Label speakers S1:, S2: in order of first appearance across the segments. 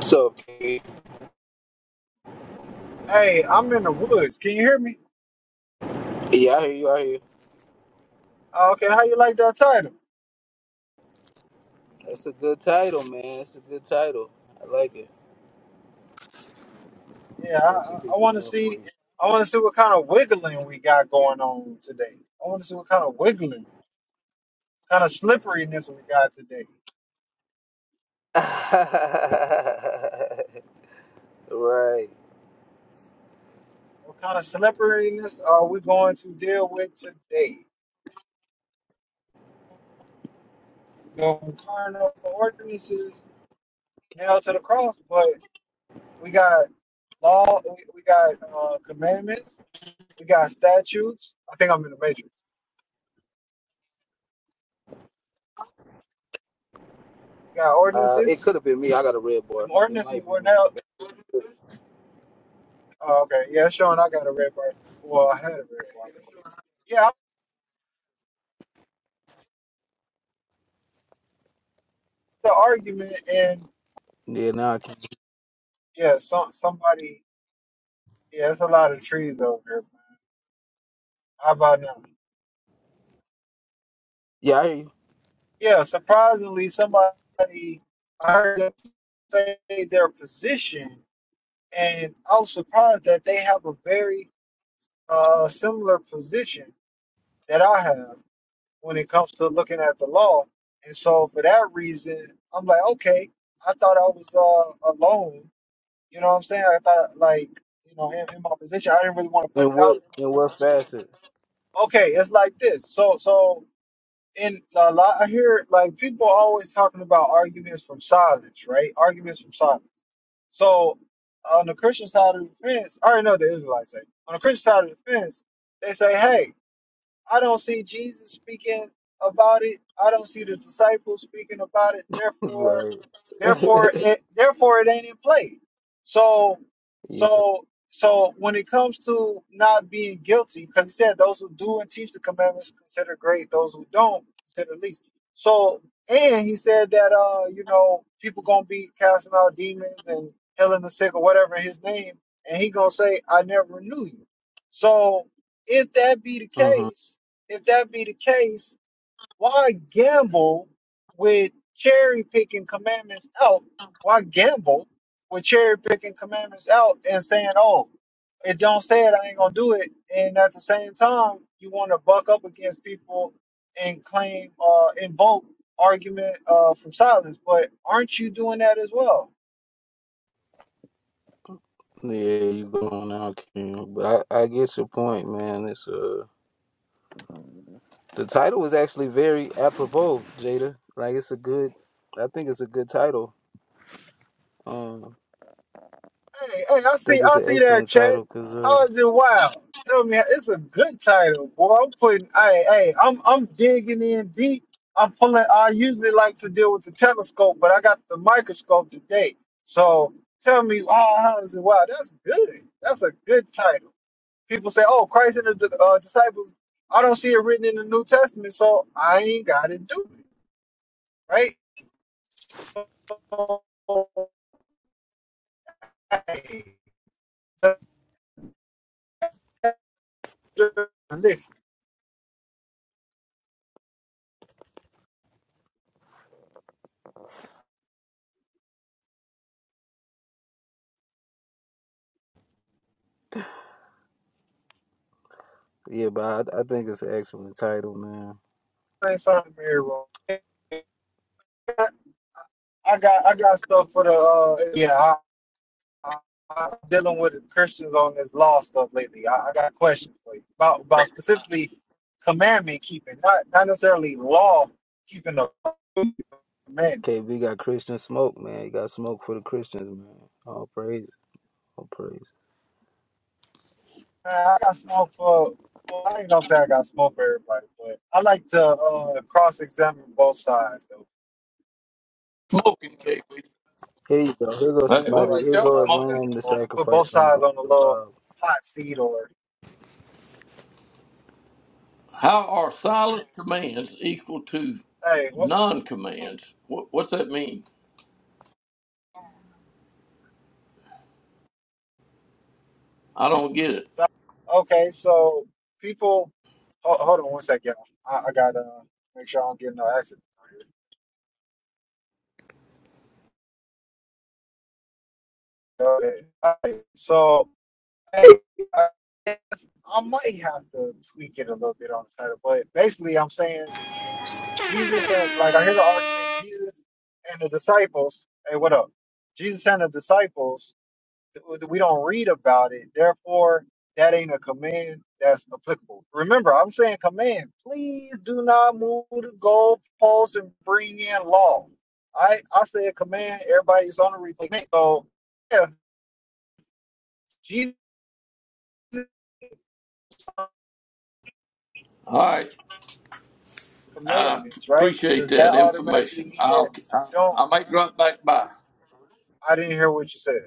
S1: So, yeah,
S2: Hey, I'm in the woods. Can you hear me?
S1: I hear you. I hear you.
S2: Uh, okay, how you like that title?
S1: That's a good title, man. It's a good title. I like it.
S2: Yeah,
S1: Bring some
S2: I, I
S1: people
S2: want to
S1: in for
S2: see.
S1: you.
S2: I want to see what kind of wiggling we got going on today. I want to see what kind of wiggling, kind of slipperiness we got today.
S1: right.
S2: What kind of slipperiness are we going to deal with today? The carnal ordinances nailed to the cross, but we got law, we, we got uh, commandments, we got statutes. I think I'm in the matrix. We got
S1: Uh,
S2: ordinances.
S1: it could have been me. I got a red bar.
S2: Them
S1: It
S2: ordinances
S1: might be
S2: were
S1: me.
S2: nailed. Oh, okay. Yeah, Sean, I got a red bar. Well, I had a red bar. But yeah, I had the argument, and
S1: Yeah, now I can.
S2: yeah, some somebody. Yeah, it's a lot of trees over here. Man. How about now?
S1: Yeah, I hear you.
S2: Yeah, surprisingly, somebody I heard them say their position, and I was surprised that they have a very uh, similar position that I have when it comes to looking at the law. And so, for that reason, I'm like, okay, I thought I was uh, alone You know what I'm saying? I thought like, you know, in, in my position, I didn't really want to put
S1: In
S2: it out.
S1: what in what facet?
S2: Okay, it's like this. So so in a lot, I hear like people always talking about arguments from silence, right? Arguments from silence. So on the Christian side of the fence, I already know what the Israelites say. On the Christian side of the fence, they say, hey, I don't see Jesus speaking about it. I don't see the disciples speaking about it. Therefore,
S1: right.
S2: therefore, it, therefore, it ain't in play. So,
S1: yeah.
S2: so, so when it comes to not being guilty, because he said those who do and teach the commandments consider great; those who don't consider least. So, and he said that uh, you know, people gonna be casting out demons and healing the sick or whatever in his name, and he gonna say, "I never knew you." So, if that be the
S1: hmm
S2: case, if that be the case, why gamble with cherry picking commandments out? Why gamble with cherry picking commandments out and saying, "Oh, it don't say it, I ain't gonna do it." And at the same time, you want to buck up against people and claim, uh, invoke argument uh, from silence. But aren't you doing that as well?
S1: Yeah, you going out, King. But I, I get your point, man. It's uh the title is actually very apropos, Jada. Like it's a good. I think it's a good title. Um,
S2: Hey, hey, I see,
S1: think it's
S2: I
S1: an
S2: see that
S1: excellent
S2: chat.
S1: title, cause uh,
S2: How is it wild? Tell me, it's a good title, boy. I'm putting, hey, hey, I'm, I'm digging in deep. I'm pulling. I usually like to deal with the telescope, but I got the microscope today. So tell me, oh, how is it wild? That's good. That's a good title. People say, oh, Christ and the uh, disciples. I don't see it written in the New Testament, so I ain't got to do it, right?
S1: yeah, but I, I think it's an excellent title, man.
S2: say something here wrong. I got I got stuff for the uh yeah. I, I, I'm dealing with Christians on this law stuff lately. I, I got questions for you about about specifically commandment keeping, not not necessarily law keeping of
S1: KB
S2: commandments.
S1: got Christian smoke, man. He got smoke for the Christians, man. All praise, all praise.
S2: Uh, I got smoke for. well, I ain't gonna say I got smoke for everybody, but I like to uh, cross-examine both sides, though.
S3: Smoking, KB.
S1: Here you go. Here goes
S3: Hey,
S2: I
S3: what,
S1: somebody.
S2: like
S3: what
S2: to
S1: Here
S3: y'all
S1: goes a
S3: smoking?
S2: cross-examine
S1: lamb to
S3: today?
S2: both, put both
S1: sacrifice on the
S2: sides
S1: altar.
S2: on the
S1: of
S2: little
S1: Bob.
S2: hot seat, or
S3: How are silent commands equal to
S2: hey, what's
S3: non-commands? What, what's that mean? I don't get it.
S2: So, okay, so people, ho- hold on one second. I, I gotta make sure I don't get no accident. Okay. All right, so, hey, I guess I might have to tweak it a little bit on the title, but basically, I'm saying Jesus and like I hear the argument, Jesus and the disciples. Hey, what up? Jesus and the disciples th- we don't read about it. Therefore, that ain't a command that's applicable. Remember, I'm saying command. Please do not move the goalposts and bring in law. I I say a command. Everybody's on the replay. So if Jesus
S3: All right, I p-
S2: commandments, right?
S3: appreciate
S2: Does that
S3: that
S2: automatically
S3: information.
S2: mean that
S3: I'll, I,
S2: don't?
S3: I may drop back by.
S2: I didn't hear what you said.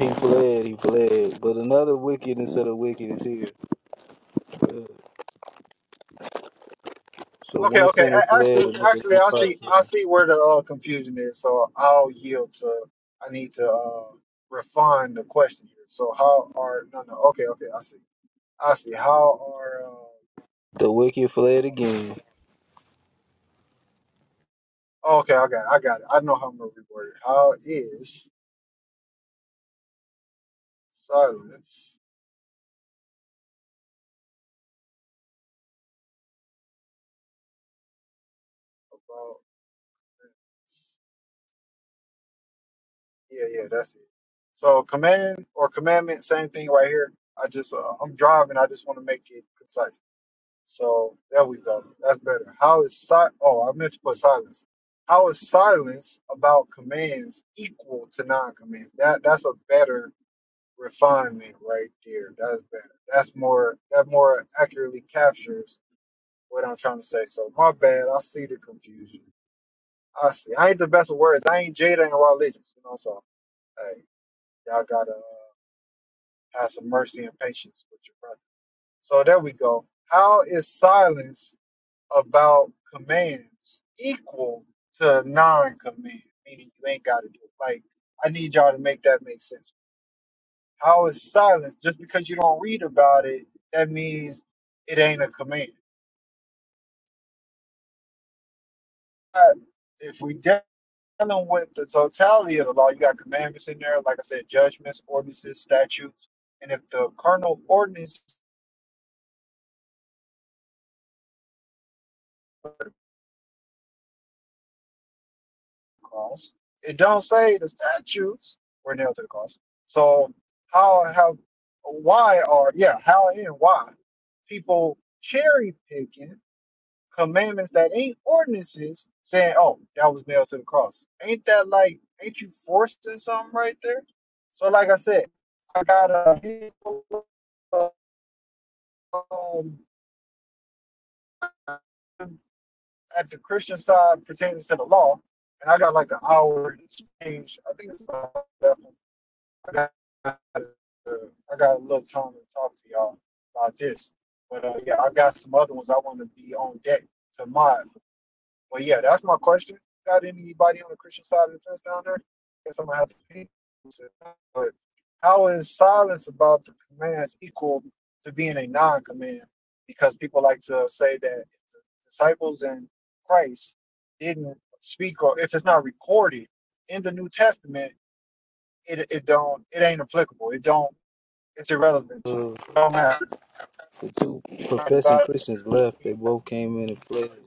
S1: He fled. He fled. But another wicked instead of wicked is here. Uh, so
S2: Okay,
S1: one
S2: okay.
S1: sinner
S2: A-
S1: fled,
S2: Actually,
S1: another
S2: actually,
S1: one
S2: I see, I
S1: prospered.
S2: see where the uh, confusion is. So I'll yield to. I need to uh, refine the question here. So how are no, no. Okay, okay. I see. I see. How are?
S1: The wicked fled again.
S2: Uh, uh, okay, I got, it, I got it. I know how I'm gonna reword it. How is silence about? Yeah, yeah. That's it. So command or commandment, same thing right here. I just, uh, I'm driving. I just want to make it concise. So there we go. That's better. How is si- oh I meant to put silence. How is silence about commands equal to non-commands? That that's a better refinement right there. That's better. That's more that more accurately captures what I'm trying to say. So my bad. I see the confusion. I see. I ain't the best with words. I ain't Jada and religious. You know. So hey, y'all gotta uh, have some mercy and patience with your brother. So there we go. How is silence? about commands equal to a non-command, meaning you ain't got to do it. Like, I need y'all to make that make sense. How is silence just because you don't read about it? That means it ain't a command. Uh, If we dealing with the totality of the law, you got commandments in there. Like I said, judgments, ordinances, statutes, and if the carnal ordinance cross. It don't say the statues were nailed to the cross. So how have why are yeah how and why people cherry picking commandments that ain't ordinances saying oh that was nailed to the cross ain't that like ain't you forced in something right there so like i said i got a handful of, um, at the christian side pertaining to the law and i got like an hour to change i think it's about I got, uh, I got a little time to talk to y'all about this. But uh, yeah, I got some other ones I want to be on deck to mod. But yeah, that's my question. Got anybody on the Christian side of the fence down there? Guess I'm gonna have to pay. But how is silence about the commands equal to being a non-command? Because people like to say that if the disciples and Christ didn't speak, or if it's not recorded in the New Testament it it don't it ain't applicable. It don't it's irrelevant to
S1: Uh,
S2: us. It don't matter
S1: the two
S2: right
S1: professing
S2: about
S1: Christians
S2: it.
S1: left. They both came in and fled.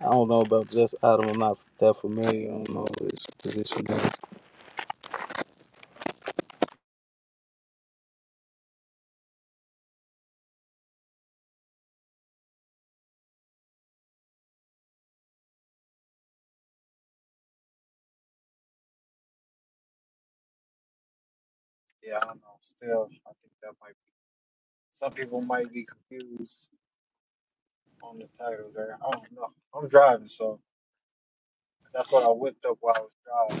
S1: I don't know about this item. I'm not that familiar. I don't know what his position is.
S2: Yeah, I don't know. Still, I think that might be some people might be confused on the title there. I don't know. I'm driving, so that's what I whipped up while I was driving.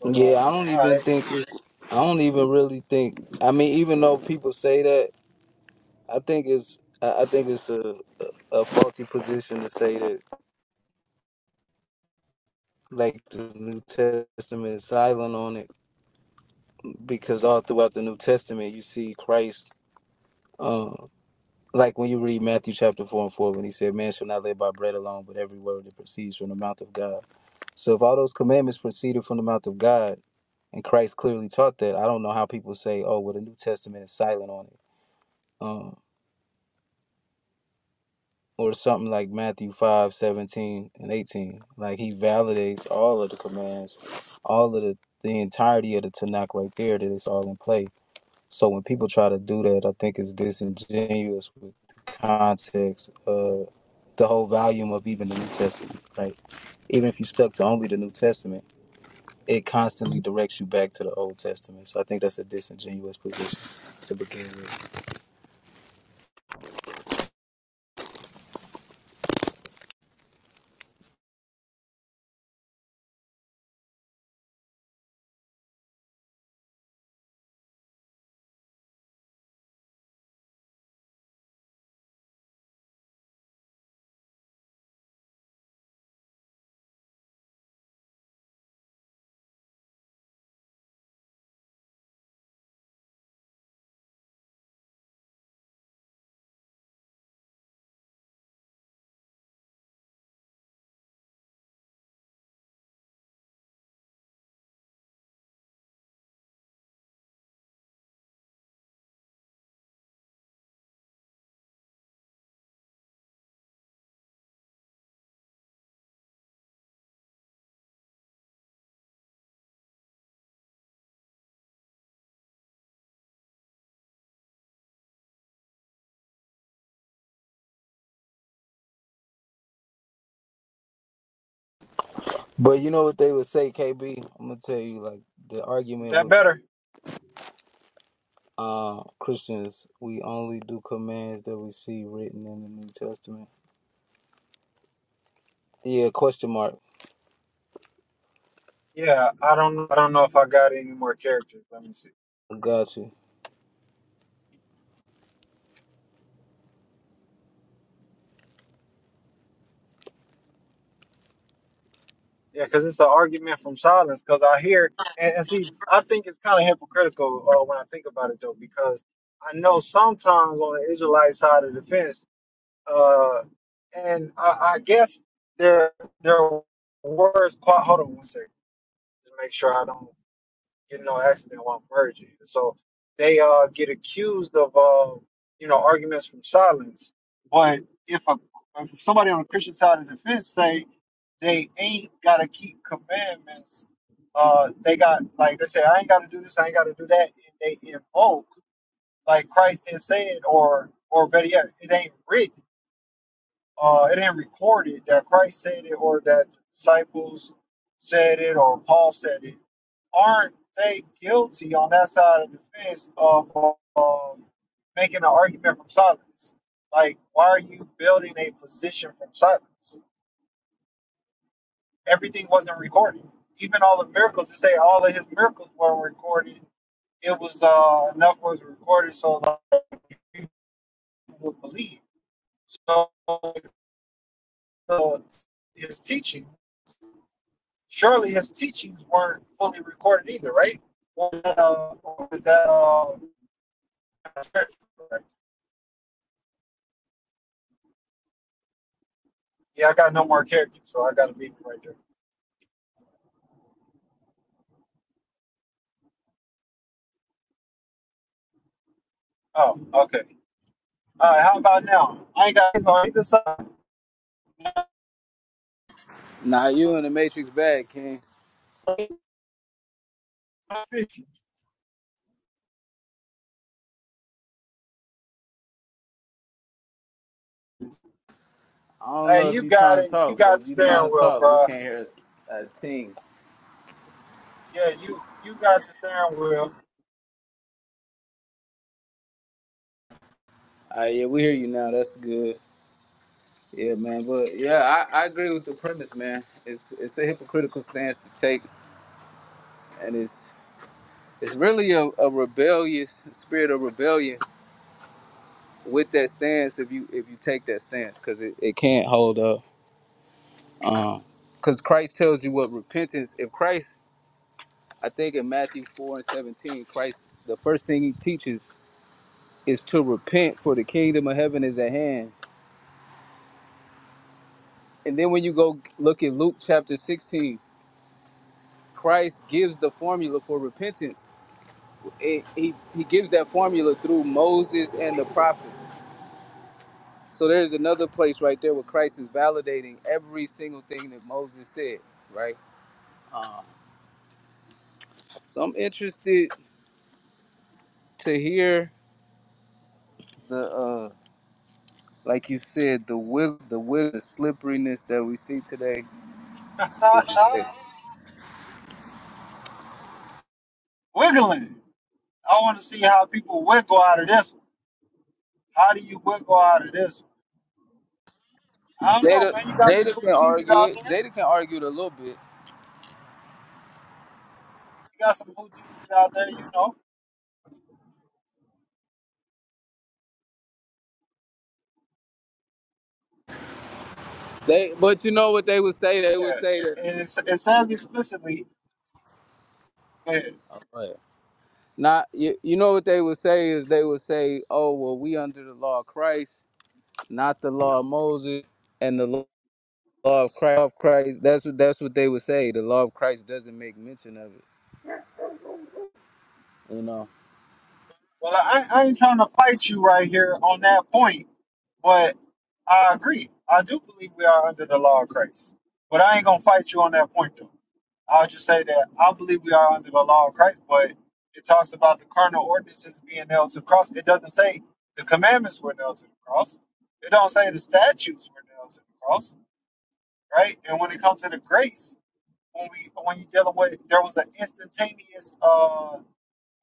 S2: But uh,
S1: Yeah, I don't
S2: all
S1: even
S2: right,
S1: think it's. I don't even really think. I mean, even though people say that, I think it's. I I think it's a, a a faulty position to say that, like the New Testament is silent on it, because all throughout the New Testament you see Christ. Uh, like when you read Matthew chapter four and four, when he said, "Man shall not live by bread alone, but every word that proceeds from the mouth of God." So if all those commandments proceeded from the mouth of God, and Christ clearly taught that, I don't know how people say, "Oh, well, the New Testament is silent on it," um, or something like Matthew five seventeen and eighteen. Like he validates all of the commands, all of the the entirety of the Tanakh right there. That it's all in play. So when people try to do that, I think it's disingenuous with the context of the whole volume of even the New Testament, right? Even if you stuck to only the New Testament it constantly directs you back to the Old Testament. So I think that's a disingenuous position to begin with. But you know what they would say, KB? I'm gonna tell you, like the
S2: is
S1: argument
S2: that
S1: with
S2: better?
S1: uh, Christians, we only do commands that we see written in the New Testament. Yeah, question mark.
S2: Yeah, I don't I don't know if I got any more characters. Let me see.
S1: Got you.
S2: Yeah, because it's an argument from silence. Because I hear and, and see, I think it's kind of hypocritical uh, when I think about it though, because I know sometimes on the Israelite side of the fence, uh, and I, I guess their their words. Hold on one second, to make sure I don't you know, accident while virgin. So they uh, get accused of, uh, you know, arguments from silence. But if a if somebody on the Christian side of the fence say they ain't gotta keep commandments, uh, they got like they say I ain't gotta do this, I ain't gotta do that, and they invoke like Christ didn't say it, or or better yet, it ain't written, uh, it ain't recorded that Christ said it, or that the disciples said it, or Paul said it aren't they guilty on that side of the fence of um, making an argument from silence? Like, why are you building a position from silence? Everything wasn't recorded. Even all the miracles, to say all of his miracles were recorded, it was uh, enough was recorded so a lot of people would believe. So, so his teaching, surely his teachings weren't fully recorded either, right? Or, uh, or was that uh, Yeah, I got no more characters, so I gotta leave it right there. Oh, okay. All right, how about now? I ain't got this on either side.
S1: Nah, you in the Matrix bag, King. I don't
S2: Hey,
S1: know if
S2: you
S1: you
S2: got
S1: trying to
S2: it. You
S1: talk, but
S2: got the
S1: if you
S2: steering
S1: trying to
S2: wheel,
S1: talk, we
S2: bro.
S1: can't hear a a ting.
S2: Yeah, you you got the steering wheel.
S1: All right, yeah, we hear you now. That's good. Yeah, man. But yeah, I, I agree with the premise, man. It's it's a hypocritical stance to take, and it's it's really a, a rebellious spirit of rebellion with that stance. If you if you take that stance, because it, it can't hold up. Um, because Christ tells you what repentance. If Christ, I think in Matthew four and seventeen, Christ the first thing he teaches is to repent, for the kingdom of heaven is at hand. And then when you go look at Luke chapter sixteen, Christ gives the formula for repentance it, he he gives that formula through Moses and the prophets. So there's another place right there where Christ is validating every single thing that Moses said, right? Um, so I'm interested to hear the uh, like you said the wig the wig the slipperiness that we see today. What you said.
S2: Wiggling. I want to see how people wiggle out of this one. How do you wiggle out of this one? I don't know,
S1: Jada
S2: man. You got some
S1: Jada can
S2: Houdinis
S1: argue
S2: out
S1: it.
S2: there.
S1: Jada can argue it a little bit.
S2: You got some Houdinis out there, you know.
S1: They but you know what they would say? They would
S2: Yeah,
S1: say that.
S2: it, it, it says explicitly. But
S1: Oh, go ahead. Not you, you know what they would say is they would say, "Oh well, we under the law of Christ, not the law of Moses and the law of Christ. Of Christ. That's what that's what they would say. The law of Christ doesn't make mention of it. You know,
S2: Well, I, I ain't trying to fight you right here on that point, but I agree. I do believe we are under the law of Christ, but I ain't gonna fight you on that point though. I'll just say that I believe we are under the law of Christ, but it talks about the carnal ordinances being nailed to the cross. It doesn't say the commandments were nailed to the cross. It don't say the statutes were nailed to the cross, right? And when it comes to the grace, when we when you dealing with, there was an instantaneous. Uh,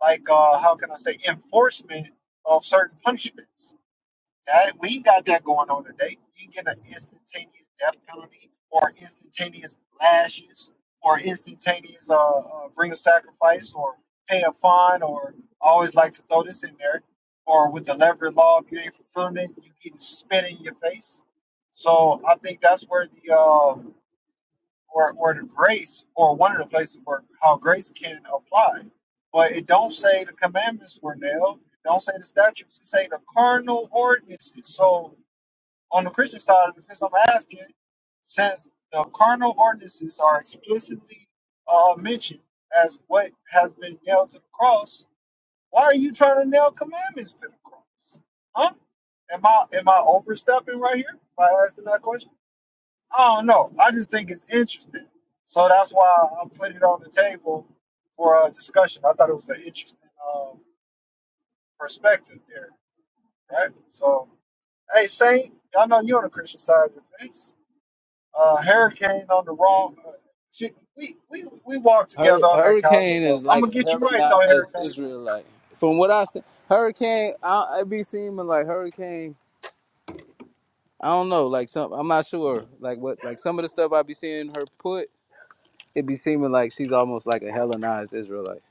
S2: like uh, how can I say enforcement of certain punishments. That we ain't got that going on today. You get an instantaneous death penalty, or instantaneous lashes, or instantaneous uh, uh bring a sacrifice, or pay a fine, or I always like to throw this in there, or with the lever law, if you ain't fulfilling it, you getting spit in your face. So I think that's where the uh, or or to grace or one of the places where how grace can apply. But it don't say the commandments were nailed. It don't say the statutes. It say the carnal ordinances. So on the Christian side of this, I'm asking, since the carnal ordinances are explicitly uh, mentioned as what has been nailed to the cross, why are you trying to nail commandments to the cross? Huh? Am I am I overstepping right here by asking that question? I don't know. I just think it's interesting. So that's why I put it on the table for a discussion. I thought it was an interesting uh, perspective there, right? So, hey, Saint, I know you're on the Christian side of the fence. Uh, Hurricane on the wrong. Uh, we, we, we walked
S1: Hur-
S2: together on that calendar,
S1: hurricane
S2: but
S1: is
S2: I'm
S1: like
S2: going to
S1: a
S2: get you right, though,
S1: Hellenized
S2: Hurricane.
S1: Israelite. From what I see, hurricane, I, I be seeming like hurricane. I don't know, like some. I'm not sure, like what, like some of the stuff I be seeing her put. It be seeming like she's almost like a Hellenized Israelite.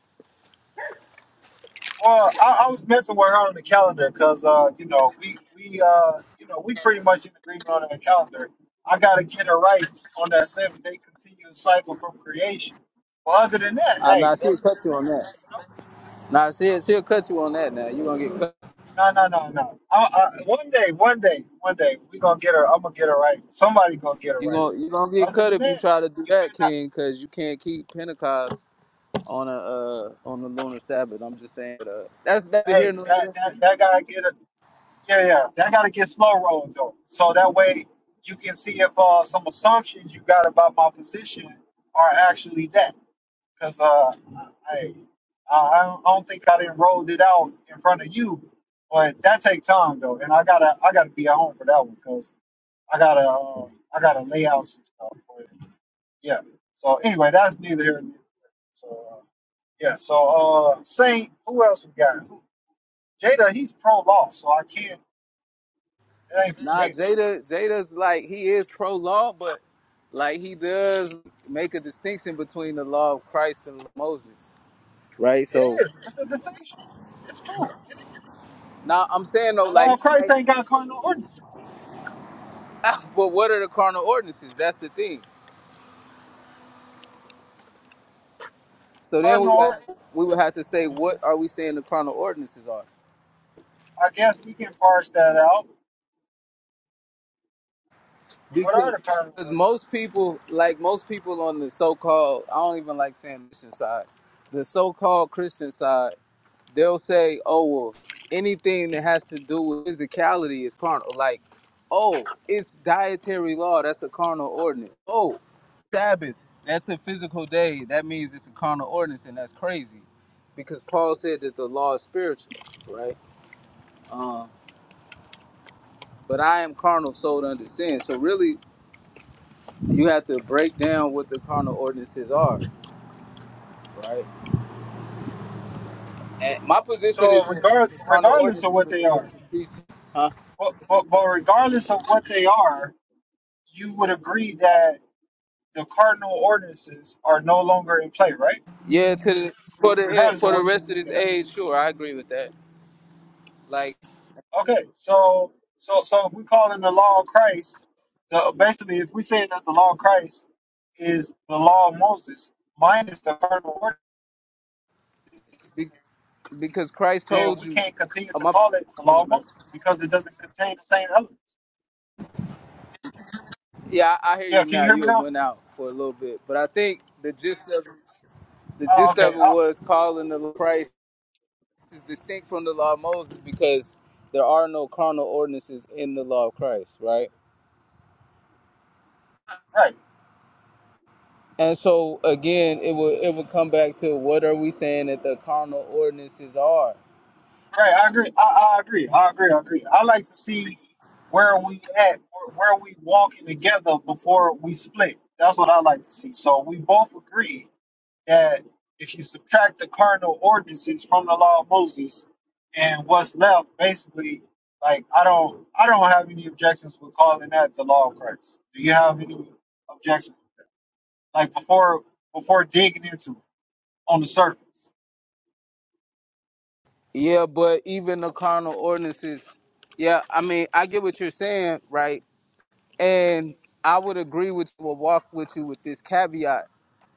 S2: Well, I, I was messing with her on the calendar because, uh, you know, we we uh, you know, we pretty much in agreement on that calendar. I gotta get her right on that seven day continuous cycle from creation. But other than that,
S1: Uh,
S2: hey,
S1: nah, she'll
S2: hey
S1: cut you on that.
S2: you
S1: Nah, she she'll cut you on that. Now you gonna get cut.
S2: know, no, no, no, no. I, I, one day, one day, one day, we gonna get her. I'm gonna get her right. Somebody gonna get her
S1: You
S2: right.
S1: gonna you gonna get
S2: Other
S1: cut
S2: than
S1: if you
S2: that,
S1: try to do
S2: you
S1: that,
S2: better not.
S1: King, because you can't keep Pentecost on a uh, on the lunar Sabbath. I'm just saying. Uh, that's that here,
S2: Hey,
S1: no
S2: that
S1: leader.
S2: that that guy get her. Yeah, yeah. That gotta get slow rolled though. So that way you can see if uh, some assumptions you got about my position are actually that. Because uh, I, hey, I, I don't I don't think I didn't rolled it out in front of you, but that take time though, and I gotta I gotta be at home for that one because I gotta uh, I gotta lay out some stuff. But yeah. So anyway, that's neither here nor there. So. Uh, yeah, so uh Saint, who else we got? Who- Jada, he's pro law, so I can't that ain't for
S1: Nah,
S2: Jada.
S1: Jada Jada's like he is pro law, but like he does make a distinction between the law of Christ and Moses, right?
S2: It
S1: So
S2: is. It's a distinction. It's true. It is.
S1: now I'm saying though,
S2: The
S1: like
S2: law
S1: he
S2: of Christ
S1: might,
S2: ain't got cardinal ordinances.
S1: but what are the carnal ordinances? That's the thing. So then we would
S2: Cardinal,
S1: have, we would have to say,
S2: or-
S1: what are we saying the carnal ordinances are?
S2: I guess we can parse that out. What
S1: because
S2: are the cardinal
S1: because
S2: ordinances?
S1: most people like most people on the so-called i don't even like saying christian side the so-called christian side they'll say oh well anything that has to do with physicality is carnal like oh it's dietary law that's a carnal ordinance oh sabbath that's a physical day that means it's a carnal ordinance and that's crazy because paul said that the law is spiritual right um but i am carnal sold under sin so really you have to break down what the carnal ordinances are, right? And my position is
S2: So,
S1: that
S2: regard,
S1: the carnal
S2: regardless of
S1: ordinances
S2: what
S1: in
S2: they
S1: the
S2: are,
S1: precept, huh?
S2: but, but, but regardless of what they are, you would agree that the cardinal ordinances are no longer in play, right?
S1: Yeah, to the for the
S2: Regardless
S1: for
S2: of
S1: the
S2: what you
S1: rest of this
S2: believe
S1: age, sure, I agree with that. Like,
S2: Okay, so so so if we call in the law of Christ, the, basically if we say that the law of Christ is the law of Moses minus the carnal order,
S1: be, because Christ
S2: then
S1: told
S2: we
S1: you,
S2: can't continue
S1: oh,
S2: to
S1: my,
S2: call it the law of Moses because it doesn't contain the same elements.
S1: yeah, I, I hear
S2: Yeah,
S1: you
S2: can you
S1: now.
S2: hear me
S1: You had
S2: now?
S1: went out for a little bit, but I think the gist of the
S2: Oh,
S1: gist
S2: okay.
S1: of it
S2: I,
S1: was calling the law of Christ is distinct from the law of Moses because there are no carnal ordinances in the law of Christ, right?
S2: right,
S1: And so again, it will it will come back to what are we saying that the carnal ordinances are?
S2: right. I agree. I, I agree. I agree. I agree. I like to see where we at, where, where we walking together before we split. That's what I like to see. So we both agree that if you subtract the cardinal ordinances from the law of Moses and what's left, basically, like I don't I don't have any objections with calling that the law of Christ. Do you have any objections? Like before before digging into it on the surface.
S1: Yeah, but even the carnal ordinances, yeah, I mean, I get what you're saying, right? And I would agree with will walk with you with this caveat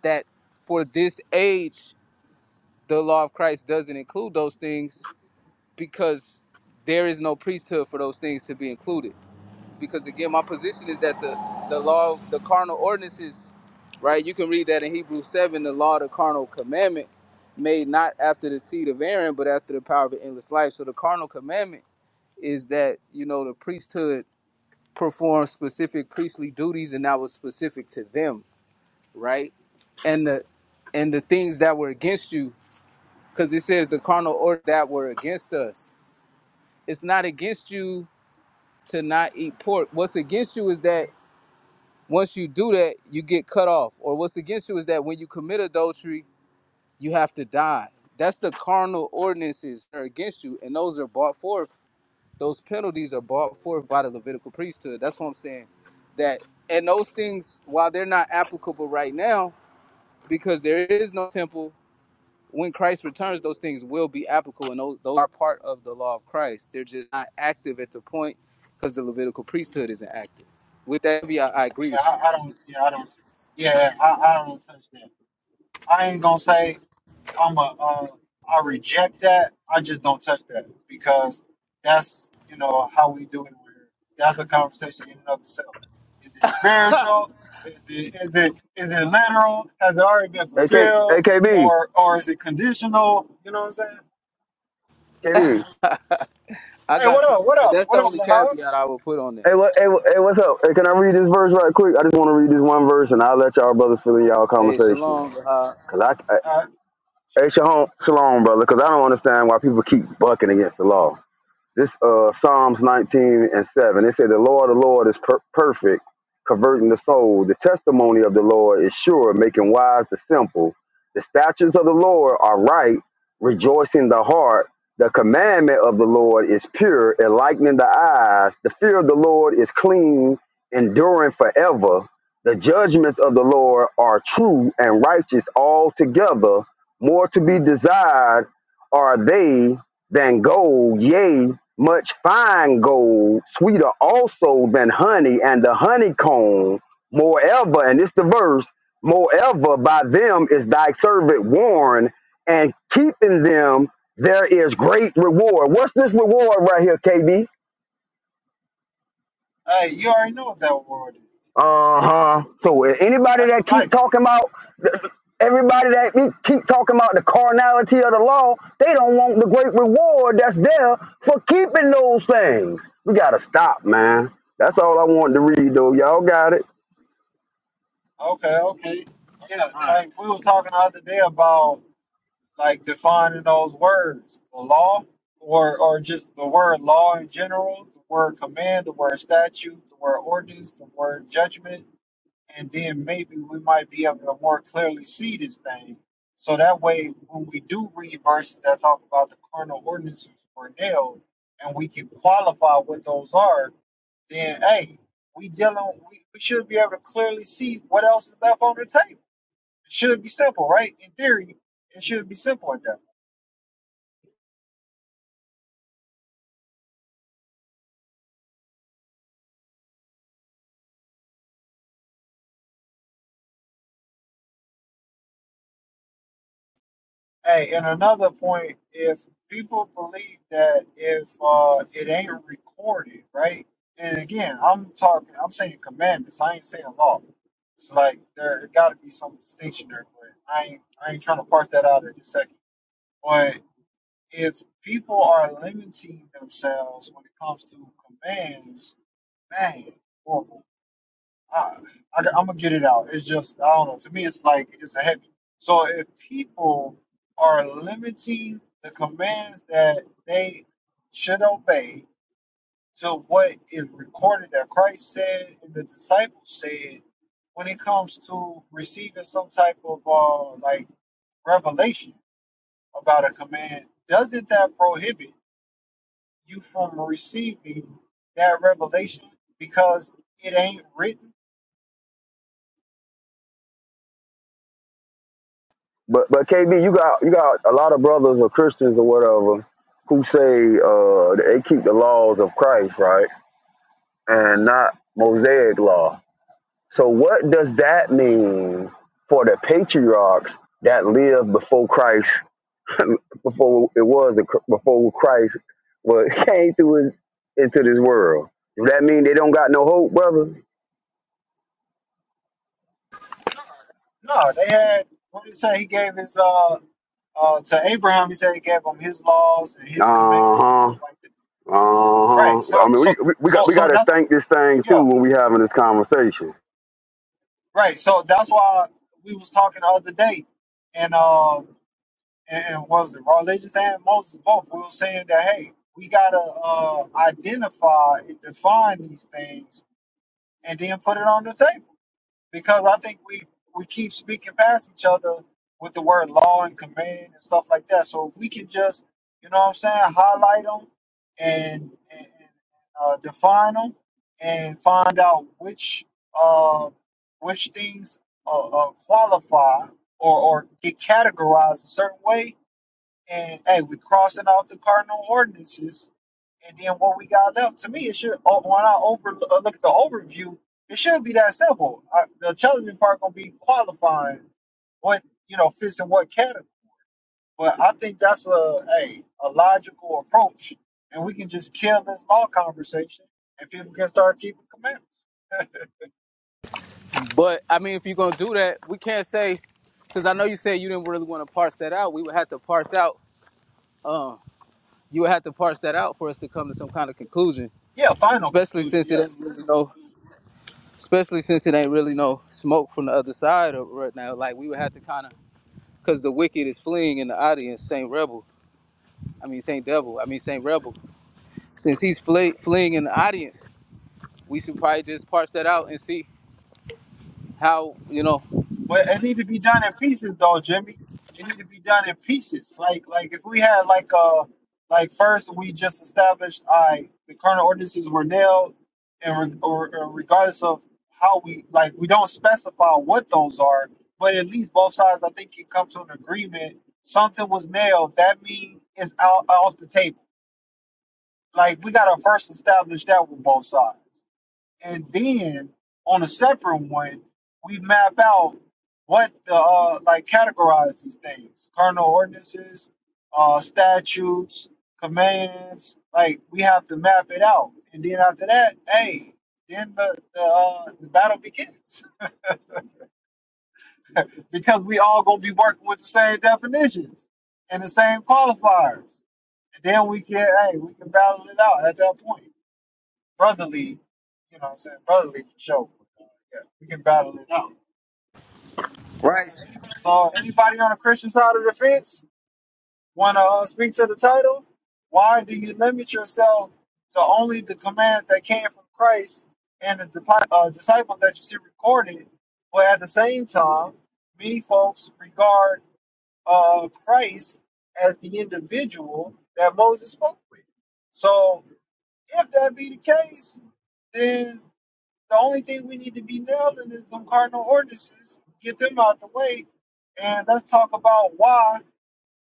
S1: that for this age, the law of Christ doesn't include those things because there is no priesthood for those things to be included. because again my position is that the the law the carnal ordinances right you can read that in hebrews 7 the law the carnal commandment made not after the seed of aaron but after the power of an endless life so the carnal commandment is that you know the priesthood performed specific priestly duties and that was specific to them right and the and the things that were against you because it says the carnal order that were against us it's not against you to not eat pork what's against you is that Once you do that, you get cut off. Or what's against you is that when you commit adultery, you have to die. That's the carnal ordinances that are against you, and those are brought forth. Those penalties are brought forth by the Levitical priesthood. That's what I'm saying. That and those things, while they're not applicable right now, because there is no temple, when Christ returns, those things will be applicable, and those, those are part of the law of Christ. They're just not active at the point because the Levitical priesthood isn't active. With that, I, I agree with you.
S2: Yeah, I, I don't yeah, I don't yeah, I, I don't touch that. I ain't gonna say I'm a, um, I reject that. I just don't touch that because that's, you know, how we do it. Where that's a conversation in and of itself. Is it spiritual? Is it, is it, is it literal? Has it already been
S4: Hey, K, hey,
S2: fulfilled?
S4: K B, K B.
S2: Or, or is it conditional? You know what I'm saying?
S1: I
S2: Hey, what
S1: got you.
S2: up? What
S1: But
S2: up?
S1: that's the
S2: What up,
S1: only
S2: Lahab?
S1: caveat I would put on it.
S4: Hey, what, hey, what- hey, what's up? Hey, can I read this verse right quick? I just want to read this one verse, and I'll let y'all brothers fill in y'all
S1: Hey,
S4: conversation.
S1: Shalom. Uh,
S4: Cause I, I
S2: Uh,
S4: hey, shalom, shalom, brother. Cause I don't understand why people keep bucking against the law. This uh, Psalms 19 and 7. It said, The law of the Lord is per- perfect, converting the soul. The testimony of the Lord is sure, making wise the simple. The statutes of the Lord are right, rejoicing the heart. The commandment of the Lord is pure, enlightening the eyes. The fear of the Lord is clean, enduring forever. The judgments of the Lord are true and righteous altogether. More to be desired are they than gold, yea, much fine gold, sweeter also than honey, and the honeycomb. Moreover, and it's the verse, moreover, by them is thy servant warned, and keeping them there is great reward. What's this reward right here, KB?
S2: hey, you already know what that world is.
S4: Uh-huh. So if anybody
S2: That's the
S4: that keep
S2: life.
S4: talking about the- everybody that be- keep talking about the carnality of the law, they don't want the great reward that's there for keeping those things. We gotta stop, man. That's all I wanted to read though. Y'all got it.
S2: Okay, okay. Yeah, like we was talking the other day about like defining those words, the law, or or just the word law in general, the word command, the word statute, the word ordinance, the word judgment, and then maybe we might be able to more clearly see this thing. So that way, when we do read verses that talk about the carnal ordinances were nailed, and we can qualify what those are, then hey, we dealing we, we should be able to clearly see what else is left on the table. It should be simple, right? In theory, it should be simple at that. Hey, and another point, if people believe that if uh, it ain't recorded, right? And again, I'm talking, I'm saying commandments. I ain't saying law. It's like there got to be some distinction there, but I ain't, I ain't trying to parse that out at this second. But if people are limiting themselves when it comes to commands, man, boy, I, I, am gonna get it out. It's just I don't know. To me, it's like it's a heavy. So if people are limiting the commands that they should obey to what is recorded that Christ said and the disciples said, when it comes to receiving some type of uh, like revelation about a command, doesn't that prohibit you from receiving that revelation because it ain't written?
S4: But but KB, you got you got a lot of brothers or Christians or whatever who say uh they keep the laws of Christ, right? And not Mosaic law So what does that mean for the patriarchs that lived before Christ, before it was a- before Christ was came through his, into this world? Does that mean they don't got no hope, brother?
S2: No, they had what did he say? He gave his uh uh to Abraham. He said he gave him his laws and his
S4: Uh
S2: commands and
S4: huh.
S2: stuff like that.
S4: Uh
S2: Right.
S4: huh.
S2: So
S4: I mean, we,
S2: so
S4: we we
S2: so
S4: got we got
S2: so
S4: to
S2: that's what,
S4: think this thing through
S2: yeah.
S4: when we having this conversation.
S2: Right. So that's why we was talking the other day, and uh and, and was it religious and Moses both? We were saying that hey, we gotta uh identify and define these things and then put it on the table. because I think we we keep speaking past each other with the word law and command and stuff like that. So if we can just, you know what I'm saying, highlight them and, and uh, define them and find out which uh, which things uh, uh, qualify or, or get categorized a certain way, and hey, we crossing off the cardinal ordinances. And then what we got left to me, it should oh, when I overlook the overview, it should be that simple. I, the television part gonna be qualifying what you know fits in what category. But I think that's a a, a logical approach, and we can just kill this law conversation, and people can start keeping commandments.
S1: but I mean, if you're gonna do that, we can't say because I know you said you didn't really want to parse that out. We would have to parse out. Um, you would have to parse that out for us to come to some kind of conclusion.
S2: yeah, final
S1: Especially
S2: conclusion.
S1: since
S2: Yeah.
S1: it ain't really no. Especially since it ain't really no smoke from the other side of right now. Like we would have to kind of because the wicked is fleeing in the audience. Saint Rebel. I mean Saint Devil. I mean Saint Rebel. Since he's fle- fleeing in the audience, we should probably just parse that out and see how you know.
S2: But it need to be done in pieces, though, Jimmy. It need to be done in pieces. Like, like if we had like a like first we just established I the current ordinances were nailed, and re- or, or regardless of how we like, we don't specify what those are, but at least both sides I think can come to an agreement. Something was nailed. That means it's out off the table. Like we gotta first establish that with both sides. And then on a separate one, we map out what the, uh, like categorize these things: cardinal ordinances, uh, statutes, commands. Like we have to map it out. And then after that, hey, then the the, uh, the battle begins because we all gonna be working with the same definitions and the same qualifiers. And then we can hey, we can battle it out at that point brotherly, you know what I'm saying, brotherly for sure. Uh, yeah, we can battle it out. So anybody on the Christian side of the fence want to uh, speak to the title? Why do you limit yourself to only the commands that came from Christ and the dipi- uh, disciples that you see recorded, but at the same time, many folks regard uh, Christ as the individual that Moses spoke with. So if that be the case, then The only thing we need to be nailing is them cardinal ordinances, get them out the way, and let's talk about why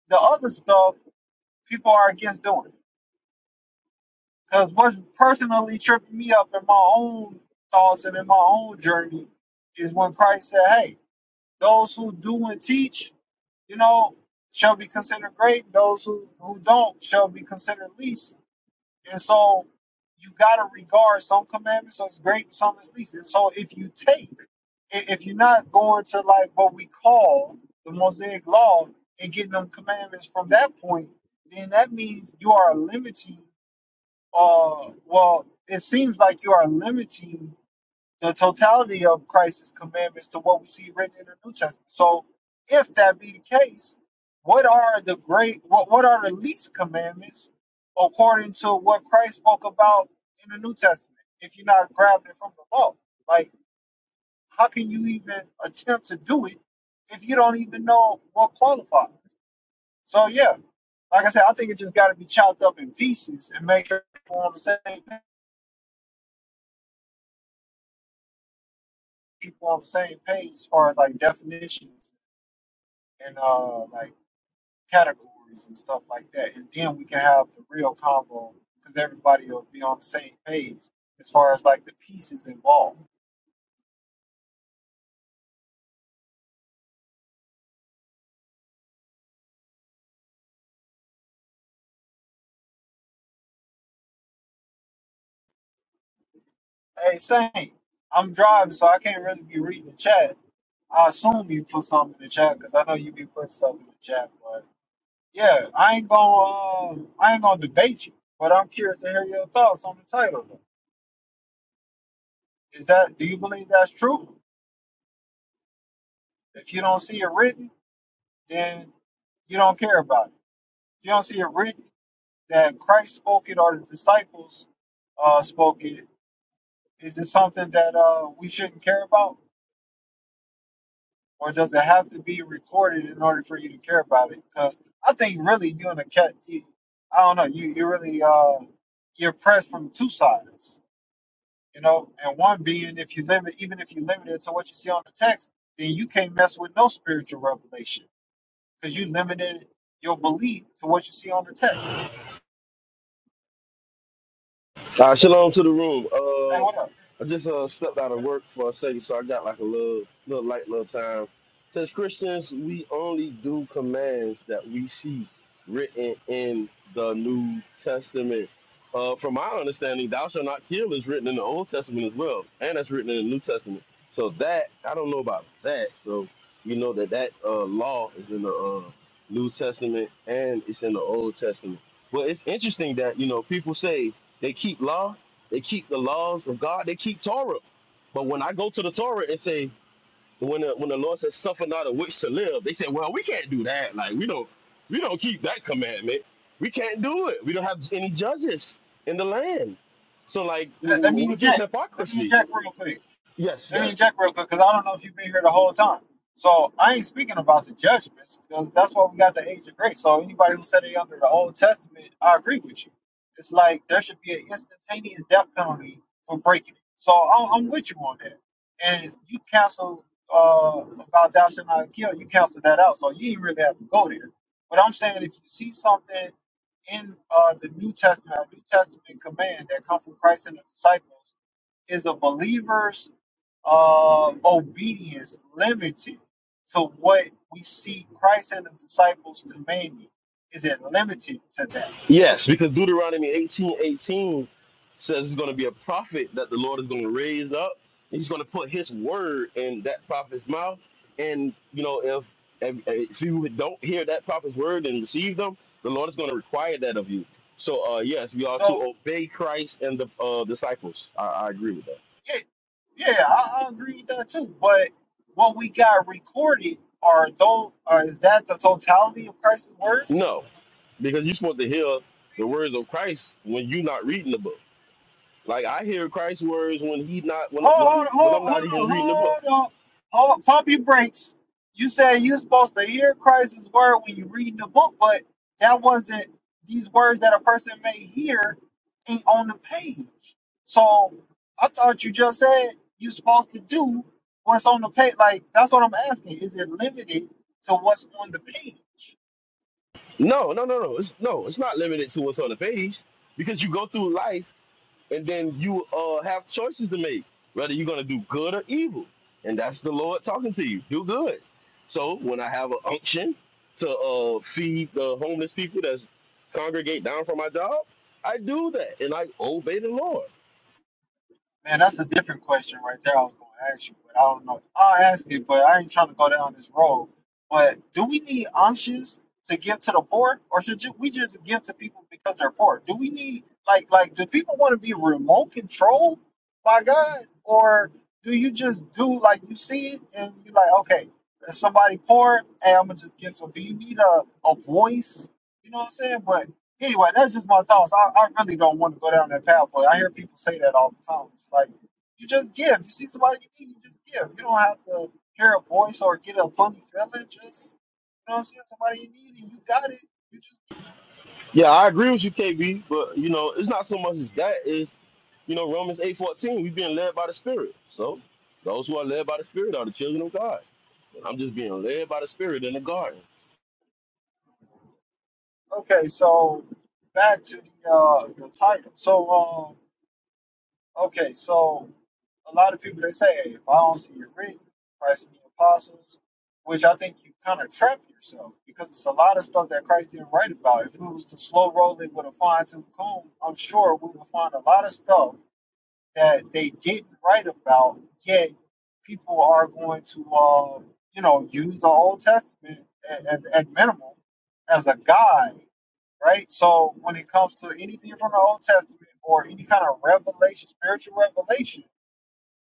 S2: the other stuff people are against doing. Because what's personally tripping me up in my own thoughts and in my own journey is when Christ said, "Hey, those who do and teach, you know, shall be considered great; those who who don't shall be considered least." And so you got to regard some commandments as great, some as least. And so if you take, i- if you're not going to like what we call the Mosaic Law and getting them commandments from that point, then that means you are limiting. Uh, well, it seems like you are limiting the totality of Christ's commandments to what we see written in the New Testament. So, if that be the case, what are the great, what, what are the least commandments according to what Christ spoke about in the New Testament? If you're not grabbing it from the law, like how can you even attempt to do it if you don't even know what qualifies? So, yeah, like I said, I think it just got to be chopped up in pieces and make sure people on the same people on the same page as far as like definitions and uh, like categories and stuff like that. And then we can have the real combo because everybody will be on the same page as far as like the pieces involved. Hey, Saint, I'm driving, so I can't really be reading the chat. I assume you put something in the chat because I know you be putting stuff in the chat. But yeah, I ain't gonna um, I ain't gonna debate you, but I'm curious to hear your thoughts on the title. Though. Is that do you believe that's true? If you don't see it written, then you don't care about it. If you don't see it written that Christ spoke it or the disciples uh, spoke it, is it something that uh, we shouldn't care about? Or does it have to be recorded in order for you to care about it? Because I think really you and the cat, you, I don't know, you, you really, uh, you're pressed from two sides, you know? And one being, if you limit, even if you limit it to what you see on the text, then you can't mess with no spiritual revelation because you limited your belief to what you see on the text.
S5: Uh, shalom to the room. Uh,
S2: Hey, what up?
S5: I just uh, stepped out of
S2: What up?
S5: work for a second, so I got like a little, little light, little time. Says Christians, we only do commands that we see written in the New Testament. Uh, from my understanding, "Thou shalt not kill" is written in the Old Testament as well, and that's written in the New Testament. So that I don't know about that. So you know that that uh, law is in the uh, New Testament and it's in the Old Testament. Well, it's interesting that you know people say they keep law, they keep the laws of God. They keep Torah. But when I go to the Torah and say, when the, when the Lord says, "Suffer not a witch to live," they say, "Well, we can't do that. Like we don't we don't keep that commandment. We can't do it. We don't have any judges in the land." So like, w-
S2: Let, let
S5: w-
S2: me
S5: what's this
S2: inject. Let me
S5: hypocrisy?
S2: inject real quick.
S5: Yes,
S2: Let me
S5: yes.
S2: check real quick because I don't know if you've been here the whole time. So I ain't speaking about the judgments because that's why we got the age of grace. So anybody who said it under the Old Testament, I agree with you. It's like there should be an instantaneous death penalty for breaking it. So I'm, I'm with you on that. And you cancel uh, about thou shalt not kill. You canceled that out, so you didn't really have to go there. But I'm saying if you see something in uh, the New Testament, a New Testament command that comes from Christ and the disciples, is a believer's uh, obedience limited to what we see Christ and the disciples demanding? Is it limited to that?
S5: Yes, because Deuteronomy eighteen eighteen says it's going to be a prophet that the Lord is going to raise up. He's going to put his word in that prophet's mouth. And, you know, if, if, if you don't hear that prophet's word and receive them, the Lord is going to require that of you. So, uh, yes, we are
S2: So,
S5: to obey Christ and the uh, disciples. I, I agree with that.
S2: yeah, yeah, I, I agree with that too. But what we got recorded are those, uh, is that the totality of Christ's words?
S5: No, because you're supposed to hear the words of Christ when you're not reading the book. Like I hear Christ's words when he not when when
S2: hold,
S5: when
S2: hold,
S5: I'm not
S2: hold,
S5: even
S2: hold
S5: reading
S2: on,
S5: the book.
S2: hold on. Hold, pump your brakes. You said you're supposed to hear Christ's word when you read the book, but that wasn't these words that a person may hear ain't on the page. So I thought you just said you're supposed to do what's on the page. Like that's what I'm asking. Is it limited to what's on the page?
S5: No, no, no, no. It's no, it's not limited to what's on the page because you go through life and then you uh have choices to make whether you're gonna do good or evil, and that's the Lord talking to you. Do good. So when I have an unction to uh feed the homeless people that's congregate down from my job, I do that and I obey the Lord.
S2: Man, that's a different question right there. I was going to ask you, but I don't know. I'll ask it, but I ain't trying to go down this road. But do we need anshas to give to the poor, or should ju- we just give to people because they're poor? Do we need like like do people want to be remote controlled by God, or do you just do like you see it and you like okay, if somebody poor, hey, I'm gonna just give to 'em. Do you need a a voice? You know what I'm saying? But Anyway, that's just my thoughts. I, I really don't want to go down that pathway. I hear people say that all the time. It's like you just give. You see somebody you need, you just give. You don't have to hear a voice or get a funny feeling. Just you know, what I'm saying somebody you need and you got it. You just give.
S5: Yeah, I agree with you, KB, but you know it's not so much as that is you know Romans eight fourteen. We've been led by the Spirit, so those who are led by the Spirit are the children of God. I'm just being led by the spirit in the garden.
S2: Okay, so back to the uh, the title. So um, okay, so a lot of people they say, hey, if I don't see it written, Christ and the apostles, which I think you kind of trap yourself because it's a lot of stuff that Christ didn't write about. If it was to slow roll it with a fine tooth comb, I'm sure we would find a lot of stuff that they didn't write about. Yet people are going to, uh, you know, use the Old Testament at, at, at minimum as a guide, right? So when it comes to anything from the Old Testament or any kind of revelation, spiritual revelation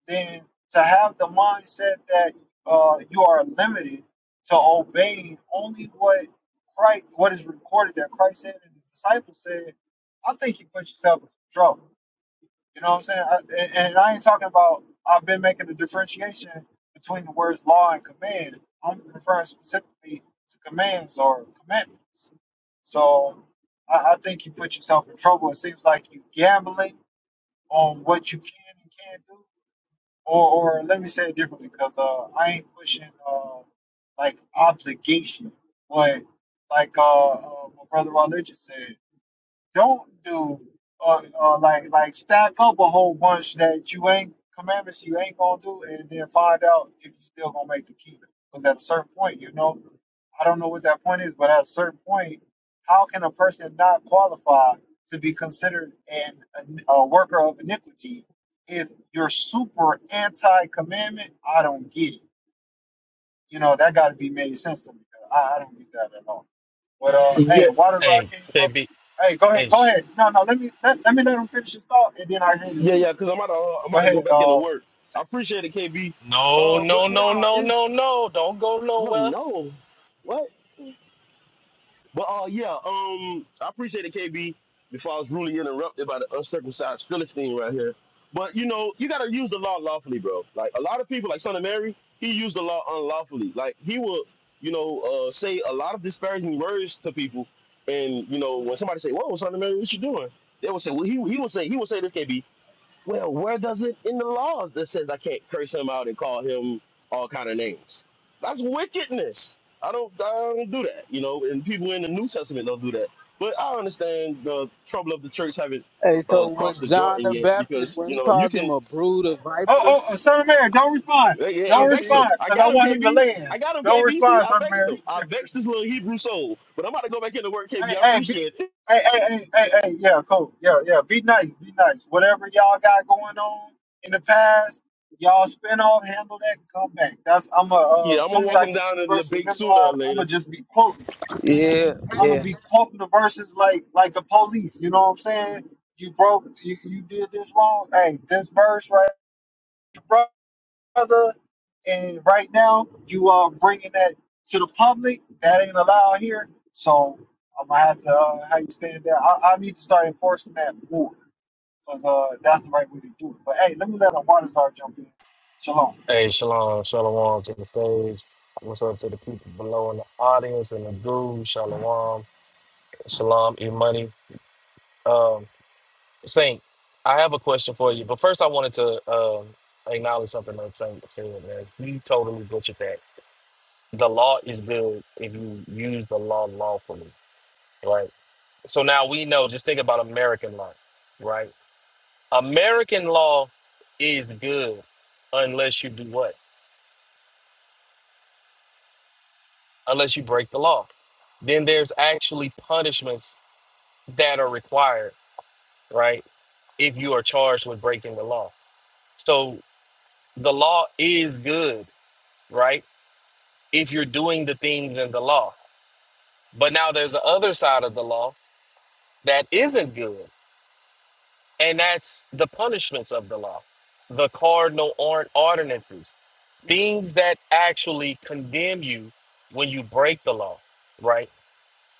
S2: then to have the mindset that uh, you are limited to obeying only what Christ, what is recorded that Christ said and the disciples said, I think you put yourself in some trouble. You know what I'm saying? I, and, and I ain't talking about. I've been making a differentiation between the words law and command. I'm referring specifically to commands or commandments. So I, I think you put yourself in trouble. It seems like you gambling on what you can and can't do or or let me say it differently because uh, I ain't pushing uh, like obligation, but like uh, uh, my brother Raleigh just said don't do or, or like like stack up a whole bunch that you ain't commandments you ain't gonna do and then find out if you still gonna make the kingdom. Because at a certain point, you know, I don't know what that point is, but at a certain point, how can a person not qualify to be considered an a, a worker of iniquity if you're super anti commandment? I don't get it. You know, that got to be made sense to me. I, I don't get that at all. But uh, hey,
S5: Yeah,
S2: Waterzar
S6: Hey,
S2: came up.
S6: KB.
S2: Hey, go ahead,
S6: Hey,
S2: go
S6: sh-
S2: ahead. No, no, let me let, let me let him finish his thought, and then I hand it
S5: Yeah,
S2: to you.
S5: yeah, because I'm about to uh, I'm
S2: Go
S5: about to go
S2: ahead.
S5: back into
S2: Uh,
S5: work. I
S2: say.
S5: appreciate it, KB.
S6: no,
S5: Uh,
S6: no,
S5: but
S6: no,
S5: nah,
S6: no,
S5: it's
S6: no, no. Don't go
S5: well,
S6: nowhere.
S5: no. What? But uh, yeah, um, I appreciate it, KB. Before I was rudely interrupted by the uncircumcised Philistine right here. But you know, you gotta use the law lawfully, bro. Like a lot of people, like Son of Mary, he used the law unlawfully. Like he will, you know, uh, say a lot of disparaging words to people. And you know, when somebody say, "Whoa, Son of Mary, what you doing?" They will say, "Well, he he will say he will say this, KB. Well, where does it in the law that says I can't curse him out and call him all kind of names? That's wickedness. I don't, I don't do that, you know. And people in the New Testament don't do that. But I understand the trouble of the church haven't
S1: Hey, so
S5: uh, crossed
S1: was
S5: the
S1: John
S5: Jordan
S1: the
S5: yet
S1: Baptist
S5: because
S1: when
S5: you
S1: he
S5: know you
S1: called them
S5: can.
S1: a brood of
S2: oh, oh, oh,
S1: vipers
S2: Son of Mary, don't respond.
S5: Yeah,
S1: for
S5: hey, I
S2: Don't
S1: sin?
S5: vexed him.
S1: sin?
S2: respond,
S5: I
S2: cause I
S5: got him,
S2: want him to
S5: KB. I
S2: land.
S5: got him,
S2: Don't
S5: KBC.
S2: respond,
S5: I
S2: Son of
S5: vexed
S2: Mary.
S5: him. I vexed this little Hebrew soul. But I'm about to go back into work, KB.
S2: Hey,
S5: I
S2: hey, be,
S5: appreciate it.
S2: hey, hey, hey, hey, hey, yeah, cool, yeah, yeah. Be nice, be nice. Whatever y'all got going on in the past, y'all spin off, handle that, and come back. That's I'm a. Uh,
S5: Yeah, I'm
S2: as soon
S5: gonna
S2: as
S5: walk
S2: I
S5: him
S2: get
S5: down
S2: these
S5: into the
S2: verses
S5: debate sooner or
S2: memorized, I'm
S5: later.
S2: gonna just be quoting.
S1: Yeah,
S2: I'm gonna
S1: yeah,
S2: be quoting the verses like like the police. You know what I'm saying? You broke, you you did this wrong. Hey, this verse right, bro brother. And right now, you are bringing that to the public. That ain't allowed here. So I'm gonna have to uh, how you stand there. I, I need to start enforcing that more because uh, that's the right way to do it. But hey, let me let a water star jump in. Shalom.
S6: Hey, Shalom, Shalom to the stage. What's up to the people below in the audience and the group? Shalom, Shalom, E Money. Um, Saint, I have a question for you, but first I wanted to um, acknowledge something that Saint said. Man, you totally butchered that. The law is good if you use the law lawfully, right? So now we know. Just think about American law, right? American law is good unless you do what? Unless you break the law. Then there's actually punishments that are required, right? If you are charged with breaking the law. So the law is good, right? If you're doing the things in the law. But now there's the other side of the law that isn't good. And that's the punishments of the law, the cardinal or- ordinances, things that actually condemn you when you break the law, right?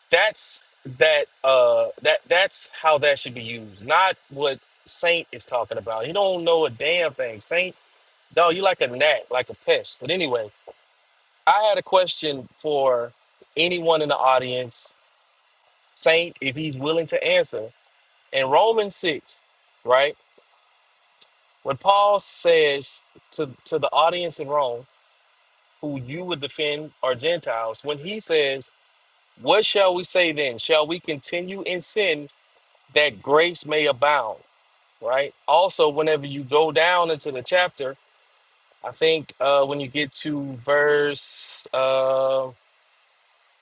S6: That's that uh that that's how that should be used, not what Saint is talking about. He don't know a damn thing. Saint, dog, you like a gnat, like a pest. But anyway, I had a question for anyone in the audience, Saint, if he's willing to answer. In Romans 6, right? When Paul says to, to the audience in Rome, who you would defend are Gentiles, when he says, What shall we say then? Shall we continue in sin that grace may abound? Right? Also, whenever you go down into the chapter, I think uh, when you get to verse uh,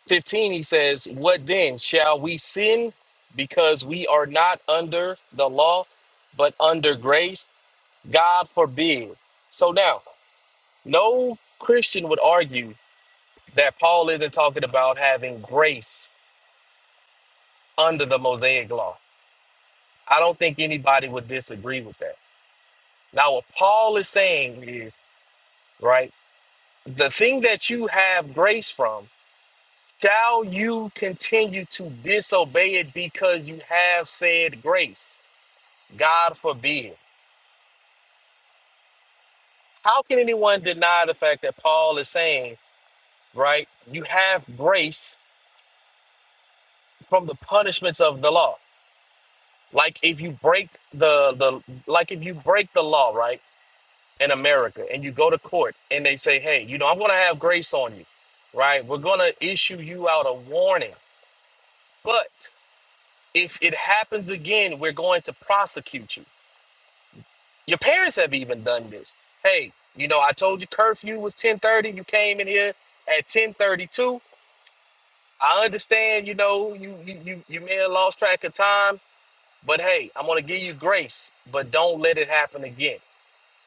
S6: 15, he says, What then? Shall we sin because we are not under the law, but under grace? God forbid. So now, No Christian would argue that Paul isn't talking about having grace under the Mosaic law. I don't think anybody would disagree with that. Now, what Paul is saying is, right, the thing that you have grace from, shall you continue to disobey it because you have said grace? God forbid. How can anyone deny the fact that Paul is saying, right, you have grace from the punishments of the law? Like if you break the the like if you break the law, right, in America and you go to court and they say, "Hey, you know, I'm going to have grace on you." Right? We're going to issue you out a warning. But if it happens again, we're going to prosecute you. Your parents have even done this. Hey, you know, I told you curfew was 10:30, you came in here at 10:32. I understand, you know, you you you, you may have lost track of time, but hey, I'm going to give you grace, but don't let it happen again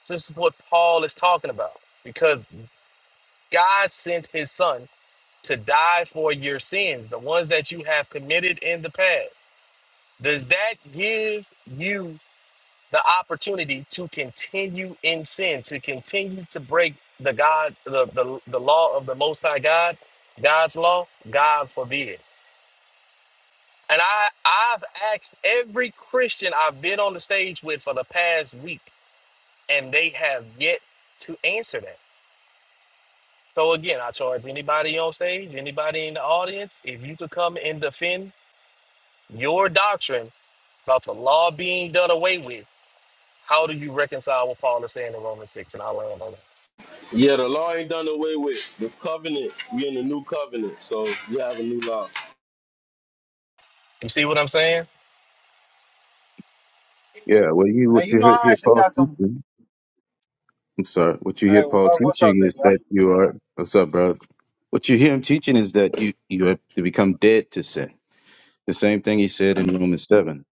S6: So This is what Paul is talking about because God sent his son to die for your sins, the ones that you have committed in the past. Does that give you the opportunity to continue in sin, to continue to break the God, the, the, the law of the Most High God, God's law? God forbid. And I, I've asked every Christian I've been on the stage with for the past week, and they have yet to answer that. So again, I charge anybody on stage, anybody in the audience, if you could come and defend your doctrine about the law being done away with, how do you reconcile what Paul is saying in Romans six? And I land on that.
S5: Yeah, the law ain't done away with. The covenant, we in the new covenant, so we have a new law.
S6: You see what I'm saying?
S7: Yeah, well, you
S2: Hey,
S7: what
S2: you
S7: you
S2: know
S7: hear,
S2: I
S7: hear
S2: actually
S7: Paul
S2: got some.
S7: teaching. I'm sorry. What you
S2: Hey,
S7: hear
S2: uh,
S7: Paul
S2: what's up,
S7: teaching
S2: baby?
S7: is that you are. What's up, bro? What you hear him teaching is that you you have to become dead to sin. The same thing he said in Romans seven.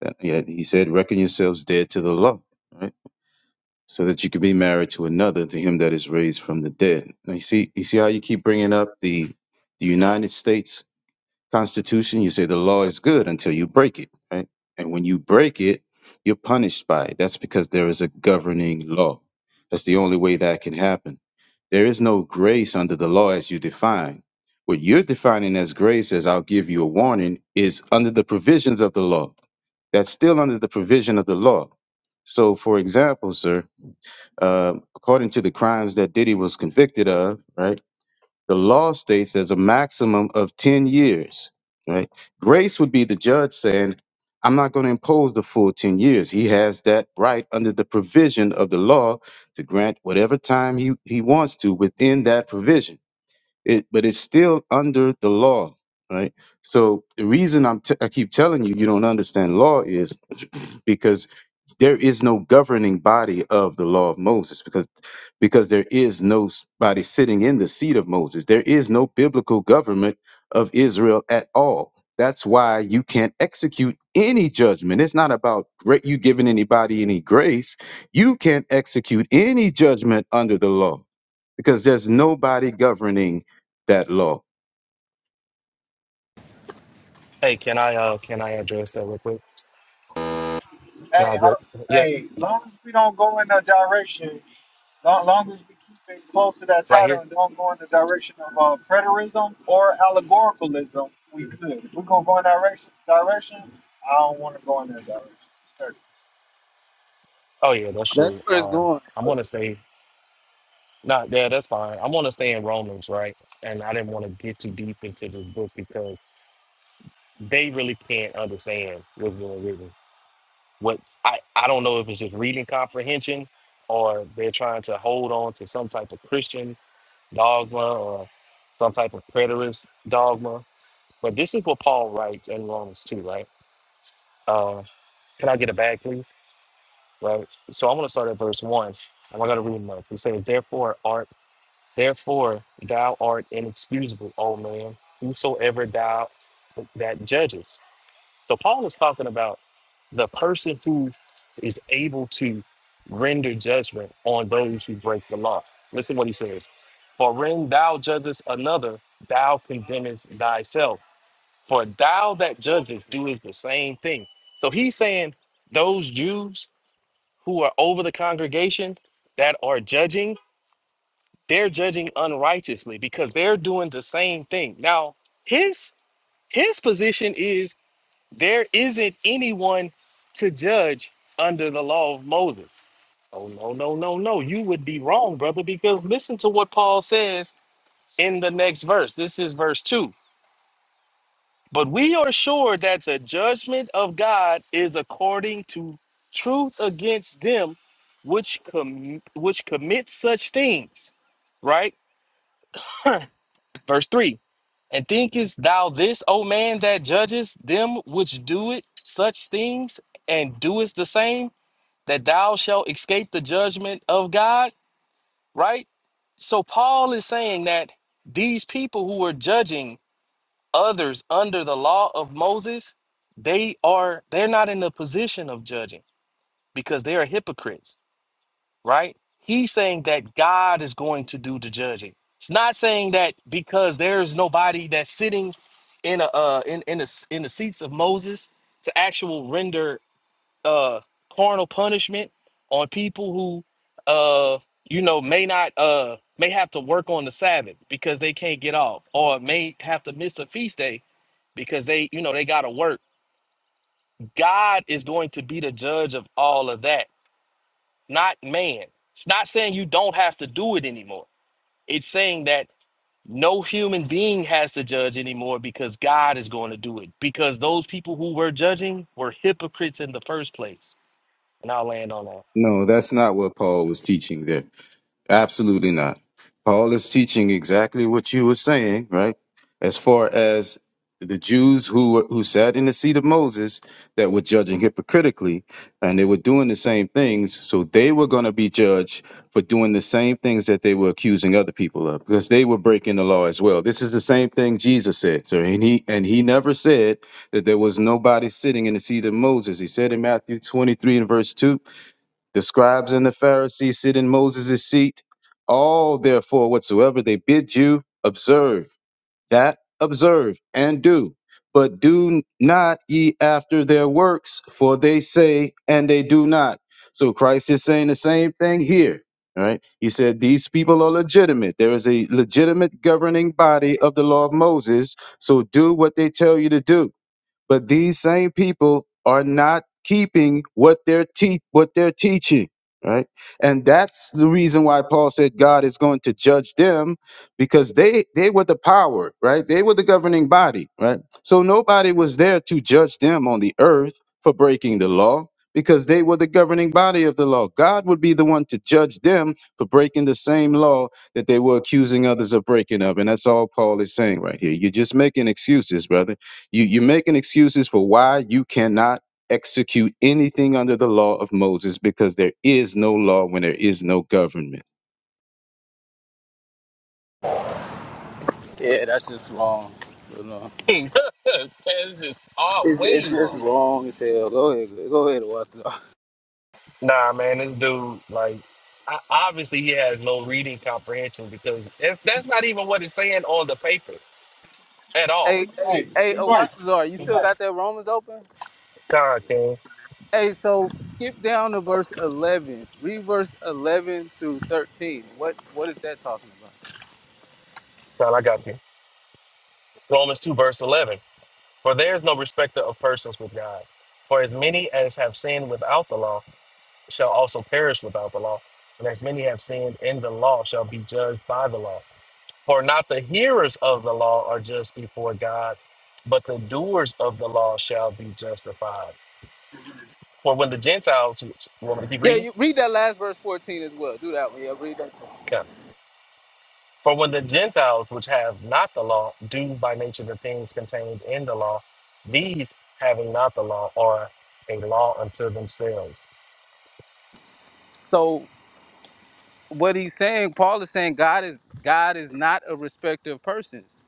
S7: That, yeah, he said, "Reckon yourselves dead to the law, right? So that you could be married to another, to him that is raised from the dead." Now you see, you see how you keep bringing up the the United States Constitution, you say the law is good until you break it, right? And when you break it, you're punished by it. That's because there is a governing law. That's the only way that can happen. There is no grace under the law as you define. What you're defining as grace, as I'll give you a warning, is under the provisions of the law. That's still under the provision of the law. So, for example, sir, uh, according to the crimes that Diddy was convicted of, right? The law states there's a maximum of 10 years, right? Grace would be the judge saying, I'm not going to impose the full 10 years. He has that right under the provision of the law to grant whatever time he, he wants to within that provision. It, but it's still under the law, right? So the reason I'm t- I keep telling you you don't understand law is because there is no governing body of the law of Moses because because there is no s- body sitting in the seat of Moses. There is no biblical government of Israel at all. That's why you can't execute any judgment. It's not about gra- you giving anybody any grace. You can't execute any judgment under the law because there's nobody governing that law.
S6: Hey, can I uh can I address that real quick? Can
S2: Hey,
S6: I
S2: I
S6: get
S2: don't,
S6: yeah
S2: hey, long as we don't go in that direction Long, long as we keep it close to that
S6: right
S2: title
S6: here?
S2: and don't go in the direction of uh, preterism or allegoricalism, we could. If we're gonna go in direction, direction, I don't want to go in that direction. Respectfully.
S6: Oh yeah, that's
S1: that's
S6: true.
S1: where it's
S6: Um,
S1: going.
S6: I'm
S1: But
S6: gonna say not yeah, that's fine. I'm gonna stay in Romans, right? And I didn't want to get too deep into this book because they really can't understand what's going on. what I, I don't know if it's just reading comprehension or they're trying to hold on to some type of Christian dogma or some type of preterist dogma. But this is what Paul writes in Romans 2, right? Uh, can I get a bag, please? Right. So I'm going to start at verse 1. and I'm going to read much. He says, Therefore, art, therefore thou art inexcusable, O man, whosoever thou that judges. So Paul is talking about the person who is able to render judgment on those who break the law. Listen what he says. For when thou judgest another, thou condemnest thyself. For thou that judgest doest the same thing. So he's saying those Jews who are over the congregation that are judging, they're judging unrighteously because they're doing the same thing. Now, his his position is there isn't anyone to judge under the law of Moses. Oh, no, no, no, no. You would be wrong, brother, because listen to what Paul says in the next verse. This is verse 2. But we are sure that the judgment of God is according to truth against them which com- which commit such things, right? verse 3 and thinkest thou this o man that judgest them which do it such things and doest the same that thou shalt escape the judgment of God, right? So Paul is saying that these people who are judging others under the law of Moses, they are they're not in the position of judging because they are hypocrites, right? He's saying that God is going to do the judging. It's not saying that because there's nobody that's sitting in a uh, in in the in the seats of Moses to actual render uh carnal punishment on people who uh you know may not uh may have to work on the sabbath because they can't get off or may have to miss a feast day because they you know they got to work god is going to be the judge of all of that not man it's not saying you don't have to do it anymore it's saying that no human being has to judge anymore because god is going to do it because those people who were judging were hypocrites in the first place and i'll land on that
S7: No, that's not what Paul was teaching there. Absolutely not. Paul is teaching exactly what you were saying, right? As far as the Jews who were- who sat in the seat of Moses that were judging hypocritically, and they were doing the same things, so they were going to be judged for doing the same things that they were accusing other people of, because they were breaking the law as well. This is the same thing Jesus said. So, and he and he never said that there was nobody sitting in the seat of Moses. He said in Matthew twenty three and verse two, the scribes and the Pharisees sit in Moses' seat. All, therefore, whatsoever they bid you, observe that, observe and do. But do not ye after their works, for they say and they do not. So Christ is saying the same thing here. All right. He said, These people are legitimate. There is a legitimate governing body of the law of Moses. So do what they tell you to do but these same people are not keeping what they're te- what they're teaching, right? And that's the reason why Paul said God is going to judge them because they they were the power, right? They were the governing body, right? So nobody was there to judge them on the earth for breaking the law because they were the governing body of the law. God would be the one to judge them for breaking the same law that they were accusing others of breaking of. And that's all Paul is saying right here. You're just making excuses, brother you, you're making excuses for why you cannot execute anything under the law of Moses because there is no law when there is no government.
S1: yeah, that's just wrong. You know,
S6: That's just all
S1: it's it's
S6: way
S1: just
S6: wrong.
S1: wrong as hell. Go ahead, go ahead, Watazar.
S6: Nah, man, this dude, like, I, obviously he has no reading comprehension because it's, that's not even what it's saying on the paper at all.
S1: Hey, hey,
S2: Hey,
S1: hey,
S2: be
S1: uh,
S2: nice.
S1: Watazar, you
S2: Be
S1: still got
S2: nice.
S1: that Romans open?
S6: God, King.
S1: Hey, so skip down to verse eleven. Read verse eleven through thirteen. What what is that talking about?
S6: God, I got you. Romans 2, verse 11. For there is no respecter of persons with God. For as many as have sinned without the law shall also perish without the law. And as many have sinned in the law shall be judged by the law. For not the hearers of the law are just before God, but the doers of the law shall be justified. For when the Gentiles, you want me to keep
S1: Yeah,
S6: reading?
S1: you read that last verse fourteen as well. Do that one. Yeah, read that. Too.
S6: Yeah. For when the Gentiles, which have not the law, do by nature the things contained in the law, these having not the law are a law unto themselves.
S1: So what he's saying, Paul is saying God is God is not a respecter of persons.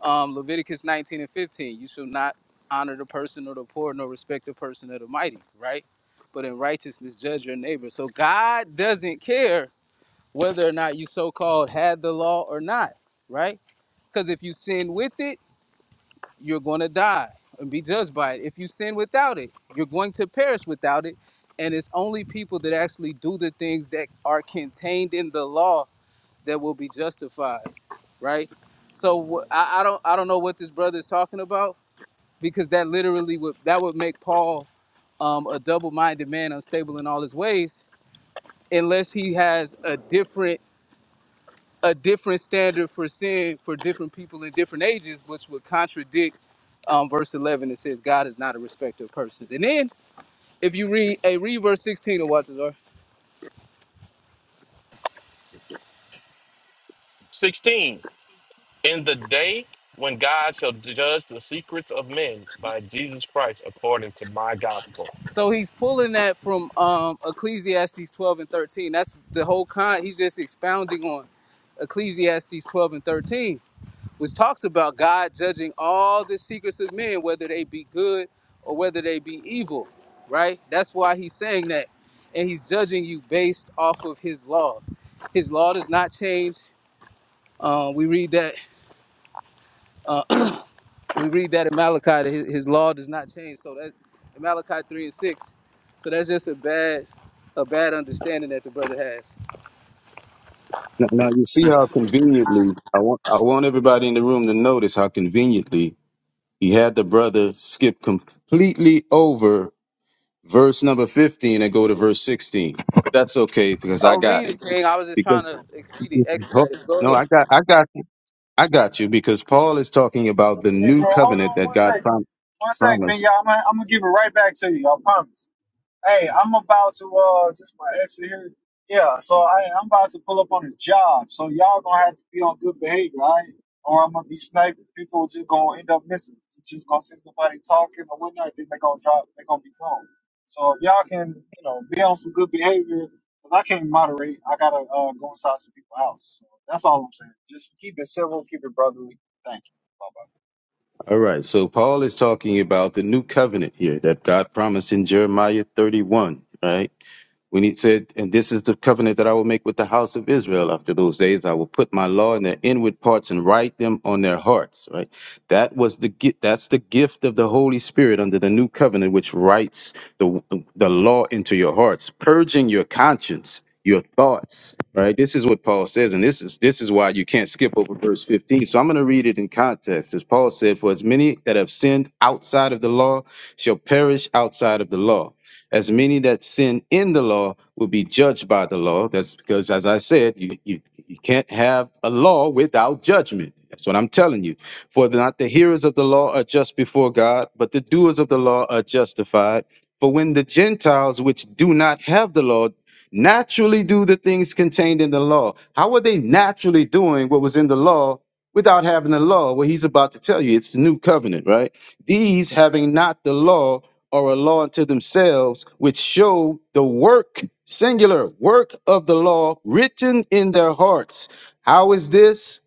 S1: Um, Leviticus 19 and 15, you shall not honor the person or the poor, nor respect the person of the mighty, right? But in righteousness judge your neighbor. So God doesn't care whether or not you so-called had the law or not, right? Because if you sin with it, you're gonna die and be judged by it. If you sin without it, you're going to perish without it. And it's only people that actually do the things that are contained in the law that will be justified, right? So I, I don't I don't know what this brother is talking about because that literally would that would make Paul um, a double-minded man, unstable in all his ways, unless he has a different a different standard for sin for different people in different ages, which would contradict um, verse 11 that says God is not a respecter of persons. And then if you read a read verse 16 of Walter
S6: 16. In the day when God shall judge the secrets of men by Jesus Christ according to my gospel.
S1: So he's pulling that from um, Ecclesiastes 12 and 13. That's the whole con. He's just expounding on Ecclesiastes 12 and 13, which talks about God judging all the secrets of men, whether they be good or whether they be evil, right? That's why he's saying that. And he's judging you based off of his law. His law does not change. Uh, we read that. uh, we read that in Malachi that his, his law does not change. So that in Malachi three and six. So that's just a bad a bad understanding that the brother has.
S7: Now, now you see how conveniently I want I want everybody in the room to notice how conveniently he had the brother skip completely over verse number 15 and go to verse 16. But that's okay because I
S1: Oh,
S7: got
S1: read
S7: it.
S1: it, King. I was just
S7: Because
S1: trying to expedite expedite it. Go
S7: no,
S1: ahead.
S7: I got I got I got you because Paul is talking about the
S2: Hey,
S7: new
S2: bro, hold
S7: covenant
S2: on
S7: that
S2: one
S7: God
S2: sec.
S7: prom-
S2: One sec, Ben.
S7: promised
S2: Yeah, I'm gonna, I'm gonna give it right back to you. I promise. Hey, I'm about to uh just my exit here. Yeah, so I I'm about to pull up on a job. So y'all gonna have to be on good behavior, all right? Or I'm gonna be sniping. People just gonna end up missing. You just gonna see somebody talking or whatnot, then they gonna drop they gonna be gone. So if y'all can, you know, be on some good behavior, 'cause I can't moderate, I gotta uh go inside some people's house. So that's all I'm saying. Just keep it civil, keep it brotherly. Thank you. Bye bye.
S7: All right, so Paul is talking about the new covenant here that God promised in Jeremiah 31, right? When he said, And this is the covenant that I will make with the house of Israel after those days, I will put my law in their inward parts and write them on their hearts. Right? That was the gift that's the gift of the Holy Spirit under the new covenant, which writes the the law into your hearts, purging your conscience, your thoughts. Right? This is what Paul says, and this is this is why you can't skip over verse 15. So I'm gonna read it in context. As Paul said, For as many that have sinned outside of the law shall perish outside of the law as many that sin in the law will be judged by the law. That's because, as I said, you, you, you can't have a law without judgment. That's what I'm telling you. For not the hearers of the law are just before God, but the doers of the law are justified. For when the Gentiles, which do not have the law, naturally do the things contained in the law, how are they naturally doing what was in the law without having the law? Well, he's about to tell you it's the new covenant, right? These having not the law, or a law unto themselves, which show the work, singular work of the law written in their hearts. How is this?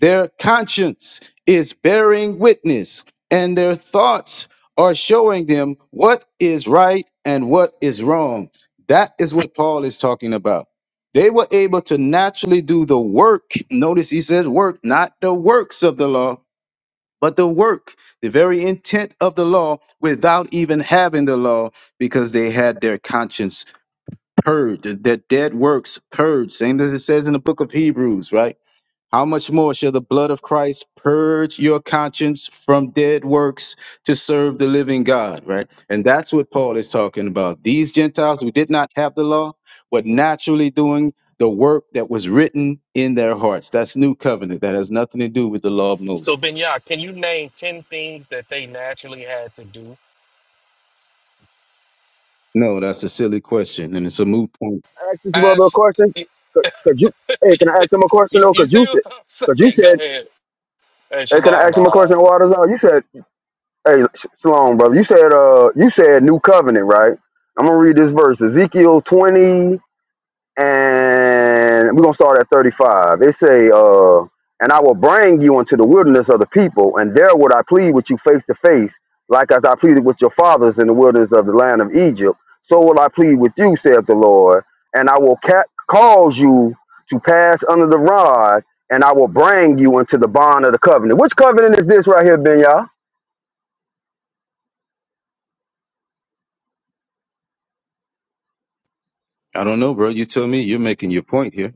S7: Their conscience is bearing witness, and their thoughts are showing them what is right and what is wrong. That is what Paul is talking about. They were able to naturally do the work. Notice he says work, not the works of the law but the work, the very intent of the law, without even having the law, because they had their conscience purged, their dead works purged, same as it says in the book of Hebrews, right? How much more shall the blood of Christ purge your conscience from dead works to serve the living God, right? And that's what Paul is talking about. These Gentiles who did not have the law were naturally doing the work that was written in their hearts. That's new covenant. That has nothing to do with the law of
S6: So
S7: Moses.
S6: Benya, can you name ten things that they naturally had to do?
S7: No, that's a silly question, and it's a moot point.
S4: Ask this brother a
S6: Abs-
S4: question.
S6: you,
S4: Could, could you? Hey, can I ask him a question
S6: you
S4: though?
S6: you
S4: Cause
S6: see
S4: you said,
S6: what I'm
S4: cause you
S6: saying? Go
S4: said,
S6: ahead. Hey,
S4: hey, can I
S6: Shalom,
S4: ask him a question?
S6: Lord.
S4: Waters out. You said Hey, Sh- Shalom, brother. You said uh you said new covenant, right? I'm gonna read this verse, Ezekiel 20, and we're gonna start at 35. They say, uh, and I will bring you into the wilderness of the people, and there would I plead with you face to face, like as I pleaded with your fathers in the wilderness of the land of Egypt. So will I plead with you, saith the Lord, and I will ca- cause you to pass under the rod, and I will bring you into the bond of the covenant. Which covenant is this right here, Ben
S7: I don't know, bro. You tell me. You're making your point here.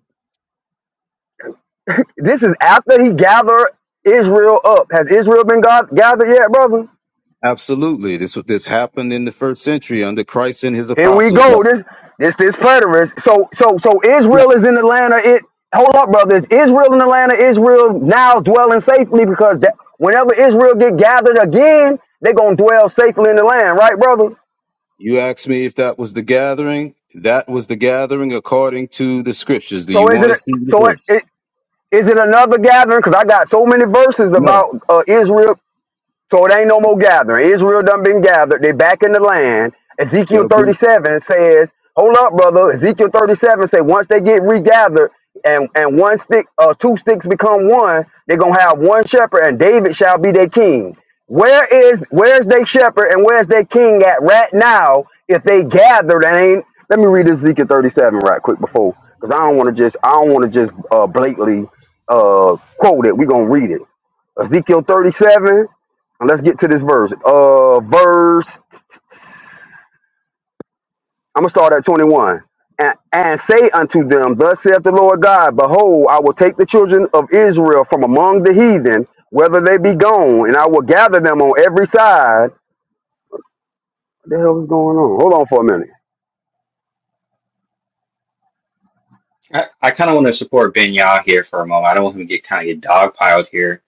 S4: This is after he gathered Israel up. Has Israel been God gathered yet, brother?
S7: Absolutely, this this happened in the first century under Christ and his
S4: Here we
S7: apostles. That
S4: go. This this this preterist. So so so
S7: was- no.
S4: Israel is in the land of it. Hold up, brother. Is Israel in the land of Israel now dwelling safely? Because that, whenever Israel get gathered again, they gonna dwell safely in the land, right, brother?
S7: You asked me if that was the gathering. That was the gathering according to the scriptures. Do
S4: So
S7: you
S4: is
S7: want
S4: it
S7: to see the
S4: so it,
S7: verse?
S4: it is it another gathering? Because I got so many verses
S7: No.
S4: about uh, Israel So it ain't no more gathering. Israel done been gathered. They back in the land. Ezekiel
S7: There'll be
S4: 37 says, hold up, brother. Ezekiel 37 say once they get regathered and, and one stick, uh, two sticks become one, they're going to have one shepherd and David shall be their king. Where is, where's their shepherd and where's their king at right now if they gathered and ain't, let me read Ezekiel 37 right quick before, because I don't want to just, I don't want to just uh, blatantly uh, quote it. We're going to read it. Ezekiel 37. And let's get to this verse. Uh, verse. I'm gonna start at 21. And, and say unto them, Thus saith the Lord God, Behold, I will take the children of Israel from among the heathen, whether they be gone, and I will gather them on every side. What the hell is going on? Hold on for a minute.
S8: I, I kind of want to support Ben Yah here for a moment. I don't want him to get kind of get dogpiled here.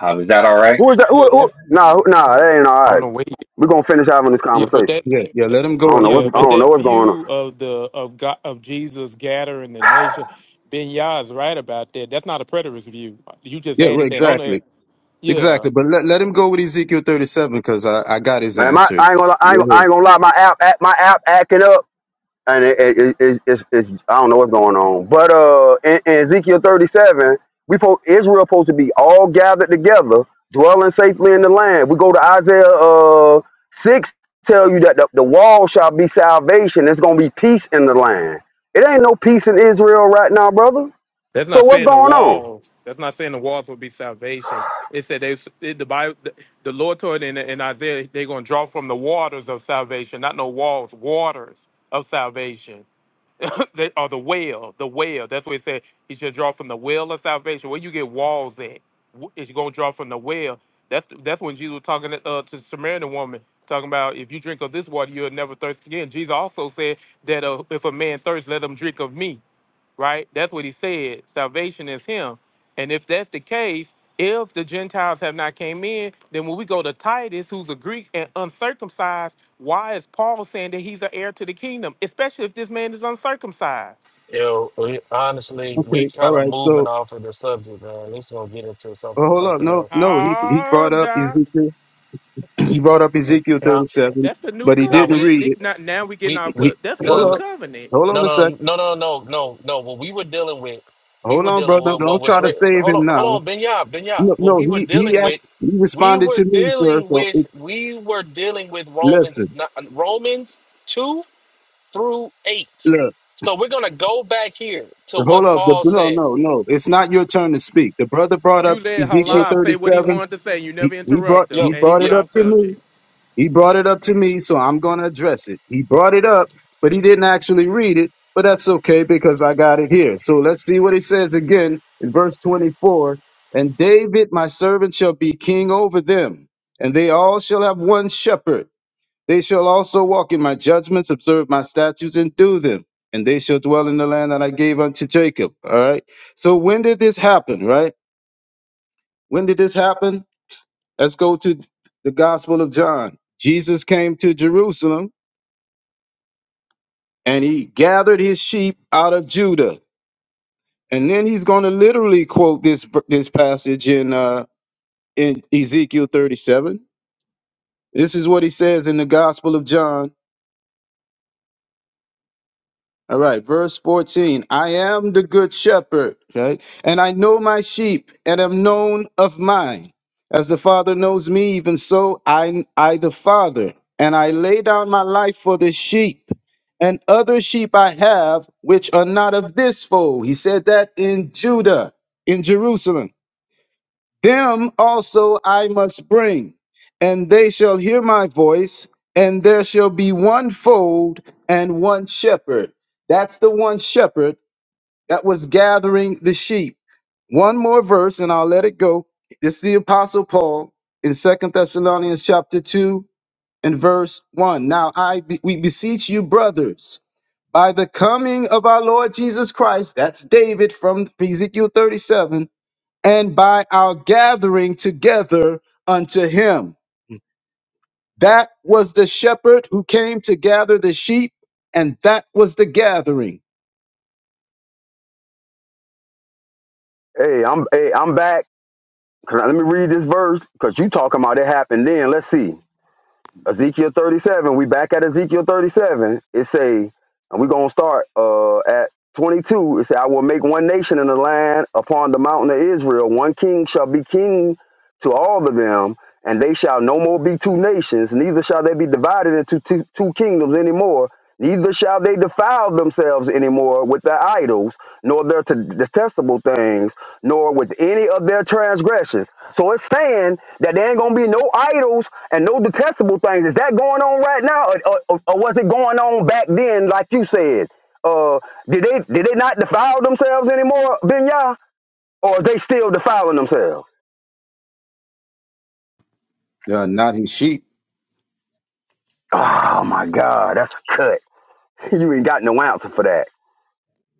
S8: Um, is that all right?
S4: Who is that? Who?
S9: Yeah,
S4: who?
S9: that
S4: Nah, who- nah, that ain't all
S9: on
S4: right.
S9: the way.
S4: We're gonna finish having this
S9: Yeah, but
S4: conversation.
S9: that.
S7: yeah yeah. Let him go
S4: I don't know
S7: because
S4: what's
S9: Yeah,
S4: I
S9: but
S4: don't know
S9: that
S4: what's going on.
S9: view of the of God of Jesus gathering the nation, Ben Yah is right about that. That's not a preterist view. You just
S7: yeah right,
S9: added that on there.
S7: exactly
S9: Yeah,
S7: exactly. But let let him go with Ezekiel thirty seven because I I got his
S4: Man, my
S7: answer.
S4: I ain't gonna I ain't, I
S7: Yeah.
S4: ain't gonna lie. My app, app my app acting up. and it, it, it, it, it's, it's, I don't know what's going on. But uh, in, in Ezekiel 37, we po- Israel supposed to be all gathered together, dwelling safely in the land. We go to Isaiah uh, 6, tell you that the, the wall shall be salvation. It's going to be peace in the land. It ain't no peace in Israel right now, brother.
S9: that's
S4: So
S9: not
S4: what's
S9: saying the
S4: going on?
S9: walls. That's not saying the walls will be salvation. It said they it, the Bible, the, the Lord told in, in Isaiah they're gonna draw from the waters of salvation, not no walls, waters of salvation. They- or the well, the well. That's what it said. He should draw from the well of salvation. Where you get walls at, Wh- it's gonna draw from the well. That's that's when Jesus was talking to, uh, to the Samaritan woman, talking about if you drink of this water, you'll never thirst again. Jesus also said that uh, if a man thirsts, let him drink of me right? That's what he said. Salvation is him. And if that's the case, if the Gentiles have not came in, then when we go to Titus, who's a Greek and uncircumcised, why is Paul saying that he's an heir to the kingdom, especially if this man is uncircumcised?
S6: Yo, we, honestly, we
S7: Okay. All
S6: kind of
S7: right.
S6: moving
S7: So
S6: off of the subject, man. This gonna get into some,
S7: well, hold up.
S6: something
S7: No
S6: else.
S7: no. He he
S9: Oh,
S7: brought up
S9: da-
S7: Ezekiel. He brought up Ezekiel
S6: No,
S7: 37,
S9: that's the new
S7: but he
S6: no,
S7: didn't
S6: we,
S9: covenant.
S7: read it.
S9: It- not- now we getting
S6: we,
S7: He,
S9: off.
S7: he-
S9: co-
S6: we,
S9: That's the
S7: hold
S6: no,
S9: new
S6: no,
S7: up.
S9: covenant.
S7: Hold on
S6: No,
S7: a
S6: no,
S7: sec.
S6: no, no, no, no, no. What we were dealing with, we
S7: Hold
S6: were
S7: on,
S6: dealing
S7: brother.
S6: with what
S7: Don't
S6: was
S7: try to
S6: written.
S7: save
S6: Hold on,
S7: him
S6: hold
S7: now.
S6: on, Benya, Benya.
S7: No,
S6: What
S7: no
S6: we were
S7: he, he
S6: dealing with,
S7: asked, he
S6: we
S7: responded
S6: were
S7: to me, sir.
S6: dealing
S7: So
S6: with,
S7: it's,
S6: we were dealing with Romans,
S7: listen,
S6: not, Romans two through eight.
S7: look,
S6: So we're gonna go back here to
S7: hold
S6: what
S7: up. The,
S6: Paul
S7: no,
S6: said.
S7: no, no. It's not your turn to speak. The brother brought
S9: You
S7: up
S9: let
S6: Yo,
S7: Ezekiel
S9: Halab say what he
S7: 37.
S9: wanted to say. You
S7: He,
S9: never
S7: he brought,
S9: interrupt him,
S7: he
S6: yo,
S9: and he
S7: brought
S6: yo.
S9: went
S7: it up
S9: off
S7: to me.
S9: subject.
S7: He brought it up to me, so I'm going to address it. He brought it up, but he didn't actually read it, but that's okay because I got it here. So let's see what it says again in verse 24. And David, my servant, shall be king over them, and they all shall have one shepherd. They shall also walk in my judgments, observe my statutes, and do them. And they shall dwell in the land that I gave unto Jacob. All right. So when did this happen, right? When did this happen? Let's go to the Gospel of John. Jesus came to Jerusalem and he gathered his sheep out of Judah. And then he's going to literally quote this this passage in uh, in Ezekiel 37. This is what he says in the Gospel of John All right, verse 14. I am the good shepherd, okay? And I know my sheep and am known of mine. As the Father knows me, even so I I the Father, and I lay down my life for the sheep. And other sheep I have which are not of this fold. He said that in Judah, in Jerusalem. Him also I must bring, and they shall hear my voice, and there shall be one fold and one shepherd. That's the one shepherd that was gathering the sheep. One more verse, and I'll let it go. It's the Apostle Paul in Second Thessalonians chapter 2 and verse 1. Now I be- we beseech you, brothers, by the coming of our Lord Jesus Christ, that's David from Ezekiel 37 and by our gathering together unto him. That was the shepherd who came to gather the sheep, and that was the gathering.
S4: Hey, I'm hey, I'm back. Can I- Let me read this verse because you talking about it happened then. Let's see. Ezekiel 37. We back at Ezekiel 37. It say, and we're gonna start uh at 22, it said, I will make one nation in the land upon the mountain of Israel. One king shall be king to all of them, and they shall no more be two nations, neither shall they be divided into two, two kingdoms anymore. Neither shall they defile themselves anymore with their idols, nor their t- detestable things, nor with any of their transgressions. So it's saying that there ain't gonna be no idols and no detestable things. Is that going on right now, or, or, or was it going on back then, like you said? uh, did they did they not defile themselves anymore, Ben Or are they still defiling themselves?
S7: They are not his sheep.
S4: Oh my God, that's a cut. You ain't got no answer for that.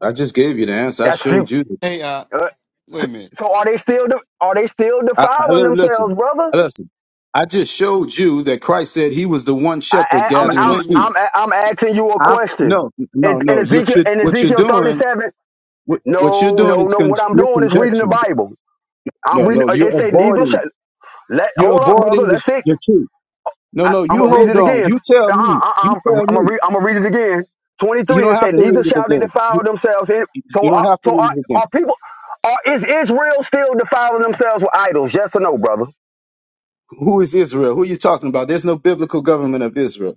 S7: I just gave you the answer. I
S4: That's few.
S7: showed you.
S10: Hey, uh,
S4: Uh, so,
S10: wait a minute.
S4: so are they still de- are they still
S7: I, I-
S4: defiling
S7: li- listen,
S4: themselves, brother?
S7: listen. I just showed you that Christ said he was the one
S4: I,
S7: shepherd
S4: I I'm
S10: Wait
S7: gathering the
S4: I'm
S10: wait a
S7: sheep.
S10: minute.
S4: I'm I'm asking you a
S7: I'm,
S4: question.
S7: no,
S4: In,
S7: no,
S4: in
S7: no. You
S4: Ezekiel
S7: should,
S4: in
S7: what you're
S4: Ezekiel
S7: doing,
S4: 37,
S7: what, what you're
S4: no
S7: doing
S4: no
S7: is
S4: no.
S7: con-
S4: What I'm
S7: you're
S4: doing is reading the
S7: conjecturing.
S4: Bible. I'm
S7: No,
S4: reading.
S7: no.
S4: uh,
S7: You're
S4: It say neither shall
S7: avoiding.
S4: let.
S7: You're
S4: Hold up, brother.
S7: avoiding the,
S4: Let's
S7: sh-
S4: see.
S7: the truth. No,
S4: I,
S7: no,
S4: I'm
S7: you
S4: gonna read
S7: hold
S4: it
S7: on.
S4: again.
S7: You tell
S4: Uh, uh,
S7: me. You
S4: uh, I'm
S7: tell
S4: gonna
S7: me.
S4: read. I'm gonna read it again.
S7: You
S4: 23.
S7: don't
S4: It
S7: have
S4: said,
S7: to
S4: "Neither
S7: read it
S4: shall they
S7: again. You,
S4: defile themselves." In,
S7: you
S4: so,
S7: don't
S4: are,
S7: have to
S4: so are,
S7: read it again.
S4: are people? Are, is Israel still defiling themselves with idols? Yes or no, brother?
S7: Who is Israel? Who are you talking about? There's no biblical government of Israel.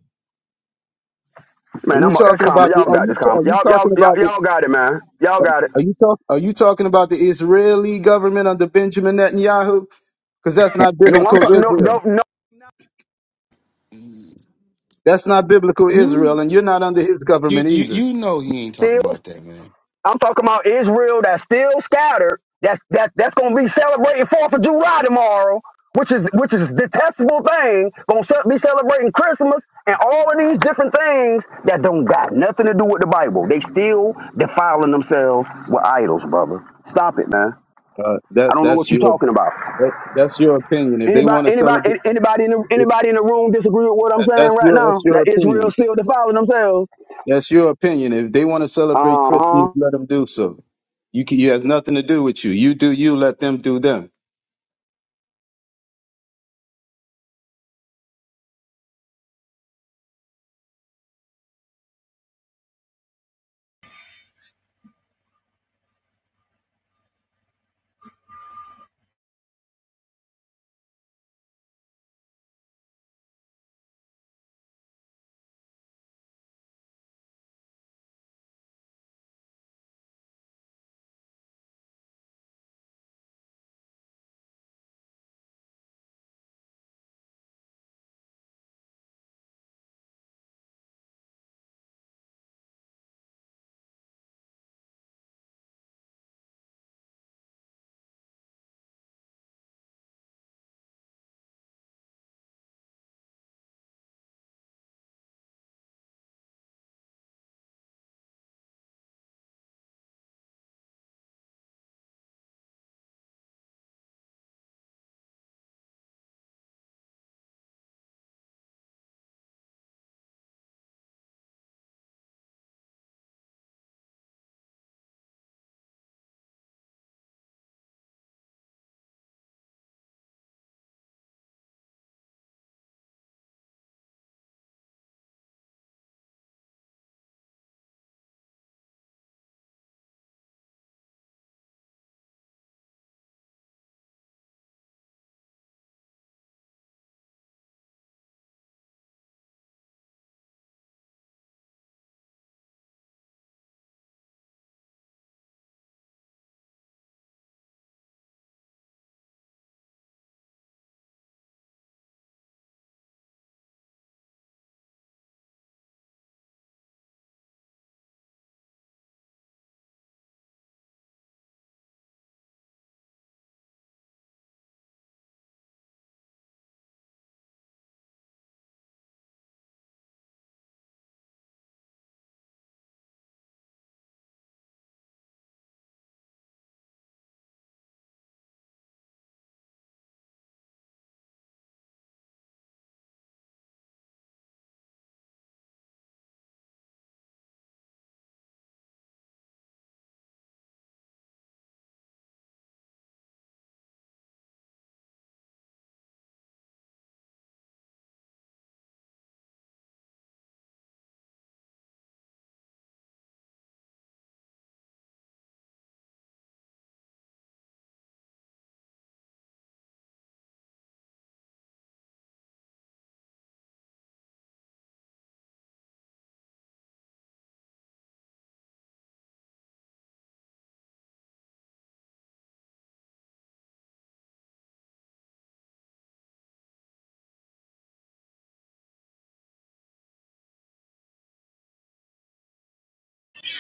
S7: Are
S4: Man,
S7: you
S4: I'm. A, that's
S7: talking
S4: common.
S7: about the?
S4: Y'all
S7: Are
S4: got
S7: you
S4: this
S7: ta-
S4: common.
S7: are you
S4: Y'all, y'all,
S7: talking
S4: y'all,
S7: about the?
S4: y'all got it, man. Y'all got it.
S7: Are you talk? Are you talking about the Israeli government under Benjamin Netanyahu? Because that's not
S4: No, I'm
S7: biblical
S4: talking. No,
S7: Israel.
S4: no, no.
S7: That's not biblical Israel,
S10: You,
S7: and you're not under his
S10: you,
S7: government
S10: you,
S7: either.
S10: you know he ain't talking
S4: Still.
S10: about that, man.
S4: I'm talking about Israel that's still scattered. That's that that's gonna be celebrating Fourth of July tomorrow, which is which is a detestable thing. Gonna ce- be celebrating Christmas and all of these different things that don't got nothing to do with the Bible. They still defiling themselves with idols, brother. Stop it, man.
S7: Uh,
S4: I
S7: that
S4: don't know
S7: that's
S4: what you're
S7: your
S4: talking about.
S7: that, that's your opinion. If they
S4: Anybody,
S7: want to
S4: anybody,
S7: celebrate,
S4: an- anybody in the anybody in the room disagree with what I'm saying
S7: that's
S4: right
S7: your
S4: now?
S7: that's your
S4: That
S7: opinion.
S4: Israel still defiling themselves.
S7: That's your opinion. If they want to celebrate
S4: Uh huh.
S7: Christmas, let them do so. You can, it has nothing to do with you. You do you. Let them do them.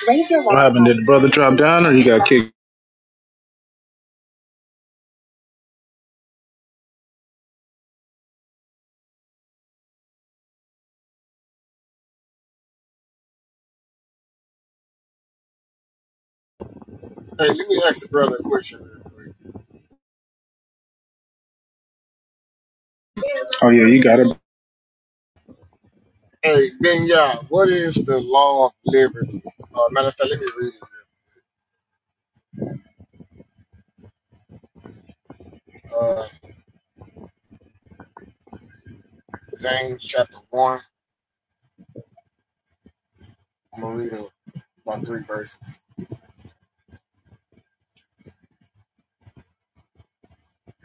S11: What happened? Did the brother drop down or he got kicked?
S12: Hey, let me ask the brother a question real quick.
S11: Oh, yeah, you got it.
S12: Hey, Benya, what is the law of liberty? Uh, matter of fact, let me read it. Uh, James chapter 1. I'm going to read it about three verses.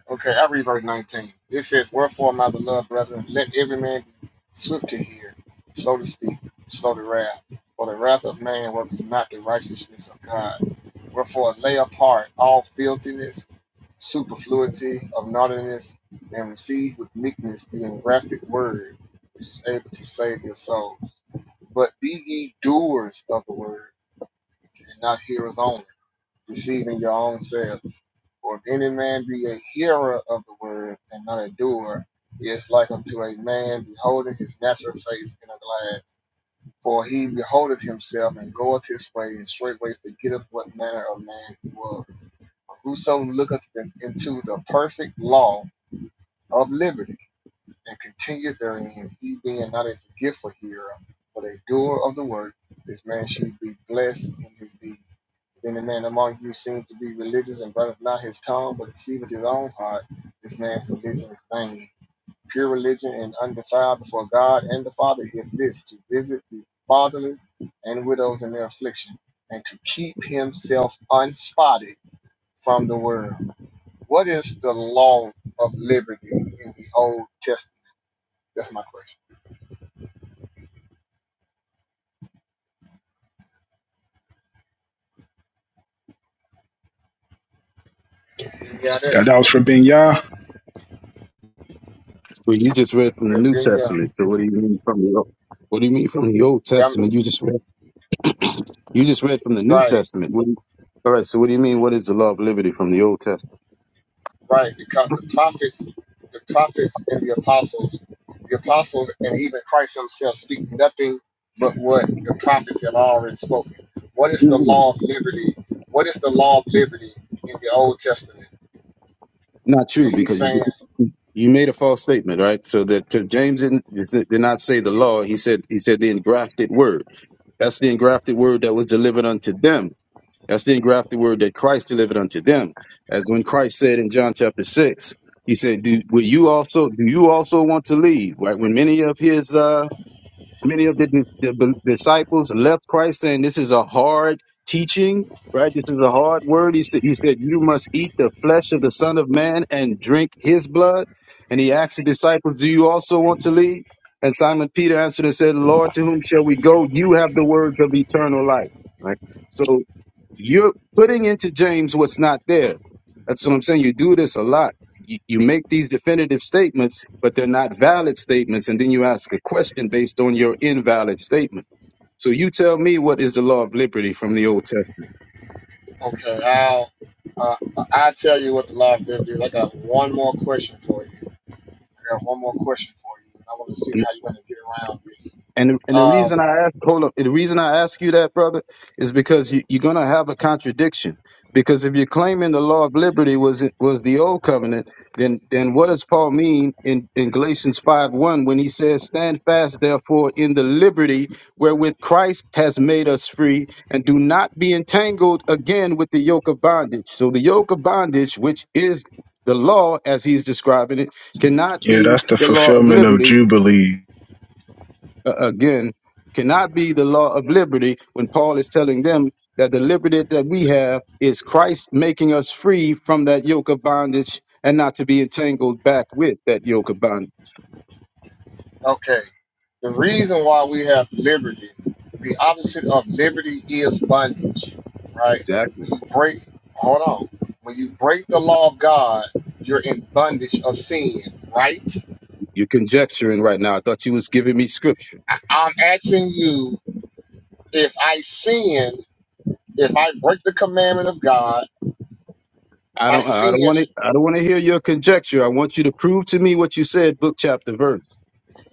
S12: Okay, I read verse 19. It says, Wherefore, my beloved brethren, let every man be swift to hear, slow to speak, slow to wrath. For the wrath of man worketh not the righteousness of God. Wherefore, lay apart all filthiness, superfluity of naughtiness, and receive with meekness the engrafted word, which is able to save your souls. But be ye doers of the word, and not hearers only, deceiving your own selves. For if any man be a hearer of the word and not a doer, he is like unto a man beholding his natural face in a glass. For he beholdeth himself and goeth his way, and straightway forgetteth what manner of man he was. But whoso looketh in- into the perfect law of liberty and continueth therein, he being not a forgetful hearer, but a doer of the word, this man should be blessed in his deed. Then the man among you seems to be religious and burneth not his tongue, but deceiveth his own heart. This man's religion is vain. Pure religion and undefiled before God and the Father is this to visit the fatherless and widows in their affliction, and to keep himself unspotted from the world. What is the law of liberty in the Old Testament? That's my question. Yeah, that.
S11: That was for Ben
S7: Well, you just read from the
S12: Yeah,
S7: New
S12: yeah.
S7: Testament. So what do you mean from the Old- What do you mean from the Old
S12: yeah. I'm
S7: Testament? You just read. You just read from the New
S12: right.
S7: Testament. What do you- all right. So what do you mean? What is the law of liberty from the Old Testament?
S12: right? Because the prophets, the prophets and the apostles, the apostles and even Christ himself speak nothing but what the prophets have already spoken. What is the
S7: Mm,
S12: law of liberty? What is the law of liberty in the Old Testament?
S7: Not you,
S12: And he's
S7: because you
S12: saying,
S7: just, you made a false statement, right? So that 'cause James didn't did not say the law. He said he said the engrafted word. That's the engrafted word that was delivered unto them That's the engrafted word that Christ delivered unto them. As when Christ said in John chapter six, he said, Do will you also do you also want to leave? Right? When many of his uh many of the, the, the disciples left Christ saying, This is a hard teaching, right? This is a hard word. He said, He said, You must eat the flesh of the Son of Man and drink his blood. And he asked the disciples, Do you also want to leave? And Simon Peter answered and said, Lord, to whom shall we go? You have the words of eternal life. Right? So you're putting into James what's not there. That's what I'm saying. You do this a lot. You, you make these definitive statements, but they're not valid statements, and then you ask a question based on your invalid statement. So you tell me what is the law of liberty from the Old Testament?
S12: okay, I'll, uh, I'll tell you what the law of liberty is. I got one more question for you. I got one more question for you. And I want to see how you're going to get around this.
S7: And and the
S12: Um,
S7: reason I ask, hold up, the reason I ask you that, brother, is because you, you're gonna have a contradiction. Because if you're claiming the law of liberty was was the old covenant, then then what does Paul mean in, in Galatians five one when he says, "Stand fast, therefore, in the liberty wherewith Christ has made us free, and do not be entangled again with the yoke of bondage." So the yoke of bondage, which is the law, as he's describing it, cannot
S11: Yeah,
S7: be
S11: that's the
S7: the law of
S11: fulfillment of
S7: liberty
S11: Jubilee.
S7: uh, again cannot be the law of liberty when Paul is telling them that the liberty that we have is Christ making us free from that yoke of bondage and not to be entangled back with that yoke of bondage.
S12: Okay. The reason why we have liberty, the opposite of liberty is bondage, right? When
S7: Exactly.
S12: you break, hold on. When you break the law of God, you're in bondage of sin, right?
S7: You're conjecturing right now. I thought you was giving me scripture.
S12: I- I'm asking you if I sin, if I break the commandment of God,
S7: I
S12: my
S7: don't I
S12: sin,
S7: don't want to I don't want to hear your conjecture. I want you to prove to me what you said book chapter verse.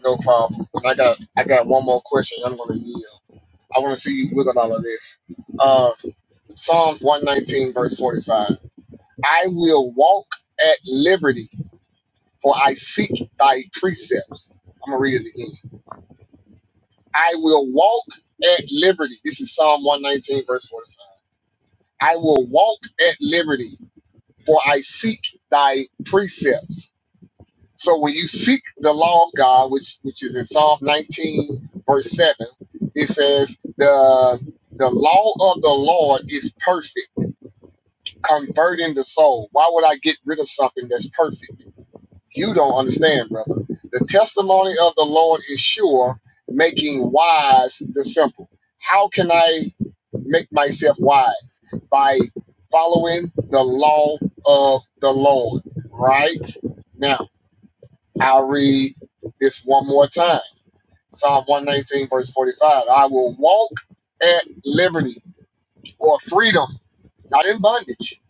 S12: no problem. And I got, I got one more question. I'm going to yield. I want to see you wiggle all of this. Um, Psalms 119, verse 45. I will walk at liberty, for I seek thy precepts. I'm going to read it again. I will walk at liberty. This is Psalm 119, verse 45. I will walk at liberty, for I seek thy precepts. So when you seek the law of God, which which is in Psalm 19, verse 7, it says, the the law of the Lord is perfect, converting the soul. Why would I get rid of something that's perfect? You don't understand, brother. The testimony of the Lord is sure, making wise the simple. How can I make myself wise? By following the law of the Lord. Right? Now, I'll read this one more time Psalm 119, verse 45. I will walk at liberty or freedom not in bondage.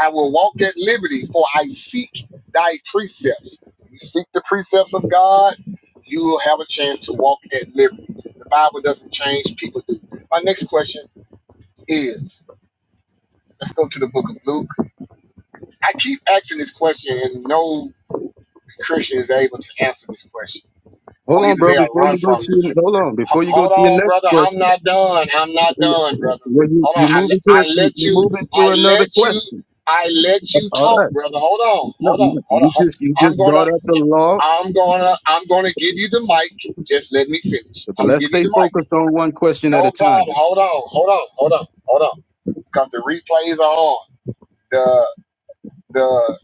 S12: I will walk at liberty, for I seek thy precepts. You seek the precepts of God, you will have a chance to walk at liberty. The Bible doesn't change, people do. My next question is let's go to the book of Luke. I keep asking this question, and no Christian is able to answer this question,
S7: Hold
S12: or
S7: on,
S12: either
S7: bro,
S12: they are
S7: before
S12: run
S7: you go
S12: from it
S7: to your, hold on,
S12: Ho-
S7: before you go
S12: Hold
S7: to your
S12: on, brother.
S7: next
S12: I'm
S7: question.
S12: not done. I'm not done,
S7: Well,
S12: brother.
S7: you,
S12: Hold on.
S7: you're
S12: I,
S7: moving
S12: le-
S7: to
S12: I
S7: you're
S12: let you.
S7: moving to
S12: I
S7: another
S12: let
S7: question.
S12: you. I let you
S7: All right.
S12: talk, brother. Hold on.
S7: No,
S12: Hold on.
S7: no,
S12: Hold on.
S7: you
S12: Hold-
S7: just you
S12: I'm
S7: just
S12: gonna.
S7: brought up the law.
S12: I'm gonna. I'm gonna give you the mic. Just let me finish.
S7: But
S12: I'm gonna
S7: let's
S12: give you
S7: stay
S12: the mic.
S7: focused on one question at
S12: No
S7: a
S12: problem.
S7: time.
S12: Hold on. Hold on. Hold on. Hold on. Because the replays are on. The the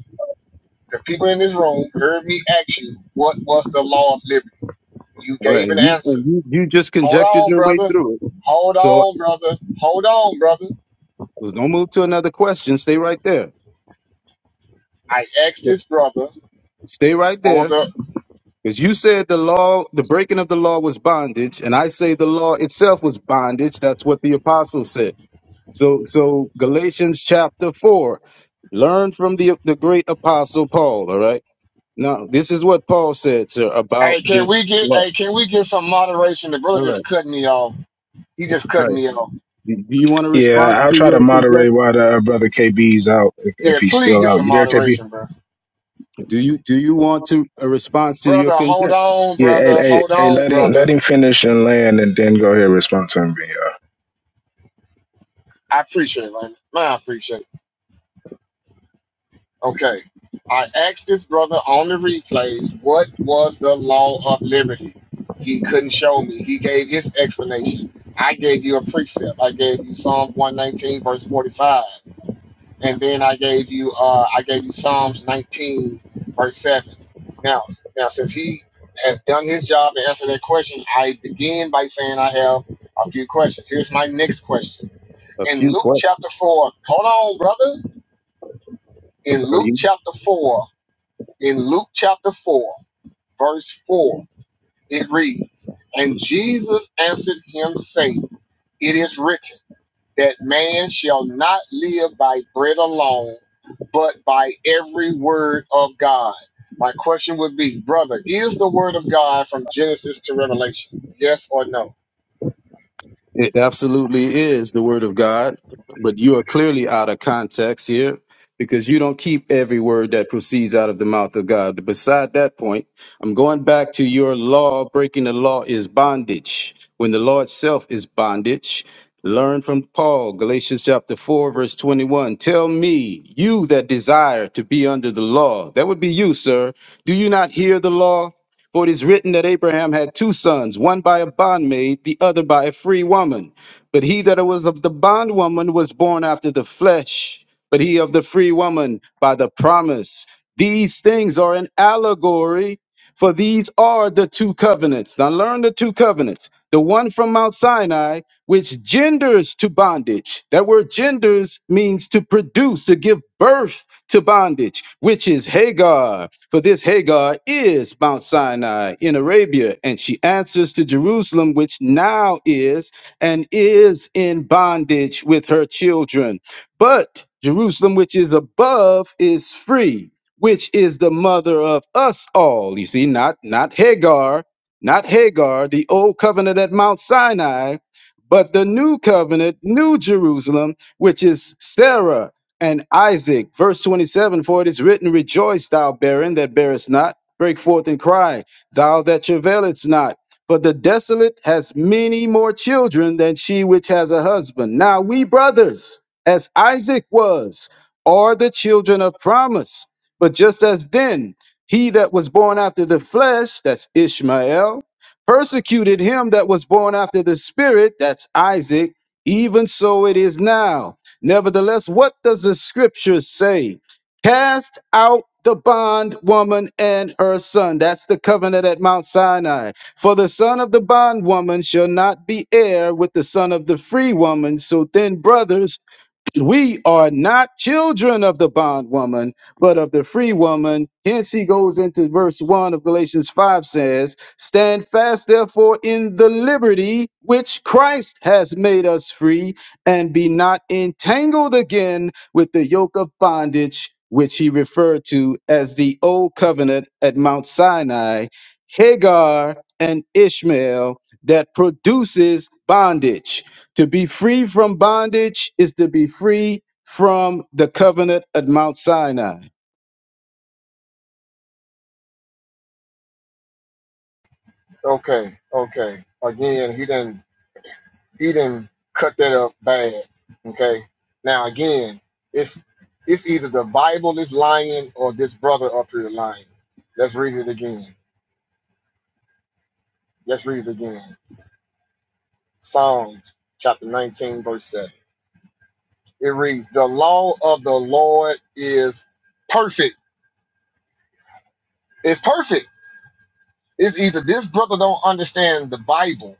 S12: the people in this room heard me ask you what was the law of liberty. You
S7: All Right?
S12: gave an
S7: You
S12: answer.
S7: you you just
S12: Hold
S7: conjectured
S12: on,
S7: your way
S12: brother.
S7: through it.
S12: Hold
S7: So
S12: on, brother. Hold on, brother.
S7: well, don't move to another question. Stay right there.
S12: I asked
S7: So,
S12: this brother,
S7: Stay right
S12: what was
S7: there.
S12: up?
S7: Because you said the law, the breaking of the law was bondage, and I say the law itself was bondage. That's what the apostle said. So so Galatians chapter four. Learn from the the great apostle Paul, all right? Now, this is what Paul said, sir, about
S12: Hey, can
S7: this
S12: we get
S7: law.
S12: hey, can we get some moderation? The brother
S7: All
S12: just
S7: right.
S12: cut me off. He just cut me off.
S7: Do you want a
S11: Yeah,
S7: response
S11: I'll
S7: to
S11: try to
S7: your conjecture?
S11: moderate while the uh, brother KB's out, if, if
S12: Yeah,
S11: he's
S12: please
S11: still
S12: get
S11: out.
S12: some
S11: You there, KB?
S12: moderation, bro.
S7: Do you do you want to a response to
S12: Brother,
S7: your
S12: hold
S7: conjecture?
S12: on,
S11: Yeah, hey,
S12: brother.
S11: hey,
S12: Hold
S11: hey,
S12: on,
S11: let him
S12: brother.
S11: let him finish and land, and then go ahead and respond to him. Ben
S12: I appreciate it, man. Man, I appreciate it. Okay. I asked this brother on the replays what was the law of liberty. He couldn't show me. He gave his explanation. I gave you a precept. I gave you Psalm 119 verse 45, and then I gave you uh, I gave you Psalms 19 verse 7. Now, now since he has done his job to answer that question, I begin by saying I have a few questions. Here's my next question.
S7: A
S12: In
S7: few
S12: Luke
S7: questions.
S12: chapter 4, hold on, brother. In
S7: Are
S12: Luke
S7: you?
S12: chapter 4 in Luke chapter 4, verse 4, it reads, And Jesus answered him, saying, It is written, that man shall not live by bread alone, but by every word of God. My question would be, brother, is the word of God from Genesis to Revelation? Yes or no?
S7: It absolutely is the word of God, but you are clearly out of context here because you don't keep every word that proceeds out of the mouth of God. But beside that point, I'm going back to your law. Breaking the law is bondage. When the law itself is bondage, learn from Paul, Galatians chapter 4, verse 21. Tell me, you that desire to be under the law, that would be you, sir. Do you not hear the law? For it is written that Abraham had two sons, one by a bondmaid, the other by a free woman. But he that was of the bondwoman was born after the flesh, but he of the free woman by the promise. These things are an allegory, for these are the two covenants. Now learn the two covenants. The one from Mount Sinai, which genders to bondage. That word genders means to produce, to give birth to bondage, which is Hagar for this Hagar is Mount Sinai in Arabia, and she answers to Jerusalem, which now is and is in bondage with her children. But Jerusalem, which is above, is free, which is the mother of us all. You see, not not Hagar, not Hagar, the old covenant at Mount Sinai, but the new covenant, new Jerusalem, which is Sarah and Isaac. Verse 27 For it is written, Rejoice, thou barren that bearest not, break forth and cry, thou that travailest not. For the desolate has many more children than she which has a husband. Now we brothers, as Isaac was, are the children of promise. But just as then, he that was born after the flesh, that's Ishmael, persecuted him that was born after the spirit, that's Isaac, even so it is now. Nevertheless, what does the scripture say? Cast out the bondwoman and her son. That's the covenant at Mount Sinai. For the son of the bondwoman shall not be heir with the son of the free woman. So then, brothers, we are not children of the bondwoman, but of the free woman. Hence, he goes into verse 1 of Galatians 5 says, Stand fast, therefore, in the liberty which Christ has made us free, and be not entangled again with the yoke of bondage, which he referred to as the old covenant at Mount Sinai, Hagar and Ishmael, that produces bondage. To be free from bondage is to be free from the covenant at Mount Sinai.
S12: Okay, okay. Again, he didn't. He didn't cut that up bad. Okay. Now again, it's it's either the Bible is lying or this brother up here lying. Let's read it again. Let's read it again. Psalms chapter 19, verse 7. It reads, The law of the Lord is perfect. It's perfect. It's either this brother don't understand the Bible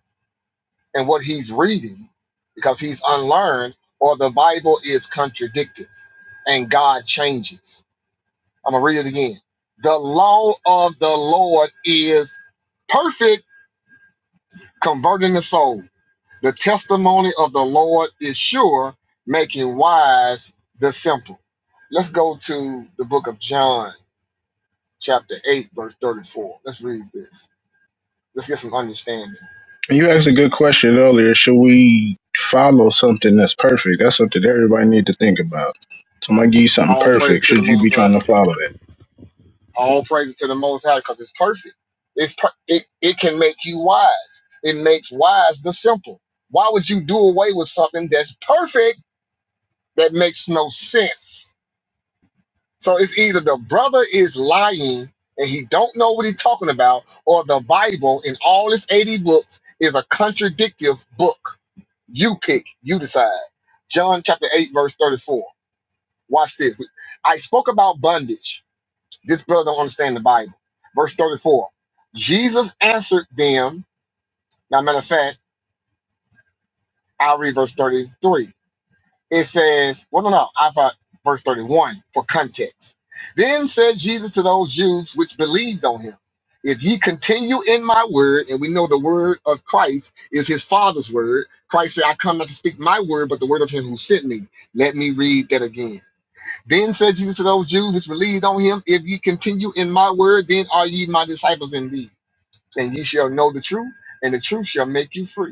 S12: and what he's reading because he's unlearned, or the Bible is contradicted and God changes. I'm gonna read it again. The law of the Lord is perfect, converting the soul. The testimony of the Lord is sure, making wise the simple. Let's go to the book of John, chapter 8, verse 34. Let's read this. Let's get some understanding.
S11: You asked a good question earlier. Should we follow something that's perfect? That's something everybody need to think about. So, Somebody give you something
S12: All praise
S11: perfect.
S12: to the
S11: Should you be
S12: Most High.
S11: trying to follow that?
S12: All praise to the Most High because it's perfect. It's per- it, it can make you wise. It makes wise the simple. Why would you do away with something that's perfect that makes no sense. So it's either the brother is lying and he don't know what he's talking about, or the Bible in all its 80 books is a contradictive book. You pick, you decide. John chapter 8, verse 34. Watch this. I spoke about bondage. This brother don't understand the Bible. Verse 34. Jesus answered them. Now, matter of fact, I'll read verse 33. It says, well, no, no, I thought verse 31 for context. Then said Jesus to those Jews which believed on him, If ye continue in my word, and we know the word of Christ is his Father's word, Christ said, I come not to speak my word, but the word of him who sent me. Let me read that again. Then said Jesus to those Jews which believed on him, If ye continue in my word, then are ye my disciples indeed, and ye shall know the truth, and the truth shall make you free.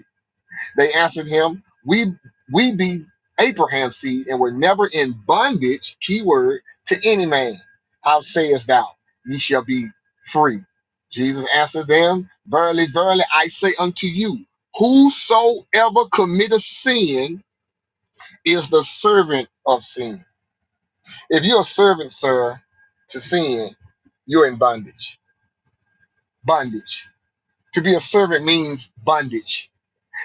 S12: They answered him, We we be Abraham's seed and were never in bondage, keyword, to any man. How sayest thou, ye shall be free? Jesus answered them, Verily, verily, I say unto you, whosoever committeth sin is the servant of sin. If you're a servant, sir, to sin, you're in bondage. Bondage. To be a servant means bondage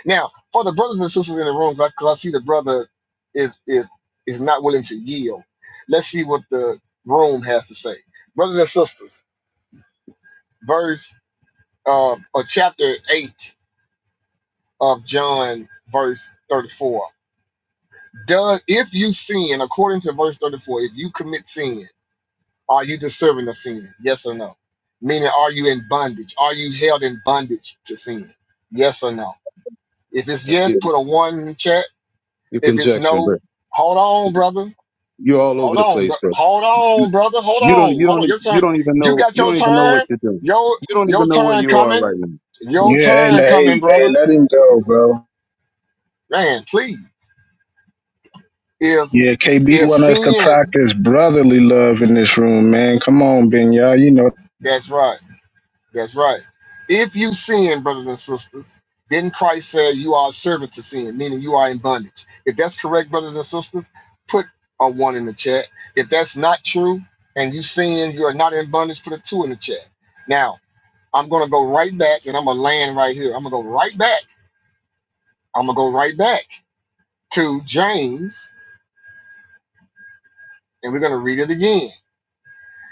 S12: Now, for the brothers and sisters in the room, because I see the brother is is is not willing to yield. Let's see what the room has to say. Brothers and sisters, verse uh, or chapter eight of John, verse thirty-four. Does if you sin according to verse thirty-four, if you commit sin, are you deserving of sin? Yes or no? Meaning, are you in bondage? Are you held in bondage to sin? Yes or no? If it's
S7: Yeah,
S12: yes,
S7: You,
S12: put a one in the chat.
S7: you're
S12: If it's
S7: conjecturing,
S12: no,
S7: bro.
S12: hold on, brother
S7: You're all
S12: Hold
S7: over the
S12: on, bro.
S7: place, bro.
S12: Hold
S7: You
S12: on, brother. Hold
S7: you don't,
S12: on.
S7: you
S12: Hold on.
S7: don't,
S12: Your
S7: you
S12: turn.
S7: don't even
S12: You
S7: know,
S12: got
S7: you
S12: your
S7: don't even know what
S12: turn.
S7: you're doing.
S12: Your
S7: You don't
S12: your
S7: even know where
S12: turn
S7: you are
S12: coming.
S7: right now.
S12: Your
S11: Yeah, hey,
S12: turn coming,
S11: hey, hey,
S12: brother.
S11: let him go, bro.
S12: Man, please. If
S11: Yeah, KB
S12: if
S11: want us to
S12: sin,
S11: practice brotherly love in this room, man. Come on, Ben, y'all. You know,
S12: that's right. That's right. If you sin, brothers and sisters, didn't Christ say you are a servant to sin, meaning you are in bondage? If that's correct, brothers and sisters, put a one in the chat. If that's not true and you sin, you are not in bondage, put a two in the chat. Now, I'm going to go right back and I'm going to land right here. I'm going to go right back. I'm going to go right back to James and we're going to read it again.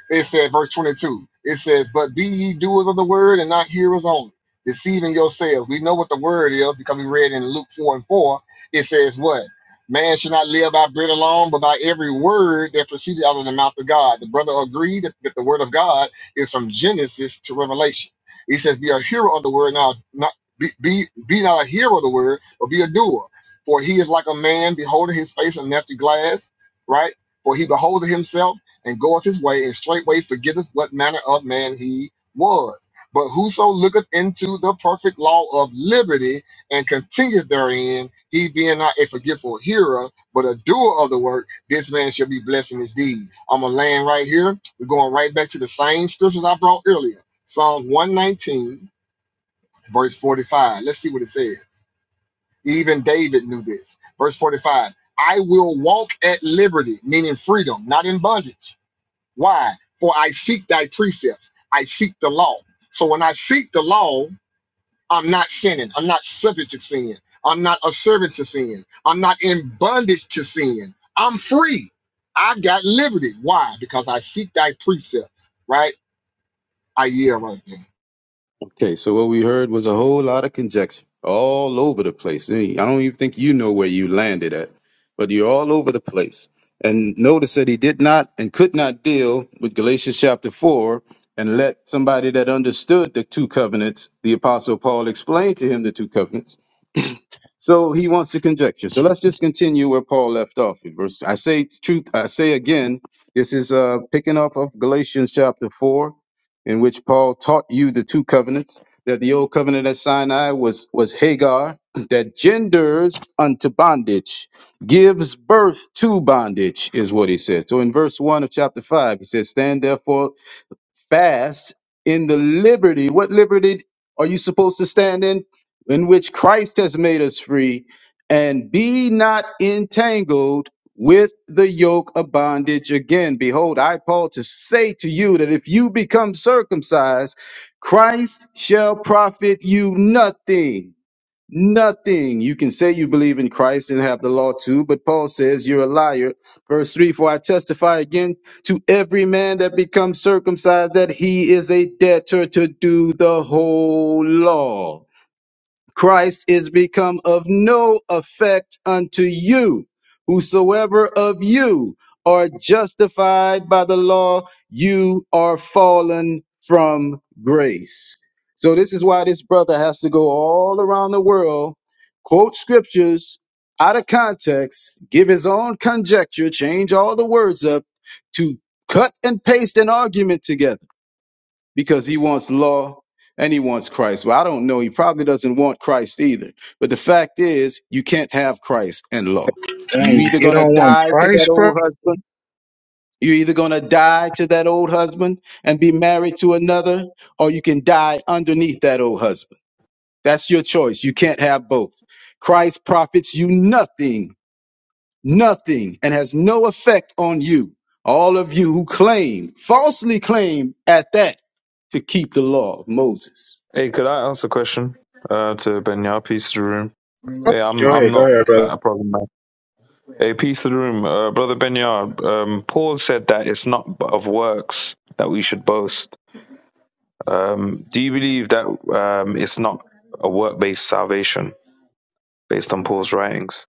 S12: It said, verse 22, it says, But be ye doers of the word and not hearers only, deceiving yourselves. We know what the word is because we read in Luke 4 and 4. It says, What? Man should not live by bread alone, but by every word that proceeded out of the mouth of God. The brother agreed that, that the word of God is from Genesis to Revelation. He says, Be a hero of the word, now not be, be be not a hero of the word, but be a doer. For he is like a man beholding his face in an empty glass, right? For he beholdeth himself and goeth his way, and straightway forgetteth what manner of man he was. But whoso looketh into the perfect law of liberty and continueth therein, he being not a forgetful hearer, but a doer of the work, this man shall be blessed in his deed. I'm going to land right here. We're going right back to the same scriptures I brought earlier Psalms 119, verse 45. Let's see what it says. Even David knew this. Verse 45 I will walk at liberty, meaning freedom, not in bondage why? For I seek thy precepts. I seek the law. So when I seek the law, I'm not sinning. I'm not subject to sin. I'm not a servant to sin. I'm not in bondage to sin. I'm free. I've got liberty. Why? Because I seek thy precepts, right? I yield right there.
S7: Okay, so what we heard was a whole lot of conjecture all over the place. Eh, I don't even think you know where you landed at, but you're all over the place. And notice that he did not and could not deal with Galatians chapter 4 and let somebody that understood the two covenants, the Apostle Paul, explain to him the two covenants. So he wants to conjecture. So let's just continue where Paul left off. In verse, I say truth. I say again, this is uh, picking up of Galatians chapter four, in which Paul taught you the two covenants. That the old covenant at Sinai was was Hagar, that genders unto bondage, gives birth to bondage, is what he says. So in verse one of chapter five, he says, "Stand therefore." fast in the liberty. What liberty are you supposed to stand in? In which Christ has made us free. And be not entangled with the yoke of bondage again. Behold, I, Paul, to say to you that if you become circumcised, Christ shall profit you nothing. Nothing. You can say you believe in Christ and have the law too, but Paul says you're a liar. Verse 3 For I testify again to every man that becomes circumcised that he is a debtor to do the whole law. Christ is become of no effect unto you. Whosoever of you are justified by the law, you are fallen from grace. So, this is why this brother has to go all around the world, quote scriptures out of context, give his own conjecture, change all the words up to cut and paste an argument together because he wants law and he wants Christ. Well, I don't know. He probably doesn't want Christ either. But the fact is, you can't have Christ and law. you
S11: dang,
S7: either
S11: you
S7: going to
S11: don't want
S7: die to
S11: price,
S7: that
S11: bro.
S7: old husband. You're either going to die to that old husband and be married to another, or you can die underneath that old husband. That's your choice. You can't have both. Christ profits you nothing nothing and has no effect on you. All of you who claim, falsely claim at that, to keep the law of Moses.
S13: Hey, could I ask a question uh, to Benyar? Peace to the room. Hey, I'm
S11: Go
S13: I'm
S11: ahead, go
S13: not
S11: ahead,
S13: like,
S11: brother.
S13: a problem man. Hey, peace to the room, uh, brother Benyar. Um, Paul said that it's not of works that we should boast. Um, do you believe that um, it's not a work-based salvation based on Paul's writings?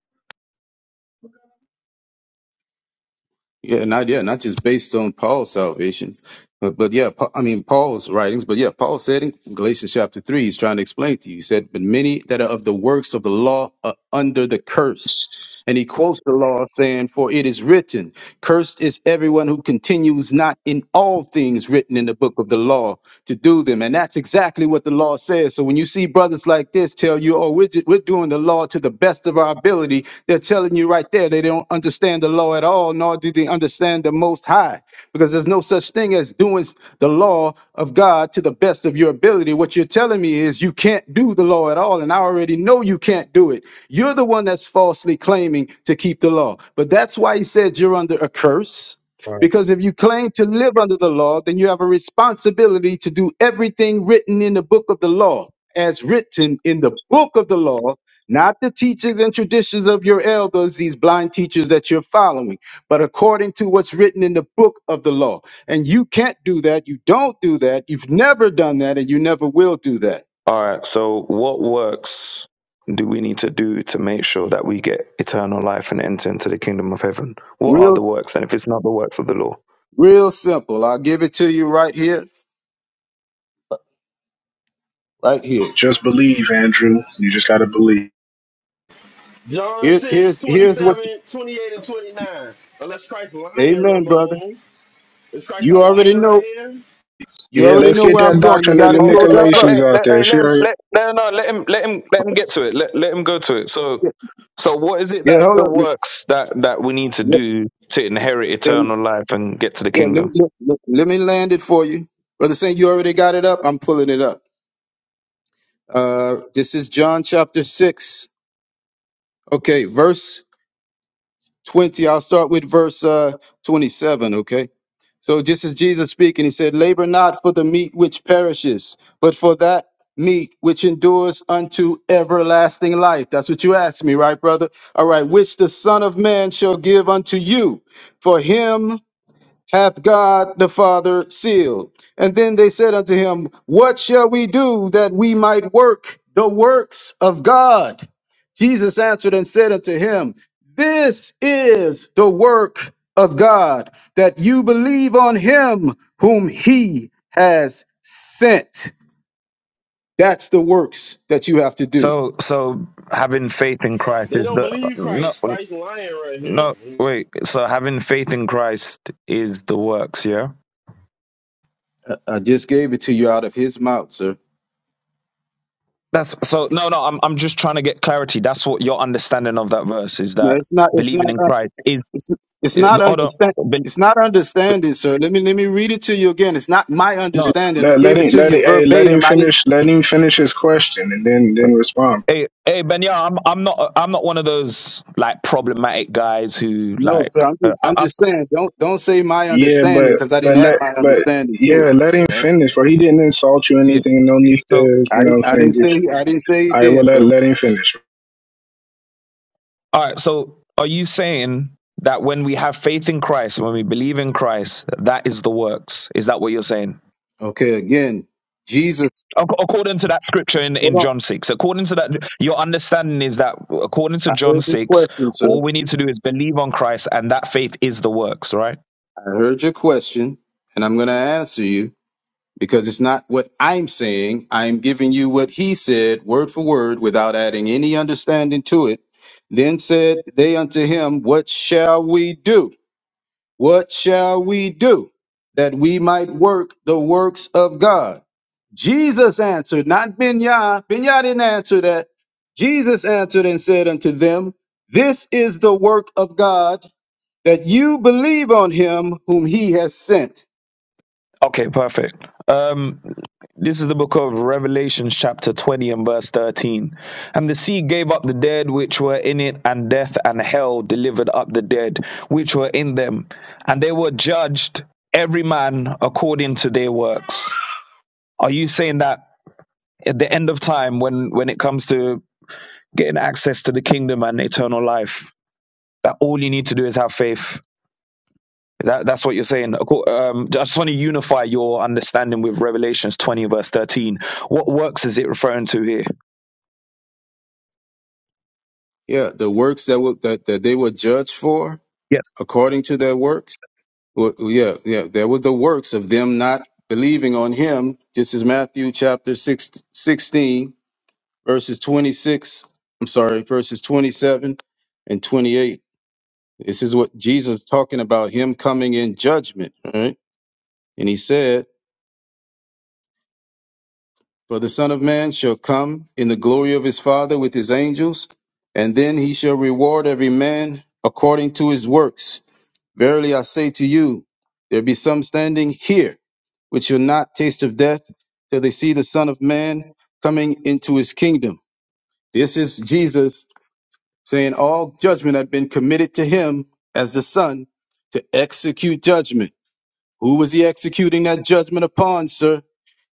S7: Yeah, not yeah, not just based on Paul's salvation, but but yeah, Pa- I mean Paul's writings. But yeah, Paul said in Galatians chapter three, he's trying to explain to you. He said, "But many that are of the works of the law are under the curse." And he quotes the law, saying, "For it is written." Cursed is everyone who continues not in all things written in the book of the law to do them. And that's exactly what the law says. So when you see brothers like this tell you, oh, we're, ju- we're doing the law to the best of our ability, they're telling you right there they don't understand the law at all, nor do they understand the Most High, because there's no such thing as doing s- the law of God to the best of your ability. What you're telling me is you can't do the law at all, and I already know you can't do it. You're the one that's falsely claiming to keep the law. But that's why he said you're under a curse.
S13: Right.
S7: Because if you claim to live under the law, then you have a responsibility to do everything written in the book of the law, as written in the book of the law, not the teachings and traditions of your elders, these blind teachers that you're following, but according to what's written in the book of the law. And you can't do that. You don't do that. You've never done that, and you never will do that.
S13: All right. So, what works do we need to do to make sure that we get eternal life and enter into the kingdom of heaven? What are
S7: Real,
S13: the works? And if it's not the works of the law?
S7: real simple. I'll give it to you right here right here.
S11: Just believe, Andrew. You just gotta believe.
S5: John
S7: Here,
S5: 6
S7: here's
S5: twenty
S7: here's what.
S5: seven, 28, and 29. Unless Christ
S7: You,
S5: lying,
S7: amen, brother.
S5: Ramon. Is Christ a
S7: You already
S5: liar
S7: know.
S5: right here?
S7: You
S11: Yeah,
S7: already
S11: let's
S7: know
S11: get
S7: where
S11: that
S7: I'm going. You
S11: doctrine of
S7: got
S11: the
S7: it
S13: Oh, hold
S7: pulled
S13: on,
S7: up,
S13: hold on.
S7: brother.
S13: Let,
S11: Nicolaitans out
S13: let,
S11: there.
S13: hey,
S11: She
S13: let, him-
S11: already-
S13: let, no, no, no, let him, let him, let him get to it. Let, let him go to it. So,
S7: Yeah,
S13: so what is it
S7: yeah
S13: that is
S7: hold
S13: the
S7: on. Yeah,
S13: works that that we need to do to inherit
S7: yeah,
S13: eternal life and get to the
S7: yeah, let, me,
S13: kingdom?
S7: let, let- let me land it for you, brother. Saying you already got it up. I'm pulling it up. Uh, this is John chapter six. Okay, verse 20. I'll start with verse uh, 27, okay? So this is Jesus speaking. He said, Labor not for the meat which perishes, but for that meat which endures unto everlasting life. That's what you asked me, right, brother? All right, which the Son of Man shall give unto you. For him hath God the Father sealed. And then they said unto him, What shall we do that we might work the works of God? Jesus answered and said unto him, This is the work of God, that you believe on him whom he has sent. That's the works that you have to do.
S13: So, so having faith in Christ
S5: They
S13: is
S5: don't
S13: the
S5: believe
S13: no,
S5: Christ. Christ lying right
S13: no.
S5: here.
S13: Wait. So having faith in Christ is the works. Yeah.
S7: I I just gave it to you out of his mouth, sir.
S13: That's so. No, no. I'm, I'm just trying to get clarity. That's what your understanding of that verse is.
S7: No,
S13: That
S7: it's not. It's not.
S13: believing in
S7: uh,
S13: Christ is.
S7: It's, it's
S13: eh,
S7: not
S13: Hold on.
S7: understand.
S13: Be-
S7: It's not understanding, sir. Let me let me read it to you again. It's not my
S13: No.
S7: understanding.
S11: let
S7: I
S11: let
S7: gave it
S11: him
S7: to
S11: let
S7: you
S11: him, hey, let him
S7: verbatim. I didn't.
S11: finish let him finish his question and then then respond.
S13: Hey, hey, Benya, I'm. I'm not. I'm not one of those like problematic guys who
S7: No,
S13: like.
S7: sir. I'm
S13: Uh,
S7: just,
S13: I,
S7: I'm
S13: I,
S7: just saying. Don't don't say my
S11: Yeah,
S7: understanding
S11: but
S7: because I
S11: but
S7: didn't add
S11: let
S7: my
S11: but
S7: understanding to
S11: yeah,
S7: it.
S11: let him
S7: Right?
S11: finish, bro. He didn't insult you or
S13: yeah.
S11: anything. No need
S13: So,
S11: to,
S7: I
S11: you know what
S7: didn't.
S11: I'm
S7: I
S11: saying,
S7: didn't
S11: get
S7: say.
S11: you.
S7: I didn't say he
S11: All right, well
S7: did,
S11: let
S7: bro.
S11: let him finish.
S13: all right. So, are you saying that when we have faith in Christ, when we believe in Christ, that is the works? Is that what you're saying?
S7: Okay. Again, Jesus.
S13: Ac- According to that scripture in,
S7: Hold
S13: in
S7: on.
S13: John six, according to that, your understanding is that according to
S7: I
S13: John
S7: heard your
S13: six,
S7: question,
S13: all
S7: sir.
S13: we need to do is believe on Christ, and that faith is the works, right?
S7: I heard your question, and I'm going to answer you. because it's not what I'm saying. I'm giving you what he said, word for word, without adding any understanding to it. Then said they unto him, What shall we do? What shall we do that we might work the works of God? Jesus answered, not Binyah. Binyah didn't answer that. Jesus answered and said unto them, This is the work of God, that you believe on him whom he has sent.
S13: Okay, perfect. Um, this is the book of Revelations, chapter 20 and verse 13. And the sea gave up the dead which were in it, and death and hell delivered up the dead which were in them. And they were judged, every man according to their works. Are you saying that at the end of time, when, when it comes to getting access to the kingdom and eternal life, that all you need to do is have faith? That, that's what you're saying. Acco- Um, I just want to unify your understanding with Revelations 20, verse 13. What works is it referring to here?
S7: Yeah, the works that would that, that they were judged for
S13: Yes.
S7: according to their works. Well, yeah, yeah, there were the works of them not believing on him. This is Matthew chapter 6, 16, verses 26. I'm sorry, verses 27 and 28. This is what Jesus talking about him coming in judgment, right? And he said, For the Son of Man shall come in the glory of his Father with his angels, and then he shall reward every man according to his works. Verily I say to you, there be some standing here which shall not taste of death till they see the Son of Man coming into his kingdom. This is Jesus saying all judgment had been committed to him as the Son to execute judgment. Who was he executing that judgment upon, sir?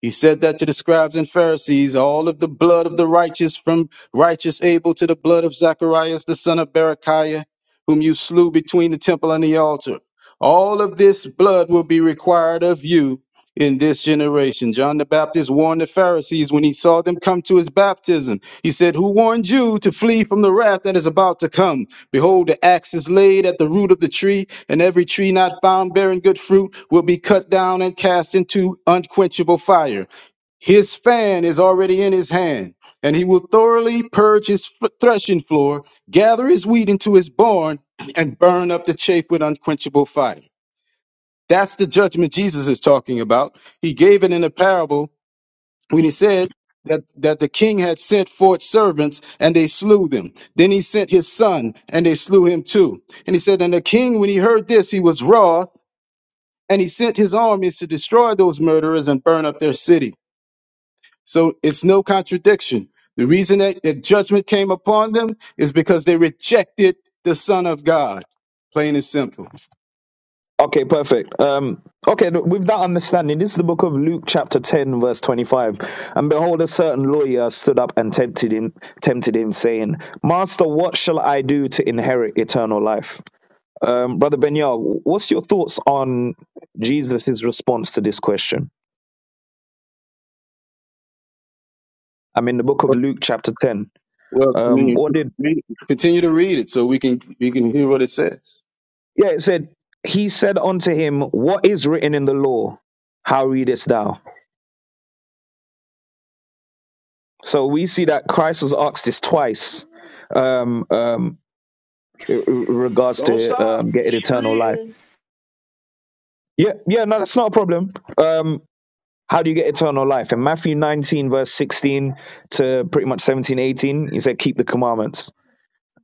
S7: He said that to the scribes and Pharisees, all of the blood of the righteous, from righteous Abel to the blood of Zacharias, the son of Berechiah, whom you slew between the temple and the altar. All of this blood will be required of you in this generation. John the Baptist warned the Pharisees when he saw them come to his baptism. He said, Who warned you to flee from the wrath that is about to come? Behold, the axe is laid at the root of the tree, and every tree not found bearing good fruit will be cut down and cast into unquenchable fire. His fan is already in his hand, and he will thoroughly purge his f- threshing floor, gather his wheat into his barn, and burn up the chaff with unquenchable fire. That's the judgment Jesus is talking about. He gave it in a parable when he said that, that the king had sent forth servants and they slew them. Then he sent his son and they slew him too. And he said, And the king, when he heard this, he was wroth and he sent his armies to destroy those murderers and burn up their city. So it's no contradiction. The reason that, that judgment came upon them is because they rejected the Son of God. Plain and simple.
S13: Okay, perfect. Um, okay, th- with that understanding, this is the book of Luke, chapter 10, verse 25. And behold, a certain lawyer stood up and tempted him, tempted him saying, Master, what shall I do to inherit eternal life? Um, Brother Benyar, what's your thoughts on Jesus' response to this question? I'm in the book of Luke, chapter 10.
S7: Well,
S13: Um,
S7: continue,
S13: what did
S7: continue to read it so we can we can hear what it says.
S13: Yeah, it said, He said unto him, What is written in the law? How readest thou? So we see that Christ was asked this twice um, um, in regards
S5: Don't
S13: to
S5: stop.
S13: um, getting
S5: Keep
S13: eternal life.
S5: reading.
S13: Yeah, yeah, no, that's not a problem. Um, how do you get eternal life? In Matthew 19, verse 16 to pretty much 17, 18, he said, Keep the commandments.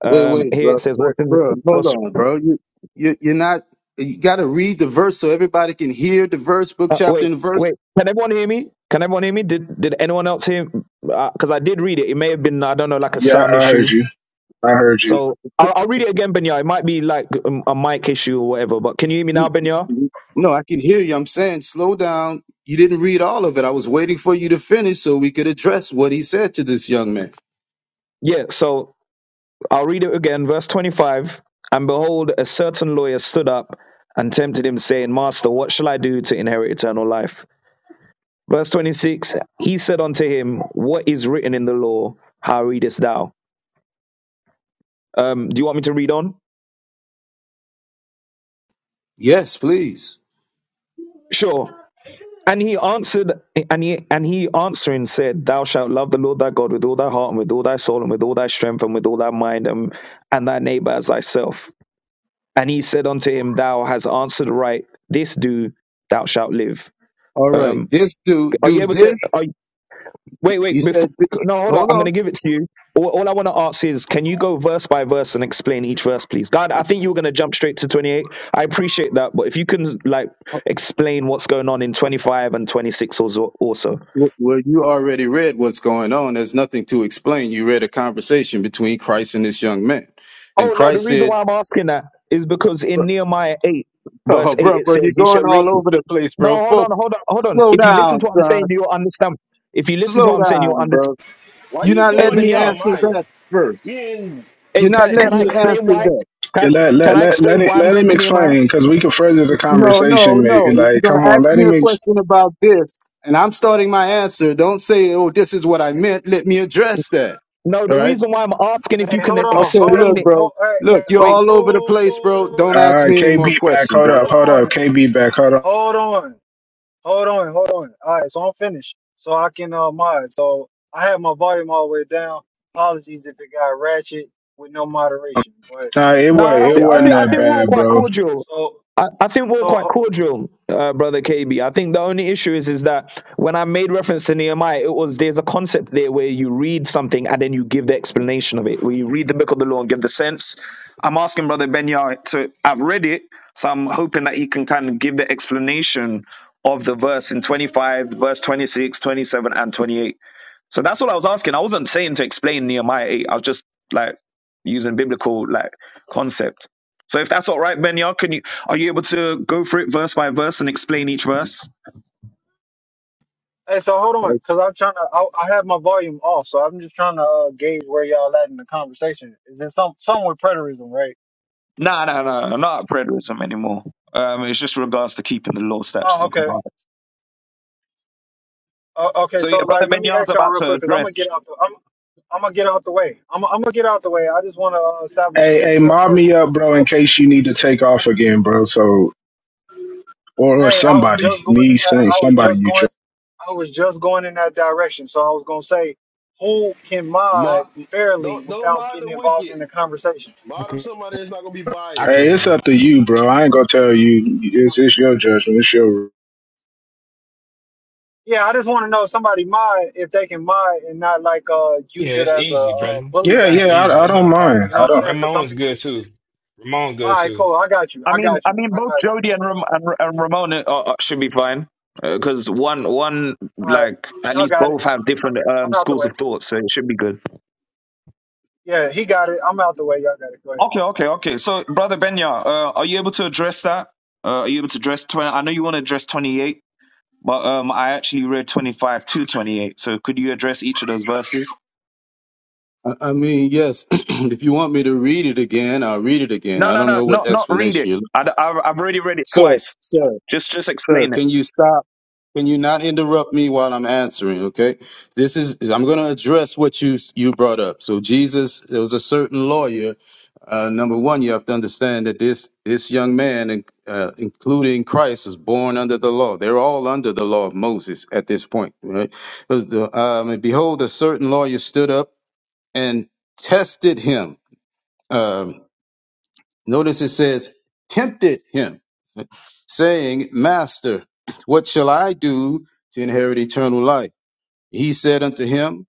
S7: Wait,
S13: Um,
S7: wait,
S13: here it
S7: bro,
S13: says,
S7: bro,
S13: What's in the,
S7: bro, hold
S13: what's
S7: on, bro. You, you, you're not. You got to read the verse so everybody can hear the verse, book,
S13: Uh,
S7: chapter,
S13: wait,
S7: and
S13: wait.
S7: verse.
S13: Can everyone hear me? Can everyone hear me? Did Did anyone else hear? Because I did read it. It may have been I don't know, like a
S11: Yeah,
S13: sound
S11: I heard
S13: issue.
S11: you. I heard you.
S13: So I'll, I'll read it again, Benya. It might be like um, a mic issue or whatever. But can you hear me now, Benya?
S7: No, I can hear you. I'm saying, slow down. You didn't read all of it. I was waiting for you to finish so we could address what he said to this young man.
S13: Yeah. So I'll read it again. Verse twenty five. And behold, a certain lawyer stood up and tempted him, saying, Master, what shall I do to inherit eternal life? Verse twenty six. He said unto him, What is written in the law? How readest thou? Um, do you want me to read on?
S7: Yes, please.
S13: Sure. And he answered, and he and he answering said, "Thou shalt love the Lord thy God with all thy heart and with all thy soul and with all thy strength and with all thy mind and, and thy neighbor as thyself." And he said unto him, "Thou hast answered right. This do, thou shalt live."
S7: All right.
S13: Um,
S7: This do
S13: are you
S7: do
S13: able to?
S7: this.
S13: Are, Wait,
S7: He
S13: wait. Before,
S7: said, th-
S13: no, hold on.
S7: hold
S13: I'm going
S7: on.
S13: to give it to you. All, all I want to ask is, can you go verse by verse and explain each verse, please? God, I think you were going to jump straight to 28. I appreciate that, but if you can like explain what's going on in 25 and 26 also. also.
S7: Well, well, you already read what's going on. There's nothing to explain. You read a conversation between Christ and this young man, and
S13: Oh no, the
S7: Christ
S13: reason
S7: said.
S13: why I'm asking that is because in Nehemiah 8, verse
S7: Oh,
S13: 8,
S7: bro,
S13: it
S7: bro, you're
S13: says, "You shall
S7: going
S13: read."
S7: all over the place,
S13: No,
S7: bro.
S13: hold on,
S7: Folk,
S13: hold on, hold on.
S7: slow
S13: If you listen
S7: down,
S13: to what I'm saying,
S7: son.
S13: you'll understand. If you listen to
S7: Slow
S13: what I'm saying, you'll
S7: down,
S13: understand.
S7: bro.
S5: Why
S7: You're
S5: you
S7: not
S13: Hey,
S5: going
S7: letting
S5: to
S7: me
S13: Benyar,
S7: answer
S5: Nehemiah?
S7: that first.
S5: We in
S13: hey,
S7: You're not
S13: can,
S5: New
S13: can
S7: letting
S13: I
S7: me
S5: Testament.
S13: explain
S7: answer
S13: why?
S5: bro.
S7: that.
S13: Can,
S11: Yeah, let,
S13: can
S11: let,
S13: I
S11: let, let,
S13: explain
S11: him,
S13: why I'm
S11: let
S13: going
S11: him
S13: to Nehemiah?
S11: explain because we can further the
S7: No, no,
S11: conversation, maybe.
S7: no. If you're
S11: Like, come
S7: gonna
S11: on,
S7: ask
S11: let
S7: me
S11: him.
S7: a
S11: Ex-
S7: question about this, and I'm starting my answer, don't say, "Oh, this is what I meant." Let me address that.
S13: No,
S7: All
S13: the
S7: right?
S13: reason why I'm asking if
S2: Hey,
S13: you can
S2: hold on,
S7: Okay,
S2: hold
S13: explain
S7: look,
S13: it.
S2: on,
S7: bro.
S2: hold, hey,
S7: Look,
S2: hey,
S7: you're
S2: hold
S13: Wait,
S7: all over the
S2: on,
S7: place, bro. Don't
S11: All
S7: ask
S11: right,
S7: me any more
S11: KB back.
S7: questions.
S11: Hold up,
S7: All
S11: hold
S2: hold
S11: up.
S2: on,
S11: KB back. Hold up.
S2: hold on, hold on. All right, so I'm finished, so I can uh mod. So I had my volume all the way down. Apologies if it got ratchet with no moderation, but
S11: Nah, it,
S2: I'm
S11: was,
S13: no, I
S11: it
S2: I'm
S13: think I
S11: wasn't
S13: think
S2: back
S13: I
S11: that
S13: think
S2: active
S13: we're all
S11: bad,
S13: quite
S2: now.
S11: bro.
S13: cordial.
S2: So
S13: I, I think we're all
S2: so
S13: quite
S2: ho-
S13: cordial, uh, brother KB. I think the only issue is is that when I made reference to Nehemiah, it was there's a concept there where you read something and then you give the explanation of it. Where you read the book of the law and give the sense. I'm asking brother Benya to. I've read it, so I'm hoping that he can kind of give the explanation of the verse in 25, verse 26, 27, and 28. So that's all I was asking. I wasn't saying to explain Nehemiah 8. I was just like using biblical like concept. So if that's all right, Benya, can you are you able to go through it verse by verse and explain each verse?
S2: hey, so hold on,
S7: right?
S2: cause I'm trying to. I, I have my volume off, so I'm just trying to uh, gauge where y'all at in the conversation. Is it some some with preterism, right?
S13: No, no, no, I'm not at preterism anymore. Um, it's just regards to keeping the law, statutes,
S2: Oh,
S13: and
S2: okay,
S13: commandments.
S2: Uh, okay,
S13: So
S2: so
S13: yeah, brother
S2: like, let me
S13: Benya's
S2: ask y'all
S13: about
S2: real
S13: to
S2: quick, cause I'm gonna
S13: address.
S2: get out the, I'm, I'm gonna get out the way. I'm, I'm gonna get out the way. I just want to uh, establish
S11: Hey,
S2: some
S11: hey,
S2: stuff
S11: mob
S2: first.
S11: me up, bro, in
S2: So,
S11: case you need to take off again, bro. So, or, or
S2: hey, I was
S11: somebody,
S2: just going
S11: me
S2: in that,
S11: saying
S2: I was
S11: somebody
S2: just
S11: you
S2: going,
S11: trust.
S2: I was just going in that direction. So I was gonna say, who can mod
S5: Mock,
S2: fairly
S5: don't don't
S2: without
S5: mock
S2: getting
S5: the
S2: involved
S5: wicked.
S2: in the conversation?
S14: I
S5: Mock up
S14: can.
S5: somebody that's not gonna be
S14: I
S11: Hey,
S5: biased.
S11: it's
S14: can.
S11: up to you, bro. I ain't gonna tell you. It's it's your judgment. It's your.
S2: Yeah, I just want to know if somebody mod if they can mod and not like uh
S14: Yeah,
S2: use it
S14: it's
S2: as a,
S14: easy,
S2: uh
S14: Brendan.
S2: bully
S11: Yeah,
S14: It's
S11: yeah.
S2: badge.
S14: easy.
S11: I, I
S14: It's not
S11: don't
S14: a
S11: mind.
S14: problem.
S2: You know what
S11: I
S2: I'm
S11: don't.
S2: saying? Cause some
S14: Ramon's good
S2: people,
S14: too. Ramon's
S2: all
S14: good
S2: right,
S14: too.
S2: cool, I got you,
S13: I
S2: I
S13: mean,
S2: got
S13: I
S2: you,
S13: mean,
S2: I
S13: both
S2: got you.
S13: Jody and Ram- and, and Ramon uh, uh, should be fine because one, one,
S2: All right,
S13: like at
S2: y'all
S13: least
S2: got it.
S13: both have different um,
S2: I'm out the
S13: schools
S2: way.
S13: of thought, so it should be good.
S2: Yeah, he got it. I'm out the way. Y'all got it. Go ahead.
S13: Okay, okay, okay. So, brother Benya, uh, are you able to address that? Uh, are you able to address twenty? I know you want to address twenty-eight, but um, I actually read twenty-five to twenty-eight. So, could you address each of those verses?
S7: I I mean, yes. if you want me to read it again, I'll read it again.
S13: No,
S7: I
S13: no,
S7: don't
S13: no,
S7: know what
S13: not not read it.
S7: explanation you're
S13: I, have I've already read it
S7: Sir,
S13: twice.
S7: sir,
S13: Just just
S7: sir,
S13: explain it.
S7: can you stop? Can you not interrupt me while I'm answering? Okay, this is I'm going to address what you you brought up. So Jesus, there was a certain lawyer. Uh, number one, you have to understand that this this young man, in- uh, including Christ, is born under the law. They're all under the law of Moses at this point, right? But the- Um, and behold, a certain lawyer stood up and tested him. um, Notice it says, tempted him, saying, Master, what shall I do to inherit eternal life? He said unto him,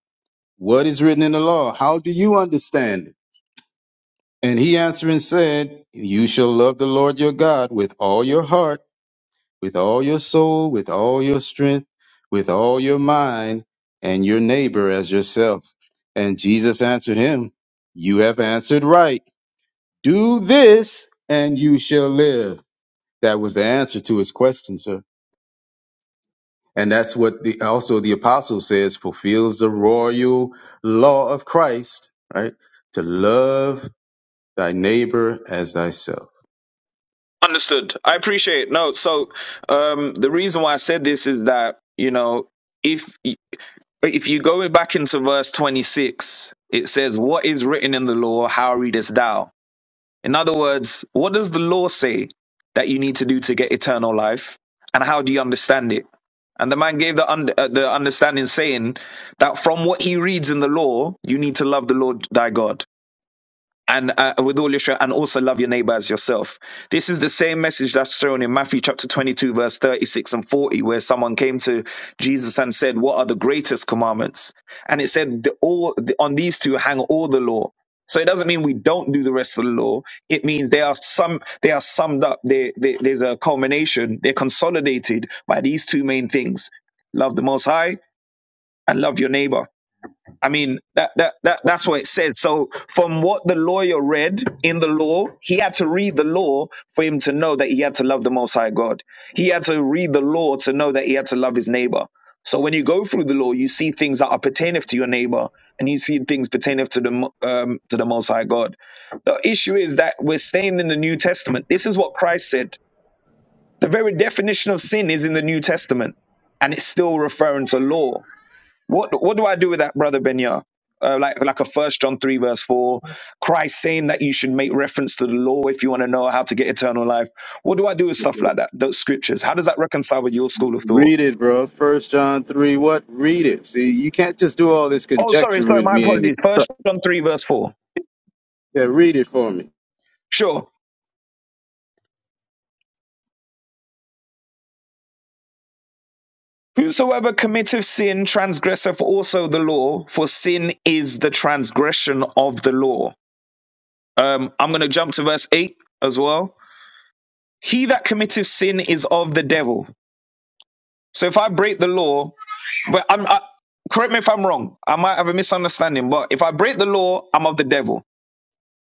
S7: What is written in the law? How do you understand it? And he answering said, You shall love the Lord your God with all your heart, with all your soul, with all your strength, with all your mind, and your neighbor as yourself. And Jesus answered him, You have answered right. Do this, and you shall live. That was the answer to his question, sir. And that's what the also the apostle says fulfills the royal law of Christ, right? To love thy neighbor as thyself.
S13: Understood. I appreciate. it. No, so um, the reason why I said this is that you know if y- if you go back into verse twenty-six, it says, "What is written in the law? How readest thou?" In other words, what does the law say that you need to do to get eternal life? And how do you understand it? And the man gave the, under, uh, the understanding saying that from what he reads in the law, you need to love the Lord thy God and uh, with all your strength, and also love your neighbor as yourself. This is the same message that's thrown in Matthew chapter 22, verse 36 and 40, where someone came to Jesus and said, What are the greatest commandments? And it said, the, all, the, On these two hang all the law. So it doesn't mean we don't do the rest of the law. It means they are some they are summed up. They, they, there's a culmination. They're consolidated by these two main things: love the Most High and love your neighbor I mean, that, that, that, that's what it says. So, from what the lawyer read in the law, he had to read the law for him to know that he had to love the Most High God. He had to read the law to know that he had to love his neighbor. So, when you go through the law, you see things that are pertaineth to your neighbor and you see things pertaineth to the, Mo- um, to the Most High God. The issue is that we're staying in the New Testament. This is what Christ said. The very definition of sin is in the New Testament, and it's still referring to law. What what do I do with that, brother Benya? Uh, like like a First John three verse four, Christ saying that you should make reference to the law if you want to know how to get eternal life. What do I do with stuff like that? Those scriptures. How does that reconcile with your school of thought?
S7: Read it, bro. First John three, what? Read it. See, you can't just do all this
S13: Oh, sorry,
S7: conjecture
S13: sorry.
S7: with
S13: My
S7: me and
S13: apologies. First
S7: expect.
S13: John three verse four.
S7: Yeah, read it for me.
S13: Sure. Whosoever committeth sin transgresseth also the law, for sin is the transgression of the law. Um, I'm going to jump to verse eight as well. He that committeth sin is of the devil. So if I break the law, But I'm, I, correct me if I'm wrong. I might have a misunderstanding. But if I break the law, I'm of the devil.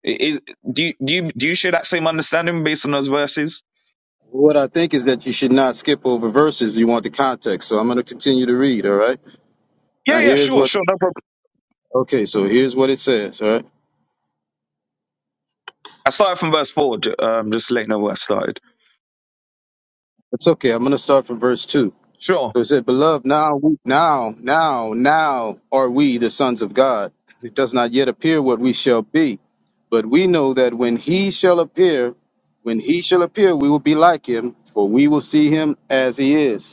S13: I- Is, do you do you do you share that same understanding based on those verses?
S7: What I think is that you should not skip over verses. You want the context, so I'm going to continue to read. All right. Now
S13: Yeah, yeah,
S7: here's
S13: sure,
S7: what.
S13: sure, no problem.
S7: Okay, so here's what it says. All right.
S13: I started from verse four. j- Um, just letting know where I started.
S7: It's okay. I'm going to start from verse two.
S13: Sure.
S7: So it said, Beloved, now, we- now, now, now are we the sons of God. It does not yet appear what we shall be. But we know that when he shall appear, when he shall appear, we will be like him, for we will see him as he is.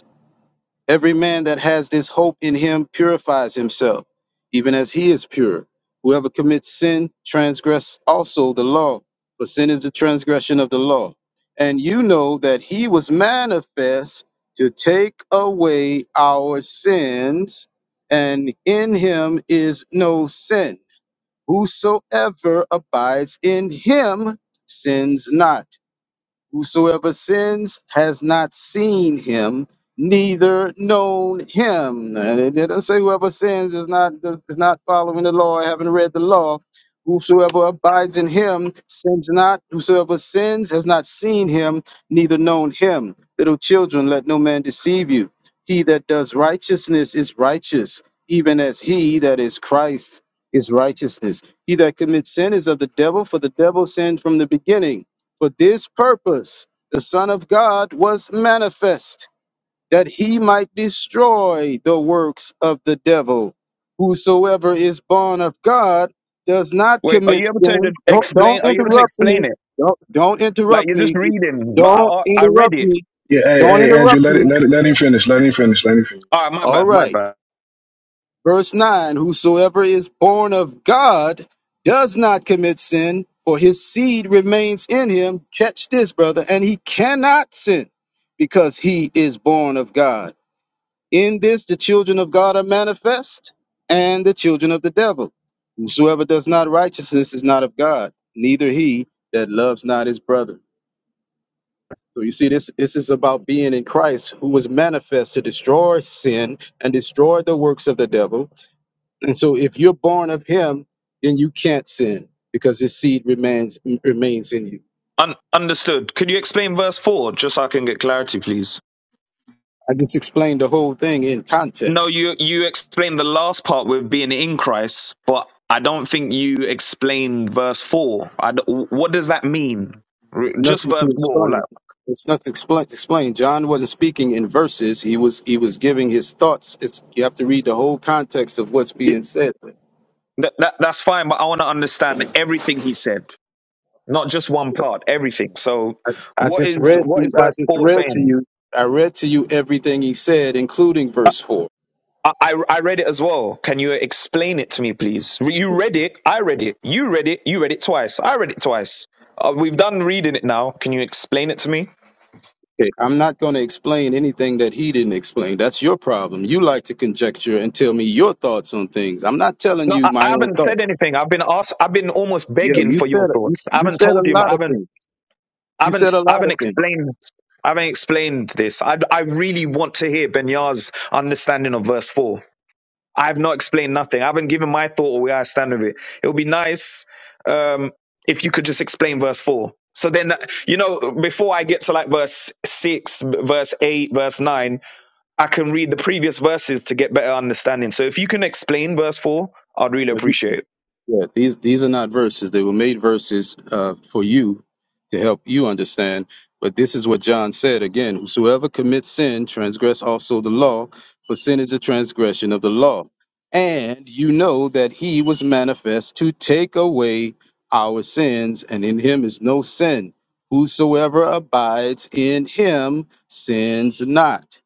S7: Every man that has this hope in him purifies himself, even as he is pure. Whoever commits sin transgress also the law, for sin is the transgression of the law. And you know that he was manifest to take away our sins, and in him is no sin. Whosoever abides in him sins not. Whosoever sins has not seen him, neither known him. And it didn't say whoever sins is not is not following the law, haven't read the law. Whosoever abides in him sins not. Whosoever sins has not seen him, neither known him. Little children, let no man deceive you. He that does righteousness is righteous, even as he that is Christ is righteousness. He that commits sin is of the devil, for the devil sinned from the beginning. For this purpose the Son of God was manifest, that he might destroy the works of the devil. Whosoever is born of God does not
S13: Wait, are you
S7: commit
S13: able to
S7: sin.
S13: just
S7: Don't, don't
S13: explain? Are you able to
S7: interrupt
S13: explain
S7: me.
S13: it?
S7: Don't, don't
S13: Like
S7: interrupt
S13: you're just
S7: me.
S13: reading, but I
S7: Don't
S13: I I read
S7: interrupt
S13: it.
S7: me.
S11: Yeah, hey,
S7: Don't
S11: hey, Andrew,
S7: interrupt
S11: let it,
S7: me.
S11: let it, let him finish. Let him finish. Let him finish.
S13: All right, my
S7: All
S13: bad, my
S7: right.
S13: bad.
S7: Verse 9 Whosoever is born of God does not commit sin, for his seed remains in him. Catch this, brother. And he cannot sin because he is born of God. In this, the children of God are manifest and the children of the devil. Whosoever does not righteousness is not of God, neither he that loves not his brother. So you see, this, this is about being in Christ, who was manifest to destroy sin and destroy the works of the devil and so if you're born of him, then you can't sin because his seed remains remains in you.
S13: Un- understood. Could you explain verse four just so I can get clarity, please?
S7: I just explained the whole thing in
S13: No,
S7: context.
S13: you you explained the last part with being in Christ, but I don't think you explained verse four. I d what does that mean? R-
S7: It's
S13: Just
S7: nothing
S13: verse
S7: to
S13: four,
S7: explain.
S13: like
S7: It's nothing expl- to explain. John wasn't speaking in verses. He was he was giving his thoughts. It's, you have to read the whole context of what's
S13: it-
S7: being said.
S13: that, that that's fine, but I want to understand everything he said, not just one part, everything. So,
S7: I, I
S13: what
S7: just
S13: is
S7: read to
S13: what is
S7: I
S13: verse
S7: just
S13: four
S7: read to
S13: saying?
S7: you. I read to you everything he said, including verse four.
S13: I, I I read it as well. Can you explain it to me, please? You read it. I read it. You read it. You read it twice. I read it twice. Uh, we've done reading it now. Can you explain it to me?
S7: Okay, I'm not going to explain anything that he didn't explain. That's your problem. You like to conjecture and tell me your thoughts on things. I'm not telling
S13: No, I,
S7: you
S13: I
S7: my own
S13: haven't said
S7: thoughts.
S13: anything. I've been asked. I've been almost
S7: Yeah,
S13: begging
S7: you
S13: for your
S7: said you,
S13: thoughts. I
S7: you
S13: haven't
S7: said a
S13: told you. I
S7: lot of
S13: haven't.
S7: things.
S13: I
S7: You
S13: haven't.
S7: said a
S13: s- I
S7: lot
S13: haven't
S7: of
S13: explained. I haven't explained this. I, I really want to hear Benyar's understanding of verse four. I have not explained nothing. I haven't given my thought or where I stand with it. It would be nice um, if you could just explain verse four. So then, you know, before I get to like verse six, verse eight, verse nine, I can read the previous verses to get better understanding. So if you can explain verse four, I'd really
S7: things.
S13: appreciate it.
S7: Yeah, these these are not verses. They were made verses uh, for you to help you understand. But this is what John said again: Whosoever commits sin transgress also the law, for sin is the transgression of the law. And you know that he was manifest to take away our sins, and in him is no sin. Whosoever abides in him sins not.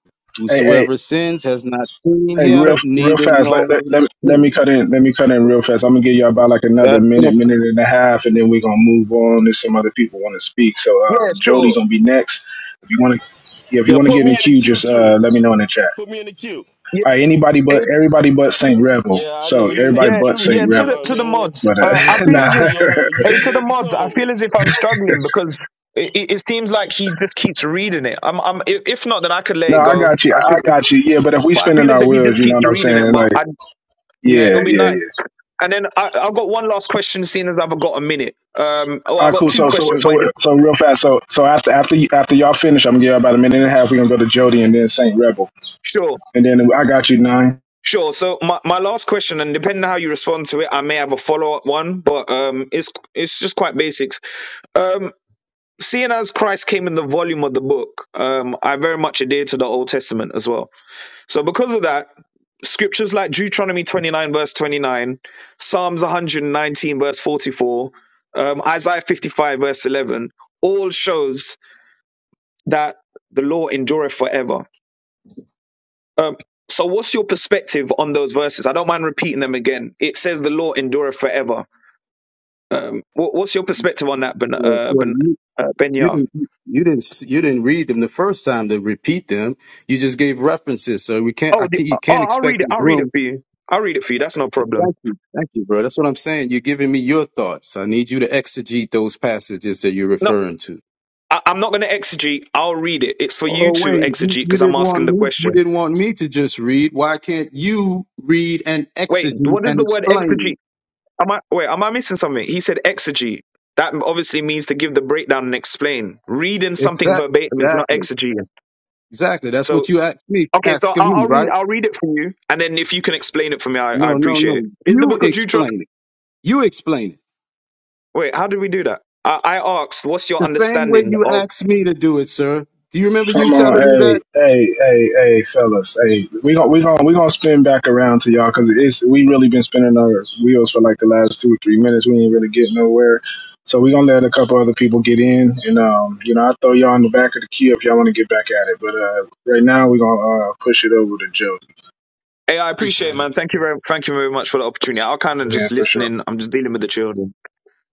S11: Hey, hey,
S7: Whosoever sins has not seen
S11: Hey,
S13: So
S11: real
S7: him,
S11: real
S7: neither
S11: fast. Let, let,
S7: known
S11: let, let
S7: him.
S11: me cut in. Let me cut in real fast. I'm gonna give you about like another
S7: That's
S11: minute,
S7: something.
S11: minute and a half, and then we're gonna move on if some other people want to speak. So
S13: Yeah,
S11: um, Jody
S13: sure.
S11: gonna be next. If you want to, yeah, if you
S5: Yeah,
S11: want to
S5: put
S11: get in
S5: me
S11: the
S5: in the
S11: queue,
S5: queue
S11: just uh,
S5: too.
S11: let me know in the chat.
S5: Put me in the queue.
S13: Yeah,
S11: All right, anybody but
S13: hey,
S11: everybody but Saint Rebel.
S5: Yeah, I know
S11: So
S5: you hate
S11: everybody
S5: the
S13: yeah,
S11: but
S5: truth,
S13: yeah.
S11: Saint
S5: you
S13: To the
S5: know
S11: Rebel.
S5: what I
S13: to the
S5: mean?
S13: mods,
S11: But
S13: uh, I
S11: uh,
S5: You
S13: feel
S11: nah,
S13: as if
S5: vexing your little
S13: hey,
S5: uni
S13: to the
S5: baby
S13: mods, I feel
S5: soul.
S13: as if I'm struggling because it, it, it seems like he just keeps reading it. I'm, I'm. i- If not, then I could let
S11: no,
S13: it
S11: I
S13: go.
S11: got you.
S13: I
S11: I
S13: could,
S11: got you. Yeah, but if we
S13: but I
S11: spinning
S13: feel as
S11: our
S13: if he
S11: wheels,
S13: just
S11: you know
S13: keeps
S11: what I'm
S13: reading it.
S11: saying?
S13: But
S11: Like,
S13: I, yeah, it'll
S11: yeah,
S13: be
S11: yeah, yeah.
S13: nice. And then I, I've got one last question, seeing as I've got a minute. Um, oh,
S11: All
S13: I've
S11: right,
S13: got
S11: cool.
S13: two
S11: So, so,
S13: questions, but
S11: so,
S13: it, dep-
S11: so, real fast. So, so after, after, y- after y'all finish, I'm gonna give y'all about a minute and a half. We're gonna go to Jody and then Saint Rebel,
S13: sure,
S11: and then I got you nine.
S13: sure. So my, my last question, and depending on how you respond to it, I may have a follow up one, but um, it's it's just quite basics. Um, seeing as Christ came in the volume of the book, um, I very much adhere to the Old Testament as well. So because of that, scriptures like Deuteronomy 29, verse 29, Psalms 119, verse 44, um, Isaiah 55, verse 11, all shows that the law endureth forever. Um, so what's your perspective on those verses? I don't mind repeating them again. It says the law endureth forever. Um, what, what's your perspective on that, ben,
S7: Well,
S13: uh,
S7: well,
S13: ben,
S7: you,
S13: uh, Benya?
S7: you didn't you didn't s- you didn't read them the first time to repeat them. You just gave references, so we can't. I
S13: Oh, the,
S7: can't
S13: oh,
S7: you
S13: oh,
S7: can't
S13: I'll
S7: expect
S13: read it.
S7: this
S13: I'll read it
S7: room.
S13: for you. I'll read it for you. That's no
S7: To,
S13: problem.
S7: thank you, thank you, bro. That's what I'm saying. You're giving me your thoughts. I need you to exegete those passages that you're
S13: No,
S7: referring to.
S13: I, I'm not going to exegete. I'll read it. It's for you
S7: Oh
S13: to
S7: wait, you,
S13: exegete
S7: you
S13: because I'm
S7: didn't
S13: asking
S7: want
S13: the
S7: me. You
S13: question.
S7: didn't want me to just read. Why can't you read and
S13: Wait,
S7: exegete
S13: what is
S7: and
S13: the word
S7: explain?
S13: exegete? Am I wait? Am I missing something? He said exegete. That obviously means to give the breakdown and explain. Reading something
S7: Exactly,
S13: verbatim is not
S7: exactly,
S13: exegeting.
S7: exactly. That's
S13: So
S7: what you asked me.
S13: okay, so
S7: Asking
S13: I'll,
S7: me,
S13: I'll
S7: right?
S13: read. I'll read it for you, and then if you can explain it for me, I, I
S7: No, no,
S13: appreciate it.
S7: no.
S13: Is the
S7: You
S13: book of Deuteronomy?
S7: explain it. You explain it.
S13: Wait, how did we do that? I, I asked, what's your
S7: The same way
S13: understanding
S7: you
S13: of?
S7: asked me to do it, sir. Do you remember you
S11: Come on,
S7: telling me
S11: hey,
S7: that?
S11: hey, hey, hey, fellas, hey. We gonna, we gonna, we gonna spin back around to y'all because it's we really been spinning our wheels for like the last two or three minutes. We ain't really getting nowhere. So we gonna let a couple other people get in, and um, you know, I will throw y'all in the back of the queue if y'all want to get back at it. But uh, right now, we are gonna uh, push it over to Jody.
S13: Hey, I appreciate it,
S14: Appreciate it.
S13: man. Thank you very, thank you very much for the opportunity. I'll kind of
S11: Yeah,
S13: just
S11: for
S13: listen
S11: sure.
S13: in. I'm just dealing with the children.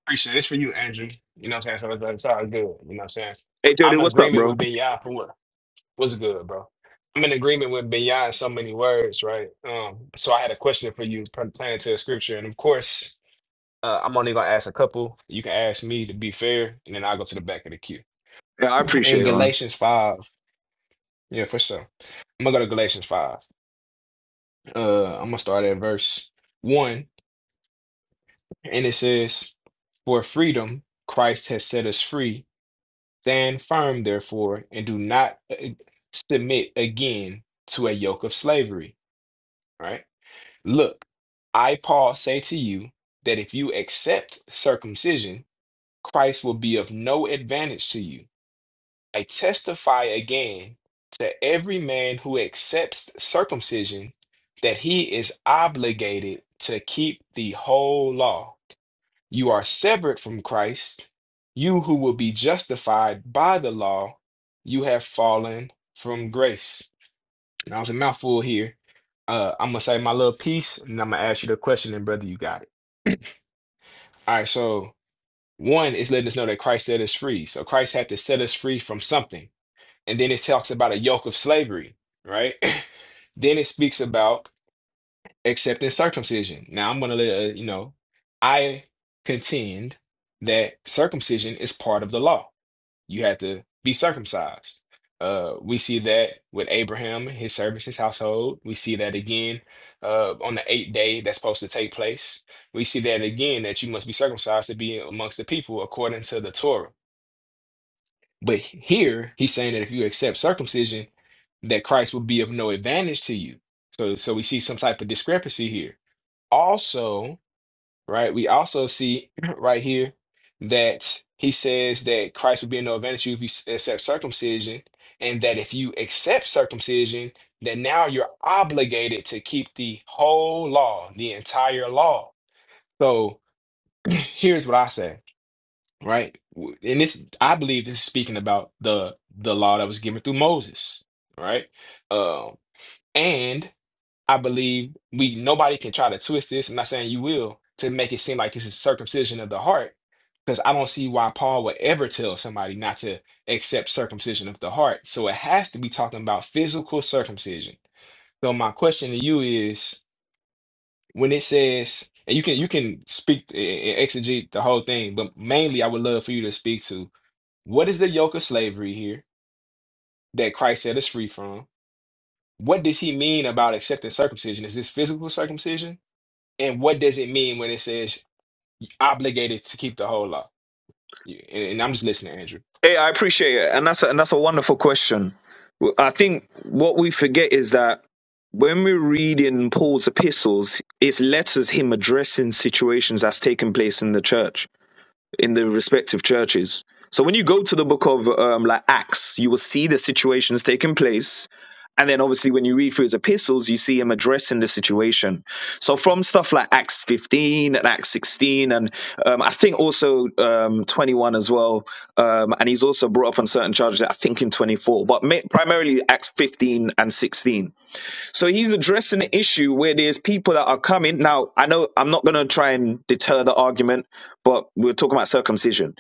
S14: Appreciate it. It's for you, Andrew. You know what I'm saying? So it's, it's all good. You know what I'm saying?
S13: Hey, Jody,
S14: I'm in
S13: what's up,
S14: agreement
S13: bro?
S14: with Benya for what? What's good, bro? I'm in agreement with Benya in so many words, right? Um, so I had a question for you pertaining to the scripture. And of course, uh, I'm only gonna ask a couple. You can ask me to be fair, and then I'll go to the back of the queue.
S13: Yeah, I appreciate
S14: In
S13: it, man.
S14: Galatians 5. Yeah, for sure. I'm gonna go to Galatians 5. Uh, I'm gonna start at verse one, and it says, For freedom Christ has set us free. Stand firm, therefore, and do not uh, submit again to a yoke of slavery. Right? Look, I, Paul, say to you that if you accept circumcision, Christ will be of no advantage to you. I testify again to every man who accepts circumcision that he is obligated to keep the whole law. You are severed from Christ, you who will be justified by the law, you have fallen from grace. Now it's a mouthful here. Uh, I'm gonna say my little piece, and I'm gonna ask you the question, and brother, you got it. All right, so one is letting us know that Christ set us free. So Christ had to set us free from something. And then it talks about a yoke of slavery, right? Then it speaks about accepting circumcision. Now I'm going to let uh, you know, I contend that circumcision is part of the law. You had to be circumcised. Uh, we see that with Abraham, his servants, his household. We see that again uh, on the eighth day that's supposed to take place. We see that again that you must be circumcised to be amongst the people according to the Torah. But here he's saying that if you accept circumcision, that Christ will be of no advantage to you. So so we see some type of discrepancy here. Also, right, we also see right here that he says that Christ will be of no advantage to you if you s- accept circumcision, and that if you accept circumcision, then now you're obligated to keep the whole law, the entire law. So here's what I say right? W- And this, I believe, this is speaking about the the law that was given through Moses, right? Um, and I believe we nobody can try to twist this. I'm not saying you will to make it seem like this is circumcision of the heart, because I don't see why Paul would ever tell somebody not to accept circumcision of the heart. So it has to be talking about physical circumcision. So my question to you is, when it says, and you can you can speak and exegete the whole thing, but mainly I would love for you to speak to what is the yoke of slavery here that Christ set us free from? What does he mean about accepting circumcision? Is this physical circumcision? And what does it mean when it says obligated to keep the whole law? Yeah, And and I'm just listening, Andrew.
S13: Hey, I appreciate it, and that's a, and that's a wonderful question. Well, I think what we forget is that when we read in Paul's epistles, it's letters him addressing situations that's taken place in the church. in the respective churches. So when you go to the book of um, like Acts, you will see the situations taking place. And then obviously when you read through his epistles, you see him addressing the situation. So from stuff like Acts 15 and Acts 16, and um, I think also um, 21 as well. Um, and he's also brought up on certain charges, I think in 24, but ma- primarily Acts 15 and 16. So he's addressing the issue where there's people that are coming. Now, I know I'm not going to try and deter the argument, but we're talking about circumcision.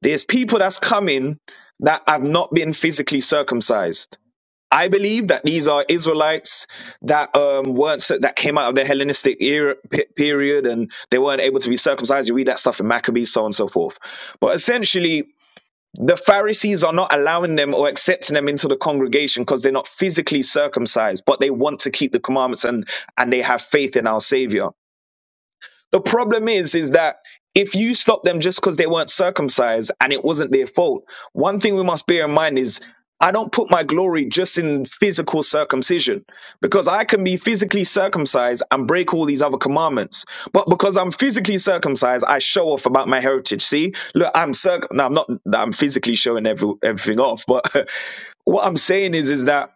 S13: There's people that's coming that have not been physically circumcised. I believe that these are Israelites that um, weren't that came out of the Hellenistic era, pe- period and they weren't able to be circumcised. You read that stuff in Maccabees, so on and so forth. But essentially, the Pharisees are not allowing them or accepting them into the congregation because they're not physically circumcised, but they want to keep the commandments and and they have faith in our Savior. The problem is, is that if you stop them just because they weren't circumcised and it wasn't their fault, one thing we must bear in mind is I don't put my glory just in physical circumcision because I can be physically circumcised and break all these other commandments. But because I'm physically circumcised, I show off about my heritage. See, look, I'm circ. No, I'm not. I'm physically showing every, everything off, but what I'm saying is, is that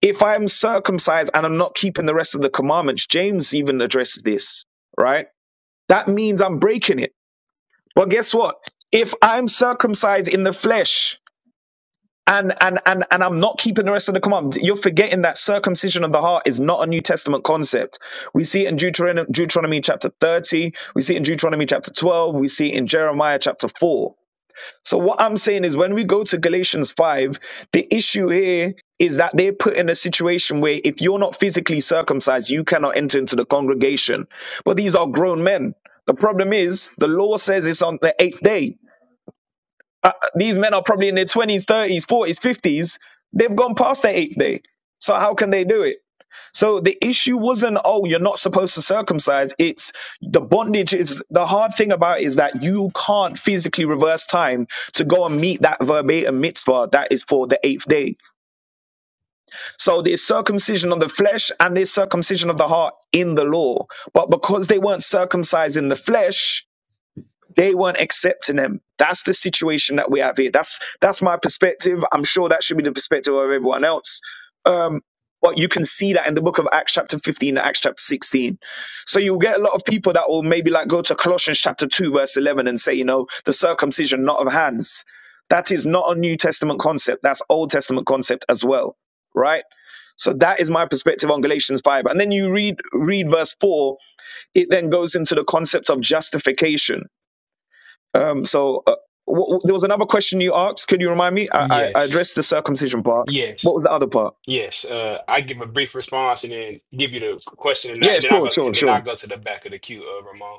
S13: if I'm circumcised and I'm not keeping the rest of the commandments, James even addresses this, right? That means I'm breaking it. But guess what? If I'm circumcised in the flesh and and and and I'm not keeping the rest of the command, you're forgetting that circumcision of the heart is not a New Testament concept. We see it in Deuteronomy, Deuteronomy chapter 30, we see it in Deuteronomy chapter 12, we see it in Jeremiah chapter 4 so what I'm saying is when we go to Galatians 5, the issue here is that they're put in a situation where if you're not physically circumcised, you cannot enter into the congregation. But these are grown men. The problem is the law says it's on the eighth day. Uh, These men are probably in their 20s, 30s, 40s, 50s. They've gone past their eighth day. So how can they do it? So the issue wasn't, oh, you're not supposed to circumcise. It's the bondage is the hard thing about it is that you can't physically reverse time to go and meet that verbatim mitzvah that is for the eighth day. So there's circumcision of the flesh and there's circumcision of the heart in the law. But because they weren't circumcised in the flesh, they weren't accepting them. That's the situation that we have here. That's that's my perspective. I'm sure that should be the perspective of everyone else. Um, but you can see that in the book of Acts chapter 15 and Acts chapter 16. So you'll get a lot of people that will maybe like go to Colossians chapter 2 verse 11 and say, you know, the circumcision not of hands. That is not a New Testament concept. That's Old Testament concept as well, right? So that is my perspective on Galatians 5. And then you read read verse 4, it then goes into the concept of justification um, so uh, w- w- there was another question you asked. Could you remind me? I, I, I
S14: Yes,
S13: addressed the circumcision part. What
S14: yes,
S13: was the other part?
S14: yes. Uh, I give a brief response and then give you the question, and, I,
S13: Yeah,
S14: and then I
S13: sure,
S14: go
S13: sure,
S14: and then
S13: sure.
S14: I go to the back of the queue, uh, Ramon.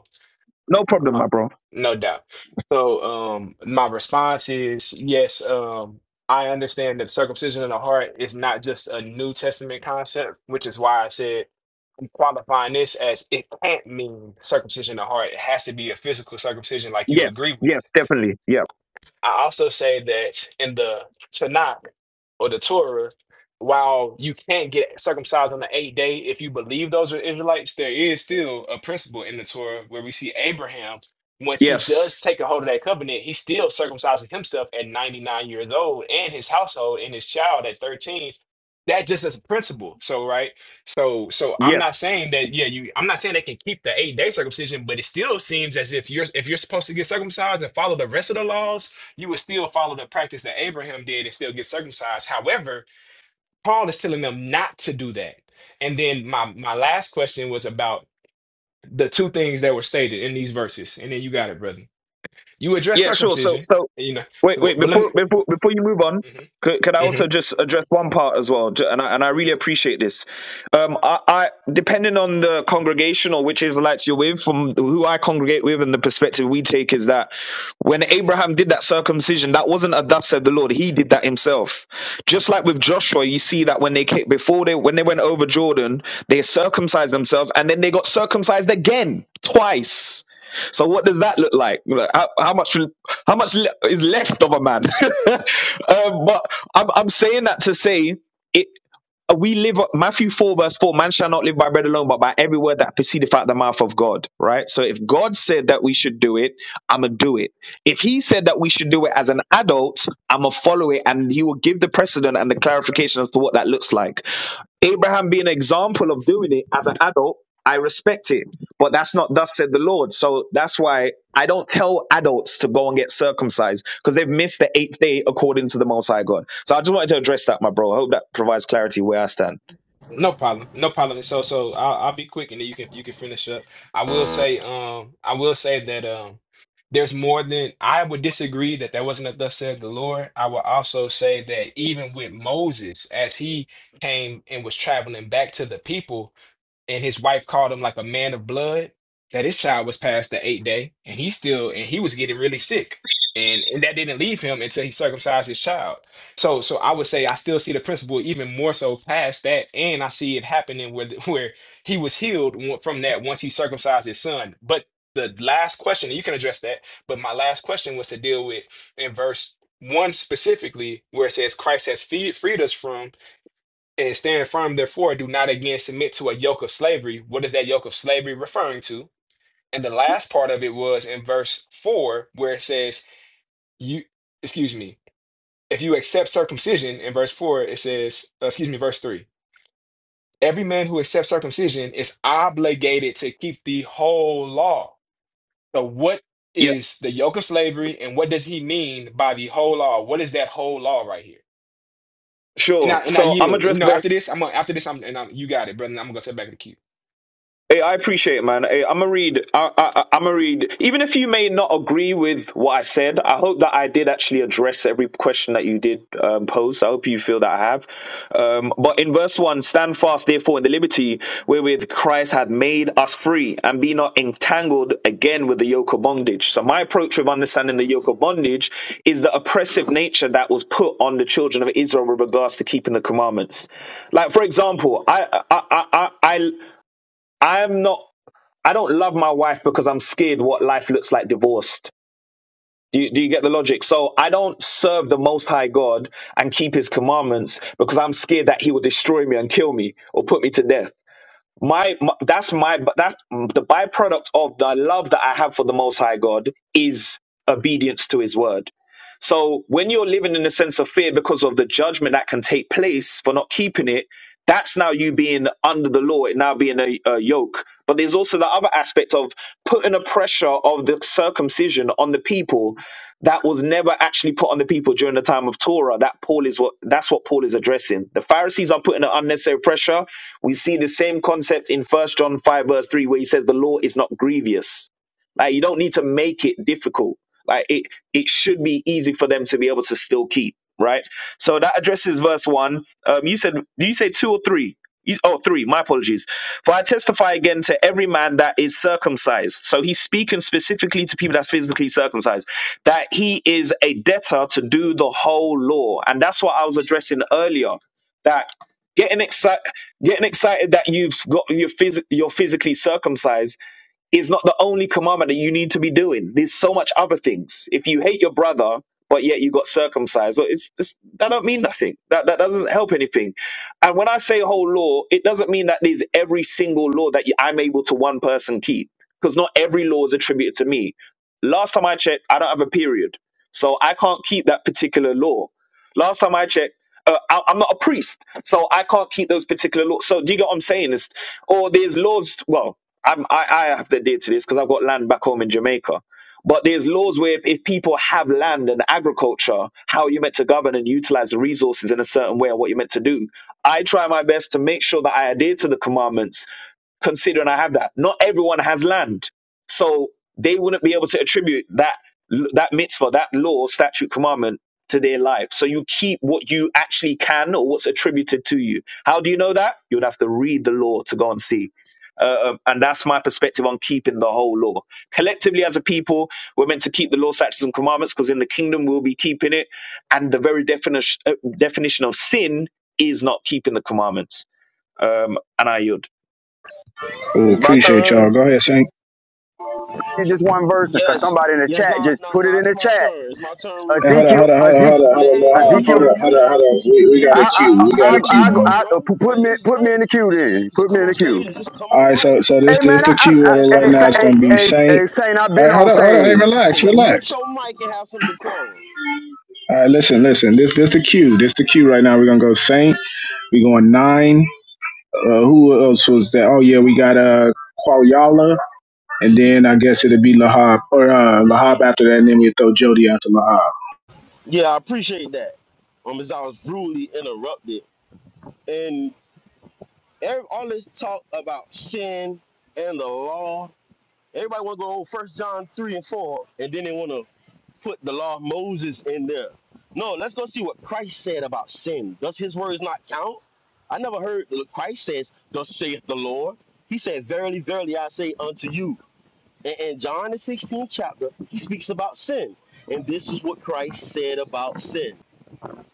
S13: No problem,
S14: Uh,
S13: my bro.
S14: no doubt. So, um, my response is yes. Um, I understand that circumcision of the heart is not just a New Testament concept, which is why I said I'm qualifying this as it can't mean circumcision of the heart. It has to be a physical circumcision, like you
S13: Yes,
S14: agree with.
S13: yes, definitely. Yeah,
S14: I also say that in the Tanakh or the Torah, while you can't get circumcised on the eighth day, if you believe those are Israelites, there is still a principle in the Torah where we see Abraham, once he
S13: yes,
S14: does take a hold of that covenant, he still circumcises himself at 99 years old and his household and his child at 13. That just is a principle. So, right. So, so I'm
S13: yes,
S14: not saying that, yeah, you, I'm not saying they can keep the eight day circumcision, but it still seems as if you're, if you're supposed to get circumcised and follow the rest of the laws, you would still follow the practice that Abraham did and still get circumcised. However, Paul is telling them not to do that. And then my my last question was about the two things that were stated in these verses. And then you got it, brother. You address
S13: yeah, sure. So,
S14: circumcision,
S13: so
S14: you know.
S13: Wait,
S14: Well,
S13: wait.
S14: let
S13: Before
S14: me.
S13: before before you move on,
S14: mhm,
S13: could, could I
S14: mhm.
S13: also just address one part as well? Ju- And I, and I really appreciate this. Um, I, I depending on the congregation or which Israelites you're with, from who I congregate with, and the perspective we take is that when Abraham did that circumcision, that wasn't a thus said the Lord. He did that himself. Just like with Joshua, you see that when they came, before they when they went over Jordan, they circumcised themselves, and then they got circumcised again twice. So what does that look like? Like, How, how much how much le- is left of a man? um, but I'm I'm saying that to say it. Uh, we live uh, Matthew 4 verse 4 man shall not live by bread alone but by every word that proceedeth out the mouth of God right so if God said that we should do it I'm gonna do it if he said that we should do it as an adult I'm gonna follow it and he will give the precedent and the clarification as to what that looks like Abraham being an example of doing it as an adult I respect it but that's not thus said the Lord so that's why I don't tell adults to go and get circumcised because they've missed the eighth day according to the Most High God. So I just wanted to address that, my bro. I hope that provides clarity where I stand.
S14: No problem. No problem. So so I'll I'll be quick and then you can you can finish up. I will say um I will say that um there's more than I would disagree that that wasn't a thus said the Lord. I will also say that even with Moses, as he came and was traveling back to the people, and his wife called him like a man of blood that his child was past the eight day and he still and he was getting really sick and and that didn't leave him until he circumcised his child so so i would say i still see the principle even more so past that and i see it happening where where he was healed from that once he circumcised his son but the last question and you can address that but my last question was to deal with in verse one specifically where it says christ has freed freed us from and stand firm, therefore, do not again submit to a yoke of slavery. What is that yoke of slavery referring to? And the last part of it was in verse four, where it says, You, excuse me, if you accept circumcision, in verse four, it says, uh, excuse me, verse three, every man who accepts circumcision is obligated to keep the whole law. So, what
S13: Yeah,
S14: is the yoke of slavery, and what does he mean by the whole law? What is that whole law right here? And
S13: sure.
S14: I and I
S13: So I'm
S14: yield. And,
S13: address
S14: you know,
S13: verse
S14: after this, I'm gonna, after this, I'm and I'm, you got it, brother. and I'm gonna go sit back in the queue.
S13: Hey, I appreciate it, man. Hey, I'm gonna read. I, I, I'm gonna read. Even if you may not agree with what I said, I hope that I did actually address every question that you did um, pose. I hope you feel that I have. Um, but in verse one, stand fast, therefore, in the liberty wherewith Christ hath made us free, and be not entangled again with the yoke of bondage. So my approach with understanding the yoke of bondage is the oppressive nature that was put on the children of Israel with regards to keeping the commandments. Like, for example, I, I, I, I, I I'm not I don't love my wife because I'm scared what life looks like divorced. Do you, do you get the logic? So I don't serve the Most High God and keep His commandments because I'm scared that He will destroy me and kill me or put me to death. My, my that's my that's the byproduct of the love that I have for the Most High God is obedience to His word. So when you're living in a sense of fear because of the judgment that can take place for not keeping it, that's now you being under the law, it now being a, a yoke. But there's also the other aspect of putting a pressure of the circumcision on the people that was never actually put on the people during the time of Torah. That Paul is what that's what Paul is addressing. The Pharisees are putting an unnecessary pressure. We see the same concept in First John 5, verse 3, where he says the law is not grievous. Like you don't need to make it difficult. Like it, it should be easy for them to be able to still keep, right? So that addresses verse one. Um, you said, do you say two or three? You, oh, three. My apologies. For I testify again to every man that is circumcised. So he's speaking specifically to people that's physically circumcised, that he is a debtor to do the whole law, and that's what I was addressing earlier. That getting excited, getting excited that you've got you phys- you're physically circumcised is not the only commandment that you need to be doing. There's so much other things. If you hate your brother, but yet you got circumcised, well, it's just, that don't mean nothing. That that doesn't help anything. And when I say whole law, it doesn't mean that there's every single law that you- I'm able to one person keep, because not every law is attributed to me. Last time I checked, I don't have a period, so I can't keep that particular law Last time I checked, uh, I, I'm not a priest, so I can't keep those particular laws. So do you get what I'm saying? It's, or there's laws. Well, I'm, I, I have to adhere to this because I've got land back home in Jamaica. But there's laws where if, if people have land and agriculture, how you're meant to govern and utilize the resources in a certain way, or what you're meant to do. I try my best to make sure that I adhere to the commandments, considering I have that. Not everyone has land so they wouldn't be able to attribute that that mitzvah, that law, statute, commandment to their life. So you keep what you actually can or what's attributed to you. How do you know that? You'd have to read the law to go and see. Uh, um, and that's my perspective on keeping the whole law. Collectively, as a people, we're meant to keep the law, statutes, and commandments because in the kingdom we'll be keeping it. And the very definition uh, definition of sin is not keeping the commandments. Um, and I yield.
S11: Ooh,
S5: It's my
S11: Appreciate y'all.
S5: turn.
S11: Go ahead, Saint.
S4: Read This one verse, cause
S5: Yes.
S4: somebody in the
S5: Yes,
S4: chat
S5: no,
S4: just
S5: no,
S4: put it
S5: no,
S4: in
S5: it's
S4: the
S5: my
S4: chat
S5: turn. It's my turn real
S11: Hey, hold
S5: quick.
S11: on,
S4: Ezekiel,
S11: hold on, hold on,
S4: Ezekiel,
S11: hold on, hold
S5: Yeah,
S11: on, hold
S5: hey, hey,
S11: on,
S5: can
S11: hold
S5: you
S4: Ezekiel.
S11: on, hold
S5: mute
S11: on, hold
S5: up?
S11: on. We, we
S5: Mute
S11: got
S4: I,
S11: a
S5: up
S4: I,
S11: queue.
S5: Lahab.
S11: We
S5: Have
S11: got
S4: I,
S11: a
S5: some
S11: queue,
S4: I, I,
S11: brother.
S5: decorum,
S4: I
S5: bro.
S4: put
S5: Like
S4: me,
S5: this is
S4: put me in
S5: crazy.
S4: the queue then.
S5: Just
S4: Put me
S5: come
S4: in
S5: on
S4: the
S5: stage
S4: queue.
S5: and just come
S11: All
S5: off
S11: right,
S5: mic.
S11: so so this
S4: Hey
S11: this
S4: man, I,
S11: the
S4: I,
S11: queue
S5: Have
S11: order
S4: I
S5: some
S11: right
S4: hey,
S11: now.
S4: Sa-
S11: It's
S4: hey,
S11: gonna
S5: decorum, bro.
S11: be
S4: hey,
S11: Saint.
S4: hey, Saint, I've
S11: All
S4: been
S11: right, hold
S4: on
S11: on, hold on. Hey,
S4: stage.
S11: relax,
S5: Yeah, yeah, mute
S11: relax.
S5: your mic and have some decorum.
S11: All right, listen, listen. This this the queue. This the queue right now. We're gonna go Saint. We're going nine. Uh, who else was that? Oh yeah, we got uh Qualyala, and then I guess it'll be Lahab or uh Lahab after that, and then we throw Jody after Lahab.
S5: Yeah, I appreciate that. Um, as I was rudely interrupted. And every, all this talk about sin and the law Everybody want to go First John three and four, and then they want to put the law of Moses in there. No, let's go see what Christ said about sin. Does His words not count? I never heard that Christ says, "Thus saith the Lord." He said, "Verily, verily, I say unto you." And in John the sixteenth chapter, he speaks about sin, and this is what Christ said about sin.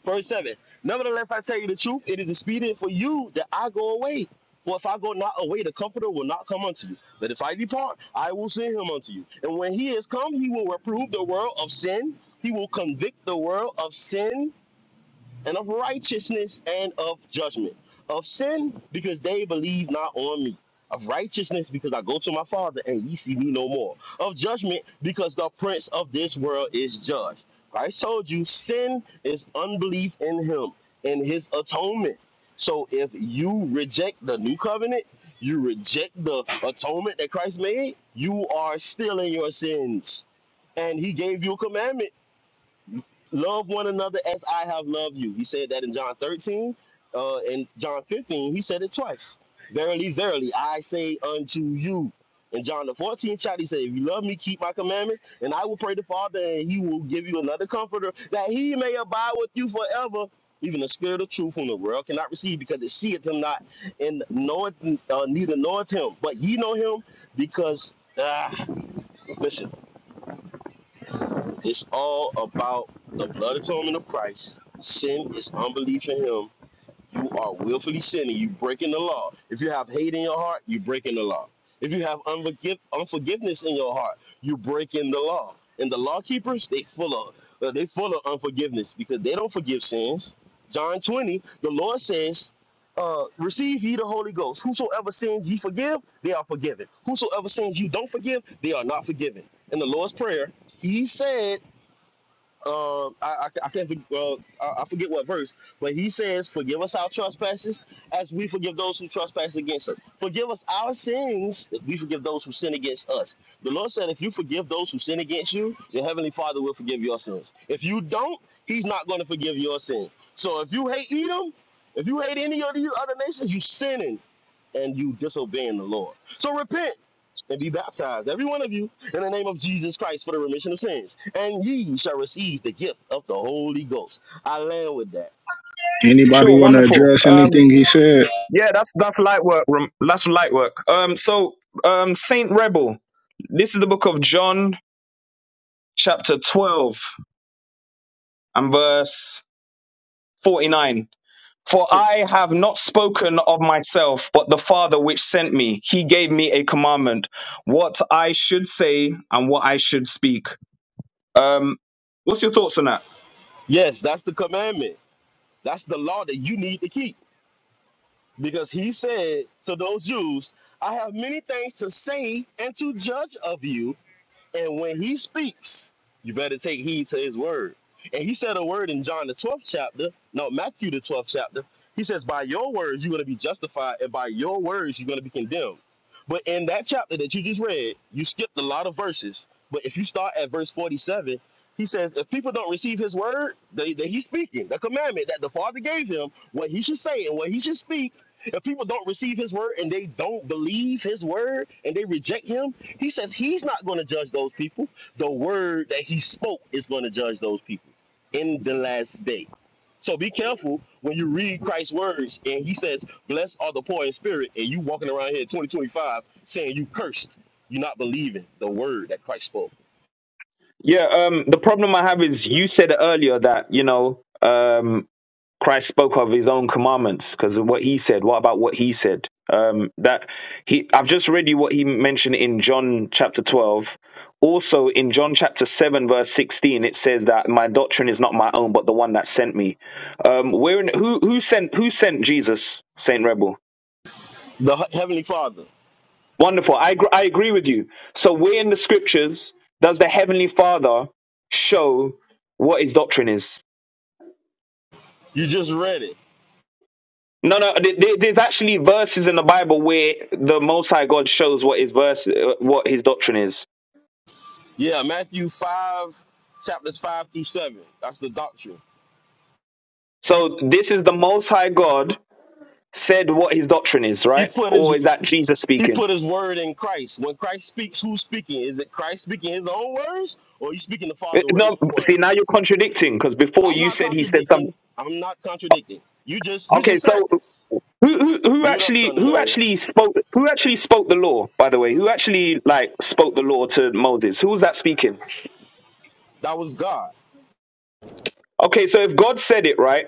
S5: Verse 7. Nevertheless, I tell you the truth, it is expedient for you that I go away. For if I go not away, the Comforter will not come unto you. But if I depart, I will send him unto you. And when he is come, he will reprove the world of sin. He will convict the world of sin and of righteousness and of judgment. Of sin, because they believe not on me. Of righteousness, because I go to my Father and ye see me no more. Of judgment, because the prince of this world is judged. Christ told you sin is unbelief in him and his atonement. So if you reject the new covenant, you reject the atonement that Christ made, you are still in your sins. And he gave you a commandment love one another as I have loved you. He said that in John 13. Uh, in John 15, he said it twice. Verily, verily, I say unto you. In John the 14th chapter, he said, If you love me, keep my commandments, and I will pray the Father, and he will give you another comforter, that he may abide with you forever. Even the spirit of truth, whom the world cannot receive, because it seeth him not, and knoweth uh, neither knoweth him. But ye know him, because ah, listen. It's all about the blood atonement of Christ. Sin is unbelief in Him. You are willfully sinning. You breaking the law. If you have hate in your heart, you breaking the law. If you have unforgiv- unforgiveness in your heart, you breaking the law. And the law keepers, they full of uh, they full of unforgiveness because they don't forgive sins. John twenty, the Lord says, uh, "Receive ye the Holy Ghost. Whosoever sins ye forgive, they are forgiven. Whosoever sins you don't forgive, they are not forgiven." In the Lord's prayer, He said uh, I, I, I can't forget, well, I, I forget what verse, but he says, Forgive us our trespasses as we forgive those who trespass against us. Forgive us our sins as we forgive those who sin against us. The Lord said, If you forgive those who sin against you, your heavenly Father will forgive your sins. If you don't, he's not going to forgive your sin. So if you hate Edom, if you hate any of the other nations, you sinning and you disobeying the Lord. So repent and be baptized, every one of you, in the name of Jesus Christ for the remission of sins, and ye shall receive the gift of the Holy Ghost. I land with that.
S11: Anybody
S13: Sure,
S11: want to
S13: wonderful.
S11: address
S13: Um.
S11: anything he said?
S13: Yeah, that's that's light work. Ram- That's light work. Um, so um, Saint Rebel. This is the book of John, chapter twelve and verse forty-nine. For I have
S5: Six.
S13: not spoken of myself, but the Father which sent me, he gave me a commandment, what I should say and what I should speak. Um, what's your thoughts on that?
S5: Yes, that's the commandment. That's the law that you need to keep. Because he said to those Jews, I have many things to say and to judge of you, And when he speaks, you better take heed to his word. And he said a word in John the 12th chapter, no, Matthew the 12th chapter. He says, By your words, you're going to be justified, and by your words, you're going to be condemned. But in that chapter that you just read, you skipped a lot of verses. But if you start at verse 47, he says, If people don't receive his word, they, that he's speaking, the commandment that the Father gave him, what he should say and what he should speak, if people don't receive his word and they don't believe his word and they reject him, he says he's not going to judge those people. The word that he spoke is going to judge those people in the last day. So be careful when you read Christ's words and he says, Blessed are the poor in spirit, and you walking around here in 2025 saying you cursed. You're not believing the word that Christ spoke.
S13: Yeah, um, the problem I have is you said earlier that you know um, Christ spoke of his own commandments because of what he said. What about what he said? Um, that he, I've just read you what he mentioned in John chapter 12. Also in John chapter 7, verse 16, it says that my doctrine is not my own, but the one that sent me. Um, where in, who, who sent, who sent Jesus, Saint Rebel?
S5: The Heavenly Father,
S13: Wonderful. I, gr- I agree with you. So where in the scriptures does the heavenly father show what his doctrine is?
S5: you just read it.
S13: No, no. th- th- There's actually verses in the Bible where the Most High God shows what his verse, uh, what his doctrine is.
S5: Yeah, Matthew 5, chapters 5 through 7. That's the doctrine.
S13: So this is the Most High God said what his doctrine is,
S5: He
S13: right?
S5: put
S13: Or
S5: his
S13: is that Jesus
S5: He
S13: speaking?
S5: put his word in Christ. When Christ speaks, who's speaking? Is it Christ speaking his own words or he's speaking the
S13: Uh,
S5: Father's words?
S13: No.
S5: Which one?
S13: See, now you're contradicting because before
S5: I'm
S13: you
S5: not
S13: said he said something.
S5: contradicting. I'm not contradicting. You just you
S13: Okay,
S5: just said
S13: so
S5: this.
S13: who, who who
S5: Mute up,
S13: actually
S5: son of
S13: who
S5: Mary.
S13: actually spoke who actually spoke the law? By the way, who actually like spoke the law to Moses? Who was that speaking?
S5: That was God.
S13: Okay, so if God said it, right?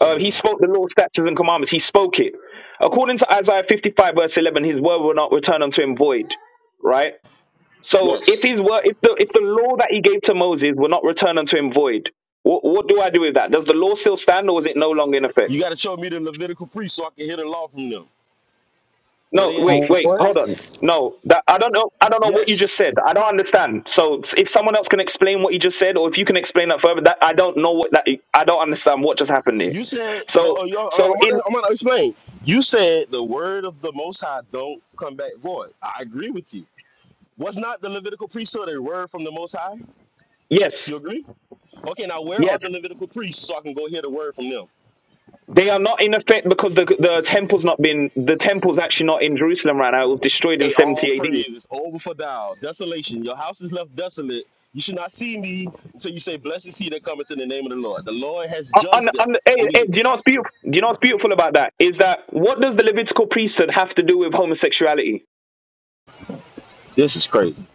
S13: Uh, he spoke the law, statutes, and commandments. He spoke it. According to Isaiah 55, verse 11, his word will not return unto him void, right? So if
S5: Yes.
S13: his word, if the, if the law that he gave to Moses will not return unto him void, what, what do I do with that? Does the law still stand or is it no longer in effect?
S5: You gotta show me the Levitical priest so I can hear the law from them. Where
S13: No,
S5: they at?
S13: wait, wait, hold on. No, that I don't know. I don't know what you
S5: Yes.
S13: just said. I don't understand. So if someone else can explain what you just said, or if you can explain that further, that I don't know what that I don't understand what just happened here.
S5: You said oh,
S13: So
S5: oh, yo,
S13: so
S5: I'm
S13: in
S5: gonna I'm gonna explain. You said the word of the most high don't come back void. I agree with you. Was not the Levitical priesthood a word from the most high? You
S13: yes,
S5: agree? Okay, now where are
S13: yes,
S5: the Levitical priests so I can go hear the word from them?
S13: They are not in effect because the the temple's not been the temple's actually not in Jerusalem right now. It was destroyed in
S5: Hey, all
S13: 70 AD.
S5: praise is over for thou. Desolation. Your house is left desolate. You should not see me until you say, Blessed is he that cometh in the name of the Lord. The Lord has
S13: Uh, And,
S5: judged them.
S13: hey, hey,
S5: Indeed.
S13: do you know what's beautiful? Do you know what's beautiful about that? Is that what does the Levitical priesthood have to do with homosexuality?
S5: This is crazy.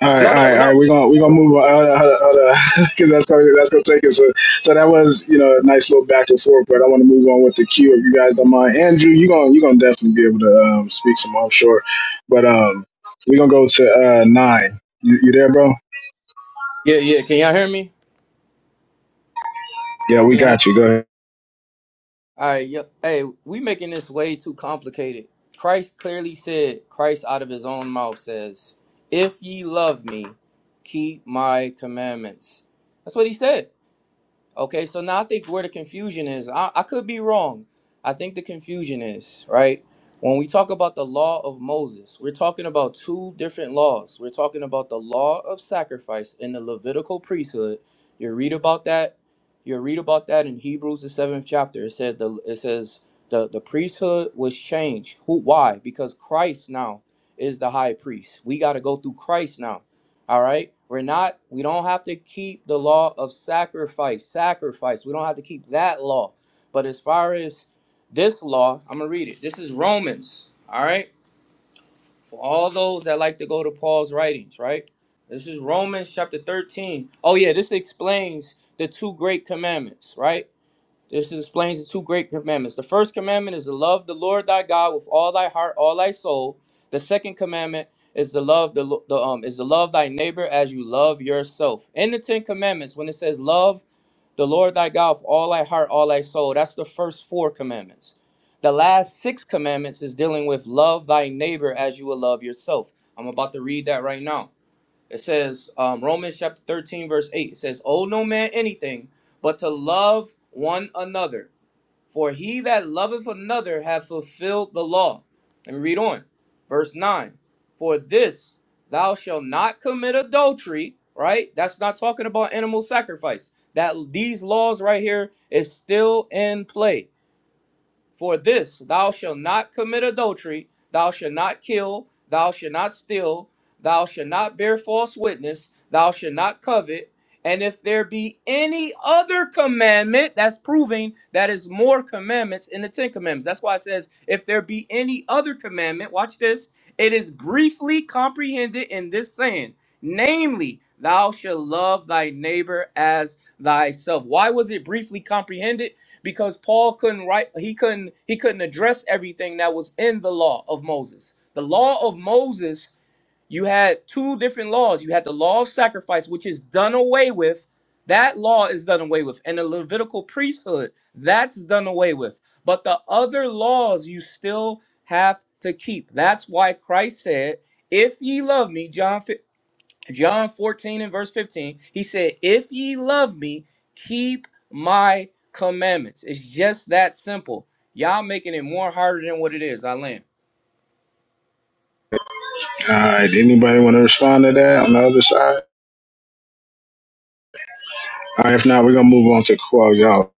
S11: All right, all
S13: No, no,
S11: right, all
S13: no.
S11: right. We're gonna we're gonna move on. Hold on, hold on, hold on. because that's gonna that's gonna take us. So, so that was you know a nice little back and forth. But I want to move on with the queue if you guys don't mind. Andrew, you gonna you gonna definitely be able to um, speak some, more, I'm sure. But um, we're gonna go to uh, nine. You, you there, bro?
S15: Yeah, yeah. Can y'all hear me?
S11: Yeah, we
S15: Can y'all hear me?
S11: got you. Go ahead.
S15: All right. Yeah. Hey, we making this way too complicated. Christ clearly said, Christ out of his own mouth says, "If ye love me, keep my commandments." That's what he said. Okay, so now I think where the confusion is, I, I could be wrong. I think the confusion is, right? When we talk about the law of Moses, we're talking about two different laws. We're talking about the law of sacrifice in the Levitical priesthood. You read about that. You read about that in Hebrews the seventh chapter. It said the it says the, the priesthood was changed. Who why? Because Christ now is the high priest. We gotta go through Christ now. All right? We're not we don't have to keep the law of sacrifice, sacrifice. We don't have to keep that law. But as far as this law, I'm going to read it. This is Romans, all right? For all those that like to go to Paul's writings, right? This is Romans chapter 13. Oh yeah, this explains the two great commandments, right? This explains the two great commandments. The first commandment is to love the Lord thy God with all thy heart, all thy soul. The second commandment is to love the, the um is to love thy neighbor as you love yourself. In the Ten Commandments, when it says love the Lord thy God with all thy heart, all thy soul, that's the first four commandments. The last six commandments is dealing with love thy neighbor as you will love yourself. I'm about to read that right now. It says um, Romans chapter 13, verse 8. It says, Owe no man anything but to love one another. For he that loveth another hath fulfilled the law. Let me read on. Verse 9. For this thou shalt not commit adultery, right? That's not talking about animal sacrifice. That these laws right here is still in play. For this, thou shalt not commit adultery, thou shalt not kill, thou shalt not steal, thou shalt not bear false witness, thou shalt not covet. And if there be any other commandment, that's proving that is more commandments in the Ten Commandments. That's why it says, if there be any other commandment, watch this, it is briefly comprehended in this saying, namely, thou shalt love thy neighbor as thyself. Why was it briefly comprehended? because Paul couldn't write he couldn't he couldn't address everything that was in the law of Moses. The law of Moses, you had two different laws. You had the law of sacrifice which is done away with. That law is done away with. And the Levitical priesthood, that's done away with. But the other laws you still have to keep. That's why Christ said, "If ye love me," John John 14 and verse 15, he said, If ye love me, keep my commandments. It's just that simple. Y'all making it more harder than what it is. I land.
S11: All right. Anybody want to respond to that on the other side? All right. If not, we're gonna move on to Qual, y'all.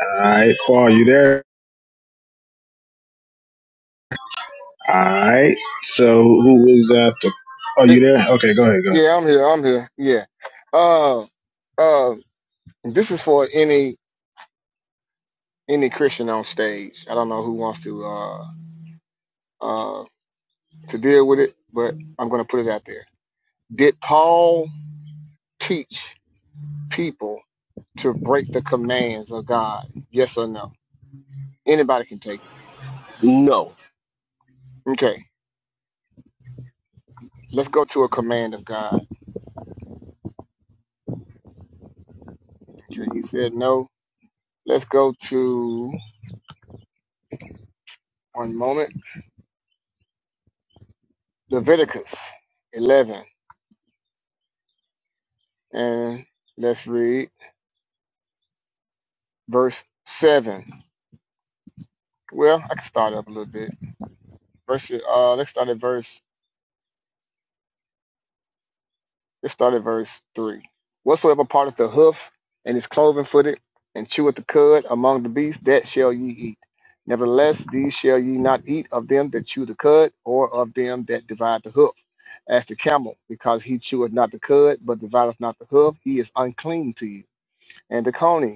S11: All right, Qual, you there? All right. So who is after? Oh, you
S12: Eh,
S11: there? Okay, go ahead. Go ahead.
S12: Yeah, I'm here. I'm here. Yeah. Uh, uh, this is for any any Christian on stage. I don't know who wants to uh uh to deal with it, but I'm gonna put it out there. Did Paul teach people to break the commands of God? Yes or no? Anybody can take it.
S5: No.
S12: Okay, let's go to a command of God. Okay, he said no. Let's go to one moment Leviticus 11 and let's read verse 7. Well, I can start up a little bit. Verse, uh, let's start at verse Let's start at verse 3. Whatsoever parteth the hoof and is cloven footed and cheweth the cud among the beasts, that shall ye eat. Nevertheless, these shall ye not eat of them that chew the cud or of them that divide the hoof. As the camel, because he cheweth not the cud, but divideth not the hoof, he is unclean to you. And the coney,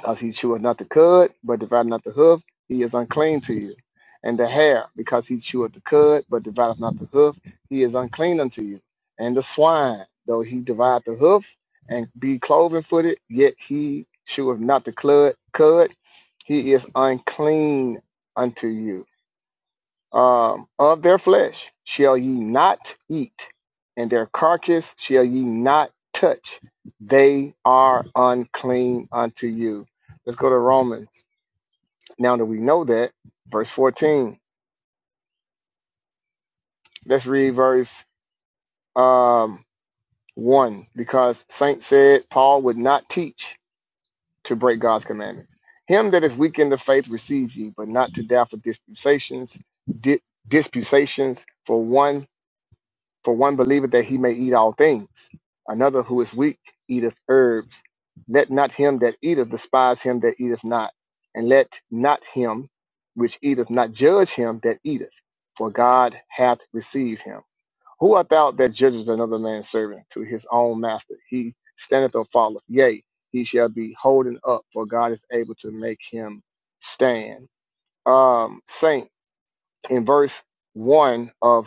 S12: because he cheweth not the cud, but divideth not the hoof, he is unclean to you. And the hare, because he cheweth the cud, but divideth not the hoof, he is unclean unto you. And the swine, though he divide the hoof and be cloven footed, yet he cheweth not the cud, cud, he is unclean unto you um, of their flesh shall ye not eat, and their carcass shall ye not touch. They are unclean unto you. Let's go to Romans. Now that we know that, verse 14. Let's read verse um, 1 because Saint said Paul would not teach to break God's commandments. Him that is weak in the faith receive ye, but not to doubt for disputations, di- disputations for one For one believeth that he may eat all things, another who is weak eateth herbs. Let not him that eateth despise him that eateth not, and let not him which eateth not judge him that eateth, for God hath received him. Who art thou that judgest another man's servant to his own master? He standeth or falleth, yea, he shall be holding up, for God is able to make him stand. Um, Saint, in verse 1 of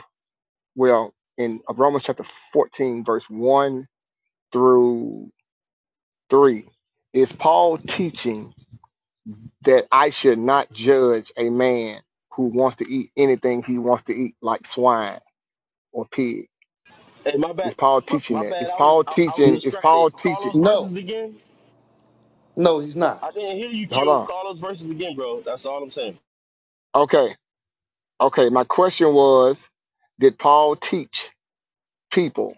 S12: well in uh, romans chapter 14 verse 1 through 3 is paul teaching that i should not judge a man who wants to eat anything he wants to eat like swine or pig
S5: Hey, my bad.
S12: is paul
S5: My,
S12: teaching
S5: my
S12: that
S5: bad.
S12: is
S5: I was
S12: paul
S5: I, I was
S12: teaching is
S5: distracted.
S12: paul
S5: Call
S12: teaching
S5: those
S10: No,
S5: verses again.
S10: no, he's not.
S5: I didn't hear you,
S12: hold
S5: Q.
S12: on
S5: Call those verses again, bro. That's all I'm saying.
S12: okay okay my question was did paul teach people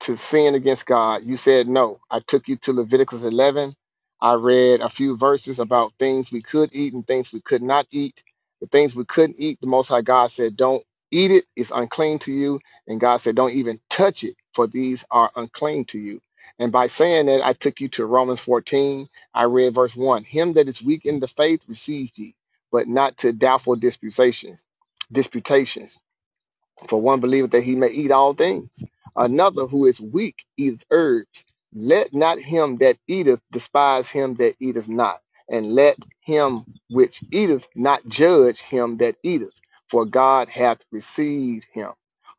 S12: to sin against God. You said no. I took you to Leviticus 11. I read a few verses about things we could eat and things we could not eat. The things we couldn't eat, the Most High God said, don't eat it. It's unclean to you. And God said, don't even touch it, for these are unclean to you. And by saying that, I took you to Romans 14. I read verse 1 Him that is weak in the faith received ye, but not to doubtful disputations. disputations. For one believeth that he may eat all things. Another who is weak eateth herbs. Let not him that eateth despise him that eateth not, and let him which eateth not judge him that eateth, for God hath received him.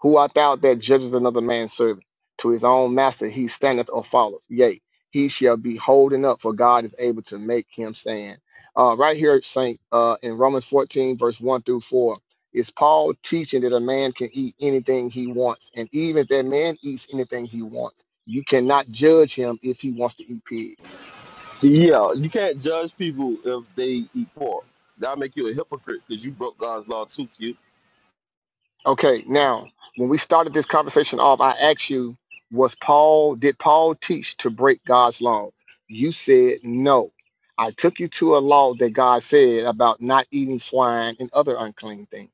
S12: Who art thou that judgest another man's servant? To his own master he standeth or falleth. Yea, he shall be holding up, for God is able to make him stand. Uh, right here, Saint, uh, in Romans 14, verse 1 through 4 is Paul teaching that a man can eat anything he wants? And even if that man eats anything he wants, you cannot judge him if he wants to eat pig.
S5: Yeah, you can't judge people if they eat pork. That'll make you a hypocrite because you broke God's law too, Q.
S12: Okay, now when we started this conversation off, I asked you, was Paul did Paul teach to break God's laws? You said no. I took you to a law that God said about not eating swine and other unclean things.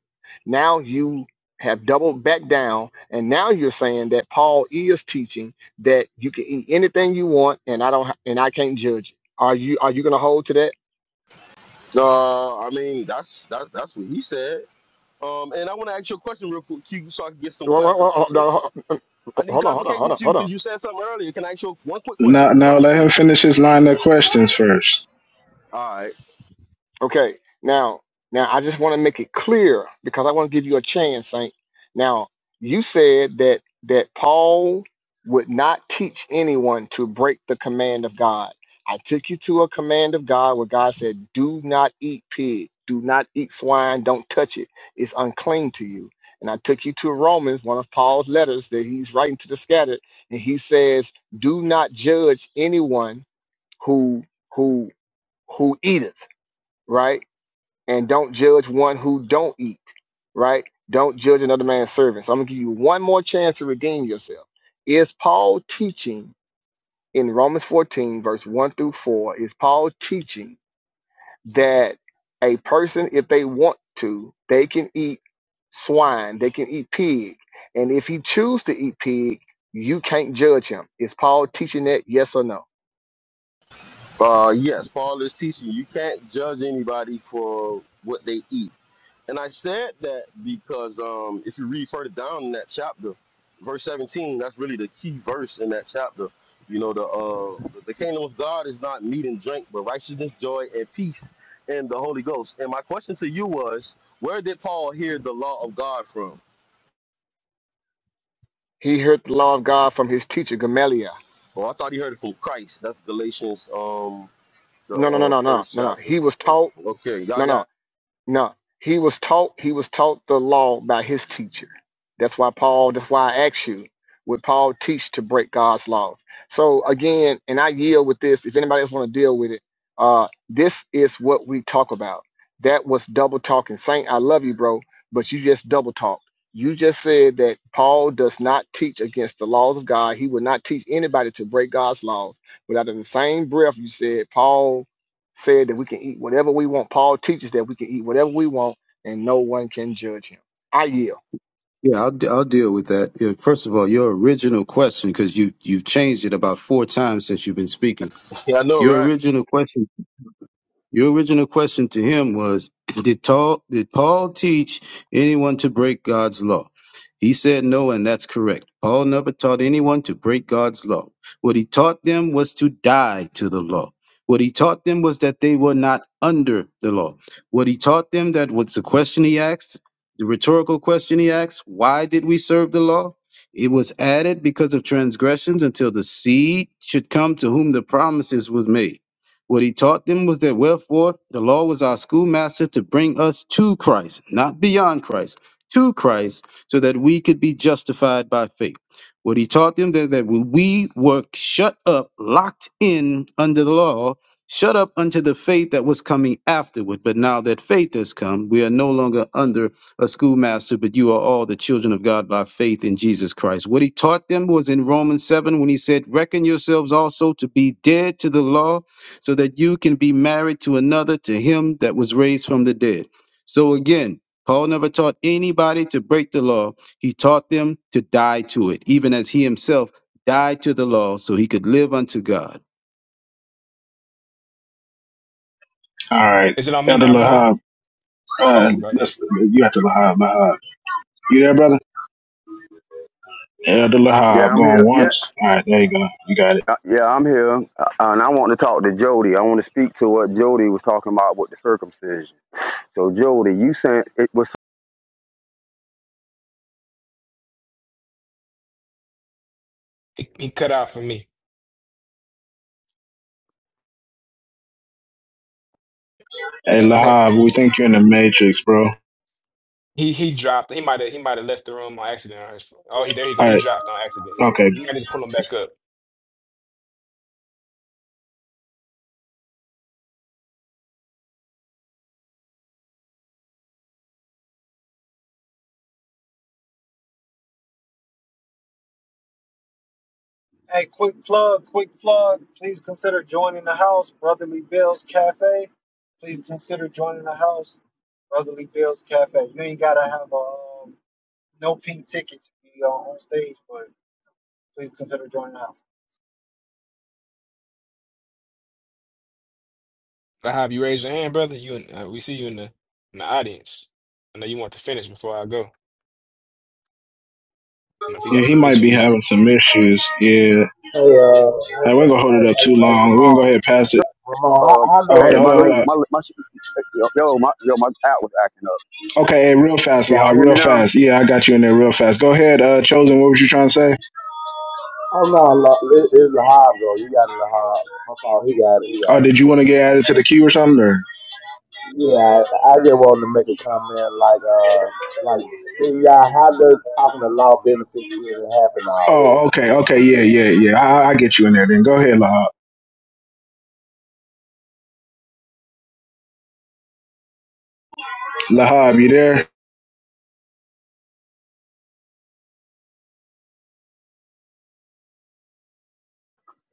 S12: Now you have doubled back down, and now you're saying that Paul is teaching that you can eat anything you want, and I don't, ha- and I can't judge it. Are you are you going to hold to that?
S5: Uh, I mean, that's that, that's what he said. Um, and I want to ask you a question real quick, Q, so I can get some
S12: Hold on, hold
S5: clarification.
S12: on, hold
S5: I need
S12: on, hold on, hold
S5: clarification,
S12: on.
S5: Q,
S12: hold on,
S5: because you said something earlier. Can I ask you one quick question?
S11: Now,
S5: One
S11: now
S5: quick
S11: let him
S5: question.
S11: finish his line of questions first.
S5: All right.
S12: Okay, now, now I just want to make it clear because I want to give you a chance, Saint. Now, you said that that Paul would not teach anyone to break the command of God. I took you to a command of God where God said, "Do not eat pig, do not eat swine, don't touch it; it's unclean to you." And I took you to Romans, one of Paul's letters that he's writing to the scattered, and he says, "Do not judge anyone who who who eateth." Right? and don't judge one who don't eat, right? Don't judge another man's servant. So I'm gonna give you one more chance to redeem yourself. Is Paul teaching in Romans 14, verse 1 through 4, is Paul teaching that a person, if they want to, they can eat swine, they can eat pig. And if he choose to eat pig, you can't judge him. Is Paul teaching that? Yes or no?
S5: Uh, yes, Paul is teaching you can't judge anybody for what they eat. And I said that because um, if you read further down in that chapter, verse 17, that's really the key verse in that chapter. You know, the uh, the kingdom of God is not meat and drink, but righteousness, joy, and peace in the Holy Ghost. And my question to you was, where did Paul hear the law of God from?
S12: He heard the law of God from his teacher, Gamaliel.
S5: Oh, I thought he heard it from Christ. That's Galatians, um, the
S12: No, no, no,
S5: uh,
S12: no, no,
S5: first
S12: no, no.
S5: chapter.
S12: He was taught.
S5: Okay, y'all
S12: No, no.
S5: got.
S12: No, he was taught he was taught the law by his teacher. That's why Paul. That's why I asked you, would Paul teach to break God's laws? So again, and I yield with this. If anybody else want to deal with it, uh, this is what we talk about. That was double talking, Saint. I love you, bro, but you just double talked. You just said that Paul does not teach against the laws of God. He would not teach anybody to break God's laws. But out of the same breath, you said Paul said that we can eat whatever we want. Paul teaches that we can eat whatever we want, and no one can judge him. I yield.
S7: Yeah, I'll, de- I'll deal with that. Yeah, First of all, your original question, because you, you've changed it about four times since you've been speaking.
S5: Yeah, I know,
S7: Your
S5: right?
S7: original question. Your original question to him was, did Paul, did Paul teach anyone to break God's law? He said no, and that's correct. Paul never taught anyone to break God's law. What he taught them was to die to the law. What he taught them was that they were not under the law. What he taught them that was the question he asked, the rhetorical question he asked, why did we serve the law? It was added because of transgressions until the seed should come to whom the promises was made. What he taught them was that wherefore the law was our schoolmaster to bring us to Christ, not beyond Christ, to Christ, so that we could be justified by faith. What he taught them that, that we were shut up, locked in under the law, shut up unto the faith that was coming afterward. But now that faith has come, we are no longer under a schoolmaster, but you are all the children of God by faith in Jesus Christ. What he taught them was in Romans 7 when he said, Reckon yourselves also to be dead to the law so that you can be married to another, to him that was raised from the dead. So again, Paul never taught anybody to break the law. He taught them to die to it, even as he himself died to the law so he could live unto God.
S11: All right,
S14: Is it on me
S11: Elder
S14: now, Ramon?
S11: Lahab, uh,
S14: Oh, go ahead.
S11: let's, you have to Lahab, Lahab. You there, brother? Elder
S4: Yeah,
S11: Lahab,
S4: I'm
S11: going
S4: here. Yeah,
S11: once. All right, there you go. You got it.
S4: uh, yeah, I'm here. Uh, and I want to talk to Jody. I want to speak to what Jody was talking about with the circumcision. So Jody, you sent it was.
S14: He, he cut out for me.
S11: Hey,
S14: Man,
S11: Lahab, we think you're in the Matrix, bro. All
S14: he he dropped. He might have he might have left the room on accident. On his, oh, he there you go. He
S11: right,
S14: dropped on accident.
S11: okay.
S14: You might need to pull him back up.
S2: Hey, quick plug, quick plug. Please consider joining the house, Brotherly Bills Cafe. Please consider joining the house, Brotherly Bills Cafe. You ain't gotta have a um, no pink ticket to be uh, on stage, but please consider joining the house.
S14: Lahab, you raise your hand, brother. You in- uh, we see you in the in the audience. I know you want to finish before I go. I don't know if he got
S11: Yeah, he
S14: some
S11: might be
S14: issues.
S11: having some issues. Yeah,
S16: Hey, uh,
S11: hey,
S16: what's
S11: we ain't
S16: up?
S11: gonna hold
S16: Hey,
S11: it up
S16: hey,
S11: too
S16: hey,
S11: long. We can go
S16: Ramon.
S11: ahead and pass it.
S16: Ramon, how,
S4: Um,
S16: how
S11: Oh,
S16: does
S11: hold
S4: hey,
S11: on, hold
S4: my
S16: this?
S11: on, hold
S16: feel?
S4: link,
S11: on.
S4: my my yo, yo, my yo, my app was acting up.
S11: Okay, hey, real fast,
S4: Can y'all
S11: Lahab,
S4: hear
S11: real
S4: me now?
S11: fast. Yeah, I got you in there real fast. Go ahead, uh, Chosen. What was you trying to say?
S16: Oh no, La- it, it's Lahab though. You got Lahab. I thought he got it. He
S11: Oh,
S16: got it.
S11: did you want to get added to the queue or something? Or?
S16: Yeah, I just wanted to make a comment. Like, uh, like, then y'all, how does talking to law benefit you? if It happened already.
S11: Oh, okay, okay, yeah, yeah, yeah. I, I get you in there. Then go ahead, Lahab. Lahab, you there?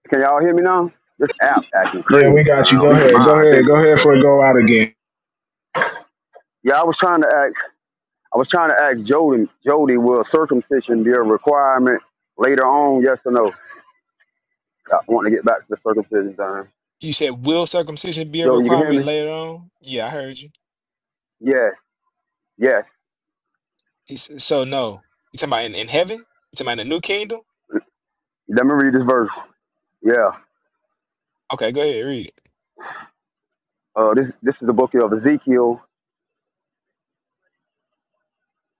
S4: Can y'all hear me now? This app acting
S11: Yeah, we
S4: crazy,
S11: got
S4: man.
S11: you.
S4: At
S11: Go
S4: least
S11: ahead, go
S4: mine's
S11: ahead, go
S4: anyway.
S11: ahead for a go out again.
S4: Yeah, I was trying to ask. I was trying to ask Jody. Jody, will circumcision be a requirement later on? Yes or no? I want to get back to the circumcision time.
S14: You said will circumcision be a
S4: Joe, you can hear me?
S14: requirement later on? Yeah, I heard you.
S4: Yes, yes.
S14: He said, so no. You talking about in, in heaven? You talking about in the new kingdom?
S4: Let me read this verse. Yeah.
S14: Okay, go ahead read it.
S4: Uh, this this is the book of Ezekiel,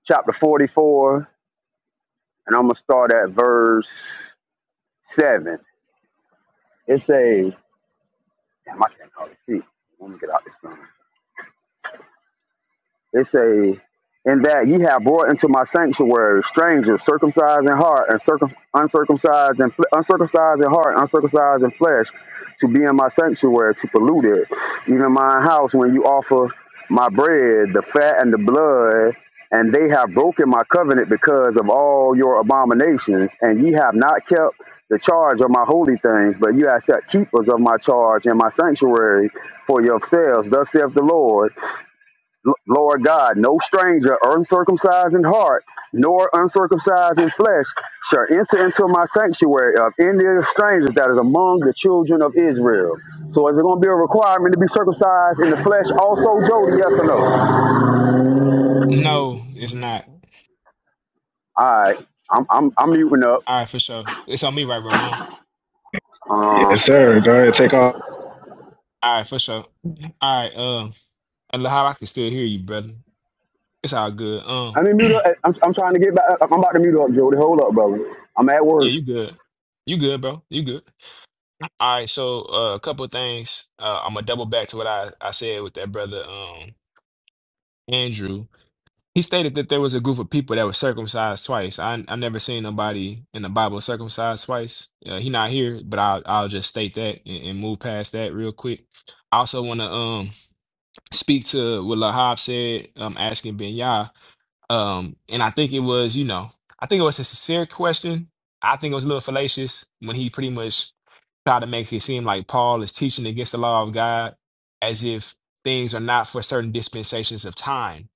S4: chapter forty-four, and I'm gonna start at verse seven. It says, "Damn, I can't hardly see." Let me get out this thing. It say, in that ye have brought into my sanctuary strangers, circumcised in heart and circum- uncircumcised and fle- uncircumcised in heart, uncircumcised in flesh, to be in my sanctuary, to pollute it, even my house when you offer my bread, the fat and the blood, and they have broken my covenant because of all your abominations, and ye have not kept the charge of my holy things, but you have set keepers of my charge in my sanctuary for yourselves. Thus saith the Lord, Lord God, no stranger, uncircumcised in heart, nor uncircumcised in flesh, shall enter into my sanctuary of any of the strangers that is among the children of Israel. So is it going to be a requirement to be circumcised in the flesh also, Jody? Yes or no? All
S14: No, it's not.
S4: right, I'm, I'm, I'm muting up.
S14: All right, for sure. It's on me, right, Ramon?
S11: Yes,
S4: Uh,
S11: sir. Go ahead, take off.
S14: All right, for sure. All right, um, and how I can still hear you, brother. It's all good.
S4: I
S14: Um,
S4: mean, mute up. I'm, I'm trying to get back. I'm about to mute up, Jody. Hold up, brother. I'm at work.
S14: yeah, you good. You good, bro. You good. All right, so uh, a couple of things. Uh, I'm gonna double back to what I, I said with that brother, um, Andrew. He stated that there was a group of people that were circumcised twice. I I never seen nobody in the Bible circumcised twice. Uh, he not here, but I'll I'll just state that and, and move past that real quick. I also want to um speak to what Lahab said. Um, asking Ben Um, and I think it was, you know, I think it was a sincere question. I think it was a little fallacious when he pretty much tried to make it seem like Paul is teaching against the law of God as if things are not for certain dispensations of time.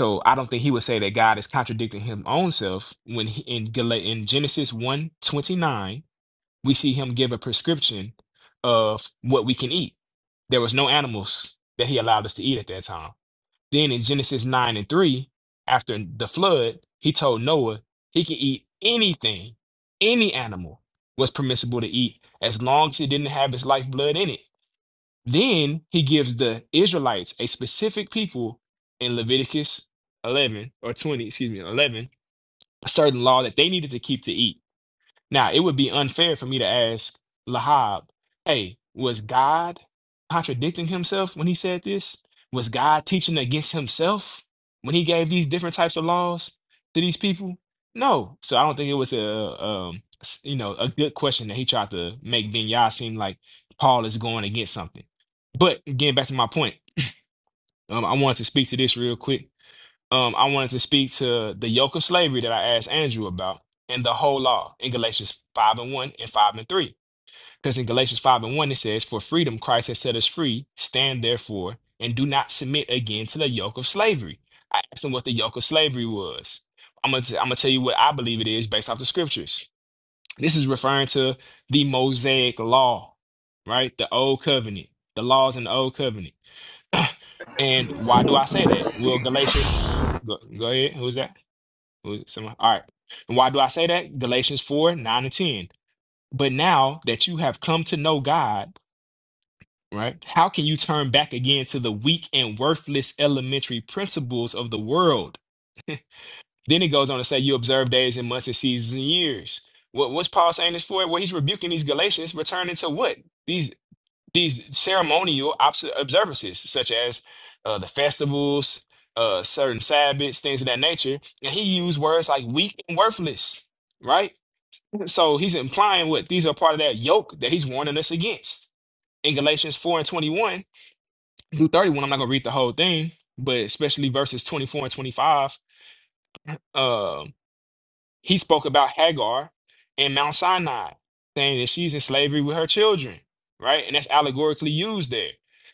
S14: So I don't think he would say that God is contradicting his own self when he, in, Gal- in Genesis one twenty nine we see him give a prescription of what we can eat. There was no animals that he allowed us to eat at that time. Then in Genesis 9 and 3, after the flood, he told Noah he could eat anything, any animal was permissible to eat as long as it didn't have its lifeblood in it. Then he gives the Israelites, a specific people in Leviticus 11 or 20, excuse me, 11, a certain law that they needed to keep to eat. Now, it would be unfair for me to ask Lahab, hey, was God contradicting himself when he said this? Was God teaching against himself when he gave these different types of laws to these people? No. So I don't think it was a, um, s- you know, a good question that he tried to make Vinyah seem like Paul is going against something. But getting back to my point, um, I wanted to speak to this real quick um, I wanted to speak to the yoke of slavery that I asked Andrew about and the whole law in Galatians 5 and 1 and 5 and 3. Because in Galatians 5 and 1, it says, For freedom Christ has set us free. Stand therefore and do not submit again to the yoke of slavery. I asked him what the yoke of slavery was. I'm going to I'm going to tell you what I believe it is based off the scriptures. This is referring to the Mosaic law, right? The old covenant, the laws in the old covenant. and why do I say that? Well, Galatians, go, go ahead. Who's that? Was it All right. And why do I say that? Galatians 4, 9 and 10. But now that you have come to know God, right, how can you turn back again to the weak and worthless elementary principles of the world? Then he goes on to say, You observe days and months and seasons and years. What, what's Paul saying this for? Well, he's rebuking these Galatians, returning to what? these these ceremonial obs- observances, such as uh, the festivals, uh, certain Sabbaths, things of that nature. And he used words like weak and worthless, right? So he's implying what these are part of that yoke that he's warning us against. In Galatians 4 and 21 through 31, I'm not going to read the whole thing, but especially verses 24 and 25. Um, he spoke about Hagar and Mount Sinai, saying that she's in slavery with her children, right? And that's allegorically used there.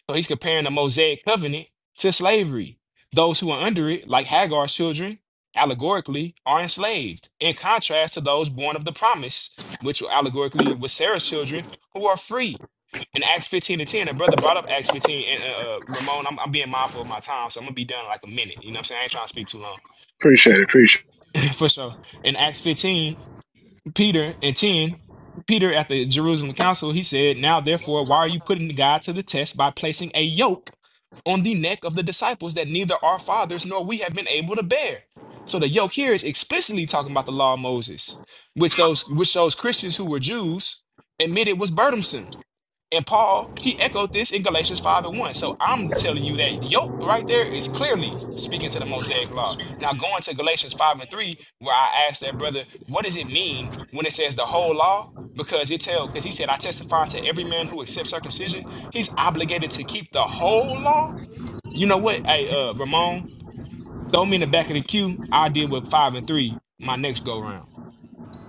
S14: So he's comparing the Mosaic covenant to slavery. Those who are under it, like Hagar's children, allegorically are enslaved, in contrast to those born of the promise, which allegorically was Sarah's children, who are free in Acts 15 and 10, a brother brought up Acts 15. And uh, uh, Ramon, I'm, I'm being mindful of my time, so I'm gonna be done in like a minute. You know what I'm saying? I ain't trying to speak too long.
S11: Appreciate it, appreciate.
S14: For sure. In Acts 15, Peter and 10, Peter at the Jerusalem council, he said, Now therefore, why are you putting God to the test by placing a yoke on the neck of the disciples that neither our fathers nor we have been able to bear? So the yoke here is explicitly talking about the law of Moses, which those which those Christians who were Jews admitted was burdensome. And Paul, he echoed this in Galatians 5 and 1. So I'm telling you that yoke right there is clearly speaking to the Mosaic law. Now, going to Galatians 5 and 3, where I asked that brother, what does it mean when it says the whole law? Because it tells, because he said, I testify to every man who accepts circumcision, he's obligated to keep the whole law. You know what? Hey, uh, Ramon, throw me in the back of the queue. I deal with 5 and 3 my next go round.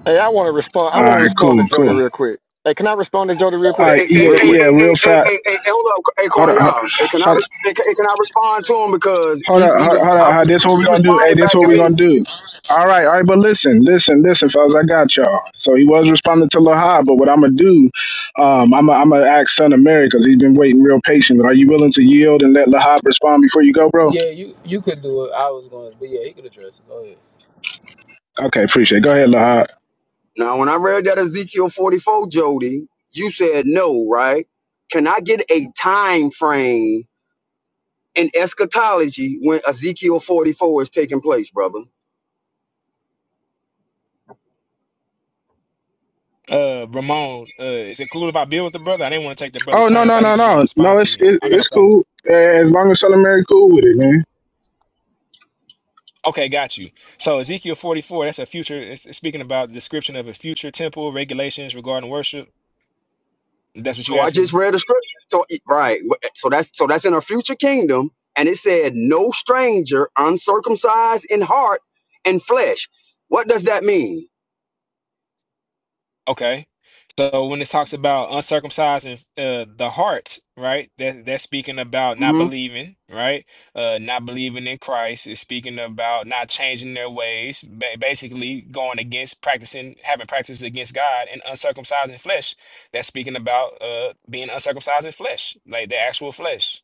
S12: Hey, I want to respond.
S11: It.
S12: I
S11: All
S12: want to
S11: right,
S12: respond to
S11: cool,
S12: Jody
S11: cool.
S12: real quick. Hey, can I respond to Jody real
S11: All
S12: quick?
S11: right,
S4: hey, hey,
S12: Just
S11: yeah,
S12: real
S4: hey, hey,
S12: quick.
S11: yeah.
S4: hey, hey,
S11: Real
S4: hey,
S11: fat.
S4: hey, hey, hold up, hey,
S11: Hold
S4: Quan,
S11: up, hold up,
S4: y'all. Hey, can I,
S11: hold up,
S4: res- hey, can hey, can I respond to him because
S11: hold
S4: he he,
S11: up.
S4: re-
S11: Hold
S4: I,
S11: up.
S4: he
S11: This what we
S4: he
S11: gonna do? Hey,
S4: responded
S11: this
S4: back
S11: what
S4: to
S11: we
S1: That's-
S4: me.
S11: gonna do? All right, all right. But listen, listen, listen, fellas. I got y'all. So he was responding to Lahab, but what I'm gonna do? Um, I'm i I'm gonna ask Son of Mary because he's been waiting real patient. Are you willing to yield and let Lahab respond before you go, bro?
S1: Yeah, you you could do it. I was going, but yeah, he could address it. Go ahead.
S11: Okay, appreciate. it. Go ahead, Lahad.
S4: Now, when I read that Ezekiel 44, Jody, you said no, right? Can I get a time frame in eschatology when Ezekiel 44 is taking place, brother?
S14: Uh, Ramon, uh, is it cool if I build with the brother? I didn't want to take the brother
S11: Oh no,
S14: turn. I
S11: no,
S14: thought he
S11: no,
S14: just gonna
S11: no, no.
S14: respond to
S11: It's
S14: me.
S11: it,
S14: I got no
S11: it's
S14: problem.
S11: cool Uh, as long as Son of Mary cool with it, man.
S14: Okay, got you. So Ezekiel 44, that's a future, it's, it's speaking about the description of a future temple, regulations regarding worship. That's what
S4: So
S14: you're
S4: I
S14: asking
S4: just
S14: me?
S4: read a scripture. So right, so that's so that's in a future kingdom, and it said no stranger uncircumcised in heart and flesh. What does that mean?
S14: Okay. So when it talks about uncircumcised and uh, the heart, right? That that's speaking about not
S4: hmm
S14: believing, right? Uh, not believing in Christ. It's speaking about not changing their ways, ba basically going against practicing, having practices against God and uncircumcised in flesh. That's speaking about uh, being uncircumcised in flesh, like the actual flesh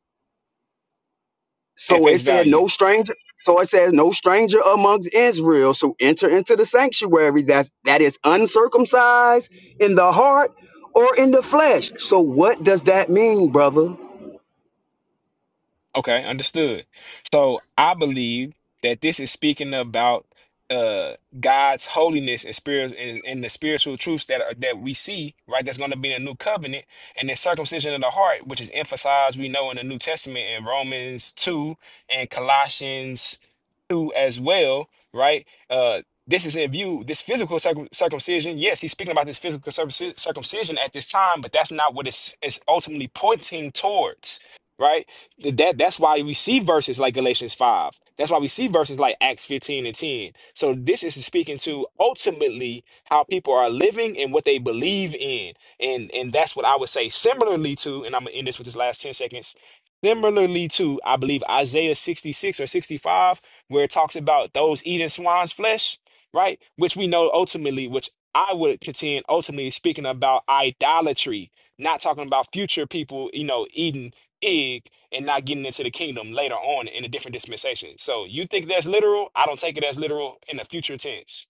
S14: at
S4: So it
S14: face
S4: said
S14: value.
S4: no stranger. So it says no stranger amongst Israel shall enter into the sanctuary that that is uncircumcised in the heart or in the flesh. So what does that mean, brother?
S14: Okay, understood. So I believe that this is speaking about uh God's holiness and spirit and, and the spiritual truths that are, that we see, right? That's going to be in the new covenant and the circumcision of the heart, which is emphasized, we know, in the New Testament in Romans 2 and Colossians 2 as well, right? Uh this is in view, this physical circum circumcision. Yes, he's speaking about this physical circumci- circumcision at this time, but that's not what it's, it's ultimately pointing towards, right? that that's why we see verses like Galatians 5. That's why we see verses like Acts 15 and 10. So this is speaking to ultimately how people are living and what they believe in. And and that's what I would say similarly to, and I'm gonna end this with this last 10 seconds. Similarly to, I believe Isaiah 66 or 65, where it talks about those eating swine's flesh, right? Which we know ultimately, which I would contend ultimately is speaking about idolatry, not talking about future people, you know, eating pig and not getting into the kingdom later on in a different dispensation. So you think that's literal? I don't take it as literal in the future tense.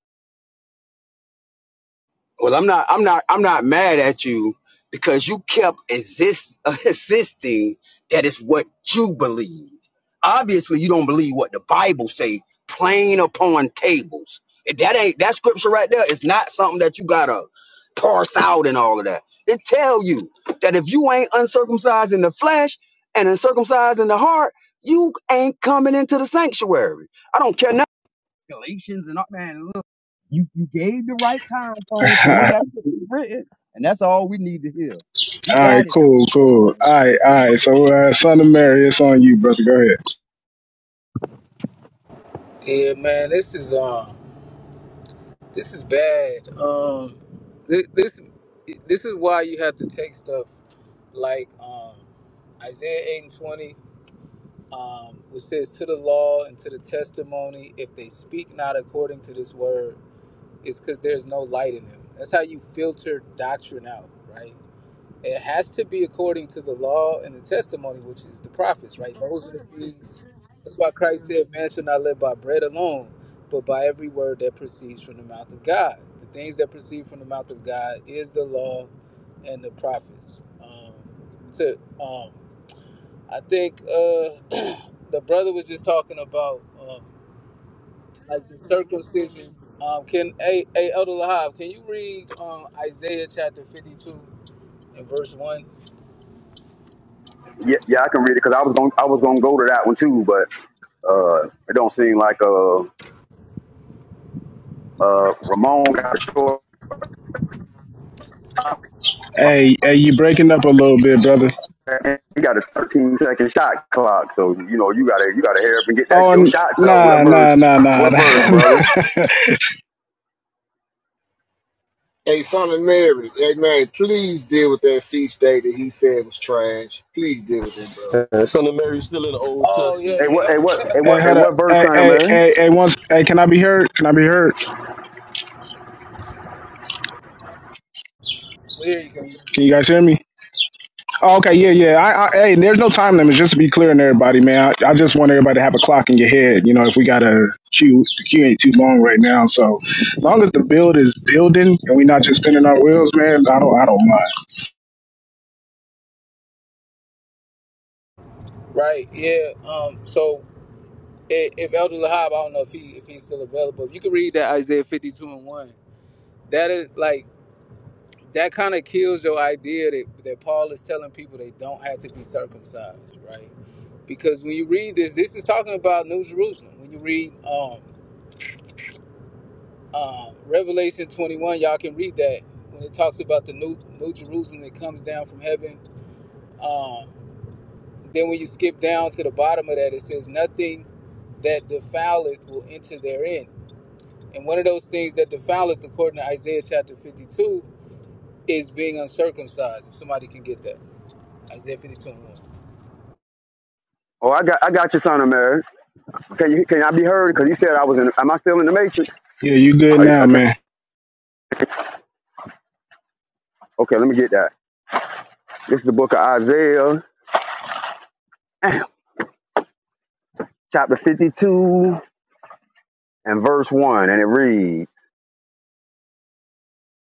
S4: Well, I'm not. I'm not. I'm not mad at you because you kept exist insisting that it's what you believe. Obviously, you don't believe what the Bible say. Plain upon tables. If That ain't that scripture right there. It's not something that you gotta parse out and all of that. It tell you that if you ain't uncircumcised in the flesh and uncircumcised in the heart, you ain't coming into the sanctuary. I don't care nothing. Galatians and all man. You you gave the right time
S11: all
S4: frame for when that shit was written, and that's all we need to hear. You
S11: right,
S4: got it though,
S11: cool, cool.
S4: Ramon.
S11: All right, all right. So, uh, Son of Mary, it's on you, brother. Go ahead.
S1: Yeah, man, this is um, this is bad. Um, this this, this is why you have to take stuff like um, Isaiah eight and twenty. um, which says, To the law and to the testimony, if they speak not according to this word, it's because there's no light in them. That's how you filter doctrine out, right? It has to be according to the law and the testimony, which is the prophets, right? Those are the things. That's why Christ said, Man shall not live by bread alone, but by every word that proceeds from the mouth of God. The things that proceed from the mouth of God is the law and the prophets. Um, to um, I think uh, the brother was just talking about um, like the circumcision. Um, can a a Elder Lahab, can you read um, Isaiah chapter fifty two and verse one?
S4: Yeah, yeah, I can read it because I was going I was gonna go to that one too, but uh, it don't seem like uh, uh, Ramon got a short.
S11: Hey, hey, you breaking up a little bit, brother.
S4: He got a 13 second shot clock, so you know you gotta you gotta hurry up and get that
S11: Oh,
S4: your
S11: n-
S4: shots up. What
S11: nah,
S4: verse?
S11: nah, nah, nah.
S4: What
S11: nah.
S4: verse, brother?
S12: Hey, son of Mary. Hey, man, please deal with that feast day that he said was trash. Please deal with it, bro.
S5: Uh, Son of Mary's still in the Old
S1: Oh yeah,
S4: Hey,
S5: Testament.
S4: what?
S1: yeah.
S4: Hey, what? Hey,
S11: hey,
S4: what? Hey,
S11: hold up.
S4: what verse,
S11: Hey,
S4: son of
S11: hey,
S4: Mary?
S11: hey, hey. Once, hey, can I be heard? Can I be heard?
S1: Well, here you go.
S11: Can you guys hear me? Oh, okay, yeah, yeah. I, I, hey, there's no time limit. Just to be clear on everybody, man. I, I just want everybody to have a clock in your head. You know, if we got a queue, the queue ain't too long right now. So, as long as the build is building and we're not just spinning our wheels, man, I don't, I don't mind.
S1: Right, yeah. Um, so i- if Elder Lahab, I don't know if he if he's still available. If you could read that Isaiah fifty two and one, that is like that kind of kills your idea that, that Paul is telling people they don't have to be circumcised, right? Because when you read this, this is talking about New Jerusalem. When you read um, um, Revelation 21, y'all can read that when it talks about the New, New Jerusalem that comes down from heaven. Um, then when you skip down to the bottom of that, it says, Nothing that defileth will enter therein. And one of those things that defileth, according to Isaiah chapter 52, is being uncircumcised. If somebody can get that. Isaiah 50, twenty-one.
S4: Oh, I got I got you, son of Mary. Can you can I be heard? Because he said I was in. Am I still in the matrix?
S11: Yeah, you good
S4: Are you-
S11: now,
S4: uh, Can
S11: man?
S4: Okay, let me get that. This is the book of Isaiah, chapter 52, and verse 1, and it reads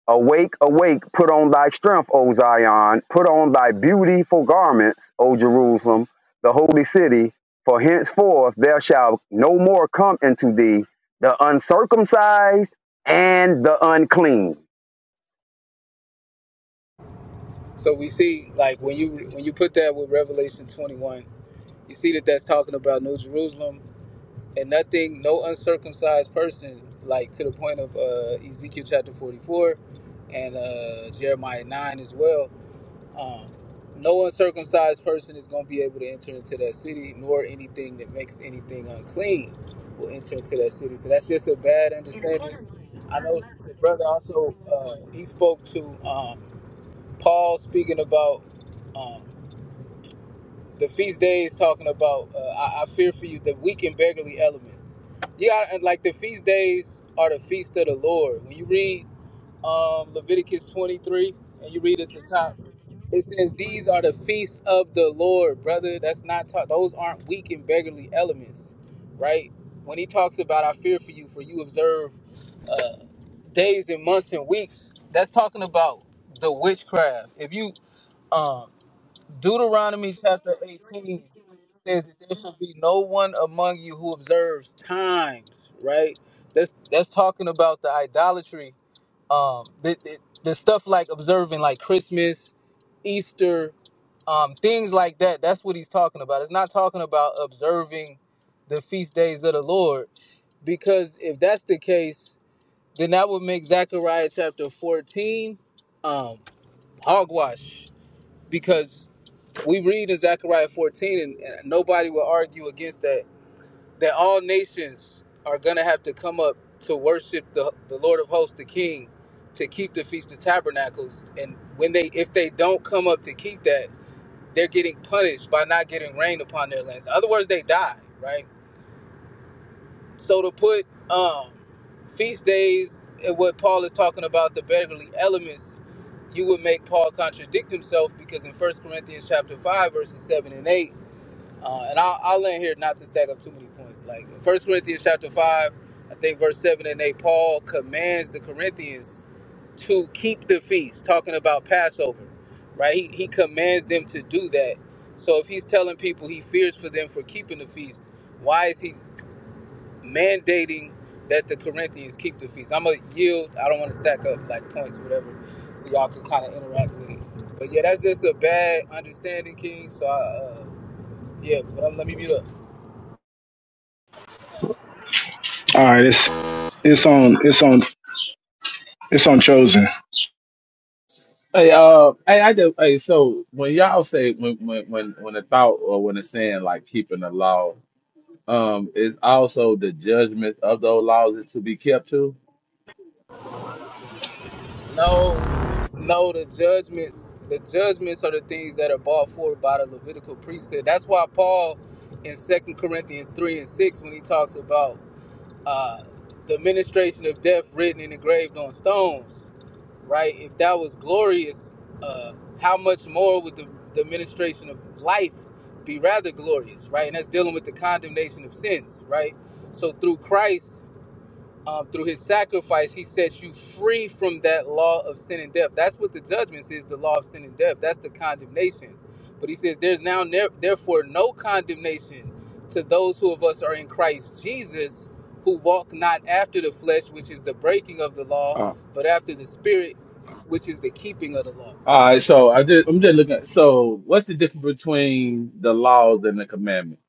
S4: Awake, awake, put on thy strength, O Zion, put on thy beautiful garments, O Jerusalem, the holy city, for henceforth there shall no more come into thee the uncircumcised and the unclean.
S1: So we see, like, when you when you put that with Revelation 21, you see that that's talking about New Jerusalem and nothing, no uncircumcised person, like to the point of uh, Ezekiel chapter 44 and uh, Jeremiah 9 as well. Um, no uncircumcised person is going to be able to enter into that city, nor anything that makes anything unclean will enter into that city. So that's just a bad understanding. I know the brother also uh, he spoke to. Um, Paul speaking about um, the feast days, talking about uh, I, I fear for you the weak and beggarly elements. You got like the feast days are the feast of the Lord. When you read um, Leviticus 23 and you read at the top, it says these are the feasts of the Lord, brother. That's not ta- those aren't weak and beggarly elements, right? When he talks about I fear for you, for you observe uh, days and months and weeks, that's talking about the witchcraft. If you um Deuteronomy chapter 18 says that there shall be no one among you who observes times, right? That's that's talking about the idolatry, um, the, the, the stuff like observing like Christmas, Easter, um, things like that. That's what he's talking about. It's not talking about observing the feast days of the Lord, because if that's the case, then that would make Zechariah chapter 14 um, hogwash, because we read in Zechariah 14, and, and nobody will argue against that, that all nations are going to have to come up to worship the, the Lord of hosts, the King, to keep the Feast of Tabernacles. And when they, if they don't come up to keep that, they're getting punished by not getting rain upon their lands. In other words, they die, right? So to put um, feast days and what Paul is talking about, the beggarly elements, you would make Paul contradict himself because in First Corinthians chapter 5, verses 7 and 8, Uh, and I'll, I'll end here not to stack up too many points. Like First Corinthians chapter five, I think verse seven and eight, Paul commands the Corinthians to keep the feast, talking about Passover, right? He, he commands them to do that. So if he's telling people he fears for them for keeping the feast, why is he mandating that the Corinthians keep the feast? I'm gonna yield. I don't want to stack up like points or whatever, so y'all can kind of interact with it. But yeah, that's just a bad understanding, King. So I, uh, yeah, but I'm, let me mute up.
S11: All right, it's it's on, it's on, it's on chosen.
S16: Hey, uh, hey, I just, hey, so when y'all say when when when when the thought or when it's saying like keeping the law, um, it's also the judgments of those laws is to be kept too.
S1: No, no, the judgments, the judgments are the things that are brought forward by the Levitical priesthood. That's why Paul in Second Corinthians 3 and 6, when he talks about uh, the administration of death written and engraved on stones, right? If that was glorious, uh, how much more would the, the administration of life be rather glorious, right? And that's dealing with the condemnation of sins, right? So through Christ, um, through his sacrifice, he sets you free from that law of sin and death. That's what the judgment is the law of sin and death. That's the condemnation. But he says, There's now, ne- therefore, no condemnation to those who of us are in Christ Jesus, who walk not after the flesh, which is the breaking of the law, but after the spirit, which is the keeping of the law.
S16: All right, so I just I'm just looking at so what's the difference between the laws and the commandments?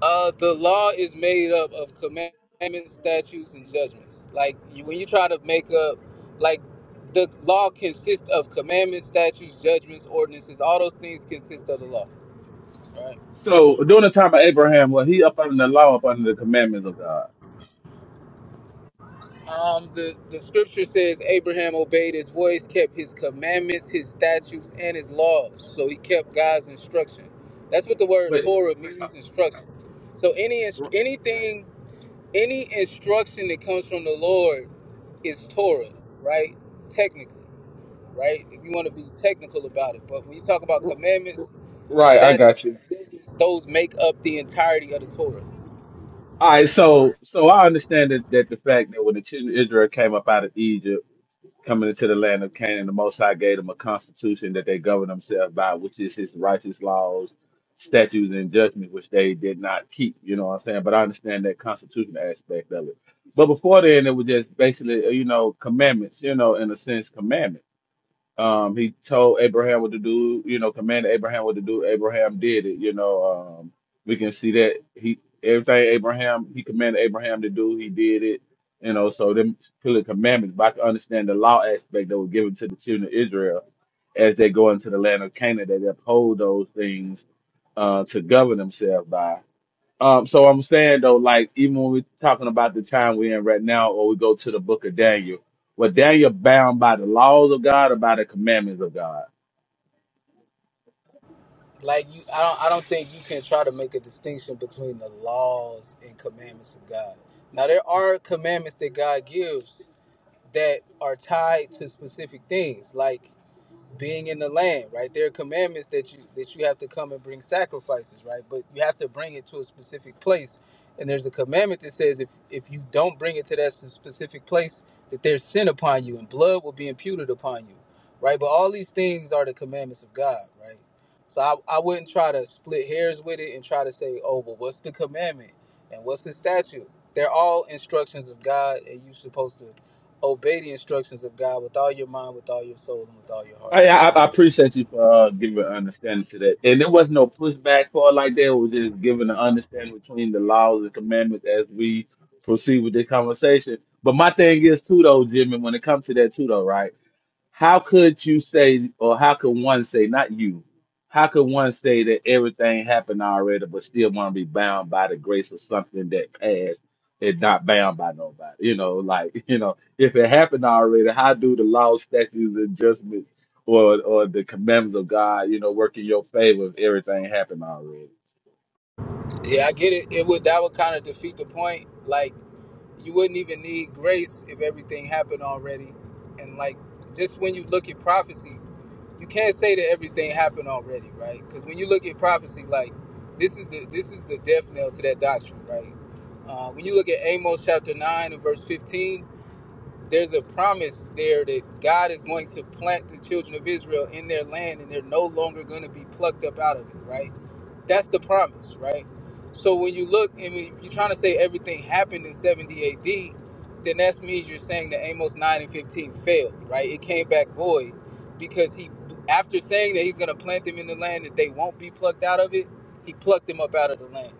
S1: Uh, the law is made up of commandments, statutes, and judgments. Like you, when you try to make up, like the law consists of commandments, statutes, judgments, ordinances. All those things consist of the law. All Right.
S16: So during the time of Abraham, was he up under the law, up under the commandments of God?
S1: Um. The the scripture says Abraham obeyed his voice, kept his commandments, his statutes, and his laws. So he kept God's instruction. That's what the word
S16: But
S1: Torah
S16: uh,
S1: means, instruction. So any inst- anything, any instruction that comes from the Lord is Torah, right? Technically, right? If you want to be technical about it. But when you talk about commandments,
S16: right, I
S1: statutes,
S16: got you.
S1: judgments, those make up the entirety of the Torah.
S16: All right, so so I understand that, that the fact that when the children of Israel came up out of Egypt. coming into the land of Canaan, the Most High gave them a constitution that they govern themselves by, which is His righteous laws, statutes, and judgment, which they did not keep. You know what I'm saying? But I understand that constitution aspect of it. But before then, it was just basically, uh, you know, commandments. You know, in a sense, commandments. Um, he told Abraham what to do, you know, commanded Abraham what to do. Abraham did it, you know. Um, we can see that he everything Abraham he commanded Abraham to do, he did it, you know. So them clearly commandments, but I can understand the law aspect that was given to the children of Israel as they go into the land of Canaan, that they uphold those things uh, to govern themselves by. Um, so I'm saying though, like even when we're talking about the time we're in right now, or we go to the book of Daniel, well, Daniel bound by the laws of God or by the commandments of God.
S1: Like you I don't I don't think you can try to make a distinction between the laws and commandments of God. Now there are commandments that God gives that are tied to specific things. Like being in the land, right? There are commandments that you that you have to come and bring sacrifices, right? But you have to bring it to a specific place. And there's a commandment that says if if you don't bring it to that specific place, that there's sin upon you and blood will be imputed upon you, right? But all these things are the commandments of God, right? So I, I wouldn't try to split hairs with it and try to say, oh, well, what's the commandment and what's the statute? They're all instructions of God, and you're supposed to obey the instructions of God with all your mind, with all your soul, and with all your heart.
S16: I, I, I appreciate you for uh, giving an understanding to that. And there was no pushback for it like that. It was just giving an understanding between the laws and commandments as we proceed with the conversation. But my thing is too, though, Jimmy, when it comes to that too, though, right? how could you say, or how could one say, not you, how could one say that everything happened already, but still want to be bound by the grace of something that passed and not bound by nobody? You know, like, you know, if it happened already, how do the law, statutes, and judgments or, or the commandments of God, you know, work in your favor if everything happened already?
S1: Yeah, I get it. It would that would kind of defeat the point. Like you wouldn't even need grace if everything happened already. And like just when you look at prophecy, you can't say that everything happened already, right? Because when you look at prophecy, like this is the this is the death knell to that doctrine, right? Uh, when you look at Amos chapter nine and verse fifteen, there's a promise there that God is going to plant the children of Israel in their land, and they're no longer going to be plucked up out of it, right? That's the promise, right? So when you look, and if you're trying to say everything happened in 70 AD, then that means you're saying that Amos 9 and 15 failed, right? It came back void because he, after saying that he's going to plant them in the land that they won't be plucked out of it, he plucked them up out of the land,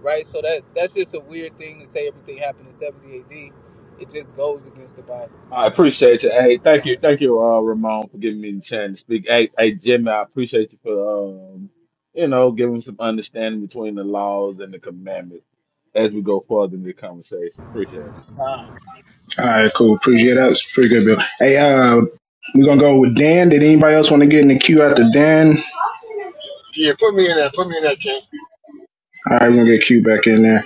S1: right? So that that's just a weird thing to say everything happened in 70 AD. It just goes against the Bible.
S16: I
S1: But,
S16: appreciate
S1: uh,
S16: you. Hey, thank
S1: yeah.
S16: you, thank you, uh, Ramon, for giving me the chance to speak. Hey, hey, Jimmy, I appreciate you for, um, you know, giving some understanding between the laws and the commandments as we go further in the conversation. Appreciate it.
S1: Nah.
S11: All right, cool. Appreciate that. It's a pretty good build. Hey, uh, we're gonna go with Dan. Did anybody else want to get in the queue after Dan?
S12: Yeah, put me in that. Put me in that, King.
S11: All right, we're gonna get Q back in there.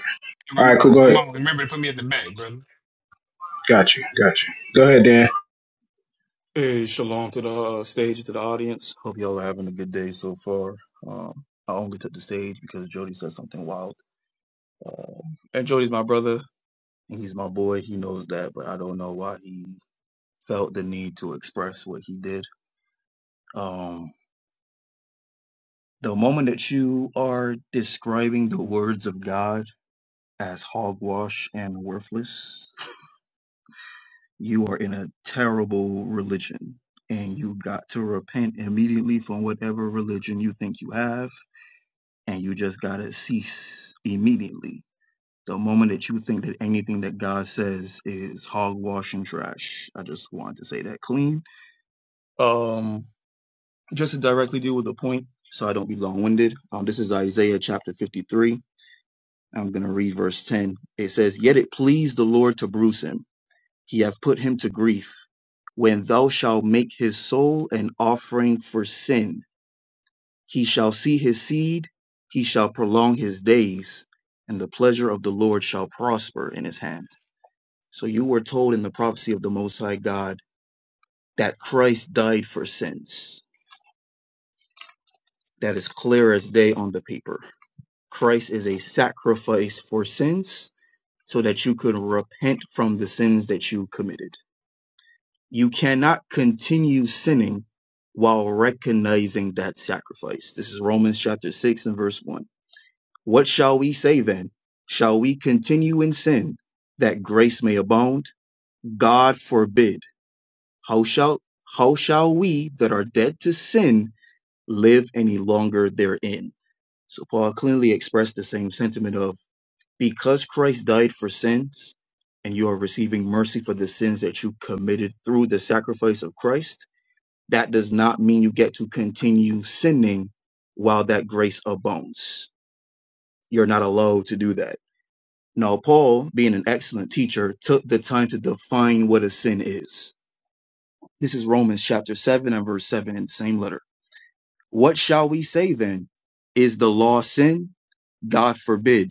S11: All
S14: Ramon,
S11: right, cool. Go ahead.
S14: Ramon, remember to put me at the back, brother.
S11: Got you. Got you. Go ahead, Dan.
S17: Hey, shalom to the uh, stage, to the audience. Hope y'all are having a good day so far. Um, I only took the stage because Jody said something wild. Uh, and Jody's my brother. and He's my boy. He knows that, but I don't know why he felt the need to express what he did. Um, the moment that you are describing the words of God as hogwash and worthless, you are in a terrible religion. And you got to repent immediately from whatever religion you think you have and you just gotta cease immediately. The moment that you think that anything that God says is hogwash and trash, I just wanted to say that clean. Um, just to directly deal with the point, so I don't be long-winded. Um, this is Isaiah chapter 53. I'm gonna read verse 10. It says, "Yet it pleased the Lord to bruise him; he hath put him to grief. When thou shalt make his soul an offering for sin." He shall see his seed, he shall prolong his days, and the pleasure of the Lord shall prosper in his hand. So you were told in the prophecy of the Most High God that Christ died for sins. That is clear as day on the paper. Christ is a sacrifice for sins so that you could repent from the sins that you committed. You cannot continue sinning while recognizing that sacrifice. This is Romans chapter 6 and verse 1. What shall we say then? Shall we continue in sin that grace may abound? God forbid. How shall how shall we that are dead to sin live any longer therein? So Paul clearly expressed the same sentiment of because Christ died for sins and you are receiving mercy for the sins that you committed through the sacrifice of Christ, that does not mean you get to continue sinning while that grace abounds. You're not allowed to do that Now, Paul, being an excellent teacher, took the time to define what a sin is. This is Romans chapter 7 and verse 7 in the same letter. What shall we say then? Is the law sin? God forbid.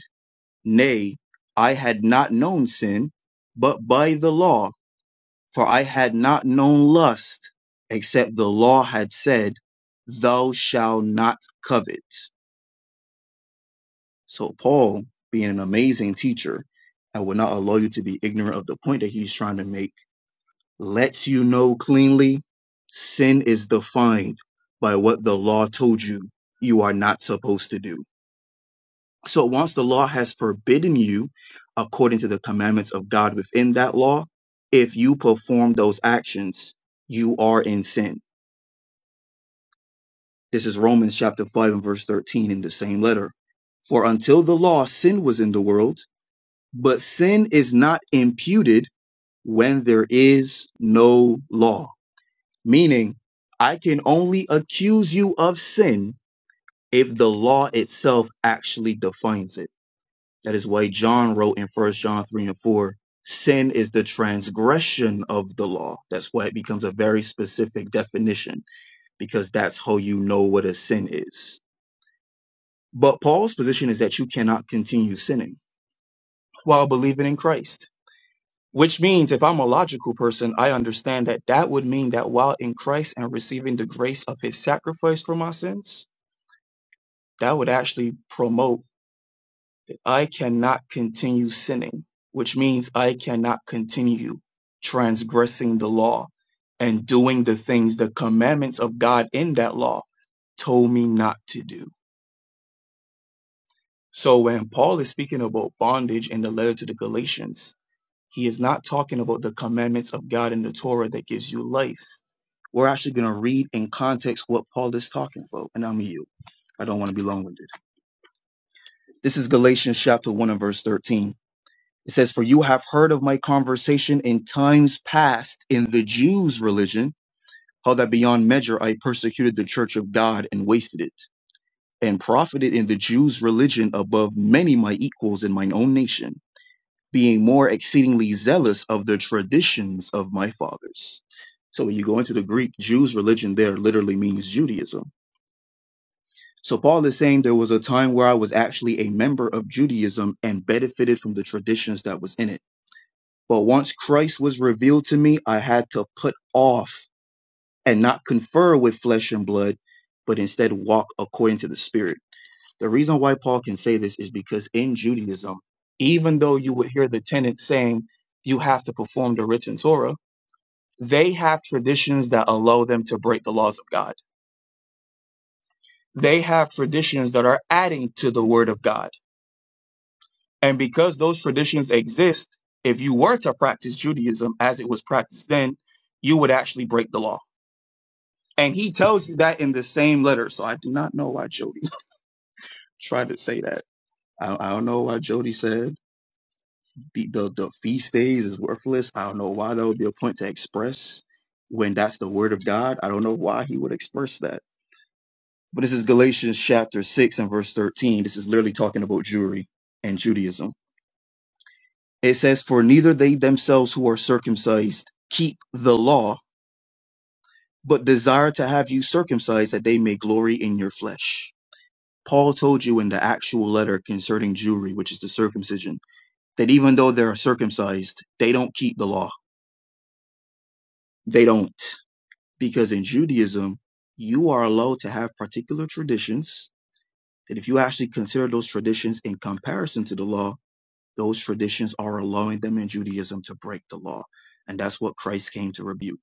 S17: Nay, I had not known sin, but by the law, for I had not known lust, except the law had said, Thou shalt not covet. So, Paul, being an amazing teacher, I will not allow you to be ignorant of the point that he's trying to make lets you know cleanly sin is defined by what the law told you you are not supposed to do. So once the law has forbidden you, according to the commandments of God within that law, if you perform those actions, you are in sin. This is Romans chapter 5 and verse 13 in the same letter. For until the law, sin was in the world, but sin is not imputed when there is no law. meaning I can only accuse you of sin if the law itself actually defines it. That is why John wrote in First John 3 and 4 sin is the transgression of the law. That's why it becomes a very specific definition because that's how you know what a sin is. But Paul's position is that you cannot continue sinning while believing in Christ. Which means, if I'm a logical person, I understand that that would mean that while in Christ and receiving the grace of his sacrifice for my sins, that would actually promote I cannot continue sinning, which means I cannot continue transgressing the law and doing the things the commandments of God in that law told me not to do. So when Paul is speaking about bondage in the letter to the Galatians, he is not talking about the commandments of God in the Torah that gives you life. We're actually going to read in context what Paul is talking about, and I'm you. I don't want to be long winded. This is Galatians chapter 1 and verse 13. It says, For you have heard of my conversation in times past in the Jews' religion, how that beyond measure I persecuted the church of God and wasted it, and profited in the Jews' religion above many my equals in mine own nation, being more exceedingly zealous of the traditions of my fathers. So when you go into the Greek, Jews' religion there literally means Judaism. So Paul is saying there was a time where I was actually a member of Judaism and benefited from the traditions that was in it But once Christ was revealed to me, I had to put off and not confer with flesh and blood, but instead walk according to the Spirit. The reason why Paul can say this is because in Judaism, even though you would hear the tenants saying you have to perform the written Torah, they have traditions that allow them to break the laws of God. They have traditions that are adding to the word of God. And because those traditions exist, if you were to practice Judaism as it was practiced then, you would actually break the law And he tells you that in the same letter. So I do not know why Jody tried to say that. I, I don't know why Jody said the, the, the feast days is worthless. I don't know why that would be a point to express when that's the word of God. I don't know why he would express that. But this is Galatians chapter 6 and verse 13. This is literally talking about Jewry and Judaism. It says, For neither they themselves who are circumcised keep the law, but desire to have you circumcised that they may glory in your flesh Paul told you in the actual letter concerning Jewry, which is the circumcision, that even though they're circumcised, they don't keep the law. They don't. Because in Judaism, you are allowed to have particular traditions that if you actually consider those traditions in comparison to the law, those traditions are allowing them in Judaism to break the law. And that's what Christ came to rebuke.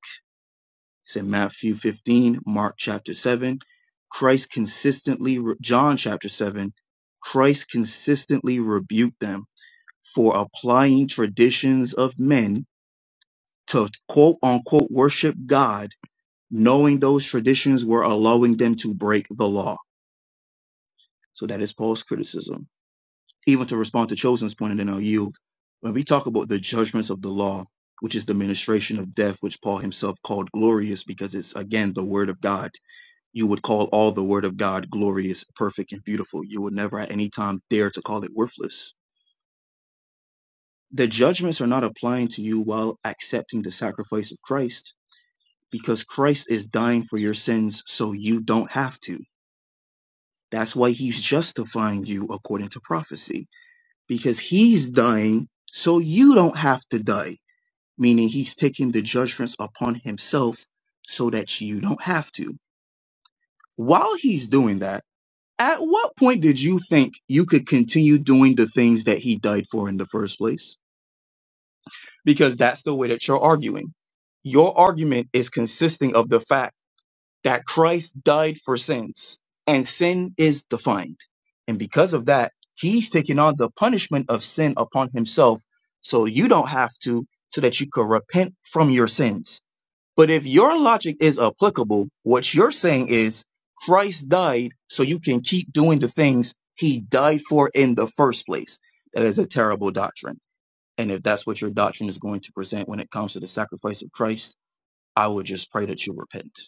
S17: It's in Matthew 15, Mark chapter 7. Christ consistently, re- John chapter 7, Christ consistently rebuked them for applying traditions of men to quote unquote worship God, knowing those traditions were allowing them to break the law. So that is Paul's criticism. Even to respond to Chosen's point, and then I'll yield. When we talk about the judgments of the law, which is the ministration of death, which Paul himself called glorious because it's again the word of God. You would call all the word of God glorious, perfect, and beautiful. You would never at any time dare to call it worthless the judgments are not applying to you while accepting the sacrifice of Christ because Christ is dying for your sins so you don't have to. That's why he's justifying you according to prophecy because he's dying so you don't have to die, meaning he's taking the judgments upon himself so that you don't have to. While he's doing that, at what point did you think you could continue doing the things that he died for in the first place? because that's the way that you're arguing. Your argument is consisting of the fact that Christ died for sins and sin is defined. And because of that, he's taking on the punishment of sin upon himself so you don't have to, so that you could repent from your sins. But if your logic is applicable, what you're saying is Christ died so you can keep doing the things he died for in the first place. That is a terrible doctrine. And if that's what your doctrine is going to present when it comes to the sacrifice of Christ, I would just pray that you repent.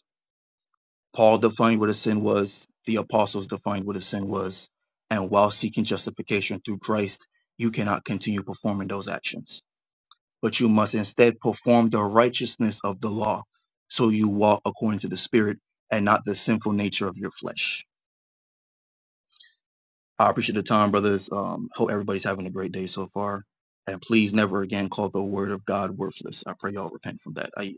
S17: Paul defined what a sin was, the apostles defined what a sin was, and while seeking justification through Christ, you cannot continue performing those actions. But you must instead perform the righteousness of the law, so you walk according to the Spirit and not the sinful nature of your flesh. I appreciate the time, brothers. Um, hope everybody's having a great day so far. And please never again call the word of God worthless. I pray y'all repent from that. I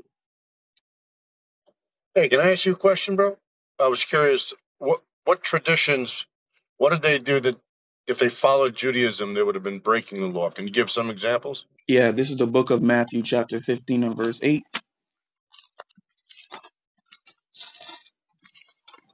S18: Hey, can I ask you a question, bro? I was curious, what what traditions, what did they do that if they followed Judaism, they would have been breaking the law? Can you give some examples?
S17: Yeah, this is the book of Matthew, chapter 15 and verse 8.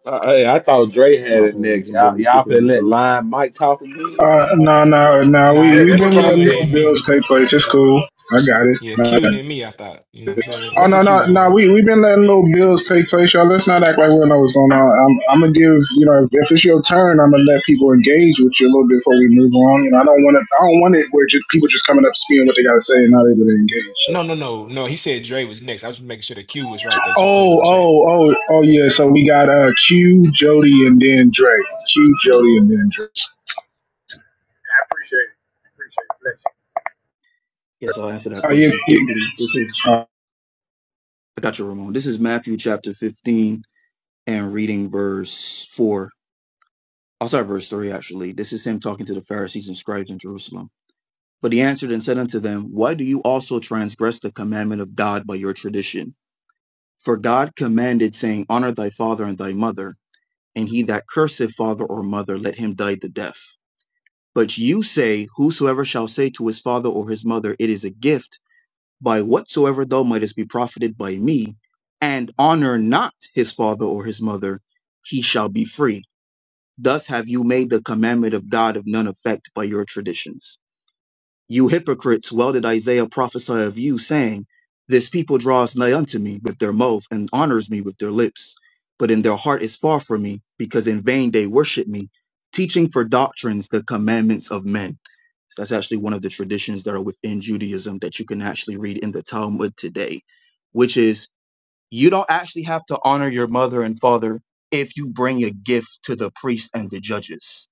S16: Uh, hey, I thought Dre had
S17: My
S16: it
S17: bad,
S16: next. Y'all, y'all finna let
S17: bro.
S16: Lion Mike talk again?
S11: Uh, no, no, no.
S14: Nah,
S11: We
S12: Yeah,
S11: we've
S12: that
S14: it's
S12: was
S11: been
S12: all.
S14: Q
S11: letting
S14: and
S11: little
S14: then me.
S11: bills take place. It's cool. I got it.
S14: Yeah, it's Q
S11: Uh,
S14: and then me, I thought. You know what I'm saying?
S11: oh
S14: What's the
S11: no, no,
S14: Q,
S11: no.
S14: Ramon?
S11: We we've been letting little bills take place, y'all. Let's not act like we don't know what's going on. I'm I'm gonna give you know if if it's your turn, I'm gonna let people engage with you a little bit before we move on. You know, I don't want it. I don't want it where just, people just coming up speaking what they gotta say and not able to engage. So.
S14: No, no, no, no. He said Dre was next. I was just making sure the Q was right that you put in
S11: Oh,
S14: the chat.
S11: oh, oh, oh yeah. So we got uh Q, Jody, and then Dre. Q, Jody, and then Dre.
S17: Yes, I'll answer that
S11: Oh yeah,
S17: question
S11: yeah,
S17: quickly. This is-
S11: uh,
S17: I got you, Ramon. This is Matthew chapter 15 and reading verse 4. I'll start verse 3, actually. This is him talking to the Pharisees and scribes in Jerusalem. But he answered and said unto them, Why do you also transgress the commandment of God by your tradition? For God commanded, saying, Honor thy father and thy mother, and he that curseth father or mother, let him die the death. But you say, Whosoever shall say to his father or his mother, It is a gift, by whatsoever thou mightest be profited by me, and honor not his father or his mother, he shall be free. Thus have you made the commandment of God of none effect by your traditions. You hypocrites, well did Isaiah prophesy of you, saying, This people draws nigh unto me with their mouth, and honors me with their lips, but in their heart is far from me, because in vain they worship me, teaching for doctrines the commandments of men. So that's actually one of the traditions that are within Judaism that you can actually read in the Talmud today, which is you don't actually have to honor your mother and father if you bring a gift to the priest and the judges,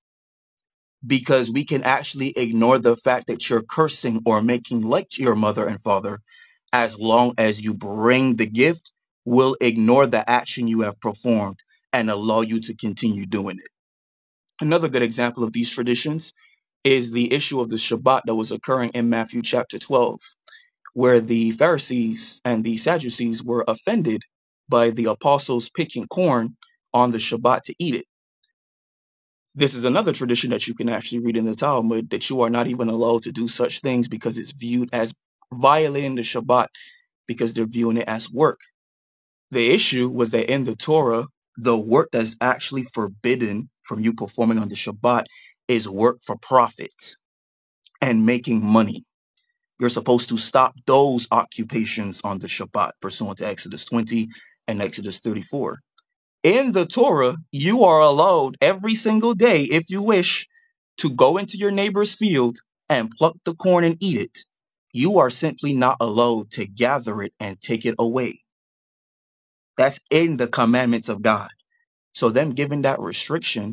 S17: because we can actually ignore the fact that you're cursing or making light like your mother and father as long as you bring the gift, we will ignore the action you have performed and allow you to continue doing it. Another good example of these traditions is the issue of the Shabbat that was occurring in Matthew chapter 12, where the Pharisees and the Sadducees were offended by the apostles picking corn on the Shabbat to eat it. This is another tradition that you can actually read in the Talmud that you are not even allowed to do such things because it's viewed as violating the Shabbat because they're viewing it as work. The issue was that in the Torah, the work that's actually forbidden from you performing on the Shabbat is work for profit and making money You're supposed to stop those occupations on the Shabbat, pursuant to Exodus 20 and Exodus 34. In the Torah, you are allowed every single day, if you wish, to go into your neighbor's field and pluck the corn and eat it. You are simply not allowed to gather it and take it away. That's in the commandments of God. So, them giving that restriction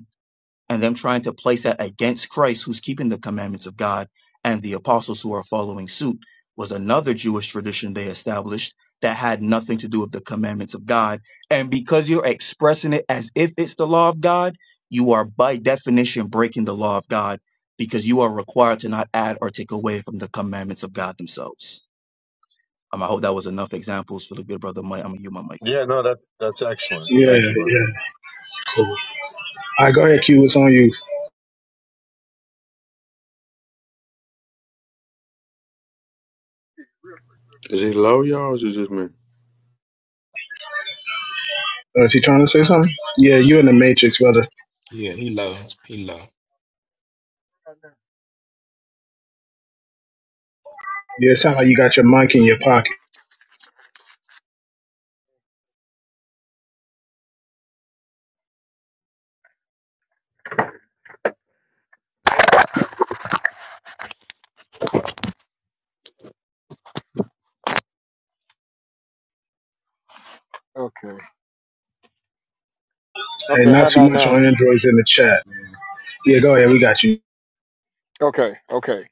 S17: and them trying to place that against Christ, who's keeping the commandments of God, and the apostles who are following suit, was another Jewish tradition they established that had nothing to do with the commandments of God. And because you're expressing it as if it's the law of God, you are by definition breaking the law of God because you are required to not add or take away from the commandments of God themselves. Um, I hope that was enough examples for the good brother Mike. I'm gonna use my mic.
S18: Yeah, no, that's that's excellent.
S11: yeah,
S18: Thank
S11: yeah.
S18: you, bro.
S11: yeah, Cool. All right, go ahead, Q. What's on you?
S19: Is he low, y'all? Or is it just me?
S11: Oh, is he trying to say something? Yeah, you in the matrix, brother.
S14: Yeah, he low. He low.
S11: Yeah, it sounds like you got your mic in your pocket.
S12: Yeah. Okay.
S11: And
S12: Okay. How
S11: not too
S12: about
S11: much
S12: now?
S11: on Androids in the chat. Yeah, go ahead. We got you.
S12: Okay. Okay.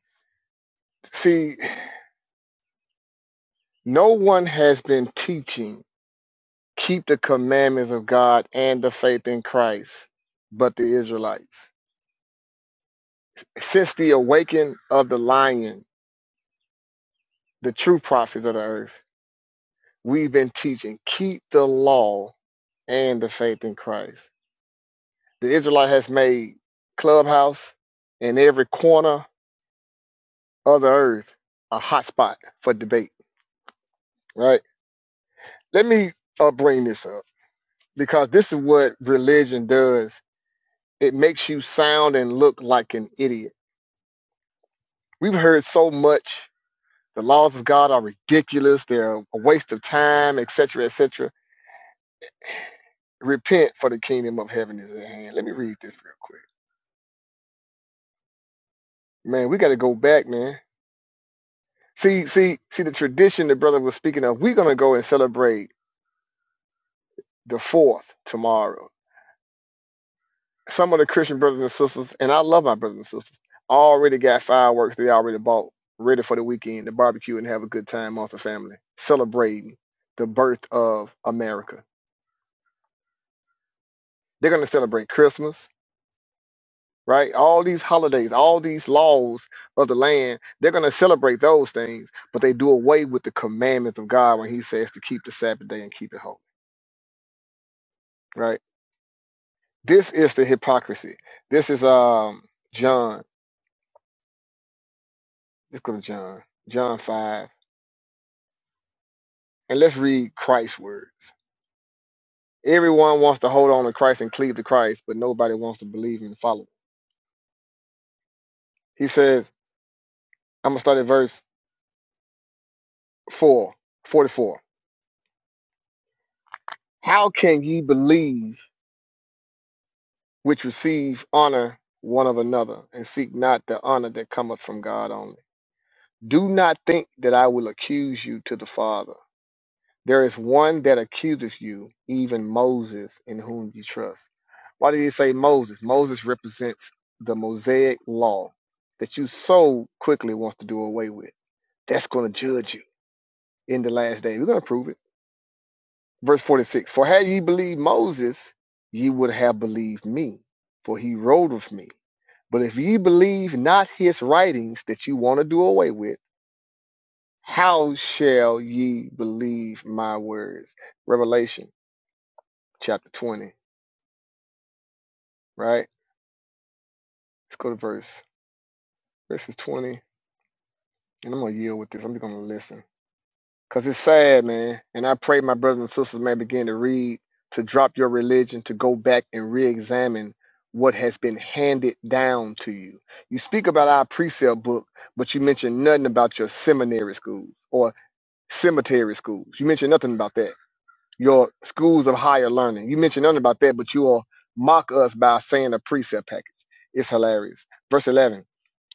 S12: See, no one has been teaching keep the commandments of God and the faith in Christ, but the Israelites. Since the awakening of the lion, the true prophets of the earth, we've been teaching keep the law and the faith in Christ. The Israelite has made clubhouse and every corner of the earth a hotspot for debate, right? Let me uh, bring this up because this is what religion does. It makes you sound and look like an idiot. We've heard so much The laws of God are ridiculous. They're a waste of time, etc., etc. Repent, for the kingdom of heaven is at hand. Let me read this real quick. Man, we got to go back, man. See, see, see the tradition the brother was speaking of. We're gonna go and celebrate the fourth tomorrow. Some of the Christian brothers and sisters, and I love my brothers and sisters, already got fireworks they already bought, ready for the weekend to barbecue and have a good time off the family, celebrating the birth of America. They're gonna celebrate Christmas right? All these holidays, all these laws of the land, they're going to celebrate those things, but they do away with the commandments of God when He says to keep the Sabbath day and keep it holy, right? This is the hypocrisy. This is um John. Let's go to John, John five, and let's read Christ's words. Everyone wants to hold on to Christ and cleave to Christ, but nobody wants to believe and follow. Him. He says, I'm gonna start at verse 4, 44. How can ye believe? which receive honor one of another, and seek not the honor that cometh from God only. Do not think that I will accuse you to the Father. There is one that accuseth you, even Moses, in whom you trust. Why did he say Moses? Moses represents the Mosaic law that you so quickly want to do away with. That's going to judge you in the last day. We're going to prove it. verse 46 for had ye believed moses ye would have believed me for he wrote of me but if ye believe not his writings that you want to do away with how shall ye believe my words revelation chapter 20 right let's go to verse verses 20 and i'm gonna yield with this i'm just gonna listen Cause it's sad, man. And I pray my brothers and sisters may begin to read, to drop your religion, to go back and re-examine what has been handed down to you. You speak about our precept book, but you mention nothing about your seminary schools or cemetery schools. You mention nothing about that your schools of higher learning. You mentioned nothing about that, but you all mock us by saying a precept package. It's hilarious. Verse 11,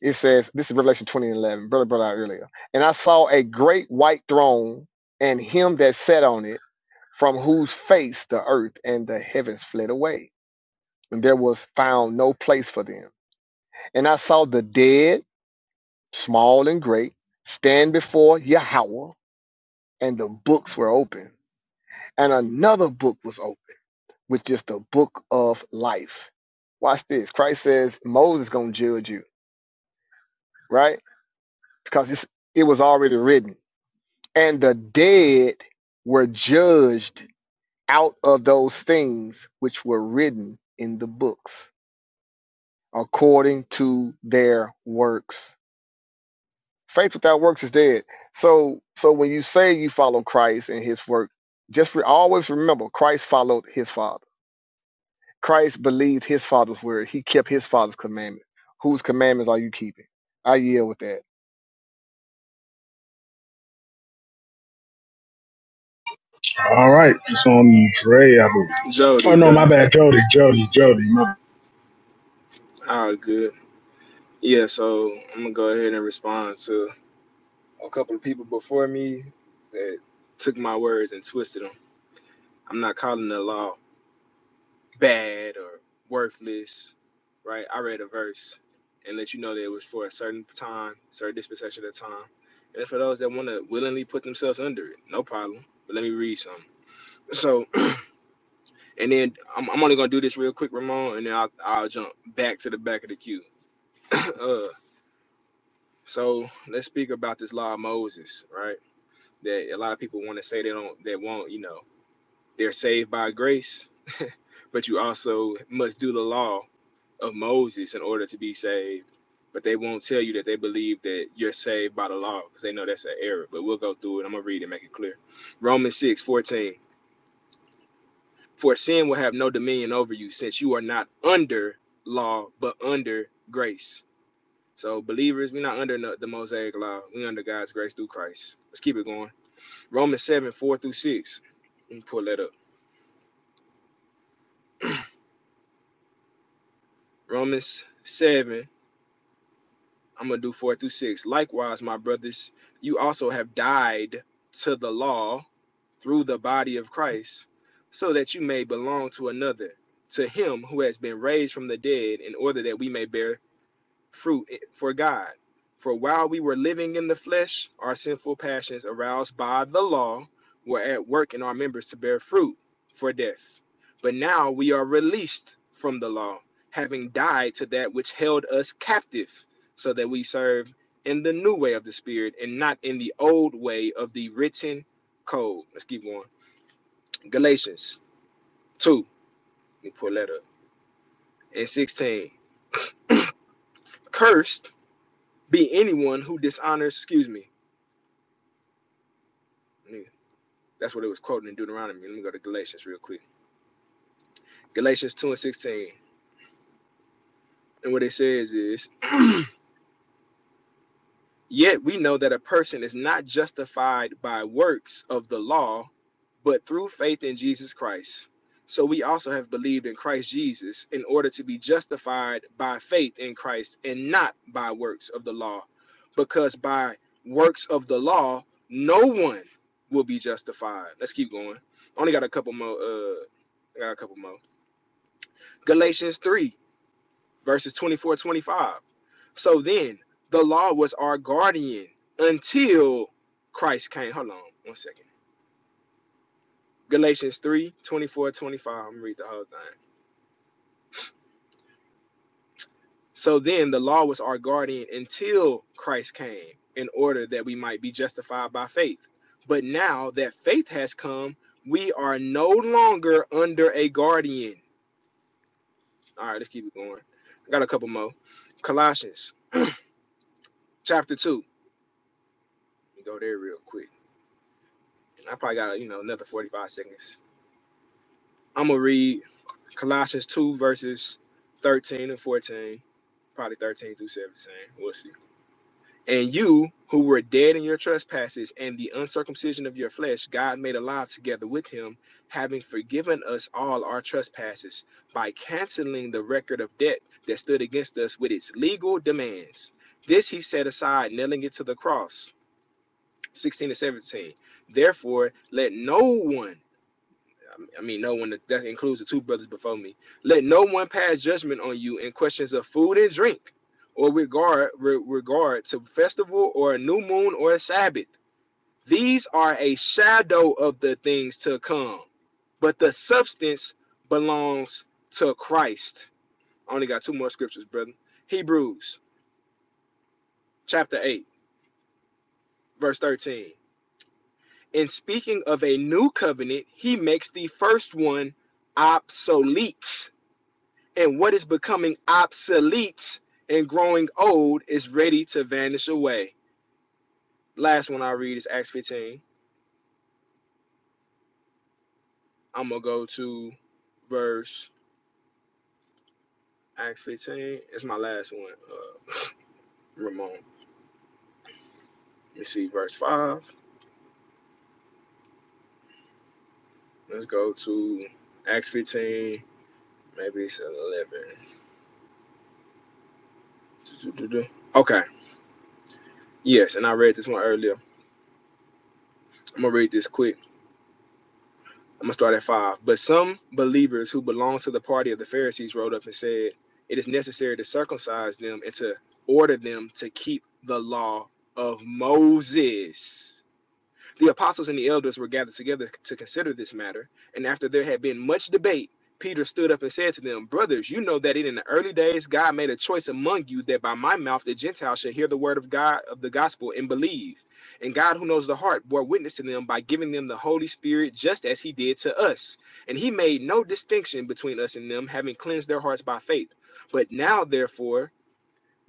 S12: it says, this is Revelation 20 and 11, brother brought out earlier. And I saw a great white throne and him that sat on it, from whose face the earth and the heavens fled away. And there was found no place for them. And I saw the dead, small and great, stand before Yahweh, and the books were open. And another book was opened which is the book of life. Watch this. Christ says Moses is going to judge you, right? Because it's, it was already written. And the dead were judged out of those things which were written in the books according to their works. Faith without works is dead. So so when you say you follow Christ and his work, just re- always remember Christ followed his father Christ believed his father's word. He kept his father's commandment. Whose commandments are you keeping? I yield with that.
S11: All right. It's on Dre, I believe. Oh,
S14: Jody,
S11: no, my
S14: brother.
S11: bad. Jody, Jody, Jody. My
S14: All good. Yeah, so I'm gonna go ahead and respond to a couple of people before me that took my words and twisted 'em. I'm not calling the law bad or worthless, right? I read a verse and let you know that it was for a certain time, certain dispensation of time. And it's for those that want to willingly put themselves under it. No problem. But let me read some. So, and then I'm, I'm only going to do this real quick, Ramon, and then I'll, I'll jump back to the back of the queue. uh, so let's speak about this law of Moses, right? That a lot of people want to say they don't, they won't, you know, They're saved by grace, but you also must do the law of Moses in order to be saved. But they won't tell you that they believe that you're saved by the law because they know that's an error. But we'll go through it. I'm going to read and make it clear. Romans 6 14: For sin will have no dominion over you since you are not under law, but under grace. So, believers, we're not under no- the Mosaic law. We're under God's grace through Christ. Let's keep it going. Romans 7 4 through 6. Let me pull that up. Romans 7 I'm going to do four through six. Likewise, my brothers, you also have died to the law through the body of Christ, so that you may belong to another, to him who has been raised from the dead, in order that we may bear fruit eh, for God. For while we were living in the flesh, our sinful passions aroused by the law were at work in our members to bear fruit for death. But now we are released from the law, having died to that which held us captive, so that we serve in the new way of the Spirit and not in the old way of the written code. Let's keep going. Galatians 2, let me pull that up, and 16. Cursed be anyone who dishonors, excuse me. Let me That's what it was quoting in Deuteronomy. Let me go to Galatians real quick. Galatians 2 and 16. And what it says is, Yet we know that a person is not justified by works of the law, but through faith in Jesus Christ. So we also have believed in Christ Jesus in order to be justified by faith in Christ and not by works of the law, because by works of the law, no one will be justified. Let's keep going. Only got a couple more. Uh, I got a couple more. Galatians 3 verses 24, 25. So then the law was our guardian until Christ came. Hold on one second. Galatians three twenty-four, twenty-five. I'm gonna read the whole thing. So then the law was our guardian until Christ came in order that we might be justified by faith. But now that faith has come, we are no longer under a guardian. All right, let's keep it going. I got a couple more. Colossians chapter 2. Let me go there real quick. I probably got you know another 45 seconds. I'm gonna read Colossians 2 verses 13 and 14, probably 13 through 17. We'll see. And you who were dead in your trespasses and the uncircumcision of your flesh, God made alive together with him, having forgiven us all our trespasses by canceling the record of debt that stood against us with its legal demands. This he set aside, nailing it to the cross. 16 and 17. Therefore, let no one I mean, no one that includes the two brothers before me. Let no one pass judgment on you in questions of food and drink, or regard re- regard to festival or a new moon or a Sabbath. These are a shadow of the things to come, but the substance belongs to Christ. I only got two more scriptures, brother. Hebrews chapter 8, verse 13. In speaking of a new covenant, he makes the first one obsolete and what is becoming obsolete and growing old is ready to vanish away. Last one I read is Acts 15. I'm gonna go to verse Acts 15. It's my last one, uh, Ramon. Let me see, verse 5. Let's go to Acts 15. Maybe it's 11. Okay, yes, and I read this one earlier. I'm gonna read this quick. I'm gonna start at five. But some believers who belonged to the party of the Pharisees rode up and said, It is necessary to circumcise them and to order them to keep the law of Moses. The apostles and the elders were gathered together to consider this matter, and after there had been much debate, Peter stood up and said to them, Brothers, you know that in the early days God made a choice among you that by my mouth the Gentiles should hear the word of God of the gospel and believe. And God, who knows the heart, bore witness to them by giving them the Holy Spirit just as he did to us. And he made no distinction between us and them, having cleansed their hearts by faith. But now, therefore,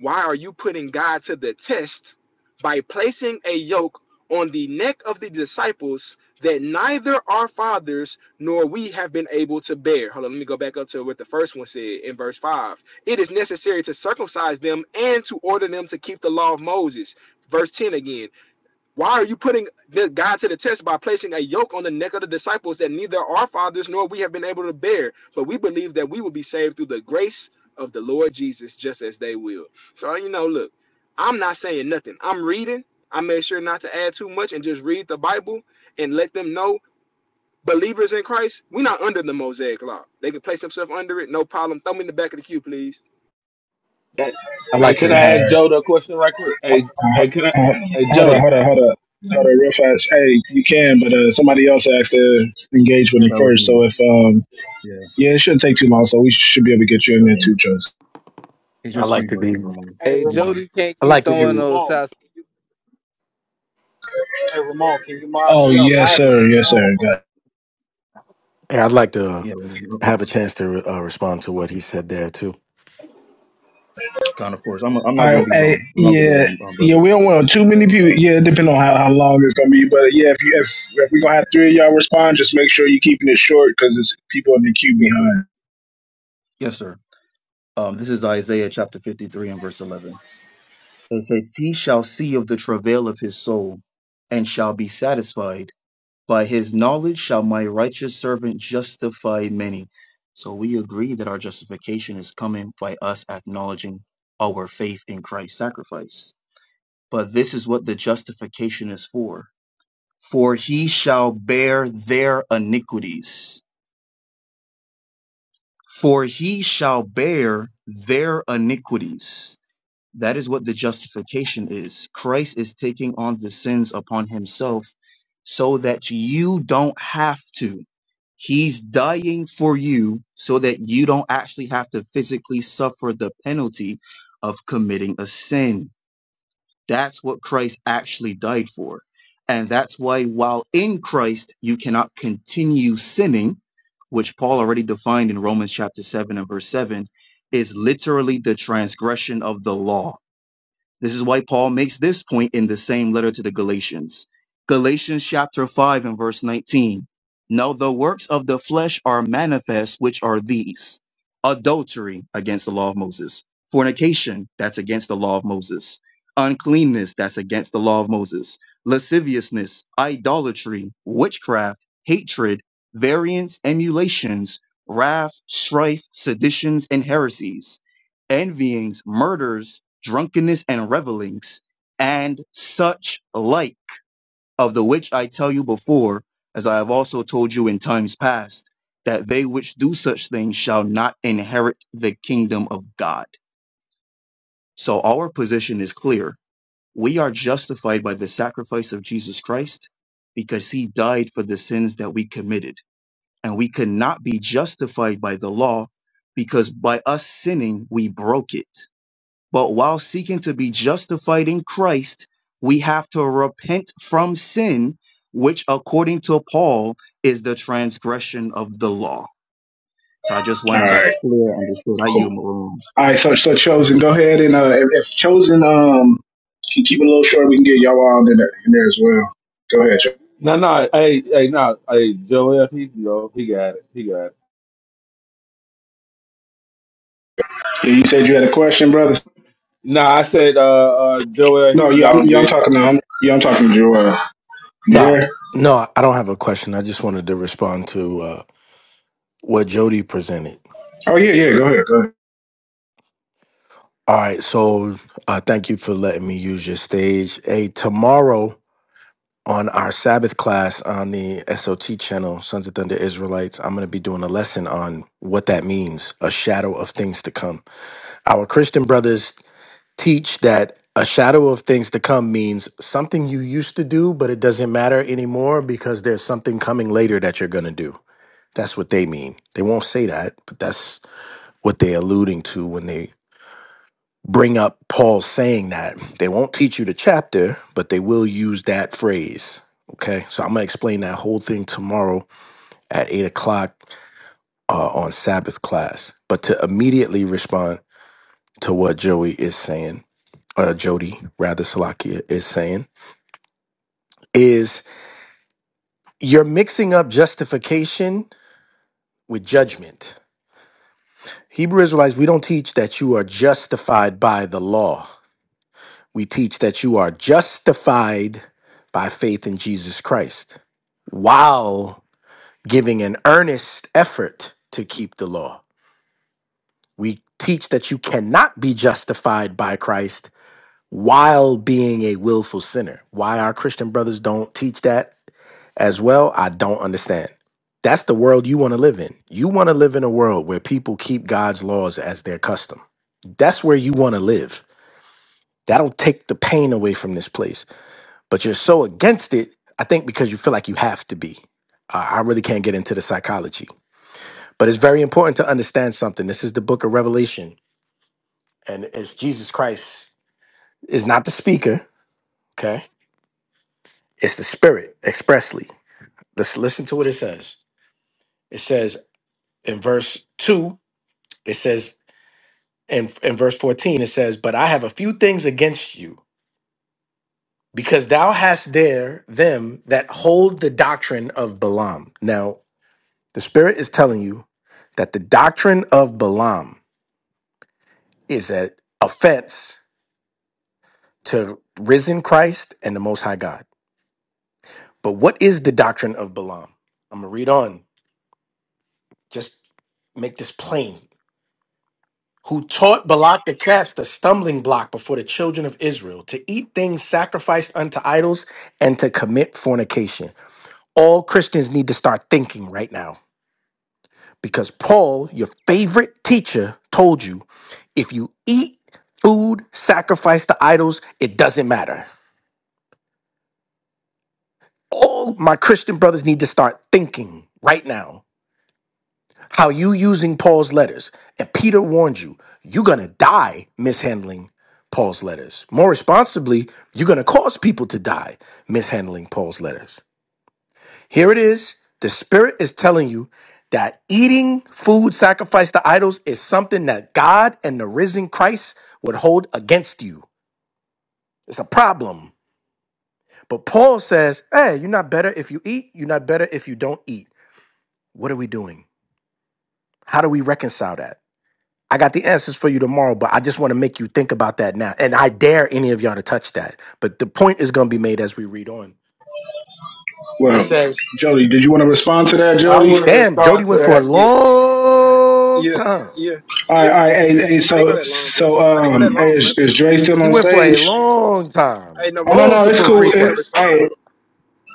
S14: why are you putting God to the test by placing a yoke on the neck of the disciples that neither our fathers nor we have been able to bear? Hold on, let me go back up to what the first one said in verse 5. It is necessary to circumcise them and to order them to keep the law of Moses. Verse 10 again. Why are you putting the God to the test by placing a yoke on the neck of the disciples that neither our fathers nor we have been able to bear? But we believe that we will be saved through the grace of the Lord Jesus, just as they will. So, you know, look, I'm not saying nothing. I'm reading. I made sure not to add too much and just read the Bible and let them know believers in Christ, we're not under the Mosaic law. They can place themselves under it, no problem. Throw me in the back of the queue, please.
S16: Hey,
S20: I
S16: hey,
S20: like
S16: can
S20: to.
S11: bad.
S16: I ask Joda a question right quick? Hey,
S11: Uh,
S16: hey, can I?
S11: uh,
S16: Hey,
S11: hold up,
S16: Joda.
S11: hold up, hold up. Hold up, real fast. Hey, you can, but uh, somebody else asked to engage with
S17: Yeah,
S11: you
S17: that was
S11: first.
S17: me.
S11: So if, um,
S17: Yeah,
S11: yeah, it shouldn't take too long. So we should be able to get you in there
S17: well,
S11: too, Joseph.
S17: it's
S20: I
S17: just
S20: like
S17: three
S20: to be.
S17: verses, Ramon.
S2: Hey,
S1: Hey,
S17: You
S2: Ramon.
S17: know,
S1: Jody can't
S20: I
S1: keep
S20: like to
S2: Hey,
S1: throwing
S20: be.
S1: those
S2: Ramon.
S1: shots.
S2: Can you, hey, Ramon. Can you mod
S11: Oh,
S2: me up? I
S11: yes,
S2: had to take
S11: sir.
S2: a
S11: Yes,
S2: phone
S11: sir. Got.
S2: call.
S20: yeah, I'd like to
S17: yeah,
S20: have a chance to uh, respond to what he said there too.
S17: Con, of course. I'm, I'm not
S11: All
S17: going
S11: right,
S17: to be
S11: hey,
S17: long. I'm not going to be
S11: yeah,
S17: long, um,
S11: yeah,
S17: brother.
S11: we don't want too many people. Yeah, depending on how, how long it's gonna be, but yeah, if you if, if we gonna have three of y'all respond, just make sure you're keeping it short because it's people in the queue
S17: Yes, sir.
S11: behind.
S17: Yes, sir. Um, this is Isaiah chapter 53 and verse 11. It says, He shall see of the travail of his soul and shall be satisfied. By his knowledge shall my righteous servant justify many. So we agree that our justification is coming by us acknowledging our faith in Christ's sacrifice. But this is what the justification is for. For he shall bear their iniquities For he shall bear their iniquities. That is what the justification is. Christ is taking on the sins upon himself so that you don't have to. He's dying for you so that you don't actually have to physically suffer the penalty of committing a sin. That's what Christ actually died for. And that's why, while in Christ, you cannot continue sinning, which Paul already defined in Romans chapter 7 and verse 7, is literally the transgression of the law. This is why Paul makes this point in the same letter to the Galatians. Galatians chapter 5 and verse 19. Now the works of the flesh are manifest, which are these adultery against the law of Moses, fornication, that's against the law of Moses, uncleanness, that's against the law of Moses, lasciviousness, idolatry, witchcraft, hatred, variance, emulations, wrath, strife, seditions, and heresies envyings, murders, drunkenness, and revelings, and such like, of the which I tell you before, as I have also told you in times past, that they which do such things shall not inherit the kingdom of God. So our position is clear. We are justified by the sacrifice of Jesus Christ because he died for the sins that we committed. And we could not be justified by the law because by us sinning, we broke it but while seeking to be justified in Christ, we have to repent from sin, which, according to Paul, is the transgression of the law. So I just
S11: All
S17: wanted that
S11: right,
S17: clear understood. How
S11: cool.
S17: you, Maroon?
S11: All right, so so chosen, go ahead and uh, if, if chosen um can keep it a little short, we can get y'all all in there, in there as well. Go ahead. Chosen.
S16: No, no. Hey, hey, no. Hey, Joel, he, you know, he got it. He got it.
S11: Yeah, you said you had a question, brother.
S16: No, I said, uh, uh, Joel, he
S11: No,
S16: can
S11: yeah, I'm
S16: go get
S11: yeah, I'm
S16: it.
S11: talking to I'm, yeah, I'm talking to Joel. You
S20: No,
S11: there?
S20: no, I don't have a question. I just wanted to respond to uh, what Jody presented.
S11: Oh yeah, yeah. Go ahead. Go ahead.
S20: All right, so uh, thank you for letting me use your stage. Hey, tomorrow on our Sabbath class on the SOT channel, Sons of Thunder Israelites, I'm going to be doing a lesson on what that means, a shadow of things to come. Our Christian brothers teach that a shadow of things to come means something you used to do, but it doesn't matter anymore because there's something coming later that you're going to do. That's what they mean. They won't say that, but that's what they're alluding to when they bring up Paul saying that. They won't teach you the chapter, but they will use that phrase. Okay. So I'm going to explain that whole thing tomorrow at eight o'clock uh, on Sabbath class. But to immediately respond to what Joey is saying, uh, Jody, rather, Salakia is saying, is you're mixing up justification with judgment. Hebrew Israelites, we don't teach that you are justified by the law. We teach that you are justified by faith in Jesus Christ while giving an earnest effort to keep the law. We teach that you cannot be justified by Christ while being a willful sinner. Why our Christian brothers don't teach that as well, I don't understand. That's the world you want to live in. You want to live in a world where people keep God's laws as their custom. That's where you want to live. That'll take the pain away from this place. But you're so against it, I think, because you feel like you have to be. I I really can't get into the psychology. But it's very important to understand something. This is the book of Revelation, and it's Jesus Christ is not the speaker, okay? It's the spirit expressly. Let's listen to what it says. It says in verse 2 It says in, in verse 14, it says, But I have a few things against you, because thou hast there them that hold the doctrine of Balaam. Now, the Spirit is telling you that the doctrine of Balaam is an offense to risen Christ and the Most High God. But what is the doctrine of Balaam? I'm going to read on. Just make this plain. who taught Balak the cast the stumbling block before the children of Israel to eat things sacrificed unto idols and to commit fornication. All Christians need to start thinking right now because Paul, your favorite teacher, told you if you eat food sacrificed to idols, it doesn't matter. All my Christian brothers need to start thinking right now How you using Paul's letters? And Peter warned you, you're going to die mishandling Paul's letters. More responsibly, you're going to cause people to die mishandling Paul's letters. Here it is. The Spirit is telling you that eating food sacrificed to idols is something that God and the risen Christ would hold against you. It's a problem. But Paul says, hey, you're not better if you eat, you're not better if you don't eat. What are we doing? How do we reconcile that? I got the answers for you tomorrow, but I just want to make you think about that now. And I dare any of y'all to touch that. But the point is going to be made as we read on. It
S11: Well,
S20: says,
S11: Jody, did you want to respond to that,
S21: I
S11: Jody?
S21: want to
S20: Damn,
S21: respond
S20: Jody
S21: to
S20: went for a
S21: that.
S14: Yeah,
S20: long
S14: yeah,
S20: time.
S14: yeah,
S11: All
S14: yeah.
S11: right, all right. Hey, hey,
S14: I didn't go
S11: so,
S14: that long,
S11: so,
S14: brother. I didn't go that
S11: um, hey,
S14: long,
S11: is,
S14: brother.
S11: is Dre still
S20: He
S11: on
S20: went for a
S11: stage?
S20: long
S14: Hey,
S20: time,
S14: no,
S11: Oh no,
S14: Ramon.
S11: no, it's
S20: multiple
S14: Ramon, I
S11: cool.
S14: did want
S11: It,
S14: to
S20: precepts.
S14: respond.
S11: hey,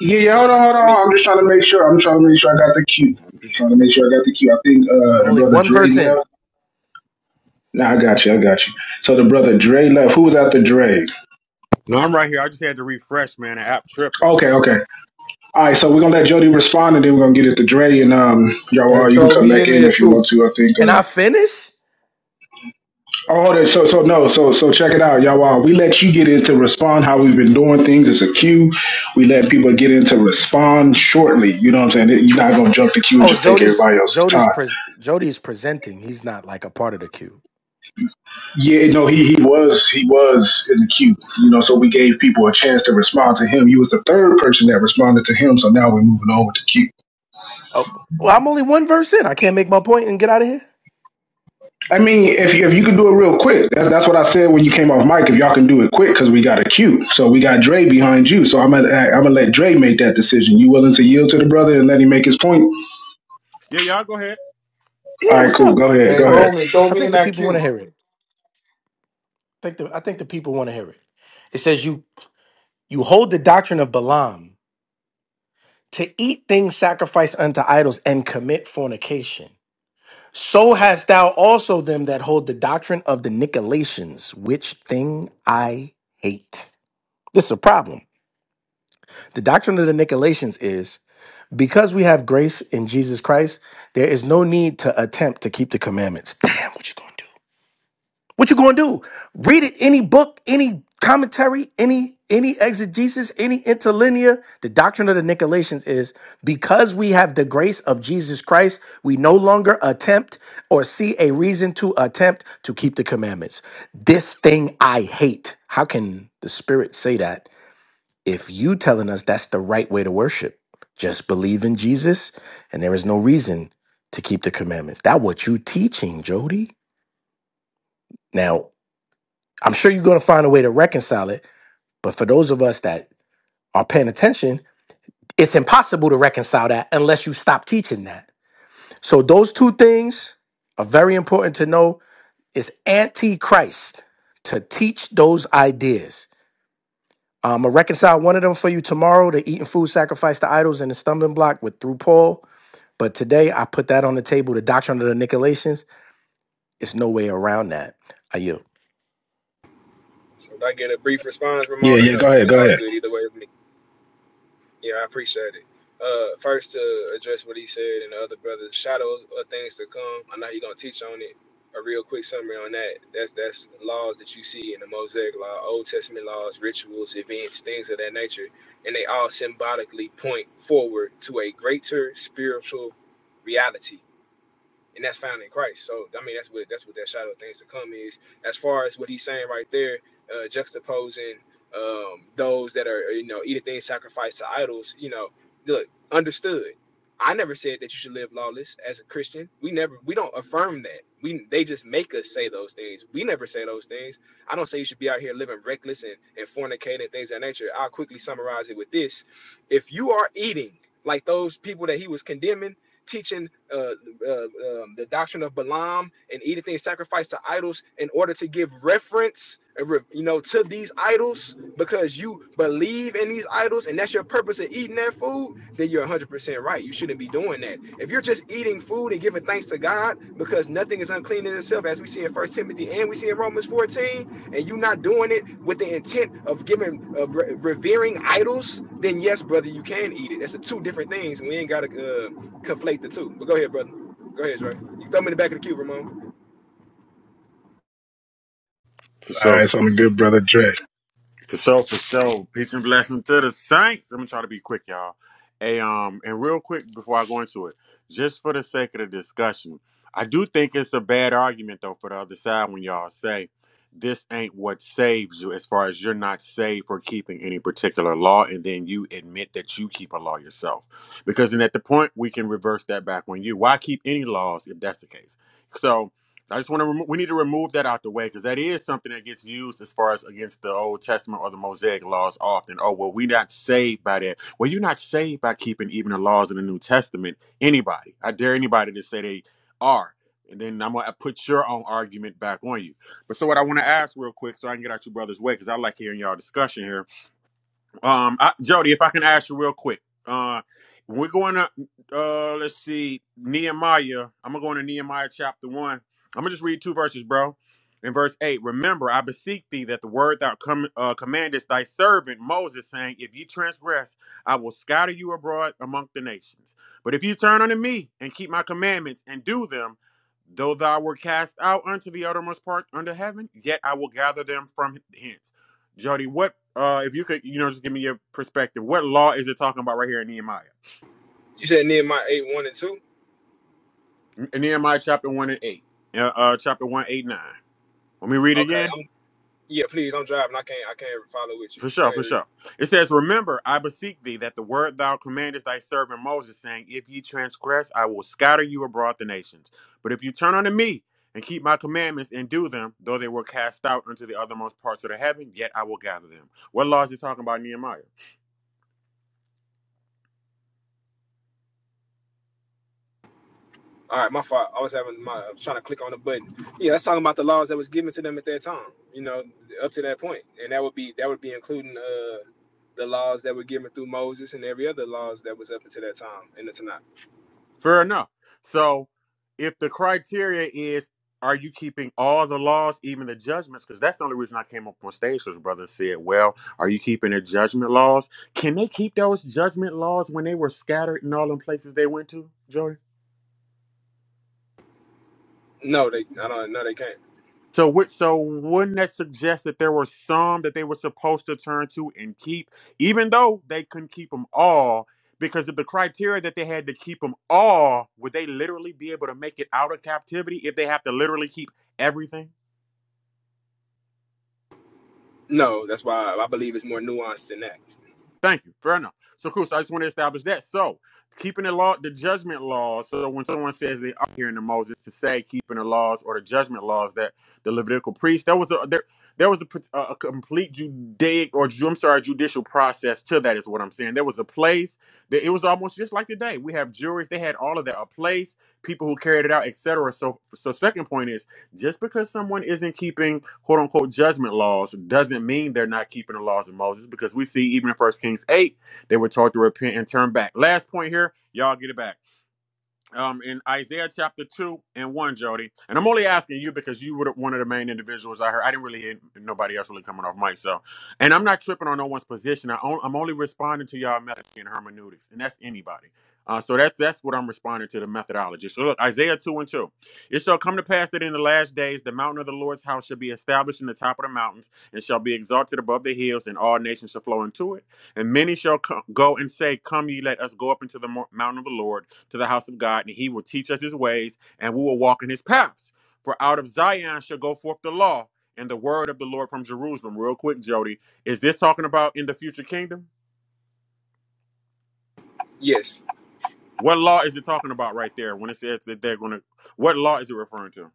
S11: yeah, yeah, hold
S14: I,
S11: on, hold
S14: I mean,
S11: on. I'm just trying to make sure. I'm trying to make sure I got the cue. I'm just trying to make sure I got the cue. I think uh,
S20: I'm
S11: the
S20: only
S11: brother
S20: one
S11: Dre
S20: verse in.
S11: left. Nah, I got you. I got you. So the brother Dre left. Who was after Dre?
S19: No, I'm right here. I just had to refresh, man. The app tripping.
S11: Okay, okay. All right, so we're gonna let Jody respond, and then we're gonna get it to Dre, and um, y'all, uh,
S21: Hey,
S11: you can
S21: throw
S11: come
S21: me
S11: back
S21: in
S11: in
S21: there
S11: if you
S21: too.
S11: want to. I think.
S20: Can
S11: uh,
S20: I finish?
S11: Oh, that- so so no, so so check it out, y'all. Uh, we let you get into respond how we've been doing things. It's a queue. We let people get into respond shortly. You know what I'm saying? You're not gonna jump the queue and
S20: Oh,
S11: just take
S20: Jody's
S11: everybody else's
S20: Jody's
S11: time.
S20: pres Jody's presenting. He's not like a part of the queue.
S11: Yeah, no, he he was he was in the queue. You know, so we gave people a chance to respond to him. You was the third person that responded to him. So now we're moving over to queue.
S20: Oh, well, I'm only one verse in. I can't make my point and get out of here.
S11: I mean, if you, if you can do it real quick, that's that's what I said when you came off mic. If y'all can do it quick, because we got a queue, so we got Dre behind you. So I'm gonna I'm gonna let Dre make that decision. You willing to yield to the brother and let him make his point?
S19: Yeah, y'all go ahead.
S11: All
S20: Yeah,
S11: right,
S20: what's
S11: cool.
S20: up?
S11: Go ahead, go
S21: Hey,
S20: I
S11: ahead.
S20: think
S21: Roman, throw
S20: I
S21: me
S20: think
S21: in
S20: the
S21: that
S20: people want to
S21: queue.
S20: hear it. I think the I think the people want to hear it. It says you you hold the doctrine of Balaam. to eat things sacrificed unto idols and commit fornication. So hast thou also them that hold the doctrine of the Nicolaitans, which thing I hate. This is a problem. The doctrine of the Nicolaitans is because we have grace in Jesus Christ, there is no need to attempt to keep the commandments. Damn, what you gonna do? What you gonna do? Read it, any book, any commentary, any any exegesis, any interlinear. The doctrine of the Nicolaitans is because we have the grace of Jesus Christ, we no longer attempt or see a reason to attempt to keep the commandments. This thing I hate. How can the Spirit say that if you telling us that's the right way to worship? Just believe in Jesus, and there is no reason to keep the commandments. That what you teaching, Jody. Now, I'm sure you're going to find a way to reconcile it. But for those of us that are paying attention, it's impossible to reconcile that unless you stop teaching that. So those two things are very important to know. It's antichrist to teach those ideas. Um, I'm gonna reconcile one of them for you tomorrow: the eating food, sacrifice to idols, and the stumbling block with through Paul. But today I put that on the table. The doctrine of the Nicolaitans. It's no way around that. Are you?
S14: should I get a brief response,
S11: Yeah,
S14: Ramon, or
S11: yeah,
S14: no?
S11: go ahead, go
S14: It's all
S11: ahead.
S14: good either way with me. Yeah, I appreciate it. Uh, first to address what he said and the other brothers, shadow of things to come. I know he gonna teach on it. A real quick summary on that. That's that's laws that you see in the Mosaic Law, Old Testament laws, rituals, events, things of that nature, and they all symbolically point forward to a greater spiritual reality and that's found in Christ. So I mean, that's what that's what that shadow of things to come is. As far as what he's saying right there, uh, juxtaposing um, those that are you know eating things sacrificed to idols. You know, look, understood. I never said that you should live lawless as a Christian. We never we don't affirm that. We they just make us say those things. We never say those things. I don't say you should be out here living reckless and, and fornicating things of that nature. I'll quickly summarize it with this. If you are eating like those people that he was condemning, teaching uh uh, um, the doctrine of Balaam and eating things sacrificed to idols in order to give reference, uh, you know, to these idols because you believe in these idols and that's your purpose of eating that food, then you're 100% right. You shouldn't be doing that. If you're just eating food and giving thanks to God because nothing is unclean in itself, as we see in First Timothy and we see in Romans 14, and you are not doing it with the intent of giving of re- revering idols, then yes, brother, you can eat it. That's the two different things, and we ain't gotta uh, conflate the two. But go ahead, brother. Go ahead, Dre. You can throw me in the back of the queue, Ramon.
S19: For
S11: All
S19: sure.
S11: right, so I'm a good brother, Dre.
S19: For sure, for sure. Peace and blessing to the saints. I'm gonna try to be quick, y'all. Hey, um, and real quick before I go into it, just for the sake of the discussion, I do think it's a bad argument though for the other side when y'all say this ain't what saves you, as far as you're not saved for keeping any particular law, and then you admit that you keep a law yourself. Because then at the point we can reverse that back on you. Why keep any laws if that's the case? So I just want to remo- we need to remove that out the way because that is something that gets used as far as against the Old Testament or the Mosaic laws often. Oh well, we are not saved by that. Well, you're not saved by keeping even the laws in the New Testament. Anybody, I dare anybody to say they are, and then I'm gonna put your own argument back on you. But so what I want to ask real quick, so I can get out your brother's way, because I like hearing y'all discussion here um, I, Jody, if I can ask you real quick, uh, we're going to uh, let's see Nehemiah. I'm gonna go into Nehemiah chapter one. I'm gonna just read two verses, bro. In verse eight, remember, I beseech thee that the word thou com- uh, commandest thy servant Moses, saying, If ye transgress, I will scatter you abroad among the nations. But if ye turn unto me and keep my commandments and do them, Though thou were cast out unto the uttermost part under heaven, yet I will gather them from hence. Jody, what uh if you could, you know, just give me your perspective. What law is it talking about right here in Nehemiah?
S14: You said Nehemiah 8, 1 and 2?
S19: In Nehemiah chapter one and eight. Uh, uh chapter one, eight, nine. Let me read it
S14: Okay.
S19: again.
S14: I'm, yeah, please, I'm driving. I can't I can't follow with you.
S19: For
S14: Go
S19: sure,
S14: ahead,
S19: for
S14: read.
S19: sure. It says, Remember, I beseech thee that the word thou commandest thy servant Moses, saying, If ye transgress, I will scatter you abroad the nations. But if you turn unto me and keep my commandments and do them, though they were cast out unto the othermost parts of the heaven, yet I will gather them. What laws are he talking about, Nehemiah?
S14: All right, my fault. I was having my I was trying to click on the button. Yeah, that's talking about the laws that was given to them at that time, you know, up to that point. And that would be that would be including uh the laws that were given through Moses and every other laws that was up until that time in the Tanakh.
S19: Fair enough. So, if the criteria is, are you keeping all the laws, even the judgments? Because that's the only reason I came up on stage. Because brother said, "Well, are you keeping the judgment laws? Can they keep those judgment laws when they were scattered in all them places they went to, Joey?"
S14: No, they I don't no they can't.
S19: So, would so wouldn't that suggest that there were some that they were supposed to turn to and keep, even though they couldn't keep them all? Because of the criteria that they had to keep them all, would they literally be able to make it out of captivity if they have to literally keep everything?
S14: No, that's why I believe it's more nuanced than that.
S19: Thank you. Fair enough. So cool. So I just want to establish that. So keeping the law, the judgment laws. So when someone says they are hearing the Moses to say keeping the laws or the judgment laws that the Levitical priest, there was a there there was a, a complete Judaic or Ju- I'm sorry judicial process to that is what I'm saying. There was a place that it was almost just like today. We have juries. They had all of that. A place, people who carried it out, etc. So so second point is just because someone isn't keeping quote unquote judgment laws doesn't mean they're not keeping the laws of Moses because we see even in First Kings 8, they were told to repent and turn back. Last point here, y'all get it back um, in Isaiah chapter 2 and 1, Jody. And I'm only asking you because you were one of the main individuals I heard. I didn't really hear nobody else really coming off mic. So, and I'm not tripping on no one's position. I on, I'm only responding to y'all method and hermeneutics, and that's anybody. Uh, so that's that's what I'm responding to the methodology. So look, Isaiah 2 and 2. It shall come to pass that in the last days the mountain of the Lord's house shall be established in the top of the mountains and shall be exalted above the hills, and all nations shall flow into it. And many shall co- go and say, Come ye, let us go up into the mountain of the Lord to the house of God, and he will teach us his ways, and we will walk in his paths. For out of Zion shall go forth the law and the word of the Lord from Jerusalem. Real quick, Jody, is this talking about in the future kingdom?
S14: Yes.
S19: What law is it talking about right there when it says that they're going to? What law is it referring to?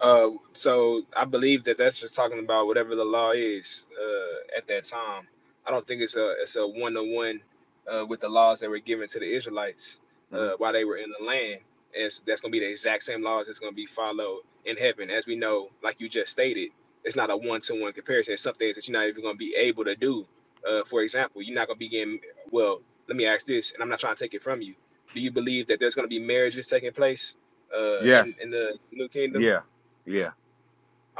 S14: Uh, so I believe that that's just talking about whatever the law is uh, at that time. I don't think it's a it's a one to one with the laws that were given to the Israelites
S19: hmm
S14: uh, while they were in the land. And it's- that's going to be the exact same laws that's going to be followed in heaven, as we know, like you just stated. It's not a one to one comparison. It's some things that you're not even going to be able to do. Uh, for example, you're not going to be getting. Well, let me ask this, and I'm not trying to take it from you. Do you believe that there's going to be marriages taking place uh, in
S19: Yes.
S14: in the new kingdom?
S19: Yeah. Yeah.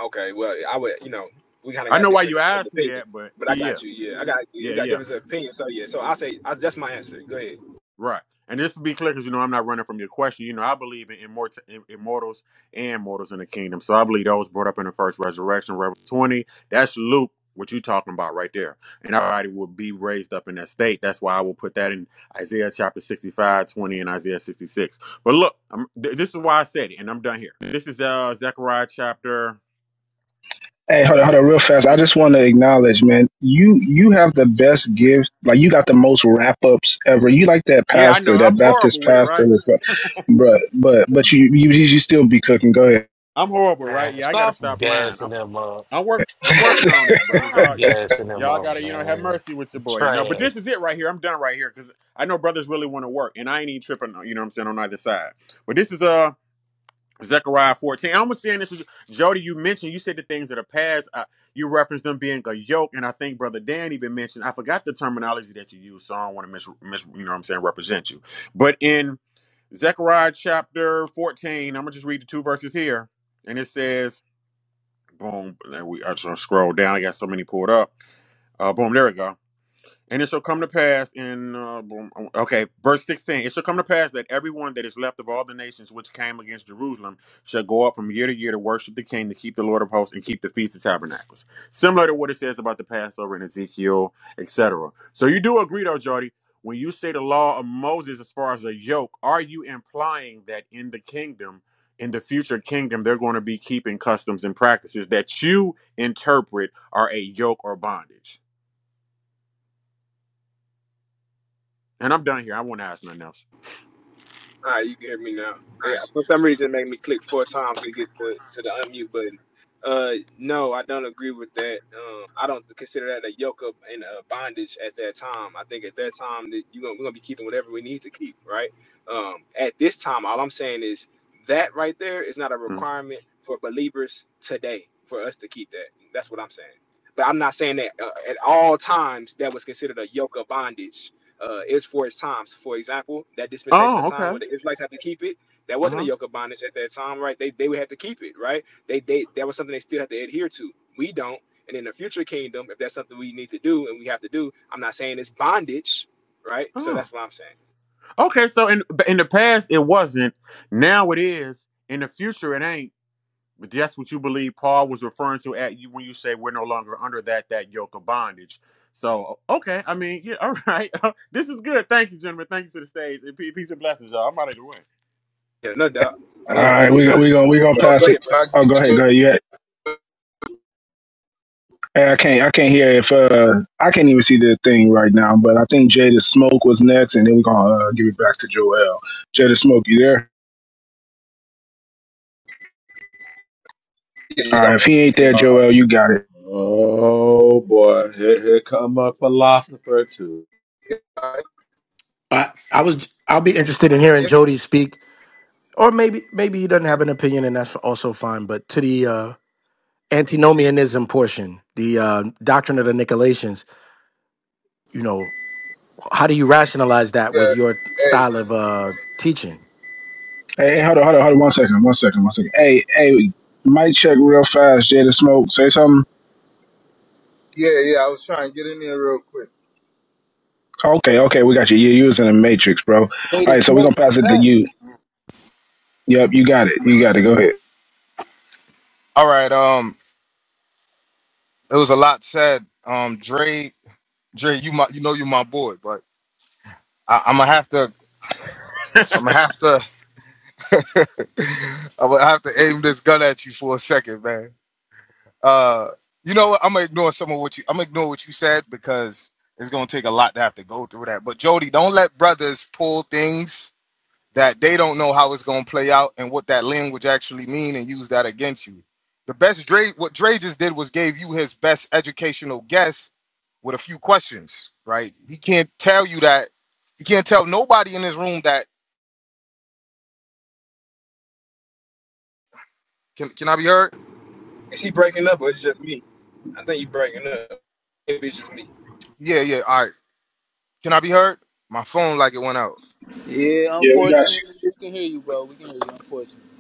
S14: Okay, well, I would, you know, we kind of
S19: I
S14: got
S19: know why
S14: different
S19: you asked me
S14: opinions,
S19: that, but
S14: but I
S19: yeah.
S14: got you. Yeah, I got we
S19: Yeah.
S14: got
S19: Yeah.
S14: different opinions. So yeah, so I say I, that's my answer. Go ahead.
S19: Right. And just to be clear, because you know I'm not running from your question. You know I believe in immort- im- immortals and mortals in the kingdom. So I believe those brought up in the first resurrection, Revelation 20. That's Luke. What you talking about right there? And everybody will be raised up in that state. That's why I will put that in Isaiah chapter 65 20 and Isaiah 66. But look, I'm, th- this is why I said it, and I'm done here. This is uh Zechariah chapter.
S11: Hey, hold on, hold on, real fast. I just want to acknowledge, man. You you have the best gift. Like you got the most wrap ups ever. You like that
S19: Yeah, I
S11: pastor,
S19: know.
S11: that
S19: I'm
S11: Baptist
S19: horrible with it,
S11: pastor,
S19: right?
S11: that's like, bruh, But but but
S19: I'm,
S11: you you you still be cooking. Go ahead.
S19: I'm horrible, right?
S6: Man,
S19: Yeah, I got to
S6: stop
S19: stop lying.
S6: gassing them up.
S19: I'm work. I'm working on that, brothers.
S6: Stop
S19: Y'all,
S6: gassing them
S19: y'all
S6: up,
S19: gotta you know have
S6: man.
S19: mercy with your boy, you know. But
S6: Trash.
S19: this is it right here. I'm done right here because I know brothers really want to work, and I ain't even tripping. You know what I'm saying on either side. But this is uh Zechariah 14. I'm just saying this is Jody. You mentioned you said the things that are past. Uh, you referenced them being a yoke, and I think brother Dan even mentioned. I forgot the terminology that you used, so I don't want to mis, mis you know what I'm saying represent you. But in Zechariah chapter 14, I'm gonna just read the two verses here, and it says. Boom. And then we I just scroll down. I got so many pulled up. Uh, boom. There we go. And it shall come to pass in, uh, boom, oh, okay, verse 16. It shall come to pass that everyone that is left of all the nations which came against Jerusalem shall go up from year to year to worship the king, to keep the Lord of hosts, and keep the Feast of Tabernacles. Similar to what it says about the Passover in Ezekiel, etc. So you do agree, though, Jody, when you say the law of Moses as far as a yoke, are you implying that in the kingdom, in the future kingdom, they're going to be keeping customs and practices that you interpret are a yoke or bondage? And I'm done here. I won't ask nothing else.
S14: All right, you can hear me now.
S19: All right,
S14: Yeah,
S19: you
S14: for
S19: hear me
S14: some reason, it made me
S19: now.
S14: click four
S19: Someone's
S14: times
S19: a big
S14: to get
S19: report.
S14: to, to the unmute button. Uh, no, I don't agree with that. Um, I don't consider that a yoke of and a bondage at that time. I think at that time that you gonna, we're gonna be keeping whatever we need to keep, right? Um, at this time, all I'm saying is that right there is not a
S19: Mm.
S14: requirement for believers today for us to keep that. That's what I'm saying. But I'm not saying that uh, at all times that was considered a yoke of bondage uh, is for its times. For example, that dispensation of
S19: Oh,
S14: time where
S19: okay.
S14: the Israelites had to keep it, that
S19: Uh
S14: wasn't a
S19: huh.
S14: yoke of bondage at that time, right? They they would have to keep it, right? They they that was something they still had to adhere to. We don't. And in the future kingdom, if that's something we need to do and we have to do, I'm not saying it's bondage, right? So
S19: Oh,
S14: that's what I'm saying.
S19: okay. So in in the past it wasn't. Now it is. In the future it ain't. But that's what you believe Paul was referring to at you when you say we're no longer under that that yoke of bondage. So okay, I mean, yeah, all right. this is good. Thank you, gentlemen. Thank you to the stage. And pe- Peace and blessings, y'all. I'm out of the way.
S14: Yeah, no doubt.
S11: All
S14: Uh,
S11: right,
S14: and
S11: we
S14: and
S11: go-
S14: I
S11: we gonna we gonna
S14: go go
S11: pass it.
S14: ahead, bro.
S11: Oh, go ahead, go ahead. You had, hey, I can't I can't hear if uh I can't even see the thing right now. But I think Jada Smoke was next, and then we are gonna uh, give it back to Joel. Jada Smoke, you there? All right, if he ain't there, Joel, you got it.
S16: Oh boy, here, here come a philosopher too.
S20: I, I was. I'll be interested in hearing Jody speak or maybe maybe he doesn't have an opinion and that's also fine but to the uh antinomianism portion the uh doctrine of the nicolaitans you know how do you rationalize that with your style of uh teaching
S11: Hey, hey, hold on, hold on, hold on, one second, one second, one second. Hey, hey, mic check real fast. Jada Smoke, say something. Okay, okay, we got you. You you was in the matrix, bro. All
S1: Jada
S11: right, so we gonna
S1: smoked
S11: pass it to
S1: that.
S11: you. Yep, you got it. You got it. Go ahead.
S14: Is he breaking up or is it just me? I think you breaking up. Maybe it's just me.
S1: Yeah,
S11: Yeah, we got
S1: unfortunately,
S11: you.
S1: we can hear you, bro. We can hear you, unfortunately.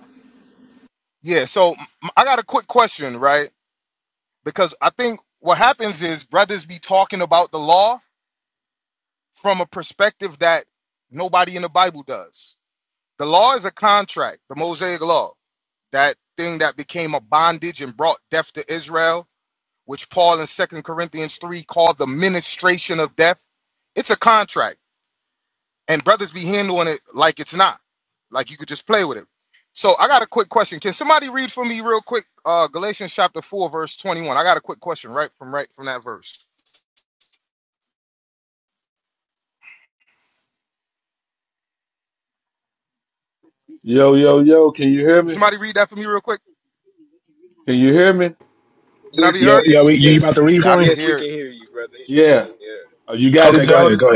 S16: Yo, yo, yo, can you hear me? Can you hear me?
S14: Yes,
S11: Yo, yo,
S14: yes,
S11: we, you
S16: Yeah.
S11: about to
S14: yes,
S11: read for him?
S14: yes. We can hear you, brother.
S16: Yeah.
S14: Yeah.
S16: Oh, you got it,
S11: Okay, go ahead,
S16: Jody?
S11: go ahead.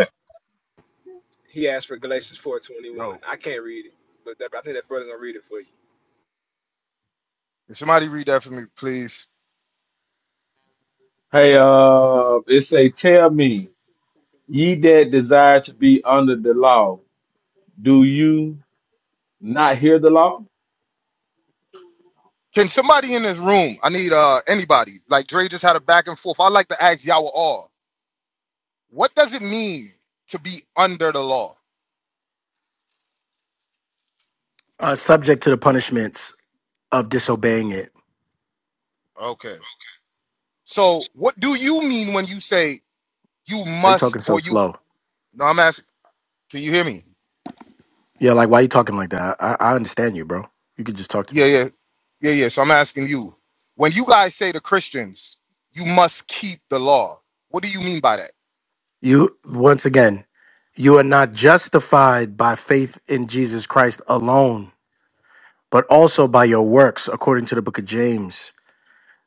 S14: He asked for Galatians four twenty one. I can't read it, but that, I think that brother gonna read it for you.
S16: Hey, uh it say tell me, ye that desire to be under the law, do you not hear the law?
S20: uh subject to the punishments of disobeying it why you talking so slow yeah like why you talking like that i, I understand you bro you could just talk to me you once again you are not justified by faith in jesus christ alone but also by your works according to the book of james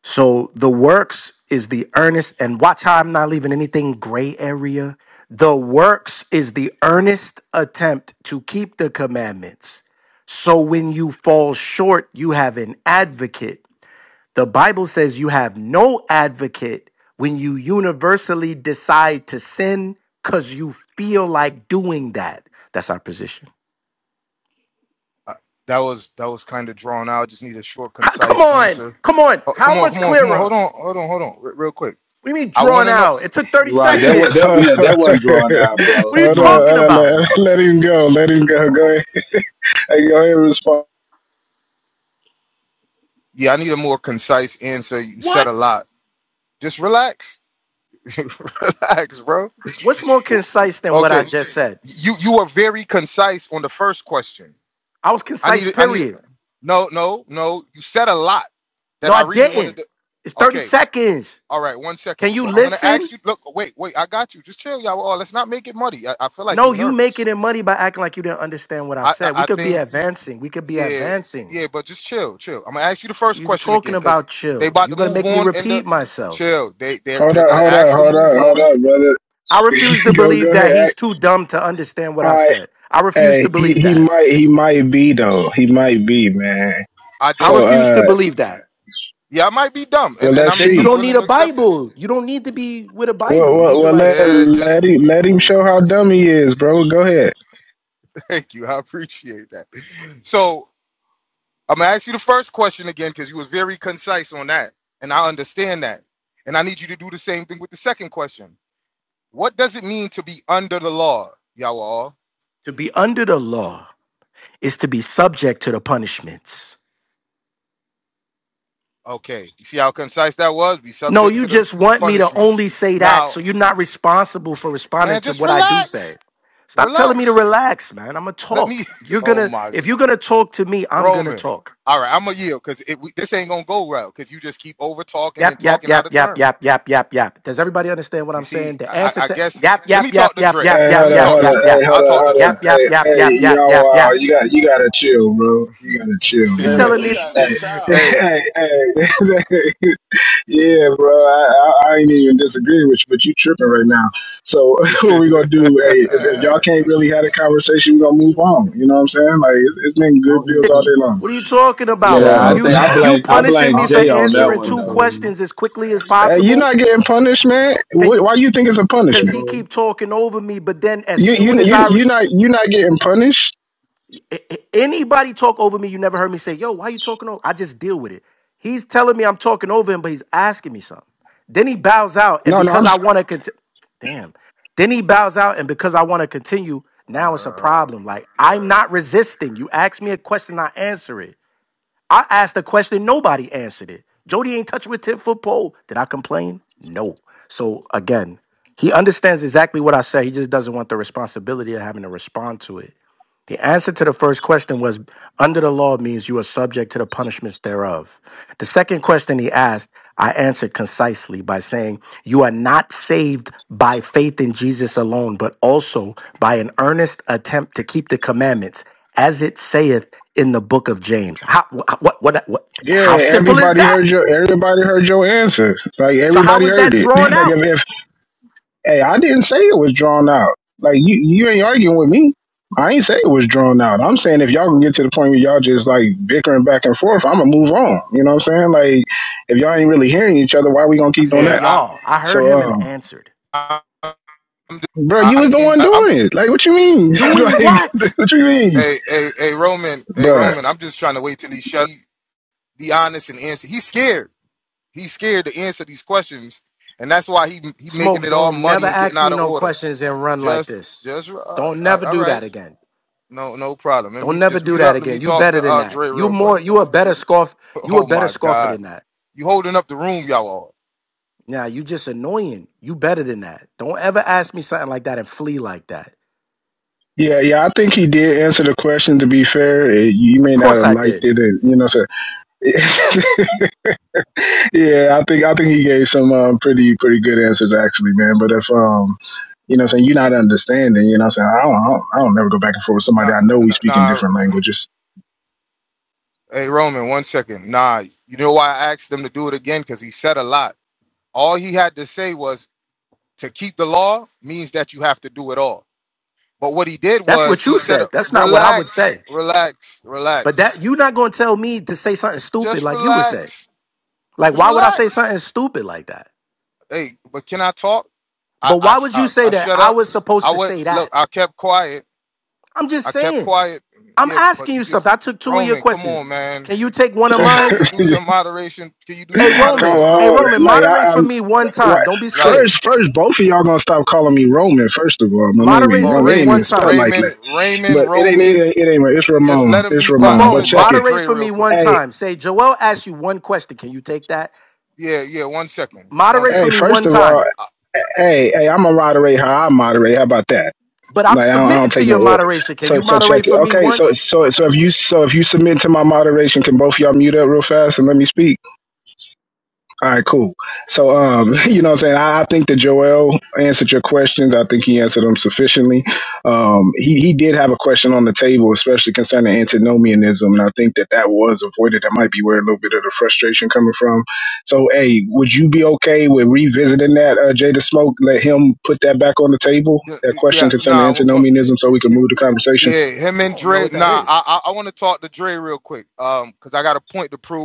S20: So the works is the earnest, and watch how I'm not leaving anything gray area. The works is the earnest attempt to keep the commandments. So when you fall short, you have an advocate. The Bible says you have no advocate when you universally decide to sin because you feel like doing that. That's our position. Ha- Come on, come on. How much clearer? What do you mean drawn out? It took 30
S16: Right. That was that
S20: seconds.
S11: Hold on,
S16: yeah, that wasn't drawn out, bro.
S20: What are you
S11: hold
S16: Come
S11: on,
S16: on.
S20: talking
S11: hold on.
S20: about?
S11: Let, let him go. Let him go. Go ahead. Hey, Go ahead and respond.
S20: What? What's more concise than what I just said? I was concise, period. No, I didn't. It's 30 seconds. Can you listen? No, you making it money by acting like you didn't understand what I said. We could be advancing. We could be advancing. You're talking about chill. You're gonna make me repeat myself.
S11: Hold up, hold up, hold up, hold up, brother.
S20: I refuse to
S11: go, go
S20: believe that
S11: ahead.
S20: he's
S11: Act.
S20: too dumb to understand what
S11: All
S20: I
S11: right.
S20: said. I refuse
S11: Hey,
S20: to
S11: he,
S20: believe
S11: he
S20: that.
S11: might, he might be though. He might be, man.
S20: I
S11: So,
S20: refuse to
S11: uh,
S20: believe that.
S11: well, let's
S20: Then you
S11: see.
S20: don't need a Bible. You don't need to be with a Bible.
S11: Well,
S20: You need
S11: well,
S20: to
S11: well
S20: like
S11: let let him let him show how dumb he is, bro. Go ahead.
S20: To be under the law is to be subject to the punishments. No, you just want me to only say that, so you're not responsible for responding to what I do say. Stop telling me to relax, man. I'm gonna talk. You're gonna if you're gonna talk to me, I'm gonna talk. Yap, yap, yap, yap, yap, yap, yap, yap. Does everybody understand what I'm saying? The answer to yap, yap, yap, yap, yap,
S11: Hey, hold
S20: yap,
S11: up,
S20: yap,
S11: hold up.
S20: yap,
S11: Hey,
S20: yap.
S11: hold up, hold up.
S20: Yap,
S11: Hey,
S20: yap, yap,
S11: hey,
S20: yap, yap, yap,
S11: y'all. Uh,
S20: yap.
S11: you got you gotta chill, bro. You gotta chill,
S20: You
S5: Hey
S11: man
S5: man,
S20: telling me
S5: this guy's a
S11: hey,
S5: child.
S11: hey, hey. Yeah, bro, I, I, I ain't even disagree with you, but you tripping right now. So what we gonna do? Hey, if, if y'all can't really have a conversation, we gonna move on. You know what I'm saying? Like it's, it's been
S17: I'll
S11: good bills
S17: answer
S11: all day long,
S20: What are you talking
S11: but
S20: about?
S16: Yeah, I
S11: uh,
S17: Ramon.
S20: You
S16: think I
S17: I'll
S20: you
S16: blame I
S17: answer.
S20: punishing
S16: blame
S20: me
S17: I'll
S20: for
S16: Jay
S17: answer
S16: on that
S17: Dave's
S20: answering
S16: one
S20: two
S17: question,
S16: though.
S17: Ramon.
S20: questions as quickly as
S11: hey, you're
S20: possible?
S11: not getting punished, man. Wh- Why
S20: Because
S11: you think it's a punishment?
S20: he keep
S17: Ramon,
S20: talking over me, but then as
S11: You
S20: soon
S11: you
S20: as
S11: you
S20: I re-
S11: you not you not getting punished?
S20: a- a- anybody talk over me, you never heard me say, "Yo, why you talking over?" I just deal with it. He's telling me I'm talking over him, but he's asking me something. Then he bows out, and
S11: No, no, I'm.
S20: because I
S11: s-
S20: want to continue, damn. Then he bows out, and because I want to continue, now it's a problem. Like I'm not resisting. You ask me a question, I answer it. I asked a question, nobody answered it. Jody ain't touched with 10 foot pole. Did I complain? No. So again, he understands exactly what I say. He just doesn't want the responsibility of having to respond to it. The answer to the first question was under the law means you are subject to the punishments thereof. The second question he asked, I answered concisely by saying, You are not saved by faith in Jesus alone, but also by an earnest attempt to keep the commandments, as it saith in the book of James. How, wh- what, what, what, how
S11: Yeah,
S20: simple is
S11: everybody
S20: that?
S11: heard your everybody heard your answer. Like
S20: So, how
S11: everybody
S20: is
S11: heard
S20: that
S11: it.
S20: drawn
S11: like
S20: out?
S11: if, Hey, I didn't say it was drawn out. Like you, you ain't arguing with me. I ain't say it was drawn out. I'm saying if y'all can get to the point where y'all just like bickering back and forth, I'ma move on. You know what I'm saying? Like if y'all ain't really hearing each other, why we gonna
S20: I'm
S11: keep doing
S20: saying,
S11: that?
S20: y'all, I heard
S11: So,
S20: him
S11: uh,
S20: and answered.
S11: bro, you was the one doing it. Like what you mean?
S20: Doing
S11: like
S20: what?
S11: what you mean, bro?
S20: Smoke, don't never ask me no questions and run like this. Don't never do that again. Don't never do that again. You better than that. You more you a better scoff. You a better scoffer than that. Now you just annoying. You better than that. Don't ever ask me something like that and flee like that.
S11: Yeah, yeah, I think he did answer the question. To be fair, Eh, you
S20: Of
S11: may not
S20: course
S11: have
S20: I
S11: liked
S20: did.
S11: it, and you know, so Yeah, I think I think he gave some um, pretty pretty good answers actually, man. But if um, you know, what I'm saying you're not understanding, you know, what I'm saying I don't, I don't I don't never go back and forth with somebody I know we speak in different languages.
S20: That's what you said. That's not what I would say. But that you're not gonna tell me to say something stupid like you would say. Like why would I say something stupid like that? But why would you say that I was supposed to say that? I'm just saying. I'm asking you something. I took two of your questions. Can you take one of mine? Hey,
S11: Come
S20: Roman. Hey,
S11: on,
S20: Roman,
S11: like
S20: moderate
S11: I,
S20: for
S11: I'm
S20: me one
S11: why,
S20: time. Don't be scared.
S11: first first both of y'all gonna stop calling me Roman. First of all, my name
S20: Moderate
S11: ain't
S20: for
S11: Roman.
S20: me
S11: It ain't
S20: one
S11: even spelled
S20: time.
S11: like that. But it ain't it ain't, it ain't it's Ramon. It's Ramon. But
S20: Ramon,
S11: check it.
S20: moderate for me one
S11: Hey
S20: time. Say, Joel asked you one question. Can you take that? Moderate
S11: hey,
S20: for me
S11: first
S20: one
S11: of all,
S20: time.
S11: hey hey, I'm gonna moderate how I moderate. How about that?
S20: But I'm
S11: Like I don't, I don't
S20: submitting to
S11: take no
S20: your
S11: order.
S20: moderation. Can
S11: So
S20: you
S11: so
S20: moderate
S11: check it.
S20: for me
S11: Okay. So
S20: once?
S11: so so if you so if you submit to my moderation, can both y'all mute up real fast and let me speak? All right, cool. So, um, you know what I'm saying? I, I think that Joel answered your questions. I think he answered them sufficiently. Um, he, he did have a question on the table, especially concerning antinomianism. And I think that that was avoided. That might be where a little bit of the frustration coming from. So, hey, would you be okay with revisiting that, uh, Jada Smoke? Let him put that back on the table, that question concerning antinomianism, so we can move the conversation.
S20: You don't know what that is.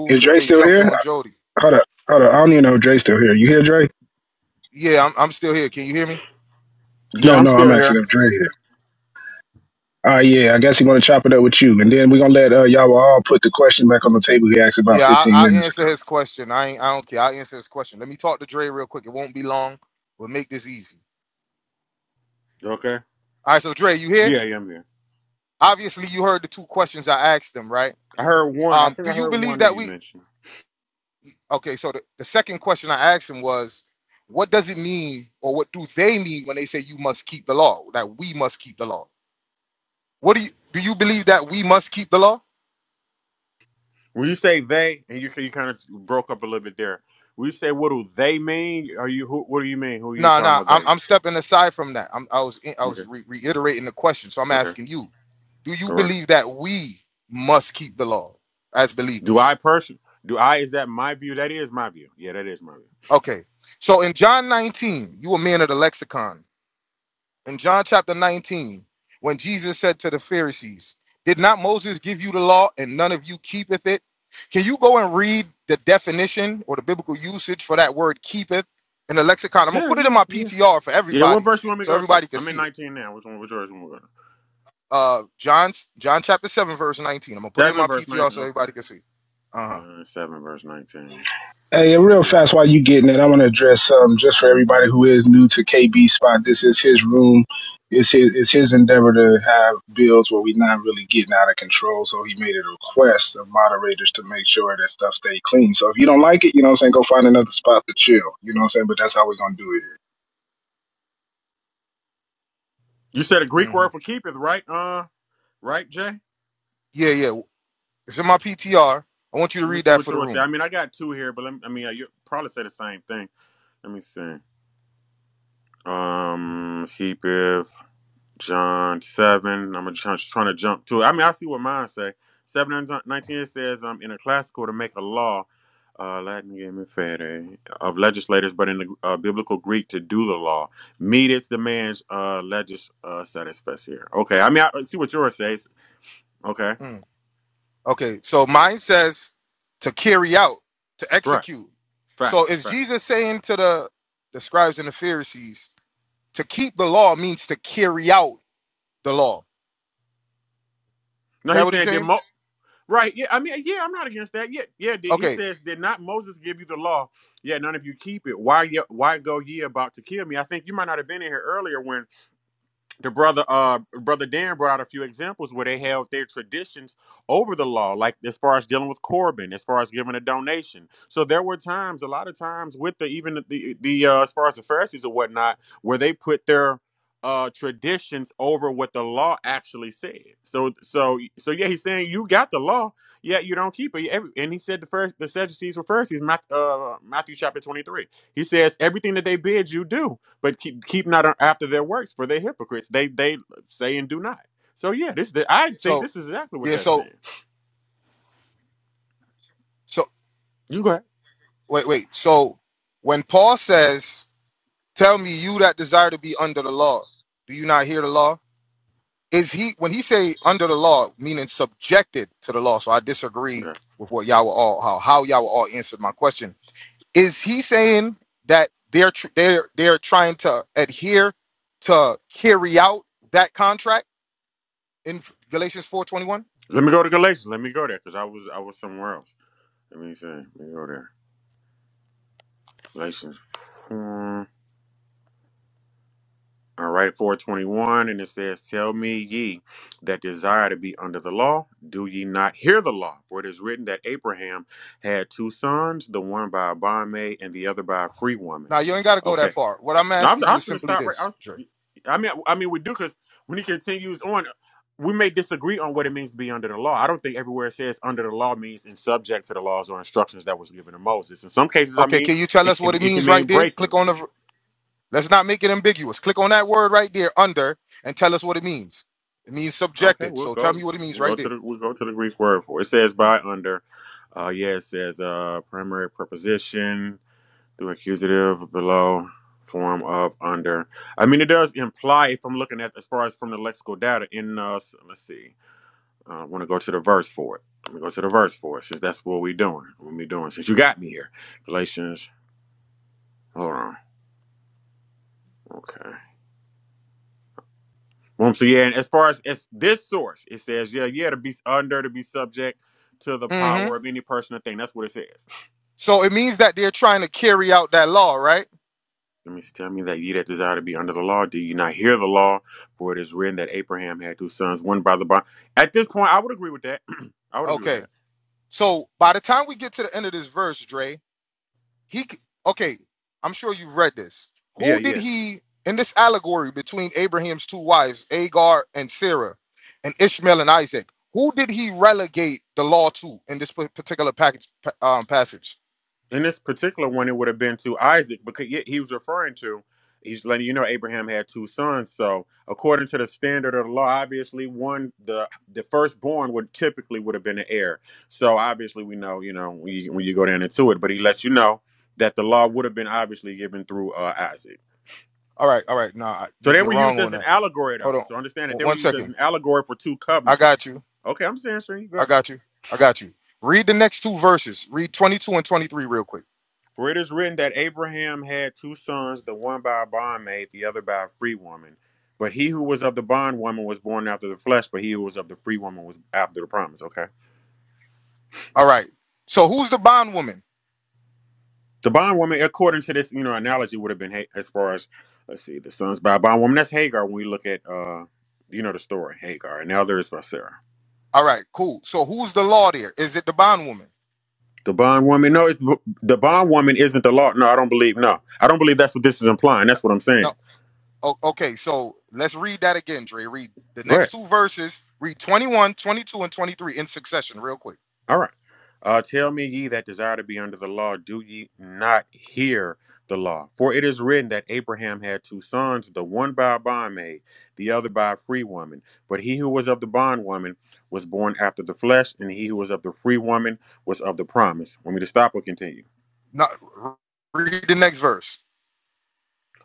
S11: Is Dre still here? Hold up. Hold up. I don't even know if Dre's still here. You here, Dre? No,
S19: Yeah, I'm
S11: no, I'm
S19: still
S11: asking
S19: here.
S11: if Dre here. Uh, yeah, I guess he going to chop it up with you, and then we're gonna let uh, y'all all put the question back on the table he asked about 15 minutes ago.
S19: Okay. Yeah, yeah, I'm here. I heard one. I think I heard one of you mention. When you say they, and you you kind of broke up a little bit there. When you say what do they mean? Are you who? What do you mean? Who are you talking about? They? Okay. Okay. All right. Do I person? Do I? Is that my view? That is my view. Yeah, that is my view. Yeah. Yeah. Yeah. Yeah. What verse you want me to go to? I'm in 19 now. Which one? Which verse? You want me to go to? Seven verse 19. Okay. Yeah. seven verse 19.
S11: Hey, yeah, real fast, while you getting it, I want to address something just for everybody who is new to KB Spot. This is his room. It's his it's his endeavor to have bills where we're not really getting out of control. So he made a request of moderators to make sure that stuff stay clean. So if you don't like it, you know what I'm saying, go find another spot to chill. You know what I'm saying? But that's how we're gonna do it.
S19: You said a Greek word for keepeth, right? Uh, right, Jay. Let me see what yours say. I mean, I got two here, but let me, I mean, uh, you probably say the same thing. Let me see. Um, Hebrew, John 7. I'm just trying trying to jump to it. I mean, I see what mine say. 7 and 19 it says, um, in a classical to make a law, uh, Latin game and fede, of legislators, but in the uh, biblical Greek to do the law. Meet its demands, uh, legis uh, satisfies here. Okay. I mean, I I see what yours says. Okay. Right. Facts. Facts. No, he's saying did Mo- Right. Yeah. I mean, uh, yeah, I'm not against that. Yeah. Yeah. He says, Did not Moses give you the law? Yet none of you keep it. Why, ye- why go ye about to kill me? I think you might not have been in here earlier when the brother uh brother Dan brought out a few examples where they held their traditions over the law, like as far as dealing with Corbin, as far as giving a donation. So there were times, a lot of times, with the even the the uh, as far as the Pharisees or whatnot, where they put their uh traditions over what the law actually said. So so so yeah, he's saying you got the law, yet you don't keep it. Every- And he said the first the Sadducees were Pharisees, Matthew, uh, Matthew chapter twenty three. He says everything that they bid you do but keep keep not after their works, for they're hypocrites. They they say and do not. So yeah, this the, I think this is exactly what that's saying. You go ahead. Okay. Let me go to Galatians. Let me go there because I was I was somewhere else. Let me see. Let me go there. Galatians. 4. All right, four twenty one, and it says, "Tell me, ye that desire to be under the law, do ye not hear the law? For it is written that Abraham had two sons, the one by a bondmaid and the other by a free woman." Okay. No, i was I'm gonna stop right. I'm, I mean, I mean, we do because when he continues on, we may disagree on what it means to be under the law. I don't think everywhere it says under the law means in subject to the laws or instructions that was given to Moses. In some cases, I mean, it, it, it can mean breaking them. Okay, we'll go. We'll go to the we'll go to the Greek word for it. It says by under. Uh, yeah, it says uh, primary preposition through accusative below form of under. I mean, it does imply if I'm looking at as far as from the lexical data in uh, let's see. uh, I want to go to the verse for it. I'm gonna go to the verse for it since that's what we're doing. What we doing since you got me here. Galatians. Hold on. Okay. Boom. So yeah, and as far as, as this source, it says, yeah, yeah, to be under to be subject to the power of any person or thing. That's what it says. Let me tell me that ye that desire to be under the law, do you not hear the law? For it is written that Abraham had two sons, one by the bond. At this point, I would agree with that. I would agree with that. Yeah. Yeah. in this particular one, it would have been to Isaac because he he was referring to. He's letting you know Abraham had two sons. So according to the standard of the law, obviously one the the firstborn would typically would have been the heir. So obviously we know you know when you, when you go down into it, but he lets you know that the law would have been obviously given through uh, Isaac. So they were used as an allegory though. So understand that they were used as an allegory for two covenants. Okay, I'm saying sure you go. ahead. For it is written that Abraham had two sons, the one by a bondmaid, the other by a free woman. But he who was of the bondwoman was born after the flesh, but he who was of the free woman was after the promise. Okay. The bondwoman, according to this, you know, analogy would have been as far as let's see, the sons by a bondwoman. That's Hagar when we look at uh you know the story, Hagar, and the other is by Sarah. The bondwoman, no, it's, the bondwoman isn't the law. No, I don't believe. No, I don't believe that's what this is implying. That's what I'm saying. Go ahead. All right. Uh, tell me, ye that desire to be under the law, do ye not hear the law? For it is written that Abraham had two sons, the one by a bondmaid, the other by a free woman. But he who was of the bondwoman was born after the flesh, and he who was of the free woman was of the promise. Want me to stop or continue?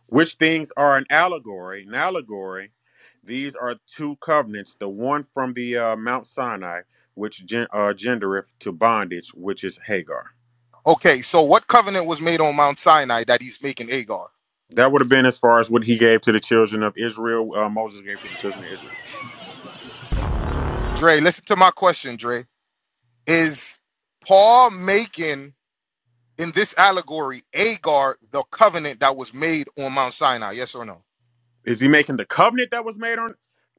S19: Which things are an allegory? An allegory. These are two covenants, the one from the uh, Mount Sinai, which gen- uh, gendereth to bondage, which is Hagar. That would have been as far as what he gave to the children of Israel. Uh, Moses gave to the children of Israel. Is he making the covenant that was made on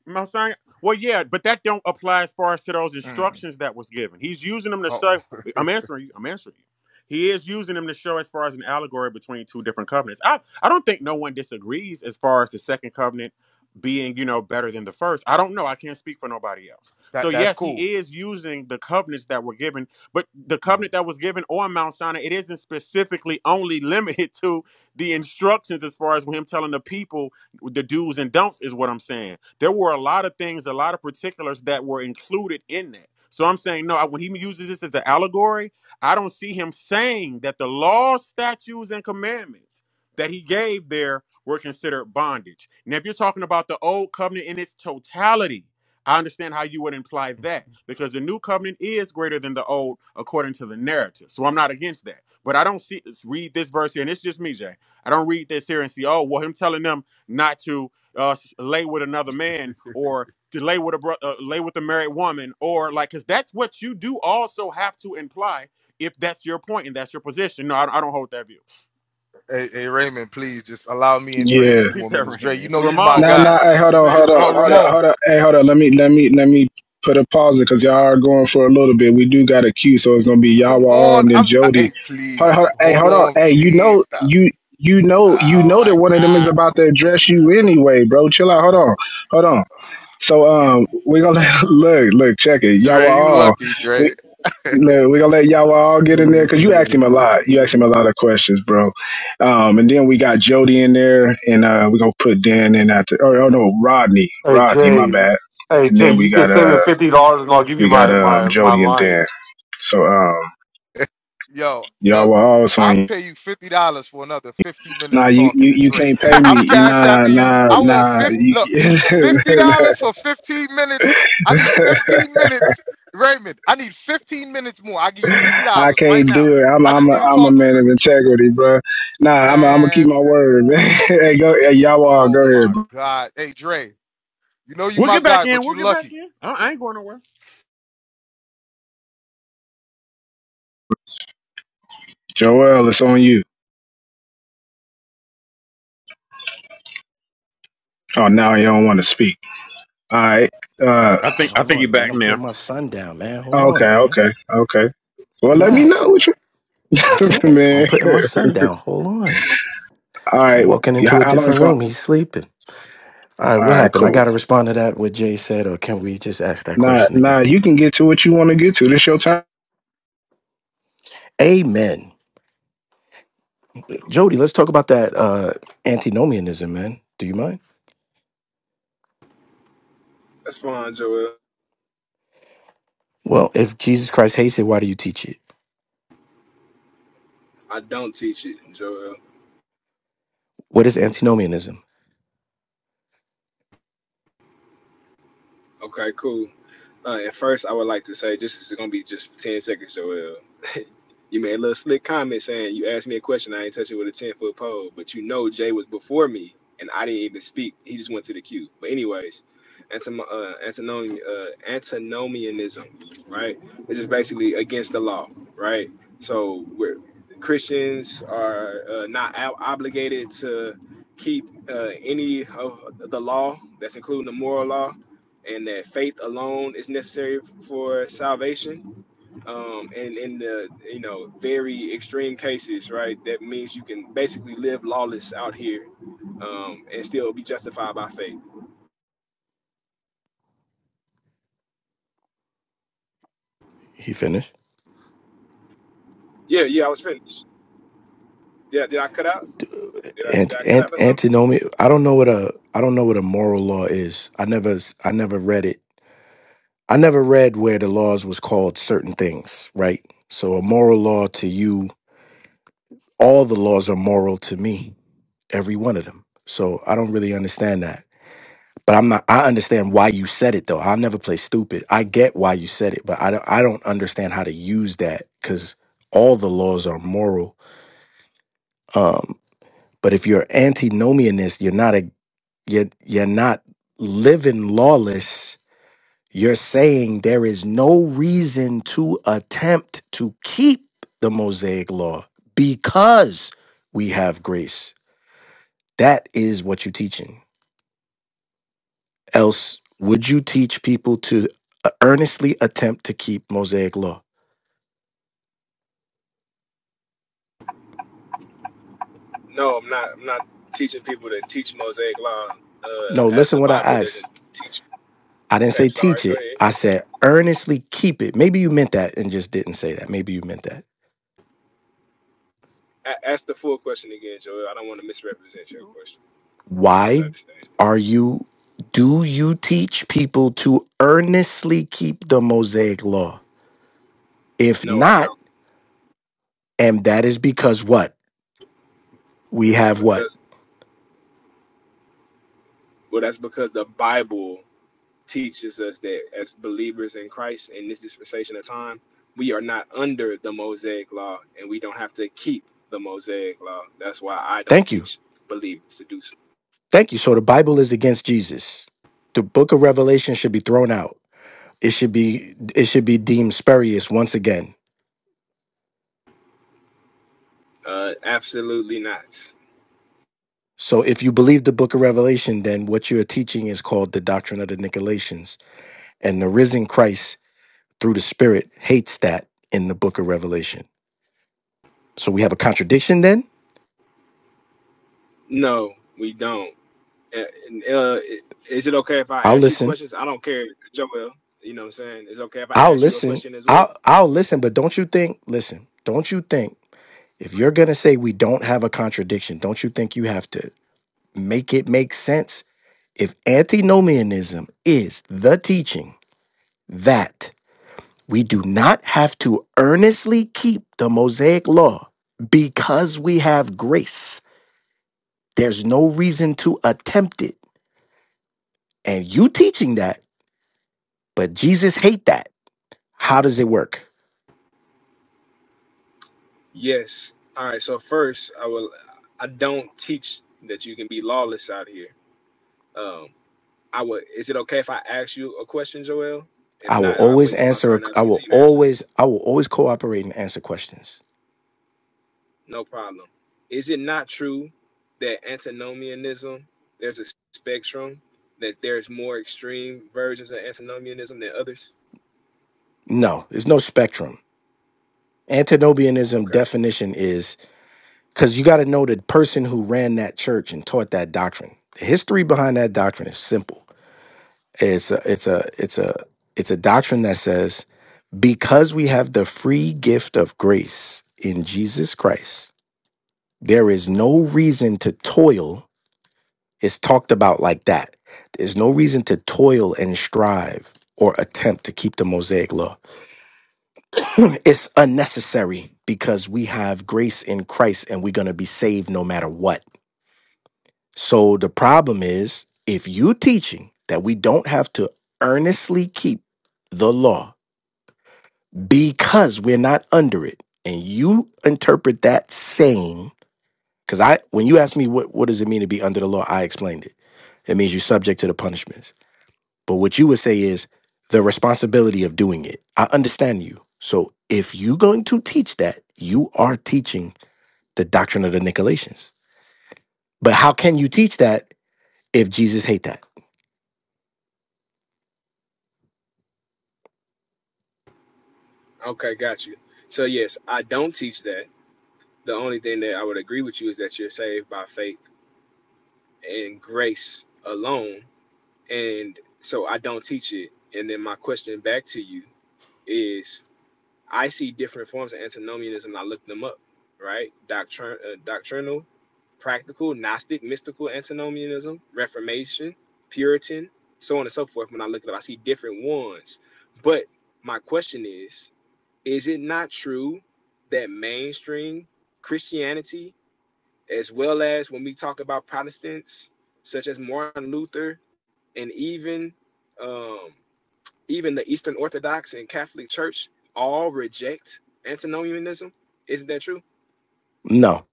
S19: Mount Sinai? Well, yeah, but that don't apply as far as to those instructions that was given. He's using them to show. I'm answering you. I'm answering you. He is using them to show as far as an allegory between two different covenants. I I don't think no one disagrees as far as the second covenant being you know better than the first. I don't know. I can't speak for nobody else. So yes, he is using the covenants that were given, but the covenant that was given on Mount Sinai, it isn't specifically only limited to the instructions as far as him telling the people the do's and don'ts is what I'm saying. There were a lot of things, a lot of particulars that were included in that. So I'm saying no. When he uses this as an allegory, I don't see him saying that the laws, statutes, and commandments that he gave there were considered bondage. Now, if you're talking about the old covenant in its totality, I understand how you would imply that because the new covenant is greater than the old according to the narrative. So I'm not against that. But I don't see read this verse here, and it's just me, Jay. I don't read this here and see, oh, well, him telling them not to uh, lay with another man or to lay with a bro- uh, lay with a married woman or like because that's what you do also have to imply if that's your point and that's your position. No, I, don't- I don't hold that view.
S11: here.
S19: He said Rain man, It's Ramon,
S11: Nah,
S19: man.
S11: nah. Hey, hold
S19: His
S11: on,
S19: name
S11: hold on,
S19: Ramon,
S11: hold on,
S19: man.
S11: hold on. Hey, hold on. Let me, let me, let me put a pause it because y'all are going for a little bit. We do got a queue, so it's gonna be Yawa all and then Jody. Hold, hold, hey, hold on. Hey, you know, you, you know, you know that one of them is about to address you anyway, bro. Chill out. Hold on, hold on. So, um, we gonna look, look, check it. Yawa, all Look, we're gonna let y'all all get in there
S17: Ramon,
S11: because
S17: can I
S11: you
S17: get
S11: asked
S17: on the
S11: him a
S17: queue?
S11: lot. You asked him a lot of questions, bro. Um, and then we got Jody in there, and uh, we're gonna put Dan in after. Or, oh no, Rodney,
S22: Hey
S11: Rodney, my
S22: Jay,
S11: bad.
S22: hey
S11: And
S22: Jay,
S11: then we
S22: you can
S11: got
S22: send
S11: uh,
S22: me fifty dollars and I'll give you
S11: we got
S22: my
S11: um,
S22: my my
S11: Jody and
S22: line.
S11: Dan. So um, y'all were all on you. Nah, you, you you can't pay me. Nah, nah, nah. You, I can't do it. I'm I'm a, I'm a man of integrity, bro. Nah, I'm i am i gonna keep my word, man. hey, go, hey, y'all all go ahead,
S19: we'll get back in. We'll get back in. I, I ain't going nowhere.
S11: Joel, it's on you. Oh, now you don't want to speak. All right.
S20: Nah,
S11: Uh,
S19: I
S20: Man,
S19: think I
S20: hold
S19: think
S20: on,
S19: you're
S20: man.
S19: back
S20: I'm putting
S19: now.
S20: my son down, man. Hold
S11: okay,
S20: on, man.
S11: okay, okay. Well, let me know
S20: Relax.
S11: what you,
S20: I can't.
S11: man.
S20: I'm putting my son down. Hold on.
S11: All
S20: I'm
S11: right.
S20: walking
S11: Yeah, How
S20: into a
S11: how long it's
S20: different
S11: going?
S20: room. He's sleeping. All right,
S11: All
S20: what
S11: right,
S20: happened? I
S11: cool.
S20: got to respond to that, what Jay said, or can we just ask that
S11: Nah,
S20: question again?
S11: nah. You can get to what you want to get to. This your time.
S20: Amen. Jody, let's talk about that uh, antinomianism, man. Do you mind?
S14: That's fine, Joel.
S20: Well, if Jesus Christ hates it, why do you teach it?
S14: I don't teach it, Joel.
S20: What is antinomianism?
S14: Okay, cool. Uh, and first, I would like to say, just it's gonna be just ten seconds, Joel. You made a little slick comment saying you asked me a question. I ain't touching with a ten foot pole, but you know Jay was before me, and I didn't even speak. He just went to the queue. But anyways, antinom- uh, antinom- uh, antinomianism, right? Which is basically against the law, right? So we're Christians are uh, not out- obligated to keep uh, any of the law. That's including the moral law and that faith alone is necessary for salvation. Um, and in the you know very extreme cases, right, that means you can basically live lawless out here um, and still be justified by faith.
S20: He finished.
S14: Yeah, yeah, I was finished. Did I, did I cut out? Did I, did
S20: Ant,
S14: I cut
S20: ant,
S14: out or something?
S20: antinomian. I don't know what a I don't know what a moral law is. I never s- I never read it I never read where the laws was called certain things, right? So a moral law to you, all the laws are moral to me, every one of them. So I don't really understand that. But I'm not I understand why you said it though. I'll never play stupid. I get why you said it, but I don't I don't understand how to use that cuz all the laws are moral. Um but if you're antinomianist, you're not a you're, you're not living lawless You're saying there is no reason to attempt to keep the Mosaic law because we have grace. That is what you're teaching. Else, would you teach people to uh, earnestly attempt to keep Mosaic law?
S14: No, I'm not. I'm not teaching people to teach Mosaic law uh,
S20: No,
S14: as
S20: listen
S14: the
S20: what I
S14: Bible doesn't
S20: asked.
S14: teach.
S20: I didn't
S14: Okay,
S20: say
S14: I'm sorry.
S20: teach
S14: Go
S20: it.
S14: ahead.
S20: I said earnestly keep it. Maybe you meant that and just didn't say that. Maybe you meant that.
S14: A- ask the full question again, Joel. I don't want to misrepresent your question.
S20: Why
S14: Misunderstand.
S20: are you do you teach people to earnestly keep the Mosaic law? If
S14: No, I
S20: not,
S14: don't.
S20: and that is because what? We have
S14: Because
S20: what?
S14: Well, that's because the Bible teaches us that as believers in Christ in this dispensation of time, we are not under the Mosaic law and we don't have to keep the Mosaic law. That's why I don't
S20: Thank you.
S14: teach believers to do so.
S20: Thank you. So the Bible is against Jesus. The book of Revelation should be thrown out. It should be it should be deemed spurious once again.
S14: Uh, absolutely not.
S20: So if you believe the book of Revelation, then what you're teaching is called the doctrine of the Nicolaitans. And the risen Christ through the Spirit hates that in the book of Revelation. So we have a contradiction then?
S14: No, we don't. Uh, and, uh, is it okay if I
S20: I'll
S14: ask you
S20: listen.
S14: questions? I don't care, Joel. You know what I'm saying? It's okay if I
S20: I'll
S14: ask you a
S20: listen.
S14: question as well?
S20: I'll I'll listen, but don't you think, listen, don't you think If you're going to say we don't have a contradiction, don't you think you have to make it make sense? If antinomianism is the teaching that we do not have to earnestly keep the Mosaic law because we have grace, there's no reason to attempt it. And you teaching that, but Jesus hate that. How does it work?
S14: Yes. All right. So first, I will. I don't teach that you can be lawless out here. Um, I would. Is it okay if I ask you a question, Joel? If
S20: I will
S14: not, I'll
S20: always
S14: wait till my
S20: answer
S14: turn. I'll
S20: I
S14: just
S20: will
S14: continue to answer.
S20: always I will always cooperate and answer questions.
S14: No problem. Is it not true that antinomianism? There's a spectrum that there's more extreme versions of antinomianism than others.
S20: No, there's no spectrum. Antinomianism
S14: Okay.
S20: definition is because you got to know the person who ran that church and taught that doctrine. The history behind that doctrine is simple. It's a, it's a, it's a, it's a doctrine that says because we have the free gift of grace in Jesus Christ, there is no reason to toil. It's talked about like that. There's no reason to toil and strive or attempt to keep the Mosaic law it's unnecessary because we have grace in Christ and we're going to be saved no matter what. So the problem is if you teaching that we don't have to earnestly keep the law because we're not under it and you interpret that saying cuz I when you ask me what what does it mean to be under the law I explained it. It means you're subject to the punishments. But what you would say is the responsibility of doing it. I understand you. So if you're going to teach that, you are teaching the doctrine of the Nicolaitans. But how can you teach that if Jesus hate that?
S14: Okay, got you. So yes, I don't teach that. The only thing that I would agree with you is that you're saved by faith and grace alone, and so I don't teach it. And then my question back to you is I see different forms of antinomianism. I look them up, right? Doctrin- uh, doctrinal, practical, Gnostic, mystical antinomianism, Reformation, Puritan, so on and so forth. When I look it up, I see different ones. But my question is is it not true that mainstream Christianity, as well as when we talk about Protestants, such as Martin Luther, and even um, even the Eastern Orthodox and Catholic Church all reject antinomianism. Isn't that true?
S20: No.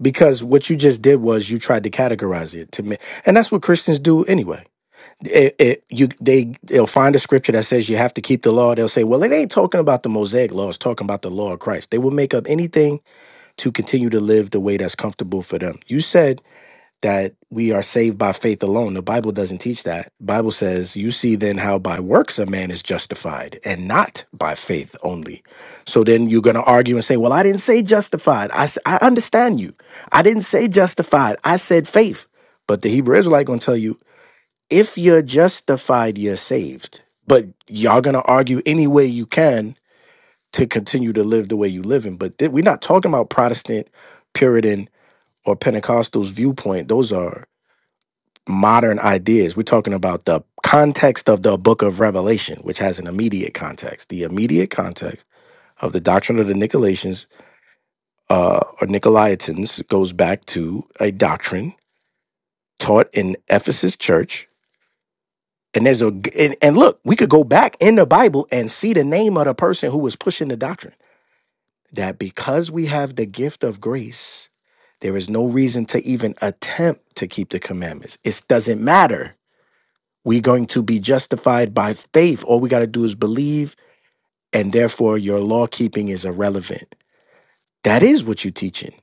S20: Because what you just did was you tried to categorize it to me. And that's what Christians do anyway. it, it you they they'll find a scripture that says you have to keep the law. They'll say, well, it ain't talking about the Mosaic law; it's talking about the law of Christ. They will make up anything to continue to live the way that's comfortable for them. You said that we are saved by faith alone. The Bible doesn't teach that. Bible says, you see then how by works a man is justified and not by faith only. So then you're going to argue and say, well, I didn't say justified. I, s- I understand you. I didn't say justified. I said faith. But the Hebrew Israelite going to tell you if you're justified, you're saved. But y'all gonna argue any way you can to continue to live the way you live in. But th- we're not talking about Protestant, Puritan, or Pentecostal's viewpoint. Those are modern ideas. We're talking about the context of the book of Revelation, which has an immediate context. The immediate context of the doctrine of the Nicolaitans uh, or Nicolaitans goes back to a doctrine taught in Ephesus church And there's a, and, and look, we could go back in the Bible and see the name of the person who was pushing the doctrine that because we have the gift of grace, there is no reason to even attempt to keep the commandments. It doesn't matter. We're going to be justified by faith. All we got to do is believe, and therefore your law keeping is irrelevant. That is what you're teaching.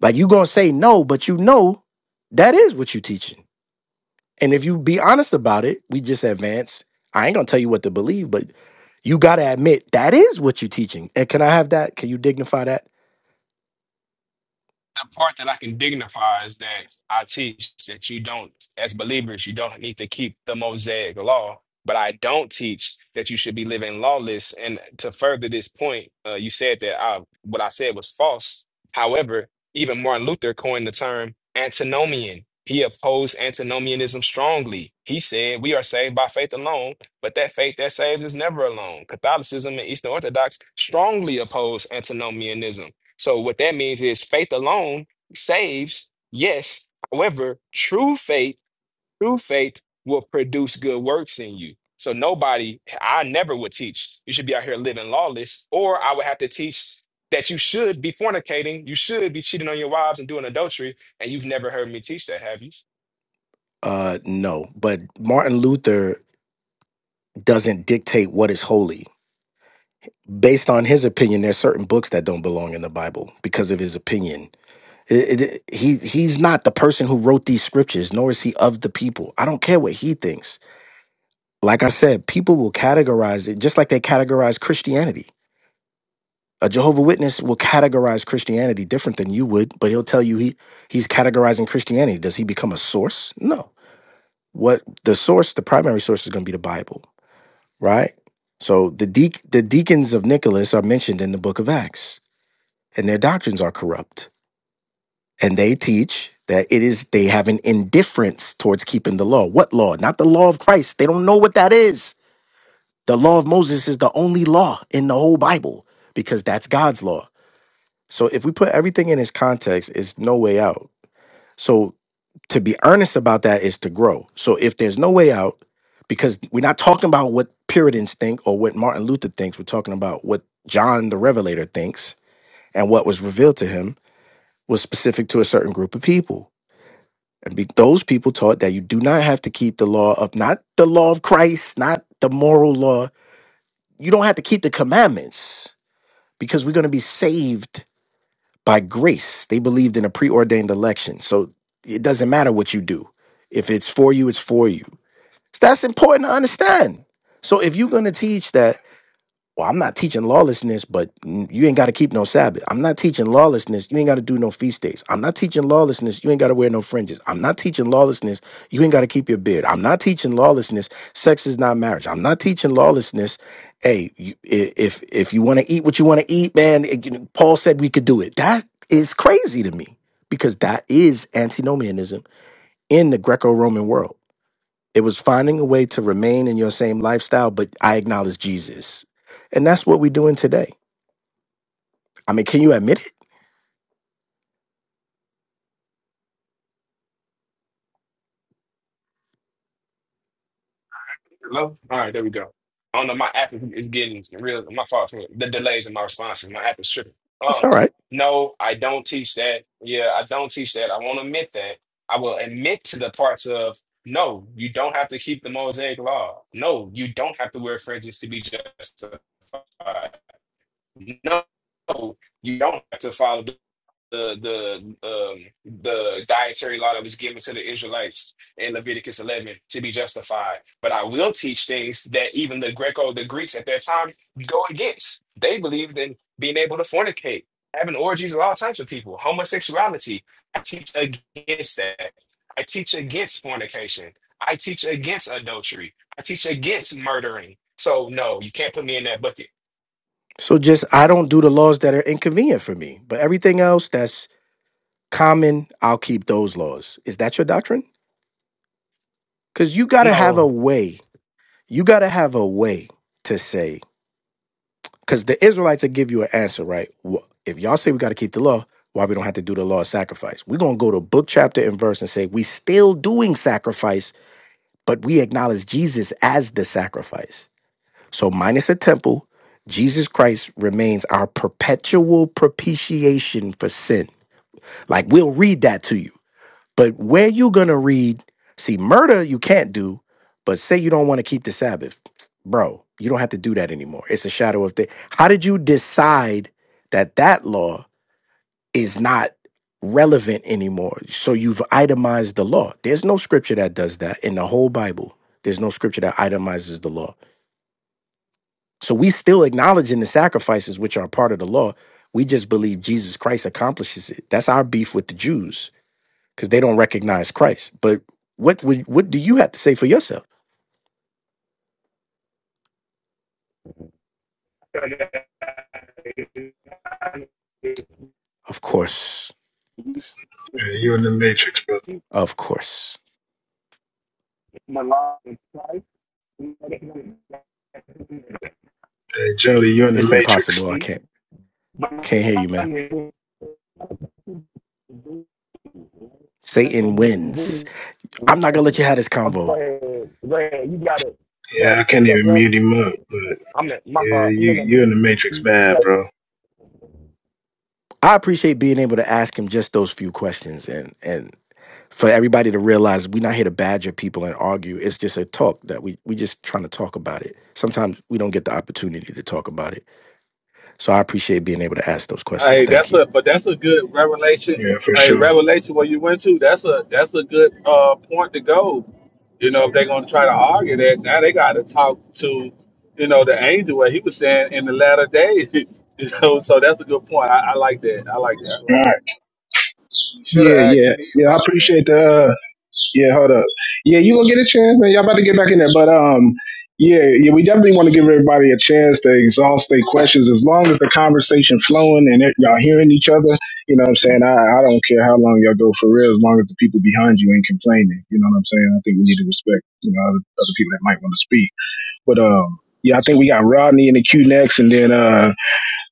S20: Like you're gonna say no, but you know that is what you're teaching. And if you be honest about it, we just advance. I ain't gonna tell you what to believe, but you gotta admit that is what you're teaching. And can I have that? Can you dignify that?
S14: the part that I can dignify is that I teach that you don't, as believers, you don't need to keep the Mosaic law. But I don't teach that you should be living lawless. And to further this point, uh, you said that I, what I said was false. However, even Martin Luther coined the term antinomian. He opposed antinomianism strongly. He said, We are saved by faith alone, but that faith that saves is never alone. Catholicism and Eastern Orthodox strongly oppose antinomianism. So what that means is faith alone saves, yes. However, true faith, true faith will produce good works in you. So nobody, I never would teach you should be out here living lawless, or I would have to teach that you should be fornicating, you should be cheating on your wives and doing adultery, and you've never heard me teach that, have you?
S20: Uh no. But Martin Luther doesn't dictate what is holy. Based on his opinion, there's certain books that don't belong in the Bible because of his opinion. It- it- he he's not the person who wrote these scriptures, nor is he of the people. I don't care what he thinks. Like I said, people will categorize it just like they categorize Christianity A Jehovah Witness will categorize Christianity different than you would, but he'll tell you he he's categorizing Christianity. Does he become a source? No. What the source, the primary source is going to be the Bible, right? So the de the deacons of Nicholas are mentioned in the book of Acts, and their doctrines are corrupt. And they teach that it is they have an indifference towards keeping the law. What law? Not the law of Christ. They don't know what that is. The law of Moses is the only law in the whole Bible because that's God's law So if we put everything in its context, it's no way out. So to be earnest about that is to grow. So if there's no way out, because we're not talking about what Puritans think or what Martin Luther thinks, we're talking about what John the Revelator thinks and what was revealed to him was specific to a certain group of people. And be, those people taught that you do not have to keep the law of, not the law of Christ, not the moral law. You don't have to keep the commandments because we're going to be saved by grace. They believed in a preordained election. So it doesn't matter what you do. If it's for you, it's for you. So that's important to understand. So if you're going to teach that well, I'm not teaching lawlessness, but you ain't got to keep no Sabbath. I'm not teaching lawlessness. You ain't got to do no feast days. I'm not teaching lawlessness. You ain't got to wear no fringes. I'm not teaching lawlessness. You ain't got to keep your beard. I'm not teaching lawlessness. Sex is not marriage. I'm not teaching lawlessness. Hey, you, i- if if you want to eat what you want to eat, man, it- you know, Paul said we could do it. That is crazy to me because that is antinomianism in the Greco-Roman world. It was finding a way to remain in your same lifestyle, but I acknowledge Jesus. And that's what we're doing today. I mean, can you admit it?
S14: Hello? All right, there we go. I don't know, my app is is getting real. My fault for the delays in my responses. My app is tripping.
S20: It's
S14: Uh,
S20: all right.
S14: no, I don't teach that. Yeah, I don't teach that. I won't admit that. I will admit to the parts of no, you don't have to keep the Mosaic law. No, you don't have to wear fringes to be justified. No, you don't have to follow the the um, the dietary law that was given to the Israelites in Leviticus 11 to be justified. But I will teach things that even the Greco, the Greeks at that time go against. They believed in being able to fornicate, having orgies with all types of people, homosexuality. I teach against that. I teach against fornication. I teach against adultery. I teach against murdering. So no, you can't put me in that bucket.
S20: So just, I don't do the laws that are inconvenient for me, but everything else that's common, I'll keep those laws. Is that your doctrine? Because you got to have a
S14: No.
S20: way. You got to have a way to say, because the Israelites will give you an answer, right? Wh- If y'all say we got to keep the law, why we don't have to do the law of sacrifice? We're going to go to book, chapter, and verse and say, we still doing sacrifice but we acknowledge Jesus as the sacrifice. So, minus a temple, Jesus Christ remains our perpetual propitiation for sin. Like, we'll read that to you. But where you going to read, see, murder you can't do, but say you don't want to keep the Sabbath, bro, you don't have to do that anymore. It's a shadow of the. How did you decide that that law? is not relevant anymore. So you've itemized the law. There's no scripture that does that in the whole Bible. There's no scripture that itemizes the law. So we still acknowledging the sacrifices which are part of the law. We just believe Jesus Christ accomplishes it. That's our beef with the Jews because they don't recognize Christ. But what would, what do you have to say for yourself? Of course,
S11: Yeah, you're in the matrix, brother.
S20: of course,
S14: no
S11: Hey, Jody, you're in the
S20: it's
S11: matrix.
S20: impossible. I can't can't hear you, man. Satan wins. I'm not gonna let you have this
S14: go
S20: convo.
S14: ahead, go ahead, you got it.
S11: Yeah,
S14: So,
S11: I can't
S14: so
S11: even mute him up, but
S14: I'm in my
S11: yeah,
S14: fault. I'm
S11: you
S14: in
S11: you're in the
S14: the
S11: matrix, bad, bro.
S20: I appreciate being able to ask him just those few questions and and for everybody to realize we're not here to badger people and argue. It's just a talk that we we just trying to talk about it. Sometimes we don't get the opportunity to talk about it. So I appreciate being able to ask those questions.
S16: Hey,
S20: Thank
S16: that's
S20: you.
S16: a but that's a good revelation.
S11: Yeah, for
S16: Hey,
S11: sure. All
S16: revelation where you went to. That's a that's a good uh point to go. You know, if they're gonna try to argue that, now they gotta talk to, you know, the angel where he was saying in the latter days. You know, so that's a good point. I, I like that. I like that. I like
S11: right.
S16: it.
S11: Yeah, yeah, yeah. I appreciate the. Uh, yeah, hold up. Yeah, you gonna get a chance, man. Y'all about to get back in there, but um, yeah, yeah. We definitely want to give everybody a chance to exhaust their questions. As long as the conversation flowing and it, y'all hearing each other, you know what I'm saying. I I don't care how long y'all go for real, as long as the people behind you ain't complaining. You know what I'm saying. I think we need to respect you know other, other people that might want to speak. But um, yeah, I think we got Rodney in the queue next, and then uh,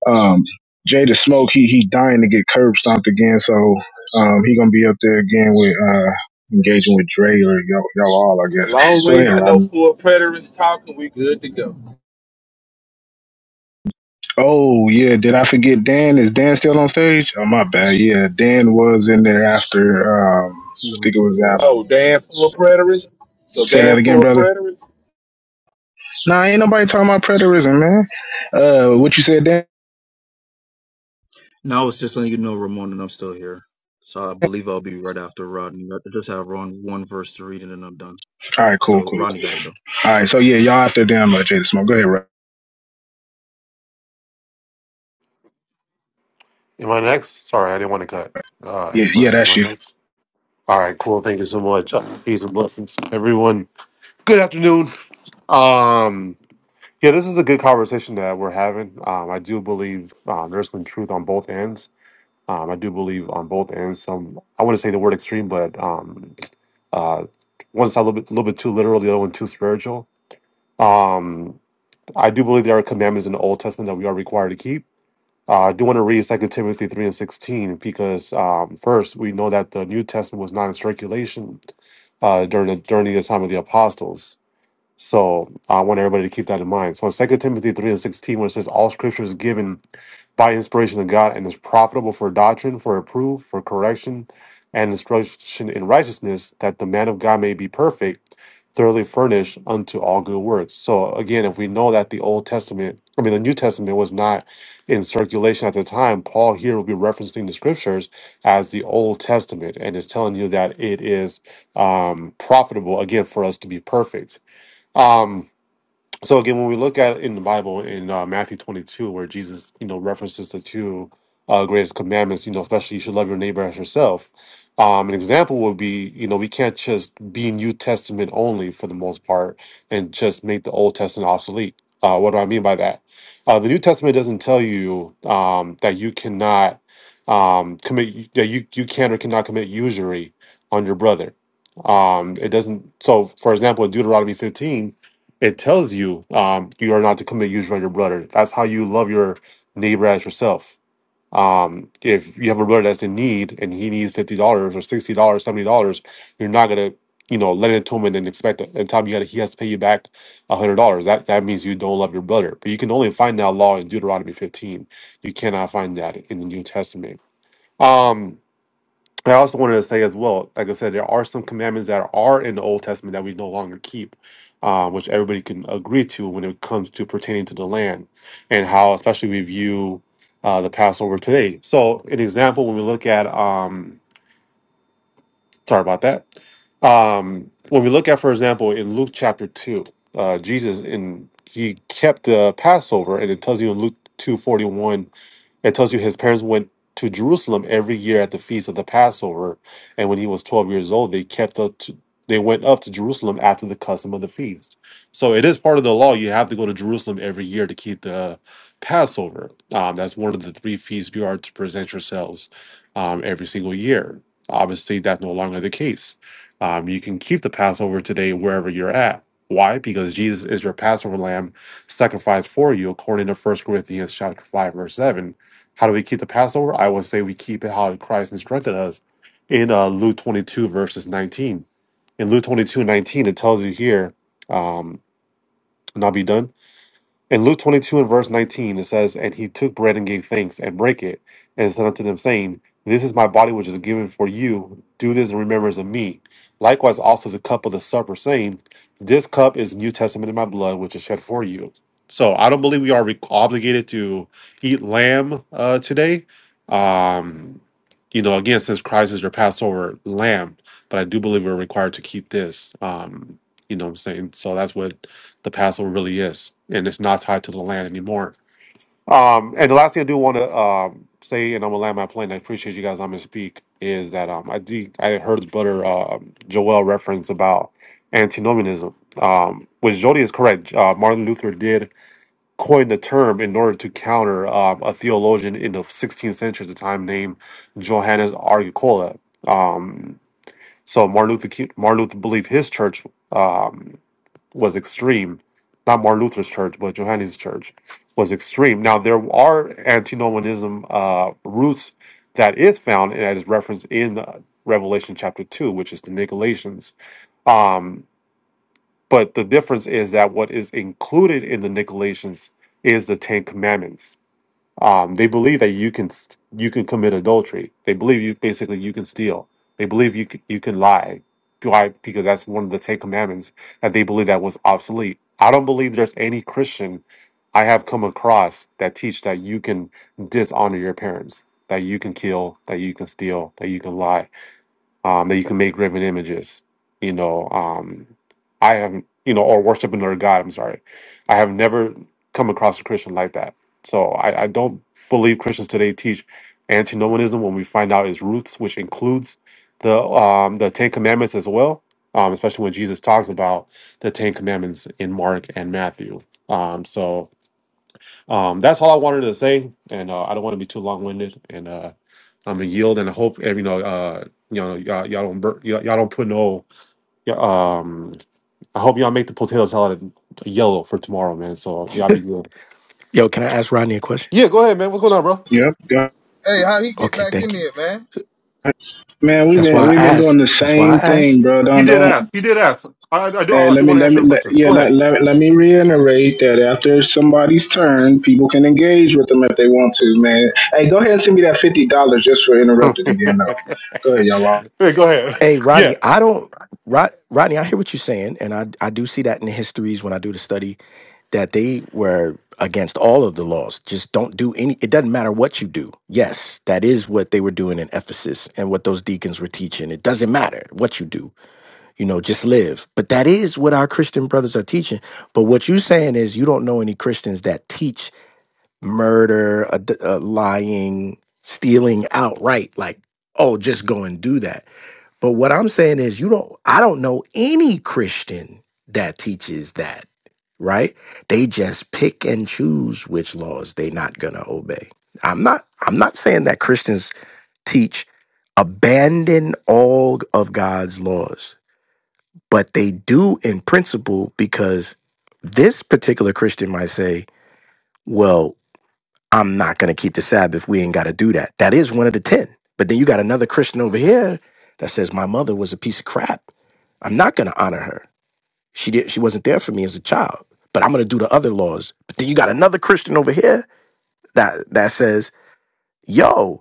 S11: um, Jada Smoke, he he dying to get curb stomped again, so um, he gonna be up there again with uh, engaging with Dre or y'all, y'all all, I
S16: As
S11: guess.
S16: long as
S11: Go
S16: we ain't
S11: ahead,
S16: got no
S11: Rodney.
S16: full preterists talking, we good to go.
S11: Oh yeah, did I forget Dan? Is Dan still on stage? Oh my bad. Yeah, Dan was in there after. Um, I
S17: No, I'm
S11: think it
S17: still
S11: was after.
S16: Oh,
S17: waiting.
S16: Dan full preterists. So
S11: Say that
S16: Dan
S11: again,
S16: full
S11: brother.
S16: preterists.
S11: Nah, ain't nobody talking about preterism, man. Uh, what you said, Dan?
S17: No, it's just letting you know, Ramon, and I'm still here. So I believe I'll be right after Rodney. I just have Ron one verse to read, and then I'm done.
S11: All right, cool,
S17: So
S11: cool,
S17: Rodney
S11: cool.
S17: got it though.
S11: All right, so yeah, y'all after Dan, uh, Jada Smoke. Go ahead, Rodney.
S22: Am I next? Sorry, I didn't want to cut uh,
S11: Yeah, yeah,
S22: anybody. Am
S11: that's
S22: I
S11: you.
S22: next? All right, cool. Thank you so much. Uh, Peace and blessings, everyone. Good afternoon. Um, yeah, this is a good conversation that we're having. Um, I do believe uh, there's some truth on both ends. Um, I do believe on both ends. Some I want to say the word extreme, but um, uh, one's a little bit, little bit too literal, the other one too spiritual. Um, I do believe there are commandments in the Old Testament that we are required to keep. Uh, I do want to read Second Timothy 3 and 16 because, um, first, we know that the New Testament was not in circulation uh, during, the, during the time of the apostles. So I want everybody to keep that in mind. So in Second Timothy 3 and 16, where it says, All scripture is given by inspiration of God and is profitable for doctrine, for reproof, for correction, and instruction in righteousness, that the man of God may be perfect, thoroughly furnished unto all good works. So again, if we know that the Old Testament, I mean the New Testament was not in circulation at the time, Paul here will be referencing the scriptures as the Old Testament and is telling you that it is um profitable again for us to be perfect. Um so again, when we look at it in the Bible in uh, Matthew 22, where Jesus, you know, references the two uh, greatest commandments, you know, especially you should love your neighbor as yourself. Um, an example would be, you know, we can't just be New Testament only for the most part and just make the Old Testament obsolete. Uh, what do I mean by that? Uh, the New Testament doesn't tell you um, that you cannot um, commit that you you can or cannot commit usury on your brother. Um, it doesn't. So, for example, in Deuteronomy 15. It tells you um, you are not to commit usury on your brother. That's how you love your neighbor as yourself. Um, if you have a brother that's in need and he needs fifty dollars or sixty dollars, seventy dollars, you're not gonna, you know, lend it to him and then expect that in time you gotta he has to pay you back a hundred dollars. That that means you don't love your brother. But you can only find that law in Deuteronomy 15. You cannot find that in the New Testament. Um, I also wanted to say as well, like I said, there are some commandments that are in the Old Testament that we no longer keep, uh, which everybody can agree to when it comes to pertaining to the land and how, especially, we view uh, the Passover today. So, an example, when we look at, um, sorry about that, um, when we look at, for example, in Luke chapter 2, uh, Jesus, in he kept the Passover, and it tells you in Luke two forty one. It tells you his parents went to Jerusalem every year at the feast of the Passover, and when he was twelve years old, they kept up to they went up to Jerusalem after the custom of the feast. So it is part of the law. You have to go to Jerusalem every year to keep the Passover. Um, that's one of the three feasts you are to present yourselves um, every single year. Obviously, that's no longer the case. Um, you can keep the Passover today wherever you're at. Why? Because Jesus is your Passover lamb sacrificed for you, according to First Corinthians chapter 5, verse 7 how do we keep the Passover? I would say we keep it how Christ instructed us in uh, Luke 22, verses 19. In Luke 22 19, it tells you here, um, and I'll be done. In Luke 22 and verse 19, it says, And he took bread and gave thanks and brake it and said unto them, saying, This is my body which is given for you. Do this in remembrance of me. Likewise also the cup of the supper, saying, This cup is New Testament in my blood, which is shed for you. So I don't believe we are re- obligated to eat lamb uh, today. Um, you know, again, since Christ is your Passover lamb, but I do believe we're required to keep this. Um, you know what I'm saying? So that's what the Passover really is, and it's not tied to the land anymore. Um, and the last thing I do want to um, say, and I'm gonna land my plane. I appreciate you guys. I'm gonna speak. Is that um, I did, I heard Brother uh, Joel reference about antinomianism, um, which Jody is correct. Uh, Martin Luther did coin the term in order to counter um, a theologian in the 16th century at the time named Johannes Argicola. Um, so Martin Luther Ki- Martin Luther believed his church. Um, was extreme. Not Martin Luther's church, but Johannes' church was extreme. Now there are antinomianism uh, roots that is found and that is referenced in uh, Revelation chapter two, which is the Nicolaitans. Um, but the difference is that what is included in the Nicolaitans is the Ten Commandments um, they believe that you can st- you can commit adultery. They believe you basically you can steal. They believe you c- you can lie. Why? Because that's one of the Ten Commandments that they believe that was obsolete. I don't believe there's any Christian I have come across that teach that you can dishonor your parents, that you can kill, that you can steal, that you can lie um, that you can make graven images. You know, um, I have you know, or worship another god. I'm sorry, I have never come across a Christian like that. So I, I don't believe Christians today teach antinomianism when we find out its roots, which includes the um, the Ten Commandments as well. Um, especially when Jesus talks about the Ten Commandments in Mark and Matthew. Um, so um, that's all I wanted to say, and uh, I don't want to be too long winded. And uh, I'm gonna yield, and I hope every you know, uh, you know, y'all, y'all don't bur- y'all, y'all don't put no. yeah, Um, I hope y'all make the potato salad yellow for tomorrow, man. So y'all be good.
S20: Yo, can I ask Rodney a question?
S22: Yeah, go ahead, man. What's going on, bro?
S11: Yep. Go
S20: Okay, thank you.
S11: Man, we've
S20: That's
S11: been
S20: why I
S11: we've been doing the
S20: asked. That's why I
S11: same thing,
S20: asked.
S11: bro.
S22: You
S11: Don't
S22: did
S11: don't.
S22: ask. You did ask. I, I do.
S11: Hey,
S22: I
S11: let
S22: do
S11: me
S22: want to
S11: let
S22: answer
S11: me
S22: your
S11: let,
S22: questions.
S11: yeah
S22: Go
S11: let,
S22: ahead.
S11: let, let me reiterate that after somebody's turn, people can engage with them if they want to, man. Hey, go ahead and send me that fifty dollars just for interrupted again, though. Go ahead, y'all.
S22: Hey, go ahead.
S20: Hey,
S22: Yeah.
S20: Rodney, I don't Rod, Rodney, I hear what you're saying, and I I do see that in the histories when I do the study that they were against all of the laws. Just don't do any, it doesn't matter what you do. Yes, that is what they were doing in Ephesus and what those deacons were teaching. It doesn't matter what you do, you know, just live. But that is what our Christian brothers are teaching. But what you're saying is you don't know any Christians that teach murder, ad- uh, lying, stealing outright. Like, oh, just go and do that. But what I'm saying is, you don't, I don't know any Christian that teaches that, right? They just pick and choose which laws they're not going to obey. I'm not, I'm not saying that Christians teach abandon all of God's laws, but they do in principle because this particular Christian might say, well, I'm not going to keep the Sabbath. We ain't got to do that. That is one of the 10. But then you got another Christian over here that says, my mother was a piece of crap I'm not going to honor her. She did. She wasn't there for me as a child. But I'm going to do the other laws. But then you got another Christian over here that that says, "Yo."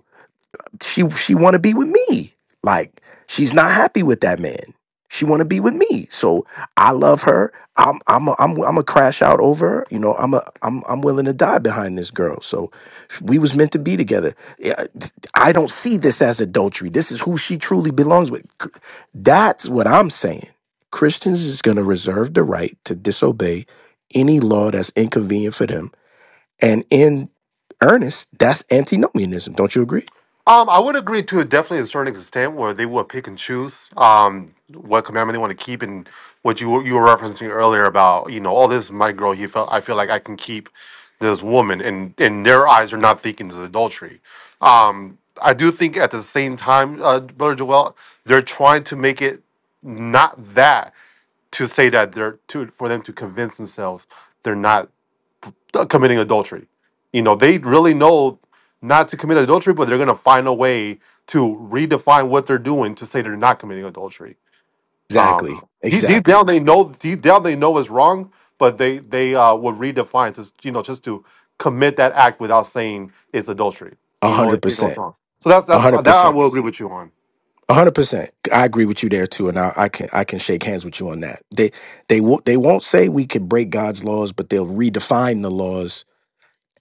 S20: she she want to be with me. Like she's not happy with that man. She want to be with me. So I love her. I'm I'm a, I'm I'm a crash out over her. You know I'm a I'm I'm willing to die behind this girl. So we was meant to be together. Yeah, I don't see this as adultery. This is who she truly belongs with. That's what I'm saying. Christians is going to reserve the right to disobey any law that's inconvenient for them. And in earnest, that's antinomianism. Don't you agree?
S22: Um, I would agree to definitely a certain extent where they will pick and choose um what commandment they want to keep and what you were- you were referencing earlier about you know oh this is my girl he felt I feel like I can keep this woman and in their eyes are not thinking it's adultery. Um, I do think at the same time, uh, Brother Joel, they're trying to make it not that to say that they're to for them to convince themselves they're not uh, committing adultery. You know, they really know not to commit adultery, but they're going to find a way to redefine what they're doing to say they're not committing adultery. Um,
S20: Exactly.
S22: deep, deep
S20: Exactly.
S22: down, they know deep down they know it's wrong, but they they uh, would redefine to you know just to commit that act without saying it's adultery.
S20: A
S22: You know,
S20: hundred
S22: you know it's
S20: percent.
S22: wrong. So that's
S20: A
S22: that's
S20: hundred
S22: that I
S20: percent.
S22: will agree with you on.
S20: A hundred percent. I agree with you there too, and I, I can I can shake hands with you on that. They they won't they won't say we could break God's laws, but they'll redefine the laws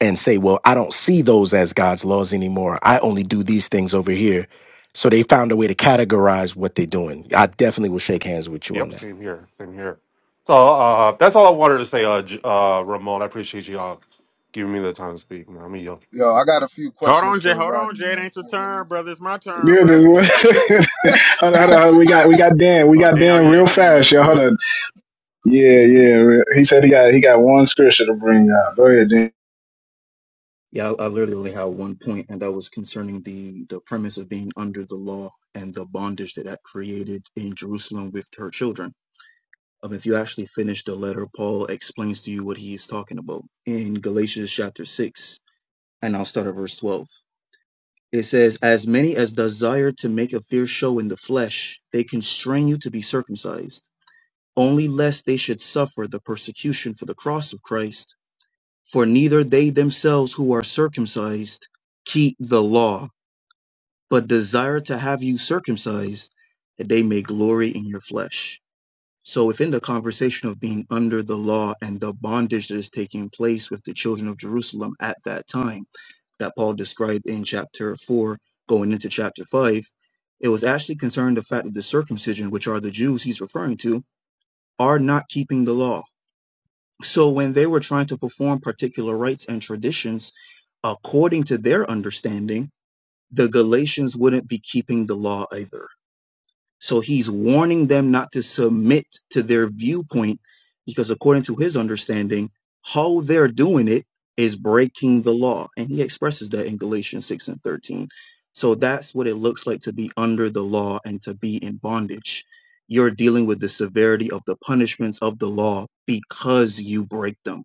S20: and say, well, I don't see those as God's laws anymore. I only do these things over here. So they found a way to categorize what they're doing. I definitely will shake hands with you on
S22: Yep,
S20: that.
S22: same here, same here. So uh, that's all I wanted to say, uh, J- uh, Ramon. I appreciate you all giving me the time to speak. Man. I'm a yo.
S19: Hold on, Jay. Hold on, Jay. It ain't your turn, brother. It's my turn,
S11: Yeah, this
S19: brother.
S11: one. hold on, hold on, hold on. We got we got Dan. We
S19: Oh,
S11: got
S19: Dan. Oh,
S11: Dan
S19: yeah,
S11: real
S19: Dan in
S11: fast,
S19: the
S11: y'all. Hold on.
S19: building.
S11: Yeah, yeah. re- He said he got he got one scripture to bring out. Go ahead, Dan.
S17: Yeah, I, I literally only have one point, and that was concerning the the premise of being under the law and the bondage that that created in Jerusalem with her children. Um, if you actually finish the letter, Paul explains to you what he is talking about in Galatians chapter six, and I'll start at verse twelve. It says, "As many as desire to make a fair show in the flesh, they constrain you to be circumcised, only lest they should suffer the persecution for the cross of Christ. For neither they themselves who are circumcised keep the law." but desire to have you circumcised, that they may glory in your flesh. So, within the conversation of being under the law and the bondage that is taking place with the children of Jerusalem at that time, that Paul described in chapter 4, going into chapter 5, it was actually concerned the fact that the circumcision, which are the Jews he's referring to, are not keeping the law. So, when they were trying to perform particular rites and traditions, according to their understanding, the Galatians wouldn't be keeping the law either so he's warning them not to submit to their viewpoint because, according to his understanding, how they're doing it is breaking the law. And he expresses that in Galatians 6 and 13. So that's what it looks like to be under the law and to be in bondage. You're dealing with the severity of the punishments of the law because you break them.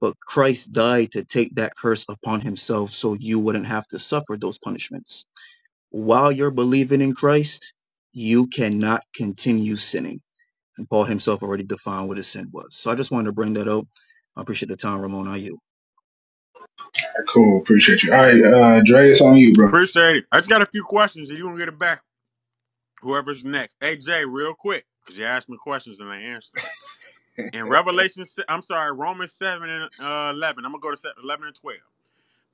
S17: But Christ died to take that curse upon himself so you wouldn't have to suffer those punishments while you're believing in Christ, you cannot continue sinning. And Paul himself already defined what his sin was. So I just wanted to bring that out. I appreciate the time, Ramon. I yield.
S11: Cool, appreciate you. All right, uh, Dre, it's on you, bro.
S19: Appreciate it. I just got a few questions. If you want to get it back? whoever's next. AJ, real quick, because you asked me questions and I answered them. In Revelation, I'm sorry, Romans 7 and uh, 11, I'm going to go to se- 11 and 12.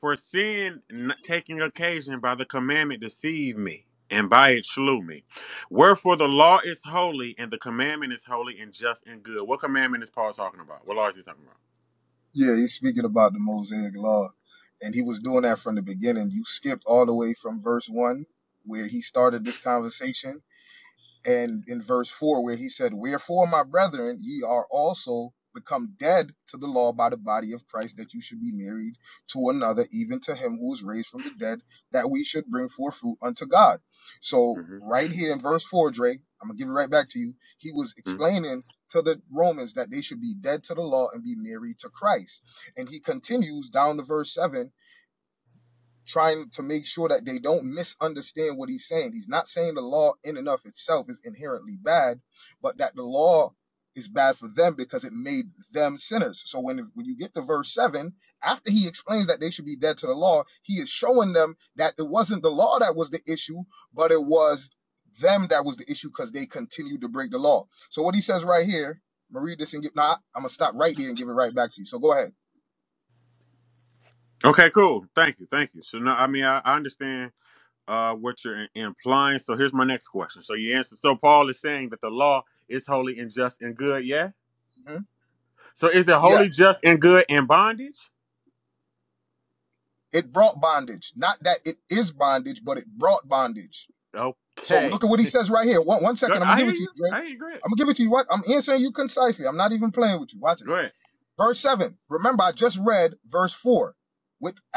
S19: For sin taking occasion by the commandment deceived me, and by it slew me. Wherefore the law is holy, and the commandment is holy and just and good. What commandment is Paul talking about? What law is he talking about? hmm Okay, cool. Thank you. Thank you. So, no, I mean, I, I understand uh, what you're implying. So here's my next question. So you answer. So Paul is saying that the law is holy and just and good. Yeah. So is it holy, just, and good in bondage? Okay. Good. I hear you. I hear you. Go ahead. Go ahead.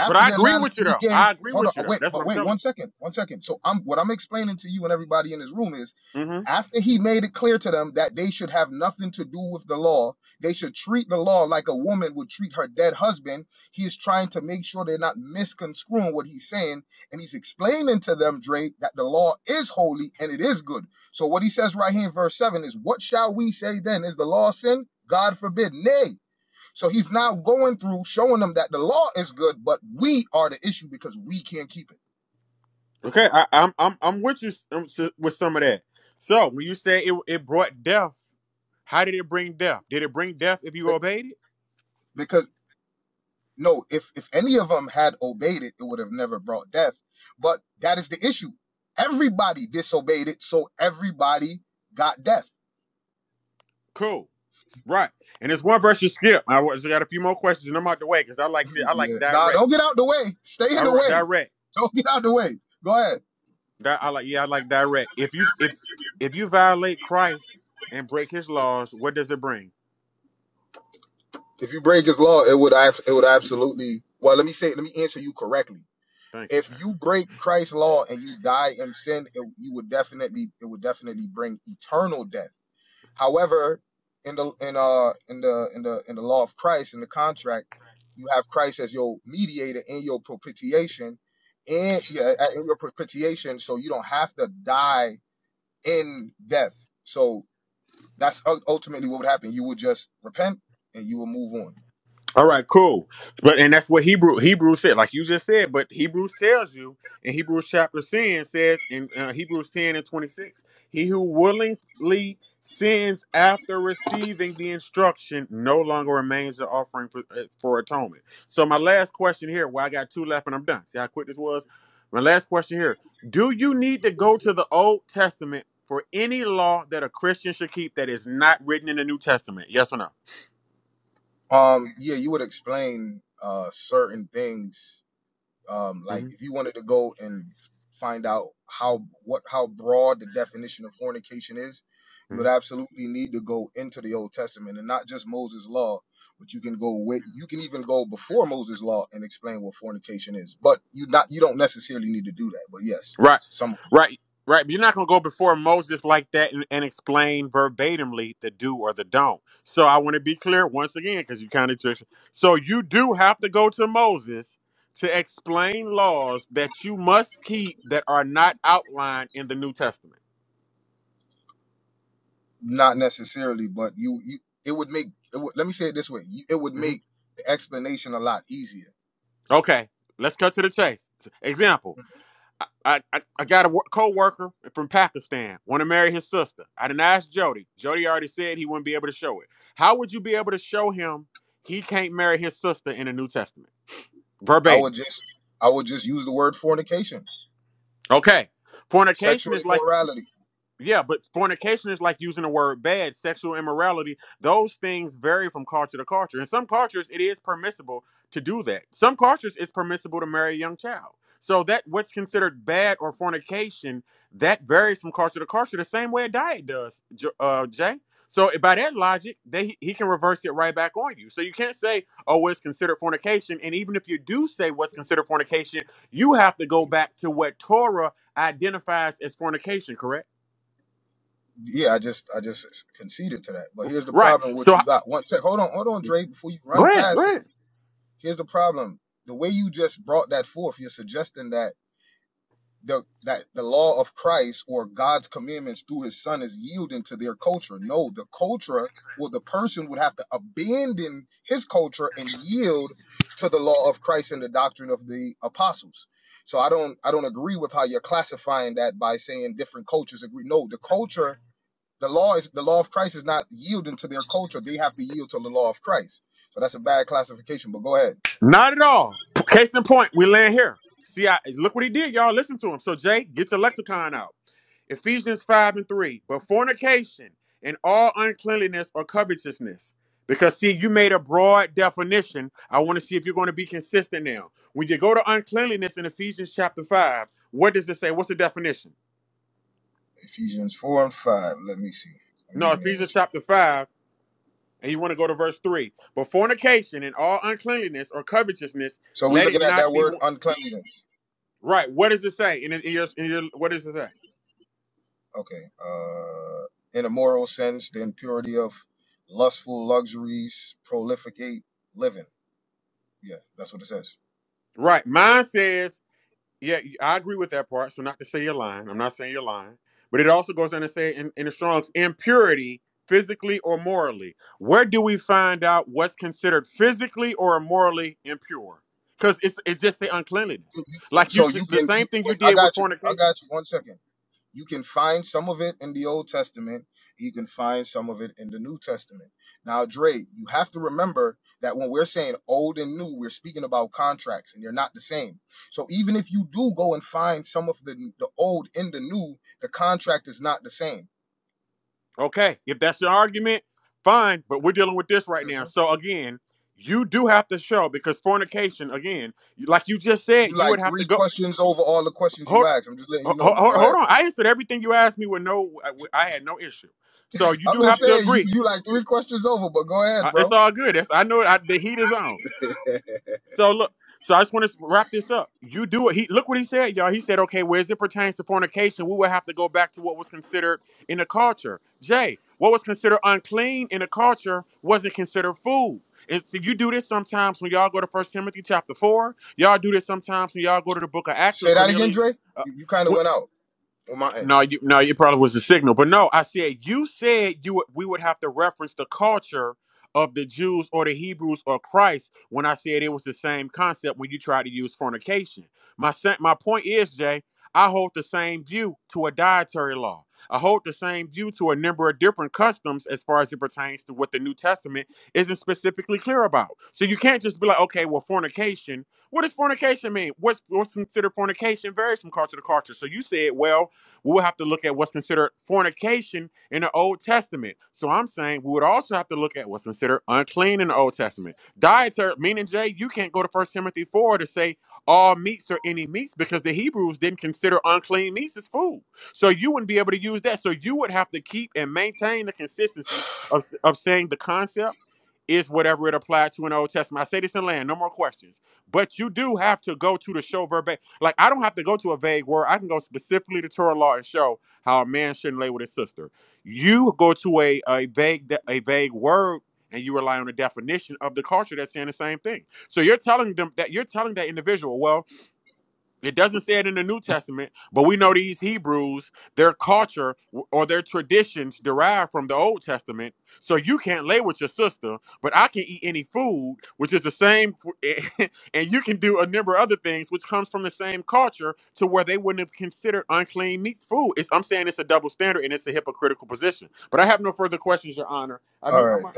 S19: But I agree with you though. I agree with you though. That's what I'm telling you. Mm-hmm. Okay. I, I'm I'm I'm with you s- um, s- with some of that. So when you say it it brought death, how did it bring death? Did it bring death if you obeyed it? Cool. Right. And there's one verse you skip. I wa- just got a few more questions and I'm out the way because I like the I like direct. I wrote direct. Di- I like yeah, I like direct. If you if if you violate Christ and break his laws, what does it bring? Thank you, sir. All right, cool. But and that's what Hebrew Hebrews said, like you just said. But Hebrews tells you in Hebrews chapter ten says in uh, Hebrews ten and twenty six, he who willingly sins after receiving the instruction no longer remains the offering for uh, for atonement. So my last question here, well, I got two left and I'm done. See how quick this was. My last question here: Do you need to go to the Old Testament for any law that a Christian should keep that is not written in the New Testament? Yes or no? Mhm. Right, right, right. But you're not going to go before Moses like that and, and explain verbatimly the do or the don't. So I want to be clear once again because you kind of took. So you do have to go to Moses to explain laws that you must keep that are not outlined in the New Testament. Mhm. Okay, let's cut to the chase. Example. I, I, I got a co-worker from Pakistan want to marry his sister. I didn't ask Jody. Jody already said he wouldn't be able to show it. How would you be able to show him he can't marry his sister in the New Testament verbatim? Okay, fornication is like Yeah, but fornication is like using the word bad, sexual immorality. Those things vary from culture to culture. In some cultures, it is permissible to do that. Some cultures, it's permissible to marry a young child. So that what's considered bad or fornication, that varies from culture to culture the same way a diet does, uh, Jay. So eh, by that logic, they, he can reverse it right back on you. So you can't say, oh, well, it's considered fornication. And even if you do say what's considered fornication, you have to go back to what Torah identifies as fornication, correct? Right. So go ahead, go ahead. Not at all. P- Case in point, we land here. See, I look what he did, y'all. Listen to him. So, Jay, get your lexicon out. Ephesians 5 and 3. But fornication and all uncleanliness or covetousness. Because see, you made a broad definition. I want to see if you're going to be consistent now. When you go to uncleanliness in Ephesians chapter 5, what does it say? What's the definition? No, Ephesians chapter 5, and you want to go to verse 3. But fornication and all uncleanliness or covetousness let it not be. Right. What does it say? In, in, your, in your, what does it say? Right. Mine says, yeah, I agree with that part. So not to say you're lying. I'm not saying you're lying. But it also goes on to say in, in the Strong's impurity, physically or morally. Where do we find out what's considered physically or morally impure? Because it's, it's just the uncleanliness. Like you, the same thing you did with fornication. Okay, if that's your argument, fine, but we're dealing with this right now. So again, you do have to show because fornication, again, like you just said, you would have to go. Hold, hold, hold on, I answered everything you asked me with no, I had no issue. So you do have to agree. Uh, It's all good. It's, I know I, the heat is on. So look, so I just want to wrap this up. You do it. He look what he said, y'all. He said, okay, well, as it pertains to fornication, we would have to go back to what was considered in the culture. Jay, what was considered unclean in the culture wasn't considered food. And so you do this sometimes when y'all go to First Timothy chapter four. Y'all do this sometimes when y'all go to the book of Acts and Cornelius. Uh, no, you, no, it probably was the signal. But no, I said you said you would- we would have to reference the culture of the Jews or the Hebrews or Christ when I said it was the same concept when you tried to use fornication. My sen- my point is, Jay, I hold the same view to a dietary law. I hold the same view to a number of different customs as far as it pertains to what the New Testament isn't specifically clear about. So you can't just be like, okay, well, fornication. What does fornication mean? What's what's considered fornication varies from culture to culture. So you said, well we would have to look at what's considered fornication in the Old Testament. So I'm saying we would also have to look at what's considered unclean in the Old Testament. Dietary, meaning Jay, you can't go to First Timothy 4 to say all meats or any meats because the Hebrews didn't consider unclean meats as food. So you wouldn't be able to use that. So you would have to keep and maintain the consistency of, of saying the concept is whatever it applied to in the Old Testament. I say this in land, no more questions. But you do have to go to the show verbatim. Like I don't have to go to a vague word. I can go specifically to Torah law and show how a man shouldn't lay with his sister. You go to a a vague a vague word and you rely on the definition of the culture that's saying the same thing. So you're telling them that you're telling that individual, well, it doesn't say it in the New Testament, but we know these Hebrews, their culture or their traditions derived from the Old Testament. So you can't lay with your sister, but I can eat any food, which is the same, and you can do a number of other things, which comes from the same culture to where they wouldn't have considered unclean meats food. It's, I'm saying it's a double standard and it's a hypocritical position. But I have no further questions, Your Honor. I mean, I'm, not-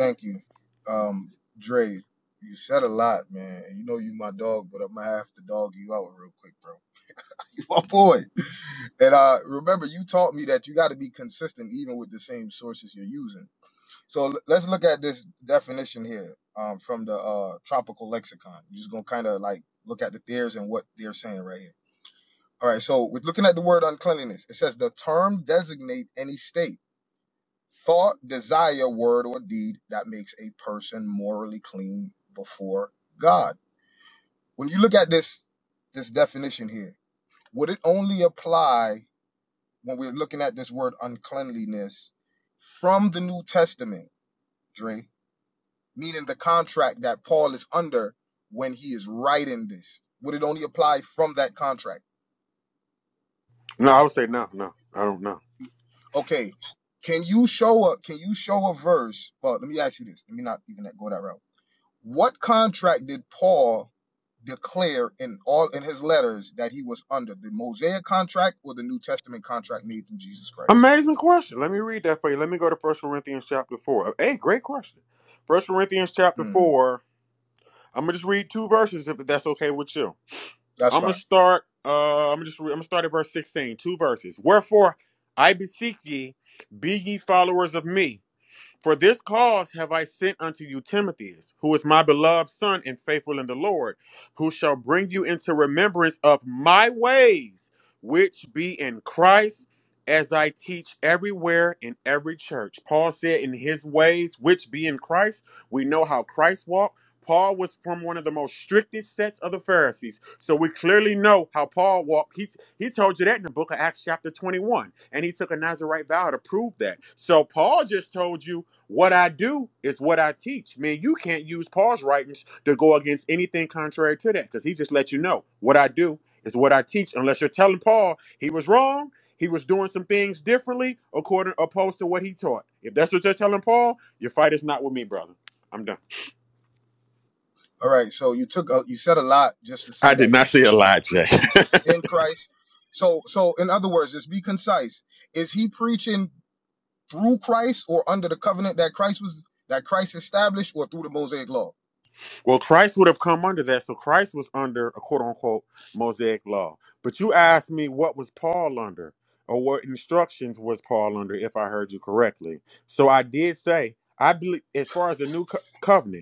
S19: no, I would say no, no, I don't know. Amazing question. Let me read that for you. Let me go to First Corinthians chapter four. Hey, great question. First Corinthians chapter four. I'm gonna just read two verses if that's okay with you. I'm gonna start. Uh, I'm gonna just. Re- I'm gonna start at verse 16. Two verses. Wherefore I beseech ye, be ye followers of me for this cause have I sent unto you Timothy, who is my beloved son and faithful in the Lord, who shall bring you into remembrance of my ways, which be in Christ, as I teach everywhere in every church. Paul said, In his ways, which be in Christ, we know how Christ walked. Paul was from one of the most strictest sets of the Pharisees. So we clearly know how Paul walked. He, he told you that in the book of Acts, chapter 21. And he took a Nazarite vow to prove that. So Paul just told you what I do is what I teach. Man, you can't use Paul's writings to go against anything contrary to that because he just let you know what I do is what I teach. Unless you're telling Paul he was wrong, he was doing some things differently according opposed to what he taught. If that's what you're telling Paul, your fight is not with me, brother. I'm done. I did not say a lie, Jay. Well, Christ would have come under that. So Christ was under a quote unquote Mosaic law. But you asked me what was Paul under or what instructions was Paul under, if I heard you correctly. So I did say, I believe, as far as the new co- covenant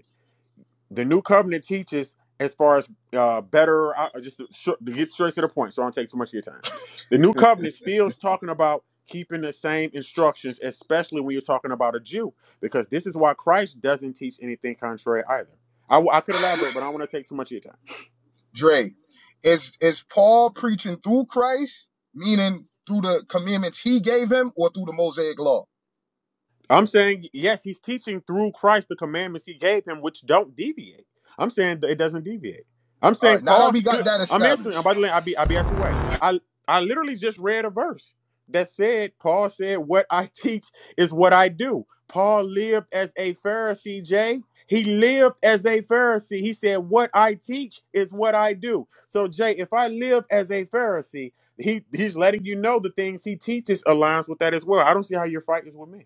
S19: the new covenant teaches as far as uh, better I, I just to, sh- to get straight to the point so i don't take too much of your time the new covenant still is talking about keeping the same instructions especially when you're talking about a jew because this is why christ doesn't teach anything contrary either i, w- I could elaborate but i don't want to take too much of your time I'm saying yes, he's teaching through Christ the commandments he gave him, which don't deviate. I'm saying that it doesn't deviate. I'm saying Paul's. cl- I'm answering. I'm about to. I'll be. I'll be out your way. I I literally just read a verse that said Paul said, "What I teach is what I do." Paul lived as a Pharisee. Jay. He lived as a Pharisee. He said, "What I teach is what I do." So Jay, if I live as a Pharisee, he he's letting you know the things he teaches aligns with that as well. I don't see how your fight is with me.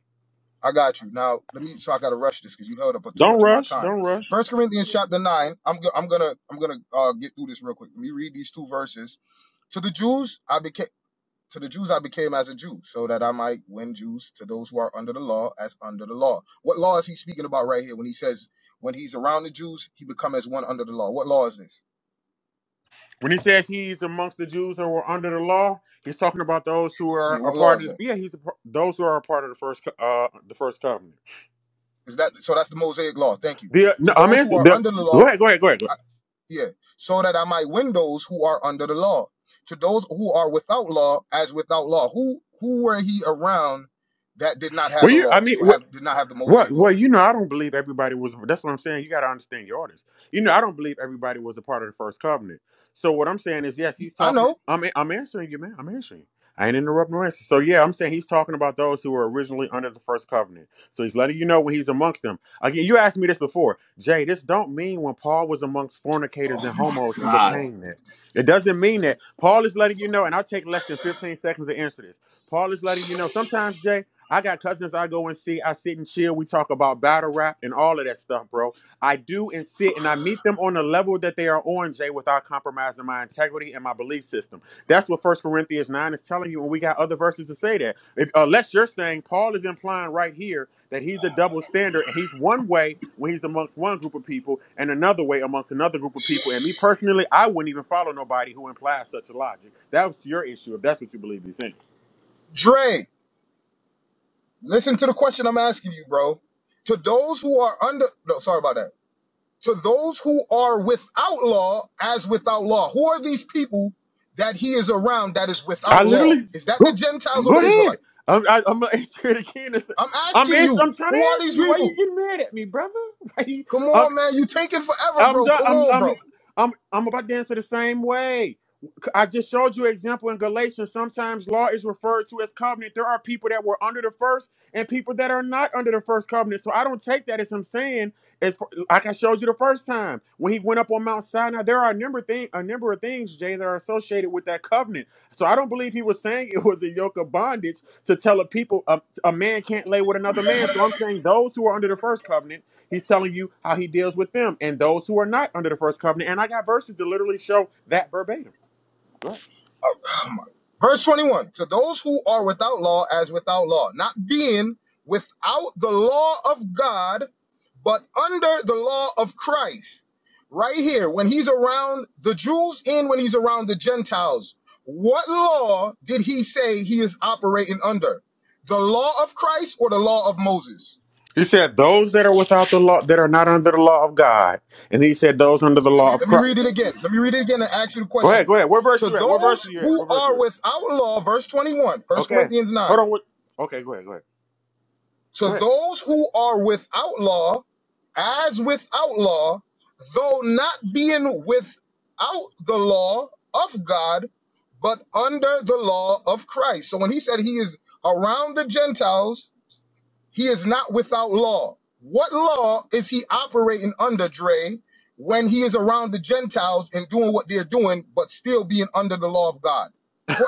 S19: Don't rush. Don't rush. When he says he's amongst the Jews who are under the law, he's talking about those who are a part of. The, yeah, he's a, par- those who are a part of the first co- uh the first covenant. The uh, no, I'm answering. The, go ahead. Go ahead. Go ahead. Go ahead. Were you. I mean, wh- Well, well, you know, I don't believe everybody was. That's what I'm saying. You got to understand your audience. You know, I don't believe everybody was a part of the first covenant. So what I'm saying is, yes, he's talking. I'm I'm answering you, man. I'm answering you. I ain't interrupting no answer. So yeah, I'm saying he's talking about those who were originally under the first covenant. So he's letting you know when he's amongst them. Again, you asked me this before, Jay. This don't mean when Paul was amongst fornicators and homos, he became that. It doesn't mean that. Paul is letting you know, and I'll take less than 15 seconds to answer this. Paul is letting you know. Sometimes, Jay. I got cousins I go and see. I sit and chill. We talk about battle rap and all of that stuff, bro. I do and sit and I meet them on the level that they are on, Jay, without compromising my integrity and my belief system. That's what First Corinthians 9 is telling you, and we got other verses to say that. If, unless you're saying Paul is implying right here that he's a double standard and he's one way when he's amongst one group of people and another way amongst another group of people. And me personally, I wouldn't even follow nobody who implies such a logic. That's your issue if that's what you believe is in. I literally go, go ahead. I'm, I, I'm gonna answer it again. It's- I'm ans- I'm trying to answer you. Why you getting mad at me, brother? Why you, I'm I'm done. I'm I'm I'm I'm about to answer the same way. I just showed you an example in Galatians. Sometimes law is referred to as covenant. There are people that were under the first and people that are not under the first covenant. So I don't take that as him saying, as for, like I showed you the first time when he went up on Mount Sinai. There are a number of thing, a number of things, Jay, that are associated with that covenant. So I don't believe he was saying it was a yoke of bondage to tell a people a, a man can't lay with another man. So I'm saying those who are under the first covenant, he's telling you how he deals with them, and those who are not under the first covenant. And I got verses to literally show that verbatim. He said those that are without the law, that are not under the law of God, and he said those under the law of Christ. Go ahead, go ahead. What verse you at? What verse you at? What verse you at? Okay, hold on. What? Okay, go ahead, go ahead, go ahead.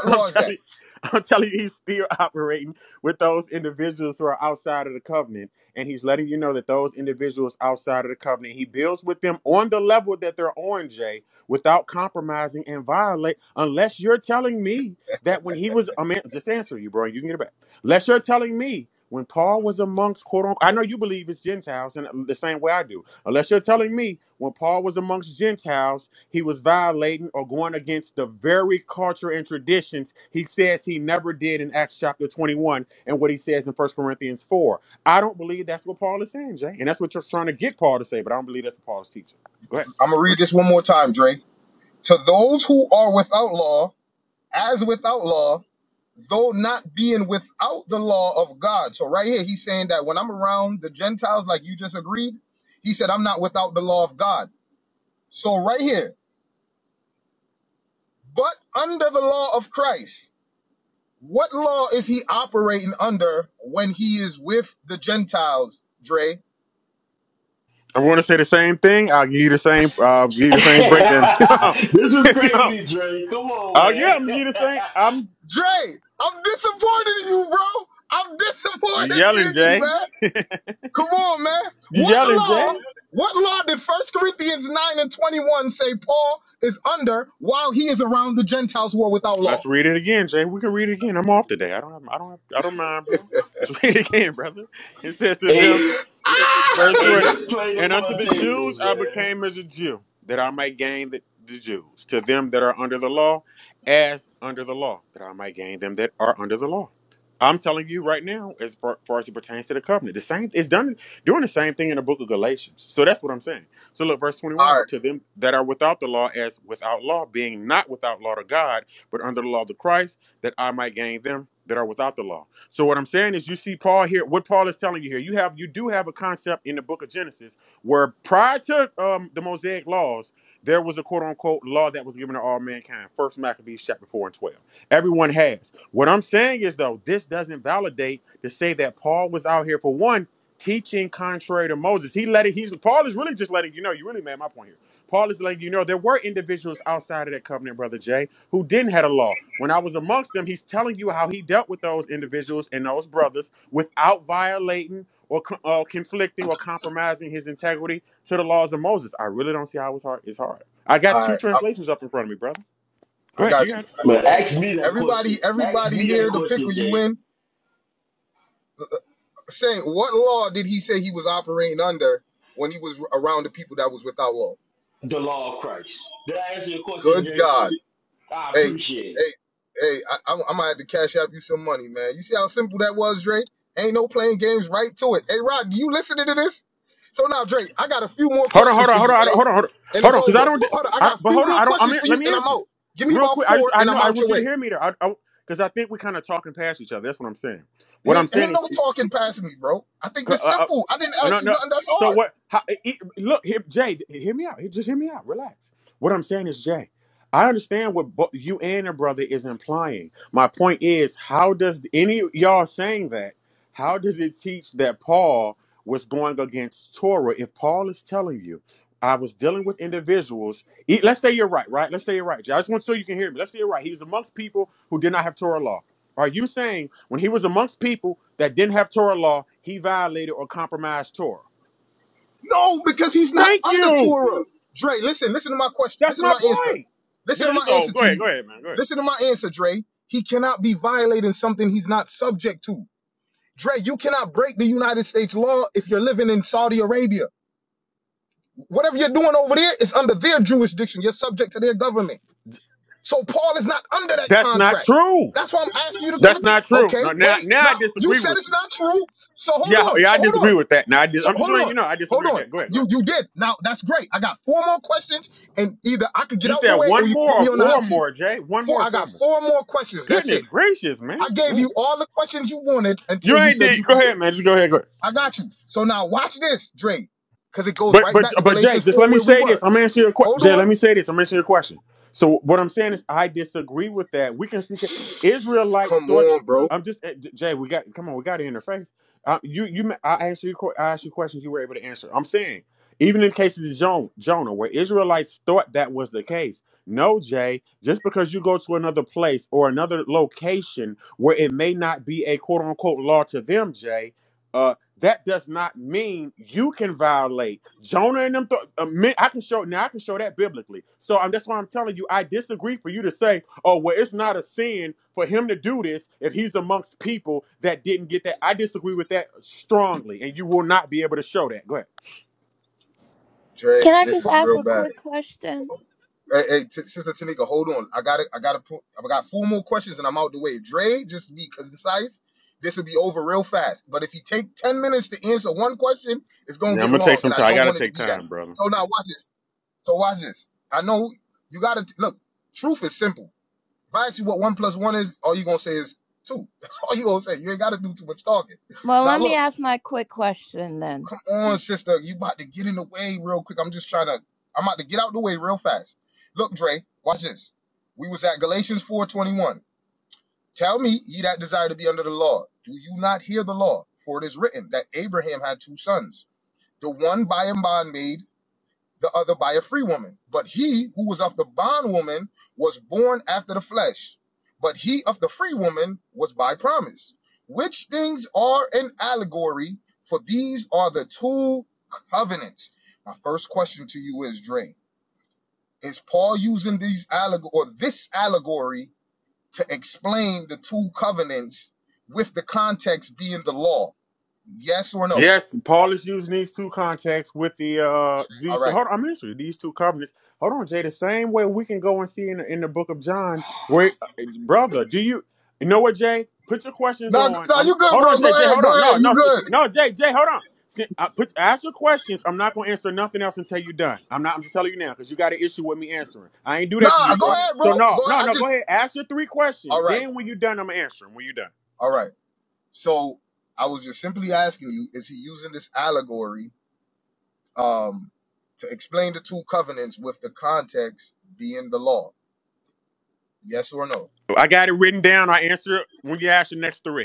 S19: I'm telling you, I'm telling you, he's still operating with those individuals who are outside of the covenant. And he's letting you know that those individuals outside of the covenant, he builds with them on the level that they're on, Jay, without compromising and violate. Unless you're telling me that when he was, I mean, just answer you, bro, and you can get it back. Unless you're telling me when Paul was amongst, quote unquote, I know you believe it's Gentiles and the same way I do. Unless you're telling me when Paul was amongst Gentiles, he was violating or going against the very culture and traditions he says he never did in Acts chapter 21 and what he says in First Corinthians 4. I don't believe that's what Paul is saying, Jay. And that's what you're trying to get Paul to say, but I don't believe that's what Paul teaching. Go ahead. I'm going to say the same thing. I'll give you the same, I'll give you the same breakdown.
S5: this is crazy, Dre. Come on,
S19: Oh
S5: man.
S19: yeah, I'm gonna give you the same. I'm you yelling, Jay. you yelling, Jay. Let's read it again, Jay. We can read it again. I'm off today. I don't have, I don't have, I don't mind, bro. Let's read it again, brother. It says to them,
S5: hey,
S19: verse
S5: hey,
S19: 20,
S5: this played
S19: and unto
S5: upon
S19: the Jews
S5: tables,
S19: I
S5: man.
S19: became as a Jew, that I might gain the, the Jews. To them that are under the law, as under the law, that I might gain them that are under the law. I'm telling you right now, as far, far as it pertains to the covenant, the same it's done doing the same thing in the book of Galatians. So that's what I'm saying. So look, verse 21, to them that are without the law, as without law, being not without law to God but under the law of the Christ, that I might gain them that are without the law. So what I'm saying is you see Paul here, what Paul is telling you here, you have you do have a concept in the book of Genesis where prior to um, the Mosaic laws, there was a quote unquote law that was given to all mankind. First Maccabees chapter 4 and 12. Everyone has. What I'm saying is though, this doesn't validate to say that Paul was out here for one teaching contrary to Moses. He let it, he's Paul is really just letting you know, you really made my point here. Paul is letting you know there were individuals outside of that covenant, brother Jay who didn't have a law. When I was amongst them, he's telling you how he dealt with those individuals and those brothers without violating or co- uh, conflicting or compromising his integrity to the laws of Moses. I really don't see how it's hard. It's hard. I got two translations up in front of me, brother. Go ahead. You got it.
S5: Man, ask me that question. Ask me that question, Jay. The law of Christ. Did I answer your question, Jay? I appreciate it.
S19: Hold on. Hold on. Hold on. I don't- Hold on. Hold on. Hold on. Because I don't. I, don't- but hold on. I don't. I mean, let me answer real quick. I just. I know. I want you to hear me there. I. Because I 'cause I think we're kind of talking past each other. That's what I'm saying. What I'm saying is Uh, uh, uh, no, no. So what? How, e- e- look, here, Jay, hear me out. Just hear me out. Relax. What I'm saying is, Jay, I understand what bo- you and your brother is implying. My point is, how does any y'all saying that? How does it teach that Paul was going against Torah if Paul is telling you? I was dealing with individuals. e- Let's say you're right, right? Let's say you're right. Jay. I just want to so you can hear me. Let's say you're right. He was amongst people who did not have Torah law. Are you saying when he was amongst people that didn't have Torah law, he violated or compromised Torah? Thank you. That's my point. This is all. Go ahead. Go ahead, man. Go ahead. That's not true. That's not true. Now, now, now I disagree with you. Yeah, yeah, I disagree with that. Now I dis- I'm just letting you know I disagree with that. Go ahead. Go ahead. You said one more or four more, Jay. One more or four more. Goodness gracious, man. Go ahead. You ain't did. Go ahead, man. Just go ahead. Go ahead. But but but Jay, just let me say this. I'm answering your question. Jay, let me say this. I'm answering your question. So what I'm saying is, I disagree with that. We can see Israelites thought. I'm just eh, J- Jay. We got come on. We got to interface. Uh, you you. ma- I asked you. que- I asked you questions. You were able to answer. I'm saying even in cases of Jonah, Jonah, where Israelites thought that was the case. No, Jay. Just because you go to another place or another location where it may not be a quote unquote law to them, Jay. uh, that does not mean you can violate Jonah and them. Th- uh, men- I can show now. I can show that biblically. So um, that's why I'm telling you. I disagree for you to say, "Oh, well, it's not a sin for him to do this if he's amongst people that didn't get that." I disagree with that strongly, and you will not be able to show that. Go ahead.
S23: Can I just ask a quick question?
S19: Yeah, I'm gonna take some time. I gotta take time, brother.
S23: Well, let me ask my quick question then.
S19: Yes, Paul is using these two contacts with the uh these two. Hold on, I'm interested. These two covenants. Hold on, Jay. The same way we can go and see in the, in the book of John, where uh, brother, do you you know what, Jay? Put your questions on. I'm hold on, Jay. Jay, hold on. No, no, see- no, Jay. Jay, hold on. See, I put ask your questions. I'm not gonna answer nothing else until you're done. I'm not. I'm just telling you now because you got an issue with me answering. I ain't do that to you, bro. So no, no, no. Go ahead. Ask your three questions. Then when you're done, I'm answering. When you're done, I got it written down. I answer it when you ask the next three.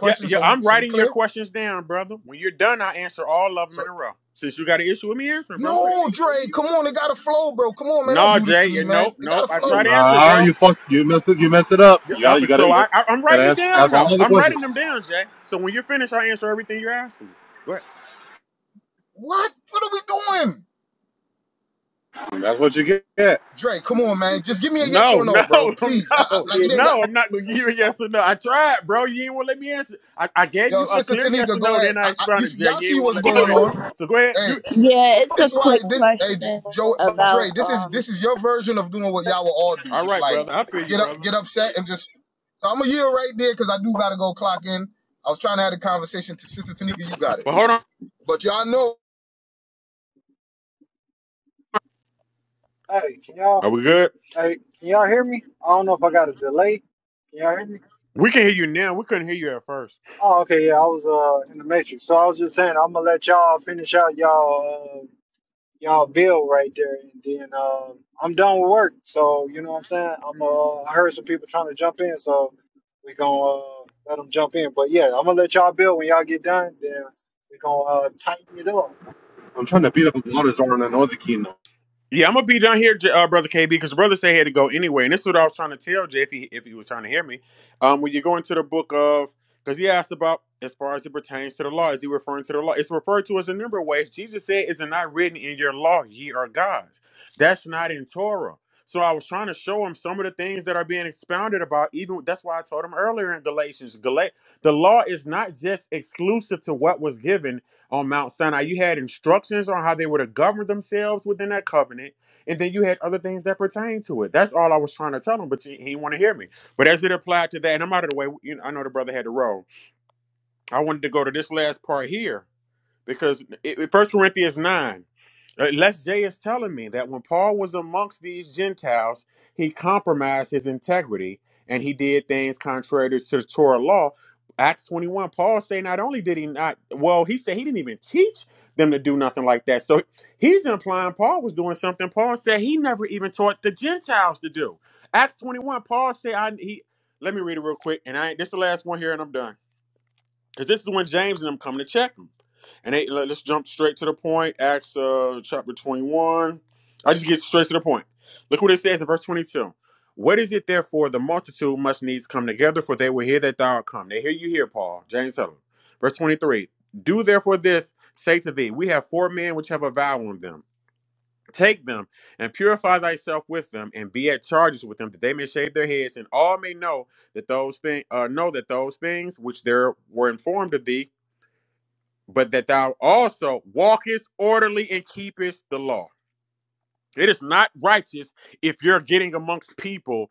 S19: Yeah, yeah, I'm writing your questions down, brother. When you're done, I answer all of them in a row. Since you got an issue with me answering, bro. Quick. No, Jay. Yeah, nope, nope. I try to answer,
S22: Nah,
S19: bro.
S22: you fucked. You messed it. You messed it up.
S19: Yeah,
S22: You
S19: uh,
S22: gotta. You gotta.
S19: so
S22: You
S19: I, I, I'm
S22: gotta
S19: writing it
S22: ask
S19: down,
S22: ask all
S19: though.
S22: of the
S19: I'm writing
S22: questions.
S19: them down, Jay. So when you're finished, I answer everything you're asking me. Go ahead.
S22: And that's what you get.
S19: No, no, no,
S2: Get.
S19: no. I'm not gonna give
S2: 'cause-
S19: you a yes or no. I tried, bro. You ain't wanna let me answer. I, I gave you a clear yes or no, then I expounded, Jay. You ain't wanna let me finish. So go ahead. You
S23: Yeah, it's a quick question about um
S19: all right, brother. I feel you, brother. But hold on.
S2: Hey, can y'all?
S19: Are we good?
S2: Hey, can y'all hear me? I don't know if I got a delay. Can y'all hear me?
S19: We can hear you now. We couldn't hear you at first.
S2: Oh, okay, yeah, I was uh in the matrix. So I was just saying I'm gonna let y'all finish out y'all uh, y'all bill right there, and then uh, I'm done with work. So you know what I'm saying? I'm uh, I heard some people trying to jump in, so we gonna uh, let them jump in. But yeah, I'm gonna let y'all build when y'all get done. Then we gonna uh, tighten it up.
S22: I'm trying to beat up Baltazar in another kingdom.
S19: Yeah, I'm gonna be down here, uh, brother KB, because brother said he had to go anyway, and this is what I was trying to tell Jay if he if he was trying to hear me. Um, when you go into the book of, because he asked about as far as it pertains to the law, is he referring to the law? It's referred to as a number of ways. Jesus said, "Is it not written in your law, ye are gods?" That's not in Torah. So I was trying to show him some of the things that are being expounded about. Even that's why I told him earlier in Galatians, Gal- the law is not just exclusive to what was given. on Mount Sinai. You had instructions on how they were to govern themselves within that covenant, and then you had other things that pertain to it. That's all I was trying to tell him, but he, he didn't want to hear me. But as it applied to that, and I'm out of the way. You know, I know the brother had to roll. I wanted to go to this last part here because First Corinthians nine, unless Jay is telling me that when Paul was amongst these Gentiles, he compromised his integrity and he did things contrary to the Torah law. Acts twenty one, Paul say not only did he not, well, he said he didn't even teach them to do nothing like that. So he's implying Paul was doing something Paul said he never even taught the Gentiles to do. Acts twenty one, Paul said I he. Let me read it real quick, and I this is the last one here, and I'm done. Because this is when James and them come to check him. And they, let- us jump straight to the point. Acts uh, chapter 21. I just get straight to the point. Look what it says in verse 22. What is it therefore the multitude must needs come together, for they will hear that thou art come. They hear you here, Paul. James tell them. Verse 23. Do therefore this, say to thee, we have four men which have a vow on them. Take them and purify thyself with them, and be at charges with them, that they may shave their heads, and all may know that those things uh, know that those things which there were informed of thee but that thou also walkest orderly and keepest the law. It is not righteous if you're getting amongst people.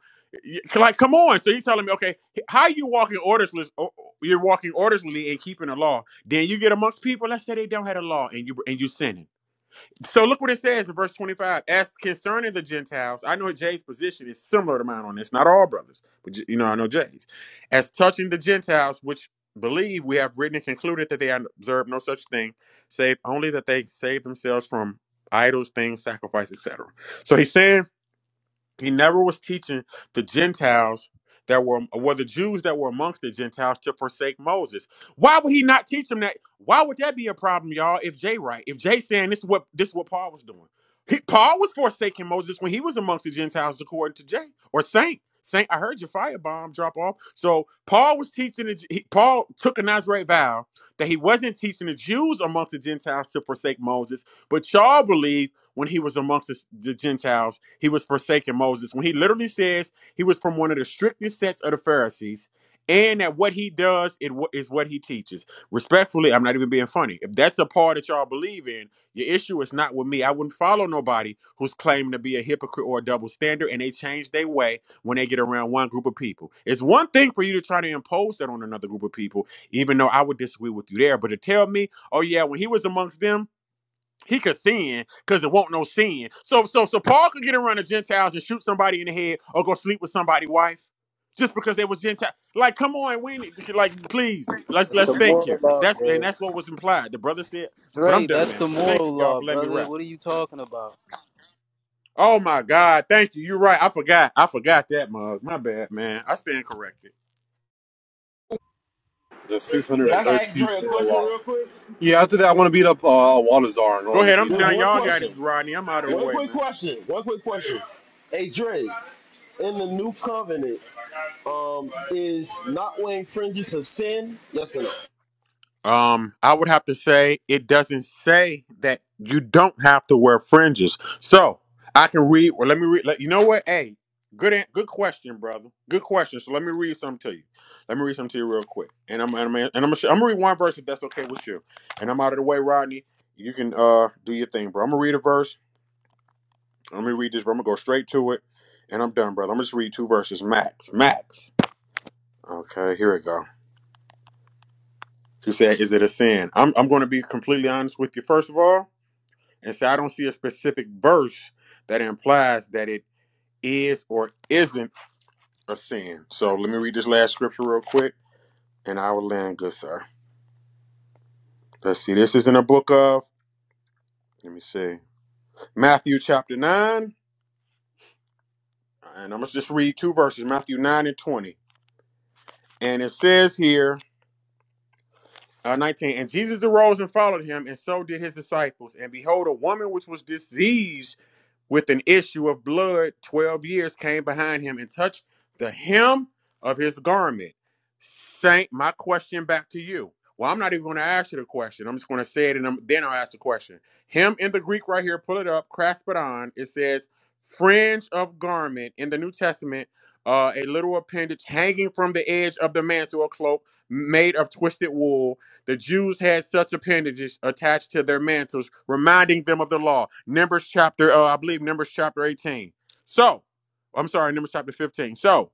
S19: Like, come on. So you're telling me, okay, how you walking orderly? You're walking orderly and keeping the law. Then you get amongst people. Let's say they don't have a law, and you and you sinning. So look what it says in verse 25. As concerning the Gentiles, I know Jay's position is similar to mine on this. Not all brothers, but you know, I know Jay's. As touching the Gentiles, which believe we have written and concluded that they observe no such thing, save only that they save themselves from idols, things, sacrifice, etc. So he's saying he never was teaching the Gentiles that were were the Jews that were amongst the Gentiles to forsake Moses. Why would he not teach them that? Why would that be a problem, y'all? If Jay right, if Jay saying this is what this is what Paul was doing. He, Paul was forsaking Moses when he was amongst the Gentiles, according to Jay or Saint. Saint, I heard your firebomb drop off. So Paul was teaching. The, he, Paul took a Nazarite vow that he wasn't teaching the Jews amongst the Gentiles to forsake Moses, but y'all believe when he was amongst the, the Gentiles. He was forsaken Moses. When he literally says he was from one of the strictest sets of the Pharisees, and that what he does it wa- is what he teaches. Respectfully, I'm not even being funny. If that's a part that y'all believe in, your issue is not with me. I wouldn't follow nobody who's claiming to be a hypocrite or a double standard, and they change their way when they get around one group of people. It's one thing for you to try to impose that on another group of people, even though I would disagree with you there. But to tell me, oh yeah, when he was amongst them he could sin because it won't no sin. So so so Paul could get around the Gentiles and shoot somebody in the head or go sleep with somebody's wife just because they were Gentile. Like, come on, we need, like please let's
S1: That's
S19: let's
S1: the
S19: think
S1: moral
S19: here.
S1: law,
S19: That's and
S1: Dre.
S19: that's what was implied. The brother said, but I'm
S1: Dre,
S19: done,
S1: that's
S19: man.
S1: the
S19: Thank
S1: moral
S19: you, y'all,
S1: law,
S19: for letting me
S1: brother.
S19: rap.
S1: What are you talking about?
S19: Oh my God, thank you. You're right. I forgot. I forgot that mug. My bad, man. I stand corrected.
S22: The
S5: Hey, I can ask
S22: 613
S5: Dre a
S22: world
S5: question
S22: laws.
S5: real quick.
S22: Yeah, after that, I want to beat up uh, Waltazar in
S19: Go
S22: Northern
S19: ahead. I'm
S22: Kingdom.
S5: Just
S19: done.
S5: one
S19: Y'all
S22: But,
S19: got it,
S5: question.
S19: Rodney. I'm out of the
S5: One
S19: way,
S5: quick
S19: man.
S5: question. One quick question. Hey, Dre, in the new covenant, um, is not wearing fringes a sin? Yes or no?
S19: Um, I would have to say it doesn't say that you don't have to wear fringes. So I can read. Well, let me read. Let, you know what? Hey, good, an- good question, brother. Good question. So let me read something to you. Let me read something to you real quick. And I'm, and I'm, and I'm, gonna, sh- I'm gonna read one verse if that's okay with you. And I'm out of the way, Rodney. You can uh do your thing, bro. I'm gonna read a verse. Let me read this. Bro. I'm gonna go straight to it, and I'm done, brother. I'm gonna just read two verses, max, max. Okay, here we go. He said, "Is it a sin?" I'm, I'm going to be completely honest with you. First of all. And so I don't see a specific verse that implies that it is or isn't a sin. So let me read this last scripture real quick and I will land good, sir. Let's see. This is in the book of, let me see, Matthew chapter 9. And I'm going to just read two verses Matthew 9 and 20. And it says here, uh, 19, and Jesus arose and followed him, and so did his disciples. And behold, a woman which was diseased with an issue of blood 12 years came behind him and touched the hem of his garment. Saint, my question back to you. Well, I'm not even going to ask you the question. I'm just going to say it and I'm- then I'll ask the question. Him in the Greek right here, pull it up, craspadon. It says fringe of garment in the New Testament, uh, a little appendage hanging from the edge of the mantle or cloak made of twisted wool the Jews had such appendages attached to their mantles, reminding them of the law. Numbers chapter, uh, I believe, Numbers chapter 18. So, I'm sorry, Numbers chapter 15. So,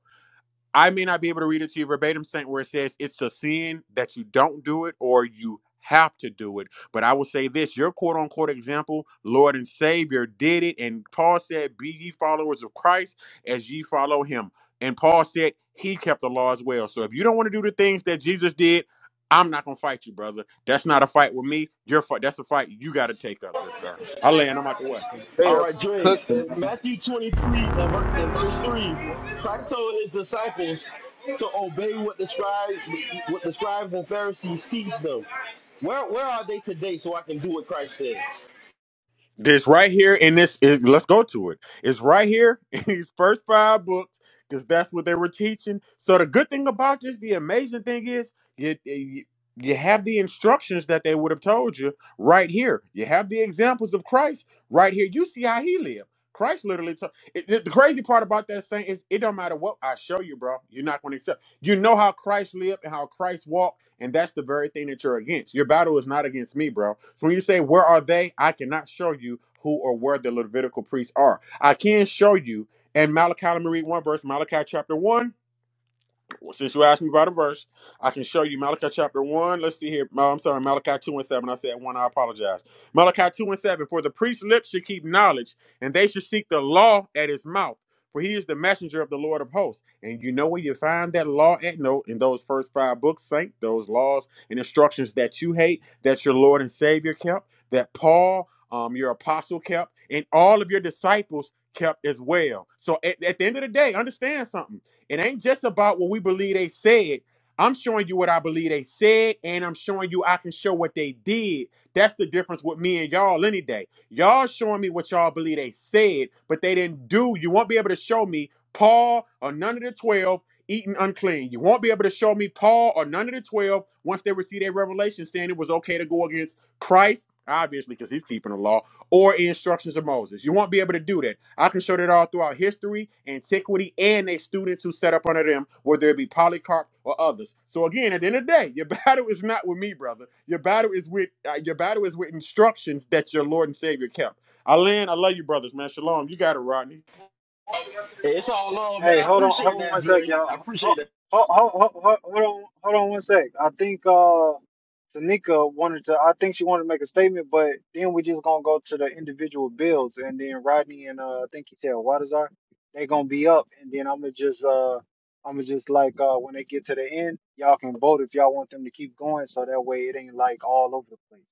S19: I may not be able to read it to you verbatim, Saint, where it says it's a sin that you don't do it or you have to do it. But I will say this your quote unquote example, Lord and Savior did it. And Paul said, Be ye followers of Christ as ye follow him. And Paul said he kept the law as well. So if you don't want to do the things that Jesus did, I'm not gonna fight you, brother. That's not a fight with me. Your fight. That's a fight you got to take up, good sir. I land. I'm out the way.
S1: Dre
S5: All
S1: up
S5: right,
S1: here
S5: Dre.
S1: cooking,
S5: In
S1: man.
S5: Matthew 23 and, ver- and verse 3, Christ told his disciples to obey what the, scribes, what the scribes and Pharisees teach them. Where, where are they today so I can do what Christ said?
S19: This right here in this, is let's go to it. It's right here in these first five books because that's what they were teaching. So the good thing about this, the amazing thing is, you, you you have the instructions that they would have told you right here. You have the examples of Christ right here. You see how he lived. Christ literally. took it, it- the crazy part about that saying is, it don't matter what I show you, bro. You're not going to accept. You know how Christ lived and how Christ walked and that's the very thing that you're against. Your battle is not against me, bro. So when you say, Where are they? I cannot show you who or where the Levitical priests are. I can show you in Malachi, let me read one verse, Malachi chapter 1 well, since you asked me about a verse, I can show you Malachi chapter 1. Let's see here. No, I'm sorry, Malachi 2 and 7. I said 1, I apologize. Malachi 2 and 7. For the priest's lips should keep knowledge, and they should seek the law at his mouth. For he is the messenger of the Lord of hosts. And you know where you find that law at note in those first five books, Saint, those laws and instructions that you hate, that your Lord and Savior kept, that Paul, um, your apostle kept, and all of your disciples kept as well. So at at the end of the day, understand something. It ain't just about what we believe they said. I'm showing you what I believe they said, and I'm showing you I can show what they did. That's the difference with me and y'all any day. Y'all showing me what y'all believe they said, but they didn't do. You won't be able to show me Paul or none of the 12 eating unclean. You won't be able to show me Paul or none of the 12 once they received a revelation saying it was okay to go against Christ, obviously, because he's keeping the law or instructions of Moses. You won't be able to do that. I can show that all throughout history, antiquity, and they students who set up under them, whether it be Polycarp or others. So again, at the end of the day, your battle is not with me, brother. Your battle is with uh, your battle is with instructions that your Lord and Savior kept. Alan, I love you, brothers, man. Shalom. You got it, Rodney.
S5: Hey, It's all love, man.
S2: Hey,
S5: I
S2: hold on, hold
S5: appreciate
S2: on
S5: that,
S2: one sec,
S5: Dre. I
S2: y'all.
S5: appreciate
S2: Hold,
S5: that.
S2: hold, hold, hold, hold on, hold on one sec. I think uh, Tanika wanted to. I think she wanted to make a statement, but then we just gonna go to the individual bills, and then Rodney and uh, I think he said Wadazar, they gonna be up, and then I'm gonna just uh, I'm gonna just like uh, when they get to the end, y'all can vote if y'all want them to keep going, so that way it ain't like all over the place.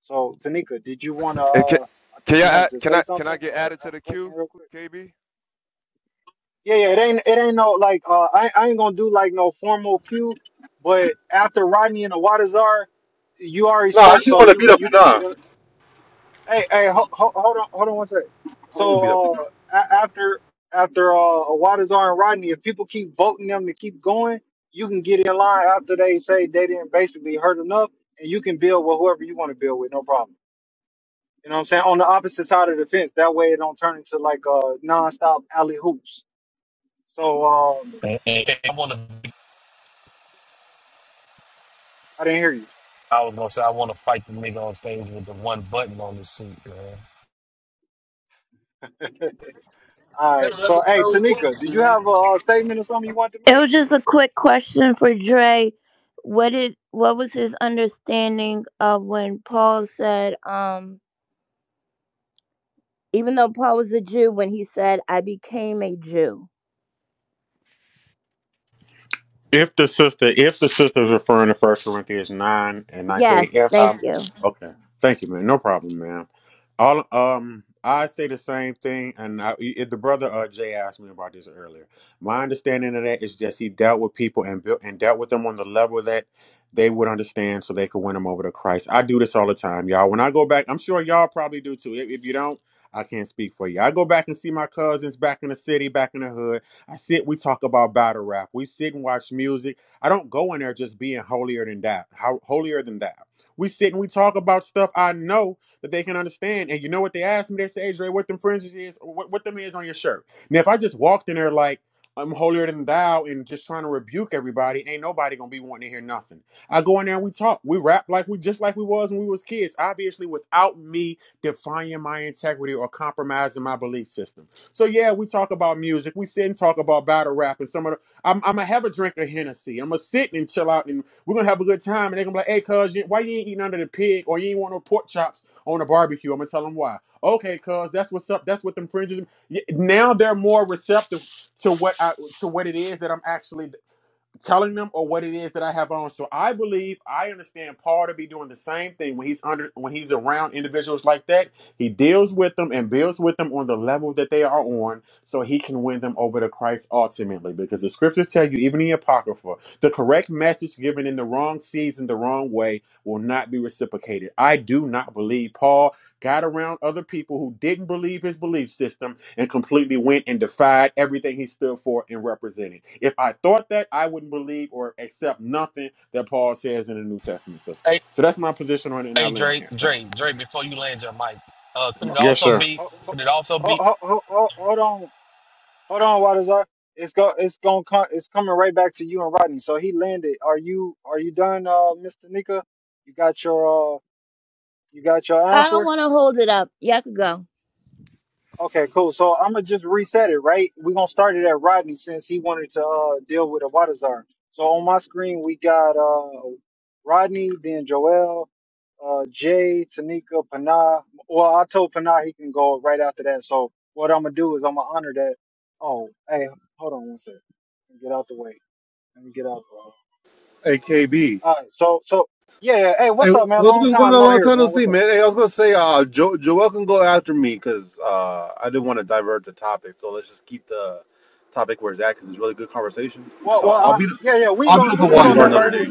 S2: So Tanika, did you wanna?
S24: Eh, Can,
S2: Uh, I
S24: can
S2: think
S24: you
S2: you wanted
S24: add-
S2: to
S24: can
S2: say
S24: I can
S2: something
S24: I get
S2: or
S24: added to
S2: ask
S24: the
S2: a question
S24: queue,
S2: real quick.
S24: KB?
S2: Yeah, yeah, it ain't it ain't no like uh I, I ain't gonna do like no formal pew, but after Rodney and the Waters you already
S22: no, I
S2: spoke,
S22: actually
S2: so
S22: want to beat
S2: you
S22: up
S2: you can
S22: Nah.
S2: get a hey hey ho, ho, hold on hold on one second.
S22: I want to beat up
S2: So uh a- after after uh Waters and Rodney, if people keep voting them to keep going, you can get in line after they say they didn't basically hurt enough, and you can build with whoever you want to build with, no problem. You know what I'm saying? On the opposite side of the fence, that way it don't turn into like uh nonstop alley hoops. So um
S6: And, and I want to.
S2: I didn't hear you.
S6: I was gonna say I want to fight the nigga on stage with the one button on his suit, man.
S2: All
S1: That
S2: right.
S1: brother
S2: So, hey,
S1: so
S2: Tanika,
S1: hooped,
S2: did you
S1: man.
S2: have a, a statement or something you want to
S23: it
S2: make?
S23: was just a quick question for Dre. What did what was his understanding of when Paul said um even though Paul was a Jew when he said I became a Jew.
S19: If the sister, if the sister is referring to First Corinthians nine and nineteen,
S23: Yes,
S19: if
S23: thank
S19: um,
S23: you.
S19: okay, thank you, man. No problem, man. All um, I say the same thing, and I, if the brother uh, Jay asked me about this earlier. My understanding of that is just he dealt with people and built and dealt with them on the level that they would understand, so they could win them over to Christ. I do this all the time, y'all. When I go back, I'm sure y'all probably do too. If, if you don't, I can't speak for you. I go back and see my cousins back in the city, back in the hood. I sit, we talk about battle rap. We sit and watch music. I don't go in there just being holier than that. How holier than that. We sit and we talk about stuff I know that they can understand. And you know what they ask me? They say, Adrian, what them fringes is, what, what them is on your shirt. Now, if I just walked in there like I'm holier than thou and just trying to rebuke everybody, ain't nobody gonna be wanting to hear nothing. I go in there and we talk. We rap like we just like we was when we was kids. Obviously, without me defying my integrity or compromising my belief system. So yeah, we talk about music. We sit and talk about battle rap and some of the. I'm, I'm gonna have a drink of Hennessy. I'm gonna sit and chill out, and we're gonna have a good time. And they're gonna be like, "Hey, cuz, you- why you ain't eating under the pig or you ain't want no pork chops on a barbecue?" I'm gonna tell them why. Okay, cuz, that's what's up. That's what them fringes. Now they're more receptive to what I to what it is that I'm actually telling them or what it is that I have on. So I believe I understand Paul to be doing the same thing when he's under when he's around individuals like that. He deals with them and builds with them on the level that they are on so he can win them over to Christ ultimately. Because the scriptures tell you, even in the Apocrypha, the correct message given in the wrong season, the wrong way, will not be reciprocated. I do not believe Paul got around other people who didn't believe his belief system and completely went and defied everything he stood for and represented. If I thought that, I wouldn't believe or accept nothing that Paul says in the New Testament system.
S6: Hey,
S19: So that's my position on it, and I
S6: hey,
S19: land
S6: Dre,
S19: there. Thank
S6: Dre,
S19: you.
S6: Dre. Before you land your mic, uh, could
S2: Ho-
S6: it
S19: Yes,
S6: also
S19: sir.
S6: be?
S2: ho- ho-
S6: Could it also
S2: ho-
S6: be?
S2: ho- ho- ho- Hold on, hold on, Wadazar. It's go, it's gonna come, it's coming right back to you and Rodney. So he landed. Are you, are you done, uh, Miss Tanika? You got your, uh, you got your
S23: I don't
S2: answer.
S23: want to hold it up. Yeah, I could go.
S2: Okay, cool. So I'm gonna just reset it, right? We're gonna start it at Rodney since he wanted to uh, deal with Awadazar. So on my screen we got uh, Rodney, then Joel, uh, Jay, Tanika, Panah. Well, I told Panah he can go right after that. So what I'm gonna do is I'm gonna honor that. Oh, hey, hold on one second. Let me Get out the way. Let me get out the way.
S22: AKB.
S2: All right. So so yeah. yeah. Hey,
S22: Hey,
S2: what's up, man?
S22: what's
S2: Long
S22: what's going
S2: time no
S22: on in
S2: hear, man.
S22: Tennessee,
S2: What's up?
S22: man? Hey, I was gonna say, uh, jo- Joel can go after me because uh, I didn't want to divert the topic. So let's just keep the topic where it's at because it's really good conversation.
S2: Well,
S22: So
S2: well,
S22: I'll
S2: I,
S22: be, the,
S2: yeah, yeah, we ain't
S22: I'll be
S2: gonna
S22: the
S2: we ain't
S22: Hawaii
S2: gonna
S22: bar another
S2: divert it.
S22: day.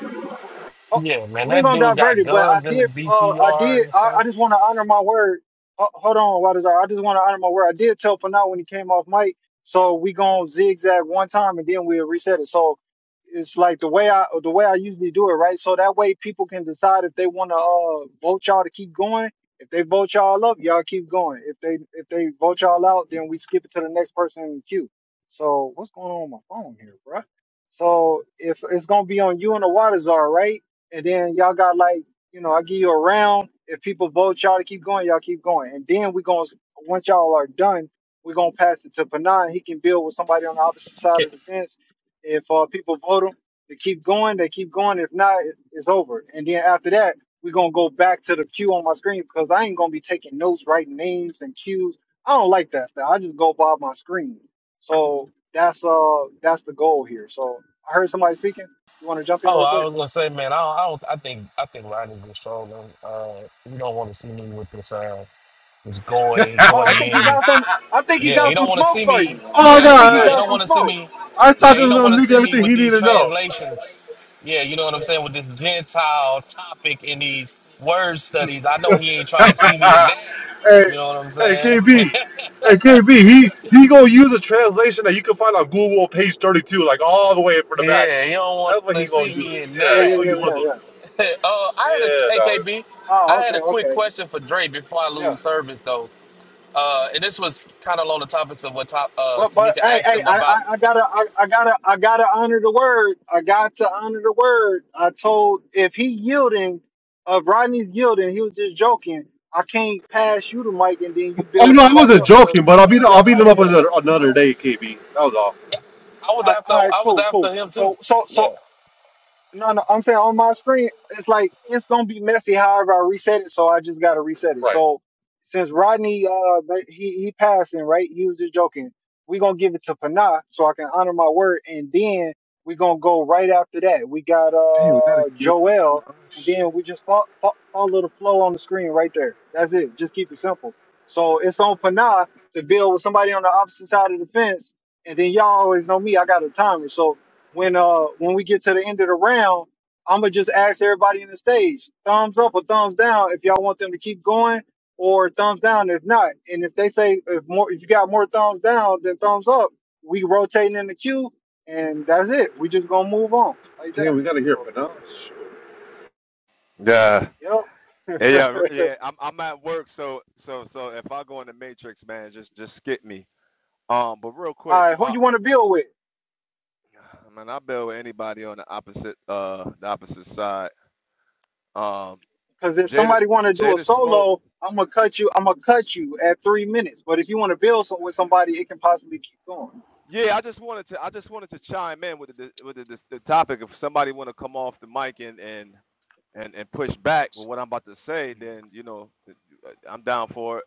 S2: Uh, uh,
S6: Yeah, man,
S2: We ain't
S6: that
S2: gonna
S6: dude
S2: divert
S6: got
S2: it, but I
S6: guns in his
S2: did. Uh, I
S6: BTR
S2: did.
S6: and
S2: I, I just
S6: stuff.
S2: want to honor my word. Uh, hold on, what is that? I just want to honor my word. I did tell Panay when he came off mic, so we gonna zigzag one time and then we'll reset it. So it's like the way I the way I usually do it, right? So that way people can decide if they want to uh, vote y'all to keep going. If they vote y'all up, y'all keep going. If they if they vote y'all out, then we skip it to the next person in the queue. So what's going on with my phone here, bruh? So if it's gonna be on you and the water czar, right? And then y'all got like, you know, I give you a round. If people vote y'all to keep going, y'all keep going. And then we gonna once y'all are done, we're gonna pass it to Panan. He can build with somebody on the opposite side
S6: Okay.
S2: of the fence. If uh, people vote him to keep going, they keep going. If not, it- it's over. And then after that, we're gonna go back to the queue on my screen because I ain't gonna be taking notes, writing names and cues. I don't like that stuff. I just go by my screen. So that's uh that's the goal here. So I heard somebody speaking. You want to jump in
S6: Oh,
S2: real
S6: I
S2: quick?
S6: was gonna say, man, I don't, I, don't, I think, I think Rodney's just trolling. Uh, you don't want to see me with this, uh, this goy,
S2: Oh, I think he
S6: goyim
S2: got some. I think he
S6: Yeah, he
S2: got some
S6: don't want to
S2: smoke
S6: see
S2: for
S6: me.
S2: you.
S22: Oh my
S2: I
S6: Yeah,
S2: think he
S6: nah, he
S2: got
S6: don't
S22: God,
S2: some
S6: want to see
S2: smoke.
S6: me.
S22: I taught
S6: Yeah,
S22: this
S6: he don't
S22: little
S6: want to
S22: nigga
S6: see me
S22: everything
S6: with
S22: he needed
S6: these
S22: to know.
S6: translations. Yeah, you know what I'm saying with this Gentile topic in these word studies. I know he ain't trying to see me in that.
S22: hey,
S6: You know what I'm
S22: hey,
S6: saying?
S22: KB, hey, KB, he he gonna use a translation that you can find on Google, page thirty-two, like all the way for the back.
S6: yeah, he don't want
S22: That's what he
S6: to
S22: gonna
S6: see
S22: use.
S6: me in
S2: Yeah,
S22: Yeah, he
S2: yeah,
S6: that.
S22: gonna
S2: yeah,
S22: use one of
S2: yeah,
S22: those.
S2: yeah.
S6: Oh, I had
S22: Yeah,
S6: a
S22: dog.
S6: AKB.
S2: Oh,
S6: I
S2: okay,
S6: had a quick
S2: okay,
S6: question for Dre before I
S2: yeah.
S6: lose service though. Uh, and this was kind of along the topics of what top, uh,
S2: But but
S6: Tamika
S2: hey
S6: asked
S2: hey
S6: him
S2: I I,
S6: about.
S2: I gotta I, I gotta I gotta honor the word. I got to honor the word. I told if he yielding, uh, if Rodney's yielding, he was just joking. I can't pass you the mic and then you
S22: Oh
S2: build
S22: no, I
S2: somebody
S22: wasn't
S2: else because
S22: joking, but I'll
S2: he
S22: beat I'll
S2: jumped
S22: beat
S6: I,
S22: him
S2: in
S22: up
S2: in the
S22: another
S2: middle.
S22: another day, KB. That was all.
S6: I was
S2: All right,
S6: after
S2: all right,
S6: I was
S2: cool, cool.
S6: after him too.
S2: So, so, so
S6: Yeah.
S2: No, no, I'm saying on my screen, it's like it's gonna be messy. However, I reset it, so I just gotta reset it.
S22: Right.
S2: So since Rodney, uh, that- he he passing, right? He was just joking. We gonna give it to Panah, so I can honor my word, and then we gonna go right after that. We got
S22: Damn, we gotta
S2: uh
S22: hear from
S2: Joel, and
S22: Panache.
S2: then we just fo- fo- follow the flow on the screen right there. That's it. Just keep it simple. So it's on Panah to build with somebody on the opposite side of the fence, and then y'all always know me. I got a timer, so when uh when we get to the end of the round, I'm gonna just ask everybody in the stage thumbs up or thumbs down if y'all want them to keep going, or thumbs down if not. And if they say if more if you got more thumbs down than thumbs up, we rotating in the queue, and that's it. We just gonna move on like that. So
S24: Yeah.
S2: yep.
S24: Yeah, yeah, r- yeah. I'm I'm at work, so so so if I go in the matrix, man, just just skip me. Um, but real
S2: All
S24: quick,
S2: right, who
S24: uh,
S2: you want to build with?
S24: man, I build with anybody on the opposite uh the opposite side. Um,
S2: Because if
S24: Jada
S2: somebody want to do a
S24: Jada Smoke.
S2: solo, I'm gonna cut you. I'm gonna cut you at three minutes. But if you want to build some, with somebody, it can possibly keep going.
S24: Yeah, I just wanted to I just wanted to chime in with the with the, the topic. If somebody want to come off the mic and and and and push back with what I'm about to say, then you know I'm down for it.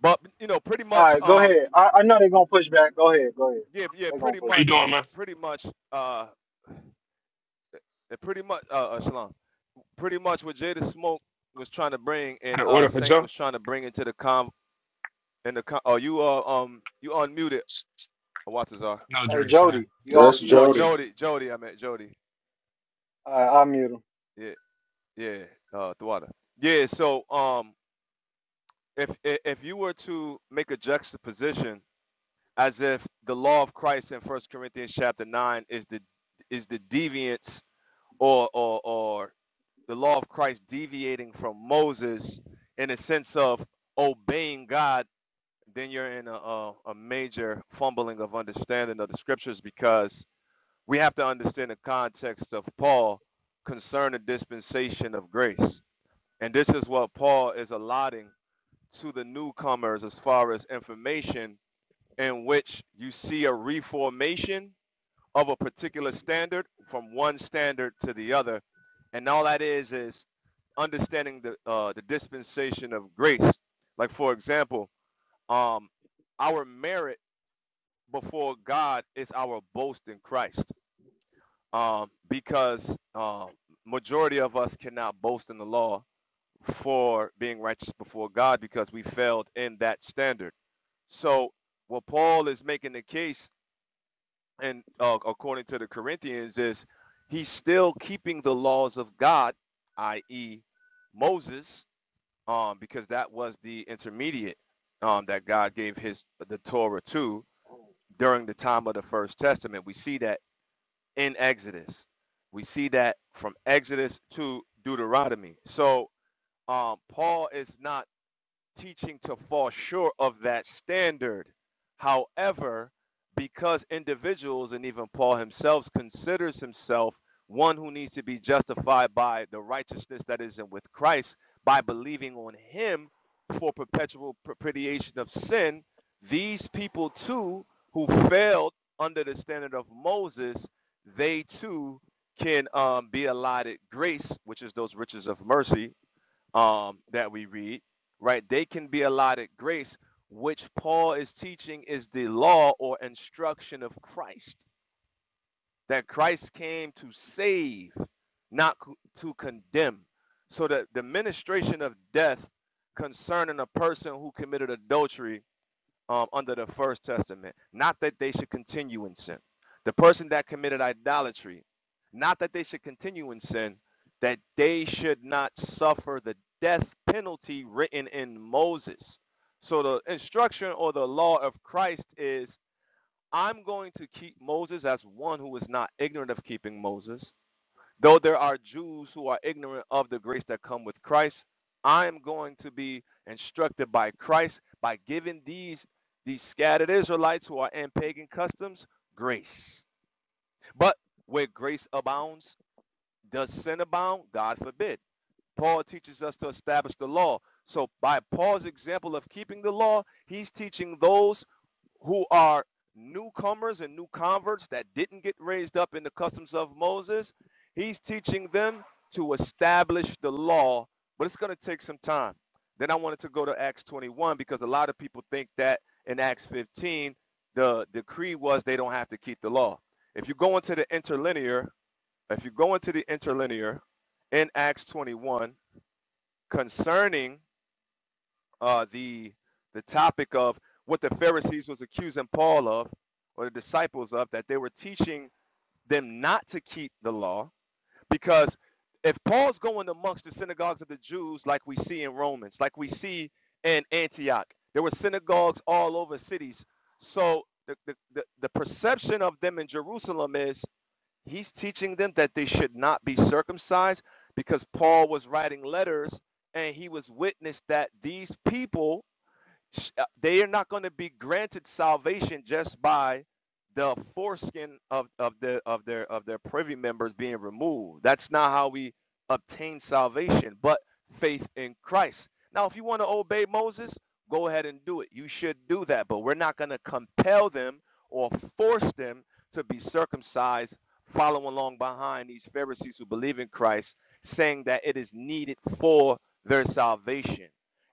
S24: But you know, pretty
S2: All
S24: much,
S2: right, go
S24: um,
S2: ahead. I, I know they're gonna push back. Go ahead, go ahead.
S24: yeah, yeah,
S2: They're gonna
S24: pretty
S2: push
S14: How you
S24: much,
S2: back.
S14: doing, man?
S24: pretty much, uh, yeah, pretty much, uh, uh Shalom, pretty much what Jada Smoke was trying to bring and
S14: Had an
S24: uh
S14: order for
S24: Saint
S14: Joe?
S24: was trying to bring into the com and the com. Oh, you uh um you unmuted Watazar.
S14: No
S2: Hey
S14: drinks, man.
S2: Jody, you off
S19: That's
S24: Oh,
S2: mute?
S19: Jody.
S24: Jody, Jody, I meant Jody.
S2: All right, I'll mute him.
S24: Yeah, yeah, uh, Thwada. Yeah. So um, if i- if you were to make a juxtaposition as if the law of Christ in First Corinthians chapter nine is the is the deviance or or or the law of Christ deviating from Moses in the sense of obeying God, then you're in a, a, a major fumbling of understanding of the scriptures because we have to understand the context of Paul concerning the dispensation of grace. And this is what Paul is allotting to the newcomers as far as information in which you see a reformation of a particular standard from one standard to the other. And all that is is understanding the uh, the dispensation of grace. Like for example, um, our merit before God is our boast in Christ, um, because uh, majority of us cannot boast in the law for being righteous before God because we failed in that standard. So what Paul is making the case and uh, according to the Corinthians, is he's still keeping the laws of God, i.e., Moses, um, because that was the intermediate um, that God gave his the Torah to during the time of the First Testament. We see that in Exodus. We see that from Exodus to Deuteronomy. So um, Paul is not teaching to fall short of that standard. However, because individuals and even Paul himself considers himself one who needs to be justified by the righteousness that is in with Christ by believing on him for perpetual propitiation of sin, these people too who failed under the standard of Moses, they too can um, be allotted grace, which is those riches of mercy, um, that we read, right? They can be allotted grace, which Paul is teaching is the law or instruction of Christ, that Christ came to save, not to condemn. So that the ministration of death concerning a person who committed adultery um, under the first testament. Not that they should continue in sin. The person that committed idolatry, not that they should continue in sin, that they should not suffer the death penalty written in Moses. So the instruction or the law of Christ is I'm going to keep Moses as one who is not ignorant of keeping Moses. Though there are Jews who are ignorant of the grace that come with Christ, I am going to be instructed by Christ by giving these these scattered Israelites who are in pagan customs grace. But where grace abounds, does sin abound? God forbid. Paul teaches us to establish the law. So, by Paul's example of keeping the law, he's teaching those who are newcomers and new converts that didn't get raised up in the customs of Moses. He's teaching them to establish the law, but it's going to take some time. Then I wanted to go to Acts 21 because a lot of people think that in Acts 15, the decree was they don't have to keep the law. If you go into the interlinear, if you go into the interlinear in Acts 21, concerning uh, the the topic of what the Pharisees was accusing Paul of, or the disciples of, that they were teaching them not to keep the law, because if Paul's going amongst the synagogues of the Jews, like we see in Romans, like we see in Antioch, there were synagogues all over cities. So the the, the, the perception of them in Jerusalem is He's teaching them that they should not be circumcised because Paul was writing letters and he was witness that these people uh, they are not going to be granted salvation just by the foreskin of, of the of their of their privy members being removed. That's not how we obtain salvation, but faith in Christ. Now, if you want to obey Moses, go ahead and do it. You should do that, but we're not going to compel them or force them to be circumcised, following along behind these Pharisees who believe in Christ, saying that it is needed for their salvation.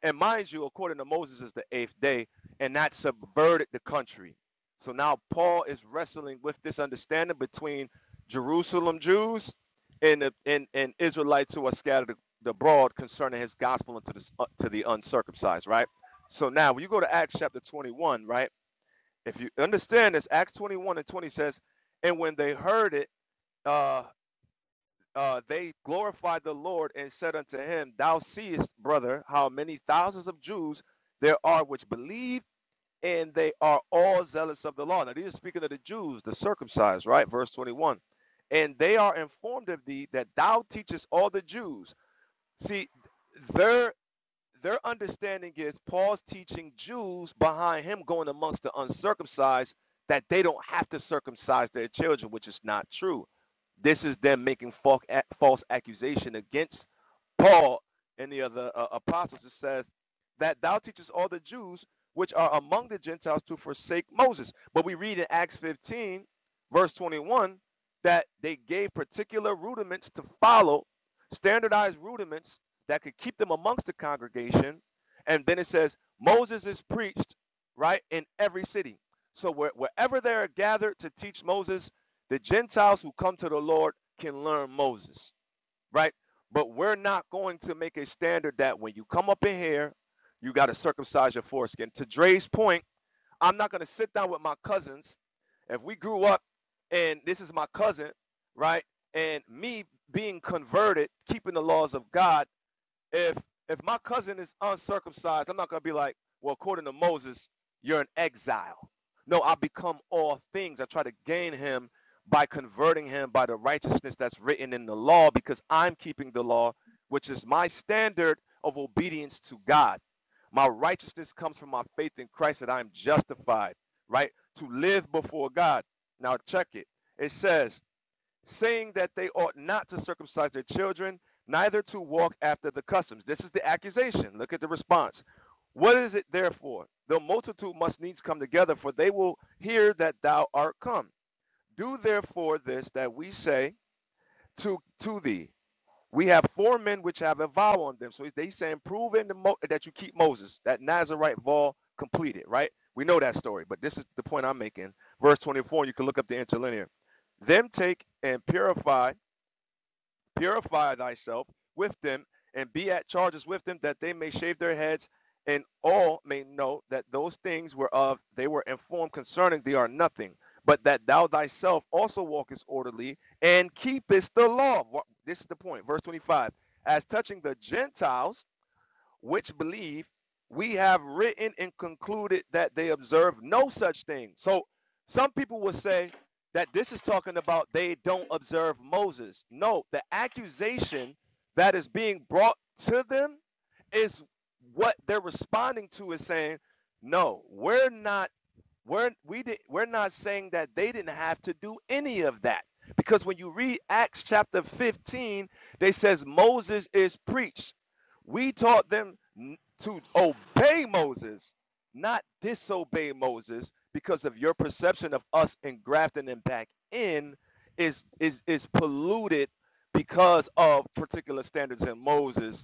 S24: And mind you, according to Moses, is the eighth day, and that subverted the country. So now Paul is wrestling with this understanding between Jerusalem Jews and the, and, and Israelites who are scattered abroad concerning his gospel unto the uh, to the uncircumcised. Right. So now when you go to Acts chapter twenty one, right? If you understand this, Acts twenty one and twenty says, and when they heard it, uh, uh, they glorified the Lord and said unto him, Thou seest, brother, how many thousands of Jews there are which believe, and they are all zealous of the law. Now, these are speaking of the Jews, the circumcised, right? Verse 21. And they are informed of thee that thou teachest all the Jews. See, their their understanding is Paul's teaching Jews behind him going amongst the uncircumcised that they don't have to circumcise their children, which is not true. This is them making false accusation against Paul and the other uh, apostles, it says that thou teachest all the Jews which are among the Gentiles to forsake Moses. But we read in Acts 15, verse 21, that they gave particular rudiments to follow, standardized rudiments that could keep them amongst the congregation. And then it says, Moses is preached, right, in every city. So where, wherever they are gathered to teach Moses, the Gentiles who come to the Lord can learn Moses right? But we're not going to make a standard that when you come up in here, you got to circumcise your foreskin. To Dre's point, I'm not going to sit down with my cousins. If we grew up and this is my cousin, right? And me being converted, keeping the laws of God, if if my cousin is uncircumcised, I'm not gonna be like, well, according to Moses, you're an exile. No, I become all things. I try to gain him by converting him by the righteousness that's written in the law, because I'm keeping the law, which is my standard of obedience to God. My righteousness comes from my faith in Christ that I'm justified, right? To live before God. Now check it. It says, saying that they ought not to circumcise their children, neither to walk after the customs. This is the accusation. Look at the response. What is it therefore? The multitude must needs come together, for they will hear that thou art come. Do therefore this that we say to to thee. We have four men which have a vow on them. So he's, they saying, prove in the Mo- that you keep Moses, that Nazarite vow completed, right? We know that story, but this is the point I'm making. Verse 24, you can look up the interlinear. Them take and purify Purify thyself with them, and be at charges with them, that they may shave their heads, and all may know that those things whereof they were informed concerning thee are nothing, but that thou thyself also walkest orderly and keepest the law. This is the point. Verse 25. As touching the Gentiles, which believe we have written and concluded that they observe no such thing. So some people will say that this is talking about they don't observe Moses. No, the accusation that is being brought to them is what they're responding to is saying, no, we're not we're we did we're not saying that they didn't have to do any of that because when you read acts chapter 15 they says moses is preached we taught them to obey Moses, not disobey Moses, because of your perception of us and grafting them back in is is is polluted because of particular standards in Moses,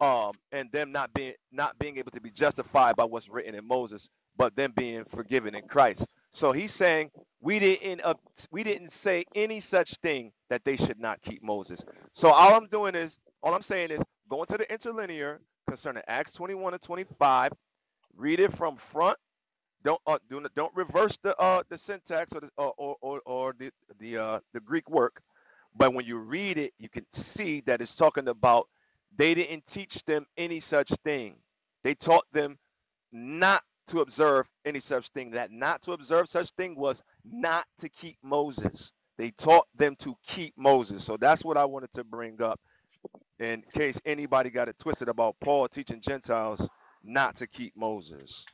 S24: um, and them not being not being able to be justified by what's written in Moses, but them being forgiven in Christ. So he's saying we didn't uh, we didn't say any such thing that they should not keep Moses. So all I'm doing is all I'm saying is Going to the interlinear concerning Acts 21 and 25. Read it from front. Don't uh, do not, don't reverse the uh, the syntax or the, uh, or, or or the the uh, the Greek work. But when you read it, you can see that it's talking about they didn't teach them any such thing. They taught them not to observe any such thing. That not to observe such thing was not to keep Moses. They taught them to keep Moses. So that's what I wanted to bring up in case anybody got it twisted about Paul teaching Gentiles not to keep Moses.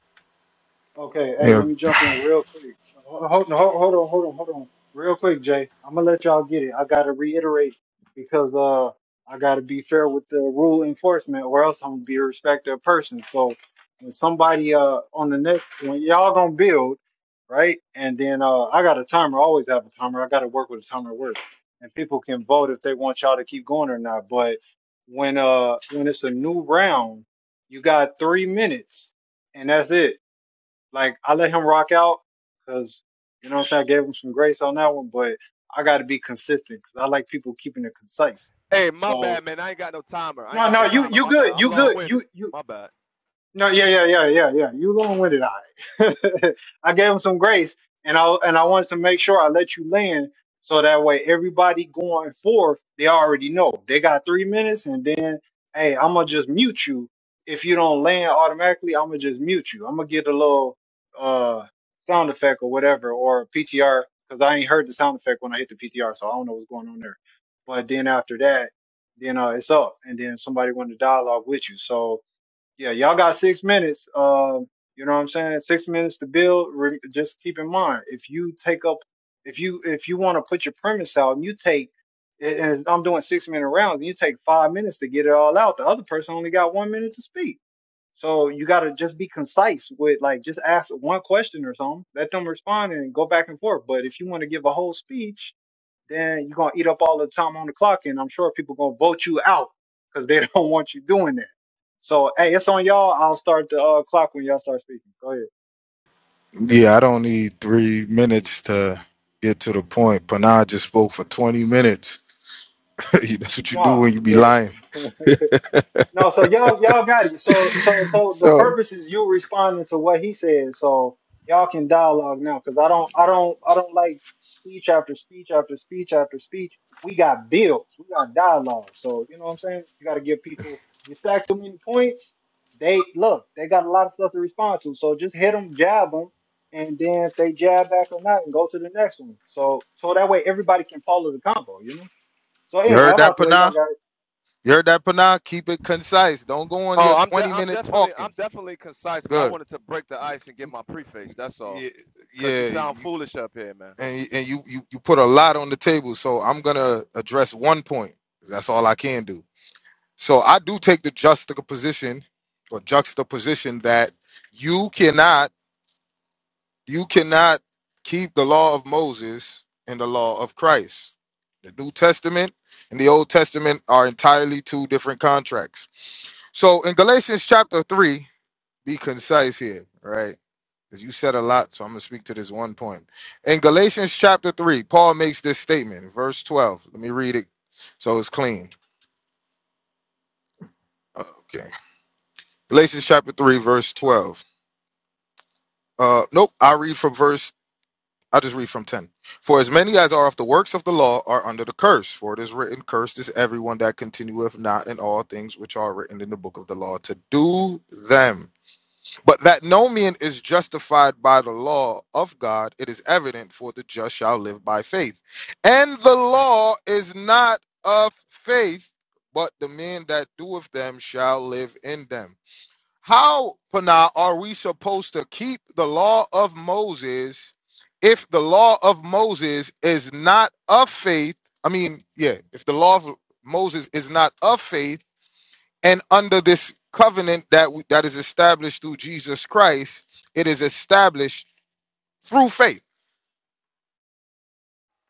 S2: Okay, hey, let me jump in real quick. Hold, hold, hold hold on, hold on, hold on. Real quick, Jay. I'm gonna let y'all get it. I gotta reiterate because uh I gotta be fair with the rule enforcement or else I'm gonna be a respecter of person. So when somebody uh on the next when y'all gonna build, right? And then uh I got a timer, I always have a timer. I gotta work with a timer at work. And people can vote if they want y'all to keep going or not. But when uh when it's a new round, you got three minutes and that's it like I let him rock out because you know what I'm saying. I gave him some grace on that one, but I got to be consistent because I like people keeping it concise.
S24: Hey, my bad,
S2: So
S24: man. I ain't got no timer. I ain't
S2: no,
S24: got
S2: no,
S24: no
S2: you
S24: timer.
S2: you
S24: My bad.
S2: good,
S24: I'm
S2: you good,
S24: long-winded.
S2: you you
S24: My bad.
S2: no, yeah, yeah, yeah, yeah, yeah. You long winded, I. I gave him some grace, and I and I wanted to make sure I let you land, so that way everybody going forth, they already know they got three minutes, and then hey, I'm gonna just mute you if you don't land automatically. I'm gonna just mute you. I'm gonna get a little uh sound effect or whatever or PTR because I ain't heard the sound effect when I hit the PTR, so I don't know what's going on there. But then after that, then uh, it's up, and then somebody want to dialogue with you, so yeah, y'all got six minutes. Uh, you know what I'm saying? Six minutes to build. Re- just keep in mind, if you take up, if you if you want to put your premise out, and you take, and and I'm doing six minute rounds, and you take five minutes to get it all out. The other person only got one minute to speak. So you got to just be concise with like just ask one question or something, let them respond, and go back and forth. But if you want to give a whole speech, then you're gonna eat up all the time on the clock, and I'm sure people gonna vote you out because they don't want you doing that. So hey, it's on y'all. I'll start the uh, clock when y'all start speaking. Go ahead. Nah, yeah. No, so y'all y'all got it. So so so the purpose is you responding to what he said. So y'all can dialogue now because I don't I don't I don't like speech after speech after speech after speech. We got bills. We got dialogue. So you know what I'm saying? You gotta give people you stack too many points, they look, they got a lot of stuff to respond to. So just hit them, jab them, and then if they jab back or not, and go to the next one. So so that way everybody can follow the combo, you know? So anyway, I'm out the way. Y'all got it.
S24: Oh, I'm de- I'm definitely I'm definitely concise, but I wanted to break the ice and give my preface. That's all, because you sound foolish up here, man.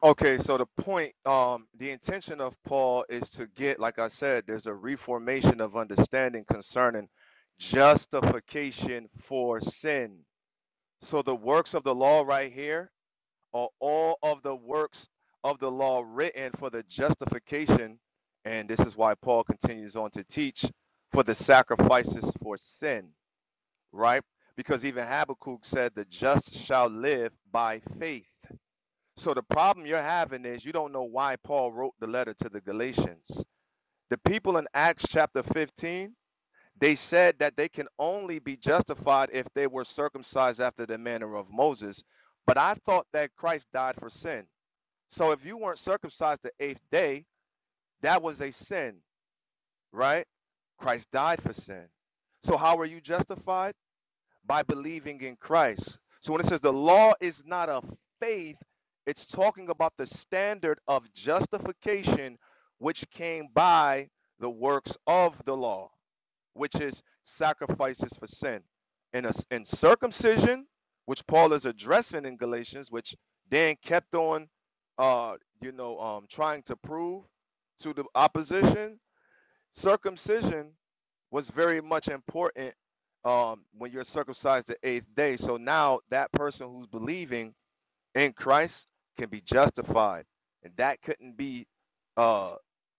S24: Okay, so the point, um, the intention of Paul is to get, like I said, there's a reformation of understanding concerning justification for sin. So the works of the law right here are all of the works of the law written for the justification. And this is why Paul continues on to teach for the sacrifices for sin, right? Because even Habakkuk said, the just shall live by faith. So the problem you're having is you don't know why Paul wrote the letter to the Galatians. The people in Acts chapter 15, they said that they can only be justified if they were circumcised after the manner of Moses. But I thought that Christ died for sin. So if you weren't circumcised the eighth day, that was a sin, right? Christ died for sin. So how are you justified? By believing in Christ. So when it says the law is not of faith, it's talking about the standard of justification which came by the works of the law which is sacrifices for sin. And, a, and circumcision, which Paul is addressing in Galatians, which Dan kept on, uh, you know, um, trying to prove to the opposition, circumcision was very much important um, when you're circumcised the eighth day. So now that person who's believing in Christ can be justified, and that couldn't be. Uh,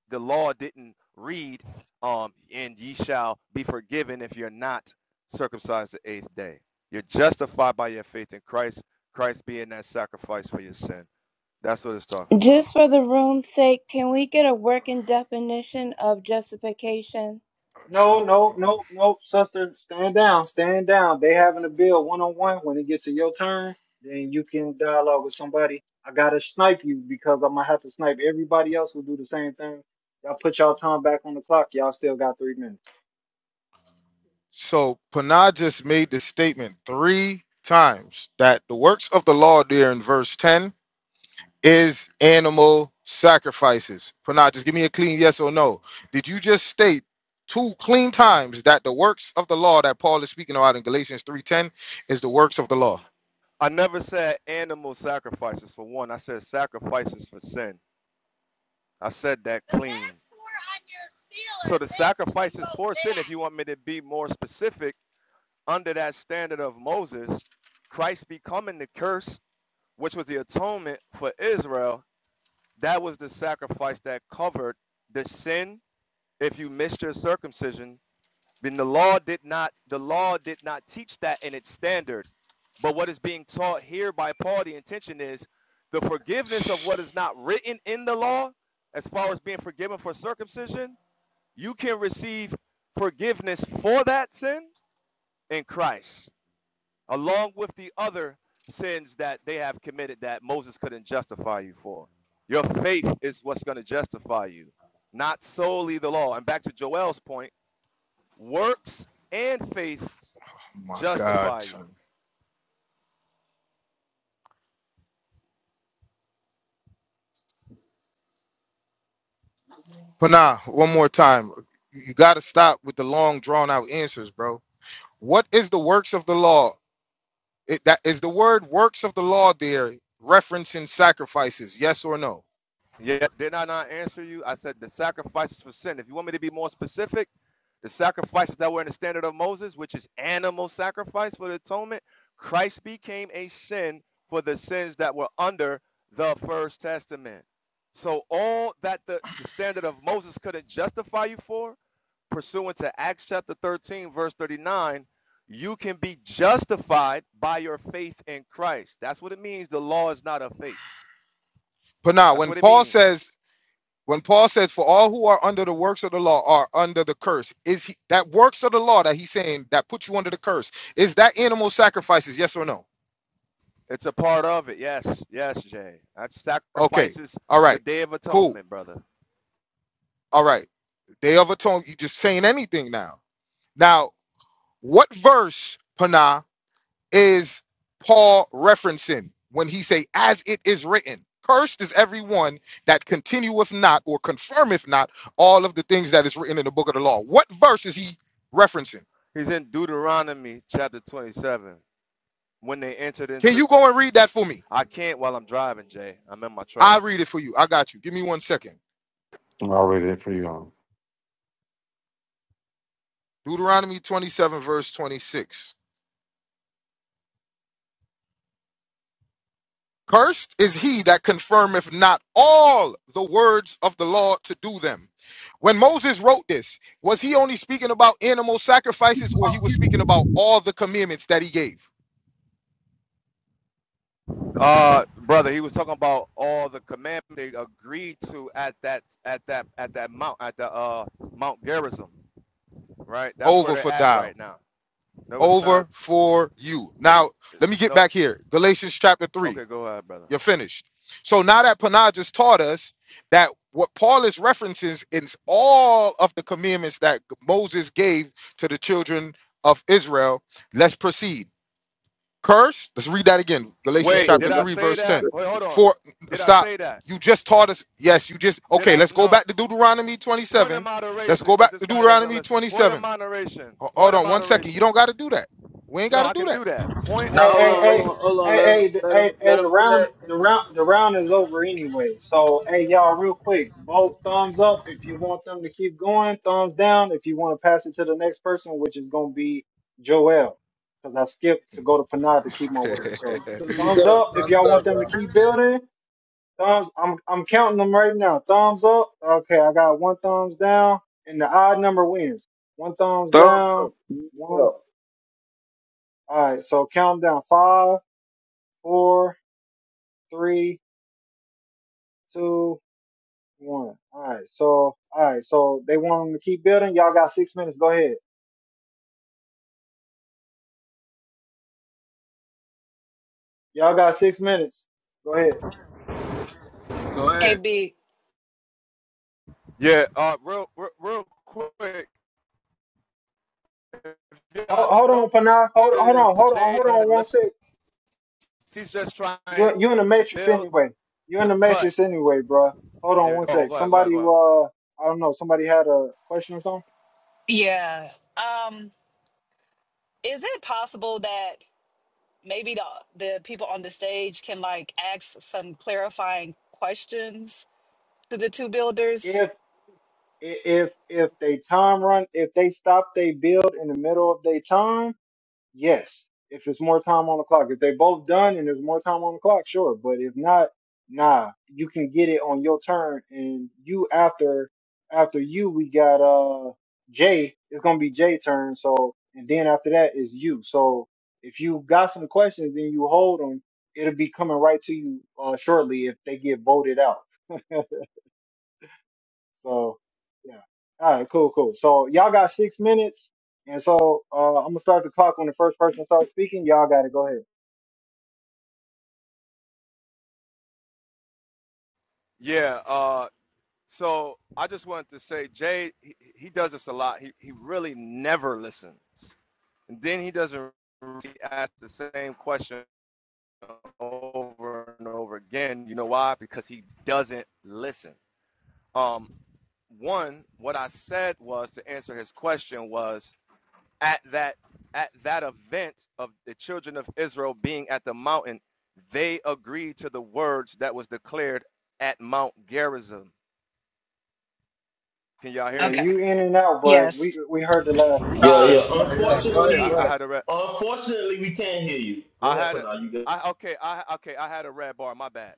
S24: the law didn't read, um, and ye shall be forgiven if you're not circumcised the eighth day. You're justified by your faith in Christ. Christ being that sacrifice for your sin. That's what it's talking about.
S23: Just for the room's sake, can we get a working definition of justification?
S2: No, no, no, no, sister, stand down, stand down. They having a bill one on one. When it gets to your turn, then you can dialogue with somebody. I gotta snipe you because I'm gonna have to snipe everybody else who do the same thing. Y'all put y'all time back on the clock. Y'all still got three minutes.
S24: I never said animal sacrifices for one. I said sacrifices for sin. I said that clean. So the sacrifices for sin, if you want me to be more specific, under that standard of Moses, Christ becoming the curse, which was the atonement for Israel, that was the sacrifice that covered the sin if you missed your circumcision. Then the law did not the law did not teach that in its standard. But what is being taught here by Paul, the intention is the forgiveness of what is not written in the law, as far as being forgiven for circumcision, you can receive forgiveness for that sin in Christ. along with the other sins that they have committed that Moses couldn't justify you for. Your faith is what's going to justify you, not solely the law. And back to Joel's point, works and faith justify you. Yeah, did I not answer you? I said the sacrifices for sin. If you want me to be more specific, the sacrifices that were in the standard of Moses, which is animal sacrifice for the atonement, Christ became a sin for the sins that were under the first testament. So all that the, the standard of Moses couldn't justify you for, pursuant to Acts chapter 13, verse 39, you can be justified by your faith in Christ. That's what it means. The law is not of faith. That's what it means. It's a part of it. Yes, yes, Jay. That sacrifices the Day of Atonement, brother. He's in Deuteronomy chapter 27. When they entered into, I can't while I'm driving, Jay. I'm in my truck.
S22: I'll read it for you. huh?
S24: Uh, brother, he was talking about all the commandments they agreed to at that at that at that mount at the uh Mount Gerizim, right? That's where they're at right now. No, it's not. No. Okay, go ahead, brother. Wait,
S25: Thumbs
S24: did I
S25: up.
S24: say that? Wait, hold on. Did I say that? Did I? No. Point of moderation, because this guy doesn't listen. Point of moderation. Point of moderation. No, I can do that. Point
S1: Now,
S2: Hey,
S24: of
S1: hold
S2: hey,
S1: on, hold
S2: hey,
S24: moderation.
S1: on, hold
S2: hey,
S1: on.
S2: hey, the,
S1: Let
S2: hey,
S1: him, let him,
S2: hey,
S1: let
S2: the
S1: him do
S2: round,
S1: that.
S2: the
S1: And,
S2: round, the round is over anyway. So, hey, y'all, real quick, vote thumbs up if you want them to keep going. Thumbs down if you want to pass it to the next person, which is gonna be Joel, because I skipped to go to Panad to keep my word.
S1: and
S2: So,
S1: thumbs
S2: thumbs
S1: up,
S2: up if
S1: thumbs
S2: y'all want
S1: up,
S2: them to
S1: bro.
S2: keep building. Thumbs, I'm, I'm counting them right now. Thumbs up. Okay, I got one thumbs down, and the odd number wins. One thumbs
S25: thumbs
S2: down. One.
S25: up.
S2: All right. So count 'em down. Five, four three, two, one. All right. So, all right. So they want them to keep building. Y'all got six minutes. Go ahead. Y'all got six minutes. Go ahead.
S1: Go
S26: Hey,
S1: ahead.
S26: big.
S24: Yeah, uh, real, real, real quick. If y'all
S2: Hold, hold on, Panay. Hold, hold
S24: notice,
S2: on. Hold on.
S24: Jay
S2: Hold on.
S24: doesn't
S2: One
S24: listen.
S2: sec.
S24: He's just trying
S2: You you in the
S24: to
S2: matrix
S24: build
S2: anyway. You in
S24: to
S2: the
S24: cut.
S2: matrix anyway, bruh. Hold on
S24: Yeah,
S2: one
S24: go,
S2: sec.
S24: go ahead, go ahead,
S2: Somebody
S24: go ahead.
S2: uh, I don't know. Somebody had a question or something.
S26: Yeah. Um, is it possible that maybe the the people on the stage can like ask some clarifying questions to the two builders?
S2: If if if they time run, if they stop they build in the middle of their time Yes, if it's more time on the clock, if they both done and there's more time on the clock, sure. But if not, nah, you can get it on your turn, and you after after you, we got uh Jay. It's gonna be Jay turn. So and then after that is you. So if you got some questions and you hold them, it'll be coming right to you uh, shortly if they get voted out. So yeah. All right, cool, cool. So y'all got six minutes, and so uh, I'm gonna start the clock when the first person starts speaking. Y'all got to go ahead.
S24: Yeah. Uh, so I just wanted to say, Jay, he, he does this a lot. He he really never listens, and then he doesn't really ask the same question over and over again. You know why? Because he doesn't listen. Um, one, what I said was to answer his question was at that at that event of the children of Israel being at the mountain, they agreed to the words that was declared at Mount Gerizim. Can y'all hear
S2: Yeah,
S26: Okay.
S24: me?
S2: you in and out, but
S26: Yes.
S2: we we heard the last part.
S5: Yeah, yeah.
S1: Yeah,
S24: Yeah,
S1: yeah,
S24: 'cause
S1: go ahead,
S24: I,
S1: go
S5: Unfortunately,
S24: I
S1: ahead.
S24: had a re-
S5: unfortunately, we can't hear you. Go
S24: I
S5: ahead,
S24: had a,
S5: Panay. You good?
S24: I okay, I okay, I had a red bar. My bad.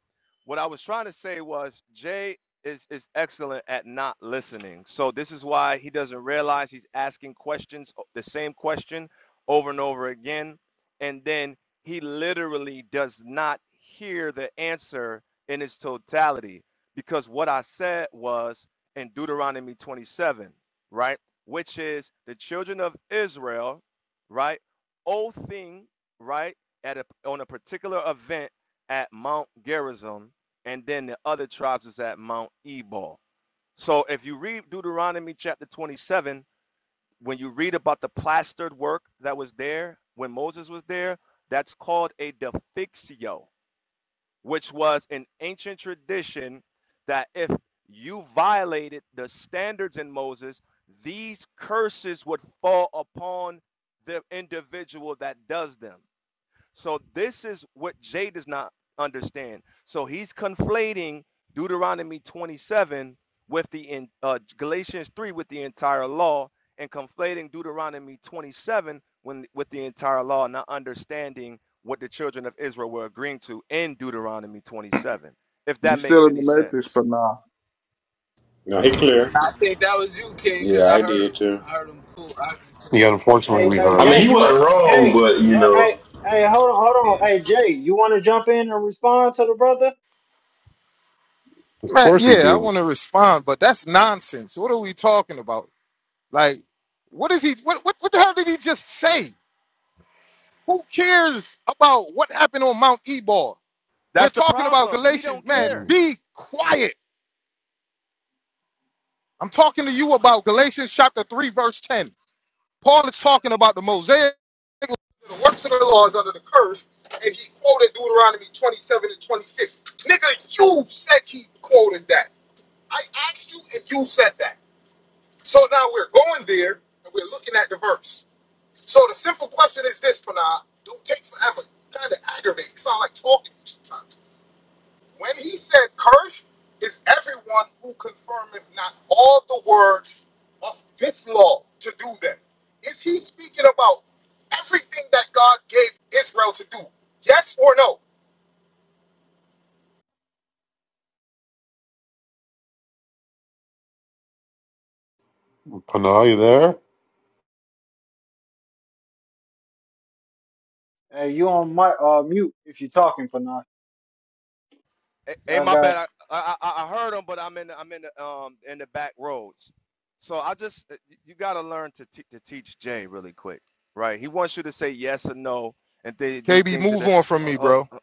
S24: What I was trying to say was Jay is is excellent at not listening. So this is why he doesn't realize he's asking questions, o- the same question over and over again, and then he literally does not hear the answer in its totality because what I said was in Deuteronomy 27, right? Which is the children of Israel, right? Oathing, right? at a, on a particular event at Mount Gerizim, and then the other tribes was at Mount Ebal. So if you read Deuteronomy chapter 27, when you read about the plastered work that was there when Moses was there, that's called a defixio, which was an ancient tradition that if you violated the standards in Moses, these curses would fall upon the individual that does them. So this is what Jay does not understand. So he's conflating Deuteronomy 27 with the in, uh, Galatians 3 with the entire law, and conflating Deuteronomy 27 when with the entire law, not understanding what the children of Israel were agreeing to in Deuteronomy 27. If
S25: You
S24: that makes
S25: still in the
S24: any
S25: matrix, for
S24: sense,
S25: now.
S19: No, he clear.
S1: I think that was you, King, because
S19: Yeah,
S1: I
S19: I
S1: heard him.
S19: did too.
S1: I heard him cool. I heard him cool.
S22: Yeah,
S1: That
S22: unfortunately,
S2: Hey,
S1: was
S22: we
S1: you.
S2: hey,
S22: heard
S5: I mean,
S2: Jay,
S5: he
S22: him.
S2: you
S5: wasn't wrong,
S2: Jay,
S5: but you
S2: uh, hey,
S5: know.
S2: hey, hold on, hold
S1: Yeah.
S2: on. Hey, Jay, you want to jump in and respond to the brother?
S22: Of course, he do.
S24: that's the problem. He don't care.
S22: Mm, Panay, you there?
S2: Hey, you on my uh mute if you talking for now.
S24: Hey, hey,
S2: Y'all
S24: my
S2: got.
S24: bad. I, I I heard him, but I'm in the, I'm in the um in the back roads. So I just you got to learn to te- to teach Jay really quick, right? He wants you to say yes or no and th- these things that uh, hold, uh,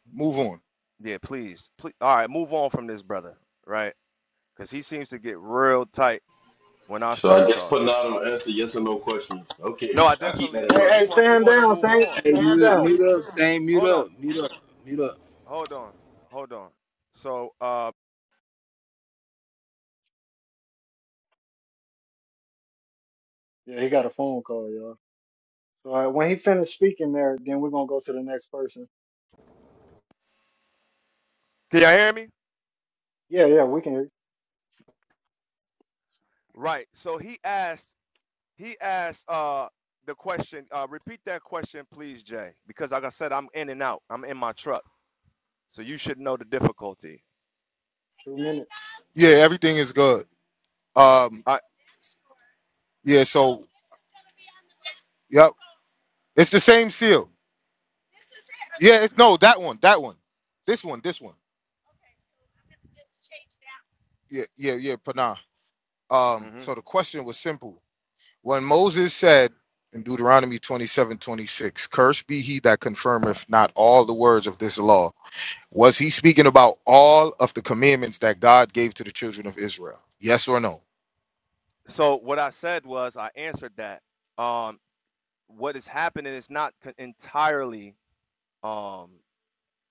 S24: yeah, please, please. All right, move on from this brother, right? Because he seems to get real tight when I
S5: So I
S24: start
S5: guess putting
S24: talking.
S5: out an answer yes or no questions.
S24: No,
S5: Okay,
S24: I
S5: I'll keep
S24: definitely
S5: that in
S2: Hey,
S24: do.
S5: mind.
S24: He
S2: hey,
S24: want he
S2: stand
S24: want to
S2: down,
S24: move
S2: Saint.
S24: on.
S1: Hey,
S2: Stand
S1: mute,
S24: I
S2: down.
S24: took
S1: mute up, Same. Mute
S24: hold on,
S1: up, mute up, mute up.
S24: hold on, hold on. So uh,
S2: Yeah, he got a phone call, y'all. So uh, when he finished speaking there, then we're gonna go to the next person.
S24: can y'all hear me?
S2: Yeah, yeah, we can hear you.
S24: Right. So he asked He asked uh, the question. Uh, repeat that question, please, Jay, because like I said, I'm in and out. I'm in my truck, so you should know the difficulty.
S2: Two minutes.
S24: I, mhm. So what I said was I answered that. Um, what is happening is not co- entirely um,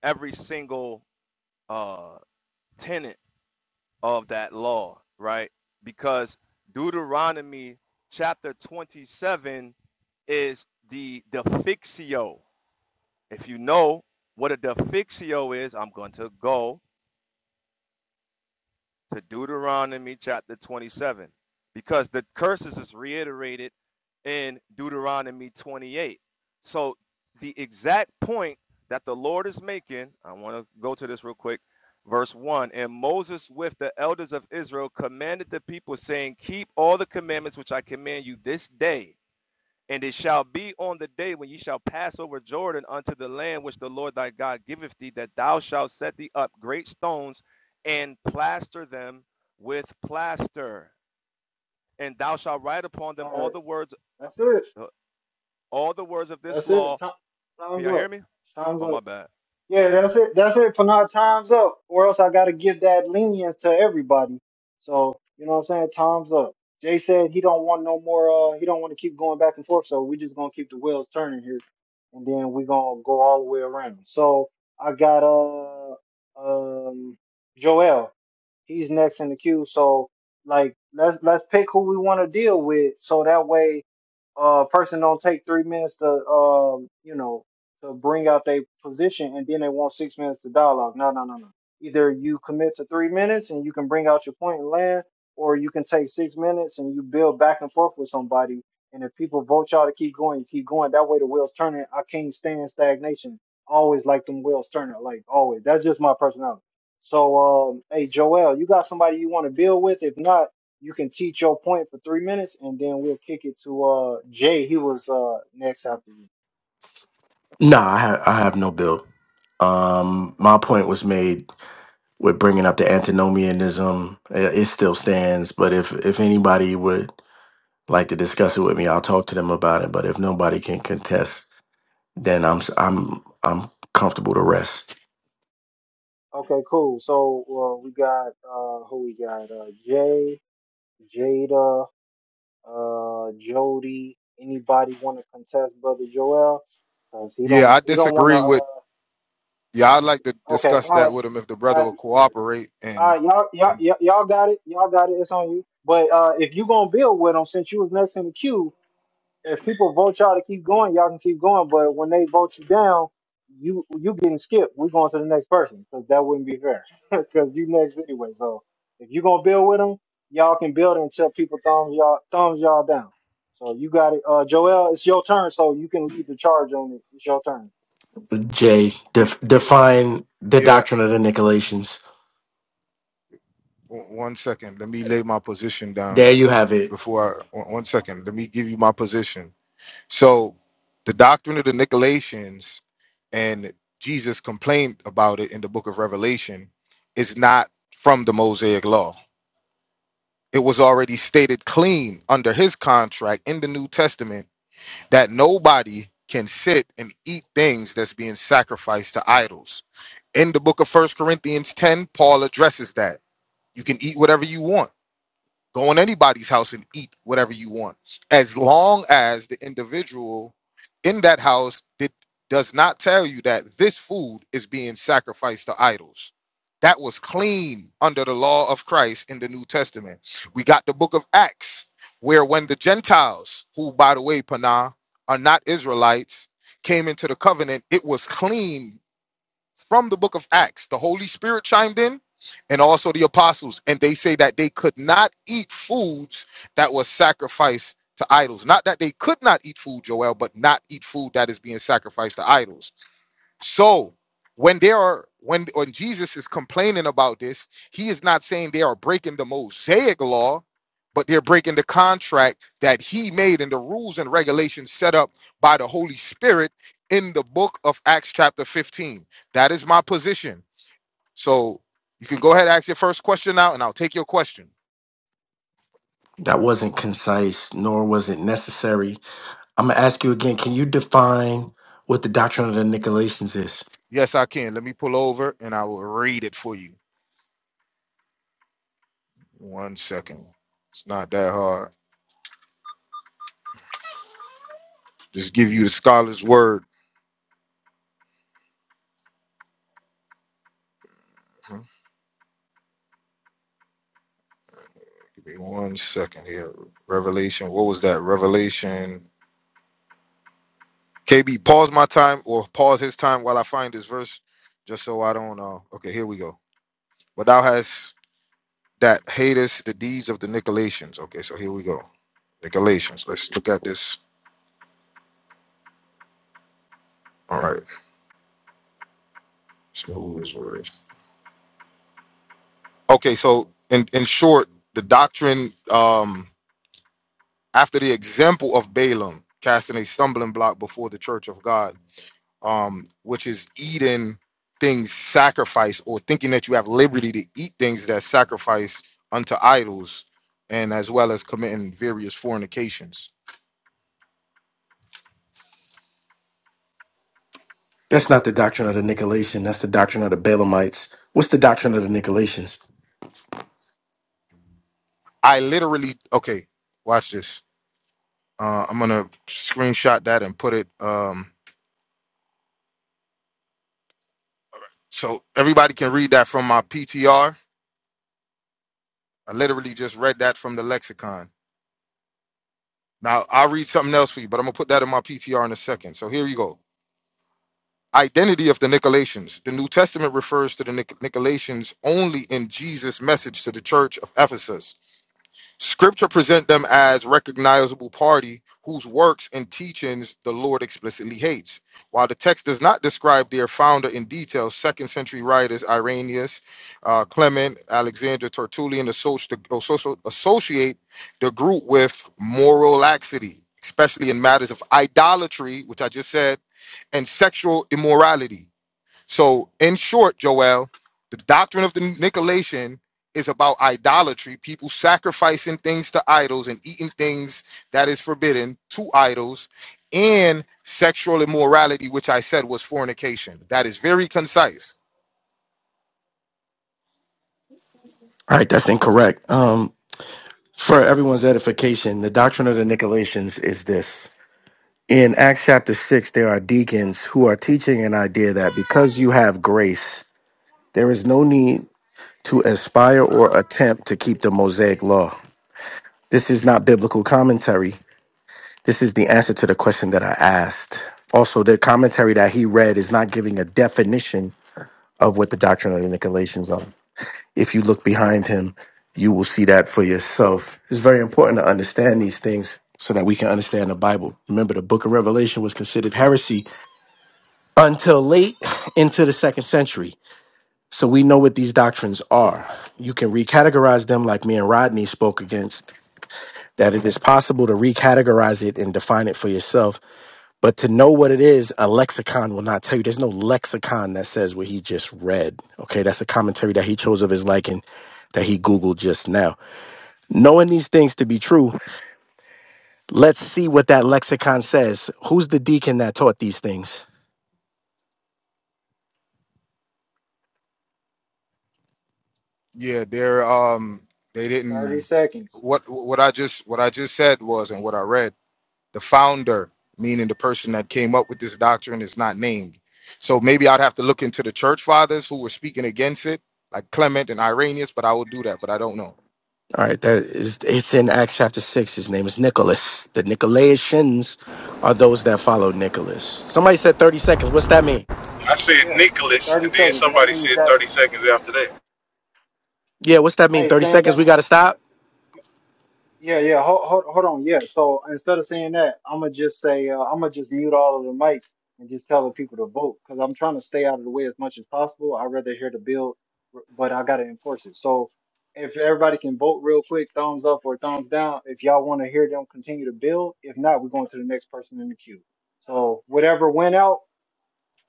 S24: every single uh, tenant of that law, right? Because Deuteronomy chapter 27 is the the fixio. If you know what a defixio is, I'm going to go to Deuteronomy chapter 27 because the curses is reiterated in Deuteronomy 28. So the exact point that the Lord is making, I want to go to this real quick. Verse 1 And Moses with the elders of Israel commanded the people, saying, Keep all the commandments which I command you this day and it shall be on the day when ye shall pass over Jordan unto the land which the Lord thy God giveth thee, that thou shalt set thee up great stones and plaster them with plaster. And thou shalt write upon them
S2: All
S24: all
S2: right.
S24: the words,
S2: That's it.
S24: uh, all the words of this
S2: That's it.
S24: law.
S2: Time,
S24: Can
S2: time's
S24: y'all
S2: up.
S24: hear me?
S2: Time's
S24: Oh
S2: up.
S24: my bad.
S2: Yeah, that's it. That's it. For now, time's up. Or else I gotta give that lenience to everybody. So you know what I'm saying? Time's up. Jay said he don't want no more. Uh, he don't want to keep going back and forth. So we just gonna keep the wheels turning here, and then we gonna go all the way around. So I got uh um Joel. He's next in the queue. So like let's let's pick who we want to deal with. So that way uh person don't take three minutes to um you know to bring out their position and then they want six minutes to dialogue. No, no, no, no. Either you commit to three minutes and you can bring out your point and land, or you can take six minutes and you build back and forth with somebody. And if people vote y'all to keep going, you keep going. That way the wheels turning. I can't stand stagnation. I always like them wheels turning, like always. That's just my personality. So, um, hey, Joel, you got somebody you want to build with? If not, you can teach your point for three minutes, and then we'll kick it to uh Jay. He was uh next after you.
S20: Nah, I, ha- I have no bill. Um, my point was made with bringing up the antinomianism. Uh, It still stands, but if if anybody would like to discuss it with me, I'll talk to them about it. But if nobody can contest, then I'm s- I'm I'm comfortable to rest.
S2: Okay, cool. So uh, we got uh, who we got? Uh, Jay, Jada, uh, Jody. Anybody want to contest Brother Joel? Cause he don't he don't want to. Uh, okay, all right, all right, all right. Y'all, y'all, y'all y'all got it. Y'all got it. It's on you. But uh, if you gonna build with him, since you was next in the queue, if people vote y'all to keep going, y'all can keep going. But when they vote you down, you you getting skipped. We're going to the next person because that wouldn't be fair because you next anyway. So if you gonna build with them, y'all can build until people thumbs y'all thumbs y'all down. So you got it, uh, Joel. It's your turn, so you can lead the charge on it. It's your turn.
S20: Jay, def- define the doctrine of the Nicolaitans. There you have it. That wasn't concise, nor was it necessary. I'm gonna ask you again. Can you define what the doctrine of the Nicolaitans is? That's not the doctrine of the Nicolaitan. That's the doctrine of the Balaamites. What's the doctrine of the Nicolaitans? All right, that's incorrect. Um, for everyone's edification, the doctrine of the Nicolaitans is this. In Acts chapter 6, there are deacons who are teaching an idea that because you have grace, there is no need to aspire or attempt to keep the Mosaic law. This is not biblical commentary. This is the answer to the question that I asked. Also, the commentary that he read is not giving a definition of what the doctrine of the Nicolaitans are. If you look behind him, you will see that for yourself. It's very important to understand these things so that we can understand the Bible. Remember, the book of Revelation was considered heresy until late into the second century. So we know what these doctrines are. You can recategorize them like me and Rodney spoke against, that it is possible to recategorize it and define it for yourself. But to know what it is, a lexicon will not tell you. There's no lexicon that says what he just read. Okay, that's a commentary that he chose of his liking that he Googled just now. Knowing these things to be true, let's see what that lexicon says. Who's the deacon that taught these things?
S2: Thirty seconds.
S20: All right, that is it's in Acts chapter six. His name is Nicholas. The Nicolaitans are those that follow Nicholas. Somebody said 30 seconds. What's that mean?
S27: I said
S2: Yeah,
S27: Nicholas,
S2: thirty
S27: and then
S2: seconds. That
S27: somebody
S2: means
S27: said
S2: that
S27: 30 seconds after that.
S20: Yeah, what's that mean?
S2: hey,
S20: 30
S2: stand
S20: seconds, we gotta stop?
S2: down. Yeah, yeah. Hold, hold, hold on. Yeah. So instead of saying that, I'm gonna just say uh, I'm gonna just mute all of the mics and just tell the people to vote because I'm trying to stay out of the way as much as possible. I'd rather hear the bill, r- but I gotta enforce it. So if everybody can vote real quick, thumbs up or thumbs down if y'all want to hear them continue to build. If not, we're going to the next person in the queue. So whatever went out,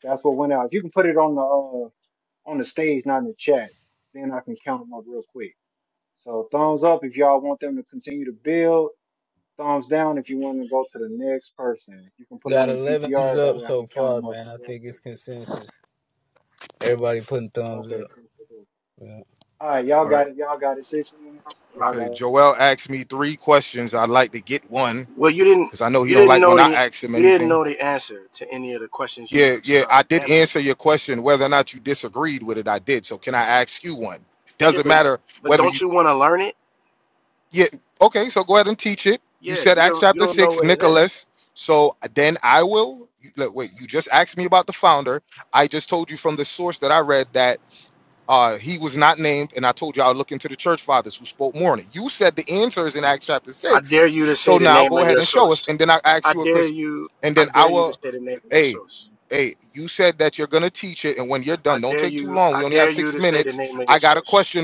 S2: that's what went out. If you can put it on the uh, on the stage, not in the chat, then I can count them up real quick. So thumbs up if y'all want them to continue to build Thumbs down if you want to go to the next person. You can put it
S1: Got
S2: on your
S1: 11 thumbs
S2: PTR. That
S1: up
S2: way I
S1: so
S2: can count
S1: far,
S2: them up
S1: man. I
S2: real
S1: think it's
S2: quick.
S1: consensus. Everybody putting thumbs
S2: Okay,
S1: up.
S2: cool, cool, cool.
S1: Yeah.
S2: All right, y'all got it. Y'all got it. Six minutes.
S20: All
S2: Y'all
S20: right.
S2: got it.
S20: Well, you didn't you didn't know the you didn't know the answer to any of the questions you was, uh guessing. Yeah, but but don't you want to learn it? Yeah, you don't you don't know what it is. I dare you to say the name of your source. I dare you. I dare you to say the name of your source. I dare you. I dare you to say the name of your source.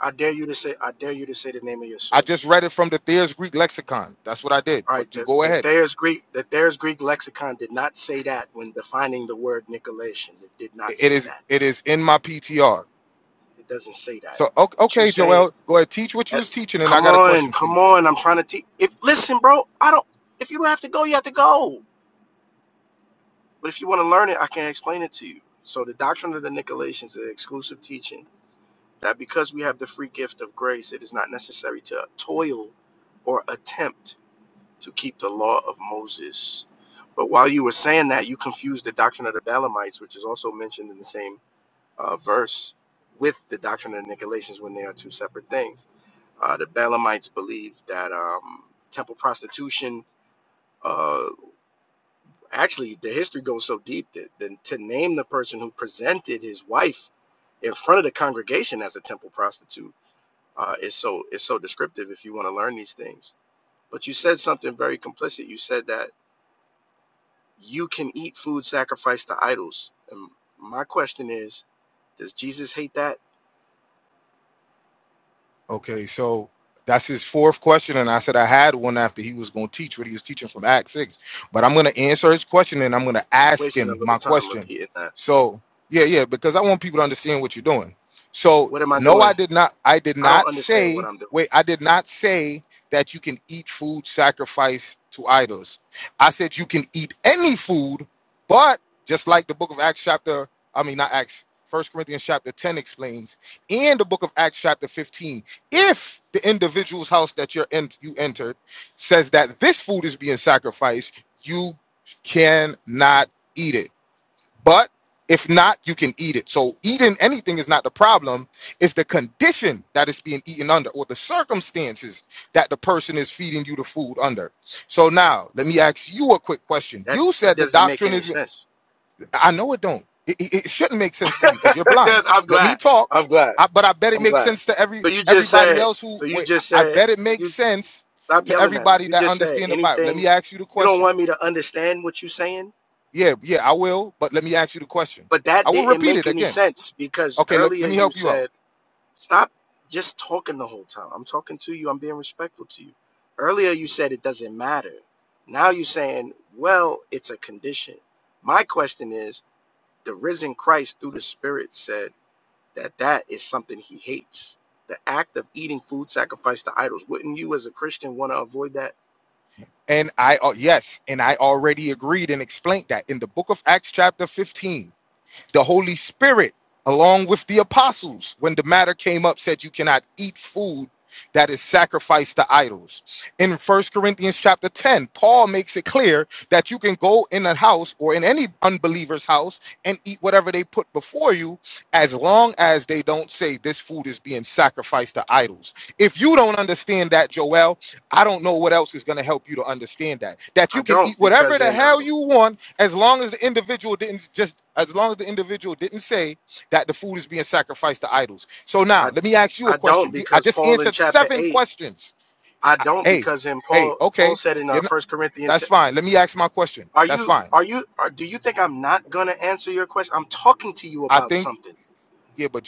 S20: I dare you to say. I dare you to say the name of your source. All right. The, the Thayer's Greek. The Thayer's Greek lexicon did not say that when defining the word Nicolaitan. It did not say that. It doesn't say that. What you saying? That, come on. Come on. I'm trying to teach. If listen, bro. I don't. If you don't have to go, you have to go. But if you want to learn it, I can explain it to you. So the doctrine of the Nicolaitans is an exclusive teaching that because we have the free gift of grace, it is not necessary to toil or attempt to keep the law of Moses. But while you were saying that, you confused the doctrine of the Balaamites, which is also mentioned in the same uh, verse, with the doctrine of the Nicolaitans when they are two separate things. Uh, the Balaamites believe that um, temple prostitution uh, Actually, the history goes so deep that, that to name the person who presented his wife in front of the congregation as a temple prostitute uh, is so is so descriptive if you want to learn these things. But you said something very complicit. You said that you can eat food sacrificed to idols. And my question is, does Jesus hate that? Wasting a little time repeating that. What am I doing? I don't understand what I'm doing. That that doesn't make any sense. I'm glad. I'm glad. I'm glad. So you just said, so you just said, you stop yelling at me. You just said anything. You don't want me to understand what you're saying, but that didn't make any sense because earlier you said, stop just talking the whole time. I'm talking to you. I'm being respectful to you. Earlier you said it doesn't matter. Now you're saying, well, it's a condition. My question is, the risen Christ through the Spirit said. that that is something he hates. The act of eating food sacrificed to idols. Wouldn't you, as a Christian, want to avoid that? I don't because in um, I I don't because Paul in chapter eight. I don't because in Paul Paul said in uh, First Corinthians. are you are you are, do you think I'm not gonna answer your question? I'm talking to you about something.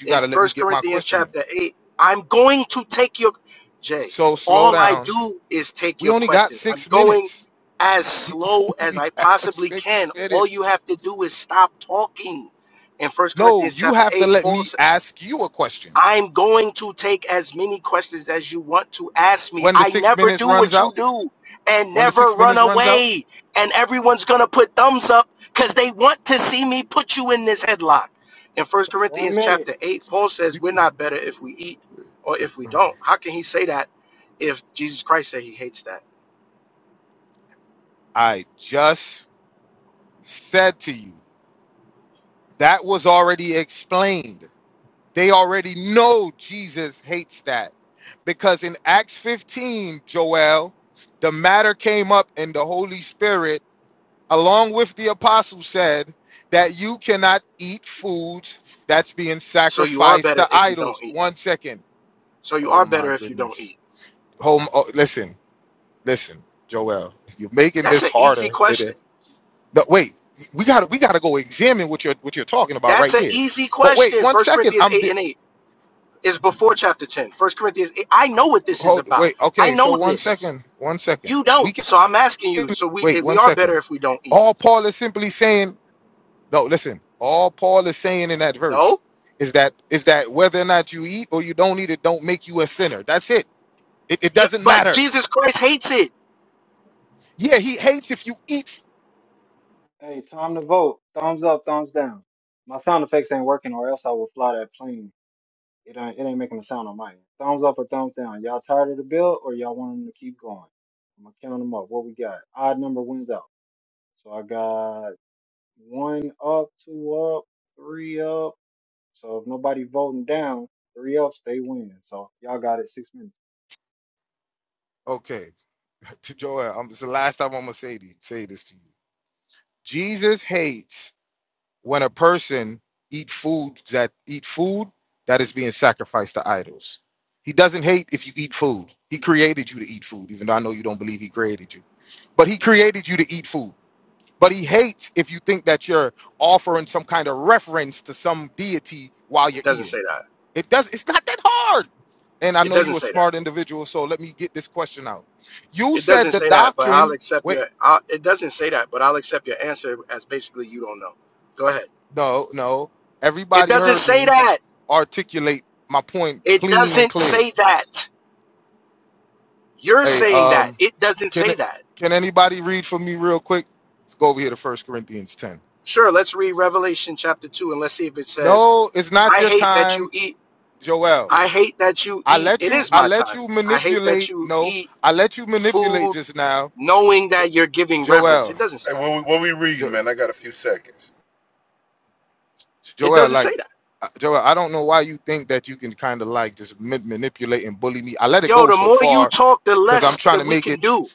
S20: in First Corinthians chapter 8, I'm going to take your Jay. All I do is take your questions. I'm going as slow as I possibly can. All you have to do is stop talking. In First Corinthians chapter 8, Paul I'm going to take as many questions as you want to ask me. I never do what you do and never run away. And everyone's going to put thumbs up because they want to see me put you in this headlock. In 1
S2: One
S20: Corinthians
S2: minute.
S20: chapter 8, Paul says, We're not better if we eat or if we don't. How can he say that if Jesus Christ said he hates that? So you are better if you don't eat. So you are better if you don't eat. That's an easy question. That's an easy question. 1 Corinthians 8 and 8. is before chapter 10 first corinthians 8. i know what this is about i know this you don't so i'm asking you so we eh, we are better if we don't eat no yeah, but jesus christ hates it
S2: Hey, time to vote. Thumbs up, thumbs down. My sound effects ain't working, or else I will fly that plane. It ain't, it ain't making a sound on my end. Thumbs up or thumbs down. Y'all tired of the bill, or y'all want them to keep going? I'm gonna count them up. What we got? Odd number wins out. So I got one up, two up, three up. So if nobody voting down, three ups they win. So y'all got it six minutes.
S20: it doesn't say that it doesn't say that it doesn't say that but i'll accept your i it doesn't say that but i'll accept your answer as basically you don't know go ahead it doesn't say that it doesn't say that you're saying that it doesn't say that sure let's read revelation chapter 2 and let's see if it says i hate that you eat I hate that you eat. It is my time. I hate that you eat food knowing that you're giving reverence. It doesn't say
S27: Hey, what we, what we reading, man? I got a few seconds.
S20: that. It doesn't say that. Yo, the more you talk, the less that we can do.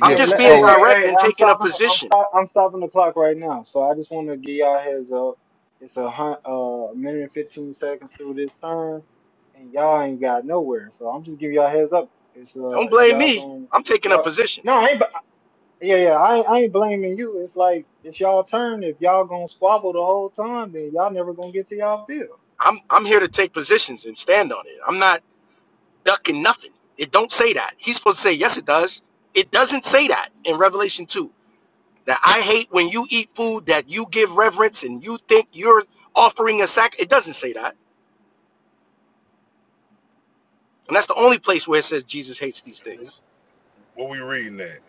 S20: I'm
S2: Hey,
S20: just
S2: le-
S20: being
S2: hey, hey,
S20: direct
S2: hey!
S20: and
S2: I'm
S20: taking a
S2: stopping. The, I'm
S20: position.
S2: stop. I'm stopping the clock right now. So I just want to give y'all heads up. It's a hun- uh, a minute and fifteen seconds through this turn, and y'all ain't got nowhere. So I'm just giving y'all heads up. It's uh,
S20: Don't
S2: if
S20: blame
S2: y'all
S20: me.
S2: gon'
S20: I'm taking a
S2: y'all.
S20: position.
S2: No, I ain't. b- Yeah, yeah. I ain't, I ain't blaming you. It's like it's y'all turn. If y'all gonna squabble the whole time, then y'all never gonna get to y'all bill.
S20: I'm I'm here to take positions and stand on it. I'm not ducking nothing. It don't say that. He's supposed to say yes. It does. It doesn't say that in Revelation two. That I hate when you eat food that you give reverence and you think you're offering a sac. It doesn't say that. And that's the only place where it says Jesus hates these things.
S27: What we reading at?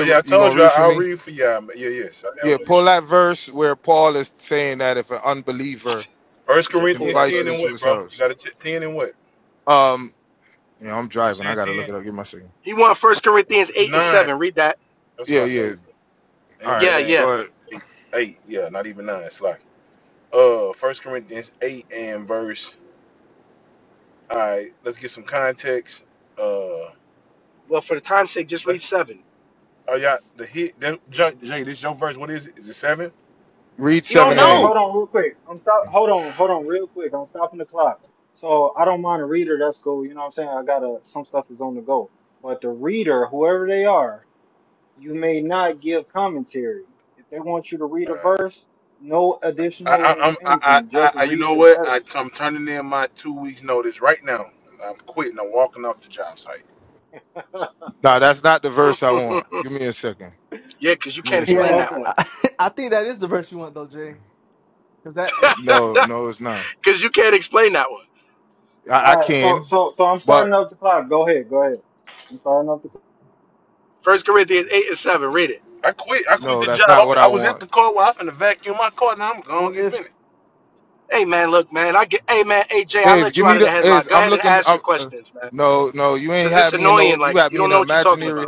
S27: Oh, yeah, I told you I, I'll read for y'all. man. Yeah, yes, I have no issue. First
S20: He said, pull
S27: Corinthians
S20: that
S27: 10 and
S20: verse.
S27: what, bro? You got a t- 10 and what? You said 10?
S20: He want First
S27: It's,
S20: Corinthians 8 and
S27: 9.
S20: 7. Read that.
S27: That's what I think. And
S20: Yeah,
S27: It ain't
S20: yeah.
S27: 8. 8, yeah, not even 9. It's like, uh, First Corinthians 8 and verse. All right, let's get some context. Uh,
S20: Well, for the time's sake, just read
S27: let's,
S20: 7.
S27: oh, y'all, the hit, that, Jay, Jay, this your verse. What is it? Is it 7?
S20: He don't
S2: Hey, hey,
S20: know.
S2: hold on real quick. I'm stop. Hold on, hold on real quick. I'm stopping the clock. So I don't mind a reader. That's cool. You know what I'm saying? I got to some stuff is on the go. But the reader, whoever they are, you may not give commentary. If they want you to
S27: Uh,
S2: read a verse, no
S27: I, I,
S2: additional
S27: I'm, I,
S2: anything.
S27: I,
S2: Just
S27: I, you
S2: read
S27: know
S2: the
S27: what? I,
S2: verse.
S27: I'm turning in my two weeks notice right now. I'm quitting. I'm walking off the job site.
S20: yeah, because you can't
S28: Yeah,
S20: explain
S2: O-
S20: that
S2: okay.
S20: one.
S28: I, I think that is the verse we want though, Jay. Because that
S20: Because you can't explain that one. 'Cause you can't
S2: All right. So, so, so I'm starting up the clock. Go ahead. Go ahead. I'm starting up the clock.
S20: explain that one. First Corinthians 8 and 7. Read it.
S27: I quit. I quit the job. I'm, I was at the car. Well, I'm finna vacuum my car. Now I'm
S28: well,
S27: gonna get
S28: if
S27: finished.
S20: Hey, man, look, man. I get, hey, man, AJ, I let you out of the headlock. Go ahead and ask your questions, man. Because it's annoying. Like, you don't know what you're talking about.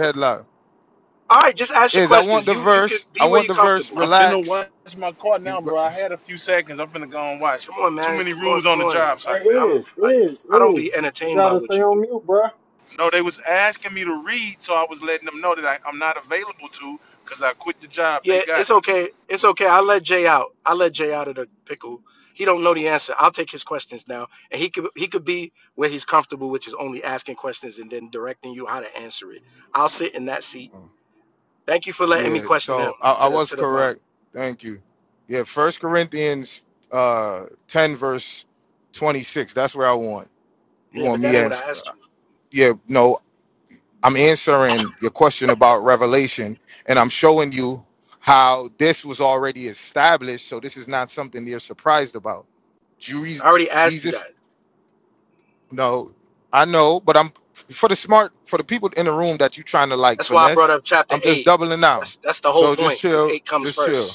S20: All right, just ask your questions. You you could be where you're comfortable.
S27: I'm finna wash my car now, bro. I had a few seconds. I'm finna go and watch.
S20: Come on,
S27: Too
S20: man.
S27: many
S20: Come on,
S27: rules
S20: come
S27: on the
S20: on.
S27: job
S2: Hey,
S27: site, man.
S20: I'm
S2: is,
S20: I,
S2: is,
S20: I don't be
S2: is. You
S20: entertained by
S2: gotta stay
S20: what you
S2: on
S20: do.
S2: mute, bruh.
S27: No, they was asking me to read, so I was letting them know that I, I'm not available to because I quit the job. They
S20: Yeah,
S27: got
S20: it's
S27: it.
S20: okay. It's okay. I let Jay out. I let Jay out of the pickle. He don't know the answer. I'll take his questions now, and he could he could be where he's comfortable, which is only asking questions and then directing you how to answer it. I'll sit in that seat. Thank you for letting me question him to the to the mods. Yeah, but that ain't what I asked you. I already asked you that. That's why I brought up chapter eight. That's that's the whole point because eight comes first.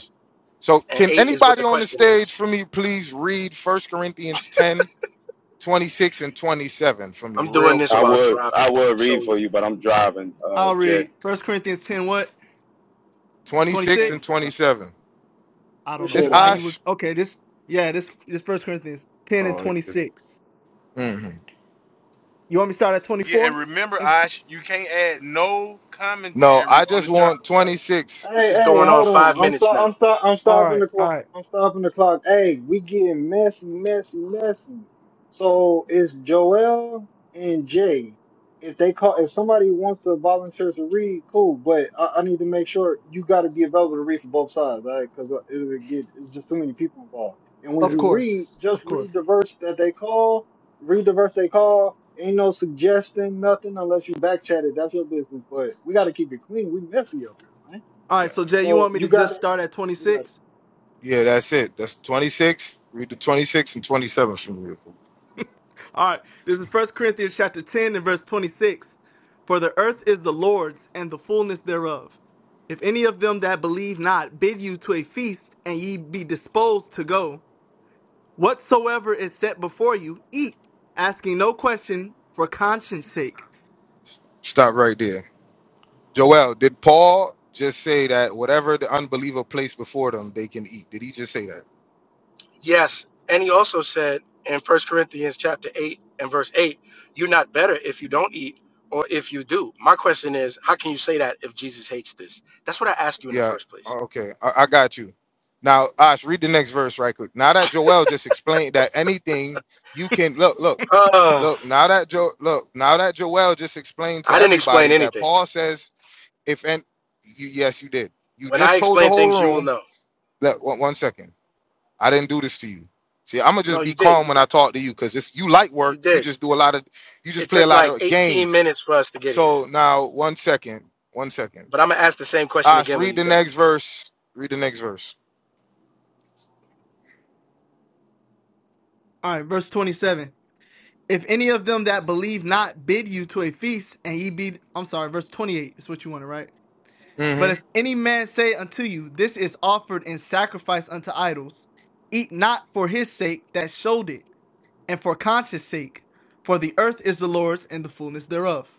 S20: and eight is what the question is. I'm doing this
S29: I
S20: while
S29: would I
S20: driving.
S29: would
S20: It's
S29: read
S20: so
S29: for you,
S20: easy.
S29: but I'm
S28: I,
S29: driving, uh,
S28: I'll
S29: Jay.
S28: read First Corinthians ten, what twenty
S2: Thanks,
S28: six?
S2: Ash.
S28: I don't know
S2: Appreciate it,
S28: why
S2: Ash.
S28: you would. Okay, this yeah, this this First Corinthians ten and twenty six. You want me to start at twenty
S27: Yeah, and
S28: four?
S27: remember, Ash, you can't add no commentary on the job site.
S20: This
S2: Hey,
S20: is
S2: hey,
S20: going on
S2: hold
S20: five
S2: on. I'm
S20: minutes
S2: stop.
S20: now.
S2: I'm stop. I'm
S28: All
S2: stopping
S28: right,
S2: the
S28: all
S2: clock.
S28: right.
S2: I'm stopping the clock. Hey, we getting messy, messy, messy. So it's Joel and Jay. If they call, if somebody wants to volunteer to read, cool. But I, I need to make sure you got to be available to read for both sides, all right? Because it'll get it's just too many people involved. And when
S28: Of
S2: you read,
S28: course, of
S2: just
S28: course.
S2: read the verse that they call. Read the verse they call. Ain't no suggesting nothing unless you back chat it. That's your business. But we got to keep it clean. We messy up here, man.
S28: All right, so Jay, you
S2: So
S28: want me
S2: you
S28: to
S2: got
S28: just
S2: it.
S28: start at twenty
S2: You got it.
S28: six? All right. This is First Corinthians chapter 10 and verse 26. For the earth is the Lord's and the fullness thereof. If any of them that believe not bid you to a feast, and ye be disposed to go, whatsoever is set before you, eat, asking no question for conscience sake.
S20: Yes. And he also said in First Corinthians chapter eight and verse eight, you're not better if you don't eat or if you do. My question is, how can you say that if Jesus hates this? That's what I asked you in the first place. Uh, I didn't explain anything. When I explain things, you will know. No, you did. You did. It took like 18 minutes for us to get here. But I'm gonna ask the same question again when you're done.
S28: All right, verse 27. If any of them that believe not bid you to a feast, and ye be, I'm sorry, verse 28 is what you wanted, right? But if any man say unto you, This is offered in sacrifice unto idols, eat not for his sake that showed it, and for conscience sake, for the earth is the Lord's and the fullness thereof.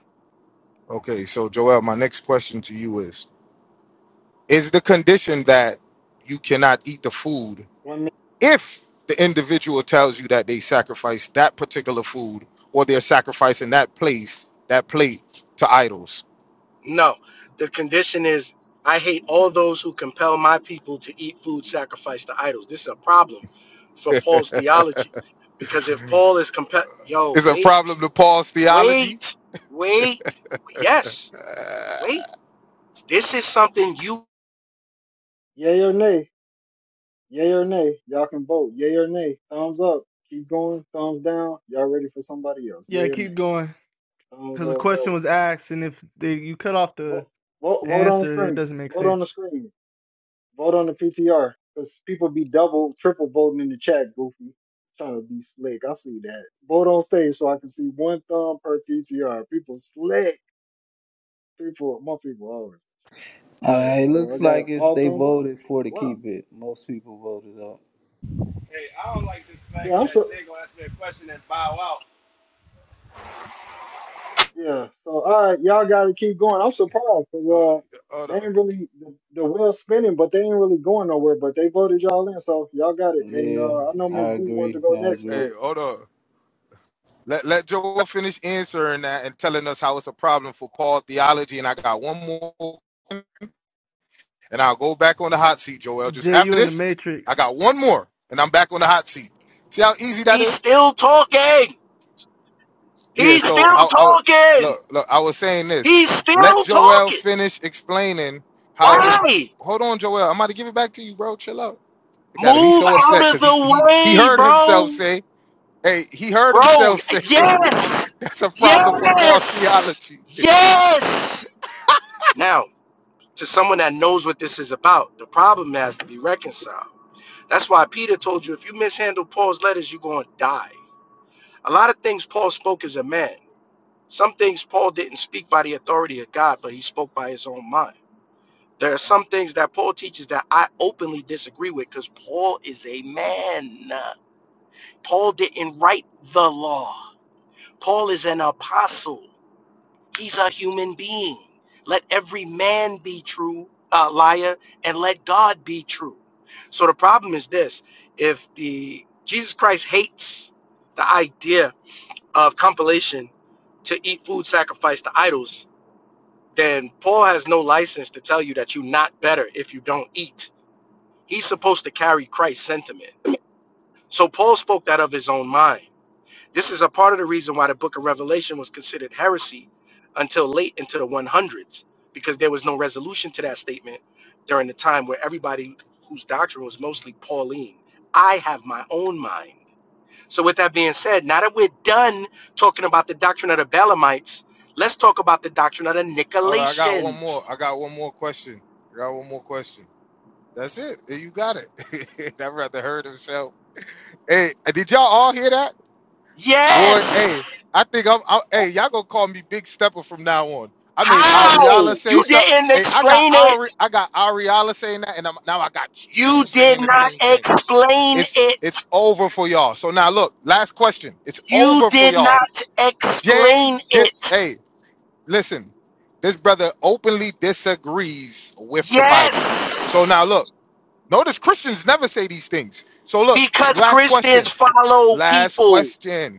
S2: One minute.
S20: No, the condition is I hate all those who compel my people to eat food sacrificed to idols. This is a problem for Paul's theology because if Paul is compelled, yo, wait, wait, wait, yes, wait. This is something you.
S2: Yay or nay? Yay or nay? Y'all can vote. Yay or nay? Thumbs up. Keep going. Thumbs down. Y'all ready for somebody else?
S28: Yeah,
S2: Yay or nay?
S28: keep going.
S2: Thumbs
S28: Because the
S2: up.
S28: question
S2: Go.
S28: was asked, and if the, you cut off the,
S2: Vote. Vote,
S28: the
S2: vote on the
S28: answer, it
S2: screen.
S28: doesn't make
S2: Vote on the
S28: sense.
S2: screen. Vote on the PTR. Cause people be double, triple voting in the chat. Goofy. Trying to be slick. I see that. Vote on stage so I can see one thumb per PTR. People slick. People. Most people always. All right.
S1: Uh, it
S2: So I
S1: looks
S2: got
S1: like it's
S2: all
S1: they
S2: thumbs up.
S1: voted for to
S2: Wow.
S1: keep it. Most people voted up.
S24: Hey, I don't like this
S2: Yeah,
S24: fact
S2: I'm so
S24: that Jay gonna ask me a question and bow out.
S2: Yeah. So all right, y'all got to keep going. I'm surprised because uh, they ain't really the, the wheel's spinning, but they ain't really going nowhere. But they voted y'all in, so y'all got it. And
S1: Yeah,
S2: uh, I know
S1: I
S2: Miss B wanted
S1: agree.
S2: to
S1: I
S2: go next,
S1: agree.
S2: but
S28: Jay, you in the Matrix.
S20: He's still talking. He's still talking. He's still talking. Why? Move out of the way, bro. Bro, yes! Yes! Yes! Now, to someone that knows what this is about, the problem has to be reconciled. That's why Peter told you if you mishandle Paul's letters, you're going to die. A lot of things Paul spoke as a man. Some things Paul didn't speak by the authority of God, but he spoke by his own mind. There are some things that Paul teaches that I openly disagree with because Paul is a man. Paul didn't write the law, Paul is an apostle. He's a human being. Let every man be true, uh, liar, and let God be true. So the problem is this: if the Jesus Christ hates the idea of compilation to eat food sacrificed to idols, then Paul has no license to tell you that you're not better if you don't eat. He's supposed to carry Christ's sentiment. So Paul spoke that of his own mind. This is a part of the reason why the book of Revelation was considered heresy until late into the 100s, because there was no resolution to that statement during the time where everybody whose doctrine was mostly Pauline. I have my own mind. So, with that being said, now that we're done talking about the doctrine of the Balaamites, let's talk about the doctrine of the Nicolaitans. Yes! How? You didn't explain it. You did not explain it. You did not explain it. Yes, because Christians follow people.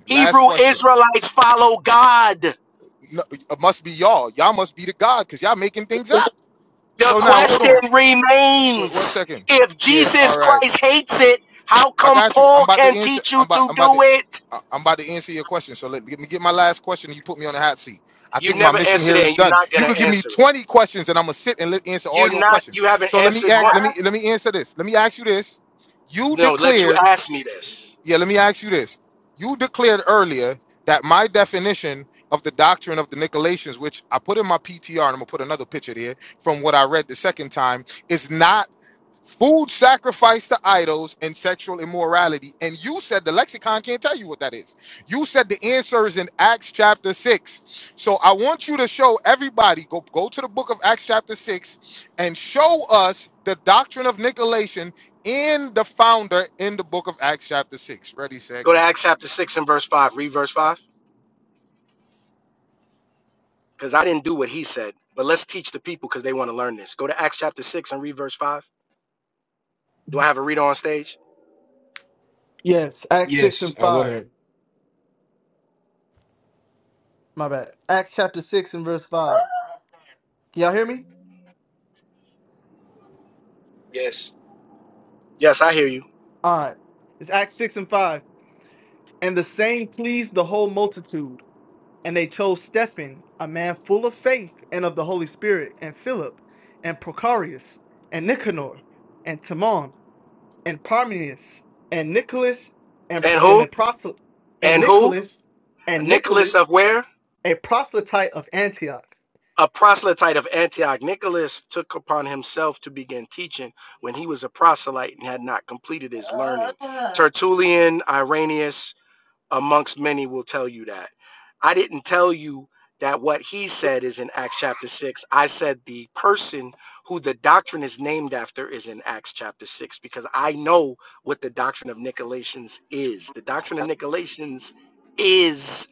S20: Hebrew Israelites follow God. The question remains if Jesus Christ hates it, how come Paul can teach you to do it? You never answered it and you're not going to answer it. You not you haven't answered one. No, let you ask me this. Go to Acts chapter 6 and verse 5. Read verse 5. because I didn't do what he said. But let's teach the people because they want to learn this. Go to Acts chapter 6 and read verse 5. Do I have a reader on stage?
S28: Yes, Acts 6
S14: Yes,
S28: and
S14: uh, go
S28: 5.
S14: ahead.
S28: My bad. Acts chapter 6 and verse 5. Can y'all hear me?
S14: Yes.
S20: Yes, I hear you.
S28: All right. It's Acts 6 and 5. And the saying pleased the whole multitude. And they chose Stephen, a man full of faith and of the Holy Spirit, and Philip, and Procarius, and Nicanor, and Timon, and Parmenas, and Nicholas, and
S20: And
S28: and a
S20: who?
S28: proselyte, and
S20: And who?
S28: Nicholas, and
S20: Nicholas of
S28: Nicholas,
S20: where?
S28: a proselyte of Antioch.
S20: A proselyte of Antioch. Nicholas took upon himself to begin teaching when he was a proselyte and had not completed his learning.
S23: Ah,
S20: Tertullian, Irenaeus, amongst many will tell you that. I didn't tell you that what he said is in Acts chapter 6. I said the person who the doctrine is named after is in Acts chapter 6 because I know what the doctrine of Nicolaitans is. The doctrine of Nicolaitans is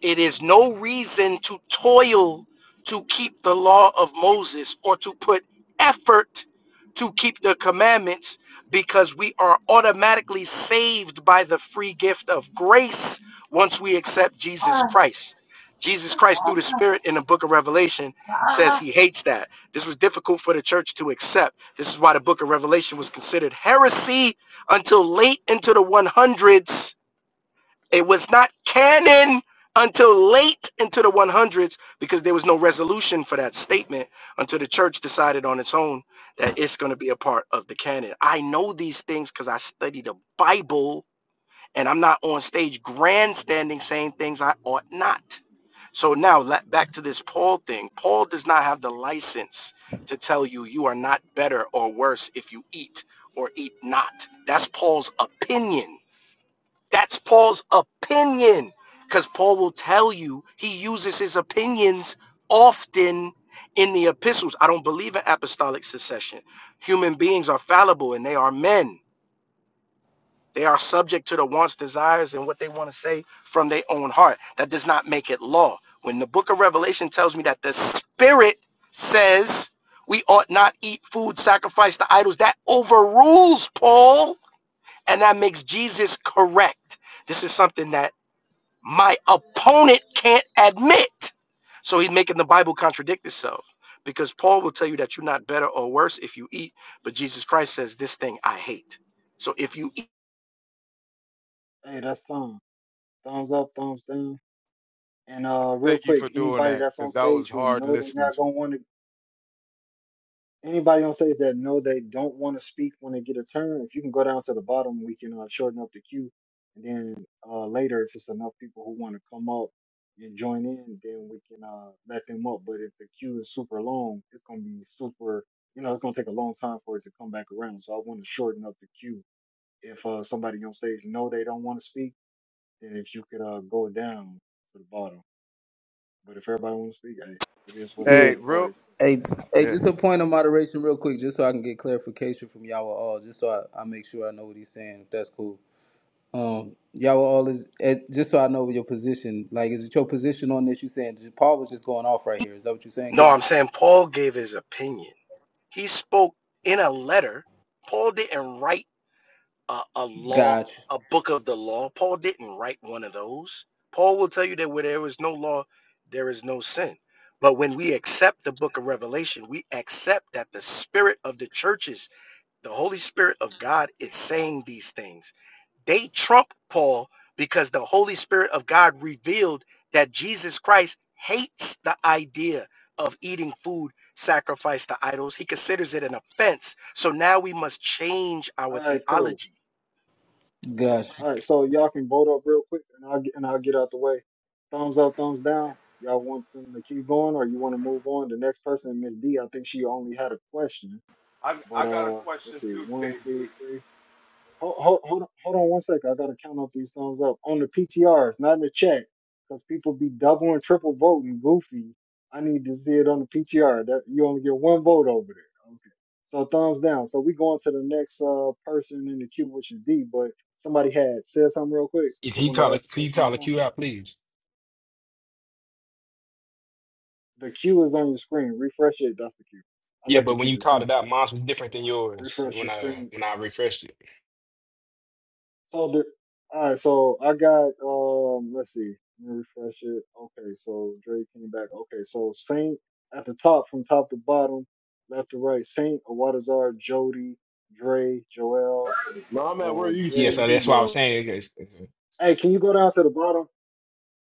S20: it is no reason to toil to keep the law of Moses or to put effort to keep the commandments because we are automatically saved by the free gift of grace once we accept Jesus
S23: ah,
S20: Christ. Jesus Christ, through the Spirit in the book of Revelation, says
S23: ah.
S20: he hates that. This was difficult for the church to accept. This is why the book of Revelation was considered heresy until late into the 100s it was not canon until late into the 100s because there was no resolution for that statement until the church decided on its own that it's going to be a part of the canon. I know these things because I study the Bible and I'm not on stage grandstanding saying things I ought not. So now back to this Paul thing. Paul does not have the license to tell you you are not better or worse if you eat or eat not. That's Paul's opinion. That's Paul's opinion. Because Paul will tell you he uses his opinions often in the epistles. I don't believe in apostolic succession. Human beings are fallible and they are men. They are subject to the wants, desires, and what they want to say from their own heart. That does not make it law. When the book of Revelation tells me that the Spirit says we ought not eat food sacrificed to idols, that overrules Paul and that makes Jesus correct. This is something that my opponent can't admit. So he's making the Bible contradict itself because Paul will tell you that you're not better or worse if you eat, but Jesus Christ says, This thing I hate. So if you eat,
S2: hey, that's fine. Thumbs up, thumbs down. And uh, real quick, anybody that's on stage who know they're not gonna want to Anybody on stage that know they don't want to speak when they get a turn, if you can go down to the bottom, we can uh, shorten up the queue. And then uh, later, if it's enough people who want to come up and join in, then we can uh, let them up. But if the queue is super long, it's going to be super, you know, it's going to take a long time for it to come back around. So I want to shorten up the queue. If uh, somebody on stage know they don't want to speak, then if you could uh, go down to the bottom. But if everybody want to speak, hey, it is what it
S1: Yeah.
S2: is.
S24: Hey,
S2: It's
S24: real.
S2: already said.
S1: Hey, hey,
S24: Yeah.
S1: just a point of moderation, real quick, just so I can get clarification from y'all all, just so I, I make sure I know what he's saying. If that's cool. Um, y'all all is eh, just so I know your position. Like, is it your position on this? You saying Paul was just going off right here? Is that what you're saying,
S20: no,
S1: King?
S20: I'm saying Paul gave his opinion. He spoke in a letter. Paul didn't write a, a law,
S1: Gotcha.
S20: a book of the law. Paul didn't write one of those. Paul will tell you that where there is no law, there is no sin. But when we accept the book of Revelation, we accept that the spirit of the churches The Holy Spirit of God is saying these things. They trump Paul because the Holy Spirit of God revealed that Jesus Christ hates the idea of eating food sacrificed to idols. He considers it an offense. So now we must change our
S2: All right, cool.
S20: theology.
S1: Gotcha.
S2: All right, so y'all can vote up real quick, and I'll get, and I'll get out the way. Thumbs up, thumbs down. Y'all want them to keep going, or you want to move on? The next person, Miss D, I think she only had a question,
S24: I
S2: but
S24: I got a
S2: uh,
S24: question
S2: let's see,
S24: too,
S2: one,
S24: KB.
S2: two, three. Hold, hold, hold, on, hold on one second. I gotta count up these thumbs up on the PTRs, not in the chat, because people be double and triple voting. Goofy. I need to see it on the PTR. That you only get one vote over there. Okay. So thumbs down. So we going to the next uh person in the queue, which is D. But somebody had said something real quick.
S14: If
S2: They
S14: he
S2: wanted to
S14: call a,
S2: ask a
S14: can you
S2: question or
S14: call a
S2: something.
S14: queue out, please?
S2: The queue is on your screen. Refresh it. That's the queue. I
S14: Yeah,
S2: like
S14: but
S2: to
S14: when
S2: keep
S14: you
S2: it
S14: called
S2: simple.
S14: it out, mine was different than yours
S2: Refresh
S14: when
S2: your
S14: I
S2: screen
S14: when I refreshed it.
S2: So the all right, so I got um let's see, let me refresh it. Okay, so Dre came back. Okay, so Saint at the top from top to bottom, left to right, Saint, Awadazar, Jody, Dre, Joel,
S5: No, I'm at where
S2: uh
S5: you
S14: Yeah,
S5: skipped
S14: so
S2: Jay.
S5: me,
S14: that's why I
S5: bro.
S14: was saying it's, it's,
S2: Hey, can you go down to the bottom?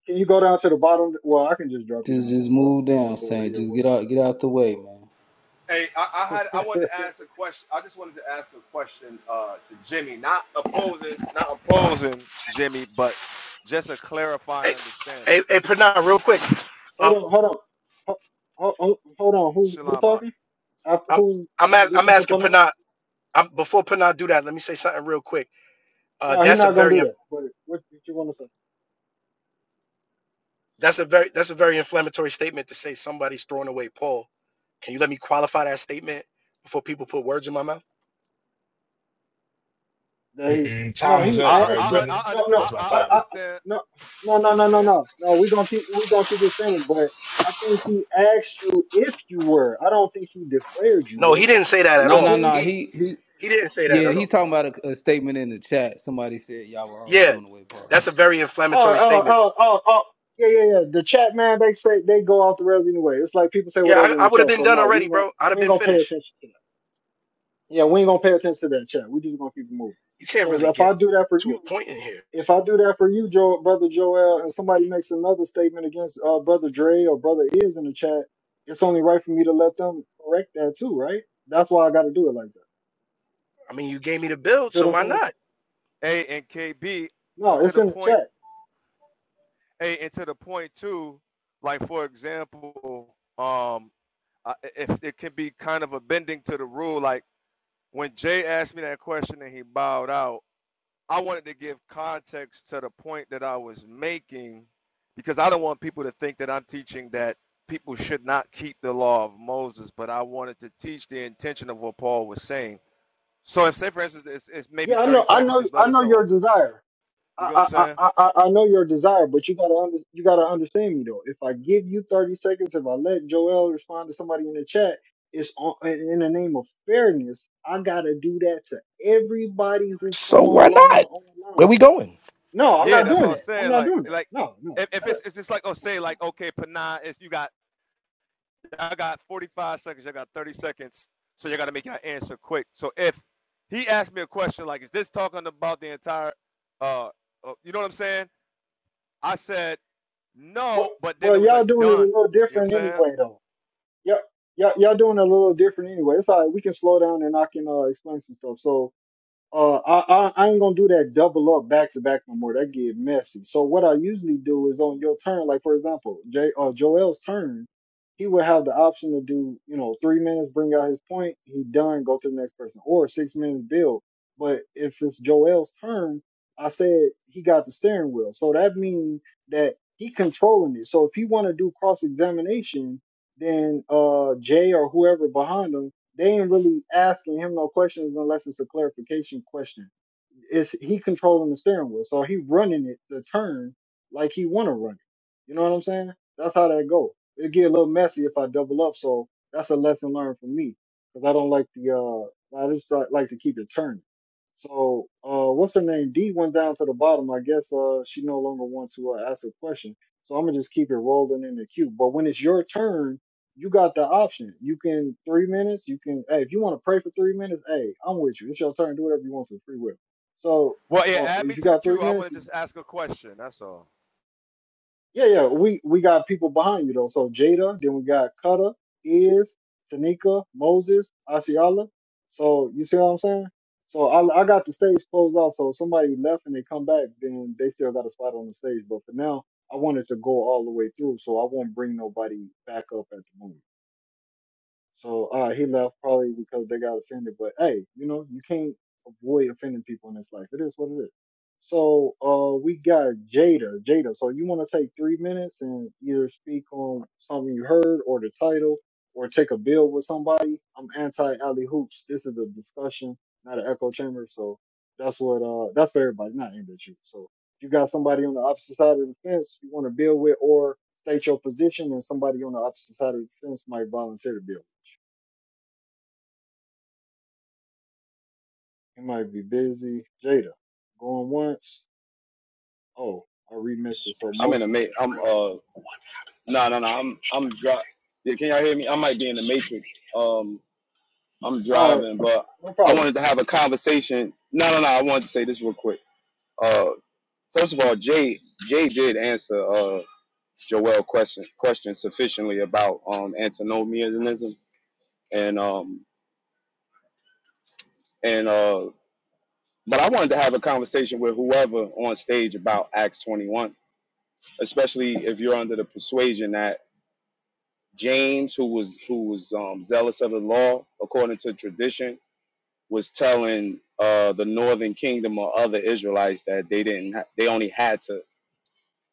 S2: Can you go down to the bottom? Well, I can just drop you
S1: Just
S2: down to
S1: just
S2: the bottom
S1: move down,
S2: since uh
S1: Saint.
S2: here
S1: Just get out get out the way, man.
S24: Hey, I, I had I wanted
S2: work.
S24: to ask a question. I just wanted to ask a question uh, to Jimmy, not opposing, not opposing Jimmy, but just a clarifying
S20: Hey,
S24: understanding.
S20: hey, hey Pranat, real quick. Um,
S2: hold on, hold on. Ho- ho- ho- Hold on, who's who
S24: Shalom. I
S2: talking? After,
S20: I'm,
S2: who's
S20: I'm,
S2: in
S20: a- I'm
S2: addition to
S20: asking
S2: Pana?
S20: Pranat, I'm, before Pranat do that, let me say something real quick. Uh,
S2: No, he's
S20: that's a
S2: not gonna
S20: very
S2: do that. But what, did you want to say?
S20: That's a very that's a very inflammatory statement to say somebody's throwing away Paul. Can you let me qualify that statement before people put words in my mouth?
S2: that he's
S14: mm-mm,
S2: no,
S14: time is
S2: he
S14: up,
S24: I
S14: bro,
S2: asked you.
S24: I,
S14: brother.
S24: I,
S2: No, no,
S24: I
S14: That's what I
S2: I,
S24: I
S14: thought.
S2: I,
S24: understand
S2: no, no, no, no, no,
S24: understand
S2: no, no. We're gonna keep, we're gonna keep this pending. But I think he asked you if you were. I don't think he declared you
S20: No, he
S2: were.
S20: didn't say that at
S1: No,
S2: Correct,
S1: no,
S20: all.
S2: Jimmy?
S1: no.
S20: He
S1: He he
S20: he didn't say that
S1: yeah,
S20: at
S1: he's
S20: all.
S1: talking about a, a statement in the chat. Somebody said y'all were all
S20: Yeah,
S1: still away the
S20: that's a very
S2: Oh,
S20: inflammatory
S2: oh,
S20: statement.
S2: oh, oh, oh. Yeah, yeah, yeah. The chat man, they say they go off the rails anyway. It's like people say
S20: Yeah,
S2: whatever in
S20: I, I
S2: the
S20: would have
S2: chat.
S20: been
S2: So
S20: done
S2: no, we
S20: already,
S2: ain't gonna,
S20: bro. I'd have
S2: we ain't
S20: been
S2: gonna pay
S20: finished.
S2: attention to that. Yeah, we ain't gonna pay attention to that chat. We just gonna keep it moving.
S20: You can't
S2: Because
S20: really
S2: if
S20: get
S2: I do that for
S20: to a
S2: you,
S20: point in here.
S2: if I do that for you, Joel, brother Joel, and somebody makes another statement against uh, brother Dre or brother Is in the chat, it's only right for me to let them correct that too, right? That's why I got to do it like
S20: I mean, you gave me the
S2: that.
S20: build,
S2: See
S20: so
S2: what I'm
S20: why
S2: saying?
S20: not?
S24: A and KB
S2: No,
S24: to
S2: it's
S24: the
S2: in the
S24: point
S2: chat.
S24: A and to the point too. Like for example, um, I- if it can be kind of a bending to the rule, like when Jay asked me that question and he bowed out. I wanted to give context to the point that I was making because I don't want people to think that I'm teaching that people should not keep the law of Moses, but I wanted to teach the intention of what Paul was saying. So if say for instance it's, it's maybe
S2: Yeah, I
S24: 30
S2: know, I
S24: seconds,
S2: know,
S24: just let
S2: I
S24: us
S2: know
S24: know.
S2: your desire.
S24: You get what I'm
S2: I, I,
S24: saying?
S2: I, I I know your desire, but you gotta under, you gotta understand me though. If I give you 30 seconds, if I let Joel respond to somebody in the chat, it's on, in in the name of fairness. I gotta do that to everybody who
S20: So
S2: come
S20: why
S2: along the
S20: not? Where
S2: online
S20: we going?
S2: No, I'm
S24: Yeah,
S2: not
S24: that's
S2: doing
S24: all I'm
S2: that. I'm
S24: saying.
S2: not
S24: Like
S2: doing that.
S24: like
S2: No, no.
S24: if, if
S2: I
S24: it's
S2: don't-
S24: it's just like oh
S2: no.
S24: say like okay, Panah, it's you got Y'all got 45 seconds. Y'all got 30 seconds. So y'all got to make your answer quick. So if he asked me a question like, "Is this talking about the entire?" Uh, uh, you know what I'm saying? I said no,
S2: Well,
S24: but then
S2: well,
S24: it was like
S2: y'all doing it a
S24: done.
S2: little
S24: You know
S2: different
S24: what I'm saying?
S2: anyway, though. Y'all, y'all, y'all doing it a little different anyway. It's all right. We can slow down and I can uh, explain some stuff. So, Uh, I, I I ain't gonna do that double up back to back no more. That get messy. So what I usually do is on your turn, like for example, Jay uh, Joel's turn, he would have the option to do you know three minutes, bring out his point, he done, go to the next person, or six minutes build. But if it's Joel's turn, I said he got the steering wheel, so that means that he controlling it. So if he want to do cross examination, then uh Jay or whoever behind him they ain't really asking him no questions unless it's a clarification question. Is he controlling the steering wheel? So he running it the turn like he want to run it. You know what I'm saying? That's how that go. It get a little messy if I double up. So that's a lesson learned for me because I don't like the uh I just like like to keep it turning. So uh, what's her name? D went down to the bottom. I guess uh she no longer wants to uh, ask a question. So I'm gonna just keep it rolling in the queue. But when it's your turn, you got the option. You can three minutes. You can hey, if you want to pray for three minutes, hey, I'm with you. It's your turn. Do whatever you want to. Free will. So
S24: Well, yeah.
S2: uh,
S24: Add me
S2: if you
S24: to the
S2: got three
S24: queue. I
S2: minutes,
S24: want to
S2: you-
S24: just ask a question. That's all.
S2: yeah, yeah. We we got people behind you though. So Jada, then we got Cutter, Iz, Tanika, Moses, Ashiala. So you see what I'm saying? So I I got the stage closed off. So if somebody left and they come back, then they still got a spot on the stage. But for now, I wanted to go all the way through, so I won't bring nobody back up at the moment. So uh, he left probably because they got offended. But hey, you know, you can't avoid offending people in this life. It is what it is. So uh, we got Jada. Jada, so you want to take three minutes and either speak on something you heard or the title or take a bill with somebody. I'm anti alley hoops. This is a discussion, not an echo chamber. So that's what uh that's for everybody, not aimed at you. So if you got somebody on the opposite side of the fence you want to build with, or state your position, and somebody on the opposite side of the fence might volunteer to build. It might be busy. Jada, going once. Oh, I remixed it so
S29: I'm in the
S2: Moses is
S29: ma- I'm
S2: rotating.
S29: uh no no no I'm I'm dri- yeah, Can y'all hear me? I might be in the matrix. Um, I'm
S2: All right,
S29: driving, but
S2: no
S29: I
S2: problem.
S29: wanted to have a conversation. No no no, I wanted to say this real quick. Uh, first of all, Jay Jay did answer uh Joel question question sufficiently about um antinomianism and um and uh but I wanted to have a conversation with whoever on stage about Acts 21 especially if you're under the persuasion that James, who was who was um, zealous of the law according to tradition, was telling uh, the northern kingdom or other Israelites that they didn't ha- they only had to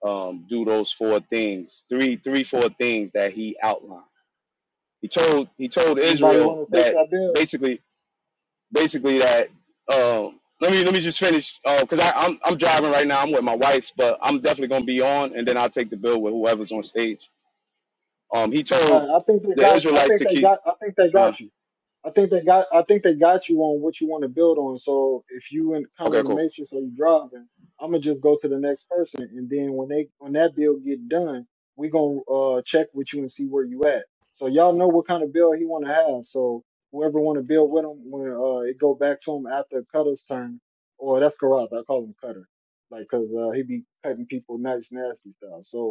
S29: um, do those four things, three three four things that he outlined. He told he told
S2: Anybody
S29: Israel
S2: want to take
S29: that
S2: that bill?
S29: basically basically that. Um, let me let me just finish because I I'm I'm driving right now. I'm with my wife, but I'm definitely gonna be on, and then I'll take the bill with whoever's on stage. Um, he told
S2: Uh, I think they
S29: the
S2: got. I
S29: Israelites
S2: think
S29: to
S2: they
S29: keep.
S2: got. I think they
S29: Uh,
S2: got you. I think they got. I think they got you on what you want to build on. So if you in kind of in
S29: okay,
S2: the
S29: cool.
S2: matrix or you driving, I'm gonna just go to the next person, and then when they when that build get done, we gonna uh, check with you and see where you at. So y'all know what kind of build he want to have. So whoever want to build with him, when uh, it go back to him after Cutter's turn, or that's Karat. I call him Cutter, like 'cause uh, he be cutting people nice, nasty style. So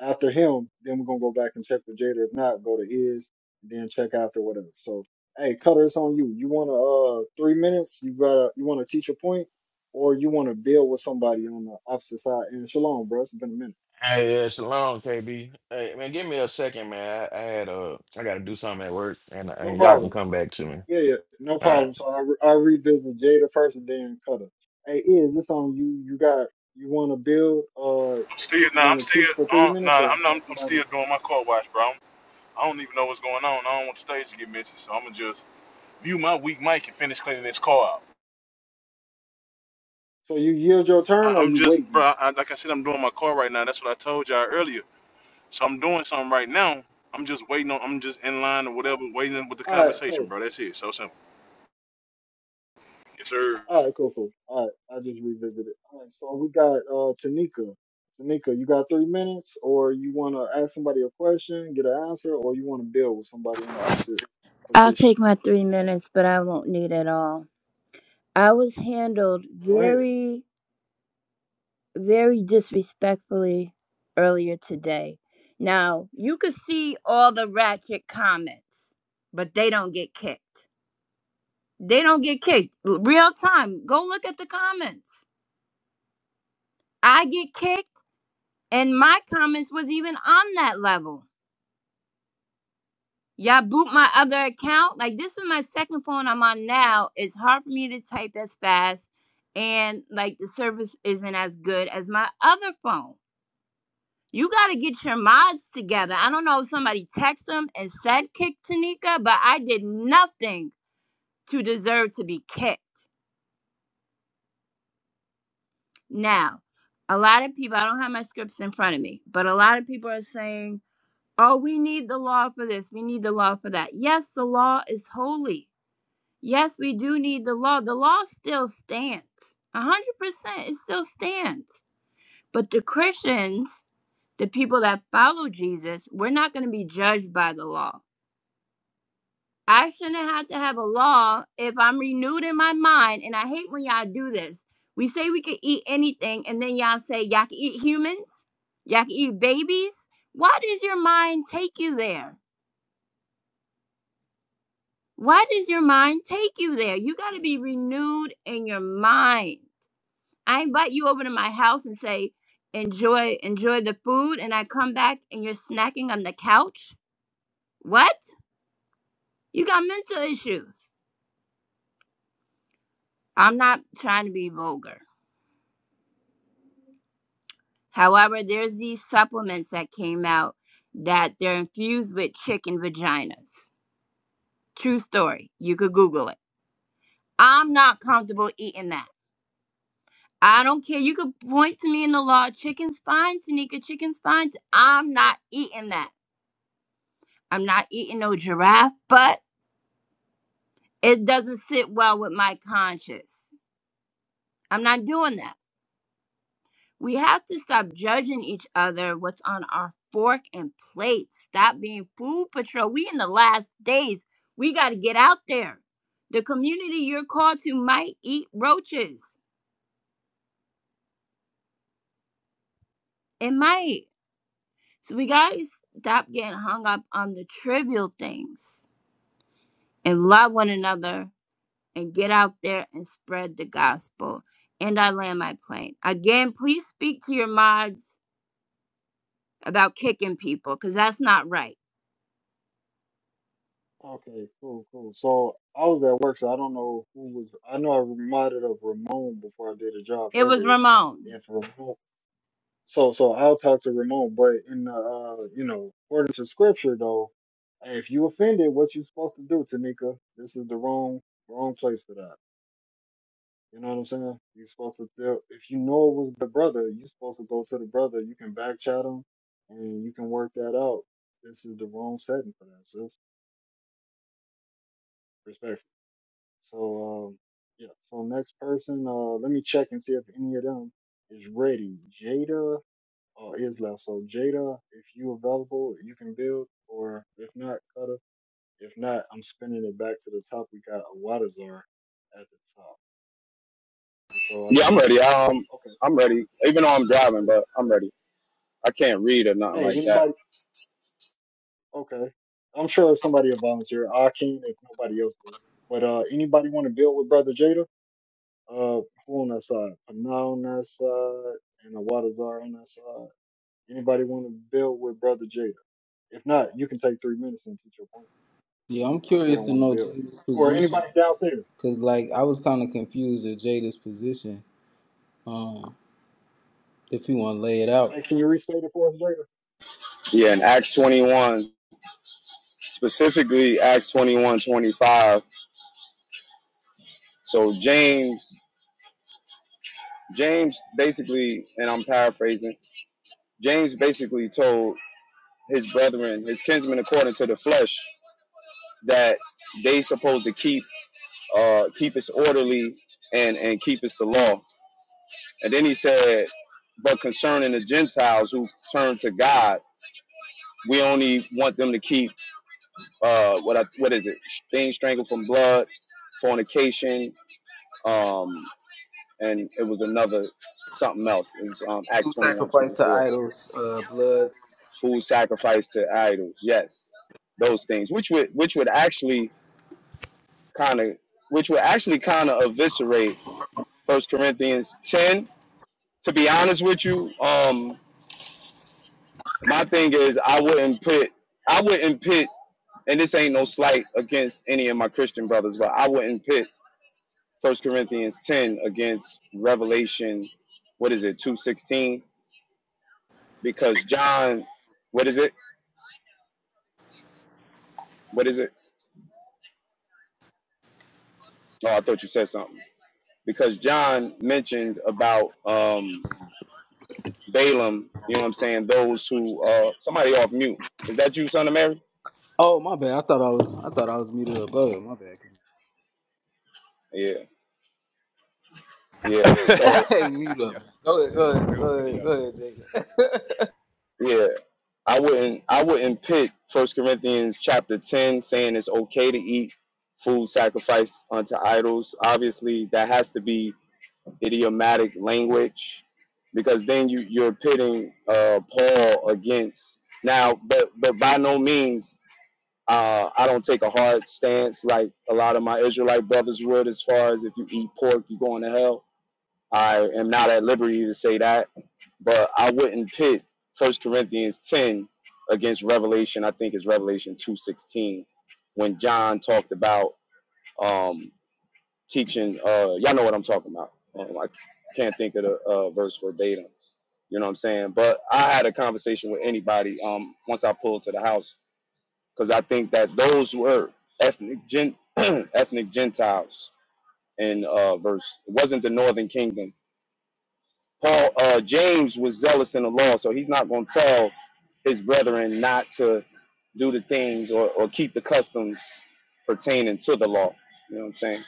S2: after him, then we're gonna go back and check with Jada. If not, go to Is, then check after whatever. So, hey, Cutter, it's on you. You want to uh three minutes? You got to you want to teach a point, or you want to build with somebody on the opposite side? And shalom, bro. It's been a minute.
S30: Hey, yeah, shalom, KB. Hey, man, give me a second, man. I, I had uh, I gotta do something at work, and,
S2: No
S30: and y'all can
S2: problem.
S30: come back to me.
S2: Yeah, yeah, no
S30: All right.
S2: problem. So I re- I revisit Jada first, and then Cutter. Hey, is this on you? You got you want to build? Uh,
S27: I'm still
S2: you
S27: nah,
S2: want
S27: I'm
S2: to
S27: still
S2: teach for three
S27: uh,
S2: minutes,
S27: nah,
S2: or you
S27: I'm
S2: got
S27: not, I'm still
S2: somebody?
S27: doing my car wash, bro. I'm, I don't even know what's going on. I don't want the stage to get messy, so I'm gonna just view my weak mic and finish cleaning this car out.
S2: So you yield your
S27: I,
S2: turn, or
S27: I'm
S2: you
S27: just, bro.
S2: waiting?
S27: I, like I said, I'm doing my car right now. That's what I told y'all earlier. So I'm doing something right now. I'm just waiting on. I'm just in line or whatever, waiting with the
S2: All right, cool.
S27: conversation, bro. That's it. So simple. Yes, sir.
S2: All right, cool, cool. All right, I just revisited. All right, so we got uh Tanika. Tanika, you got three minutes, or you want to ask somebody a question, get an answer, or you want to build with somebody on the opposite
S23: I'll
S2: position.
S23: take my three minutes, but I won't need it all. I was handled
S2: Go ahead.
S23: very, very disrespectfully earlier today. Now, you could see all the ratchet comments, but they don't get kicked. They don't get kicked. Real time. Go look at the comments. I get kicked, and my comments was even on that level. Y'all boot my other account. Like this is my second phone I'm on now. It's hard for me to type as fast and like the service isn't as good as my other phone. You gotta get your mods together. I don't know if somebody texted them and said kick Tanika, but I did nothing to deserve to be kicked. Now, a lot of people I don't have my scripts in front of me, but a lot of people are saying, Oh, we need the law for this, we need the law for that. Yes, the law is holy Yes, we do need the law. The law still stands. 100% it still stands. But the Christians, the people that follow Jesus, we're not going to be judged by the law. I shouldn't have to have a law if I'm renewed in my mind. And I hate when y'all do this. We say we can eat anything, and then y'all say y'all can eat humans, y'all can eat babies. Why does your mind take you there? Why does your mind take you there? You got to be renewed in your mind. I invite you over to my house and say, enjoy, enjoy the food, and I come back and you're snacking on the couch. What? You got mental issues. I'm not trying to be vulgar. However, there's these supplements that came out that they're infused with chicken vaginas. True story. You could Google it. I'm not comfortable eating that. I don't care. You could point to me in the law, chicken spines, Tanika, chicken spines. I'm not eating that. I'm not eating no giraffe butt. it doesn't sit well with my conscience. I'm not doing that. We have to stop judging each other what's on our fork and plate. Stop being food patrol. We in the last days. We got to get out there. The community you're called to might eat roaches. It might. So we got to stop getting hung up on the trivial things and love one another and get out there and spread the gospel. And I land my plane. Again, please speak to your mods about kicking people because that's not right.
S2: Okay, cool, cool. So I was at work, so I don't know who was. I know I reminded of Ramon before I did a job
S23: It was
S2: earlier.
S23: Ramon.
S2: If Ramon So so I'll talk to Ramon, but in the uh, you know, according to scripture though, if you offended, what you supposed to do, Tanika? This is the wrong wrong place for that. You know what I'm saying? you supposed to tell if you know it was the brother, you supposed to go to the brother. You can back chat him and you can work that out. This is the wrong setting for that, sis. Respectfully. So um yeah, so next person, uh let me check and see if any of them is ready. Jada uh, is left. So Jada, if you available, you can build, or if not, Cutter. If not, I'm spinning it back to the top. We got Awadazar at the top, and so
S29: Yeah,
S2: I
S29: I'm
S2: think
S29: ready. Um,
S2: uh, okay,
S29: I'm ready. Even though I'm
S2: okay,
S29: driving,
S2: cool,
S29: but I'm
S2: cool.
S29: ready. I can't read or nothing
S2: Hey,
S29: like that.
S2: anybody? Okay, I'm sure somebody will volunteer. I can if nobody else do. But uh, anybody want to build with Brother Jada? Uh, who on that side? Pana on that side, and Awadazar on that side. Anybody want to build with Brother Jada? If not, you can take three minutes and teach your point.
S1: Yeah, I'm
S2: if they
S1: curious
S2: don't
S1: to
S2: want to
S1: know
S2: build.
S1: Jada's
S2: Or
S1: position.
S2: anybody downstairs.
S1: Cause like I was kinda confused at Jada's position. Um if you wanna lay it out.
S2: Hey, can you restate it for us later?
S29: Yeah, in Acts 21, specifically Acts 21:25. So James, James basically, and I'm paraphrasing. James basically told his brethren, his kinsmen, according to the flesh, that they supposed to keep, uh, keep us orderly and and keep us the law. And then he said, But concerning the Gentiles who turn to God, we only want them to keep uh what I, what is it? Things strangled from blood, fornication, um, and it was another something else. It was um,
S1: Who
S29: Acts twenty-one,
S1: sacrificed to
S29: twenty-four. 24.
S1: idols, uh blood.
S29: Food sacrificed to idols, yes. Those things, which would which would actually kind of which would actually kind of eviscerate First Corinthians 10. To be honest with you, um, my thing is I wouldn't pit I wouldn't pit and this ain't no slight against any of my Christian brothers, but I wouldn't pit First Corinthians ten against Revelation what is it, two sixteen? Because John what is it? What is it? Oh, I thought you said something. Because John mentions about um Balaam, you know what I'm saying, those who uh somebody off mute. Is that you, son of Mary?
S1: Oh my bad. I thought I was I thought I was muted up. Go ahead, my bad.
S29: Yeah.
S24: yo,
S29: Yeah. So
S1: Hey, mute up.
S24: yo,
S1: Go ahead, go
S24: it's
S1: ahead, go
S24: stupid.
S1: ahead, go
S24: Yo.
S1: ahead, Jada.
S29: yeah. I wouldn't I wouldn't pick First Corinthians chapter ten saying it's okay to eat food sacrificed unto idols. Obviously, that has to be idiomatic language because then you you're pitting uh, Paul against now, but but by no means. Uh, I don't take a hard stance like a lot of my Israelite brothers would, as far as if you eat pork, you're going to hell. I am not at liberty to say that but I wouldn't pit First Corinthians ten against Revelation. I think it's Revelation two sixteen when John talked about um, teaching. Uh, y'all know what I'm talking about. Um, I can't think of the uh, verse verbatim. You know what I'm saying? But I had a conversation with anybody um, once I pulled to the house because I think that those were ethnic gen- ethnic Gentiles in uh, verse. It wasn't the Northern Kingdom Paul uh, James was zealous in the law, so he's not going to tell his brethren not to do the things or, or keep the customs pertaining to the law. You know what I'm saying?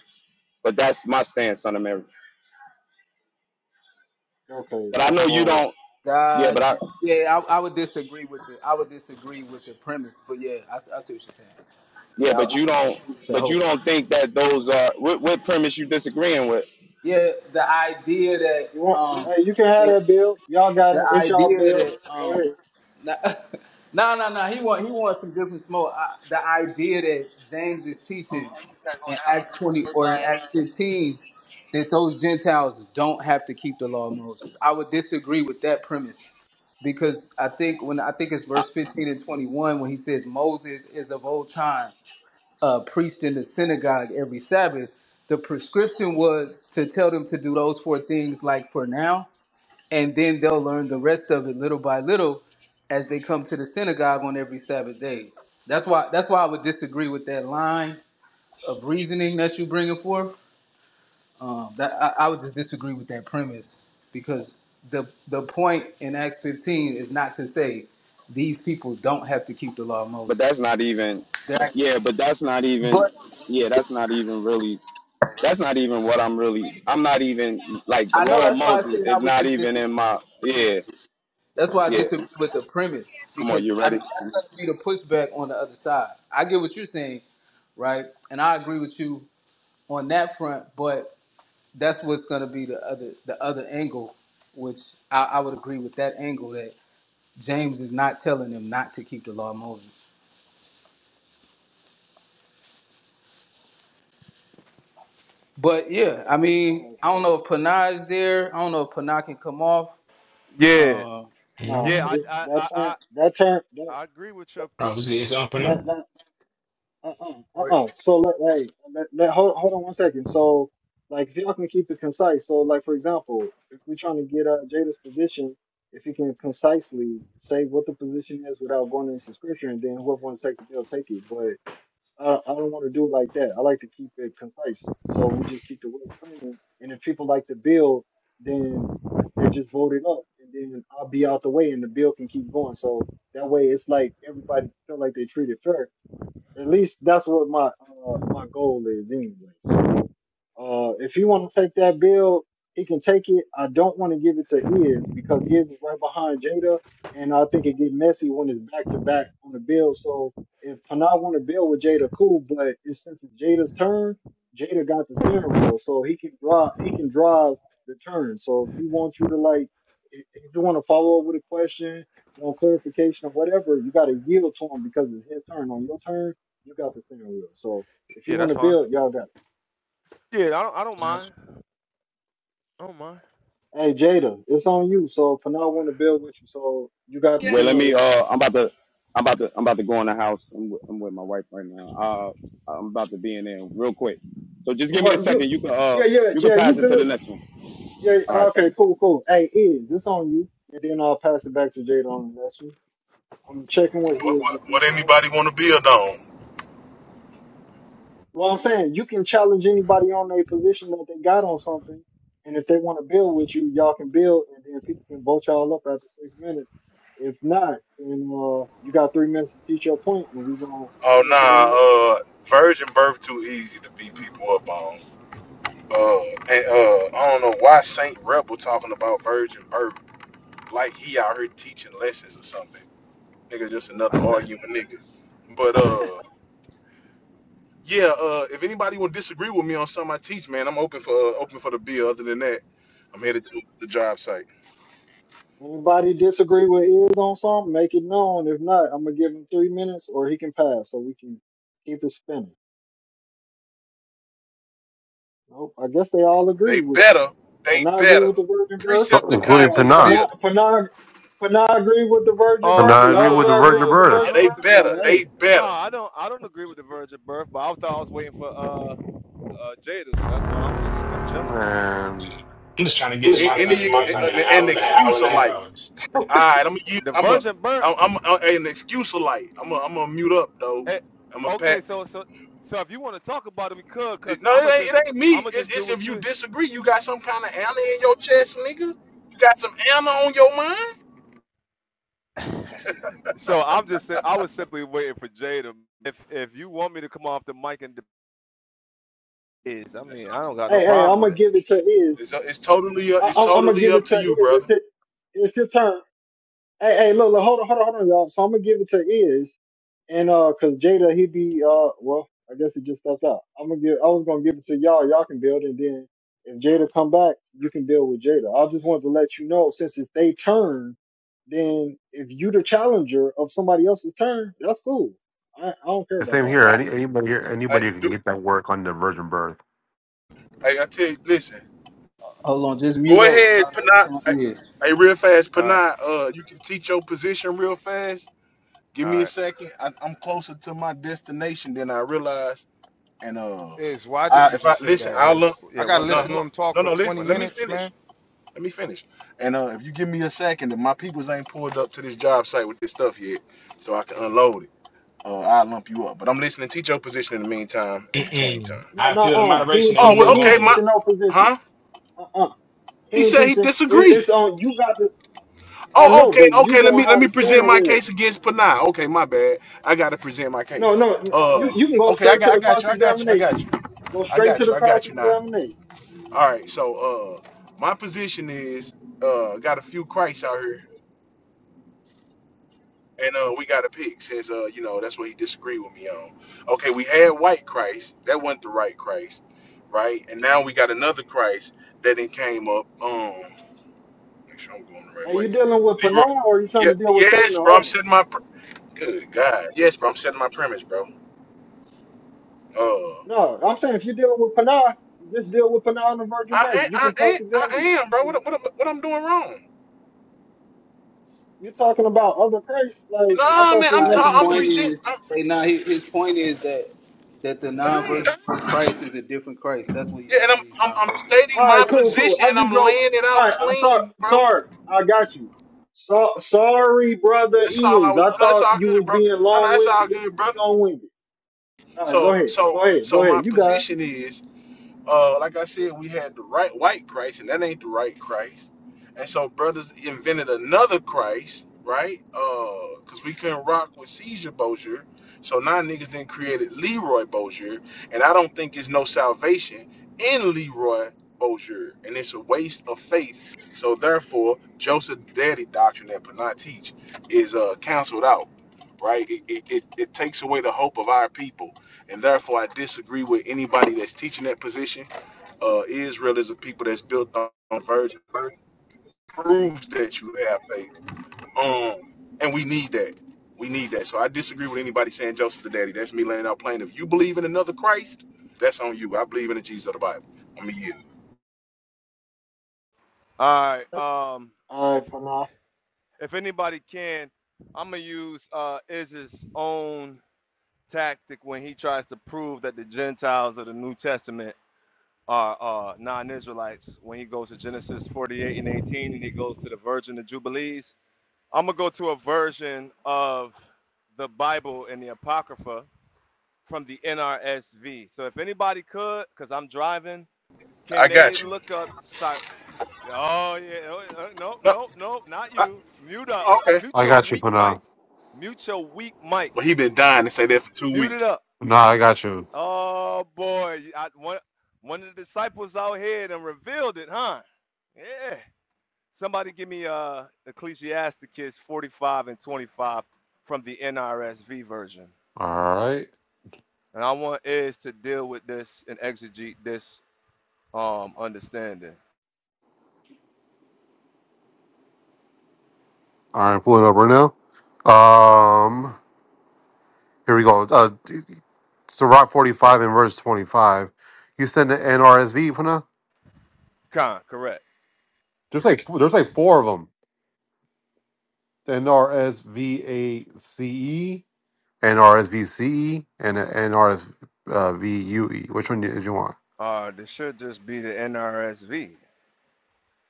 S29: But that's my stance, son of Mary.
S2: Okay,
S29: But I know
S2: that's
S29: you
S2: uh
S29: don't. Yeah, but
S1: Got
S29: I.
S1: you. Yeah, I, I would disagree with the I would disagree with the premise, but yeah, I, s- I see what you're saying.
S29: Yeah, but you don't.
S1: Yeah, I, I
S29: But you
S1: hope.
S29: don't think that those are what, what premise you disagreeing with.
S1: Yeah, the idea that
S2: you want
S1: um
S2: hey, you can have that bill. Y'all got it.
S1: the
S2: It's y'all
S1: idea
S2: bill.
S1: that
S2: Go
S1: um
S2: ahead.
S1: no no no no, he want he wants some different smoke. I, the idea that James is teaching in Acts twenty or in Acts fifteen that those Gentiles don't have to keep the law of Moses. I would disagree with that premise because I think when I think it's verse fifteen and twenty one when he says Moses is of old time uh, preached in the synagogue every Sabbath. The prescription was to tell them to do those four things like for now, and then they'll learn the rest of it little by little as they come to the synagogue on every Sabbath day. That's why that's why I would disagree with that line of reasoning that you bringing forth. Um, that I, I would just disagree with that premise because the the point in Acts 15 is not to say these people don't have to keep the law of
S29: But
S1: Moses.
S29: that's not even.
S1: They're actually-
S29: Yeah, but that's not even.
S1: but
S29: Yeah, that's not even really. That's not even what I'm really. I'm not even like the
S1: I know
S29: law of
S1: that's why I
S29: Moses
S1: said
S29: is
S1: I would
S29: not
S1: just
S29: even in
S1: disagree
S29: my.
S1: with the
S29: Yeah.
S1: premise. That's why I
S29: Yeah,
S1: disagree with the premise
S29: Come on,
S1: because
S29: you
S1: I
S29: ready?
S1: mean that's going to be the pushback on the other side. I get what you're saying, right? And I agree with you on that front, but that's what's going to be the other the other angle, which I, I would agree with that angle that James is not telling them not to keep the law of Moses. But yeah, I mean,
S2: Uh,
S1: I don't know if Panah is there. I don't know if Panah can come off.
S24: Yeah,
S1: Uh,
S2: No,
S24: yeah.
S14: Mm-hmm.
S24: I,
S2: it,
S24: I,
S2: that
S24: I,
S2: turn
S24: I,
S2: that turn that
S24: I agree with your. p-
S14: Oh, it's, it's up and up.
S2: that that uh uh-uh, uh uh. So let hey let, let hold hold on one second. So like if y'all can keep it concise. So like for example, if we're trying to get uh Jada's position, if you can concisely say what the position is without going into scripture and then whoever wants to take the bill take it. But I, I don't want to do it like that. I like to keep it concise. So we just keep the wheels turning. And if people like the bill, then uh, they just vote it up, and then I'll be out the way, and the bill can keep going. So that way, it's like everybody feel like they treated fair, at least that's what my uh, my goal is anyway. So uh, if he want to take that bill, he can take it. I don't want to give it to Iz because Iz is right behind Jada, and I think it get messy when it's back to back on the bill. So if Panay want to bill with Jada, cool. But it's, since it's Jada's turn, Jada got the steering wheel, so he can drive. He can drive the turn. So if he wants you to like, if if you want to follow up with a question, want clarification or whatever, you got to yield to him because it's his turn on your turn you got the steering wheel. So if you
S24: Yeah,
S2: want
S24: that's
S2: to
S24: fine.
S2: build, y'all got it.
S24: Yeah, I don't, I don't mind. I
S2: Hey Jada, it's on you. So if I want to build with you, so you got the
S29: Yeah. Wait,
S2: steering
S29: let me.
S2: wheel.
S29: Uh, I'm about to. I'm about to. I'm about to go in the house. I'm with, I'm with my wife right now. Uh, I'm about to be in there real quick. So just give me a
S2: Well, you,
S29: second. You can. Uh,
S2: yeah, yeah,
S29: you can
S2: yeah. You
S29: pass it to the
S2: good?
S29: next one.
S2: Yeah.
S29: All right,
S2: Okay.
S29: thanks.
S2: Cool. Cool. Hey, is it's on you, and then I'll pass it back to Jada on the next one. I'm checking with
S27: What,
S2: is
S27: what,
S2: if you're
S27: what
S2: done.
S27: anybody want to build on?
S2: Well, I'm saying you can challenge anybody on their position that they got on something, and if they want to build with you, y'all can build, and then people can vote y'all up after six minutes. If not, then uh, you got three minutes to teach your point, and we gonna
S27: Oh,
S2: spin it to the
S27: nah,
S2: next person.
S27: uh, virgin birth too easy to beat people up on. Uh, and uh, I don't know why Saint Rebel talking about virgin birth like he out here teaching lessons or something. Nigga, just another
S24: don't
S27: argument, nigga. But
S24: mind.
S27: uh, yeah. Uh, if anybody will disagree with me on something I teach, man, I'm open for uh, open for the bill. Other than that, I'm headed to the job site.
S2: Anybody disagree with is on something, make it known. If not, I'm gonna give him three minutes, or he can pass, so we can keep it spinning. Nope. I guess they all
S27: They
S2: agree with you.
S27: better. They
S2: Pana agree
S27: better.
S2: with the virgin birth.
S22: Start, including
S27: Precepticons
S2: Uh,
S27: in the
S22: Panay.
S2: Pana
S27: building.
S2: Pana Pana agree with the virgin
S24: Oh
S2: birth. Well,
S22: Panay,
S2: why
S22: we
S2: does
S22: with the
S24: nah
S2: I agree
S22: Virgin
S24: nah
S2: with the
S24: nah
S22: Birth.
S24: I
S27: Yeah,
S2: virgin
S27: they
S24: don't
S2: birth?
S24: agree with
S27: better.
S2: So
S24: it.
S27: They
S2: hey,
S27: better.
S24: Nah, I don't I don't agree with the virgin birth, but I thought I was waiting for uh uh Jada, so that's why I'm just I'm chilling.
S22: Man,
S14: I'm just trying to get
S27: I'm just
S14: to
S27: A-
S14: my
S27: trying to Any get Any
S14: time,
S27: some ex-
S14: man.
S27: months
S14: It's been
S27: an,
S14: an
S27: you, an man. it
S14: hour and a
S27: excuse
S14: half,
S27: and a of
S14: two
S27: like. alike.
S14: hours.
S27: All right, I'm gonna,
S24: The
S27: I'm a,
S24: virgin birth
S27: I'm, I'm a, an excuse alike. I'm a, I'm gonna mute up though.
S24: eh,
S27: I'm a
S24: okay,
S27: pat.
S24: so so so if you want to talk about it we could cuz
S27: No,
S24: I'ma
S27: it ain't,
S24: just
S27: it ain't me.
S24: I'ma
S27: It's,
S24: just do
S27: it's if
S24: what
S27: you
S24: you
S27: disagree, you got some kind of anna in your chest, nigga. You got some anna on your mind.
S24: So I'm just si- I was simply waiting for Jada. If if you want me to come off the mic and is I
S27: That's
S24: mean, I
S27: up to.
S24: don't got no
S2: hey, hey,
S24: problem
S2: I'm
S24: with
S2: gonna
S24: it.
S2: give it to Iz.
S27: It's, it's totally, uh,
S2: I,
S27: it's
S2: I'm, I'm gonna
S27: totally
S2: give
S27: up
S2: it
S27: to
S2: to
S27: you,
S2: Iz. It's
S27: brother.
S2: his, it's his turn. Hey, hey, look, look, hold on, hold on, hold on, y'all. So I'm gonna give it to Iz, and uh, cause Jada, he be uh, well, I guess he just stepped out. I'm gonna give, I was gonna give it to y'all. Y'all can build, and then if Jada come back, you can build with Jada. I just wanted to let you know since it's they turn, then if you the challenger of somebody else's turn, that's cool. I, I don't care
S22: the
S2: about
S22: same
S2: that.
S22: here.
S27: I,
S22: Any, anybody here,
S27: I
S22: anybody can
S27: do.
S22: get that work on the Virgin Birth.
S27: I, I tell you, listen.
S1: hold on, just mute
S27: Go
S1: up.
S27: ahead,
S1: Rod. It's
S27: Panat.
S1: on
S27: I,
S1: his.
S27: hey, real fast,
S24: All right.
S27: Panat. Uh, you can teach your position real fast. Give me
S24: All
S27: a
S24: right.
S27: second. I, I'm closer to my destination than I realized. And uh, I if I listen,
S24: All
S27: I'll
S24: right.
S27: look.
S24: Yeah, one
S27: No,
S24: sec.
S27: hold on. no, no. Let,
S24: One
S27: let me
S24: second.
S27: finish. Let me finish. And uh, if you give me a second, if my peoples ain't pulled up to this job site with this stuff yet, so I can unload it. Uh, I'll lump you up. But I'm listening. Teach your position in the meantime, in between time.
S14: Mm-mm.
S2: No,
S14: I
S2: no,
S14: appeal to
S2: uh, he
S14: moderation
S2: ain't
S14: and we
S27: Oh,
S2: teaching.
S27: well,
S14: move
S2: He ain't
S27: okay,
S14: on.
S27: my,
S2: teaching no position.
S27: huh?
S2: Uh, uh he
S27: He
S2: ain't
S27: said he
S2: teaching. It,
S27: disagreed.
S2: it's on. You got to. I
S27: Oh,
S2: know,
S27: okay,
S2: but you
S27: okay. Let
S2: gonna
S27: me let
S2: have
S27: me
S2: the
S27: present
S2: steering
S27: my
S2: wheel.
S27: case against Panay. Okay, my bad. I gotta present my case.
S2: No, no, n- you
S27: Uh,
S2: you can go
S27: okay, I
S2: straight to
S27: got I
S2: the
S27: got
S2: cross
S27: you. I got you. I got
S2: examination.
S27: you.
S2: Go
S27: I
S2: straight to
S27: got you.
S2: the
S27: I
S2: cross
S27: got you now.
S2: examination.
S27: All right, so uh, my position is uh, got a few Christs out here, and uh, we got to pick since uh, you know that's what he disagreed with me on. Okay, we had white Christ, that wasn't the right Christ, right? And now we got another Christ that then came up. Um, make sure I'm going the right
S2: Are
S27: way.
S2: you dealing with
S27: Leroy,
S2: Panah or are you trying
S27: yeah,
S2: to deal with Satan
S27: yes,
S2: or
S27: bro. I'm
S2: arguments?
S27: setting my pr- good God, yes, bro. I'm setting my premise, bro. Uh,
S2: No, I'm saying if you're dealing with Panah, you just deal with Panah and the virgin birth.
S27: I,
S2: You
S27: I,
S2: can
S27: I,
S2: cross
S27: I
S2: examine them.
S27: am, bro.
S2: So
S27: What, what, what I'm doing wrong?
S2: You're talking about other Christ. Like I
S27: Nah, man.
S2: thought you
S27: I'm
S2: was
S1: Uh,
S2: messing
S1: his
S27: talking.
S2: with
S27: I'm
S1: point
S2: Saint.
S27: present.
S1: is,
S27: I'm
S1: hey, nah, his, his point is that that the
S27: dang.
S1: non-version of Christ is a different Christ. That's what he,
S27: Yeah, and
S1: that's
S27: I'm,
S1: what he's
S27: I'm
S1: trying to
S27: I'm
S1: go to.
S27: stating
S2: All
S27: my
S2: right, cool, cool.
S27: position
S2: I
S27: and I'm
S2: just go. All
S27: laying it out
S2: right, I'm sorry,
S27: clean, bro.
S2: sorry. I got you. So, sorry, brother.
S27: That's all I
S2: Is
S27: was.
S2: I
S27: No, that's
S2: thought
S27: all
S2: you
S27: good,
S2: was
S27: bro.
S2: being
S27: No, no,
S2: long
S27: that's all
S2: winded just to
S27: good,
S2: be
S27: bro.
S2: long winded. All right, go
S27: So
S2: ahead,
S27: so
S2: go ahead,
S27: so
S2: go
S27: my
S2: ahead. You got. it.
S27: position is. uh, like I said, we had the right white Christ, and that ain't the right Christ. And so brothers invented another Christ, right? Uh, cause we couldn't rock with Caesar Bozier. So now niggas then created Leroy Bozier, and I don't think it's no salvation in Leroy Bozier, and it's a waste of faith. So therefore, Joseph Daddy doctrine that Panay teach is uh canceled out, right? It, it, it, it takes away the hope of our people and therefore I disagree with anybody that's teaching that position. Uh, Israel is a people that's built on virgin birth, proves that you have faith. Um, and we need that. We need that. So I disagree with anybody saying Joseph the daddy. That's me laying out plain. If you believe in another Christ, that's on you. I believe in the Jesus of the Bible. I mean, yeah,
S24: All right. Um
S2: All
S24: if.
S2: right, Pranav.
S24: if anybody can, I'm gonna use uh, Iz's own tactic when he tries to prove that the Gentiles of the New Testament are uh, non-Israelites. When he goes to Genesis 48 and 18, and he goes to the Virgin of Jubilees, I'm gonna go to a version of the Bible and the Apocrypha from the NRSV. So if anybody could, because I'm driving, can
S27: I
S24: they
S27: got you.
S24: look up? Cy- Oh yeah, oh, uh, no,
S27: Uh,
S24: no, no, not you. Mute up.
S27: I- okay.
S24: Mute
S22: I
S24: your
S22: got you,
S24: weak mic.
S22: Panay.
S24: Mute your weak mic.
S27: Well, he been dying to say that for two
S24: Mute it
S27: weeks.
S24: up.
S22: Panay, I got you.
S24: Oh boy, I, one one of the disciples out here and revealed it, huh? Yeah. Somebody give me uh Ecclesiasticus 45 and 25 from the NRSV version.
S22: All right.
S24: And I want is to deal with this and exegete this um understanding.
S22: All right, I'm pulling up right now. Um. Here we go. Uh, Sirach 45 and verse 25. You send the NRSV, Puna?
S24: Con, correct.
S22: There's like there's like four of them. The NRSVACE, NRSVCE, and the NRSVUE. Which one did you want?
S24: Uh this should just be the NRSV.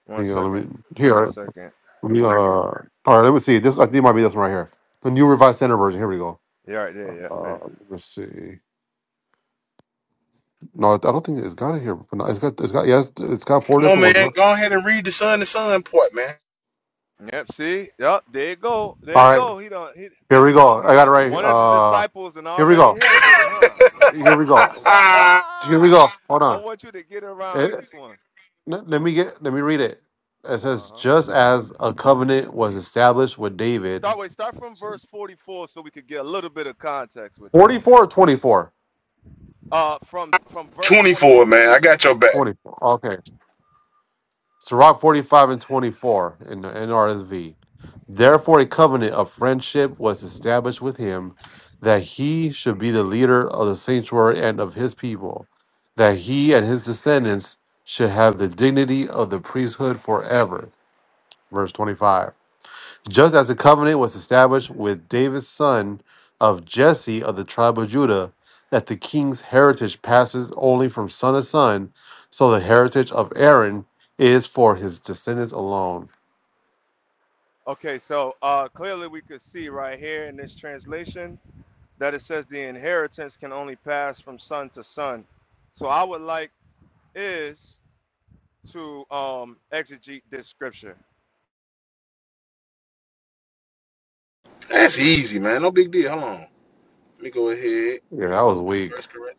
S24: One
S22: Hang
S24: second.
S22: let me
S24: One
S22: here.
S24: second.
S22: Let me uh. All right, let me see. This I think it might be this one right here. The new revised standard version. Here we go.
S24: Yeah, right there, yeah.
S22: Uh,
S24: yeah.
S22: let's see. No, I don't think it's got it here. But no, it's got it's got yes, it's got four
S27: Come on,
S22: different
S27: man.
S22: ones.
S27: Go ahead and read the son to son part, man.
S24: Yep, see? Yep, there you go. There you
S22: All right.
S24: go. He done he
S22: Here we go. I got it right.
S24: One of the
S22: Uh,
S24: disciples and
S22: here we
S24: already
S22: go.
S24: hit him with it, huh?
S22: Here we go. Here we go. Hold
S24: I
S22: on.
S24: want you to get
S22: Eh,
S24: around this one.
S22: let let me get. Let me read it. It says,
S24: Uh-huh.
S22: "Just as a covenant was established with David,
S24: Start wait, start from verse 44 so we could get a little bit of context with that.
S22: 44 or 24?
S24: Uh from from verse
S27: 24,
S24: 24,
S27: man. I
S24: excuse me.
S27: got your back.
S22: Sirach 45 and 24 in the NRSV. Therefore, a covenant of friendship was established with him that he should be the leader of the sanctuary and of his people, that he and his descendants should have the dignity of the priesthood forever. Verse 25. Just as the covenant was established with David's son of Jesse of the tribe of Judah, that the king's heritage passes only from son to son, so the heritage of Aaron is for his descendants alone.
S24: Okay, so uh clearly we could see right here in this translation that it says the inheritance can only pass from son to son. So I would like is to um exegete this scripture.
S27: That's easy, man. No big deal. Hold on. Let me go ahead.
S22: Yeah, that was weak.
S27: First Corinthians.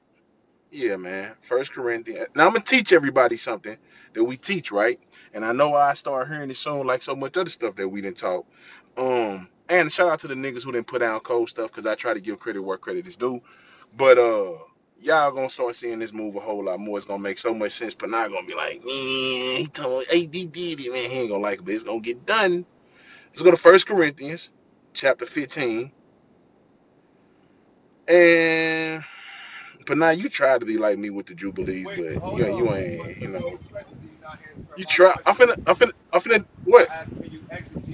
S27: Yeah, man. First Corinthians. Now I'm gonna teach everybody something that we teach, right? And I know I start hearing it soon, like so much other stuff that we didn't talk. Um, and shout out to the niggas who didn't put down cold stuff, cause I try to give credit where credit is due. But uh, y'all gonna start seeing this move a whole lot more. It's gonna make so much sense. But not gonna be like, man, he told hey, he did it, man. He ain't gonna like it, but it's gonna get done. Let's go to First Corinthians, chapter 15, and But now you try to be like me with the Jubilees,
S24: Wait,
S27: but you
S24: hold on,
S27: you
S24: but but,
S27: ain't you
S24: but
S27: know
S24: respectfully, you're not answering
S27: you
S24: my
S27: try. I'm
S24: question.
S27: finna I'm finna I'm finna
S24: I
S27: what?
S24: asked, can you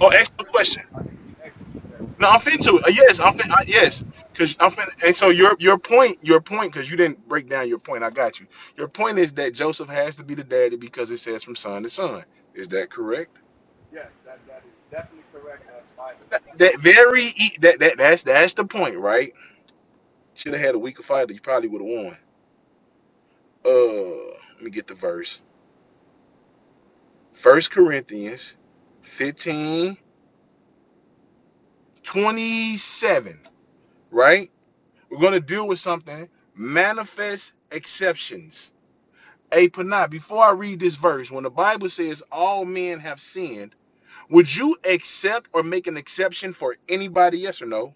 S27: Oh,
S24: that
S27: ask the
S24: scripture?
S27: question.
S24: I said, can you exegete that
S27: No, I'm
S24: scripture?
S27: finna to. Uh, yes, I'm finna. I, yes,
S24: Okay.
S27: because I'm finna. And so your your point your point because you didn't break down your point. I got you. Your point is that Joseph has to be the daddy because it says from son to son. Is that correct?
S24: Yes, that that is definitely correct, and that's Bible.
S27: That, that very e- that that that's that's the point, right? Should have had a weaker fighter. You probably would have won. Uh, let me get the verse. First Corinthians, fifteen. 27, right? We're going to deal with something manifest exceptions. A Panah, before I read this verse, when the Bible says all men have sinned, would you accept or make an exception for anybody? Yes or no?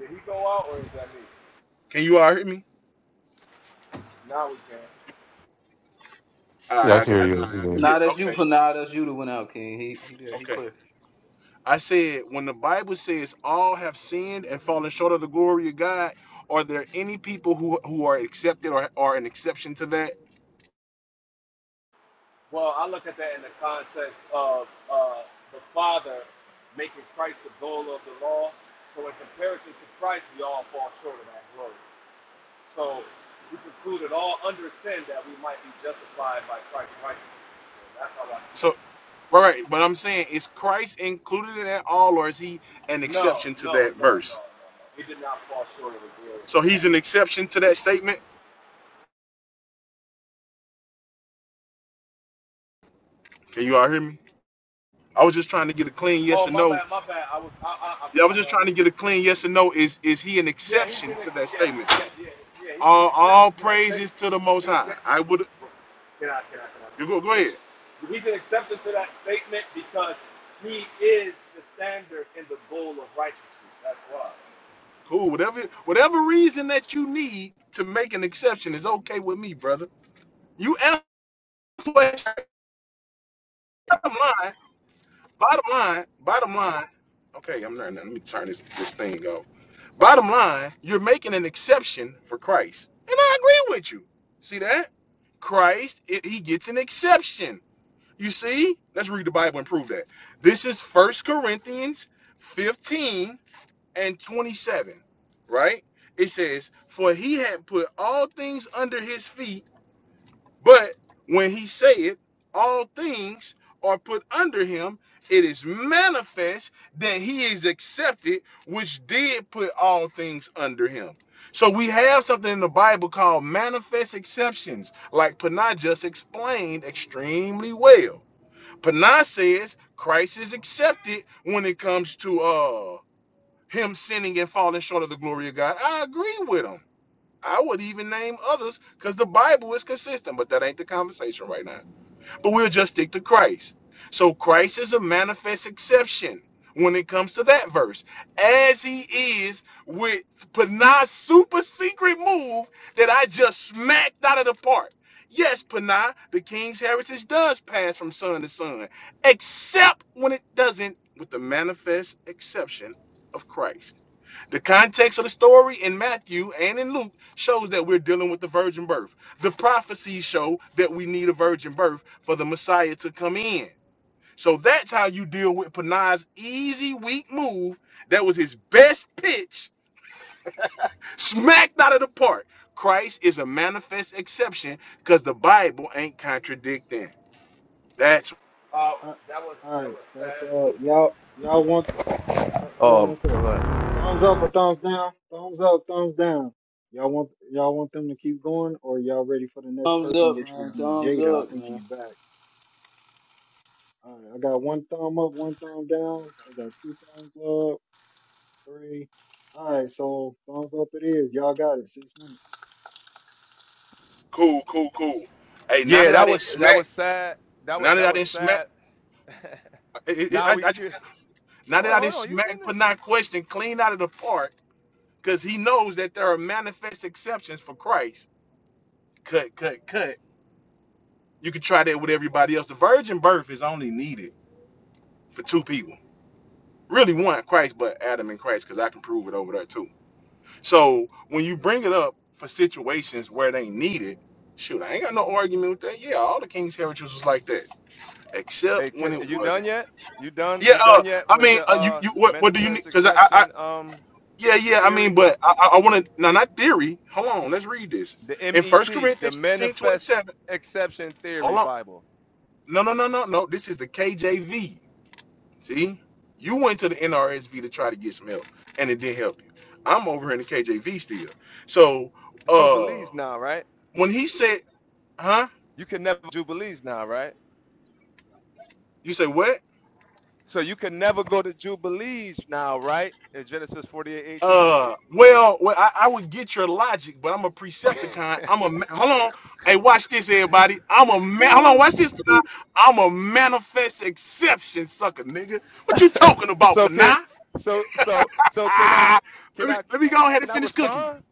S24: Did he go out, or is that me?
S27: Can you all hear me?
S24: Now we can.
S27: All
S22: Yeah,
S27: right,
S22: I
S27: I
S22: can
S27: got
S22: hear
S27: it.
S22: you. Yeah.
S27: yeah,
S1: Nah, that's you.
S27: okay,
S1: Nah, that's you that went out, King. He he there. He
S27: okay.
S1: clear.
S27: I said, when the Bible says all have sinned and fallen short of the glory of God, are there any people who who are accepted or are an exception to that?
S24: Well, I look at that in the context of uh, the Father making Christ the goal of the law. So in comparison to Christ, we all fall short of that glory. So we concluded all under sin that we might be justified by Christ's righteousness. So that's how I see it.
S27: So. Right, but I'm saying is Christ included in that all, or is he an
S24: No,
S27: exception to
S24: no, no,
S27: that
S24: no,
S27: verse?
S24: no, no. It did not fall short of the glory of
S27: So
S24: God.
S27: he's an exception to that statement. Can you all hear me? I was just trying to get a clean
S24: Oh,
S27: yes or
S24: my
S27: no.
S24: bad, my bad. I was, I, I, I
S27: Yeah, I was
S24: forgot
S27: just
S24: that i
S27: trying to get a clean yes or no. Is is he an
S24: Yeah, he's
S27: exception
S24: an,
S27: to that
S24: ex-
S27: statement?
S24: yeah, yeah, yeah, yeah. He's
S27: All
S24: an exception
S27: all
S24: to that
S27: praises
S24: statement.
S27: to the Most
S24: You know, Can,
S27: High. I would
S24: can I, can I, can I
S27: you
S24: just
S27: go go
S24: finish?
S27: ahead.
S24: He's an exception to that statement because he is the standard in the bowl of righteousness. That's why.
S27: Cool. Whatever whatever reason that you need to make an exception is okay with me, brother. You answer. what- Bottom line. Bottom line. Bottom line. Okay, I'm not. Let me turn this this thing off. Bottom line, you're making an exception for Christ. And I agree with you. See that? Christ, it, he gets an exception. You see? Let's read the Bible and prove that. This is First Corinthians 15 and 27, right? It says, For he had put all things under his feet but when he saith, all things are put under him, it is manifest that he is accepted, which did put all things under him. So we have something in the Bible called manifest exceptions, like Panah just explained extremely well. Panah says Christ is accepted when it comes to uh him sinning and falling short of the glory of God. I agree with him. I would even name others because the Bible is consistent, but that ain't the conversation right now. But we'll just stick to Christ. So Christ is a manifest exception when it comes to that verse, as he is with Panah's super secret move that I just smacked out of the park. Yes, Panah, the king's heritage does pass from son to son, except when it doesn't with the manifest exception of Christ. The context of the story in Matthew and in Luke shows that we're dealing with the virgin birth. The prophecies show that we need a virgin birth for the Messiah to come in. So that's how you deal with Panay's easy, weak move. That was his best pitch, smacked out of the park. Christ is a manifest exception because the Bible ain't contradicting. That's
S24: Uh,
S2: All
S24: that was, that
S2: right,
S24: was
S2: that's
S24: sad.
S2: uh, y'all. Y'all want? ho- Hold on
S24: Um,
S2: one sec.
S24: I'm like-
S2: Thumbs up or thumbs down? Thumbs up, thumbs down. Y'all want? Y'all want them to keep going, or y'all ready for the next
S1: Thumbs
S2: person,
S1: up,
S2: which
S1: man.
S2: would be
S1: Thumbs
S2: Jada? I
S1: up,
S2: think
S1: man.
S2: he's back. All right, I got one thumb up, one thumb down. I got two thumbs up, three. All right, so thumbs up it is. Y'all got it. Six minutes.
S27: cool, cool, cool. Hey, now
S24: yeah,
S27: that I
S24: that
S27: didn't
S24: was, that
S27: smack,
S24: was sad. That was,
S27: now that
S24: that
S27: I
S24: was
S27: didn't smack,
S24: sad.
S27: I, I,
S24: now we,
S27: I just Now that
S24: Wait,
S27: I
S24: hold
S27: didn't
S24: on. You
S27: smack
S24: finished?
S27: Panay question clean out of the park, because he knows that there are manifest exceptions for Christ. Cut, cut, cut. You can try that with everybody else. The virgin birth is only needed for two people. Really one, Christ, but Adam and Christ, because I can prove it over there too. So when you bring it up for situations where they need it, shoot, I ain't got no argument with that. Yeah, all the king's heritage was like that,
S24: Hey,
S27: except
S24: ca
S27: when it
S24: you done
S27: wasn't.
S24: yet? You done?
S27: Yeah,
S24: You done
S27: uh,
S24: yet
S27: I
S24: with
S27: mean,
S24: your
S27: uh, you,
S24: uh
S27: you, what, what do you need?
S24: manifest
S27: Because I, I,
S24: exception um
S27: Yeah, yeah. I mean,
S24: theory?
S27: but I, I, want to now not theory. Hold on, let's read this
S24: The
S27: in First
S24: MET, the
S27: Corinthians fifteen twenty
S24: manifest
S27: seven.
S24: exception theory
S27: Hold on,
S24: Bible.
S27: no, no, no, no, no. This is the KJV. See, you went to the NRSV to try to get some help, and it didn't help you. I'm over here in the KJV still. So, uh,
S24: Jubilees now, right?
S27: when he said, "Huh?"
S24: You can never jubilees now, right?
S27: You say what?
S24: So you can never go to jubilees now, right? In Genesis forty-eight eighteen.
S27: Uh, well, well I, I would get your logic, but I'm a Precepticon. I'm a ma- hold on. Hey, watch this, everybody. I'm a man. Hold on, watch this. Panay. I'm a manifest exception, sucker, nigga. What you talking about,
S24: So can
S27: Panay?
S24: so so so can I
S27: Ah, let
S24: can
S27: me
S24: I
S27: let me go ahead and
S24: can I
S27: finish cooking you.
S24: respond?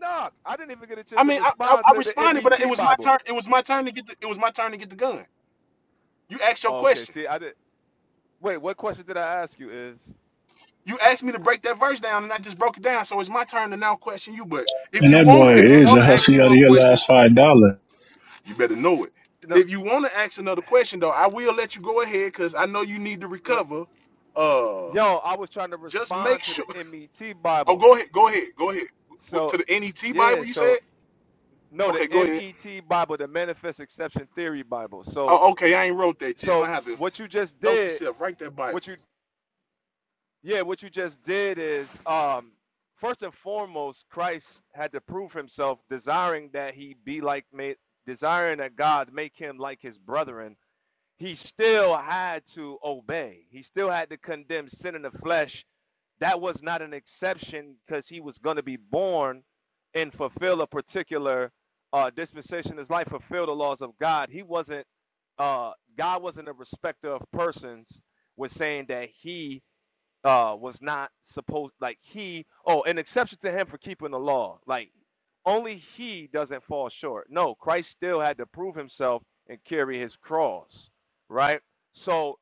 S24: No, I didn't even get a chance
S27: I
S24: to
S27: mean, I, I,
S24: respond
S27: I
S24: to the
S27: responded, but it
S24: MET
S27: was my
S24: Bible.
S27: turn. It was my turn to get the. It was my turn to get the gun. You asked your
S24: okay.
S27: question.
S24: See, I did. Wait, what question did I ask you? Is
S27: You asked me to break that verse down, and I just broke it down. So it's my turn to now question you. But if
S11: And
S27: you
S11: that
S27: wanna,
S11: boy
S24: what?
S27: if you
S24: hold on.
S11: is a
S27: wanna ask
S11: hustle out of
S27: more
S11: your
S27: questions.
S11: last $5.
S27: You better know it. And
S24: No,
S27: if you want to ask another question, though, I will let you go ahead because I know you need to
S24: no.
S27: recover. Uh,
S24: yo, I was trying to
S27: just make
S24: respond to the
S27: sure.
S24: MET
S27: Oh,
S24: Bible.
S27: go ahead. Go ahead. Go ahead. Go
S24: So
S27: To the NET
S24: yeah,
S27: Bible, you
S24: so
S27: said?
S24: no, the
S27: Okay, go ahead.
S24: MET Bible, the Manifest Exception Theory Bible. So,
S27: Oh, okay. I ain't wrote that yet, but
S24: so
S27: I have to
S24: what you just
S27: note to
S24: did,
S27: self. Write that Bible.
S24: what you yeah, what you just did is um. First and foremost, Christ had to prove himself, desiring that he be like made, desiring that God make him like his brethren, he still had to obey. He still had to condemn sin in the flesh. That was not an exception because he was going to be born and fulfill a particular uh, dispensation. His life fulfill the laws of God. He wasn't. Uh, God wasn't a respecter of persons. Was saying that he uh was not supposed like he oh an exception to him for keeping the law like only he doesn't fall short no christ still had to prove himself and carry his cross right so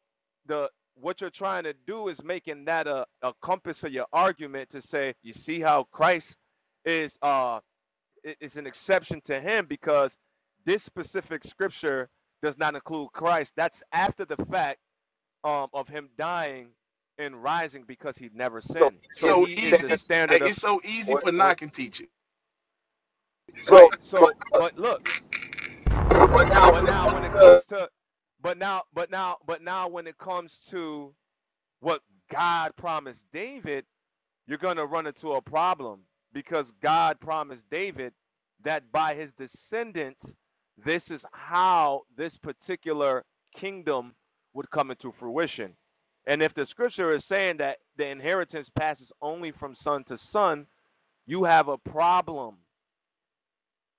S24: the what you're trying to do is making that a, a compass of your argument to say you see how christ is uh is an exception to him because this specific scripture does not include christ that's after the fact um, of him dying and rising because he never
S27: So
S24: sinned.
S27: It's is
S24: So
S27: so
S24: he
S27: that easy.
S24: is the
S27: stands hey,
S24: standard of
S27: It's so easy what? for can
S24: what
S27: teach it. So,
S24: right.
S27: but,
S24: So but look,
S27: but now
S24: but
S27: when it
S24: now
S27: comes
S24: when it
S27: to
S24: comes to but now but now but now when it comes to what God promised David you're going to run into a problem because God promised David that by his descendants, this is how this particular kingdom would come into fruition. And if the scripture is saying that the inheritance passes only from son to son, you have a problem.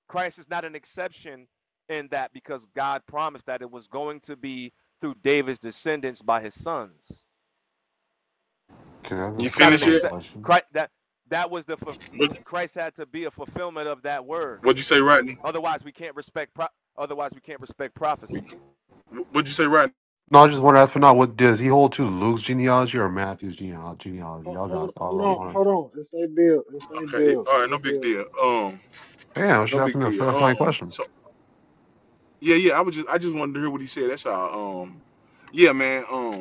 S24: Christ is not an exception in that because God promised that it was going to be through David's descendants by his sons.
S22: Can I ask a
S27: You
S24: That's not an
S27: finish
S22: clarifying
S27: it?
S24: accept.
S22: question?
S24: Christ, that that was the
S27: What
S24: Christ had to be a fulfillment of that word.
S27: What'd you say, Rodney?
S24: Otherwise, we can't respect. Pro- otherwise, we can't respect
S27: We-
S24: prophecy.
S27: What'd you say, Rodney?
S22: No, I just want to ask but not What does he hold to Luke's genealogy or Matthew's genealogy? genealogy? That
S2: Hold, hold,
S22: was all
S2: hold
S22: I
S2: on,
S22: wanted.
S2: hold on. If they build, if they
S27: Okay. it-
S2: build,
S27: All right.
S2: they
S27: No big
S2: build.
S27: deal. Um.
S22: Damn, I
S27: No
S22: should ask
S27: big
S22: me a
S27: deal.
S22: clarifying
S27: Um.
S22: question.
S27: So Yeah, yeah. I was just I just wanted to hear what he said. That's all. Um, yeah, man. Um,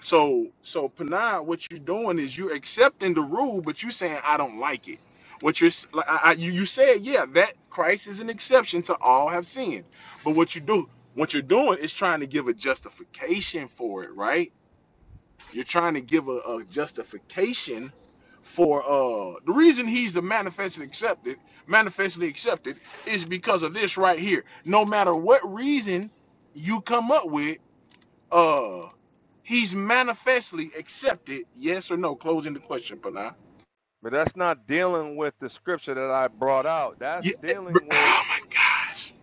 S27: so so Panay, what you're doing is you're accepting the rule, but you saying I don't like it. What you're s- like, I, I, you you said yeah that Christ is an exception to all have sinned, but what you do what you're doing is trying to give a justification for it, right? You're trying to give a, a justification for uh the reason he's the manifestly accepted, manifestly accepted is because of this right here. No matter what reason you come up with, uh he's manifestly accepted, yes or no? Closing the question, Pana.
S24: But that's not dealing with the scripture that I brought out. That's
S27: Yeah, eh, br-
S24: dealing with
S27: oh my gosh.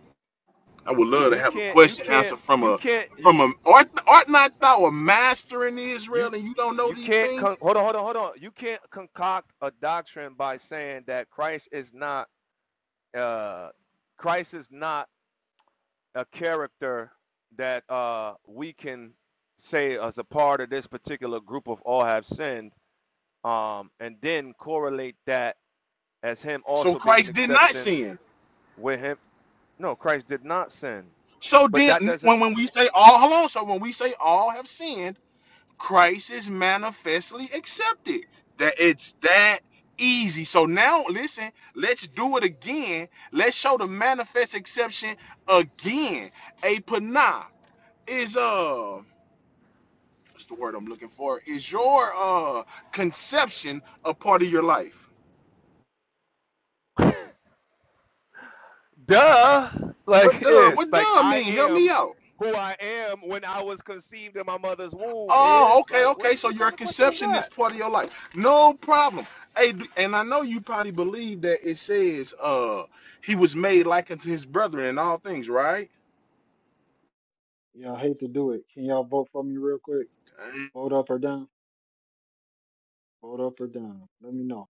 S27: I would love to
S24: you
S27: have a
S24: can't you
S27: question
S24: can't
S27: answer from
S24: you
S27: a
S24: can't you
S27: from a art art
S24: you
S27: not thou a master in
S24: you
S27: Israel and you don't know
S24: you
S27: these
S24: can't con-
S27: things?
S24: hold on hold on hold on. You can't concoct a doctrine by saying that Christ is not uh Christ is not a character that uh, we can say as a part of this particular group of all have sinned, um, and then correlate that as him
S27: So
S24: also being an
S27: Christ did not
S24: exception
S27: sin.
S24: with him. No, Christ did not sin,
S27: So
S24: but
S27: then,
S24: that doesn't.
S27: when, when we say all, hold on. So when we say all have sinned, Christ is manifestly accepted. That it's that easy. So now, listen, let's do it again. Let's show the manifest exception again. A panah is uh, what's the word I'm looking for? Is your uh conception a part of your life?
S24: Duh!
S27: What
S24: Like
S27: does
S24: is
S27: what
S24: like
S27: does
S24: I
S27: mean? Help me
S24: am
S27: out.
S24: who I am when I was conceived in my mother's womb
S27: Oh,
S24: is
S27: okay,
S24: like
S27: okay.
S24: what's
S27: So
S24: what
S27: your
S24: kind of question is
S27: conception
S24: that?
S27: is part of your life. No problem. Hey, and I know you probably believe that it says uh he was made like unto his brethren in all things, right?
S2: Yeah, I hate to do it. Can y'all vote for me real quick?
S27: Uh,
S2: Vote up or down? Vote up or down. Let me know.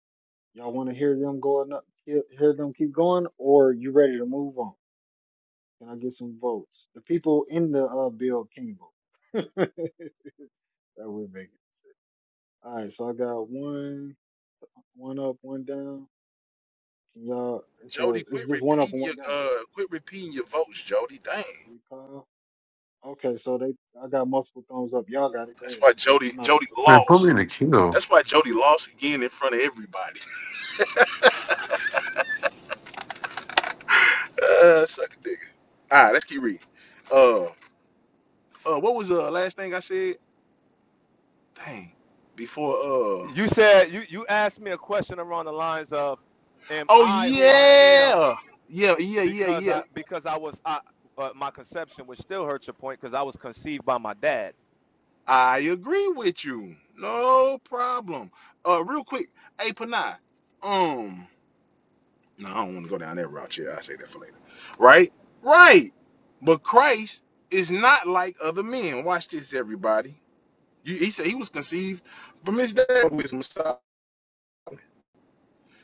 S2: Y'all want to hear them going up, hear, hear them keep going, or you ready to move on? Can I get some votes? The people in the uh, bill can vote. that would make it. All right, so I got one, one up, one down. Can y'all, it's a,
S27: Jody, quit
S2: it's just one up
S27: repeating
S2: and one
S27: your
S2: down.
S27: uh quit repeating your votes, Jody. Dang.
S2: You call? Okay, so they, I got multiple thumbs up. Y'all got it. Go
S27: That's
S2: ahead.
S27: why Jody
S2: I'm out. The
S27: Jody
S22: Man, put me
S27: lost.
S22: in the queue.
S27: That's why Jody lost again in front of everybody. Uh suck a dick. Alright, let's keep reading. Uh uh what was the last thing I said? Dang. Before uh,
S24: You said you you asked me a question around the lines of, am
S27: Oh
S24: I who I am
S27: yeah, yeah, yeah, yeah,
S24: because
S27: yeah.
S24: I because I was I, uh, my conception, which still hurts your point, because I was conceived by my dad.
S27: I agree with you. No problem. Uh, real quick, hey Panay. Um, no, I don't want to go down that route. yet. I will say that for later. Right, right. But Christ is not like other men. Watch this, everybody. You, he said he was conceived from his dad with his Messiah.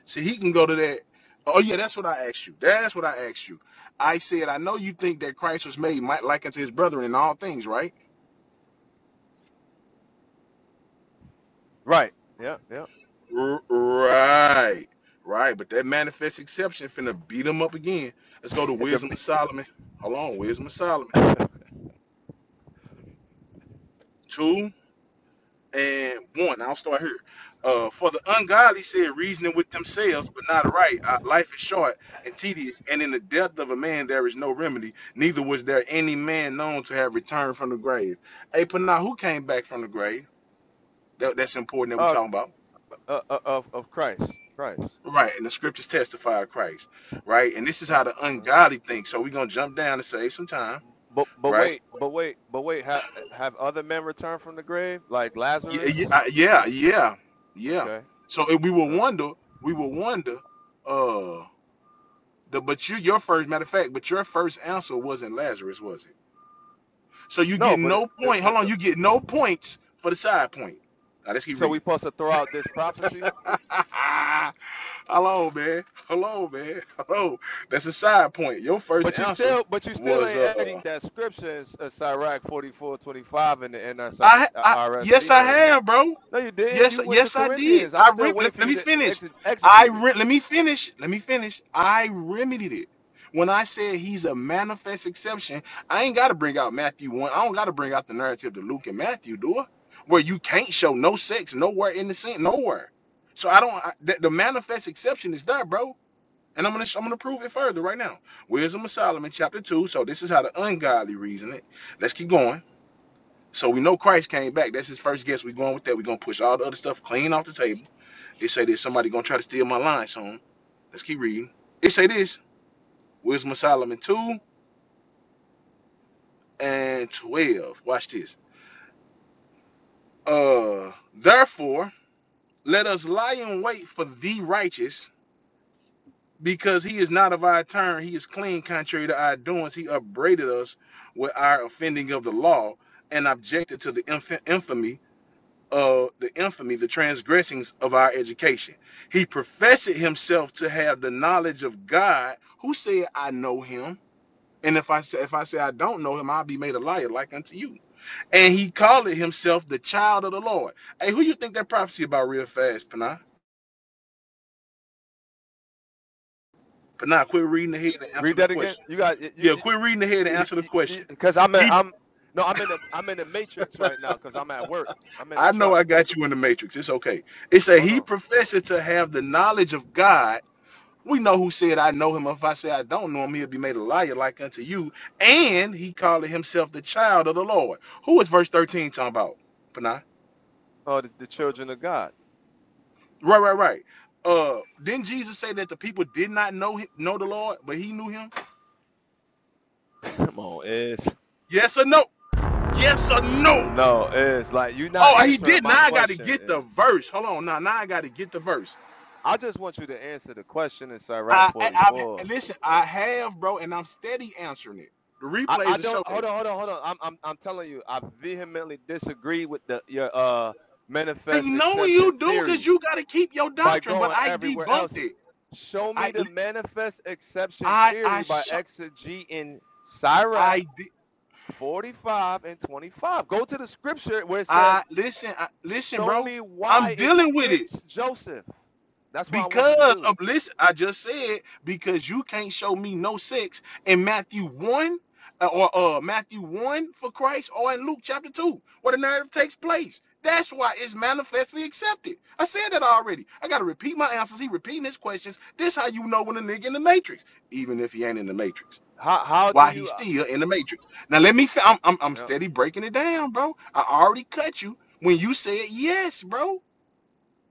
S27: See, he can go to that. Oh yeah, that's what I asked you. That's what I asked you. I said I know you think that Christ was made might like unto his brethren in all things, right?
S24: Right. Yeah. Yeah.
S27: R- Right. Right. But that manifest exception finna beat them up again. Let's go to
S24: the
S27: Wisdom of Solomon. Hold on, Wisdom of Solomon. Two and one. I'll start here. Uh, for the ungodly said reasoning with themselves, but not right. Uh, life is short and tedious, and in the death of a man there is no remedy. Neither was there any man known to have returned from the grave. Hey, Panah, who came back from the grave? That, that's important that we
S24: uh,
S27: talking about.
S24: uh, uh, of of Christ. Christ.
S27: Right, and the scriptures testify of Christ, right? And this is
S24: Yeah.
S27: how the
S24: Mhm.
S27: ungodly think. So we're gonna jump down and save some time,
S24: But but
S27: right?
S24: wait, but wait, but wait. Have have other men returned from the grave like Lazarus?
S27: Yeah, yeah, yeah, yeah.
S24: Okay.
S27: So if we will
S24: Uh,
S27: wonder, we will wonder, uh, the but you your first matter of fact, but your first answer wasn't Lazarus, was it? So you
S24: no,
S27: get
S24: but it,
S27: no
S24: it,
S27: point.
S24: it,
S27: Hold on,
S24: it-
S27: you get no points for the side point. Now let's keep
S24: so we
S27: reading.
S24: supposed to throw out this prophecy.
S27: Hello, man. Hello, man. Hello. That's a side point. Your first
S24: But you
S27: answer
S24: still, but you still
S27: was
S24: ain't edit
S27: uh
S24: that scripture in S- uh, Sirach forty four twenty five in the NSR,
S27: I,
S24: uh,
S27: I yes,
S24: RSV
S27: I
S24: version.
S27: have, bro.
S24: No, you didn't.
S27: Yes,
S24: You went to
S27: yes, I did.
S24: Corinthians. I'm
S27: I
S24: still
S27: rem-
S24: waiting
S27: let,
S24: for
S27: let
S24: you
S27: me
S24: to
S27: finish.
S24: exe-
S27: I
S24: exegete it.
S27: re- let me finish. Let me finish. I remedied it. When I said he's a manifest exception, I ain't got to bring out Matthew one. I don't got to bring out the narrative to Luke and Matthew, do I? Where you can't show no sex nowhere in the scene, nowhere. So I don't. I, the, the manifest exception is there, bro. And I'm gonna I'm gonna prove it further right now. Wisdom of Solomon, chapter two. So this is how the ungodly reason it. Let's keep going. So we know Christ came back. That's his first guess. We're going with that. We're gonna push all the other stuff clean off the table. They say there's somebody gonna try to steal my line soon. Let's keep reading. It say this: Wisdom of Solomon 2 and 12. Watch this. Uh therefore, let us lie in wait for the righteous, because he is not of our turn, he is clean contrary to our doings. He upbraided us with our offending of the law and objected to the inf- infamy uh, the infamy, the transgressings of our education. He professed himself to have the knowledge of God, who said, "I know him." And if I say, if I say I don't know him, I'll be made a liar like unto you. And he called himself the child of the Lord. Hey, who you think that prophecy about real fast, Panah? Panah, quit reading ahead and
S24: Read
S27: answer the
S24: that again.
S27: question.
S24: You got you
S27: Yeah, quit reading ahead and
S24: you
S27: answer the
S24: you
S27: question.
S24: because I'm in,
S27: He,
S24: I'm no I'm in the I'm in the matrix right now because I'm at work. I'm in the
S27: I know
S24: truck.
S27: I got you in the matrix. It's okay. It said
S24: Hold
S27: he
S24: on.
S27: professed to have the knowledge of God We know who said, I know him. If I say I don't know him, he'll be made a liar like unto you. And he called himself the child of the Lord. Who is verse 13 talking about? Panah.
S24: Oh, the, the children of God.
S27: Right, right, right. Uh, didn't Jesus say that the people did not know him, know the Lord, but he knew him?
S24: Come on, is
S27: Yes or no? Yes or no?
S24: no is like you are not
S27: Oh, he
S24: answering
S27: did.
S24: my
S27: Now I got to
S24: question
S27: get the
S24: is.
S27: verse. Hold on. Now, now I got to get the verse.
S24: I just want you to answer the question in Sirach
S27: I, I, I
S24: 44.
S27: listen. I have, bro, and I'm steady answering it. The
S24: I, I
S27: replays will
S24: don't
S27: show that.
S24: hold on hold on hold on. I'm I'm I'm telling you I vehemently disagree with the your uh
S27: I
S24: manifest
S27: know
S24: exception
S27: you do,
S24: theory.
S27: cause you got to keep your
S24: by
S27: doctrine. But
S24: going
S27: I
S24: everywhere
S27: debunked
S24: else.
S27: it.
S24: Show me
S27: I
S24: the manifest exception
S27: I I
S24: theory by
S27: sh-
S24: exegete in Sirach
S27: I di-
S24: 45 and 25. Go to the scripture where it says,
S27: I listen I, listen
S24: Show
S27: bro
S24: me
S27: I'm
S24: why it
S27: dealing with it
S24: skips Joseph. That's what I want you to
S27: because of
S24: do.
S27: listen I just said because you can't show me no sex in Matthew 1 uh, or uh Matthew 1 for Christ or in Luke chapter 2 where the narrative takes place that's why it's manifestly accepted I said that already I got to repeat my answers he repeating his questions this how you know when a nigga in the matrix even if he ain't in the matrix
S24: How, how do
S27: Why
S24: you.
S27: he's
S24: uh,
S27: still in the matrix. Now let me. fi- I'm I'm, I'm
S24: no.
S27: steady breaking it down, bro. I already cut you when you said yes, bro.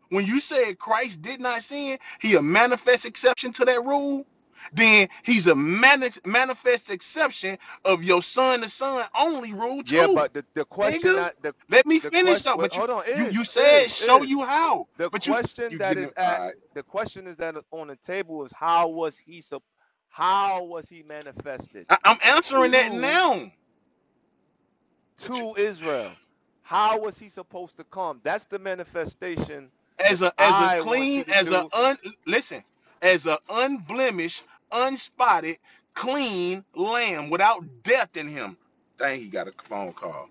S27: When you said Christ did not sin, he a manifest exception to that rule. Then he's a mani- manifest exception of your son to son only rule
S24: Yeah,
S27: too,
S24: but the, the question
S27: nigga.
S24: that the,
S27: Let me
S24: the
S27: finish
S24: question.
S27: though.
S24: Wait,
S27: But you
S24: hold on.
S27: you you
S24: Is,
S27: said
S24: is,
S27: show
S24: is.
S27: you how.
S24: The
S27: But you
S24: question
S27: you
S24: that
S27: getting
S24: is
S27: it. All
S24: at.
S27: right.
S24: The question is that on the table is how was he sup- how was he manifested?
S27: I, I'm answering that
S24: to
S27: now. But you.
S24: to Israel. How was he supposed to come? That's the manifestation that
S27: as a as a
S24: I want
S27: clean
S24: you to
S27: as a
S24: do.
S27: un listen as a unblemished unspotted clean lamb without death in him dang he got a phone call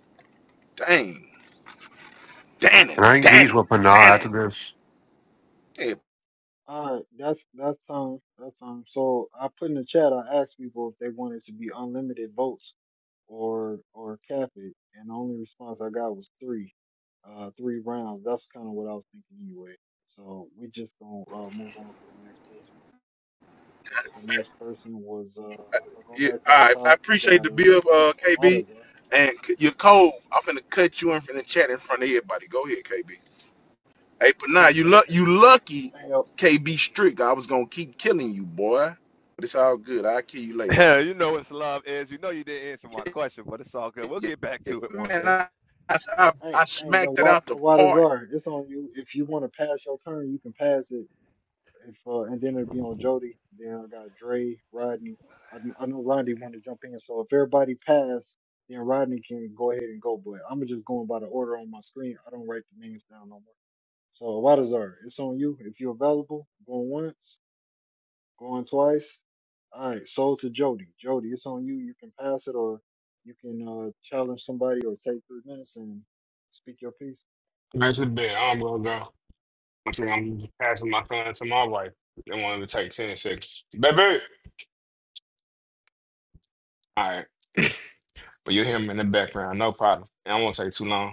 S27: dang damn
S22: Can
S27: it
S22: I
S27: damn
S22: engage
S27: it
S22: with Panah
S27: damn it
S22: after this?
S27: hey,
S2: All right, that's that's um that's um. So I put in the chat. I asked people if they wanted to be unlimited votes, or or cap it, and the only response I got was three, uh, three rounds. That's kind of what I was thinking anyway. So we just gonna uh, move on to the next person. The next person was uh. If I go
S27: yeah,
S2: back to
S27: all
S2: the
S27: right i
S2: top, we
S27: appreciate
S2: got
S27: the
S2: uh,
S27: bill
S2: Awa-
S27: uh kb
S2: Awadazar.
S27: and c- your code i'm finna cut you in from the chat in front of everybody go ahead kb hey but now you luck you lucky
S2: hey, uh,
S27: kb strick i was gonna keep killing you boy but it's all good i'll kill you later
S24: you know it's love is. You know you didn't answer my question, but it's all good. We'll get back to it one
S27: man,
S24: day.
S27: I, I,
S2: hey,
S27: I
S2: hey,
S27: smacked it
S2: Awa-
S27: out the park.
S2: Awadazar, it's on you. If you want to pass your turn, you can pass it If uh, and then it'd be on Jody. Then I got Dre, Rodney. I, kn- I know Rodney want to jump in, so if everybody pass, then Rodney can go ahead and go. But I'm just going by the order on my screen. I don't write the names down no more. So Wadazar, it's on you. If you're available, going once, going twice. All right, sold to Jody. Jody, it's on you. You can pass it, or you can uh, challenge somebody, or take three minutes and speak your piece.
S14: That's a bit. I'm gonna go. I think I'm passing my phone to my wife. They wanted to take ten seconds, baby. All right, but you will hear them in the background, no problem. And I won't take too long.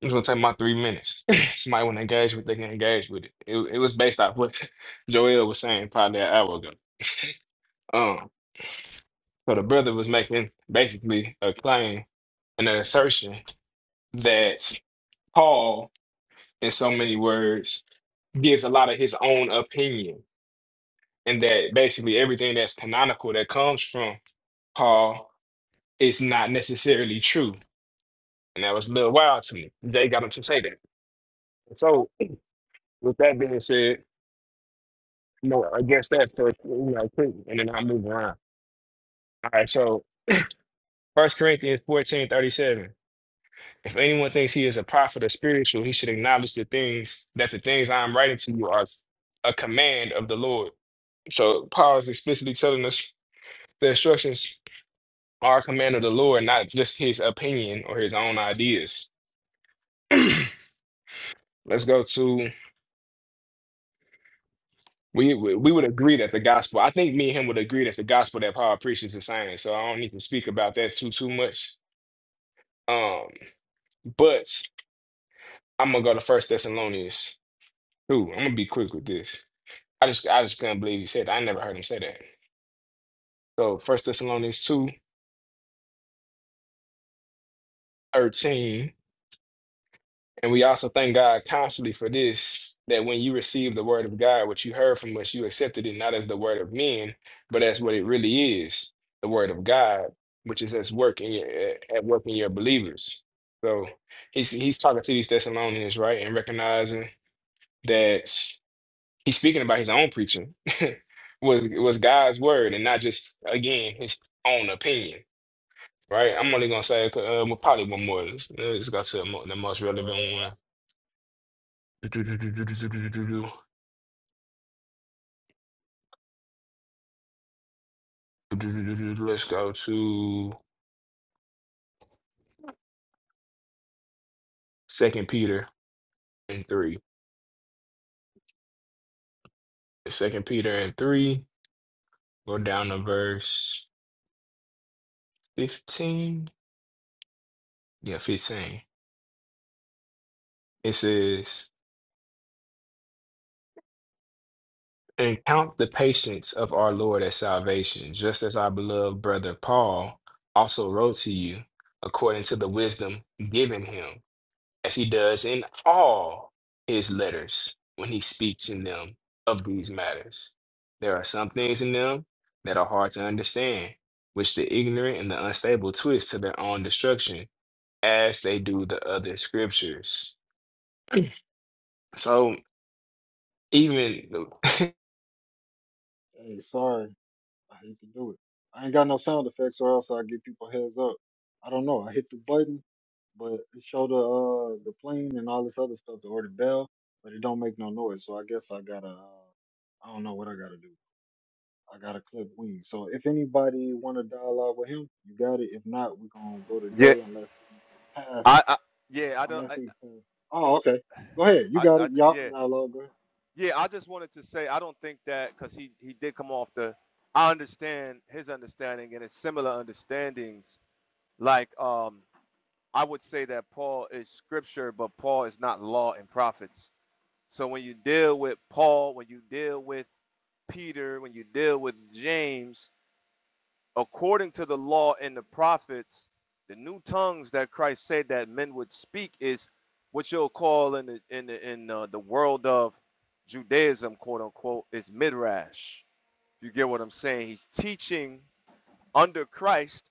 S14: It was gonna take my three minutes. Somebody want to engage with, they can engage with it. It, wa- it was based off what Joel was saying probably an hour ago. Um, so the brother was making basically a claim and an assertion that Paul, in so many words, gives a lot of his own opinion, and that basically everything that's canonical that comes from Paul is not necessarily true. And that was a little wild to me. They got him to say that. So, with that being said, No, I guess that first, you know, quick, and then I'll move around. All right, so First Corinthians fourteen thirty seven. If anyone thinks he is a prophet or spiritual, he should acknowledge the things that the things I am writing to you are a command of the Lord. So Paul is explicitly telling us the instructions are a command of the Lord, not just his opinion or his own ideas. Let's go to we we we would agree that the gospel. I think me and him would agree that the gospel that Paul preaches is the same. So I don't need to speak about that too too much. Um, but I'm gonna go to First Thessalonians two. I'm gonna be quick with this. I just I just couldn't believe he said that. I never heard him say that. So First Thessalonians two thirteen, And we also thank God constantly for this, that when you receive the word of God, what you heard from us, you accepted it not as the word of men, but as what it really is, the word of God, which is as work in your at work in your believers. So he's he's talking to these Thessalonians, right? And recognizing that he's speaking about his own preaching was was God's word and not just again his own opinion, right? I'm only gonna say uh, well, probably one more. Let's, let's go to the mo- the most relevant one. Let's go to Second Peter and three. Second Peter and three. Go down to verse fifteen. Yeah, fifteen. It says. and count the patience of our Lord as salvation, just as our beloved brother Paul also wrote to you, according to the wisdom given him, as he does in all his letters when he speaks in them of these matters. There are some things in them that are hard to understand, which the ignorant and the unstable twist to their own destruction, as they do the other scriptures. So even the,
S2: Hey, sorry. I hate to do it. I ain't got no sound effects, or else I give people heads up. I don't know. I hit the button, but it showed the uh, the plane and all this other stuff, or order bell, but it don't make no noise. So I guess I gotta. Uh, I don't know what I gotta do. I gotta clip wings. So if anybody want to dialogue with him, you got it. If not, we gonna go to
S24: Yeah,
S2: Dre unless he pass.
S24: I, I yeah, I don't,
S2: Unless
S24: I,
S2: he pass. Oh, okay. Go ahead. You
S24: I,
S2: got
S24: I,
S2: it. Y'all can
S24: yeah,
S2: dialogue. Go ahead.
S24: yeah. I just wanted to say I don't think that because he he did come off the. I understand his understanding and his similar understandings. Like um, I would say that Paul is scripture, but Paul is not law and prophets So when you deal with Paul, when you deal with Peter, when you deal with James, according to the law and the prophets, the new tongues that Christ said that men would speak is what you'll call in the in the in uh, the world of Judaism, quote unquote, is midrash. You get what I'm saying? He's teaching under Christ,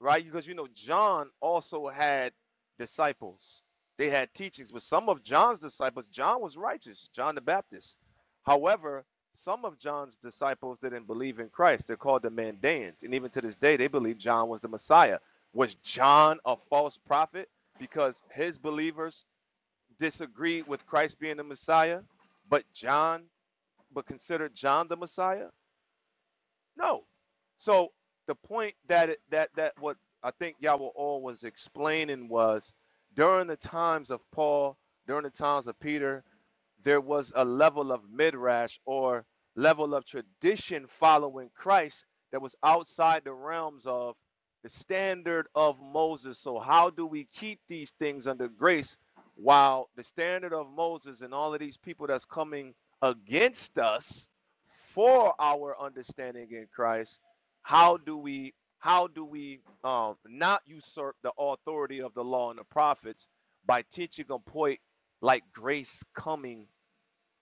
S24: right? Because you know, John also had disciples. They had teachings, but some of John's disciples, John was righteous, John the Baptist. However, some of John's disciples didn't believe in Christ. They're called the Mandaeans. And even to this day, they believe John was the Messiah. Was John a false prophet because his believers disagreed with Christ being the Messiah, but John, but considered John the Messiah? No. So the point that it, that that what I think Yahweh all was explaining was during the times of Paul, during the times of Peter, there was a level of midrash or level of tradition following Christ that was outside the realms of the standard of Moses. So, how do we keep these things under grace while the standard of Moses and all of these people that's coming against us for our understanding in Christ? How do we how do we um, not usurp the authority of the law and the prophets by teaching a point like grace coming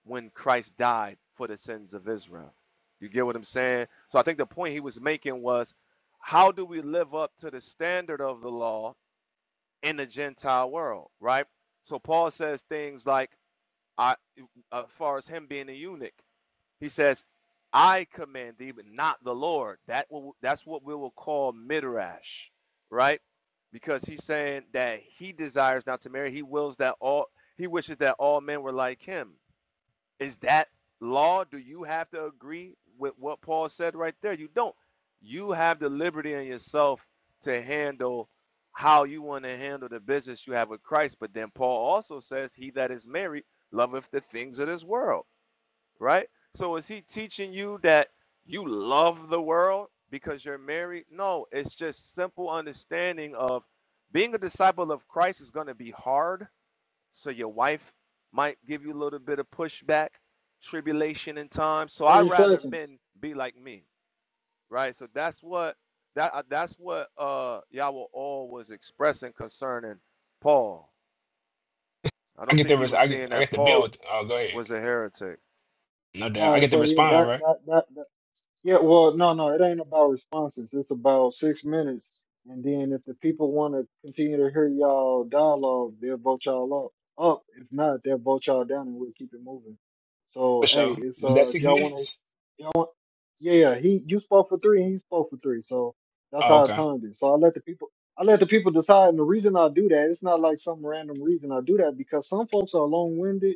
S24: when Christ died for the sins of Israel. You get what I'm saying? So I think the point he was making was how do we live up to the standard of the law in the Gentile world, right? So Paul says things like, I, as far as him being a eunuch, he says, I command thee, but not the Lord. That will, that's what we will call midrash, right? Because he's saying that he desires not to marry. He wills that all he wishes that all men were like him. Is that law? Do you have to agree with what Paul said right there? You don't. You have the liberty in yourself to handle how you want to handle the business you have with Christ. But then Paul also says, He that is married loveth the things of this world, right? So is he teaching you that you love the world because you're married? No, it's just simple understanding of being a disciple of Christ is going to be hard so your wife might give you a little bit of pushback, tribulation in time. So I
S2: Thirty
S24: rather
S2: seconds.
S24: men be like me, right? So that's what that uh, that's what uh Yahweh all was expressing concerning Paul. I
S14: I
S24: don't
S14: get
S24: think
S14: the
S24: he
S14: res-
S24: was
S14: I get
S24: saying
S14: I
S24: that
S14: get the bill.
S24: Paul
S14: With, oh, go ahead.
S24: was a heretic.
S14: No doubt.
S2: All
S14: I
S2: right.
S14: get to
S2: So yeah,
S14: respond,
S2: that
S14: right?
S2: that that Yeah, well, no, no, it ain't about responses. It's about six minutes, and then if the people want to continue to hear y'all dialogue, they'll vote y'all up. Up, if not, they'll vote y'all down, and we'll keep it moving.
S14: For
S2: So, hey,
S14: sure.
S2: it's
S14: Was that
S2: uh, if
S14: six
S2: y'all want
S14: minutes?
S2: to, yeah, yeah. He you spoke for three and he spoke for three. So that's
S14: Oh,
S2: how I
S14: okay.
S2: timed it. So I let the people I let the people decide and the reason I do that, it's not like some random reason I do that because some folks are long winded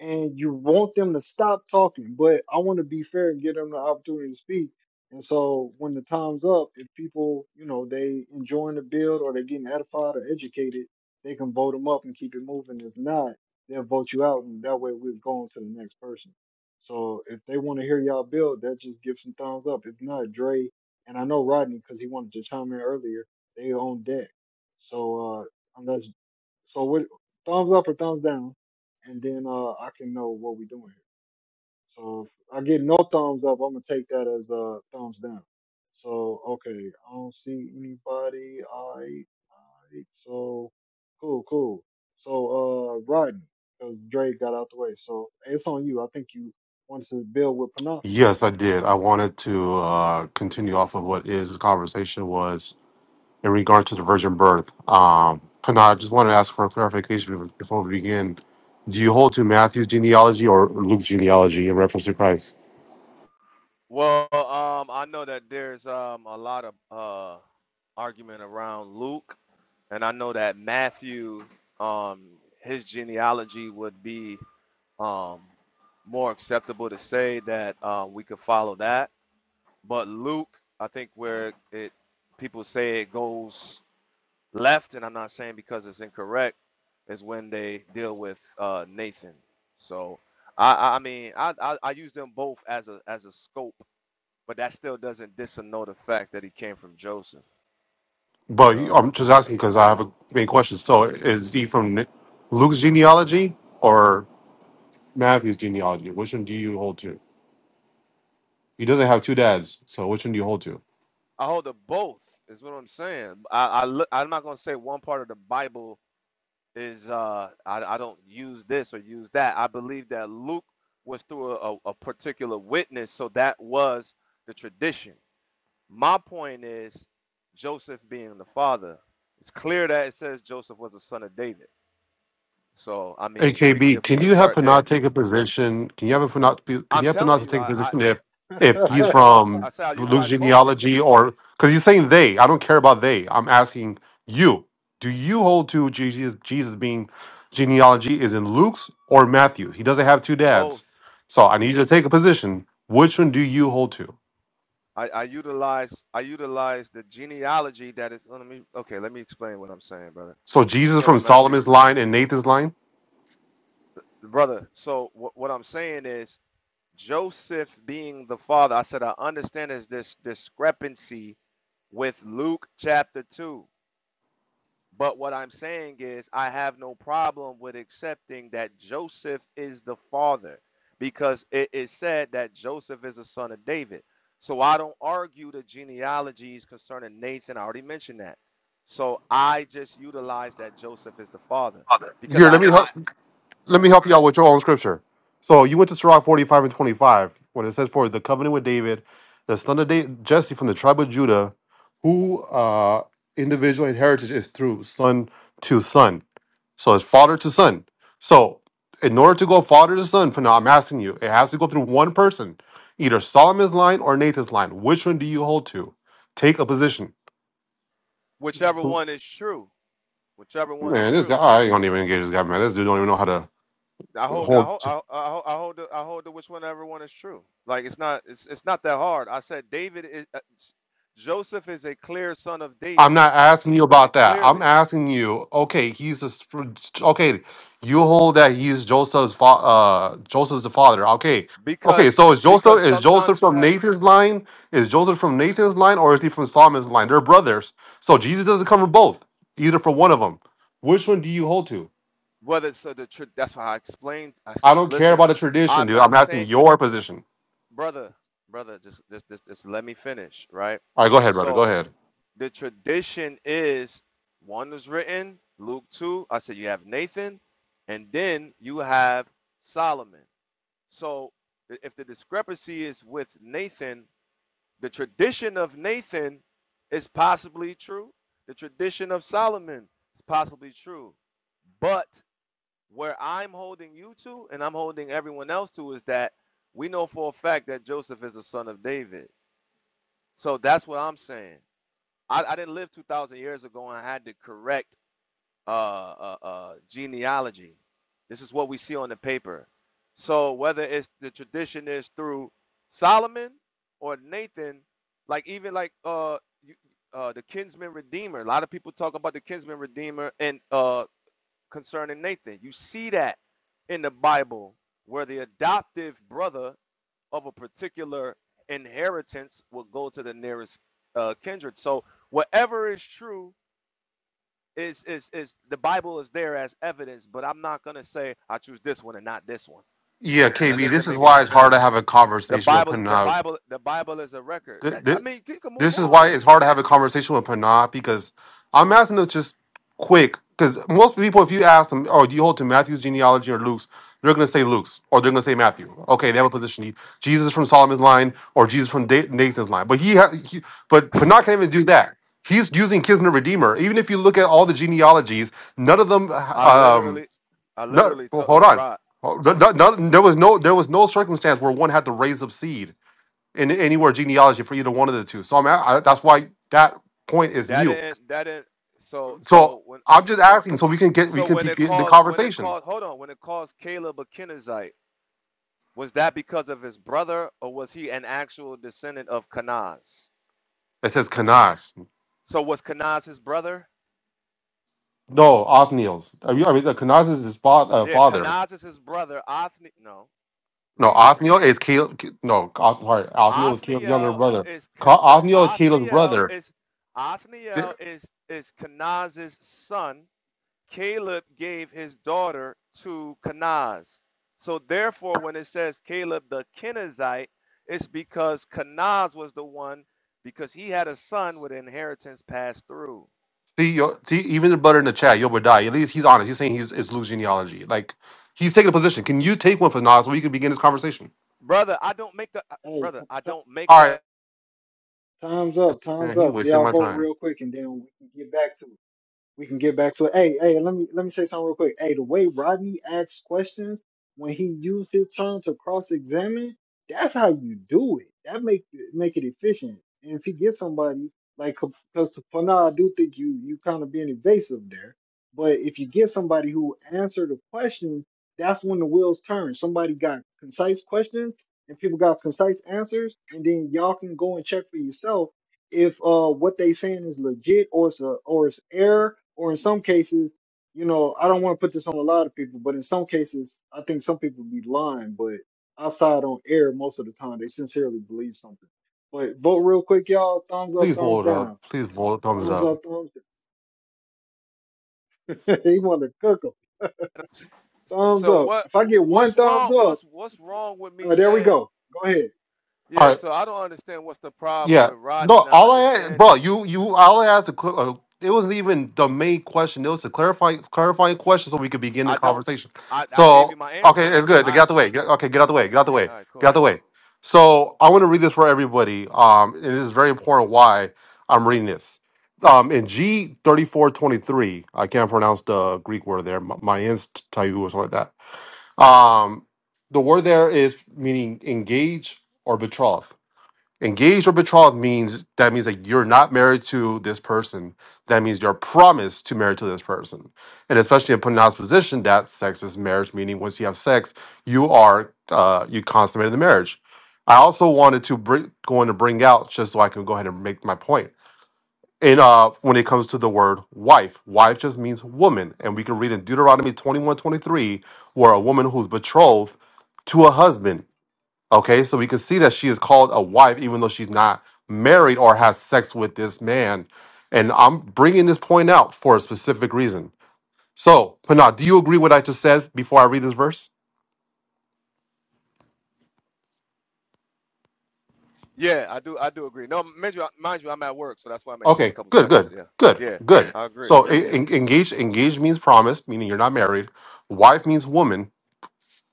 S2: and you want them to stop talking, but I want to be fair and give them the opportunity to speak. And so when the time's up, if people, you know, they enjoying the build or they're getting edified or educated, they can vote them up and keep it moving. If not, they'll vote you out and that way we're going to the next person. So if they want to hear y'all build, that just give some thumbs up. If not, Dre and I know Rodney because he wanted to chime in earlier. They on deck. So uh, unless so, what thumbs up or thumbs down, and then uh, I can know what we doing. So if I get no thumbs up, I'm gonna take that as a thumbs down. So okay, I don't see anybody. All right, all right. So cool, cool. So uh, Rodney, because Drake got out the way. So it's on you. I think you wanted to build with Panam.
S22: Yes, I did. I wanted to uh, continue off of what is conversation was in regard to the virgin birth. Um, Pana, I just wanted to ask for a clarification bef- before we begin. Do you hold to Matthew's genealogy or Luke's genealogy in reference to Christ?
S24: Well, um, I know that there's um a lot of uh argument around Luke and I know that Matthew, um, his genealogy would be um, more acceptable to say that uh, we could follow that. But Luke, I think where it people say it goes left, and I'm not saying because it's incorrect, is when they deal with uh, Nathan. So I, I I mean I, I I use them both as a as a scope, but that still doesn't disannul the fact that he came from Joseph.
S22: But you-
S24: So.
S22: I'm just asking because I have a main question. So is he from N- Luke's genealogy or Matthew's genealogy? Which one do you hold to? He doesn't have two dads, so which one do you hold to?
S24: I hold to both. Is what I'm saying. I, I look, I'm not gonna say one part of the Bible is uh I, I don't use this or use that. I believe that Luke was through a, a, a particular witness, so that was the tradition. My point is Joseph being the father. It's clear that it says Joseph was a son of David. So I
S22: Hey
S24: mean, we
S22: KB,
S24: if we
S22: can
S24: could
S22: you have
S24: start
S22: Not
S24: there.
S22: take a position? Can you have Not be- Can
S24: I'm
S22: you have Not
S24: telling
S22: to
S24: you,
S22: take a
S24: I I,
S22: position if if
S24: I
S22: he's
S24: take
S22: from
S24: I say I
S22: Luke's
S24: utilize both,
S22: genealogy or because he's saying they? I don't care about they. I'm asking you. Do you hold to Jesus? Jesus being genealogy is in Luke's or Matthew's? He doesn't have two dads,
S24: both.
S22: so I need you to take a position. Which one do you hold to?
S24: I, I utilize I utilize the genealogy that is oh, let me okay let me explain what I'm saying brother
S22: So
S24: let's
S22: Jesus
S24: go to
S22: from
S24: Matthew
S22: Solomon's line and Nathan's line.
S24: brother so what what I'm saying is Joseph being the father I said I understand is this discrepancy with Luke chapter 2 But what I'm saying is, I have no problem with accepting that Joseph is the father because it is said that Joseph is a son of David. So I don't argue the genealogies concerning Nathan. I already mentioned that. So I just utilize that Joseph is the father because
S22: Here, let
S24: I,
S22: me
S24: I,
S22: help. let me
S24: right,
S22: help you out with your own scripture. So you went to Sirach 45 and 25, when it says, For the covenant with David, the son of da- Jesse from the tribe of Judah, who uh individual and heritage is through son to son. So it's father to son. So in order to go father to son, Pana, I'm asking you, it has to go through one person, either Solomon's line or Nathan's line. Which one do you hold to? Take a position.
S24: whichever one is true, whichever one is
S22: Man, this
S24: true.
S22: guy, I don't even engage this guy, man. This dude don't even know how to
S24: I hold I
S22: hold.
S24: hold I, I hold I hold to, I hold to which one everyone is true. Like it's not it's it's not that hard. I said David is uh, s- Joseph is a clear son of
S22: I'm
S24: David
S22: not asking you about that. I'm
S24: clearly
S22: asking you, okay, he's a, s- okay, you hold that he's Joseph's fa- uh Joseph's the father. Okay. Okay,
S24: because
S22: so is Joseph
S24: because
S22: is Joseph
S24: sometimes you
S22: from
S24: have
S22: Nathan's line? Is Joseph from Nathan's line or is he from Solomon's line? They're brothers. So Jesus doesn't come from both, either from one of them. Which one do you hold to?
S24: whether so the tr- that's why I explained. I,
S22: I don't care
S24: listen,
S22: about the tradition,
S24: I'm
S22: dude. I'm
S24: not
S22: asking
S24: saying
S22: your position.
S24: brother brother just just just, just let me finish right.
S22: All right, go ahead, brother. Go
S24: So
S22: ahead.
S24: the tradition is one was written Luke two. I said you have Nathan, and then you have Solomon. So if the discrepancy is with Nathan, the tradition of Nathan is possibly true. The tradition of Solomon is possibly true. But where I'm holding you to and I'm holding everyone else to is that we know for a fact that Joseph is a son of David. So that's what I'm saying. I, I didn't live 2,000 years ago and I had to correct uh, uh, uh, genealogy. This is what we see on the paper. So whether it's the tradition is through Solomon or Nathan, like even like uh, you- uh, the kinsman redeemer. A lot of people talk about the kinsman redeemer and uh, concerning Nathan. You see that in the Bible where the adoptive brother of a particular inheritance will go to the nearest uh, kindred. So whatever is true is is is the Bible is there as evidence, but I'm not gonna say I choose this one and not this one,
S22: Yeah,
S24: and that
S22: KB,
S24: doesn't
S22: this is
S24: make any
S22: why it's hard to
S24: sense.
S22: have a
S24: The
S22: conversation with
S24: Bible, the
S22: Pranav.
S24: Bible, the Bible is a record. I I mean, you can move
S22: This is
S24: on
S22: why
S24: then.
S22: it's hard to have a conversation with Panah because I'm asking them just quick. Because most people, if you ask them, oh, do you hold to Matthew's genealogy or Luke's, they're going to say Luke's or they're going to say Matthew. Okay, they have a position. Jesus from Solomon's line or Jesus from Da- Nathan's line. But he, ha- he but Panah can't even do that. He's using Kisner Redeemer. Even if you look at all the genealogies, none of them.
S24: I
S22: Um,
S24: literally, I
S22: no,
S24: literally took
S22: hold on.
S24: right.
S22: Oh, no- no- no- there was no there was no circumstance where one had to raise up seed in anywhere genealogy for either one of the two. So I'm a- I, that's why that point is
S24: That
S22: mute.
S24: didn't, that didn't. So
S22: So
S24: so when
S22: I'm just
S24: so
S22: asking so we can get we
S24: so
S22: can
S24: when it
S22: begin the
S24: calls when it
S22: conversation.
S24: calls hold on when it calls Caleb a Kenizzite, was that because of his brother or was he an actual descendant of Kanaz?
S22: It says Kanas.
S24: So was Kanaz his brother?
S22: No, Othniel's. I mean, I mean the Kanas is his fa- uh,
S24: Yeah,
S22: father.
S24: Kanaz is his brother. Othni, no.
S22: No,
S24: Read it.
S22: Othniel is Caleb. No, Oth- sorry, Othniel is Caleb's younger
S24: Othniel
S22: brother.
S24: is K-
S22: Ca-
S24: no.
S22: Othniel is Caleb's
S24: Othniel
S22: brother.
S24: is
S22: Th-
S24: Othniel is is Kenaz's son. Caleb gave his daughter to Kenaz. So therefore, when it says Caleb the Kenizzite, it's because Kenaz was the one because he had a son with inheritance passed through.
S22: See, yo, see, even the brother in the chat, Yobadiah, at least he's honest. He's saying he's it's loose genealogy. Like he's taking a position. Can you take one for Nas so we can begin this conversation?
S24: Brother, I don't make the uh,
S2: hey,
S24: brother.
S2: t-
S24: I
S2: t-
S24: don't make
S22: All right,
S24: that.
S2: time's up. Time's
S22: man, he
S2: up.
S22: wasting
S2: Y'all
S22: my
S2: vote
S22: time.
S2: real quick, and then we can get back to it. we can get back to it. Hey, hey, let me let me say something real quick. Hey, the way Rodney asks questions when he used his turn to cross-examine, that's how you do it. That make make it efficient. And if you get somebody like, because for now I do think you you kind of being evasive there. But if you get somebody who answered the question, that's when the wheels turn. Somebody got concise questions and people got concise answers, and then y'all can go and check for yourself if uh what they saying is legit or it's a, or it's error or in some cases you know i don't want to put this on a lot of people but in some cases i think some people be lying but outside on air, most of the time they sincerely believe something but vote real quick y'all thumbs up
S22: Please
S2: thumbs
S22: vote up.
S2: down
S22: Please vote thumbs
S2: thumbs
S22: up.
S2: up thumbs down he want to cook 'em. thumbs
S24: So
S2: up
S24: what?
S2: if i get one
S24: What's
S2: thumbs
S24: wrong?
S2: up
S24: What's what's wrong with me
S2: uh, there we
S24: saying?
S2: go go ahead
S22: All
S24: Yeah,
S22: right.
S24: so I don't understand what's the problem
S22: Yeah.
S24: with Rodney
S22: No.
S24: not
S22: All I bro,
S24: understanding.
S22: you you all I asked a, cl- uh, it wasn't even the main question. It was a clarifying clarifying question so we could begin the
S24: I don't.
S22: conversation.
S24: I, I gave you
S22: So
S24: my
S22: okay,
S24: answer.
S22: it's good. Get
S24: I
S22: out the way. Get, okay, get out the way.
S24: thank
S22: Get out
S24: you.
S22: the way.
S24: All right,
S22: Get out the
S24: cool.
S22: way. So I want to read this for everybody. Um, and this is very important why I'm reading this. Um, in G thirty four twenty three, I can't pronounce the Greek word there. My ends or something like that Um, the word there is meaning engage or betroth. Engaged or betrothed means that means that you're not married to this person. That means you're promised to marry to this person. And especially in Punah's position, that sex is marriage, meaning once you have sex, you are uh, you consummated the marriage. I also wanted to bring, going to bring out just so I can go ahead and make my point in uh when it comes to the word wife wife just means woman and we can read in deuteronomy 21, 23, where a woman who's betrothed to a husband okay so we can see that she is called a wife even though she's not married or has sex with this man and i'm bringing this point out for a specific reason so panah do you agree with what i just said before i read this verse
S24: Yeah, I do. I do agree. No, mind you, mind you, I'm at work, so that's why I may take a
S22: okay
S24: couple
S22: good
S24: seconds.
S22: good
S24: Yeah,
S22: good
S24: yeah,
S22: good
S24: I agree.
S22: so e-
S24: Yeah,
S22: en- engage engage means promise meaning you're not married wife means woman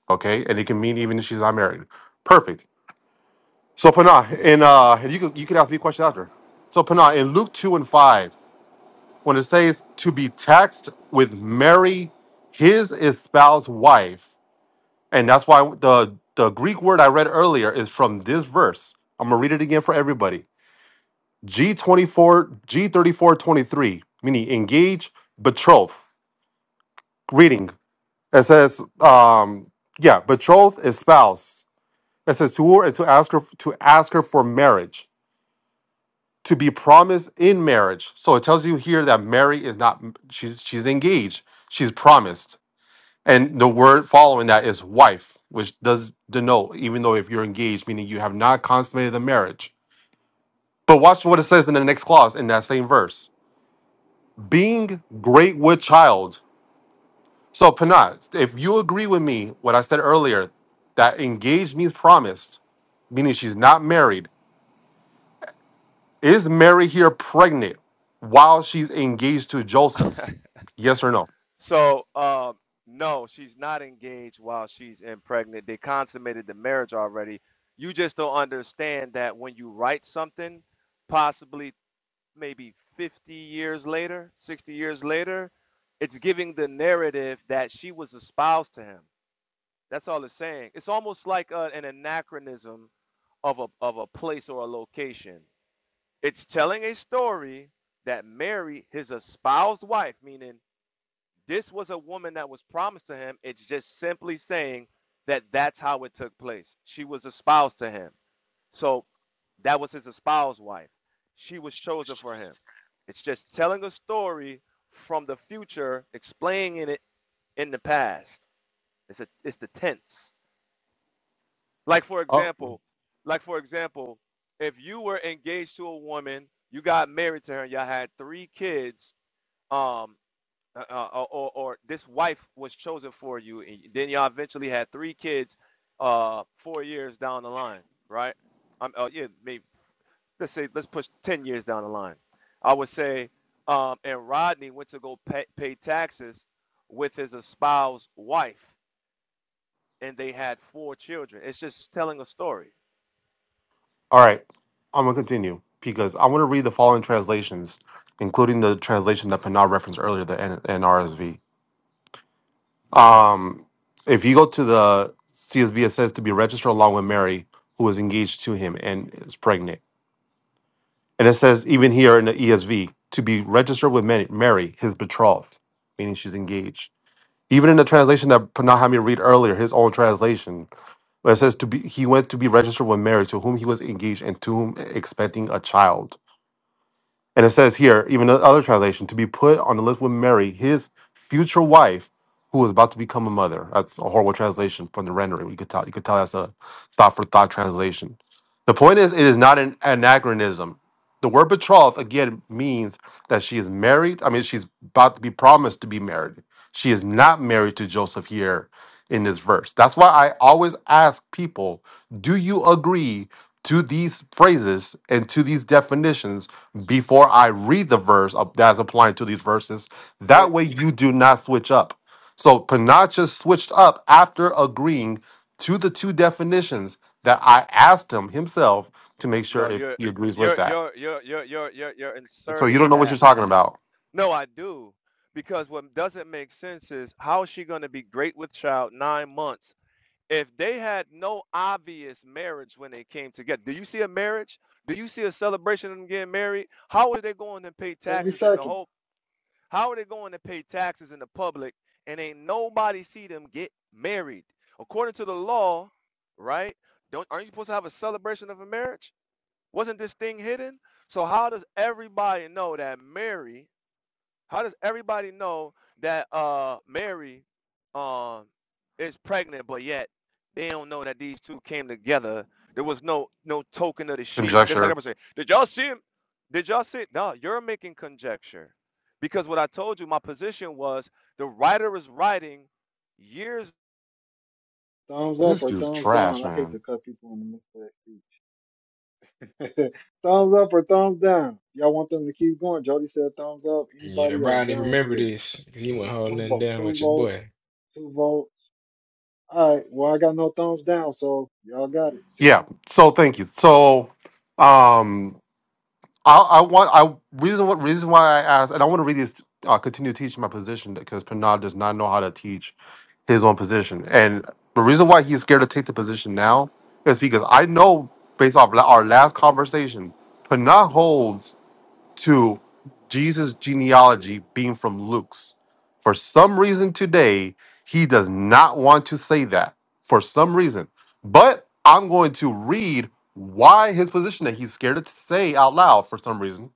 S22: Okay, and it can mean even if she's not married. Perfect. So Panah, and uh, and you can you can ask me questions after. So Panah, in Luke two and five, when it says to be taxed with Mary, his espoused wife, and that's why the the Greek word I read earlier is from this verse. I'm gonna read it again for everybody. G twenty four G thirty four twenty three, meaning engage, betroth. Reading it says, um, yeah, betrothed espouse. It says to her to ask her to ask her for marriage, to be promised in marriage. So it tells you here that Mary is not she's she's engaged, she's promised, and the word following that is wife, which does denote even though if you're engaged, meaning you have not consummated the marriage. But watch what it says in the next clause in that same verse: being great with child. So Panat, if you agree with me, what I said earlier, that engaged means promised, meaning she's not married Is Mary here pregnant while she's engaged to Joseph?
S24: yeah.
S22: Yes or no?
S24: so, um, no, she's not engaged while she's impregnant. They consummated the marriage already. You just don't understand that when you write something, possibly maybe 50 years later, 60 years later, it's giving the narrative that she was espoused to him. That's all it's saying. It's almost like uh an anachronism of a of a place or a location. It's telling a story that Mary, his espoused wife, meaning this was a woman that was promised to him. It's just simply saying that that's how it took place. She was espoused to him. So that was his espoused wife. She was chosen for him. It's just telling a story from the future, explaining it in the past. It's a, it's the tense. Like for
S22: Oh,
S24: example, like for example, if you were engaged to a woman, you got married to her, and y'all had three kids. Um, uh, uh, or, or this wife was chosen for you, and then y'all eventually had three kids, uh, four years down the line, right? Um, oh yeah, maybe let's say let's push 10 years down the line i would say um, and rodney went to go pay, pay taxes with his espoused wife and they had four children it's just telling a story
S22: all right. I'm gonna continue because I want to read the following translations, including the translation that Panal referenced earlier, the N- NRSV. Um, if you go to the CSB, it says to be registered along with Mary, who is engaged to him and is pregnant. And it says even here in the ESV to be registered with Ma- Mary, his betrothed, meaning she's engaged. Even in the translation that Panal had me read earlier, his own translation, Where it says to be he went to be registered when married, to whom he was engaged and to whom expecting a child. And it says here, even the other translation, to be put on the list with Mary, his future wife, who was about to become a mother. That's a horrible translation from the rendering. You could tell, you could tell that's a thought for thought translation. The point is, it is not an anachronism. The word betrothed again means that she is married. I mean, she's about to be promised to be married. She is not married to Joseph here in this verse. That's why I always ask people, do you agree to these phrases and to these definitions before I read the verse of- that's applying to these verses.
S24: what
S22: That way you do not switch up. So Panachas switched up after agreeing to the two definitions that I asked him himself to make sure
S24: no
S22: if
S24: you're
S22: he agrees with
S24: you're
S22: that.
S24: you're you're you're you're you're, you're
S22: So you
S24: inserting
S22: don't know what you're
S24: that
S22: talking about.
S24: no i do because what doesn't make sense is how is she going to be great with child nine months if they had no obvious marriage when they came together, do you see a marriage? Do you see a celebration of them getting married? How are they going to pay
S2: 30
S24: taxes in the
S2: seconds
S24: hope? How are they going to pay taxes in the public and ain't nobody see them get married? According to the law, right? Don't aren't you supposed to have a celebration of a marriage? Wasn't this thing hidden? So how does everybody know that Mary how does everybody know that uh Mary um is pregnant, but yet they don't know that these two came together? There was no no token of the sheep. Just like
S22: Conjecture.
S24: I'm saying, did y'all see him? Did y'all see? it?" No, you're making conjecture, because what I told you, my position was the writer is writing years.
S2: thumbs up
S22: This
S2: or
S22: dude's
S2: thumbs
S22: trash,
S2: down i hate
S22: man.
S2: to cut people in the middle of their speech thumbs up or thumbs down. Y'all want them to keep going. Jody said thumbs up.
S14: Yeah,
S2: Anybody else
S14: Ronnie, remember
S2: downstairs?
S14: this. 'cause He
S2: I
S14: went
S2: got one
S14: holding
S2: vote,
S14: down
S2: two
S14: with your
S2: vote,
S14: boy.
S2: two votes. All right. Well, I got no thumbs down, so y'all got it. Six
S22: Yeah. So thank you. So um I, I want I reason what reason why I asked, and I want to really uh, continue teaching my position because Pranav does not know how to teach his own position, and the reason why he's scared to take the position now is because I know based off la- our last conversation, Pranav holds to Jesus' genealogy being from Luke's. For some reason today, he does not want to say that for some reason. But I'm going to read why his position that he's scared to say out loud for some reason.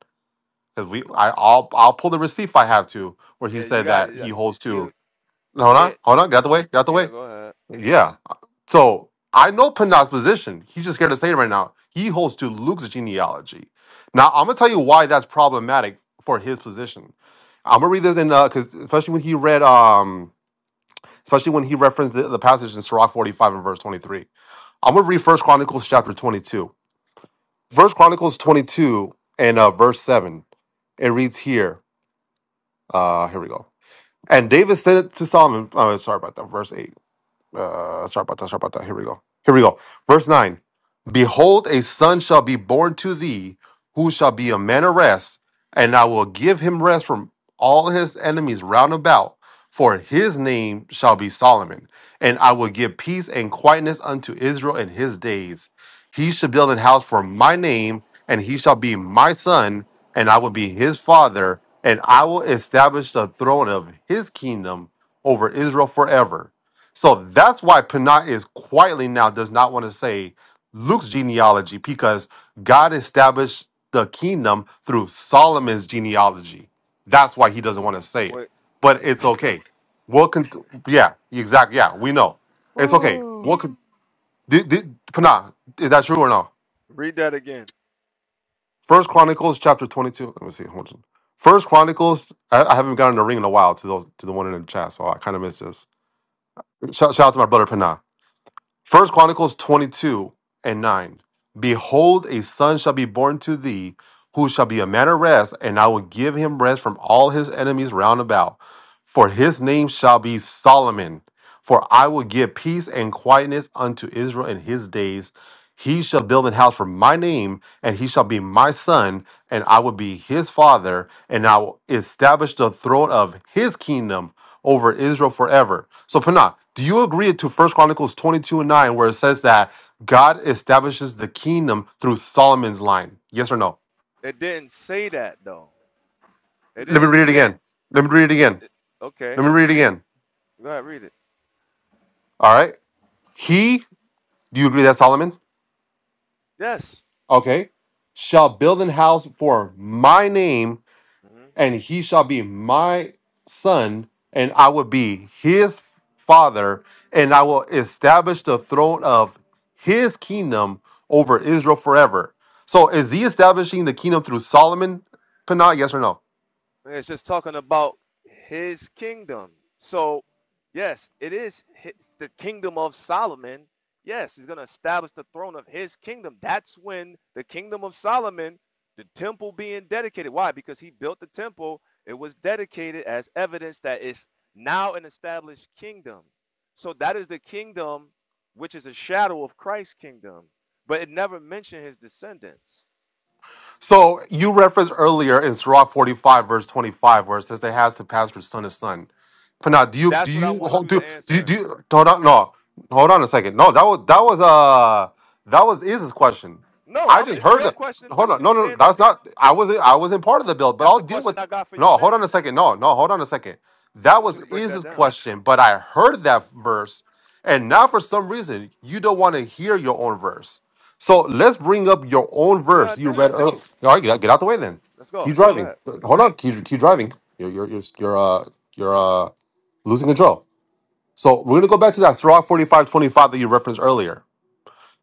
S22: Because we, I, I'll, I'll pull the receipt if I have to, where he
S24: Yeah, you
S22: said
S24: got
S22: that
S24: yeah,
S22: he holds
S24: you.
S22: to. Hold
S24: Yeah,
S22: on, hold on, get out the way, get out the
S24: yeah.
S22: way.
S24: Go ahead.
S22: Yeah. So I know Pandav's position. He's just scared to say it right now. He holds to Luke's genealogy. Now I'm gonna tell you why that's problematic for his position. I'm gonna read this in because especially when he read um especially when he referenced the, the passage in Sirach 45 and verse 23. I'm gonna read First Chronicles chapter 22. First Chronicles 22 and uh, verse 7. It reads here. Uh, here we go. And David said it to Solomon. Oh, sorry about that. Verse 8. Uh, sorry about that. Sorry about that. Here we go. Here we go. Verse 9 Behold, a son shall be born to thee, who shall be a man of rest, and I will give him rest from all his enemies round about, for his name shall be Solomon. And I will give peace and quietness unto Israel in his days. He shall build an house for my name, and he shall be my son, and I will be his father, and I will establish the throne of his kingdom over Israel forever so that's why Pinat is quietly now does not want to say Luke's genealogy because God established the kingdom through Solomon's genealogy. That's why he doesn't want to say it.
S24: Wait.
S22: But it's okay. We'll con- yeah, exactly. Yeah, we know. It's okay. We'll
S24: Woo.
S22: con- did, did, Pinat, is that true or no?
S24: Read that again.
S22: First Chronicles chapter 22. Let me see. Hold on. First Chronicles, I, I haven't gotten a ring in a while to those to the one in the chat, so I kind of missed this. Shout, shout out to my brother Pinat. First Chronicles 22 and 9. Behold, a son shall be born to thee, who shall be a man of rest, and I will give him rest from all his enemies round about. For his name shall be Solomon. For I will give peace and quietness unto Israel in his days. He shall build an house for my name, and he shall be my son, and I will be his father, and I will establish the throne of his kingdom over Israel forever. So Panah, do you agree to First Chronicles 22 and 9 where it says that God establishes the kingdom through Solomon's line? Yes or no?
S24: It didn't say that though. It
S22: Let me
S24: didn't
S22: read it
S24: say
S22: again. Let me read it
S24: it,
S22: again.
S24: it- Okay.
S22: Let me read it again.
S24: Go ahead, read it.
S22: All right. He, do you agree that Solomon?
S24: Yes.
S22: Okay. Shall build an house for my name
S24: And
S22: and he shall be my son, and I will be his father, and I will establish the throne of his kingdom over Israel forever. So is he establishing the kingdom through Solomon, Panah? Yes or no?
S24: It's just talking about his kingdom. So, yes, it is his, the kingdom of Solomon. Yes, he's going to establish the throne of his kingdom. That's when the kingdom of Solomon, the temple being dedicated. Why? Because he built the temple. It was dedicated as evidence that it's now an established kingdom. So, that is the kingdom which is a shadow of Christ's kingdom. But it never mentioned his descendants.
S22: So you referenced earlier in Sirach 45, verse 25, where it says they has to pastor son to son. But now, do you do
S24: That's what I
S22: you
S24: want
S22: hold
S24: you to
S22: do do you,
S24: answer.
S22: do you hold on no hold on a second. No, that was that was uh that was Iz's question.
S24: No,
S22: I
S24: I'm.
S22: just
S24: It's
S22: heard
S24: your
S22: that
S24: question
S22: hold
S24: too.
S22: on,
S24: You
S22: no no no,
S24: stand up.
S22: that's not I wasn't I wasn't part of the build, but
S24: That's
S22: I'll
S24: the
S22: deal
S24: question
S22: with
S24: I got for you
S22: no hold on a
S24: next.
S22: second. No, no, hold on a second.
S24: So I
S22: That
S24: want you
S22: was
S24: to break that
S22: Iz's
S24: down.
S22: question, but I heard that verse, and now for some reason you don't want to hear your own verse. So let's bring up your own
S24: Yeah, I
S22: verse. You
S24: do.
S22: read. earlier. all right, get out, get out the way then.
S24: Let's go.
S22: Keep
S24: Yeah, go
S22: driving. Hold on. Keep, keep driving. You're you're you're you're, uh, you're uh, losing control. So we're gonna go back to that Sirach forty five twenty five that you referenced earlier.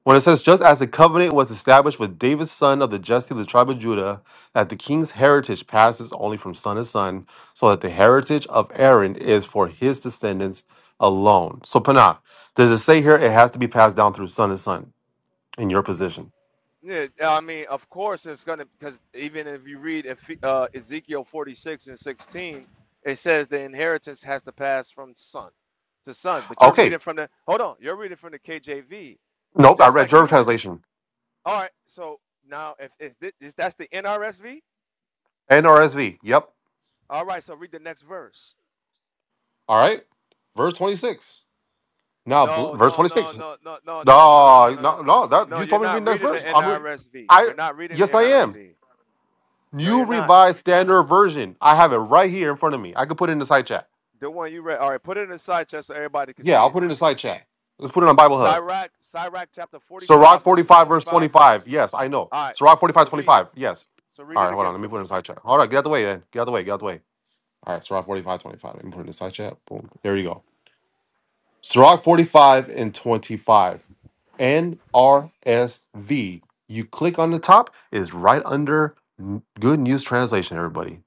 S22: When it says, just as the covenant was established with David's son of the Jesse of the tribe of Judah, that the king's heritage passes only from son to son, so that the heritage of Aaron is for his descendants alone. So, Panah, does it say here it has to be passed down through son to son in your position?
S24: ahead. Yeah, I mean, of course, it's gonna because even if you read Eph- uh, Ezekiel 46 and 16, it says the inheritance has to pass from son to son. But you're
S22: Okay.
S24: reading from the hold on, you're reading from the KJV,
S22: Nope, I
S24: just
S22: read
S24: like
S22: your
S24: you went.
S22: translation.
S24: All right, so now if, if, thi- is that's the NRSV,
S22: NRSV. Yep.
S24: all right, so read the next verse.
S22: All right, verse twenty six. Now, bl-
S24: No,
S22: verse
S24: no, no,
S22: 26.
S24: no, no, no, no, no, no,
S22: No,
S24: no, no, no.
S22: no, no. That
S24: No,
S22: you
S24: you're
S22: told me to
S24: not
S22: read the next
S24: reading the
S22: verse. I'm re-
S24: NRSV.
S22: I
S24: You're not reading the
S22: yes, I am.
S24: NRSV. No, you're
S22: New
S24: not.
S22: revised standard version. I have it right here in front of me. I could put it in the side chat.
S24: The one you read. All right, put it in the side chest so everybody can
S22: Yeah,
S24: see
S22: I'll
S24: it.
S22: put it in the side chat. Let's put it on Bible Hub.
S24: Sirach, Sirach chapter
S22: Sirach
S24: 45, verses
S22: 45, verse
S24: 25.
S22: 25. Yes, I know.
S24: All right,
S22: Sirach
S24: so
S22: 45,
S24: read it.
S22: 25. Yes.
S24: So read
S22: All
S24: it
S22: right, hold
S24: again
S22: on. Let
S24: for
S22: me put it in
S24: me.
S22: the side chat. All right, get out the way then. Get out the way. Get out the way. All right, Sirach 45, 25. Let me put it in the side chat. Boom. There you go. Sirach 45 and 25. NRSV. You click on the top, it's right under Good News Translation, everybody.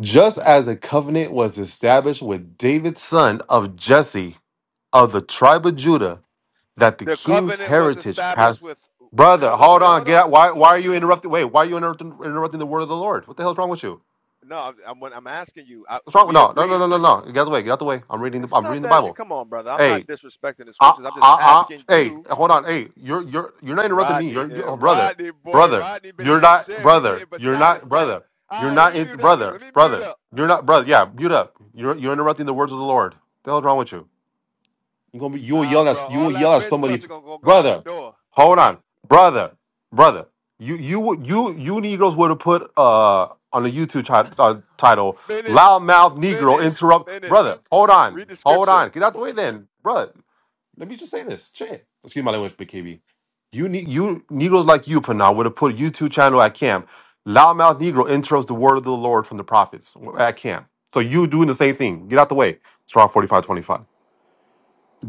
S22: Just as a covenant was established with David, son of Jesse of the tribe of Judah, that the
S24: The
S22: king's
S24: covenant was
S22: heritage
S24: established
S22: passed.
S24: with.
S22: Brother,
S24: Hold on,
S22: hold
S24: wait,
S22: on.
S24: hold
S22: Get
S24: on.
S22: out. Why, why are you interrupting? Wait, why are you interrupting, interrupting the word of the Lord? What the hell's wrong with you?
S24: No, I'm, I'm when I'm asking you. I,
S22: What's
S24: so
S22: wrong?
S24: we
S22: No, no, no,
S24: agree.
S22: no, no, no. Get out the way. Get out the way. I'm reading the,
S24: It's
S22: I'm
S24: not
S22: reading the
S24: that.
S22: Bible.
S24: Come on, brother. I'm
S22: Hey.
S24: not disrespecting the
S22: I,
S24: scriptures.
S22: I,
S24: I'm just asking
S22: I, hey,
S24: you
S22: hold on. Hey, you're you're you're not interrupting me.
S24: Rodney,
S22: You're, you're-
S24: eh,
S22: oh, brother,
S24: Rodney boy,
S22: brother.
S24: Rodney been in
S22: You're
S24: that
S22: not
S24: gym. He getting
S22: brother. You're
S24: beside
S22: not
S24: himself.
S22: brother.
S24: All
S22: You're
S24: right, let me
S22: not in,
S24: mute up.
S22: brother,
S24: Let me mute
S22: brother.
S24: up.
S22: You're not brother. Yeah, mute up. You're you're interrupting the words of the Lord. The hell's wrong with you? You gonna be, you will
S24: Nah,
S22: yell
S24: bro,
S22: at you
S24: all
S22: will
S24: that
S22: yell at
S24: bench
S22: somebody,
S24: pressing
S22: if-
S24: going gonna go out the
S22: brother.
S24: door.
S22: Hold on, brother, brother. You you would- you you Negroes would have put uh on the YouTube ti- uh, title
S24: Finish,
S22: loudmouth Negro
S24: finish,
S22: interrupt
S24: finish.
S22: brother. Hold on,
S24: Read the
S22: hold
S24: scripture.
S22: on. Get out the way then, brother. Let me just say this. Shit. Excuse my language, but KB. You need you Negroes like you, Panal, would have put a YouTube channel at camp. Loudmouth Negro intros the word of the Lord from the prophets at camp. So you doing the same thing. Get out the way. Strong 45 25.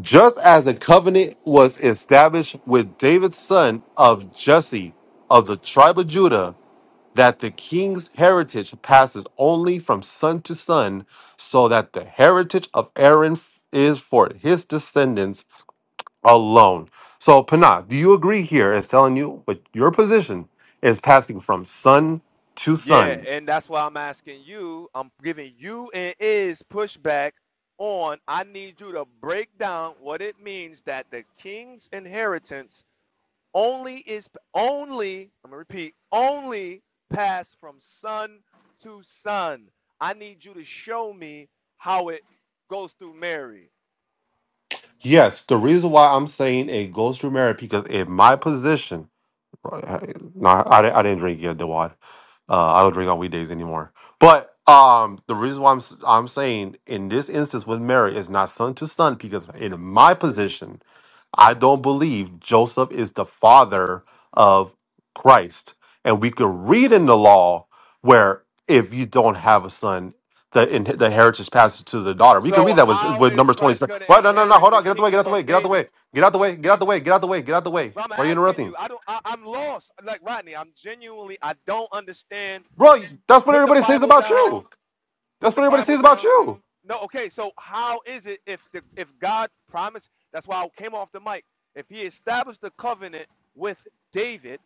S22: Just as a covenant was established with David's son of Jesse of the tribe of Judah, that the king's heritage passes only from son to son, so that the heritage of Aaron f- is for his descendants alone. So, Panah, do you agree here is telling you what your position is passing from sun to
S24: Yeah,
S22: sun?
S24: and that's why I'm asking you. I'm giving you and is pushback on. I need you to break down what it means that the king's inheritance Only is only, I'm gonna repeat, only pass from son to son. I need you to show me how it goes through Mary.
S22: Yes, the reason why I'm saying it goes through marriage because in my position, no, I, I didn't I didn't drink yet, the water. Uh, I don't drink on weekdays anymore. But um, the reason why I'm s- I'm saying in this instance with Mary is not son to son because in my
S2: minutes.
S22: position I don't believe Joseph is the father of Christ. And we could read in the law where if you don't have a son, the in, the heritage passes to the daughter. We could
S24: So
S22: read that with,
S24: how
S22: with
S24: is
S22: Numbers
S24: Christ
S22: 26.
S24: gonna
S22: What? No, no, no.
S24: inherit
S22: Hold
S24: the
S22: on. Get out the way. Get out
S24: kingdom
S22: the way.
S24: of
S22: Get out the way.
S24: David?
S22: Get out the way. Get out the way. Get out the way. Get out the way.
S24: Well, I'm
S22: Why are you
S24: asking you.
S22: interrupting?
S24: I don't. I, I'm lost. Like Rodney, I'm genuinely. I don't understand.
S22: Bro, that's what
S24: Put the
S22: everybody says
S24: Bible
S22: about
S24: down
S22: you.
S24: put
S22: That's
S24: the
S22: what everybody
S24: Bible
S22: says about
S24: down.
S22: you.
S24: No, okay. So how is it if the if God promised? That's why I came off the mic. If He established the covenant with David,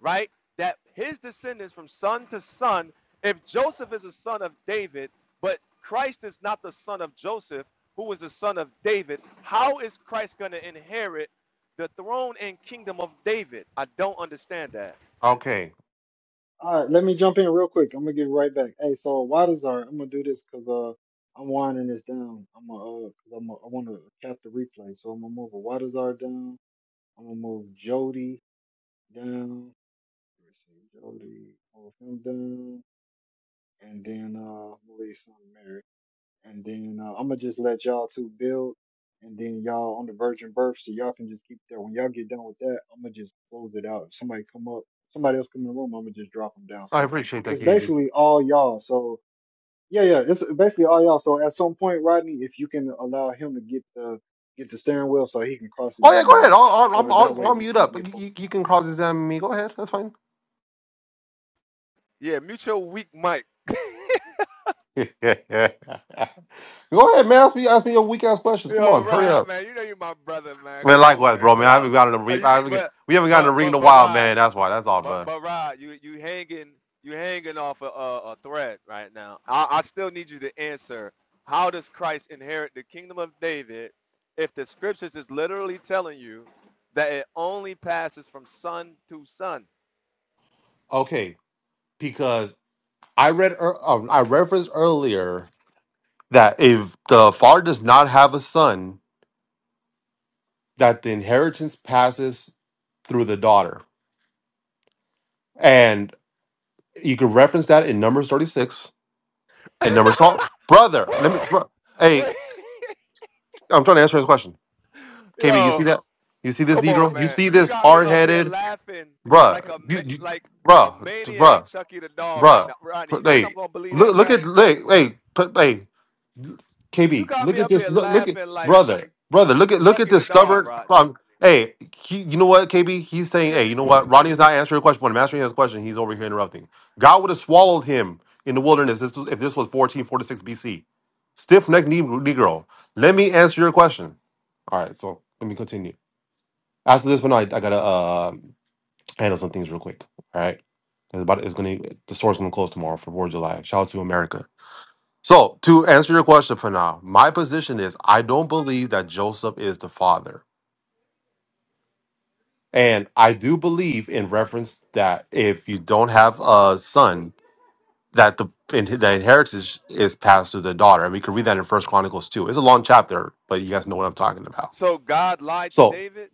S24: right, that his descendants from son to son. If Joseph is a son of David, but Christ is not the son of Joseph, who is the son of David, how is Christ going to inherit the throne and kingdom of David? I don't understand that.
S22: Okay.
S2: All right. Let me jump in real quick. I'm gonna get right back. Hey, so Wadazar, I'm gonna do this because uh I'm winding this down. I'm gonna uh cause I'm gonna, I want to cap the replay, so I'm gonna move Wadazar down. I'm gonna move Jody down. Let's see, Jody, move him down. and then uh, I'm gonna leave some to and then uh, I'm gonna just let y'all two build, and then y'all on the virgin birth, so y'all can just keep that. When y'all get done with that, I'm gonna just close it out. If somebody come up, somebody else come in the room, I'm gonna just drop them down.
S22: I
S2: So
S22: appreciate that,
S2: it's
S22: Katie.
S2: basically all y'all. So yeah, yeah, it's basically all y'all. So at some point, Rodney, if you can allow him to get the get the steering wheel, so he can cross
S22: Oh, yeah. Go
S2: examine
S22: ahead.
S2: you,
S22: I'll, I'll,
S2: so that
S22: I'll,
S2: way
S22: I'll
S2: we
S22: mute
S2: can
S22: up.
S2: get
S22: You,
S2: both.
S22: you, you can cross examine me. Go ahead. That's fine.
S24: Yeah, mutual weak mic.
S22: Go ahead, man. Ask me, ask me your weak ass questions. Come
S24: Yo,
S22: on, hurry
S24: Rod,
S22: up.
S24: man, you know you my brother, man.
S22: Man,
S24: Come on,
S22: likewise,
S24: man,
S22: bro. Man,
S24: chill
S22: I
S24: out.
S22: haven't gotten a
S24: Uh,
S22: ring.
S24: you,
S22: I haven't, get-
S24: but,
S22: we haven't gotten
S24: but,
S22: a ring in
S24: but,
S22: a
S24: but,
S22: while,
S24: Rod,
S22: man. That's why. That's all,
S24: but,
S22: bro.
S24: but, Rod, you, you hanging, you hanging off a, a, a thread right now. I, I still need you to answer. How does Christ inherit the kingdom of David if the scriptures is literally telling you that it only passes from son to son?
S22: Okay, because I read, ear- um, I referenced earlier that if the father does not have a son, that the inheritance passes through the daughter, and you can reference that in Numbers thirty-six and Numbers twelve. Brother, let me. Bro, hey,
S24: Wait,
S22: I'm trying to answer his question. KB, you see
S24: yo,
S22: that? You see this
S24: Come on,
S22: Negro? You
S24: man.
S22: see
S24: You
S22: this
S24: got me
S22: hard
S24: up here
S22: headed,
S24: laughing like
S22: bruh,
S24: a
S22: you,
S24: ma-
S22: you,
S24: like a
S22: bruh,
S24: maniac,
S22: bruh,
S24: Chucky the doll right
S22: bruh.
S24: now. Rodney, you
S22: Put-
S24: think I'm
S22: Hey,
S24: gonna believe that
S22: look, look
S24: crap?
S22: at, hey, hey, put, hey,
S24: You
S22: KB,
S24: got
S22: look
S24: me
S22: at
S24: up
S22: this.
S24: here
S22: Look, look at
S24: laughing like
S22: brother, brother. Look at look at
S24: Chucky the
S22: this
S24: doll,
S22: stubborn.
S24: Rodney.
S22: Um, hey, he, you know what, KB? He's saying, hey,
S24: Could you?
S22: you know what? Ronnie's not answering your question. When I'm answering his question, he's over here interrupting. God would have swallowed him in the wilderness. This was, if this was 1446 BC. Stiff necked Negro. Let me answer your question. All right, so let me continue. After this, but no, I, I gotta uh, handle some things real quick. All right, it's about it's gonna the store's gonna close tomorrow for Fourth of July. Shout out to America. So to answer your question for now, my position is I don't believe that Joseph is the father, and I do believe in reference that if you don't have a son, that the in, the inheritance is passed to the daughter, and we can read that in First Chronicles too. It's a long chapter, but you guys know what I'm talking about.
S24: So God lied to
S22: So.
S24: David,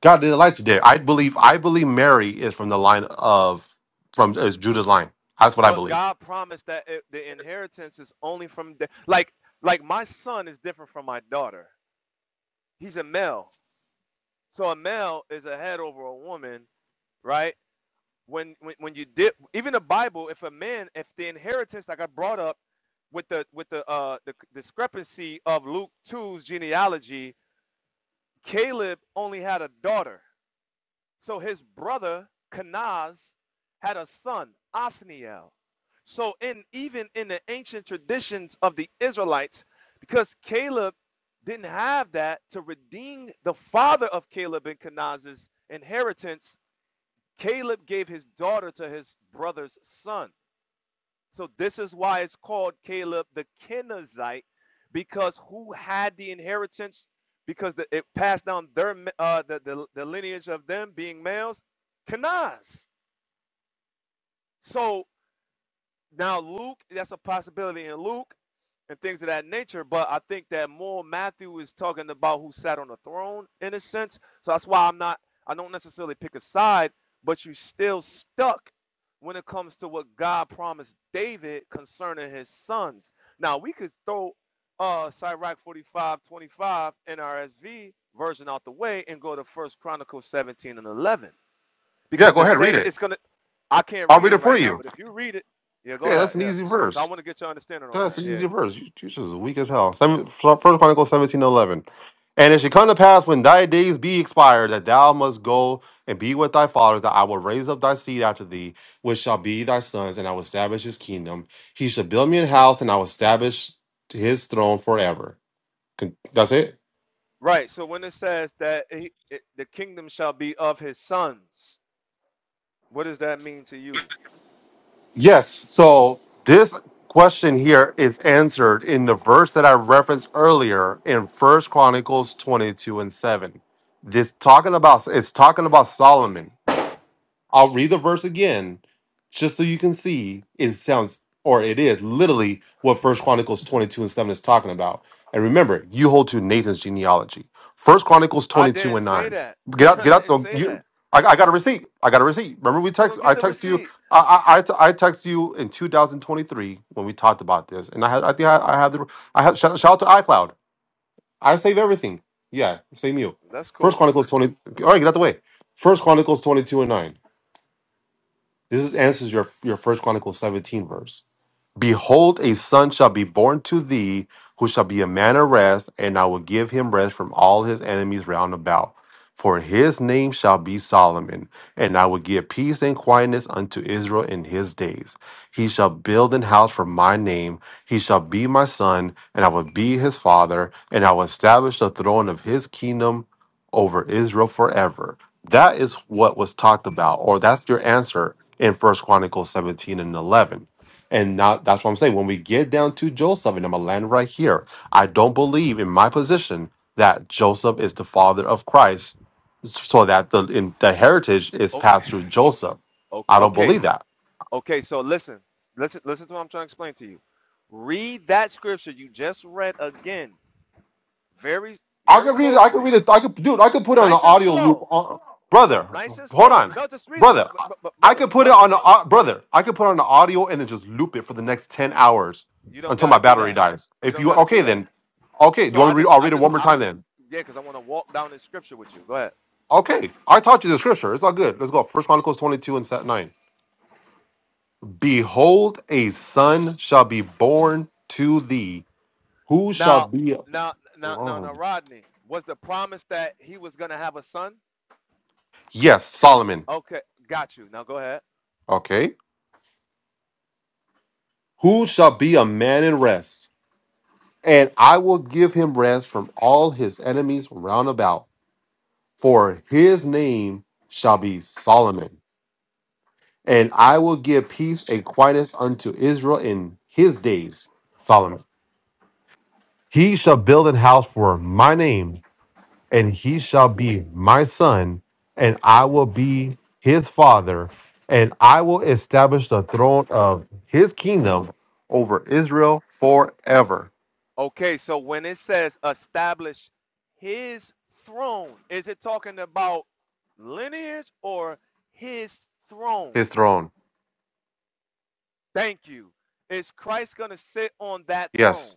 S22: God did not like Elijah there. I believe. I believe Mary is from the line of from is Judah's line. That's what I
S24: but
S22: believe.
S24: God promised that it, the inheritance is only from da- like like my son is different from my daughter. He's a male, so a male is a head over a woman, right? when when, when you did even the bible if a man if the inheritance like i brought up with the with the uh the discrepancy of luke two's genealogy caleb only had a daughter so his brother kanaz had a son othniel so in even in the ancient traditions of the israelites because caleb didn't have that to redeem the father of caleb and kanaz's inheritance Caleb gave his daughter to his brother's son. So this is why it's called Caleb the Kenizzite, because who had the inheritance? Because the, it passed down their uh, the, the the lineage of them being males, Kenaz. So now Luke, that's a possibility in Luke. and things of that nature. But I think that more Matthew is talking about who sat on the throne in a sense. So that's why I'm not, I don't necessarily pick a side, but you're still stuck when it comes to what God promised David concerning his sons. Now, we could throw uh Sirach 45:25 25 NRSV version out the way and go to First Chronicles 17 and 11
S22: Yeah,
S24: because
S22: go
S24: the
S22: ahead, read
S24: same, it's
S22: it.
S24: going to, I can't
S22: I'll
S24: read
S22: read
S24: it
S22: it for
S24: right now,
S22: you.
S24: but if you read it, yeah, go
S22: Yeah,
S24: ahead.
S22: that's an
S24: Yeah.
S22: easy
S24: So I
S22: verse.
S24: want to get your understanding on
S22: That's
S24: that.
S22: an
S24: Yeah.
S22: easy verse. You- You're just weak as hell. Seven, so First Chronicles seventeen eleven. And it shall come to pass when thy days be expired that thou must go and be with thy fathers, that I will raise up thy seed after thee, which shall be thy sons, and I will establish his kingdom. He shall build me an house, and I will establish his throne forever. Con- That's it.
S24: Right. So when it says that he, it, the kingdom shall be of his sons, what does that mean to you?
S22: Yes. So this question here is answered in the verse that I referenced earlier in First Chronicles 22 and 7. This talking about it's talking about Solomon. I'll read the verse again, just so you can see it sounds or it is literally what First Chronicles 22 and 7 is talking about. And remember, you hold to Nathan's genealogy. First Chronicles
S24: I
S22: 22
S24: didn't
S22: and
S24: say
S22: 9.
S24: that.
S22: Get out,
S24: I
S22: get out
S24: didn't
S22: the
S24: say
S22: you
S24: that.
S22: I, I got a receipt. I got a receipt. Remember, we
S24: Okay,
S22: text.
S24: don't
S22: I
S24: get the
S22: text you.
S24: receipt.
S22: I I, I, t- I text you in 2023 when we talked about this, and I had. I think I,
S24: hmm
S22: I have the. I have shout, shout out to iCloud. I save everything. Yeah, same you.
S24: That's
S22: First
S24: cool.
S22: Chronicles 20. All right, get out the way. First Chronicles 22 and 9. This is, answers your your First Chronicles seventeen verse. Behold, a son shall be born to thee, who shall be a man of rest, and I will give him rest from all his enemies round about. For his name shall be Solomon, and I will give peace and quietness unto Israel in his days. He shall build an house for my name. He shall be my son, and I will be his father, and I will establish the throne of his kingdom over Israel forever. That is what was talked about, or that's your answer in First Chronicles 17 and 11 and now that's what I'm saying. When we get down to Joseph, and I'm gonna land right here, I don't believe in my position that Joseph is the father of Christ, so that the in, the heritage is
S24: Oh,
S22: passed through Joseph.
S24: o-
S22: I don't
S24: okay.
S22: believe
S24: So,
S22: that.
S24: okay. So listen, listen, listen to what I'm trying to explain to you. Read that scripture you just read again, very,
S22: I
S24: very
S22: can read it. I can
S24: closely.
S22: read it. I could, dude. I could put it on an
S24: Nice and
S22: audio loop,
S24: slow.
S22: on,
S24: No,
S22: brother.
S24: nice and
S22: Hold
S24: slow.
S22: on,
S24: No, just read it. No,
S22: brother.
S24: but, but, but
S22: I
S24: brother,
S22: could put it
S24: brother,
S22: on, a, au- brother. I could put on the audio and then just loop it for the next ten hours
S24: you don't
S22: until
S24: got
S22: my
S24: to do
S22: battery
S24: that.
S22: dies.
S24: You
S22: If
S24: don't
S22: you
S24: got to
S22: okay,
S24: do that.
S22: then okay. Do
S24: So
S22: you want me
S24: I
S22: to read?
S24: just,
S22: I'll
S24: I
S22: read it
S24: just,
S22: one more
S24: I,
S22: time
S24: cause,
S22: then.
S24: yeah, because I want to walk down in scripture with you. Go ahead.
S22: Okay, I taught you the scripture. It's all good. Let's go. First Chronicles 22 and set 9. Behold, a son shall be born to thee, who shall
S24: Now,
S22: be
S24: now, now, now, now, Rodney, was the promise that he was going to have a son?
S22: Yes, Solomon.
S24: Okay, got you. Now go ahead.
S22: Okay. Who shall be a man in rest? And I will give him rest from all his enemies round about. For his name shall be Solomon. And I will give peace and quietness unto Israel in his days. Solomon. He shall build an house for my name and he shall be my son, and I will be his father, and I will establish the throne of his kingdom over Israel forever.
S24: Okay, so when it says establish his throne, is it talking about lineage or his throne?
S22: His throne.
S24: Thank you. Is Christ going to sit on that throne?
S22: Yes.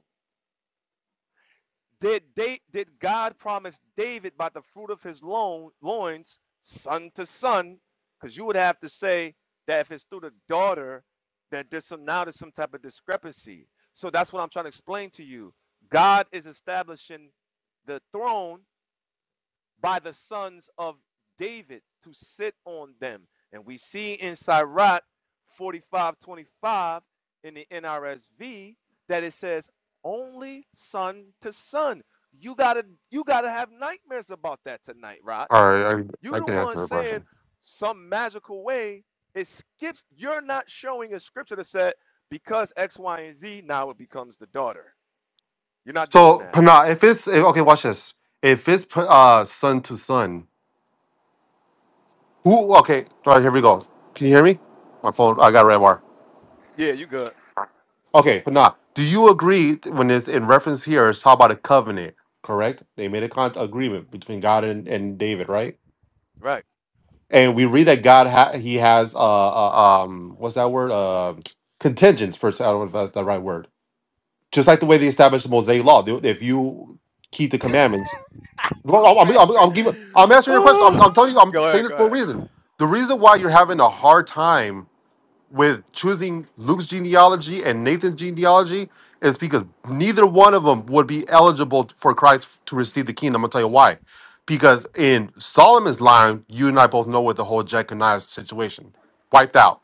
S24: Did they did God promise David by the fruit of his loin, loins, son to son? Because you would have to say that if it's through the daughter, that there's some now there's some type of discrepancy. So that's what I'm trying to explain to you. God is establishing the throne by the sons of David to sit on them. And we see in Sirach 45:25 in the NRSV that it says only son to son. You gotta you gotta have nightmares about that tonight, Rod.
S22: All right. I,
S24: You
S22: I
S24: the
S22: can
S24: one
S22: answer the
S24: saying
S22: question.
S24: some magical way it skips. You're not showing a scripture that said because X, Y, and Z now it becomes the daughter. You're not doing
S22: So,
S24: that.
S22: Pana, if it's if, okay, watch this. If it's uh son to son, who? Okay. All right. Here we go. Can you hear me? My phone. I got a red bar.
S24: Yeah, you good.
S22: Okay, but now, do you agree th- when it's in reference here, it's how about a covenant, correct? They made a con- agreement between God and, and David, right?
S24: right?"
S22: And we read that God ha- he has uh, uh um what's that word uh contingents first. I don't know if that's the right word. Just like the way they established the Mosaic law, they- if you keep the commandments,
S24: you
S22: Well, I'm, I'm,
S24: stretch.
S22: I'm, I'm giving, I'm answering your question. I'm,
S24: Oh,
S22: I'm telling you,
S24: go
S22: I'm saying
S24: ahead,
S22: this
S24: go
S22: for a
S24: ahead.
S22: reason. The reason why you're having a hard time with choosing Luke's genealogy and Nathan's genealogy is because neither one of them would be eligible for Christ to receive the kingdom. I'm gonna tell you why. Because in Solomon's line, you and I both know what the whole Jeconiah situation wiped out.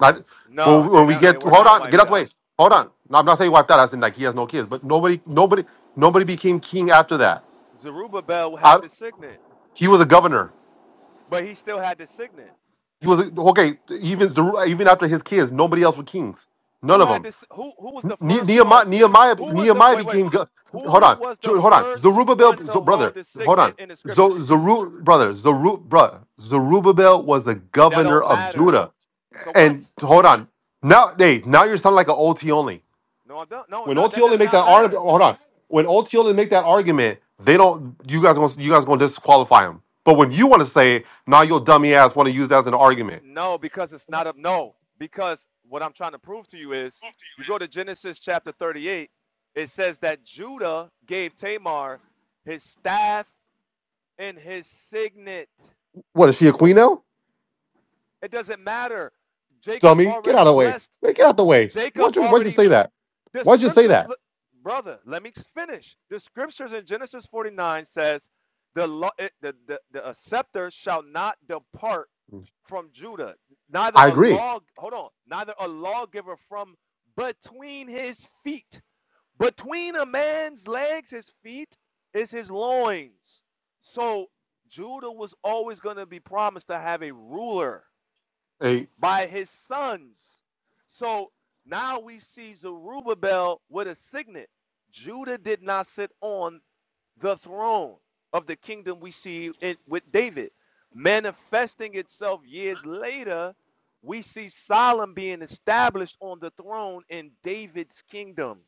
S22: Not when
S24: No, they
S22: when we
S24: don't. They
S22: get to,
S24: were
S22: hold
S24: not
S22: on, get
S24: wiped
S22: out the way.
S24: out.
S22: Hold on. No, I'm not saying wiped out. I said like he has no kids, but nobody, nobody, nobody became king after that.
S24: Zerubbabel
S22: I,
S24: had the signet,
S22: he was a governor.
S24: but he still had the signet.
S22: He was a, okay. Even Zeru- even after his kids, nobody else were kings. None
S24: Who
S22: of
S24: had
S22: them.
S24: this? Who who was the
S22: Ne-
S24: first
S22: Nehemiah,
S24: one?
S22: Nehemiah,
S24: Who was the
S22: Nehemiah
S24: wait wait?
S22: became go- hold
S24: Who
S22: on,
S24: was the
S22: Ju- hold on.
S24: first
S22: Zerubbabel,
S24: one to
S22: Z-
S24: hold
S22: brother,
S24: the
S22: hold
S24: signet
S22: on.
S24: in the
S22: Zo,
S24: scriptures?
S22: Zeru, brother, Zeru, brother, Zerubbabel was the
S24: And that
S22: governor
S24: don't
S22: of
S24: matter.
S22: Judah.
S24: So what?
S22: And hold on, now, hey, now you're sounding like an OT only.
S24: No, I don't. No,
S22: When
S24: no,
S22: OT
S24: that
S22: only
S24: does
S22: make
S24: not
S22: that argument,
S24: matter.
S22: hold on. When OT only make that argument, they don't. You guys, gonna, you guys gonna disqualify him. But when you want to say, now nah, your dummy ass want to use that as an argument.
S24: No, because it's not a no. Because what I'm trying to prove to you is, if you go to Genesis chapter 38, it says that Judah gave Tamar his staff and his signet.
S22: What is she a queen now?
S24: It doesn't matter. Jacob
S22: dummy. Get out
S24: already
S22: of the way.
S24: blessed.
S22: Hey, Get out the
S24: J-
S22: way.
S24: Jacob
S22: Why'd you, why'd you
S24: already.
S22: say that?
S24: The
S22: Why'd you say
S24: scriptures,
S22: that?
S24: brother. Let me finish. The scriptures in Genesis 49 says, the, lo- it, the, the the scepter shall not depart from Judah, neither
S22: I
S24: a
S22: agree.
S24: law hold on, neither a lawgiver from between his feet. Between a man's legs, his feet is his loins. So Judah was always going to be promised to have a ruler
S22: Hey,
S24: by his sons. So now we see Zerubbabel with a signet. Judah did not sit on the throne of the kingdom we see it with David. Manifesting itself years later, we see Solomon being established on the throne in David's kingdom.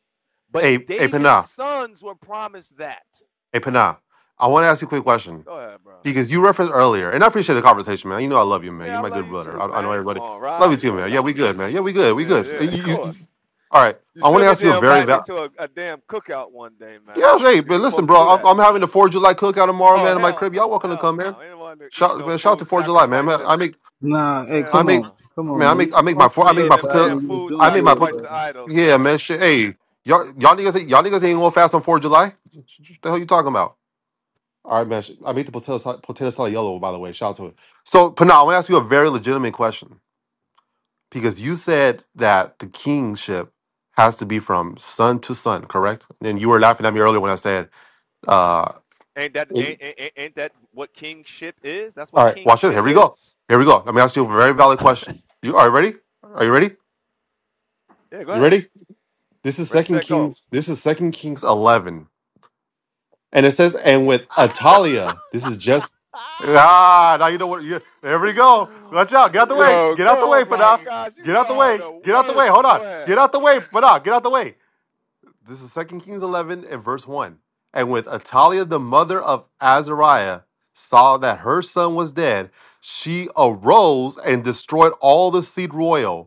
S24: But
S22: hey, hey,
S24: David's
S22: Pana.
S24: sons were promised that.
S22: Hey, Pana. I want to ask you a quick question.
S24: Go ahead, bro.
S22: Because you referenced earlier, and I appreciate the conversation, man. You know I love you, man.
S24: Yeah,
S22: You're
S24: I
S22: my
S24: love
S22: good
S24: you
S22: brother.
S24: too,
S22: I, I know
S24: man. Come
S22: everybody.
S24: on,
S22: Love
S24: Rod.
S22: you
S24: You
S22: too,
S24: know what
S22: man. Yeah,
S24: time
S22: we
S24: it
S22: good, man.
S24: is.
S22: Yeah, we good. We
S24: Yeah,
S22: good.
S24: yeah,
S22: You-
S24: of
S22: you- you-
S24: course.
S22: all right.
S24: You
S22: I want
S24: still
S22: to
S24: need
S22: ask you
S24: to
S22: a very
S24: invite me
S22: valid.
S24: to a, a damn cookout one day, man.
S22: Yeah, hey,
S24: You're
S22: man. Listen,
S24: supposed to
S22: bro.
S24: do
S22: I'm,
S24: that.
S22: I'm having the 4th of July cookout tomorrow,
S24: Oh,
S22: man. In my
S24: hell
S22: crib, y'all
S24: no.
S22: welcome to
S24: Hell
S22: come, man.
S24: no. Anyone eating
S22: Shout,
S24: no
S22: man, shout out to
S24: food
S22: Fourth of July, man.
S24: sacrificed
S22: Man,
S24: to
S22: I
S24: the
S22: make,
S1: Nah, hey,
S22: I
S24: Hell
S1: come
S22: make,
S1: on,
S24: no.
S1: come on,
S22: man, I
S1: man. You
S22: make, I make my
S1: was
S22: four, I
S1: doing
S22: make
S24: Eating
S22: my
S1: good,
S24: them
S1: Rodney.
S24: damn
S22: potato,
S1: You was
S24: food
S1: doing
S22: I make my,
S1: good,
S24: sacrificed
S22: pot-
S24: to
S1: brother.
S24: idols,
S22: yeah,
S24: man.
S22: man. Shit, hey, y'all, y'all niggas, ain't- y'all niggas ain't going fast on 4th of July. What the hell you talking about? All right, man. I made the potato salad, potato salad yellow, by the way. Shout out to it. So, Pana, I want to ask you a very legitimate question because you said that the kingship has to be from son to son, correct? And you were laughing at me earlier when I said, uh,
S24: Ain't that
S22: it-
S24: ain't, ain't, ain't- that what kingship is? That's
S22: all
S24: what
S22: right, watch it.
S24: kingship
S22: Here we go.
S24: is.
S22: Here we go. Let me ask you a very valid question. You are you ready? Are you ready?
S24: Yeah, go
S22: You
S24: ahead.
S22: ready? This is
S24: Ready,
S22: Second
S24: set, go.
S22: Kings. This is Second Kings 11. And it says, and with Atalia, this is just ah. Now you know what. You, there we go. Watch out. Get out the way.
S24: Yo,
S22: Get out the
S24: go! oh
S22: way,
S24: my
S22: Fada.
S24: gosh, you
S22: Get out the
S24: are
S22: way.
S24: the
S22: Get out the way.
S24: worst.
S22: Hold on.
S24: Go ahead.
S22: Get out the way, Fada. Get out the way. This is Second Kings 11 and verse 1. And with Atalia, the mother of Azariah, saw that her son was dead, she arose and destroyed all the seed royal.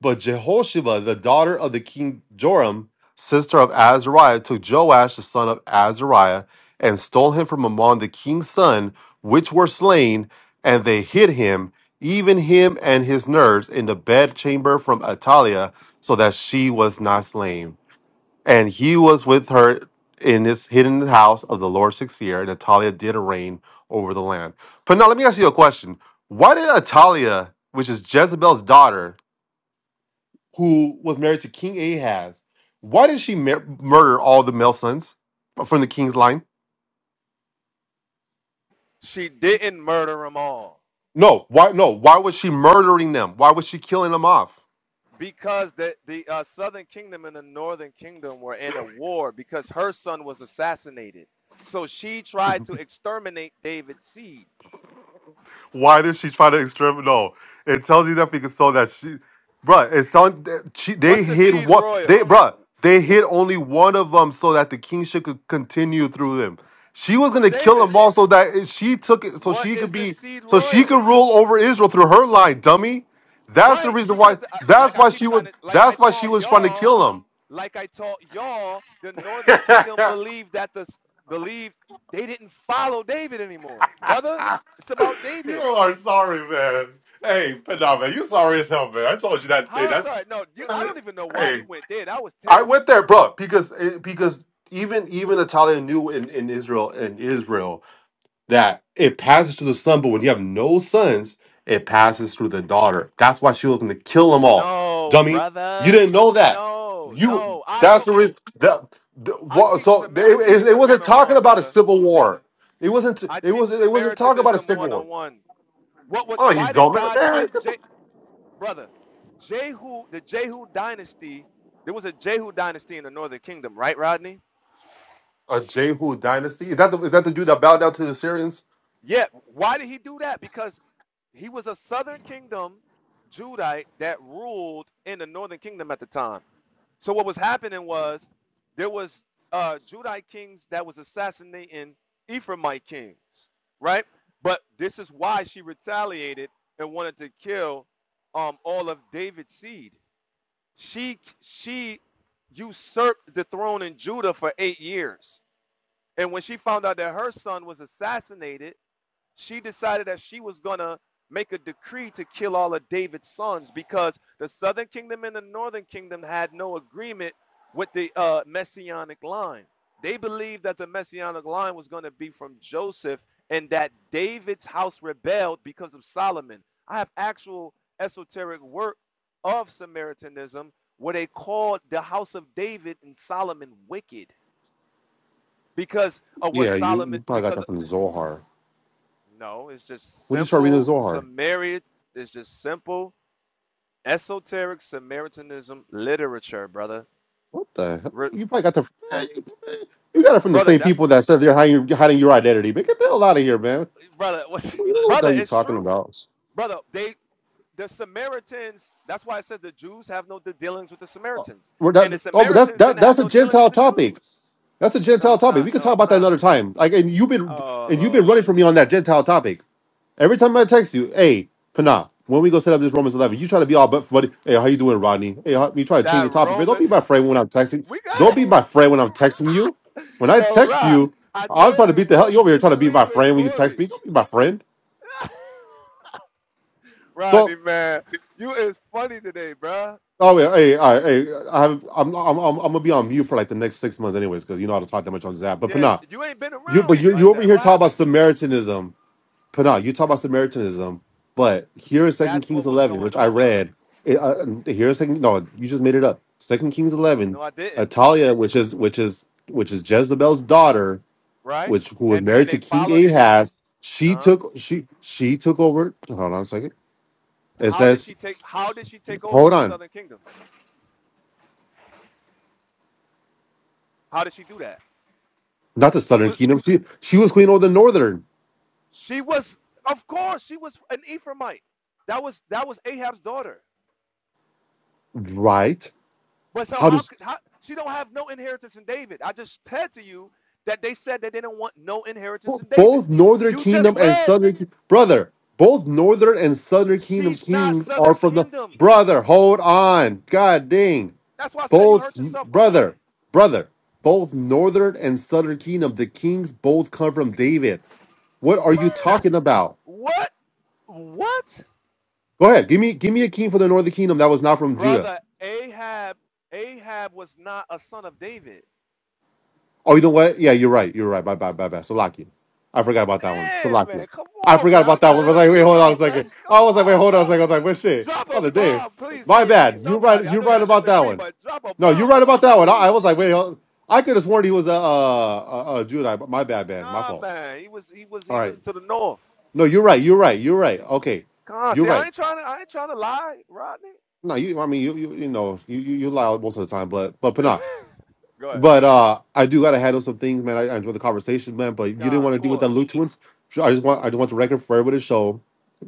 S22: But Jehosheba, the daughter of the king Joram, sister of Azariah, took Joash, the son of Azariah, and stole him from among the king's son, which were slain, and they hid him, even him and his nurse, in the bedchamber from Atalia, so that she was not slain. And he was with her in his hidden house of the Lord six years. and Atalia did reign over the land. But now let me ask you a question. Why did Atalia, which is Jezebel's daughter, who was married to King Ahaz, why did she mur- murder all the male sons from the king's line?
S24: She didn't murder them all
S22: No, why? No, why was she murdering them? Why was she killing them off?
S24: because the the uh, Southern Kingdom and the Northern Kingdom were in a war because her son was assassinated. So she tried to exterminate David's seed.
S22: Why does she try to exterminate? No, it tells you that because so that she, bruh, it's on. She, they
S24: What's the
S22: hid
S24: seed
S22: what they,
S24: royal?
S22: bruh, they hid only one of them so that the kingship could continue through them. She was
S24: Through
S22: gonna kill
S24: David.
S22: them all so that it- she took it, so
S24: What
S22: she could
S24: is the
S22: be,
S24: seed
S22: so she
S24: royal?
S22: could rule over Israel through her line, dummy. That's the
S24: Right,
S22: reason
S24: because
S22: why.
S24: I, like
S22: That's
S24: I
S22: why
S24: keep
S22: she
S24: trying
S22: would.
S24: to, like I
S22: That's why she
S24: taught
S22: was trying to
S24: y'all,
S22: kill them.
S24: like I taught y'all, the Northern Kingdom believed that the believed they didn't follow David anymore, brother. It's about
S22: you
S24: David.
S22: are sorry, man. Hey, Panama, you sorry as hell, man. I told you that. Hey,
S24: How
S22: that's.
S24: sorry? No, you. I don't even know why you went there. That was
S22: I
S24: terrible.
S22: went there, bro, because eh, because even even Italia knew in, in Israel in Israel that it passes through the son, but when you have no sons, it passes through the daughter. That's why she was going to kill them all,
S24: No,
S22: dummy. You
S24: brother.
S22: didn't know that.
S24: No,
S22: You
S24: no. I
S22: that's
S24: know.
S22: the reason. That, the,
S24: I
S22: what,
S24: teach
S22: so they, it, it
S24: Samaritanism
S22: wasn't talking
S24: 101,
S22: about a
S24: brother.
S22: civil war. It wasn't.
S24: I
S22: It
S24: teach
S22: was. It wasn't talking about a
S24: Samaritanism
S22: civil war.
S24: 101. What was
S22: Oh, you
S24: why did
S22: dumb man!
S24: God
S22: man
S24: send
S22: get the-
S24: Je, brother? Jehu, the Jehu dynasty, there was a Jehu dynasty in the northern kingdom, right, Rodney?
S22: a Jehu dynasty is that? The, is that the dude that bowed down to the Syrians?
S24: Yeah. Why did he do that? Because he was a southern kingdom Judite that ruled in the northern kingdom at the time. So what was happening was there was uh Judite kings that was assassinating Ephraimite kings, right? But this is why she retaliated and wanted to kill um all of David's seed she she usurped the throne in Judah for eight years. And when she found out that her son was assassinated, she decided that she was going to make a decree to kill all of David's sons because the southern kingdom and the northern kingdom had no agreement with the uh, messianic line. They believed that the messianic line was going to be from Joseph and that David's house rebelled because of Solomon. I have actual esoteric work of Samaritanism where they called the house of David and Solomon wicked because of what
S22: Yeah, you,
S24: Solomon
S22: you probably got
S24: because
S22: that from Zohar.
S24: no, it's just
S22: When you start reading the
S24: simple
S22: Zohar,
S24: Samaritan. It's just simple esoteric Samaritanism literature, brother.
S22: what the hell?
S24: Re-
S22: You probably got the you, got it from the
S24: brother,
S22: same
S24: that's
S22: people that said they're hiding, hiding your identity. Man, get the hell out of here, man.
S24: brother. What,
S22: You know What the
S24: brother,
S22: hell are you
S24: it's
S22: talking
S24: true,
S22: about?
S24: brother. They the Samaritans. That's why I said the Jews have no de- dealings with the
S22: Oh,
S24: Samaritans,
S22: we're
S24: and the
S22: not- oh, but that's
S24: Samaritans
S22: that,
S24: didn't have
S22: that's a
S24: no dealings
S22: Gentile
S24: with the
S22: topic.
S24: Jews.
S22: That's a
S24: No,
S22: Gentile
S24: it's
S22: topic. We
S24: not.
S22: can
S24: No,
S22: talk
S24: it's
S22: about that
S24: not.
S22: another time. Like, and you've been
S24: Oh
S22: and you've been
S24: Lord,
S22: running from me on that Gentile topic. Every time I text you, hey, Pana, when we go set up this Romans 11, you try to be all but buddy. Hey, how you doing, Rodney? Hey, how, you try to change
S24: that
S22: the topic, but don't
S24: Romans.
S22: be my friend when I'm texting.
S24: We
S22: Don't
S24: got
S22: be my friend when I'm texting you. When I
S24: yo,
S22: text
S24: Rock.
S22: you,
S24: I
S22: I'm trying
S24: told
S22: to
S24: you
S22: beat the hell.
S24: we'll,
S22: You over here
S24: we
S22: trying to
S24: could
S22: be
S24: link
S22: my
S24: with
S22: friend when you text
S24: Corey.
S22: me. Don't be my friend.
S24: Rodney,
S22: So,
S24: man, you is funny today, bruh.
S22: oh yeah, hey, all right, hey, I have, I'm, I'm, I'm, I'm gonna be on mute for like the next six months, anyways, because you know how to talk that much on Zap. But
S24: Yeah,
S22: Pana,
S24: you ain't been
S22: you, but
S24: around
S22: you, you
S24: like
S22: over
S24: that.
S22: here
S24: What
S22: talking about
S24: happened?
S22: Samaritanism But no, you talk about Samaritanism, but here is Second
S24: That's
S22: Kings
S24: what was
S22: eleven,
S24: going
S22: which I
S24: on, brother.
S22: read. It, uh, here is Second. No, you just made it up. Second Kings
S24: No,
S22: eleven.
S24: I didn't.
S22: Atalia, which is which is which is Jezebel's daughter,
S24: Right?
S22: which who was
S24: And and
S22: married to
S24: they
S22: King
S24: followed.
S22: Ahaz. She
S24: Uh,
S22: took she she took over. Hold on a second. It
S24: how did
S22: says,
S24: she take? How did she take over
S22: hold
S24: the
S22: on,
S24: Southern Kingdom? How did she do that?
S22: not the
S24: She
S22: Southern
S24: was.
S22: Kingdom. She she was queen over the Northern,
S24: She was. Of course, she was an Ephraimite. That was that was Ahab's daughter.
S22: right?
S24: But so
S22: How
S24: how
S22: did?
S24: could how she don't have no inheritance in David? I just said to you that they said that they didn't want no inheritance
S22: Bo-
S24: in David.
S22: Both Northern
S24: You just
S22: Kingdom and
S24: read
S22: Southern Ki- brother. Both Northern and Southern Kingdom
S24: She's not
S22: kings are
S24: Southern
S22: from the
S24: Kingdom.
S22: brother. Hold on, God dang.
S24: That's why I said you
S22: Both
S24: hurt yourself going
S22: brother,
S24: in.
S22: brother. Both Northern and Southern Kingdom. The kings both come from David. What are you talking about?
S24: what? What?
S22: Go ahead. Give me give me a king for the Northern Kingdom that was not from Judah.
S24: Brother Ahab, Ahab was not a son of David.
S22: Oh, you know what? Yeah, you're right. You're right. My bad. My bad. Salakia. I forgot about that one.
S24: Damn,
S22: Salakia.
S24: man. Come
S22: I
S24: on,
S22: forgot
S24: man. I'm
S22: about that
S24: trying
S22: one. I
S24: to
S22: was
S24: help
S22: like, wait,
S24: you
S22: hold on a
S24: out, man.
S22: second. I
S24: Come
S22: was like, wait,
S24: on,
S22: hold
S24: bro.
S22: on a second. I was like, what shit?
S24: Drop a
S22: Other day.
S24: bomb, please,
S22: My
S24: KB.
S22: bad. You're right.
S24: Somebody. I
S22: You're
S24: know
S22: right
S24: y'all
S22: about that
S24: disagree,
S22: one.
S24: but drop a
S22: No,
S24: bomb
S22: you're right
S24: for me,
S22: about that one. I, I was like,
S24: please.
S22: wait. hold- I could have sworn he was a, a, a, a Judite. but My bad, man. My
S24: Nah,
S22: fault.
S24: man. He was he was he
S22: All right.
S24: was to the north.
S22: No, you're right. You're right. You're right. Okay.
S24: Con,
S22: You're
S24: see, I
S22: right.
S24: ain't trying to I ain't trying to lie, Rodney.
S22: No, you. I mean, you. You, you know, you, you you lie most of the time, but but Panah.
S24: Go ahead.
S22: But uh, I do gotta handle some things, man. I, I enjoy the conversation, man. But you didn't
S24: Con,
S22: want
S24: of
S22: to deal with that
S24: course.
S22: Luke one. So I just want I just want the record for everybody to show.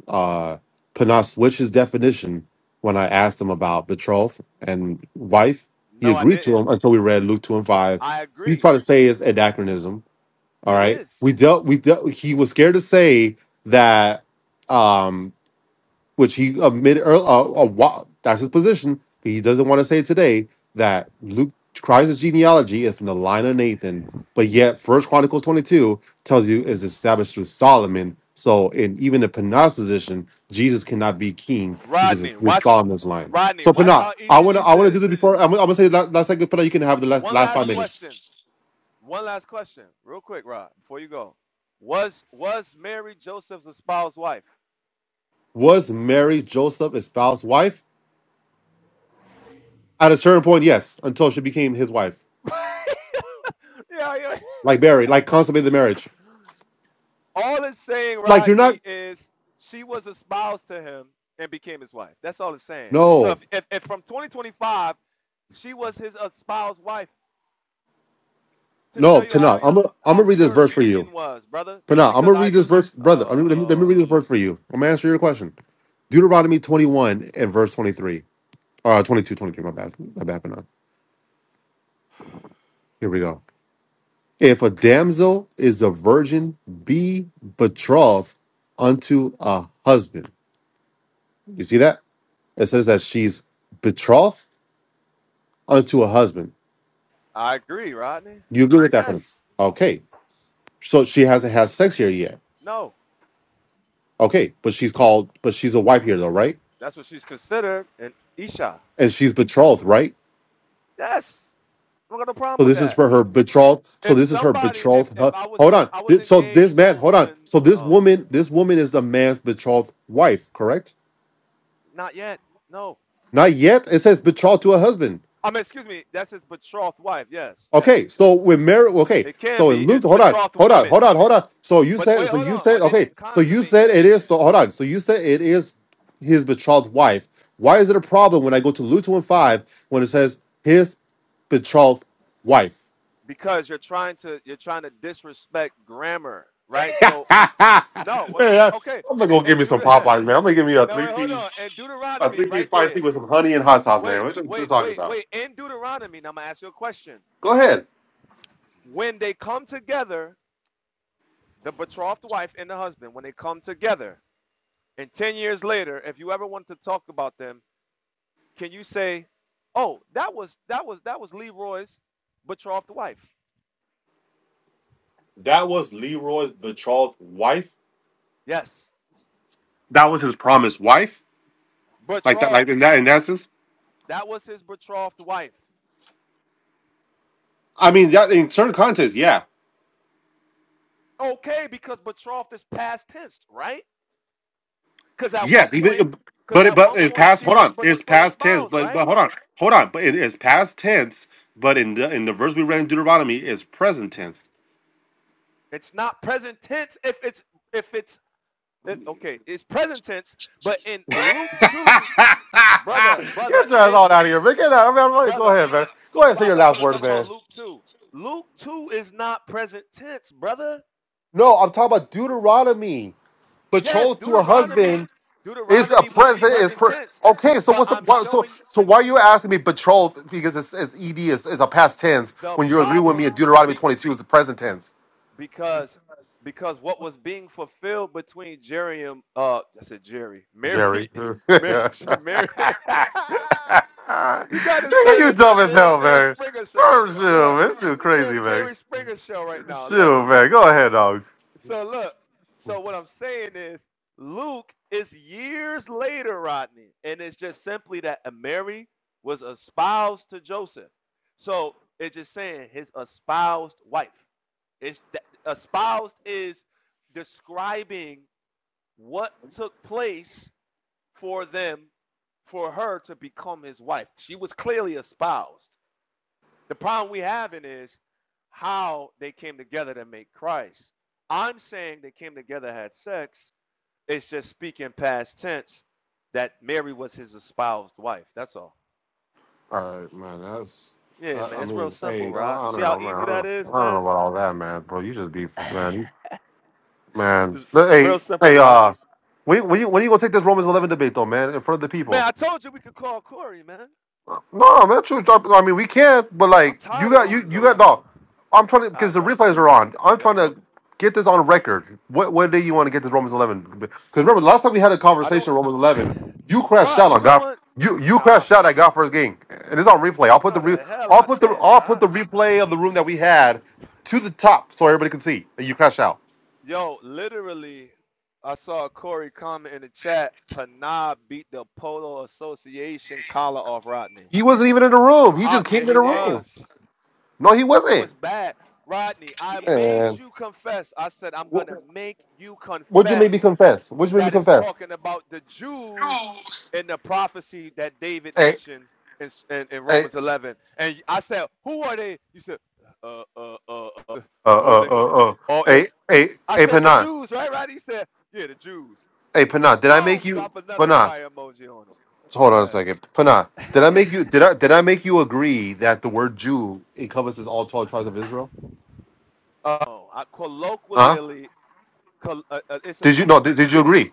S22: Uh, Panas switched his definition when I asked him about betrothed and wife. He
S24: No, I
S22: agreed to
S24: didn't.
S22: him until we read Luke two and five.
S24: I
S22: He
S24: agree.
S22: tried to say it's anachronism. All
S24: It
S22: right,
S24: is.
S22: we dealt. We dealt. He was scared to say that. Um, which he admitted ear- uh, a while, that's his position. But he doesn't want to say today that Luke Christ's genealogy is from the line of Nathan, but yet First Chronicles 22 tells you is established through Solomon. So in even in Panah's position, Jesus cannot be king because it's
S24: Rodney,
S22: through
S24: watch
S22: Solomon's line.
S24: Rodney,
S22: So
S24: watch
S22: Panah,
S24: how
S22: I
S24: easy
S22: want to I
S24: this
S22: want to do
S24: is.
S22: this before I'm, gonna- I'm gonna say last, last second, Panah, you can have the last,
S24: One
S22: last
S24: last
S22: five minutes.
S24: question. One last question. Real quick, Rod, before you go. Was was Mary Joseph's espoused wife?
S22: Was Mary Joseph espoused wife? At a certain point, yes, until she became his wife,
S24: yeah, yeah.
S22: like Mary, like consummated the marriage.
S24: All it's saying,
S22: Like you're not.
S24: Rodney, is she was espoused to him and became his wife. That's all it's saying. So if
S22: No,
S24: if, if from 2025 she was his espoused wife to show
S22: no,
S24: you how
S22: Pana. I'm gonna I'm
S24: how
S22: gonna read this
S24: pure the
S22: verse for you.
S24: union was, brother.
S22: Pana, I'm gonna
S24: Because I,
S22: read this verse, brother. I'm gonna,
S24: oh
S22: let, me,
S24: Lord,
S22: read this verse for you. I'm gonna answer your question. Deuteronomy 21 and verse 23. Uh 22, 23, my bad. My bad, Pana. Here we go. If a damsel is a virgin, be betrothed unto a husband. You see that? It says that she's betrothed unto a husband.
S24: I agree, Rodney.
S22: You agree with that?
S24: Yes,
S22: Pana? Okay. So she hasn't had sex here yet.
S24: no,
S22: Okay, but she's called, but she's a wife here though, right?
S24: that's what she's considered an isha.
S22: and she's betrothed, right?
S24: Yes, I don't got no problem
S22: So
S24: with
S22: this is
S24: that.
S22: for her betrothed. So
S24: If
S22: this is her
S24: somebody, if
S22: betrothed.
S24: if
S22: hu-
S24: I was
S22: Hold
S24: if
S22: on.
S24: I was
S22: Th- So this
S24: engaged to
S22: man,
S24: a
S22: hold on.
S24: woman,
S22: So this
S24: oh man,
S22: woman, this woman is the man's betrothed wife, correct?
S24: not yet. No,
S22: Not yet. It says betrothed to a husband.
S24: I mean, excuse me, that's his betrothed wife. Yes, yes,
S22: Okay. So
S24: yes.
S22: when married, okay.
S24: It can
S22: So
S24: be
S22: in Luke,
S24: it's
S22: hold on,
S24: betrothed
S22: hold on,
S24: woman,
S22: hold on, hold on. So you
S24: but
S22: said,
S24: wait,
S22: so
S24: hold
S22: you
S24: on.
S22: said,
S24: But they
S22: okay.
S24: didn't
S22: So you
S24: consummate
S22: said
S24: yet.
S22: it is. So hold on. So you said it is his betrothed wife. Why is it a problem when I go to Luke two and five when it says his betrothed wife?
S24: because you're trying to you're trying to disrespect grammar, right?
S22: man,
S24: So
S22: I'm
S24: no, what I'm trying okay,
S22: not gonna give
S24: and
S22: me some
S24: Deuter
S22: Popeyes, man. I'm gonna give me a
S24: no
S22: three
S24: wait, hold on.
S22: piece,
S24: And
S22: a
S24: Deuteronomy
S22: three piece
S24: right there.
S22: spicy with some honey and hot sauce,
S24: Wait,
S22: man. What you you
S24: wait,
S22: talking
S24: wait,
S22: about?
S24: wait. In Deuteronomy, now I'm gonna ask you a question.
S22: Go ahead.
S24: When they come together, the betrothed wife and the husband, when they come together, and ten years later, if you ever want to talk about them, can you say, Oh, that was that was that was Leroy's betrothed wife?
S22: That was Leroy's betrothed wife.
S24: Yes.
S22: That was his promised wife, like that, like
S24: Betrothed.
S22: in that in that sense.
S24: That was his betrothed wife.
S22: I mean, that in certain context, yeah,
S24: Okay, because betrothed is past tense, right? Because at one
S22: yes,
S24: point,
S22: even,
S24: because
S22: but it,
S24: at
S22: but
S24: one
S22: it's
S24: point
S22: past.
S24: she
S22: Hold
S24: was
S22: on,
S24: betrothed
S22: it's
S24: or
S22: past tense.
S24: spouse,
S22: But
S24: right?
S22: but hold on, hold on. But it is past tense. But in the in the verse we read in Deuteronomy, it's present tense.
S24: It's not present tense if it's if it's it, okay. It's present tense, but in Luke
S22: Get
S24: two, brother, brother,
S22: your ass
S24: in
S22: on out of here, man. Get out. I mean, go
S24: brother,
S22: ahead, man. Go ahead and
S24: well,
S22: say
S24: I
S22: your
S24: thought you
S22: last
S24: were
S22: word,
S24: talking
S22: man.
S24: about Luke two. Luke two is not present tense, brother.
S22: No, I'm talking about Deuteronomy.
S24: Yes,
S22: Betrothed to a
S24: Deuteronomy,
S22: husband is a
S24: Deuteronomy would be
S22: present. Is
S24: present
S22: pre-
S24: tense,
S22: okay. So
S24: but
S22: what's the
S24: I'm
S22: why, so
S24: showing
S22: so? Why are you asking me betrothed? Because it's, it's ed is is a past tense.
S24: the
S22: When you agree with me,
S24: problem.
S22: in Deuteronomy
S24: Be,
S22: 22 is the present tense.
S24: because because what was being fulfilled between Jerry and uh I said Jerry Mary
S22: Jerry, you
S24: Mary
S22: dumb
S24: Mary you got this turning into a
S22: as
S24: damn
S22: hell,
S24: Jerry
S22: man.
S24: Springer show.
S22: Oh, shoot,
S24: Look,
S22: man. This dude
S24: this
S22: crazy,
S24: damn
S22: man.
S24: Jerry Springer show right now. Look,
S22: Shoot, man. Go ahead, dog.
S24: so look, so what I'm saying is Luke is years later, Rodney, and it's just simply that Mary was espoused to Joseph. So it's just saying his espoused wife. It's that espoused is describing what took place for them, for her to become his wife. She was clearly espoused. The problem we having is how they came together to make Christ. I'm saying they came together, had sex. It's just speaking past tense that Mary was his espoused wife. That's all.
S22: All right, man. That's.
S24: Yeah,
S22: Uh,
S24: man.
S22: I
S24: It's real
S22: mean,
S24: simple,
S22: hey, I
S24: Rod. You
S22: I
S24: see
S22: don't
S24: how
S22: know, man.
S24: easy
S22: I
S24: that
S22: don't,
S24: is,
S22: I don't know
S24: man?
S22: about all that, man. Bro, you just be, man,
S24: It's
S22: man. Hey,
S24: real simple,
S22: hey,
S24: Rod.
S22: uh, when, when you when you gonna take this Romans eleven debate though, man, in front of the
S24: Man,
S22: people?
S24: I told you we could call Corey, man.
S22: No, man, true. I mean, we can't, but
S24: I'm
S22: like, you
S24: tired of
S22: got you
S24: Romans
S22: you got
S24: 11.
S22: no.
S24: All
S22: I'm trying to because
S24: right,
S22: the
S24: bro.
S22: replays are on. I'm
S24: Yeah,
S22: trying
S24: you're
S22: to
S24: welcome.
S22: get this on record. What what day you want to get this Romans 11? Because remember, last time we had a
S24: I don't.
S22: conversation on Romans
S24: I,
S22: 11, you crashed
S24: Rod,
S22: out
S24: you
S22: on
S24: the
S22: God.
S24: one.
S22: You you
S24: Nah.
S22: crashed out at God first game, and it's on replay. I'll put the
S24: No,
S22: re,
S24: the hell
S22: I'll
S24: I
S22: put the
S24: didn't,
S22: I'll put
S24: Rod.
S22: the replay of the room that we had to the top so everybody can see that you crashed out.
S24: Yo, literally, I saw Corey comment in the chat. Panah beat the Polo Association collar off Rodney.
S22: He wasn't even in the room. He
S24: Uh,
S22: just
S24: yeah,
S22: came in
S24: he
S22: the room.
S24: was.
S22: No, he
S24: It
S22: wasn't.
S24: was bad. Rodney, I made
S22: And
S24: you confess. I said, I'm
S22: wh-
S24: going to make you
S22: what'd you make
S24: confess
S22: me confess? What'd you make me
S24: that is
S22: confess?
S24: talking about the Jews in the prophecy that David
S22: Hey,
S24: mentioned in, in, in
S22: hey,
S24: Romans 11. And I said, Who are they? You said, uh, uh, uh, uh
S22: Uh, uh,
S24: Northern. Ki-
S22: uh, uh.
S24: Or, uh,
S22: Hey, hey,
S24: I
S22: hey,
S24: said, The
S22: Panah.
S24: Jews, right? Right? He said, Yeah, the Jews.
S22: Hey, Panah. Did I make
S24: Boom,
S22: you,
S24: drop another
S22: Panah?
S24: fire emoji on them.
S22: Hold
S24: Go
S22: on a second, Panah. Did I
S24: ahead.
S22: make you? Did I? Did I make you agree that the word Jew encompasses all twelve tribes of Israel?
S24: oh, I,
S22: Huh?
S24: colloquially, col- uh, uh, it's a.
S22: Did you? No. Did, did you agree?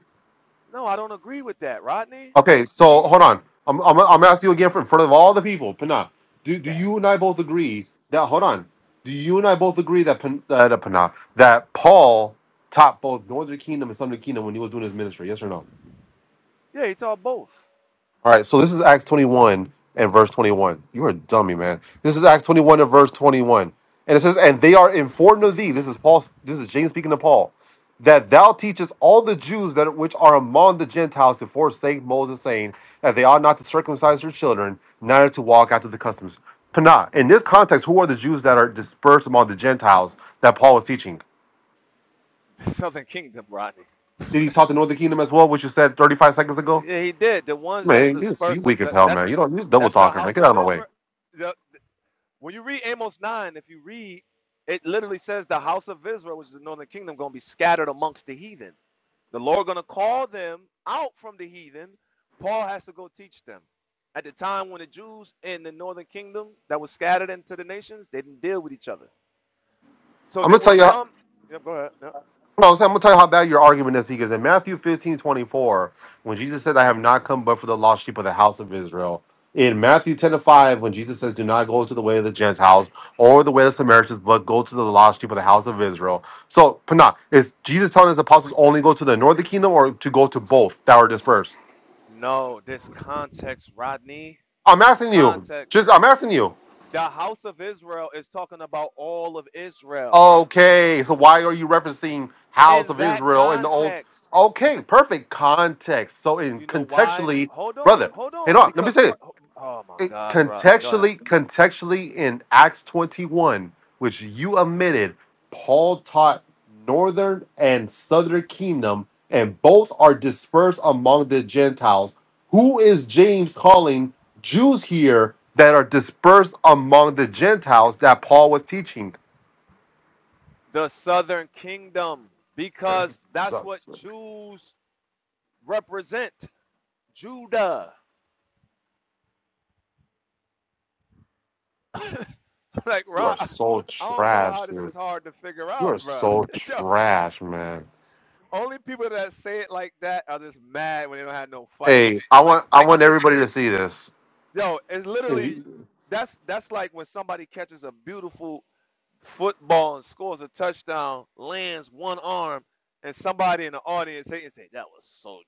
S24: no, I don't agree with that, Rodney.
S22: Okay. So hold on. I'm, I'm, I'm asking you again for, in front of all the people, Panah.
S24: It's
S22: Do, do
S24: that.
S22: you and I both agree that? Hold on. Do you and I both agree that Pan, uh, that Panah that Paul taught both Northern Kingdom and Southern Kingdom when he was doing his ministry? Yes or no?
S24: Yeah, it's all both.
S22: All right, so this is Acts 21 and verse 21. You're a dummy, man. This is Acts 21 and verse 21. And it says, And they are informed of thee. This is Paul, this is James speaking to Paul, that thou teachest all the Jews that which are among the Gentiles to forsake Moses, saying that they ought not to circumcise their children, neither to walk after the customs. Pana, in this context, who are the Jews that are dispersed among the Gentiles that Paul is teaching?
S24: Southern Kingdom, Rodney.
S22: Did he talk to Northern Kingdom as well, which you said 35 seconds ago?
S24: Yeah, he did. The ones that's
S22: Man, you're
S24: dispersed of
S22: weak as
S24: that
S22: hell,
S24: that's
S22: man. You don't you double
S24: that's the
S22: talking, man.
S24: house
S22: Get out
S24: of
S22: of my way.
S24: Israel. The- when you read Amos 9, if you read, it literally says the house of Israel, which is the northern kingdom, gonna be scattered amongst the heathen. The Lord gonna call them out from the heathen. Paul has to go teach them. At the time when the Jews in the northern kingdom that was scattered into the nations, they didn't deal with each other. So
S22: I'm
S24: there
S22: gonna
S24: were
S22: tell you. How,
S24: some. Yep, go ahead. Yep.
S22: no, I'm gonna tell you how bad your argument is because in Matthew 15:24, when Jesus
S24: Mhm.
S22: said, "I have not come but for the lost sheep of the house of Israel," in Matthew ten to five, when Jesus says, "Do not go to the way of the Gentiles or the way of the Samaritans, but go to the lost sheep of the house of Israel." So, Pana, is Jesus telling his apostles only go to the northern kingdom or to go to both that are dispersed?
S24: No, this context, Rodney.
S22: I'm
S24: This
S22: asking you. Just, I'm
S24: context.
S22: asking you.
S24: The house of Israel is talking about all of Israel.
S22: Okay, so why are you referencing House
S24: In
S22: of
S24: that
S22: Israel in the old?
S24: context,
S22: Okay, perfect context. So in
S24: you know why?
S22: contextually,
S24: Hold on,
S22: brother,
S24: hold
S22: hey,
S24: on.
S22: on. Let me
S24: Because,
S22: say this.
S24: oh my
S22: It,
S24: gosh, Rob, go ahead.
S22: contextually, contextually, in Acts twenty-one, which you omitted, Paul taught northern and southern kingdom, and both are dispersed among the Gentiles. Who is James calling Jews here that are dispersed among the Gentiles that Paul was teaching?
S24: The southern kingdom, because that's
S22: So-
S24: what Jews represent Judah. like,
S22: You
S24: Rob,
S22: are so
S24: I don't know how
S22: trash,
S24: this is
S22: dude.
S24: hard to figure
S22: You
S24: out,
S22: are
S24: bro.
S22: so
S24: Yo,
S22: trash, man.
S24: only people that say it like that are just mad when they don't have no fight.
S22: Hey, I
S24: Like,
S22: want I
S24: I
S22: want
S24: just
S22: everybody to see this.
S24: Yo, it's
S22: If
S24: literally
S22: you-
S24: that's that's like when somebody catches a beautiful football and scores a touchdown, lands one arm, and somebody in the audience hate and say that was so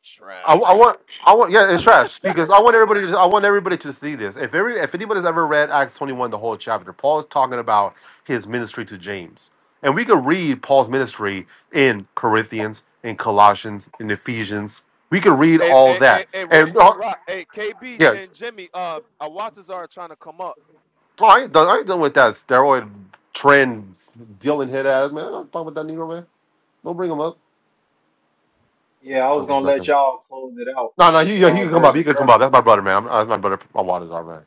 S22: I, I
S24: trash.
S22: want I want yeah, it's trash because I want everybody to I want everybody to see this. If every if anybody's ever read Acts twenty one, the whole chapter, Paul is talking about his ministry to James, and we could read Paul's ministry in Corinthians, in Colossians, in Ephesians. We could read
S24: Hey,
S22: all
S24: hey, hey,
S22: that,
S24: hey real
S22: and
S24: quick,
S22: uh,
S24: Rock. Hey, KB
S22: yeah,
S24: and Jimmy, uh, Awatas are trying to come up.
S22: Oh, I ain't done. I ain't done with that steroid trend dealing hit ass man. I'm not talking about that Negro man. Don't bring him up.
S2: Yeah,
S24: I
S2: I
S22: I'm
S2: was
S24: can't.
S22: just
S2: gonna let
S22: messing.
S2: y'all close it out
S22: No, no,
S2: with
S22: he,
S2: the
S22: yeah, he
S2: uh,
S22: can come up.
S2: virgin
S22: He can
S2: birth.
S22: come up. That's my brother, man. I'm, that's my brother. My waters are man.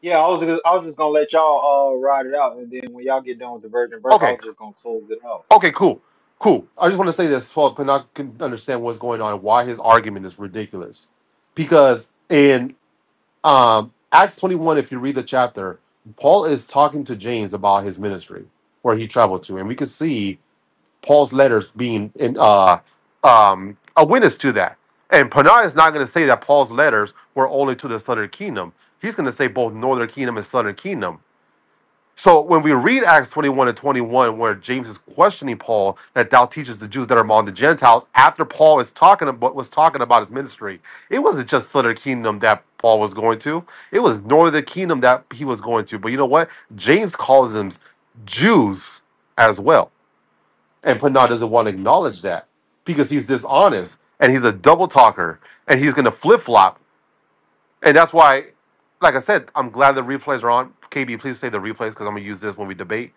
S2: Yeah, I was gonna- I was just gonna let y'all uh ride it out, and then when y'all get done with the virgin birth, I
S22: Okay,
S2: was just gonna close it out.
S22: okay, cool, cool. I just want to say this, folks, can not can understand what's going on, and why his argument is ridiculous, because in um, Acts 21, if you read the chapter, Paul is talking to James about his ministry, where he traveled to, and we can see Paul's letters being in, uh, um, a witness to that. And Panay is not going to say that Paul's letters were only to the southern kingdom. He's going to say both northern kingdom and southern kingdom. So when we read Acts 21 and 21, where James is questioning Paul that thou teaches the Jews that are among the Gentiles, after Paul is talking about was talking about his ministry, it wasn't just southern kingdom that Paul was going to. It was northern kingdom that he was going to. But you know what? James calls them Jews as well. And Pinard doesn't want to acknowledge that because he's dishonest and he's a double talker and he's going to flip flop. And that's why, like I said, I'm glad the replays are on. KB, please say the replays because I'm going to use this when we debate.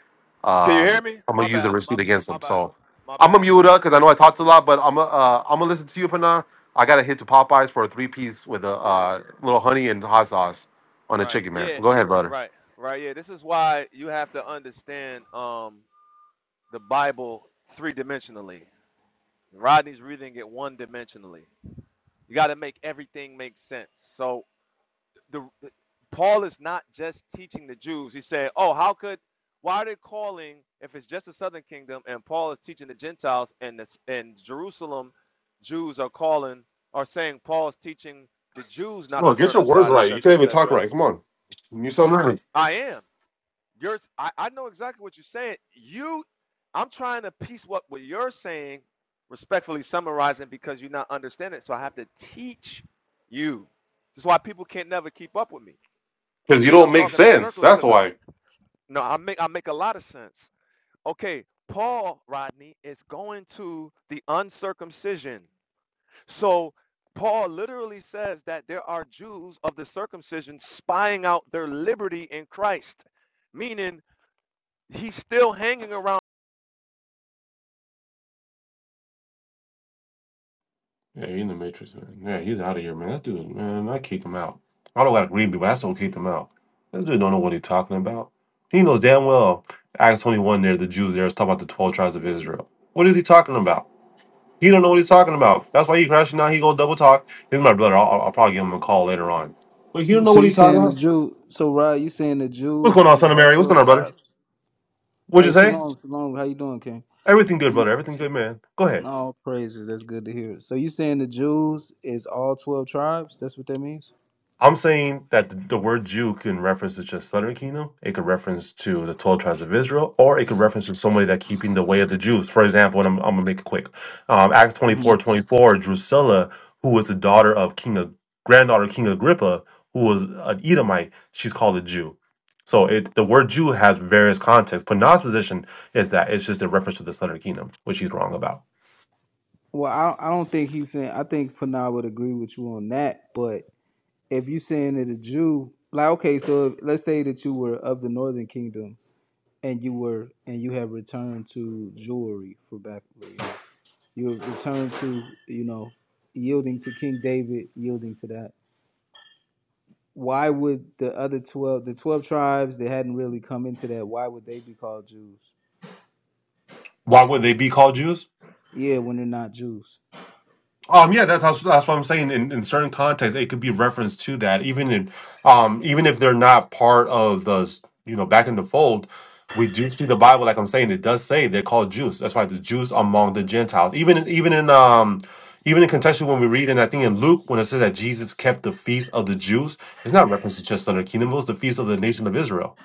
S24: Can you hear
S22: Um,
S24: me?
S22: I'm going
S24: My
S22: to use the
S24: bad. My
S22: receipt against
S24: my
S22: him.
S24: bad.
S22: So
S24: My
S22: I'm going
S24: bad.
S22: to mute up because I know I talked a lot, but I'm going uh, I'm going to listen to you, Pinard. I got to hit to Popeyes for a three piece with a
S24: Yeah.
S22: uh, little honey and hot sauce on the
S24: Right.
S22: chicken, man.
S24: Yeah.
S22: Go ahead, brother.
S24: Right. Right. Yeah. This is why you have to understand um the Bible three dimensionally. Rodney's reading it one dimensionally. You got to make everything make sense. So the, the- Paul is not just teaching the Jews. He said, "Oh, how could why are they calling if it's just the southern kingdom and Paul is teaching the Gentiles and the, and Jerusalem Jews are calling are saying Paul's teaching the Jews not to
S22: No, get your words
S24: circumcise,
S22: right. You
S24: etc.,
S22: can't even talk
S24: etc."
S22: right. Come on. You sound right.
S24: I am. Yours, I, I know exactly what you're saying. You, I'm trying to piece what, what you're saying, respectfully summarizing, because you're not understanding it. So I have to teach you. That's why people can't never keep up with me. They
S22: Because you
S24: think I'm
S22: don't make
S24: talking in
S22: sense.
S24: circles
S22: That's
S24: because I,
S22: why.
S24: no, I make I make a lot of sense. Okay, Paul Rodney is going to the uncircumcision. So Paul literally says that there are Jews of the circumcision spying out their liberty in Christ, meaning he's still hanging around
S22: Yeah, he's in the Matrix, man. Yeah, he's out of here, man. That dude, man, I kicked him out. I don't gotta agree with you, but I still kicked him out. This dude don't know what he's talking about. He knows damn well Acts 21 there, the Jews there is talking about the 12 tribes of Israel. What is he talking about? He don't know what he's talking about. That's why he crashing out. He gonna double talk. He's my brother. I'll, I'll probably give him a call later on. But he don't
S1: You-
S22: know
S1: So
S22: what
S1: you
S22: he's talking
S1: saying the
S22: about.
S1: Jew? So Rod, you saying the
S22: What's
S1: Jews
S22: going on,
S1: is
S22: son of
S1: all
S22: Mary? What's going
S1: twelve
S22: on, brother?
S1: tribes?
S22: What'd you
S1: Hey,
S22: say?
S1: shalom, shalom. How you doing, King?
S22: Everything good,
S1: So
S22: brother. Everything good, man. Go ahead.
S1: all praises. That's good to hear. So you saying the Jews is all twelve tribes? That's what that means.
S22: I'm saying that the, the word Jew can reference to just Southern Kingdom. It could reference to the 12 tribes of Israel, or it could reference to somebody that keeping the way of the Jews. For example, and I'm, I'm going to make it quick. Um, Acts twenty
S1: hmm
S22: four 24, Drusilla, who was the daughter of King, Ag- granddaughter of King Agrippa, who was an Edomite, she's called a Jew. So it, the word Jew has various contexts. Panah's position is that it's just a reference to the Southern Kingdom, which he's wrong about.
S1: Well, I I don't think he's saying. I think Panah would agree with you on that, but if you saying that a Jew, like okay, so if, let's say that you were of the Northern Kingdom, and you were and you have returned to jewelry for back, you have returned to you know yielding to King David, yielding to that. Why would the other twelve, the twelve tribes that hadn't really come into that, why would they be called Jews?
S22: Why would they be called Jews?
S1: Yeah, when they're not Jews.
S22: Um, yeah, that's that's that's what I'm saying. In, in certain contexts, it could be referenced to that, even in, um, even if they're not part of the, s- you know, back in the fold, we do see the Bible. Like I'm saying, it does say they're called Jews. That's why the Jews among the Gentiles. Even in- even in um, even in contextually when we read, and I think in Luke when it says that Jesus kept the feast of the Jews, it's not reference to just other kingdom. It was the feast of the nation of Israel.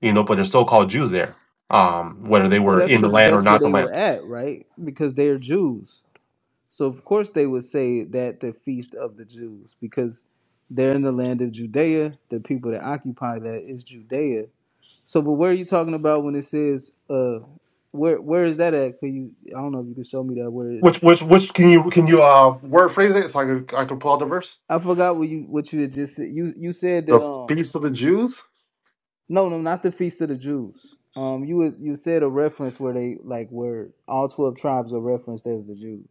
S22: You know, but they're still called Jews there. Um, whether they
S1: Well,
S22: were
S1: that's
S22: in the
S1: because
S22: land or
S1: that's where
S22: not the
S1: they
S22: land.
S1: were at, right? Because they are Jews So of course they would say that the feast of the Jews, because they're in the land of Judea. The people that occupy that is Judea. So, but where are you talking about when it says, uh, where where is that at? Could you? I don't know if you can show me that word.
S22: Which which which can you can you uh word phrase it so I could I could pull out the verse?
S1: I forgot what you what you had just said. You you said
S22: The
S1: that um
S22: feast of the Jews?
S1: no no not the feast of the Jews. Um you was- you said a reference where they like where all twelve tribes are referenced as the Jews.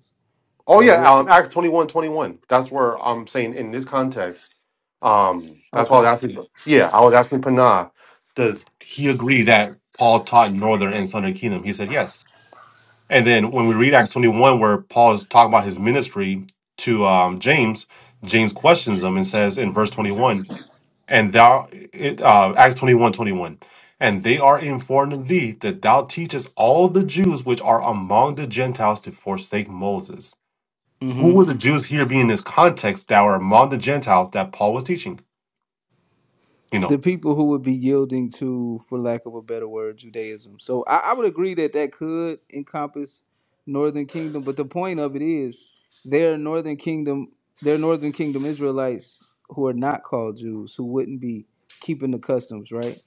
S22: Oh
S1: Like
S22: yeah,
S1: where?
S22: um Acts 21 21. That's where I'm saying in this context. Um that's why I was
S1: Okay.
S22: asking yeah, I was asking Panah, does he agree that Paul taught northern and southern kingdom? He said yes. And then when we read Acts 21 where Paul is talking about his ministry to um James, James questions him and says in verse 21. and thou it, uh, acts 21 21, and they are informed of thee that thou teachest all the jews which are among the gentiles to forsake moses
S1: Hmm.
S22: who were the jews here be in this context that were among the gentiles that paul was teaching you
S1: the
S22: know
S1: people who would be yielding to, for lack of a better word, Judaism. So I, I would agree that that could encompass Northern Kingdom, but the point of it is their Northern Kingdom, their Northern Kingdom Israelites who are not called Jews, who wouldn't be keeping the customs, right?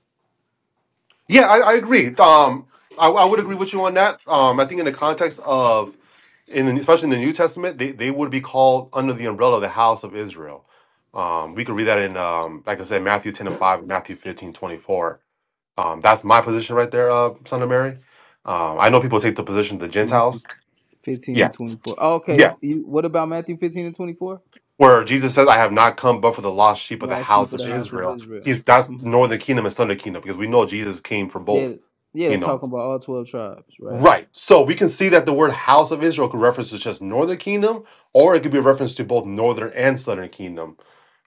S22: Yeah, I, I agree. Um, I, I would agree with you on that. Um, I think in the context of, in the, especially in the New Testament, they, they would be called under the umbrella of the house of Israel. Um, we could read that in, um, like I said, Matthew 10 and 5, Matthew 15 24. Um, that's my position right there, uh, son of Mary. Um, I know people take the position of the
S1: Matthew
S22: Gentiles.
S1: 15
S22: Yeah,
S1: and 24.
S22: yeah.
S1: Okay, you, what about Matthew 15 and 24?
S22: Where Jesus says, "I have not come but for the lost sheep of the
S1: Lost sheep
S22: house
S1: of
S22: of
S1: the house of
S22: Israel."
S1: Israel.
S22: He's that's
S1: Mhm.
S22: northern kingdom and southern kingdom because we know Jesus came for
S1: Yeah,
S22: both.
S1: yeah,
S22: You
S1: that's
S22: know,
S1: talking about all 12 tribes, right?
S22: Right. So we can see that the word house of Israel could reference to just northern kingdom, or it could be a reference to both northern and southern kingdom.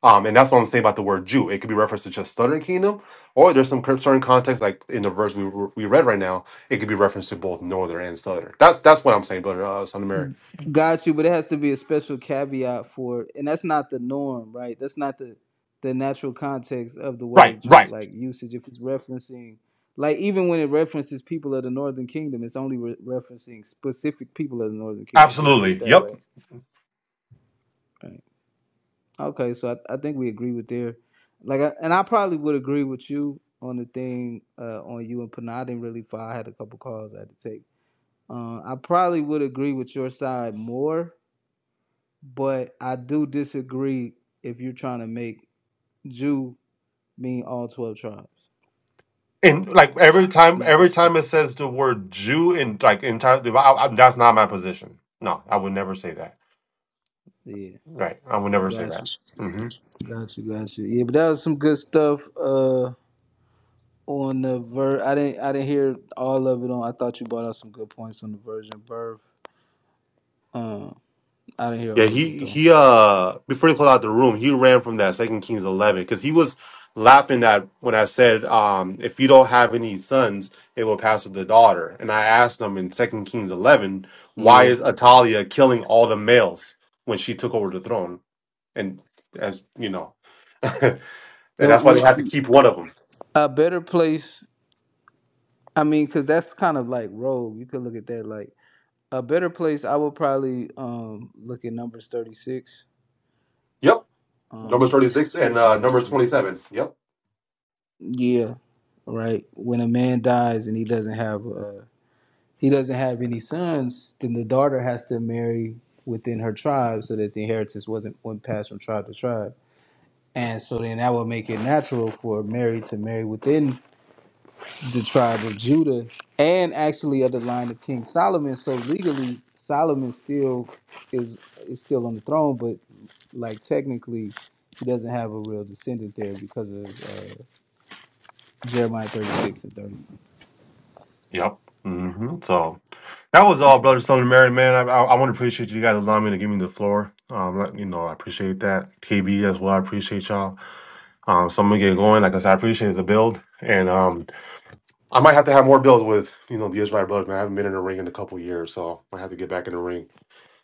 S22: Um, and that's what I'm saying about the word Jew. It could be referenced to just southern kingdom, or there's some cur- certain context, like in the verse we, we read right now, it could be referenced to both northern and southern. That's that's what I'm saying, brother uh, son of Mary.
S1: Got you, but it has to be a special caveat for it. And that's not the norm, right? That's not the the natural context of the
S22: Right,
S1: word Jew,
S22: right.
S1: like usage. If it's referencing, like even when it references people of the Northern Kingdom, it's only re- referencing specific people of the Northern Kingdom. You agree with
S22: Absolutely.
S1: that,
S22: Yep.
S1: right? Right. Okay, so I, I think we agree with there. Like, I, and I probably would agree with you on the thing uh, on you and Pana. I didn't really file. I had a couple calls I had to take. Uh, I probably would agree with your side more But I do disagree if you're trying to make Jew mean all twelve tribes.
S22: And like every time,
S1: And I, I,
S22: every time it says the word Jew in like entire, I, I, that's not my position. No, I would never say that.
S1: yeah,
S22: Right, I would never say
S1: got
S22: that.
S1: you, got you, got you. Yeah, but that was some good stuff. Uh, on the ver, I didn't, I didn't hear all of it. On, I thought you brought out some good points on the virgin birth. Um, I didn't hear
S22: Yeah,
S1: all of it
S22: he
S1: though.
S22: he uh before he closed out the room, he ran from that Second Kings eleven because he was laughing at when I said, um, if you don't have any sons, it will pass with the daughter. And I asked him in Second Kings eleven, why
S1: Yeah,
S22: is Atalia killing all the males when she took over the throne? And as you know, and
S1: that
S22: that's why they
S1: was
S22: had to keep one of them.
S1: a better place. I mean, because that's kind of like rogue. You could look at that like a better place. I would probably um look at numbers thirty six
S22: Yep, Numbers
S1: Um,
S22: thirty
S1: I
S22: six
S1: think
S22: and
S1: it's
S22: uh,
S1: number
S22: Numbers twenty
S1: thirty-six.
S22: seven. Yep.
S1: Yeah, right. When a man dies and he doesn't have uh he doesn't have any sons, then the daughter has to marry within her tribe so that the inheritance wasn't went passed from tribe to tribe. And so then that would make it natural for Mary to marry within the tribe of Judah and actually of the line of King Solomon. So legally, Solomon still is is still on the throne, but like technically, he doesn't have a real descendant there because of uh, Jeremiah 36 and 30.
S22: Yep. hmm So. That was all, Brother Stone and Mary, man. I, I, I want to appreciate you guys allowing me to give me the floor. Um, like, you know, I appreciate that. KB as well, I appreciate y'all. Um, so I'm gonna get going. Like I said, I appreciate the build, and um, I might have to have more builds with you know the Israel brothers. Man, I haven't been in the ring in a couple years, so I might have to get back in the ring.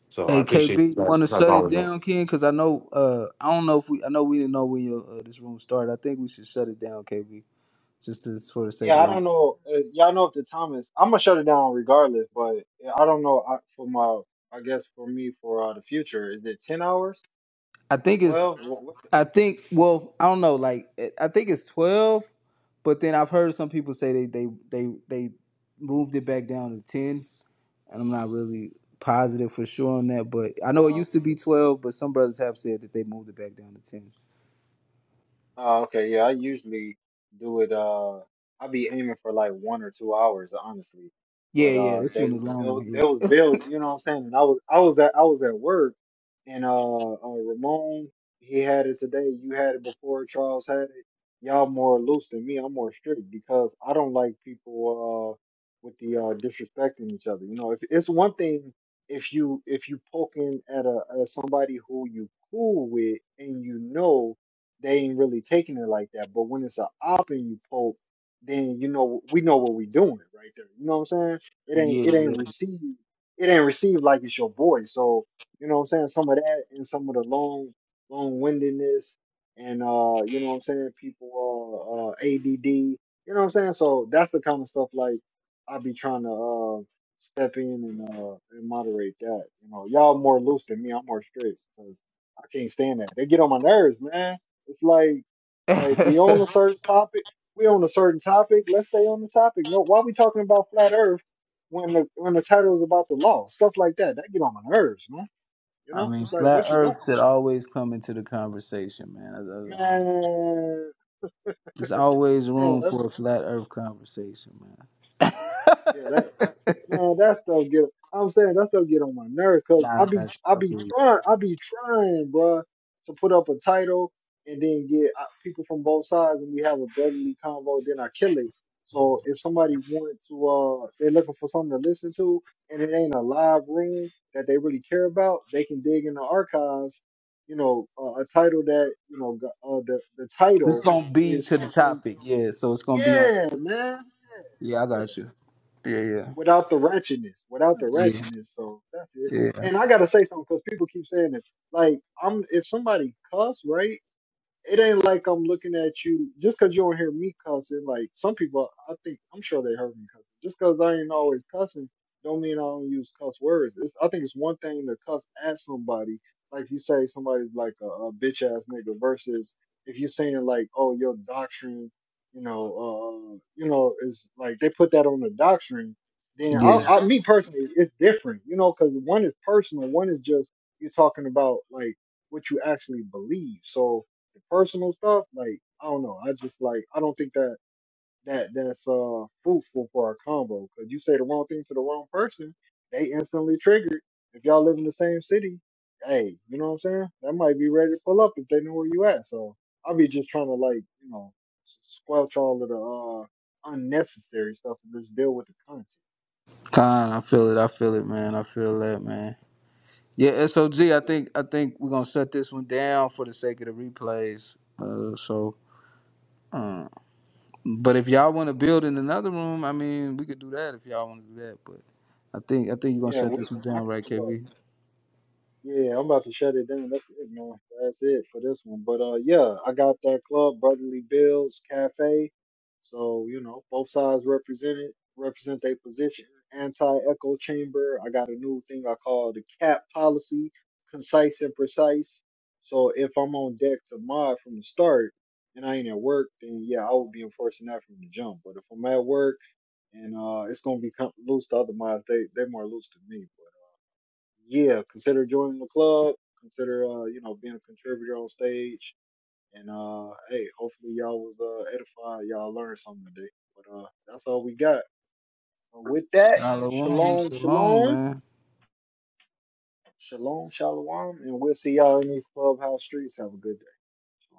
S22: So I
S1: Hey
S22: appreciate
S1: KB,
S22: you
S1: you want
S22: guys.
S1: to
S22: That's
S1: shut it
S22: all, man.
S1: down, Ken? Because I know, uh, I don't know if we, I know we didn't know when your uh, this room started. I think we should shut it down, KB, just to, for the sake
S2: Yeah,
S1: of the
S2: I don't
S1: replay.
S2: know. Uh, y'all know if the time is, I'm gonna shut it down regardless. But yeah, I don't know. I, for my, I guess for me for uh, the future, is it ten hours?
S1: I think it's,
S2: Twelve? What, what's the?
S1: I think, well, I don't know, like it- I think it's twelve, but then I've heard some people say they they they they moved it back down to ten, and I'm not really positive for sure on that. But I know it
S2: Uh, okay.
S1: used to be twelve, but some brothers have said that they moved it back down to ten.
S2: Oh, okay. Yeah, I usually do it. Uh, I be aiming for like one or two hours, honestly.
S1: Yeah,
S2: But
S1: yeah,
S2: uh,
S1: this
S2: they
S1: one
S2: was
S1: is a long
S2: build,
S1: one.
S2: they was built. You know what I'm saying? And I was I was at I was at work, and uh, uh, Ramon he had it today. You had it before. Charles had it. Y'all more loose than me. I'm more strict because I don't like people uh with the uh disrespecting each other. You know, if it's one thing if you if you poking at a at somebody who you cool with and you know they ain't really taking it like that. But when it's an op and you poke, then you know we know what we doing right there. You know what I'm saying? It ain't
S1: Yeah,
S2: it
S1: yeah,
S2: ain't received it ain't received like it's your boy. So you know what I'm saying? Some of that and some of the long long windedness and uh you know what I'm saying? People uh, uh ADD. You know what I'm saying? So that's the kind of stuff like i be trying to uh step in and uh and moderate that. You know, y'all more loose than me. I'm more strict because I can't stand that. They get on my nerves, man. It's like like we own
S1: I
S2: a certain topic. We own a certain topic. Let's stay on the topic. No, why are we talking about flat Earth when the when the title is about the law, stuff like that. That get on my nerves, man. You know,
S1: mean,
S2: it's like
S1: flat
S2: what you doing,
S1: Earth should always come into the conversation, man. Uh, um,
S2: man.
S1: There's always
S2: Yeah,
S1: room
S2: that's
S1: for a flat Earth conversation, man.
S2: yeah. That. Man, that stuff get. I'm saying that stuff get on my nerves because
S1: nah, I
S2: I be
S1: got
S2: I
S1: you. I
S2: be
S1: feel you.
S2: trying I be trying, bruh, to put up a title and then get uh, people from both sides and we have a brotherly convo. Then I kill it. So if somebody want to, uh, they're looking for something to listen to, and it ain't a live room that they really care about, they can dig in the archives. You know, uh, a title that you know go- uh, the the
S1: This
S2: title
S1: gonna be
S2: is
S1: to the
S2: something.
S1: topic, yeah. So it's gonna be on.
S2: Yeah, man. yeah,
S1: Yeah, I
S2: yeah
S1: got you. Yeah, yeah,
S2: without the ratchetness, without the
S1: yeah,
S2: ratchetness. So that's it.
S1: yeah,
S2: And I gotta say something because people keep saying it. Like I'm, if somebody cuss, right? it ain't like I'm looking at you just 'cause you don't hear me cussing. Like some people, I think I'm sure they heard me cussing. Just 'cause I ain't always cussing, don't mean I don't use cuss words. It's, I think it's one thing to cuss at somebody, like you say somebody's like a, a bitch ass nigga, versus if you're saying like, oh, your doctrine, you know, uh, you know, is like they put that on the doctrine. Then I,
S1: yeah.
S2: I, me personally, it's different, you know, 'cause one is personal, one is just you're talking about like what you actually believe. So the personal stuff, like I don't know. I just like I don't think that that that's uh fruitful for our combo because you say the wrong thing to the wrong person, they instantly triggered. If y'all live in the same city, hey, you know what I'm saying? That might be ready to pull up if they know where you at. So I'll be just trying to like you know s- squelch all of the uh unnecessary stuff and just deal with the content.
S1: Con, I feel it. I feel it, man. I feel that, man. Yeah, SOG. I
S2: Yeah,
S1: think I think we're gonna shut this one down for the sake of the replays. Uh, so. uh, But if y'all want to build in another room, I mean, we could do that if y'all want to do that. But I think I think you're gonna
S2: yeah,
S1: shut
S2: we
S1: this one
S2: can. I
S1: down,
S2: can
S1: right,
S2: pull up.
S1: KB?
S2: Yeah, I'm about to shut it down. That's it, man. That's it for this one. But uh, yeah, I got that club, Brotherly Bills Cafe. So you know, both sides represented represent their position. Anti-echo chamber. I got a new thing I call the cap policy, concise and precise. So if I'm on deck to mod from the start and I ain't at work, then yeah, I would be enforcing that from the jump. But if I'm at work and uh, it's gonna be com- loose to other mods, they they more loose to me yeah, consider joining the club. Consider uh, you know being a contributor on stage. And uh, hey, hopefully y'all was uh, edified. Y'all learned something today. But uh, that's all we got. So with that,
S1: Shalom,
S2: shalom,
S1: shalom,
S2: shalom,
S1: man.
S2: shalom, shalom, and we'll see y'all in these clubhouse streets. Have a good day.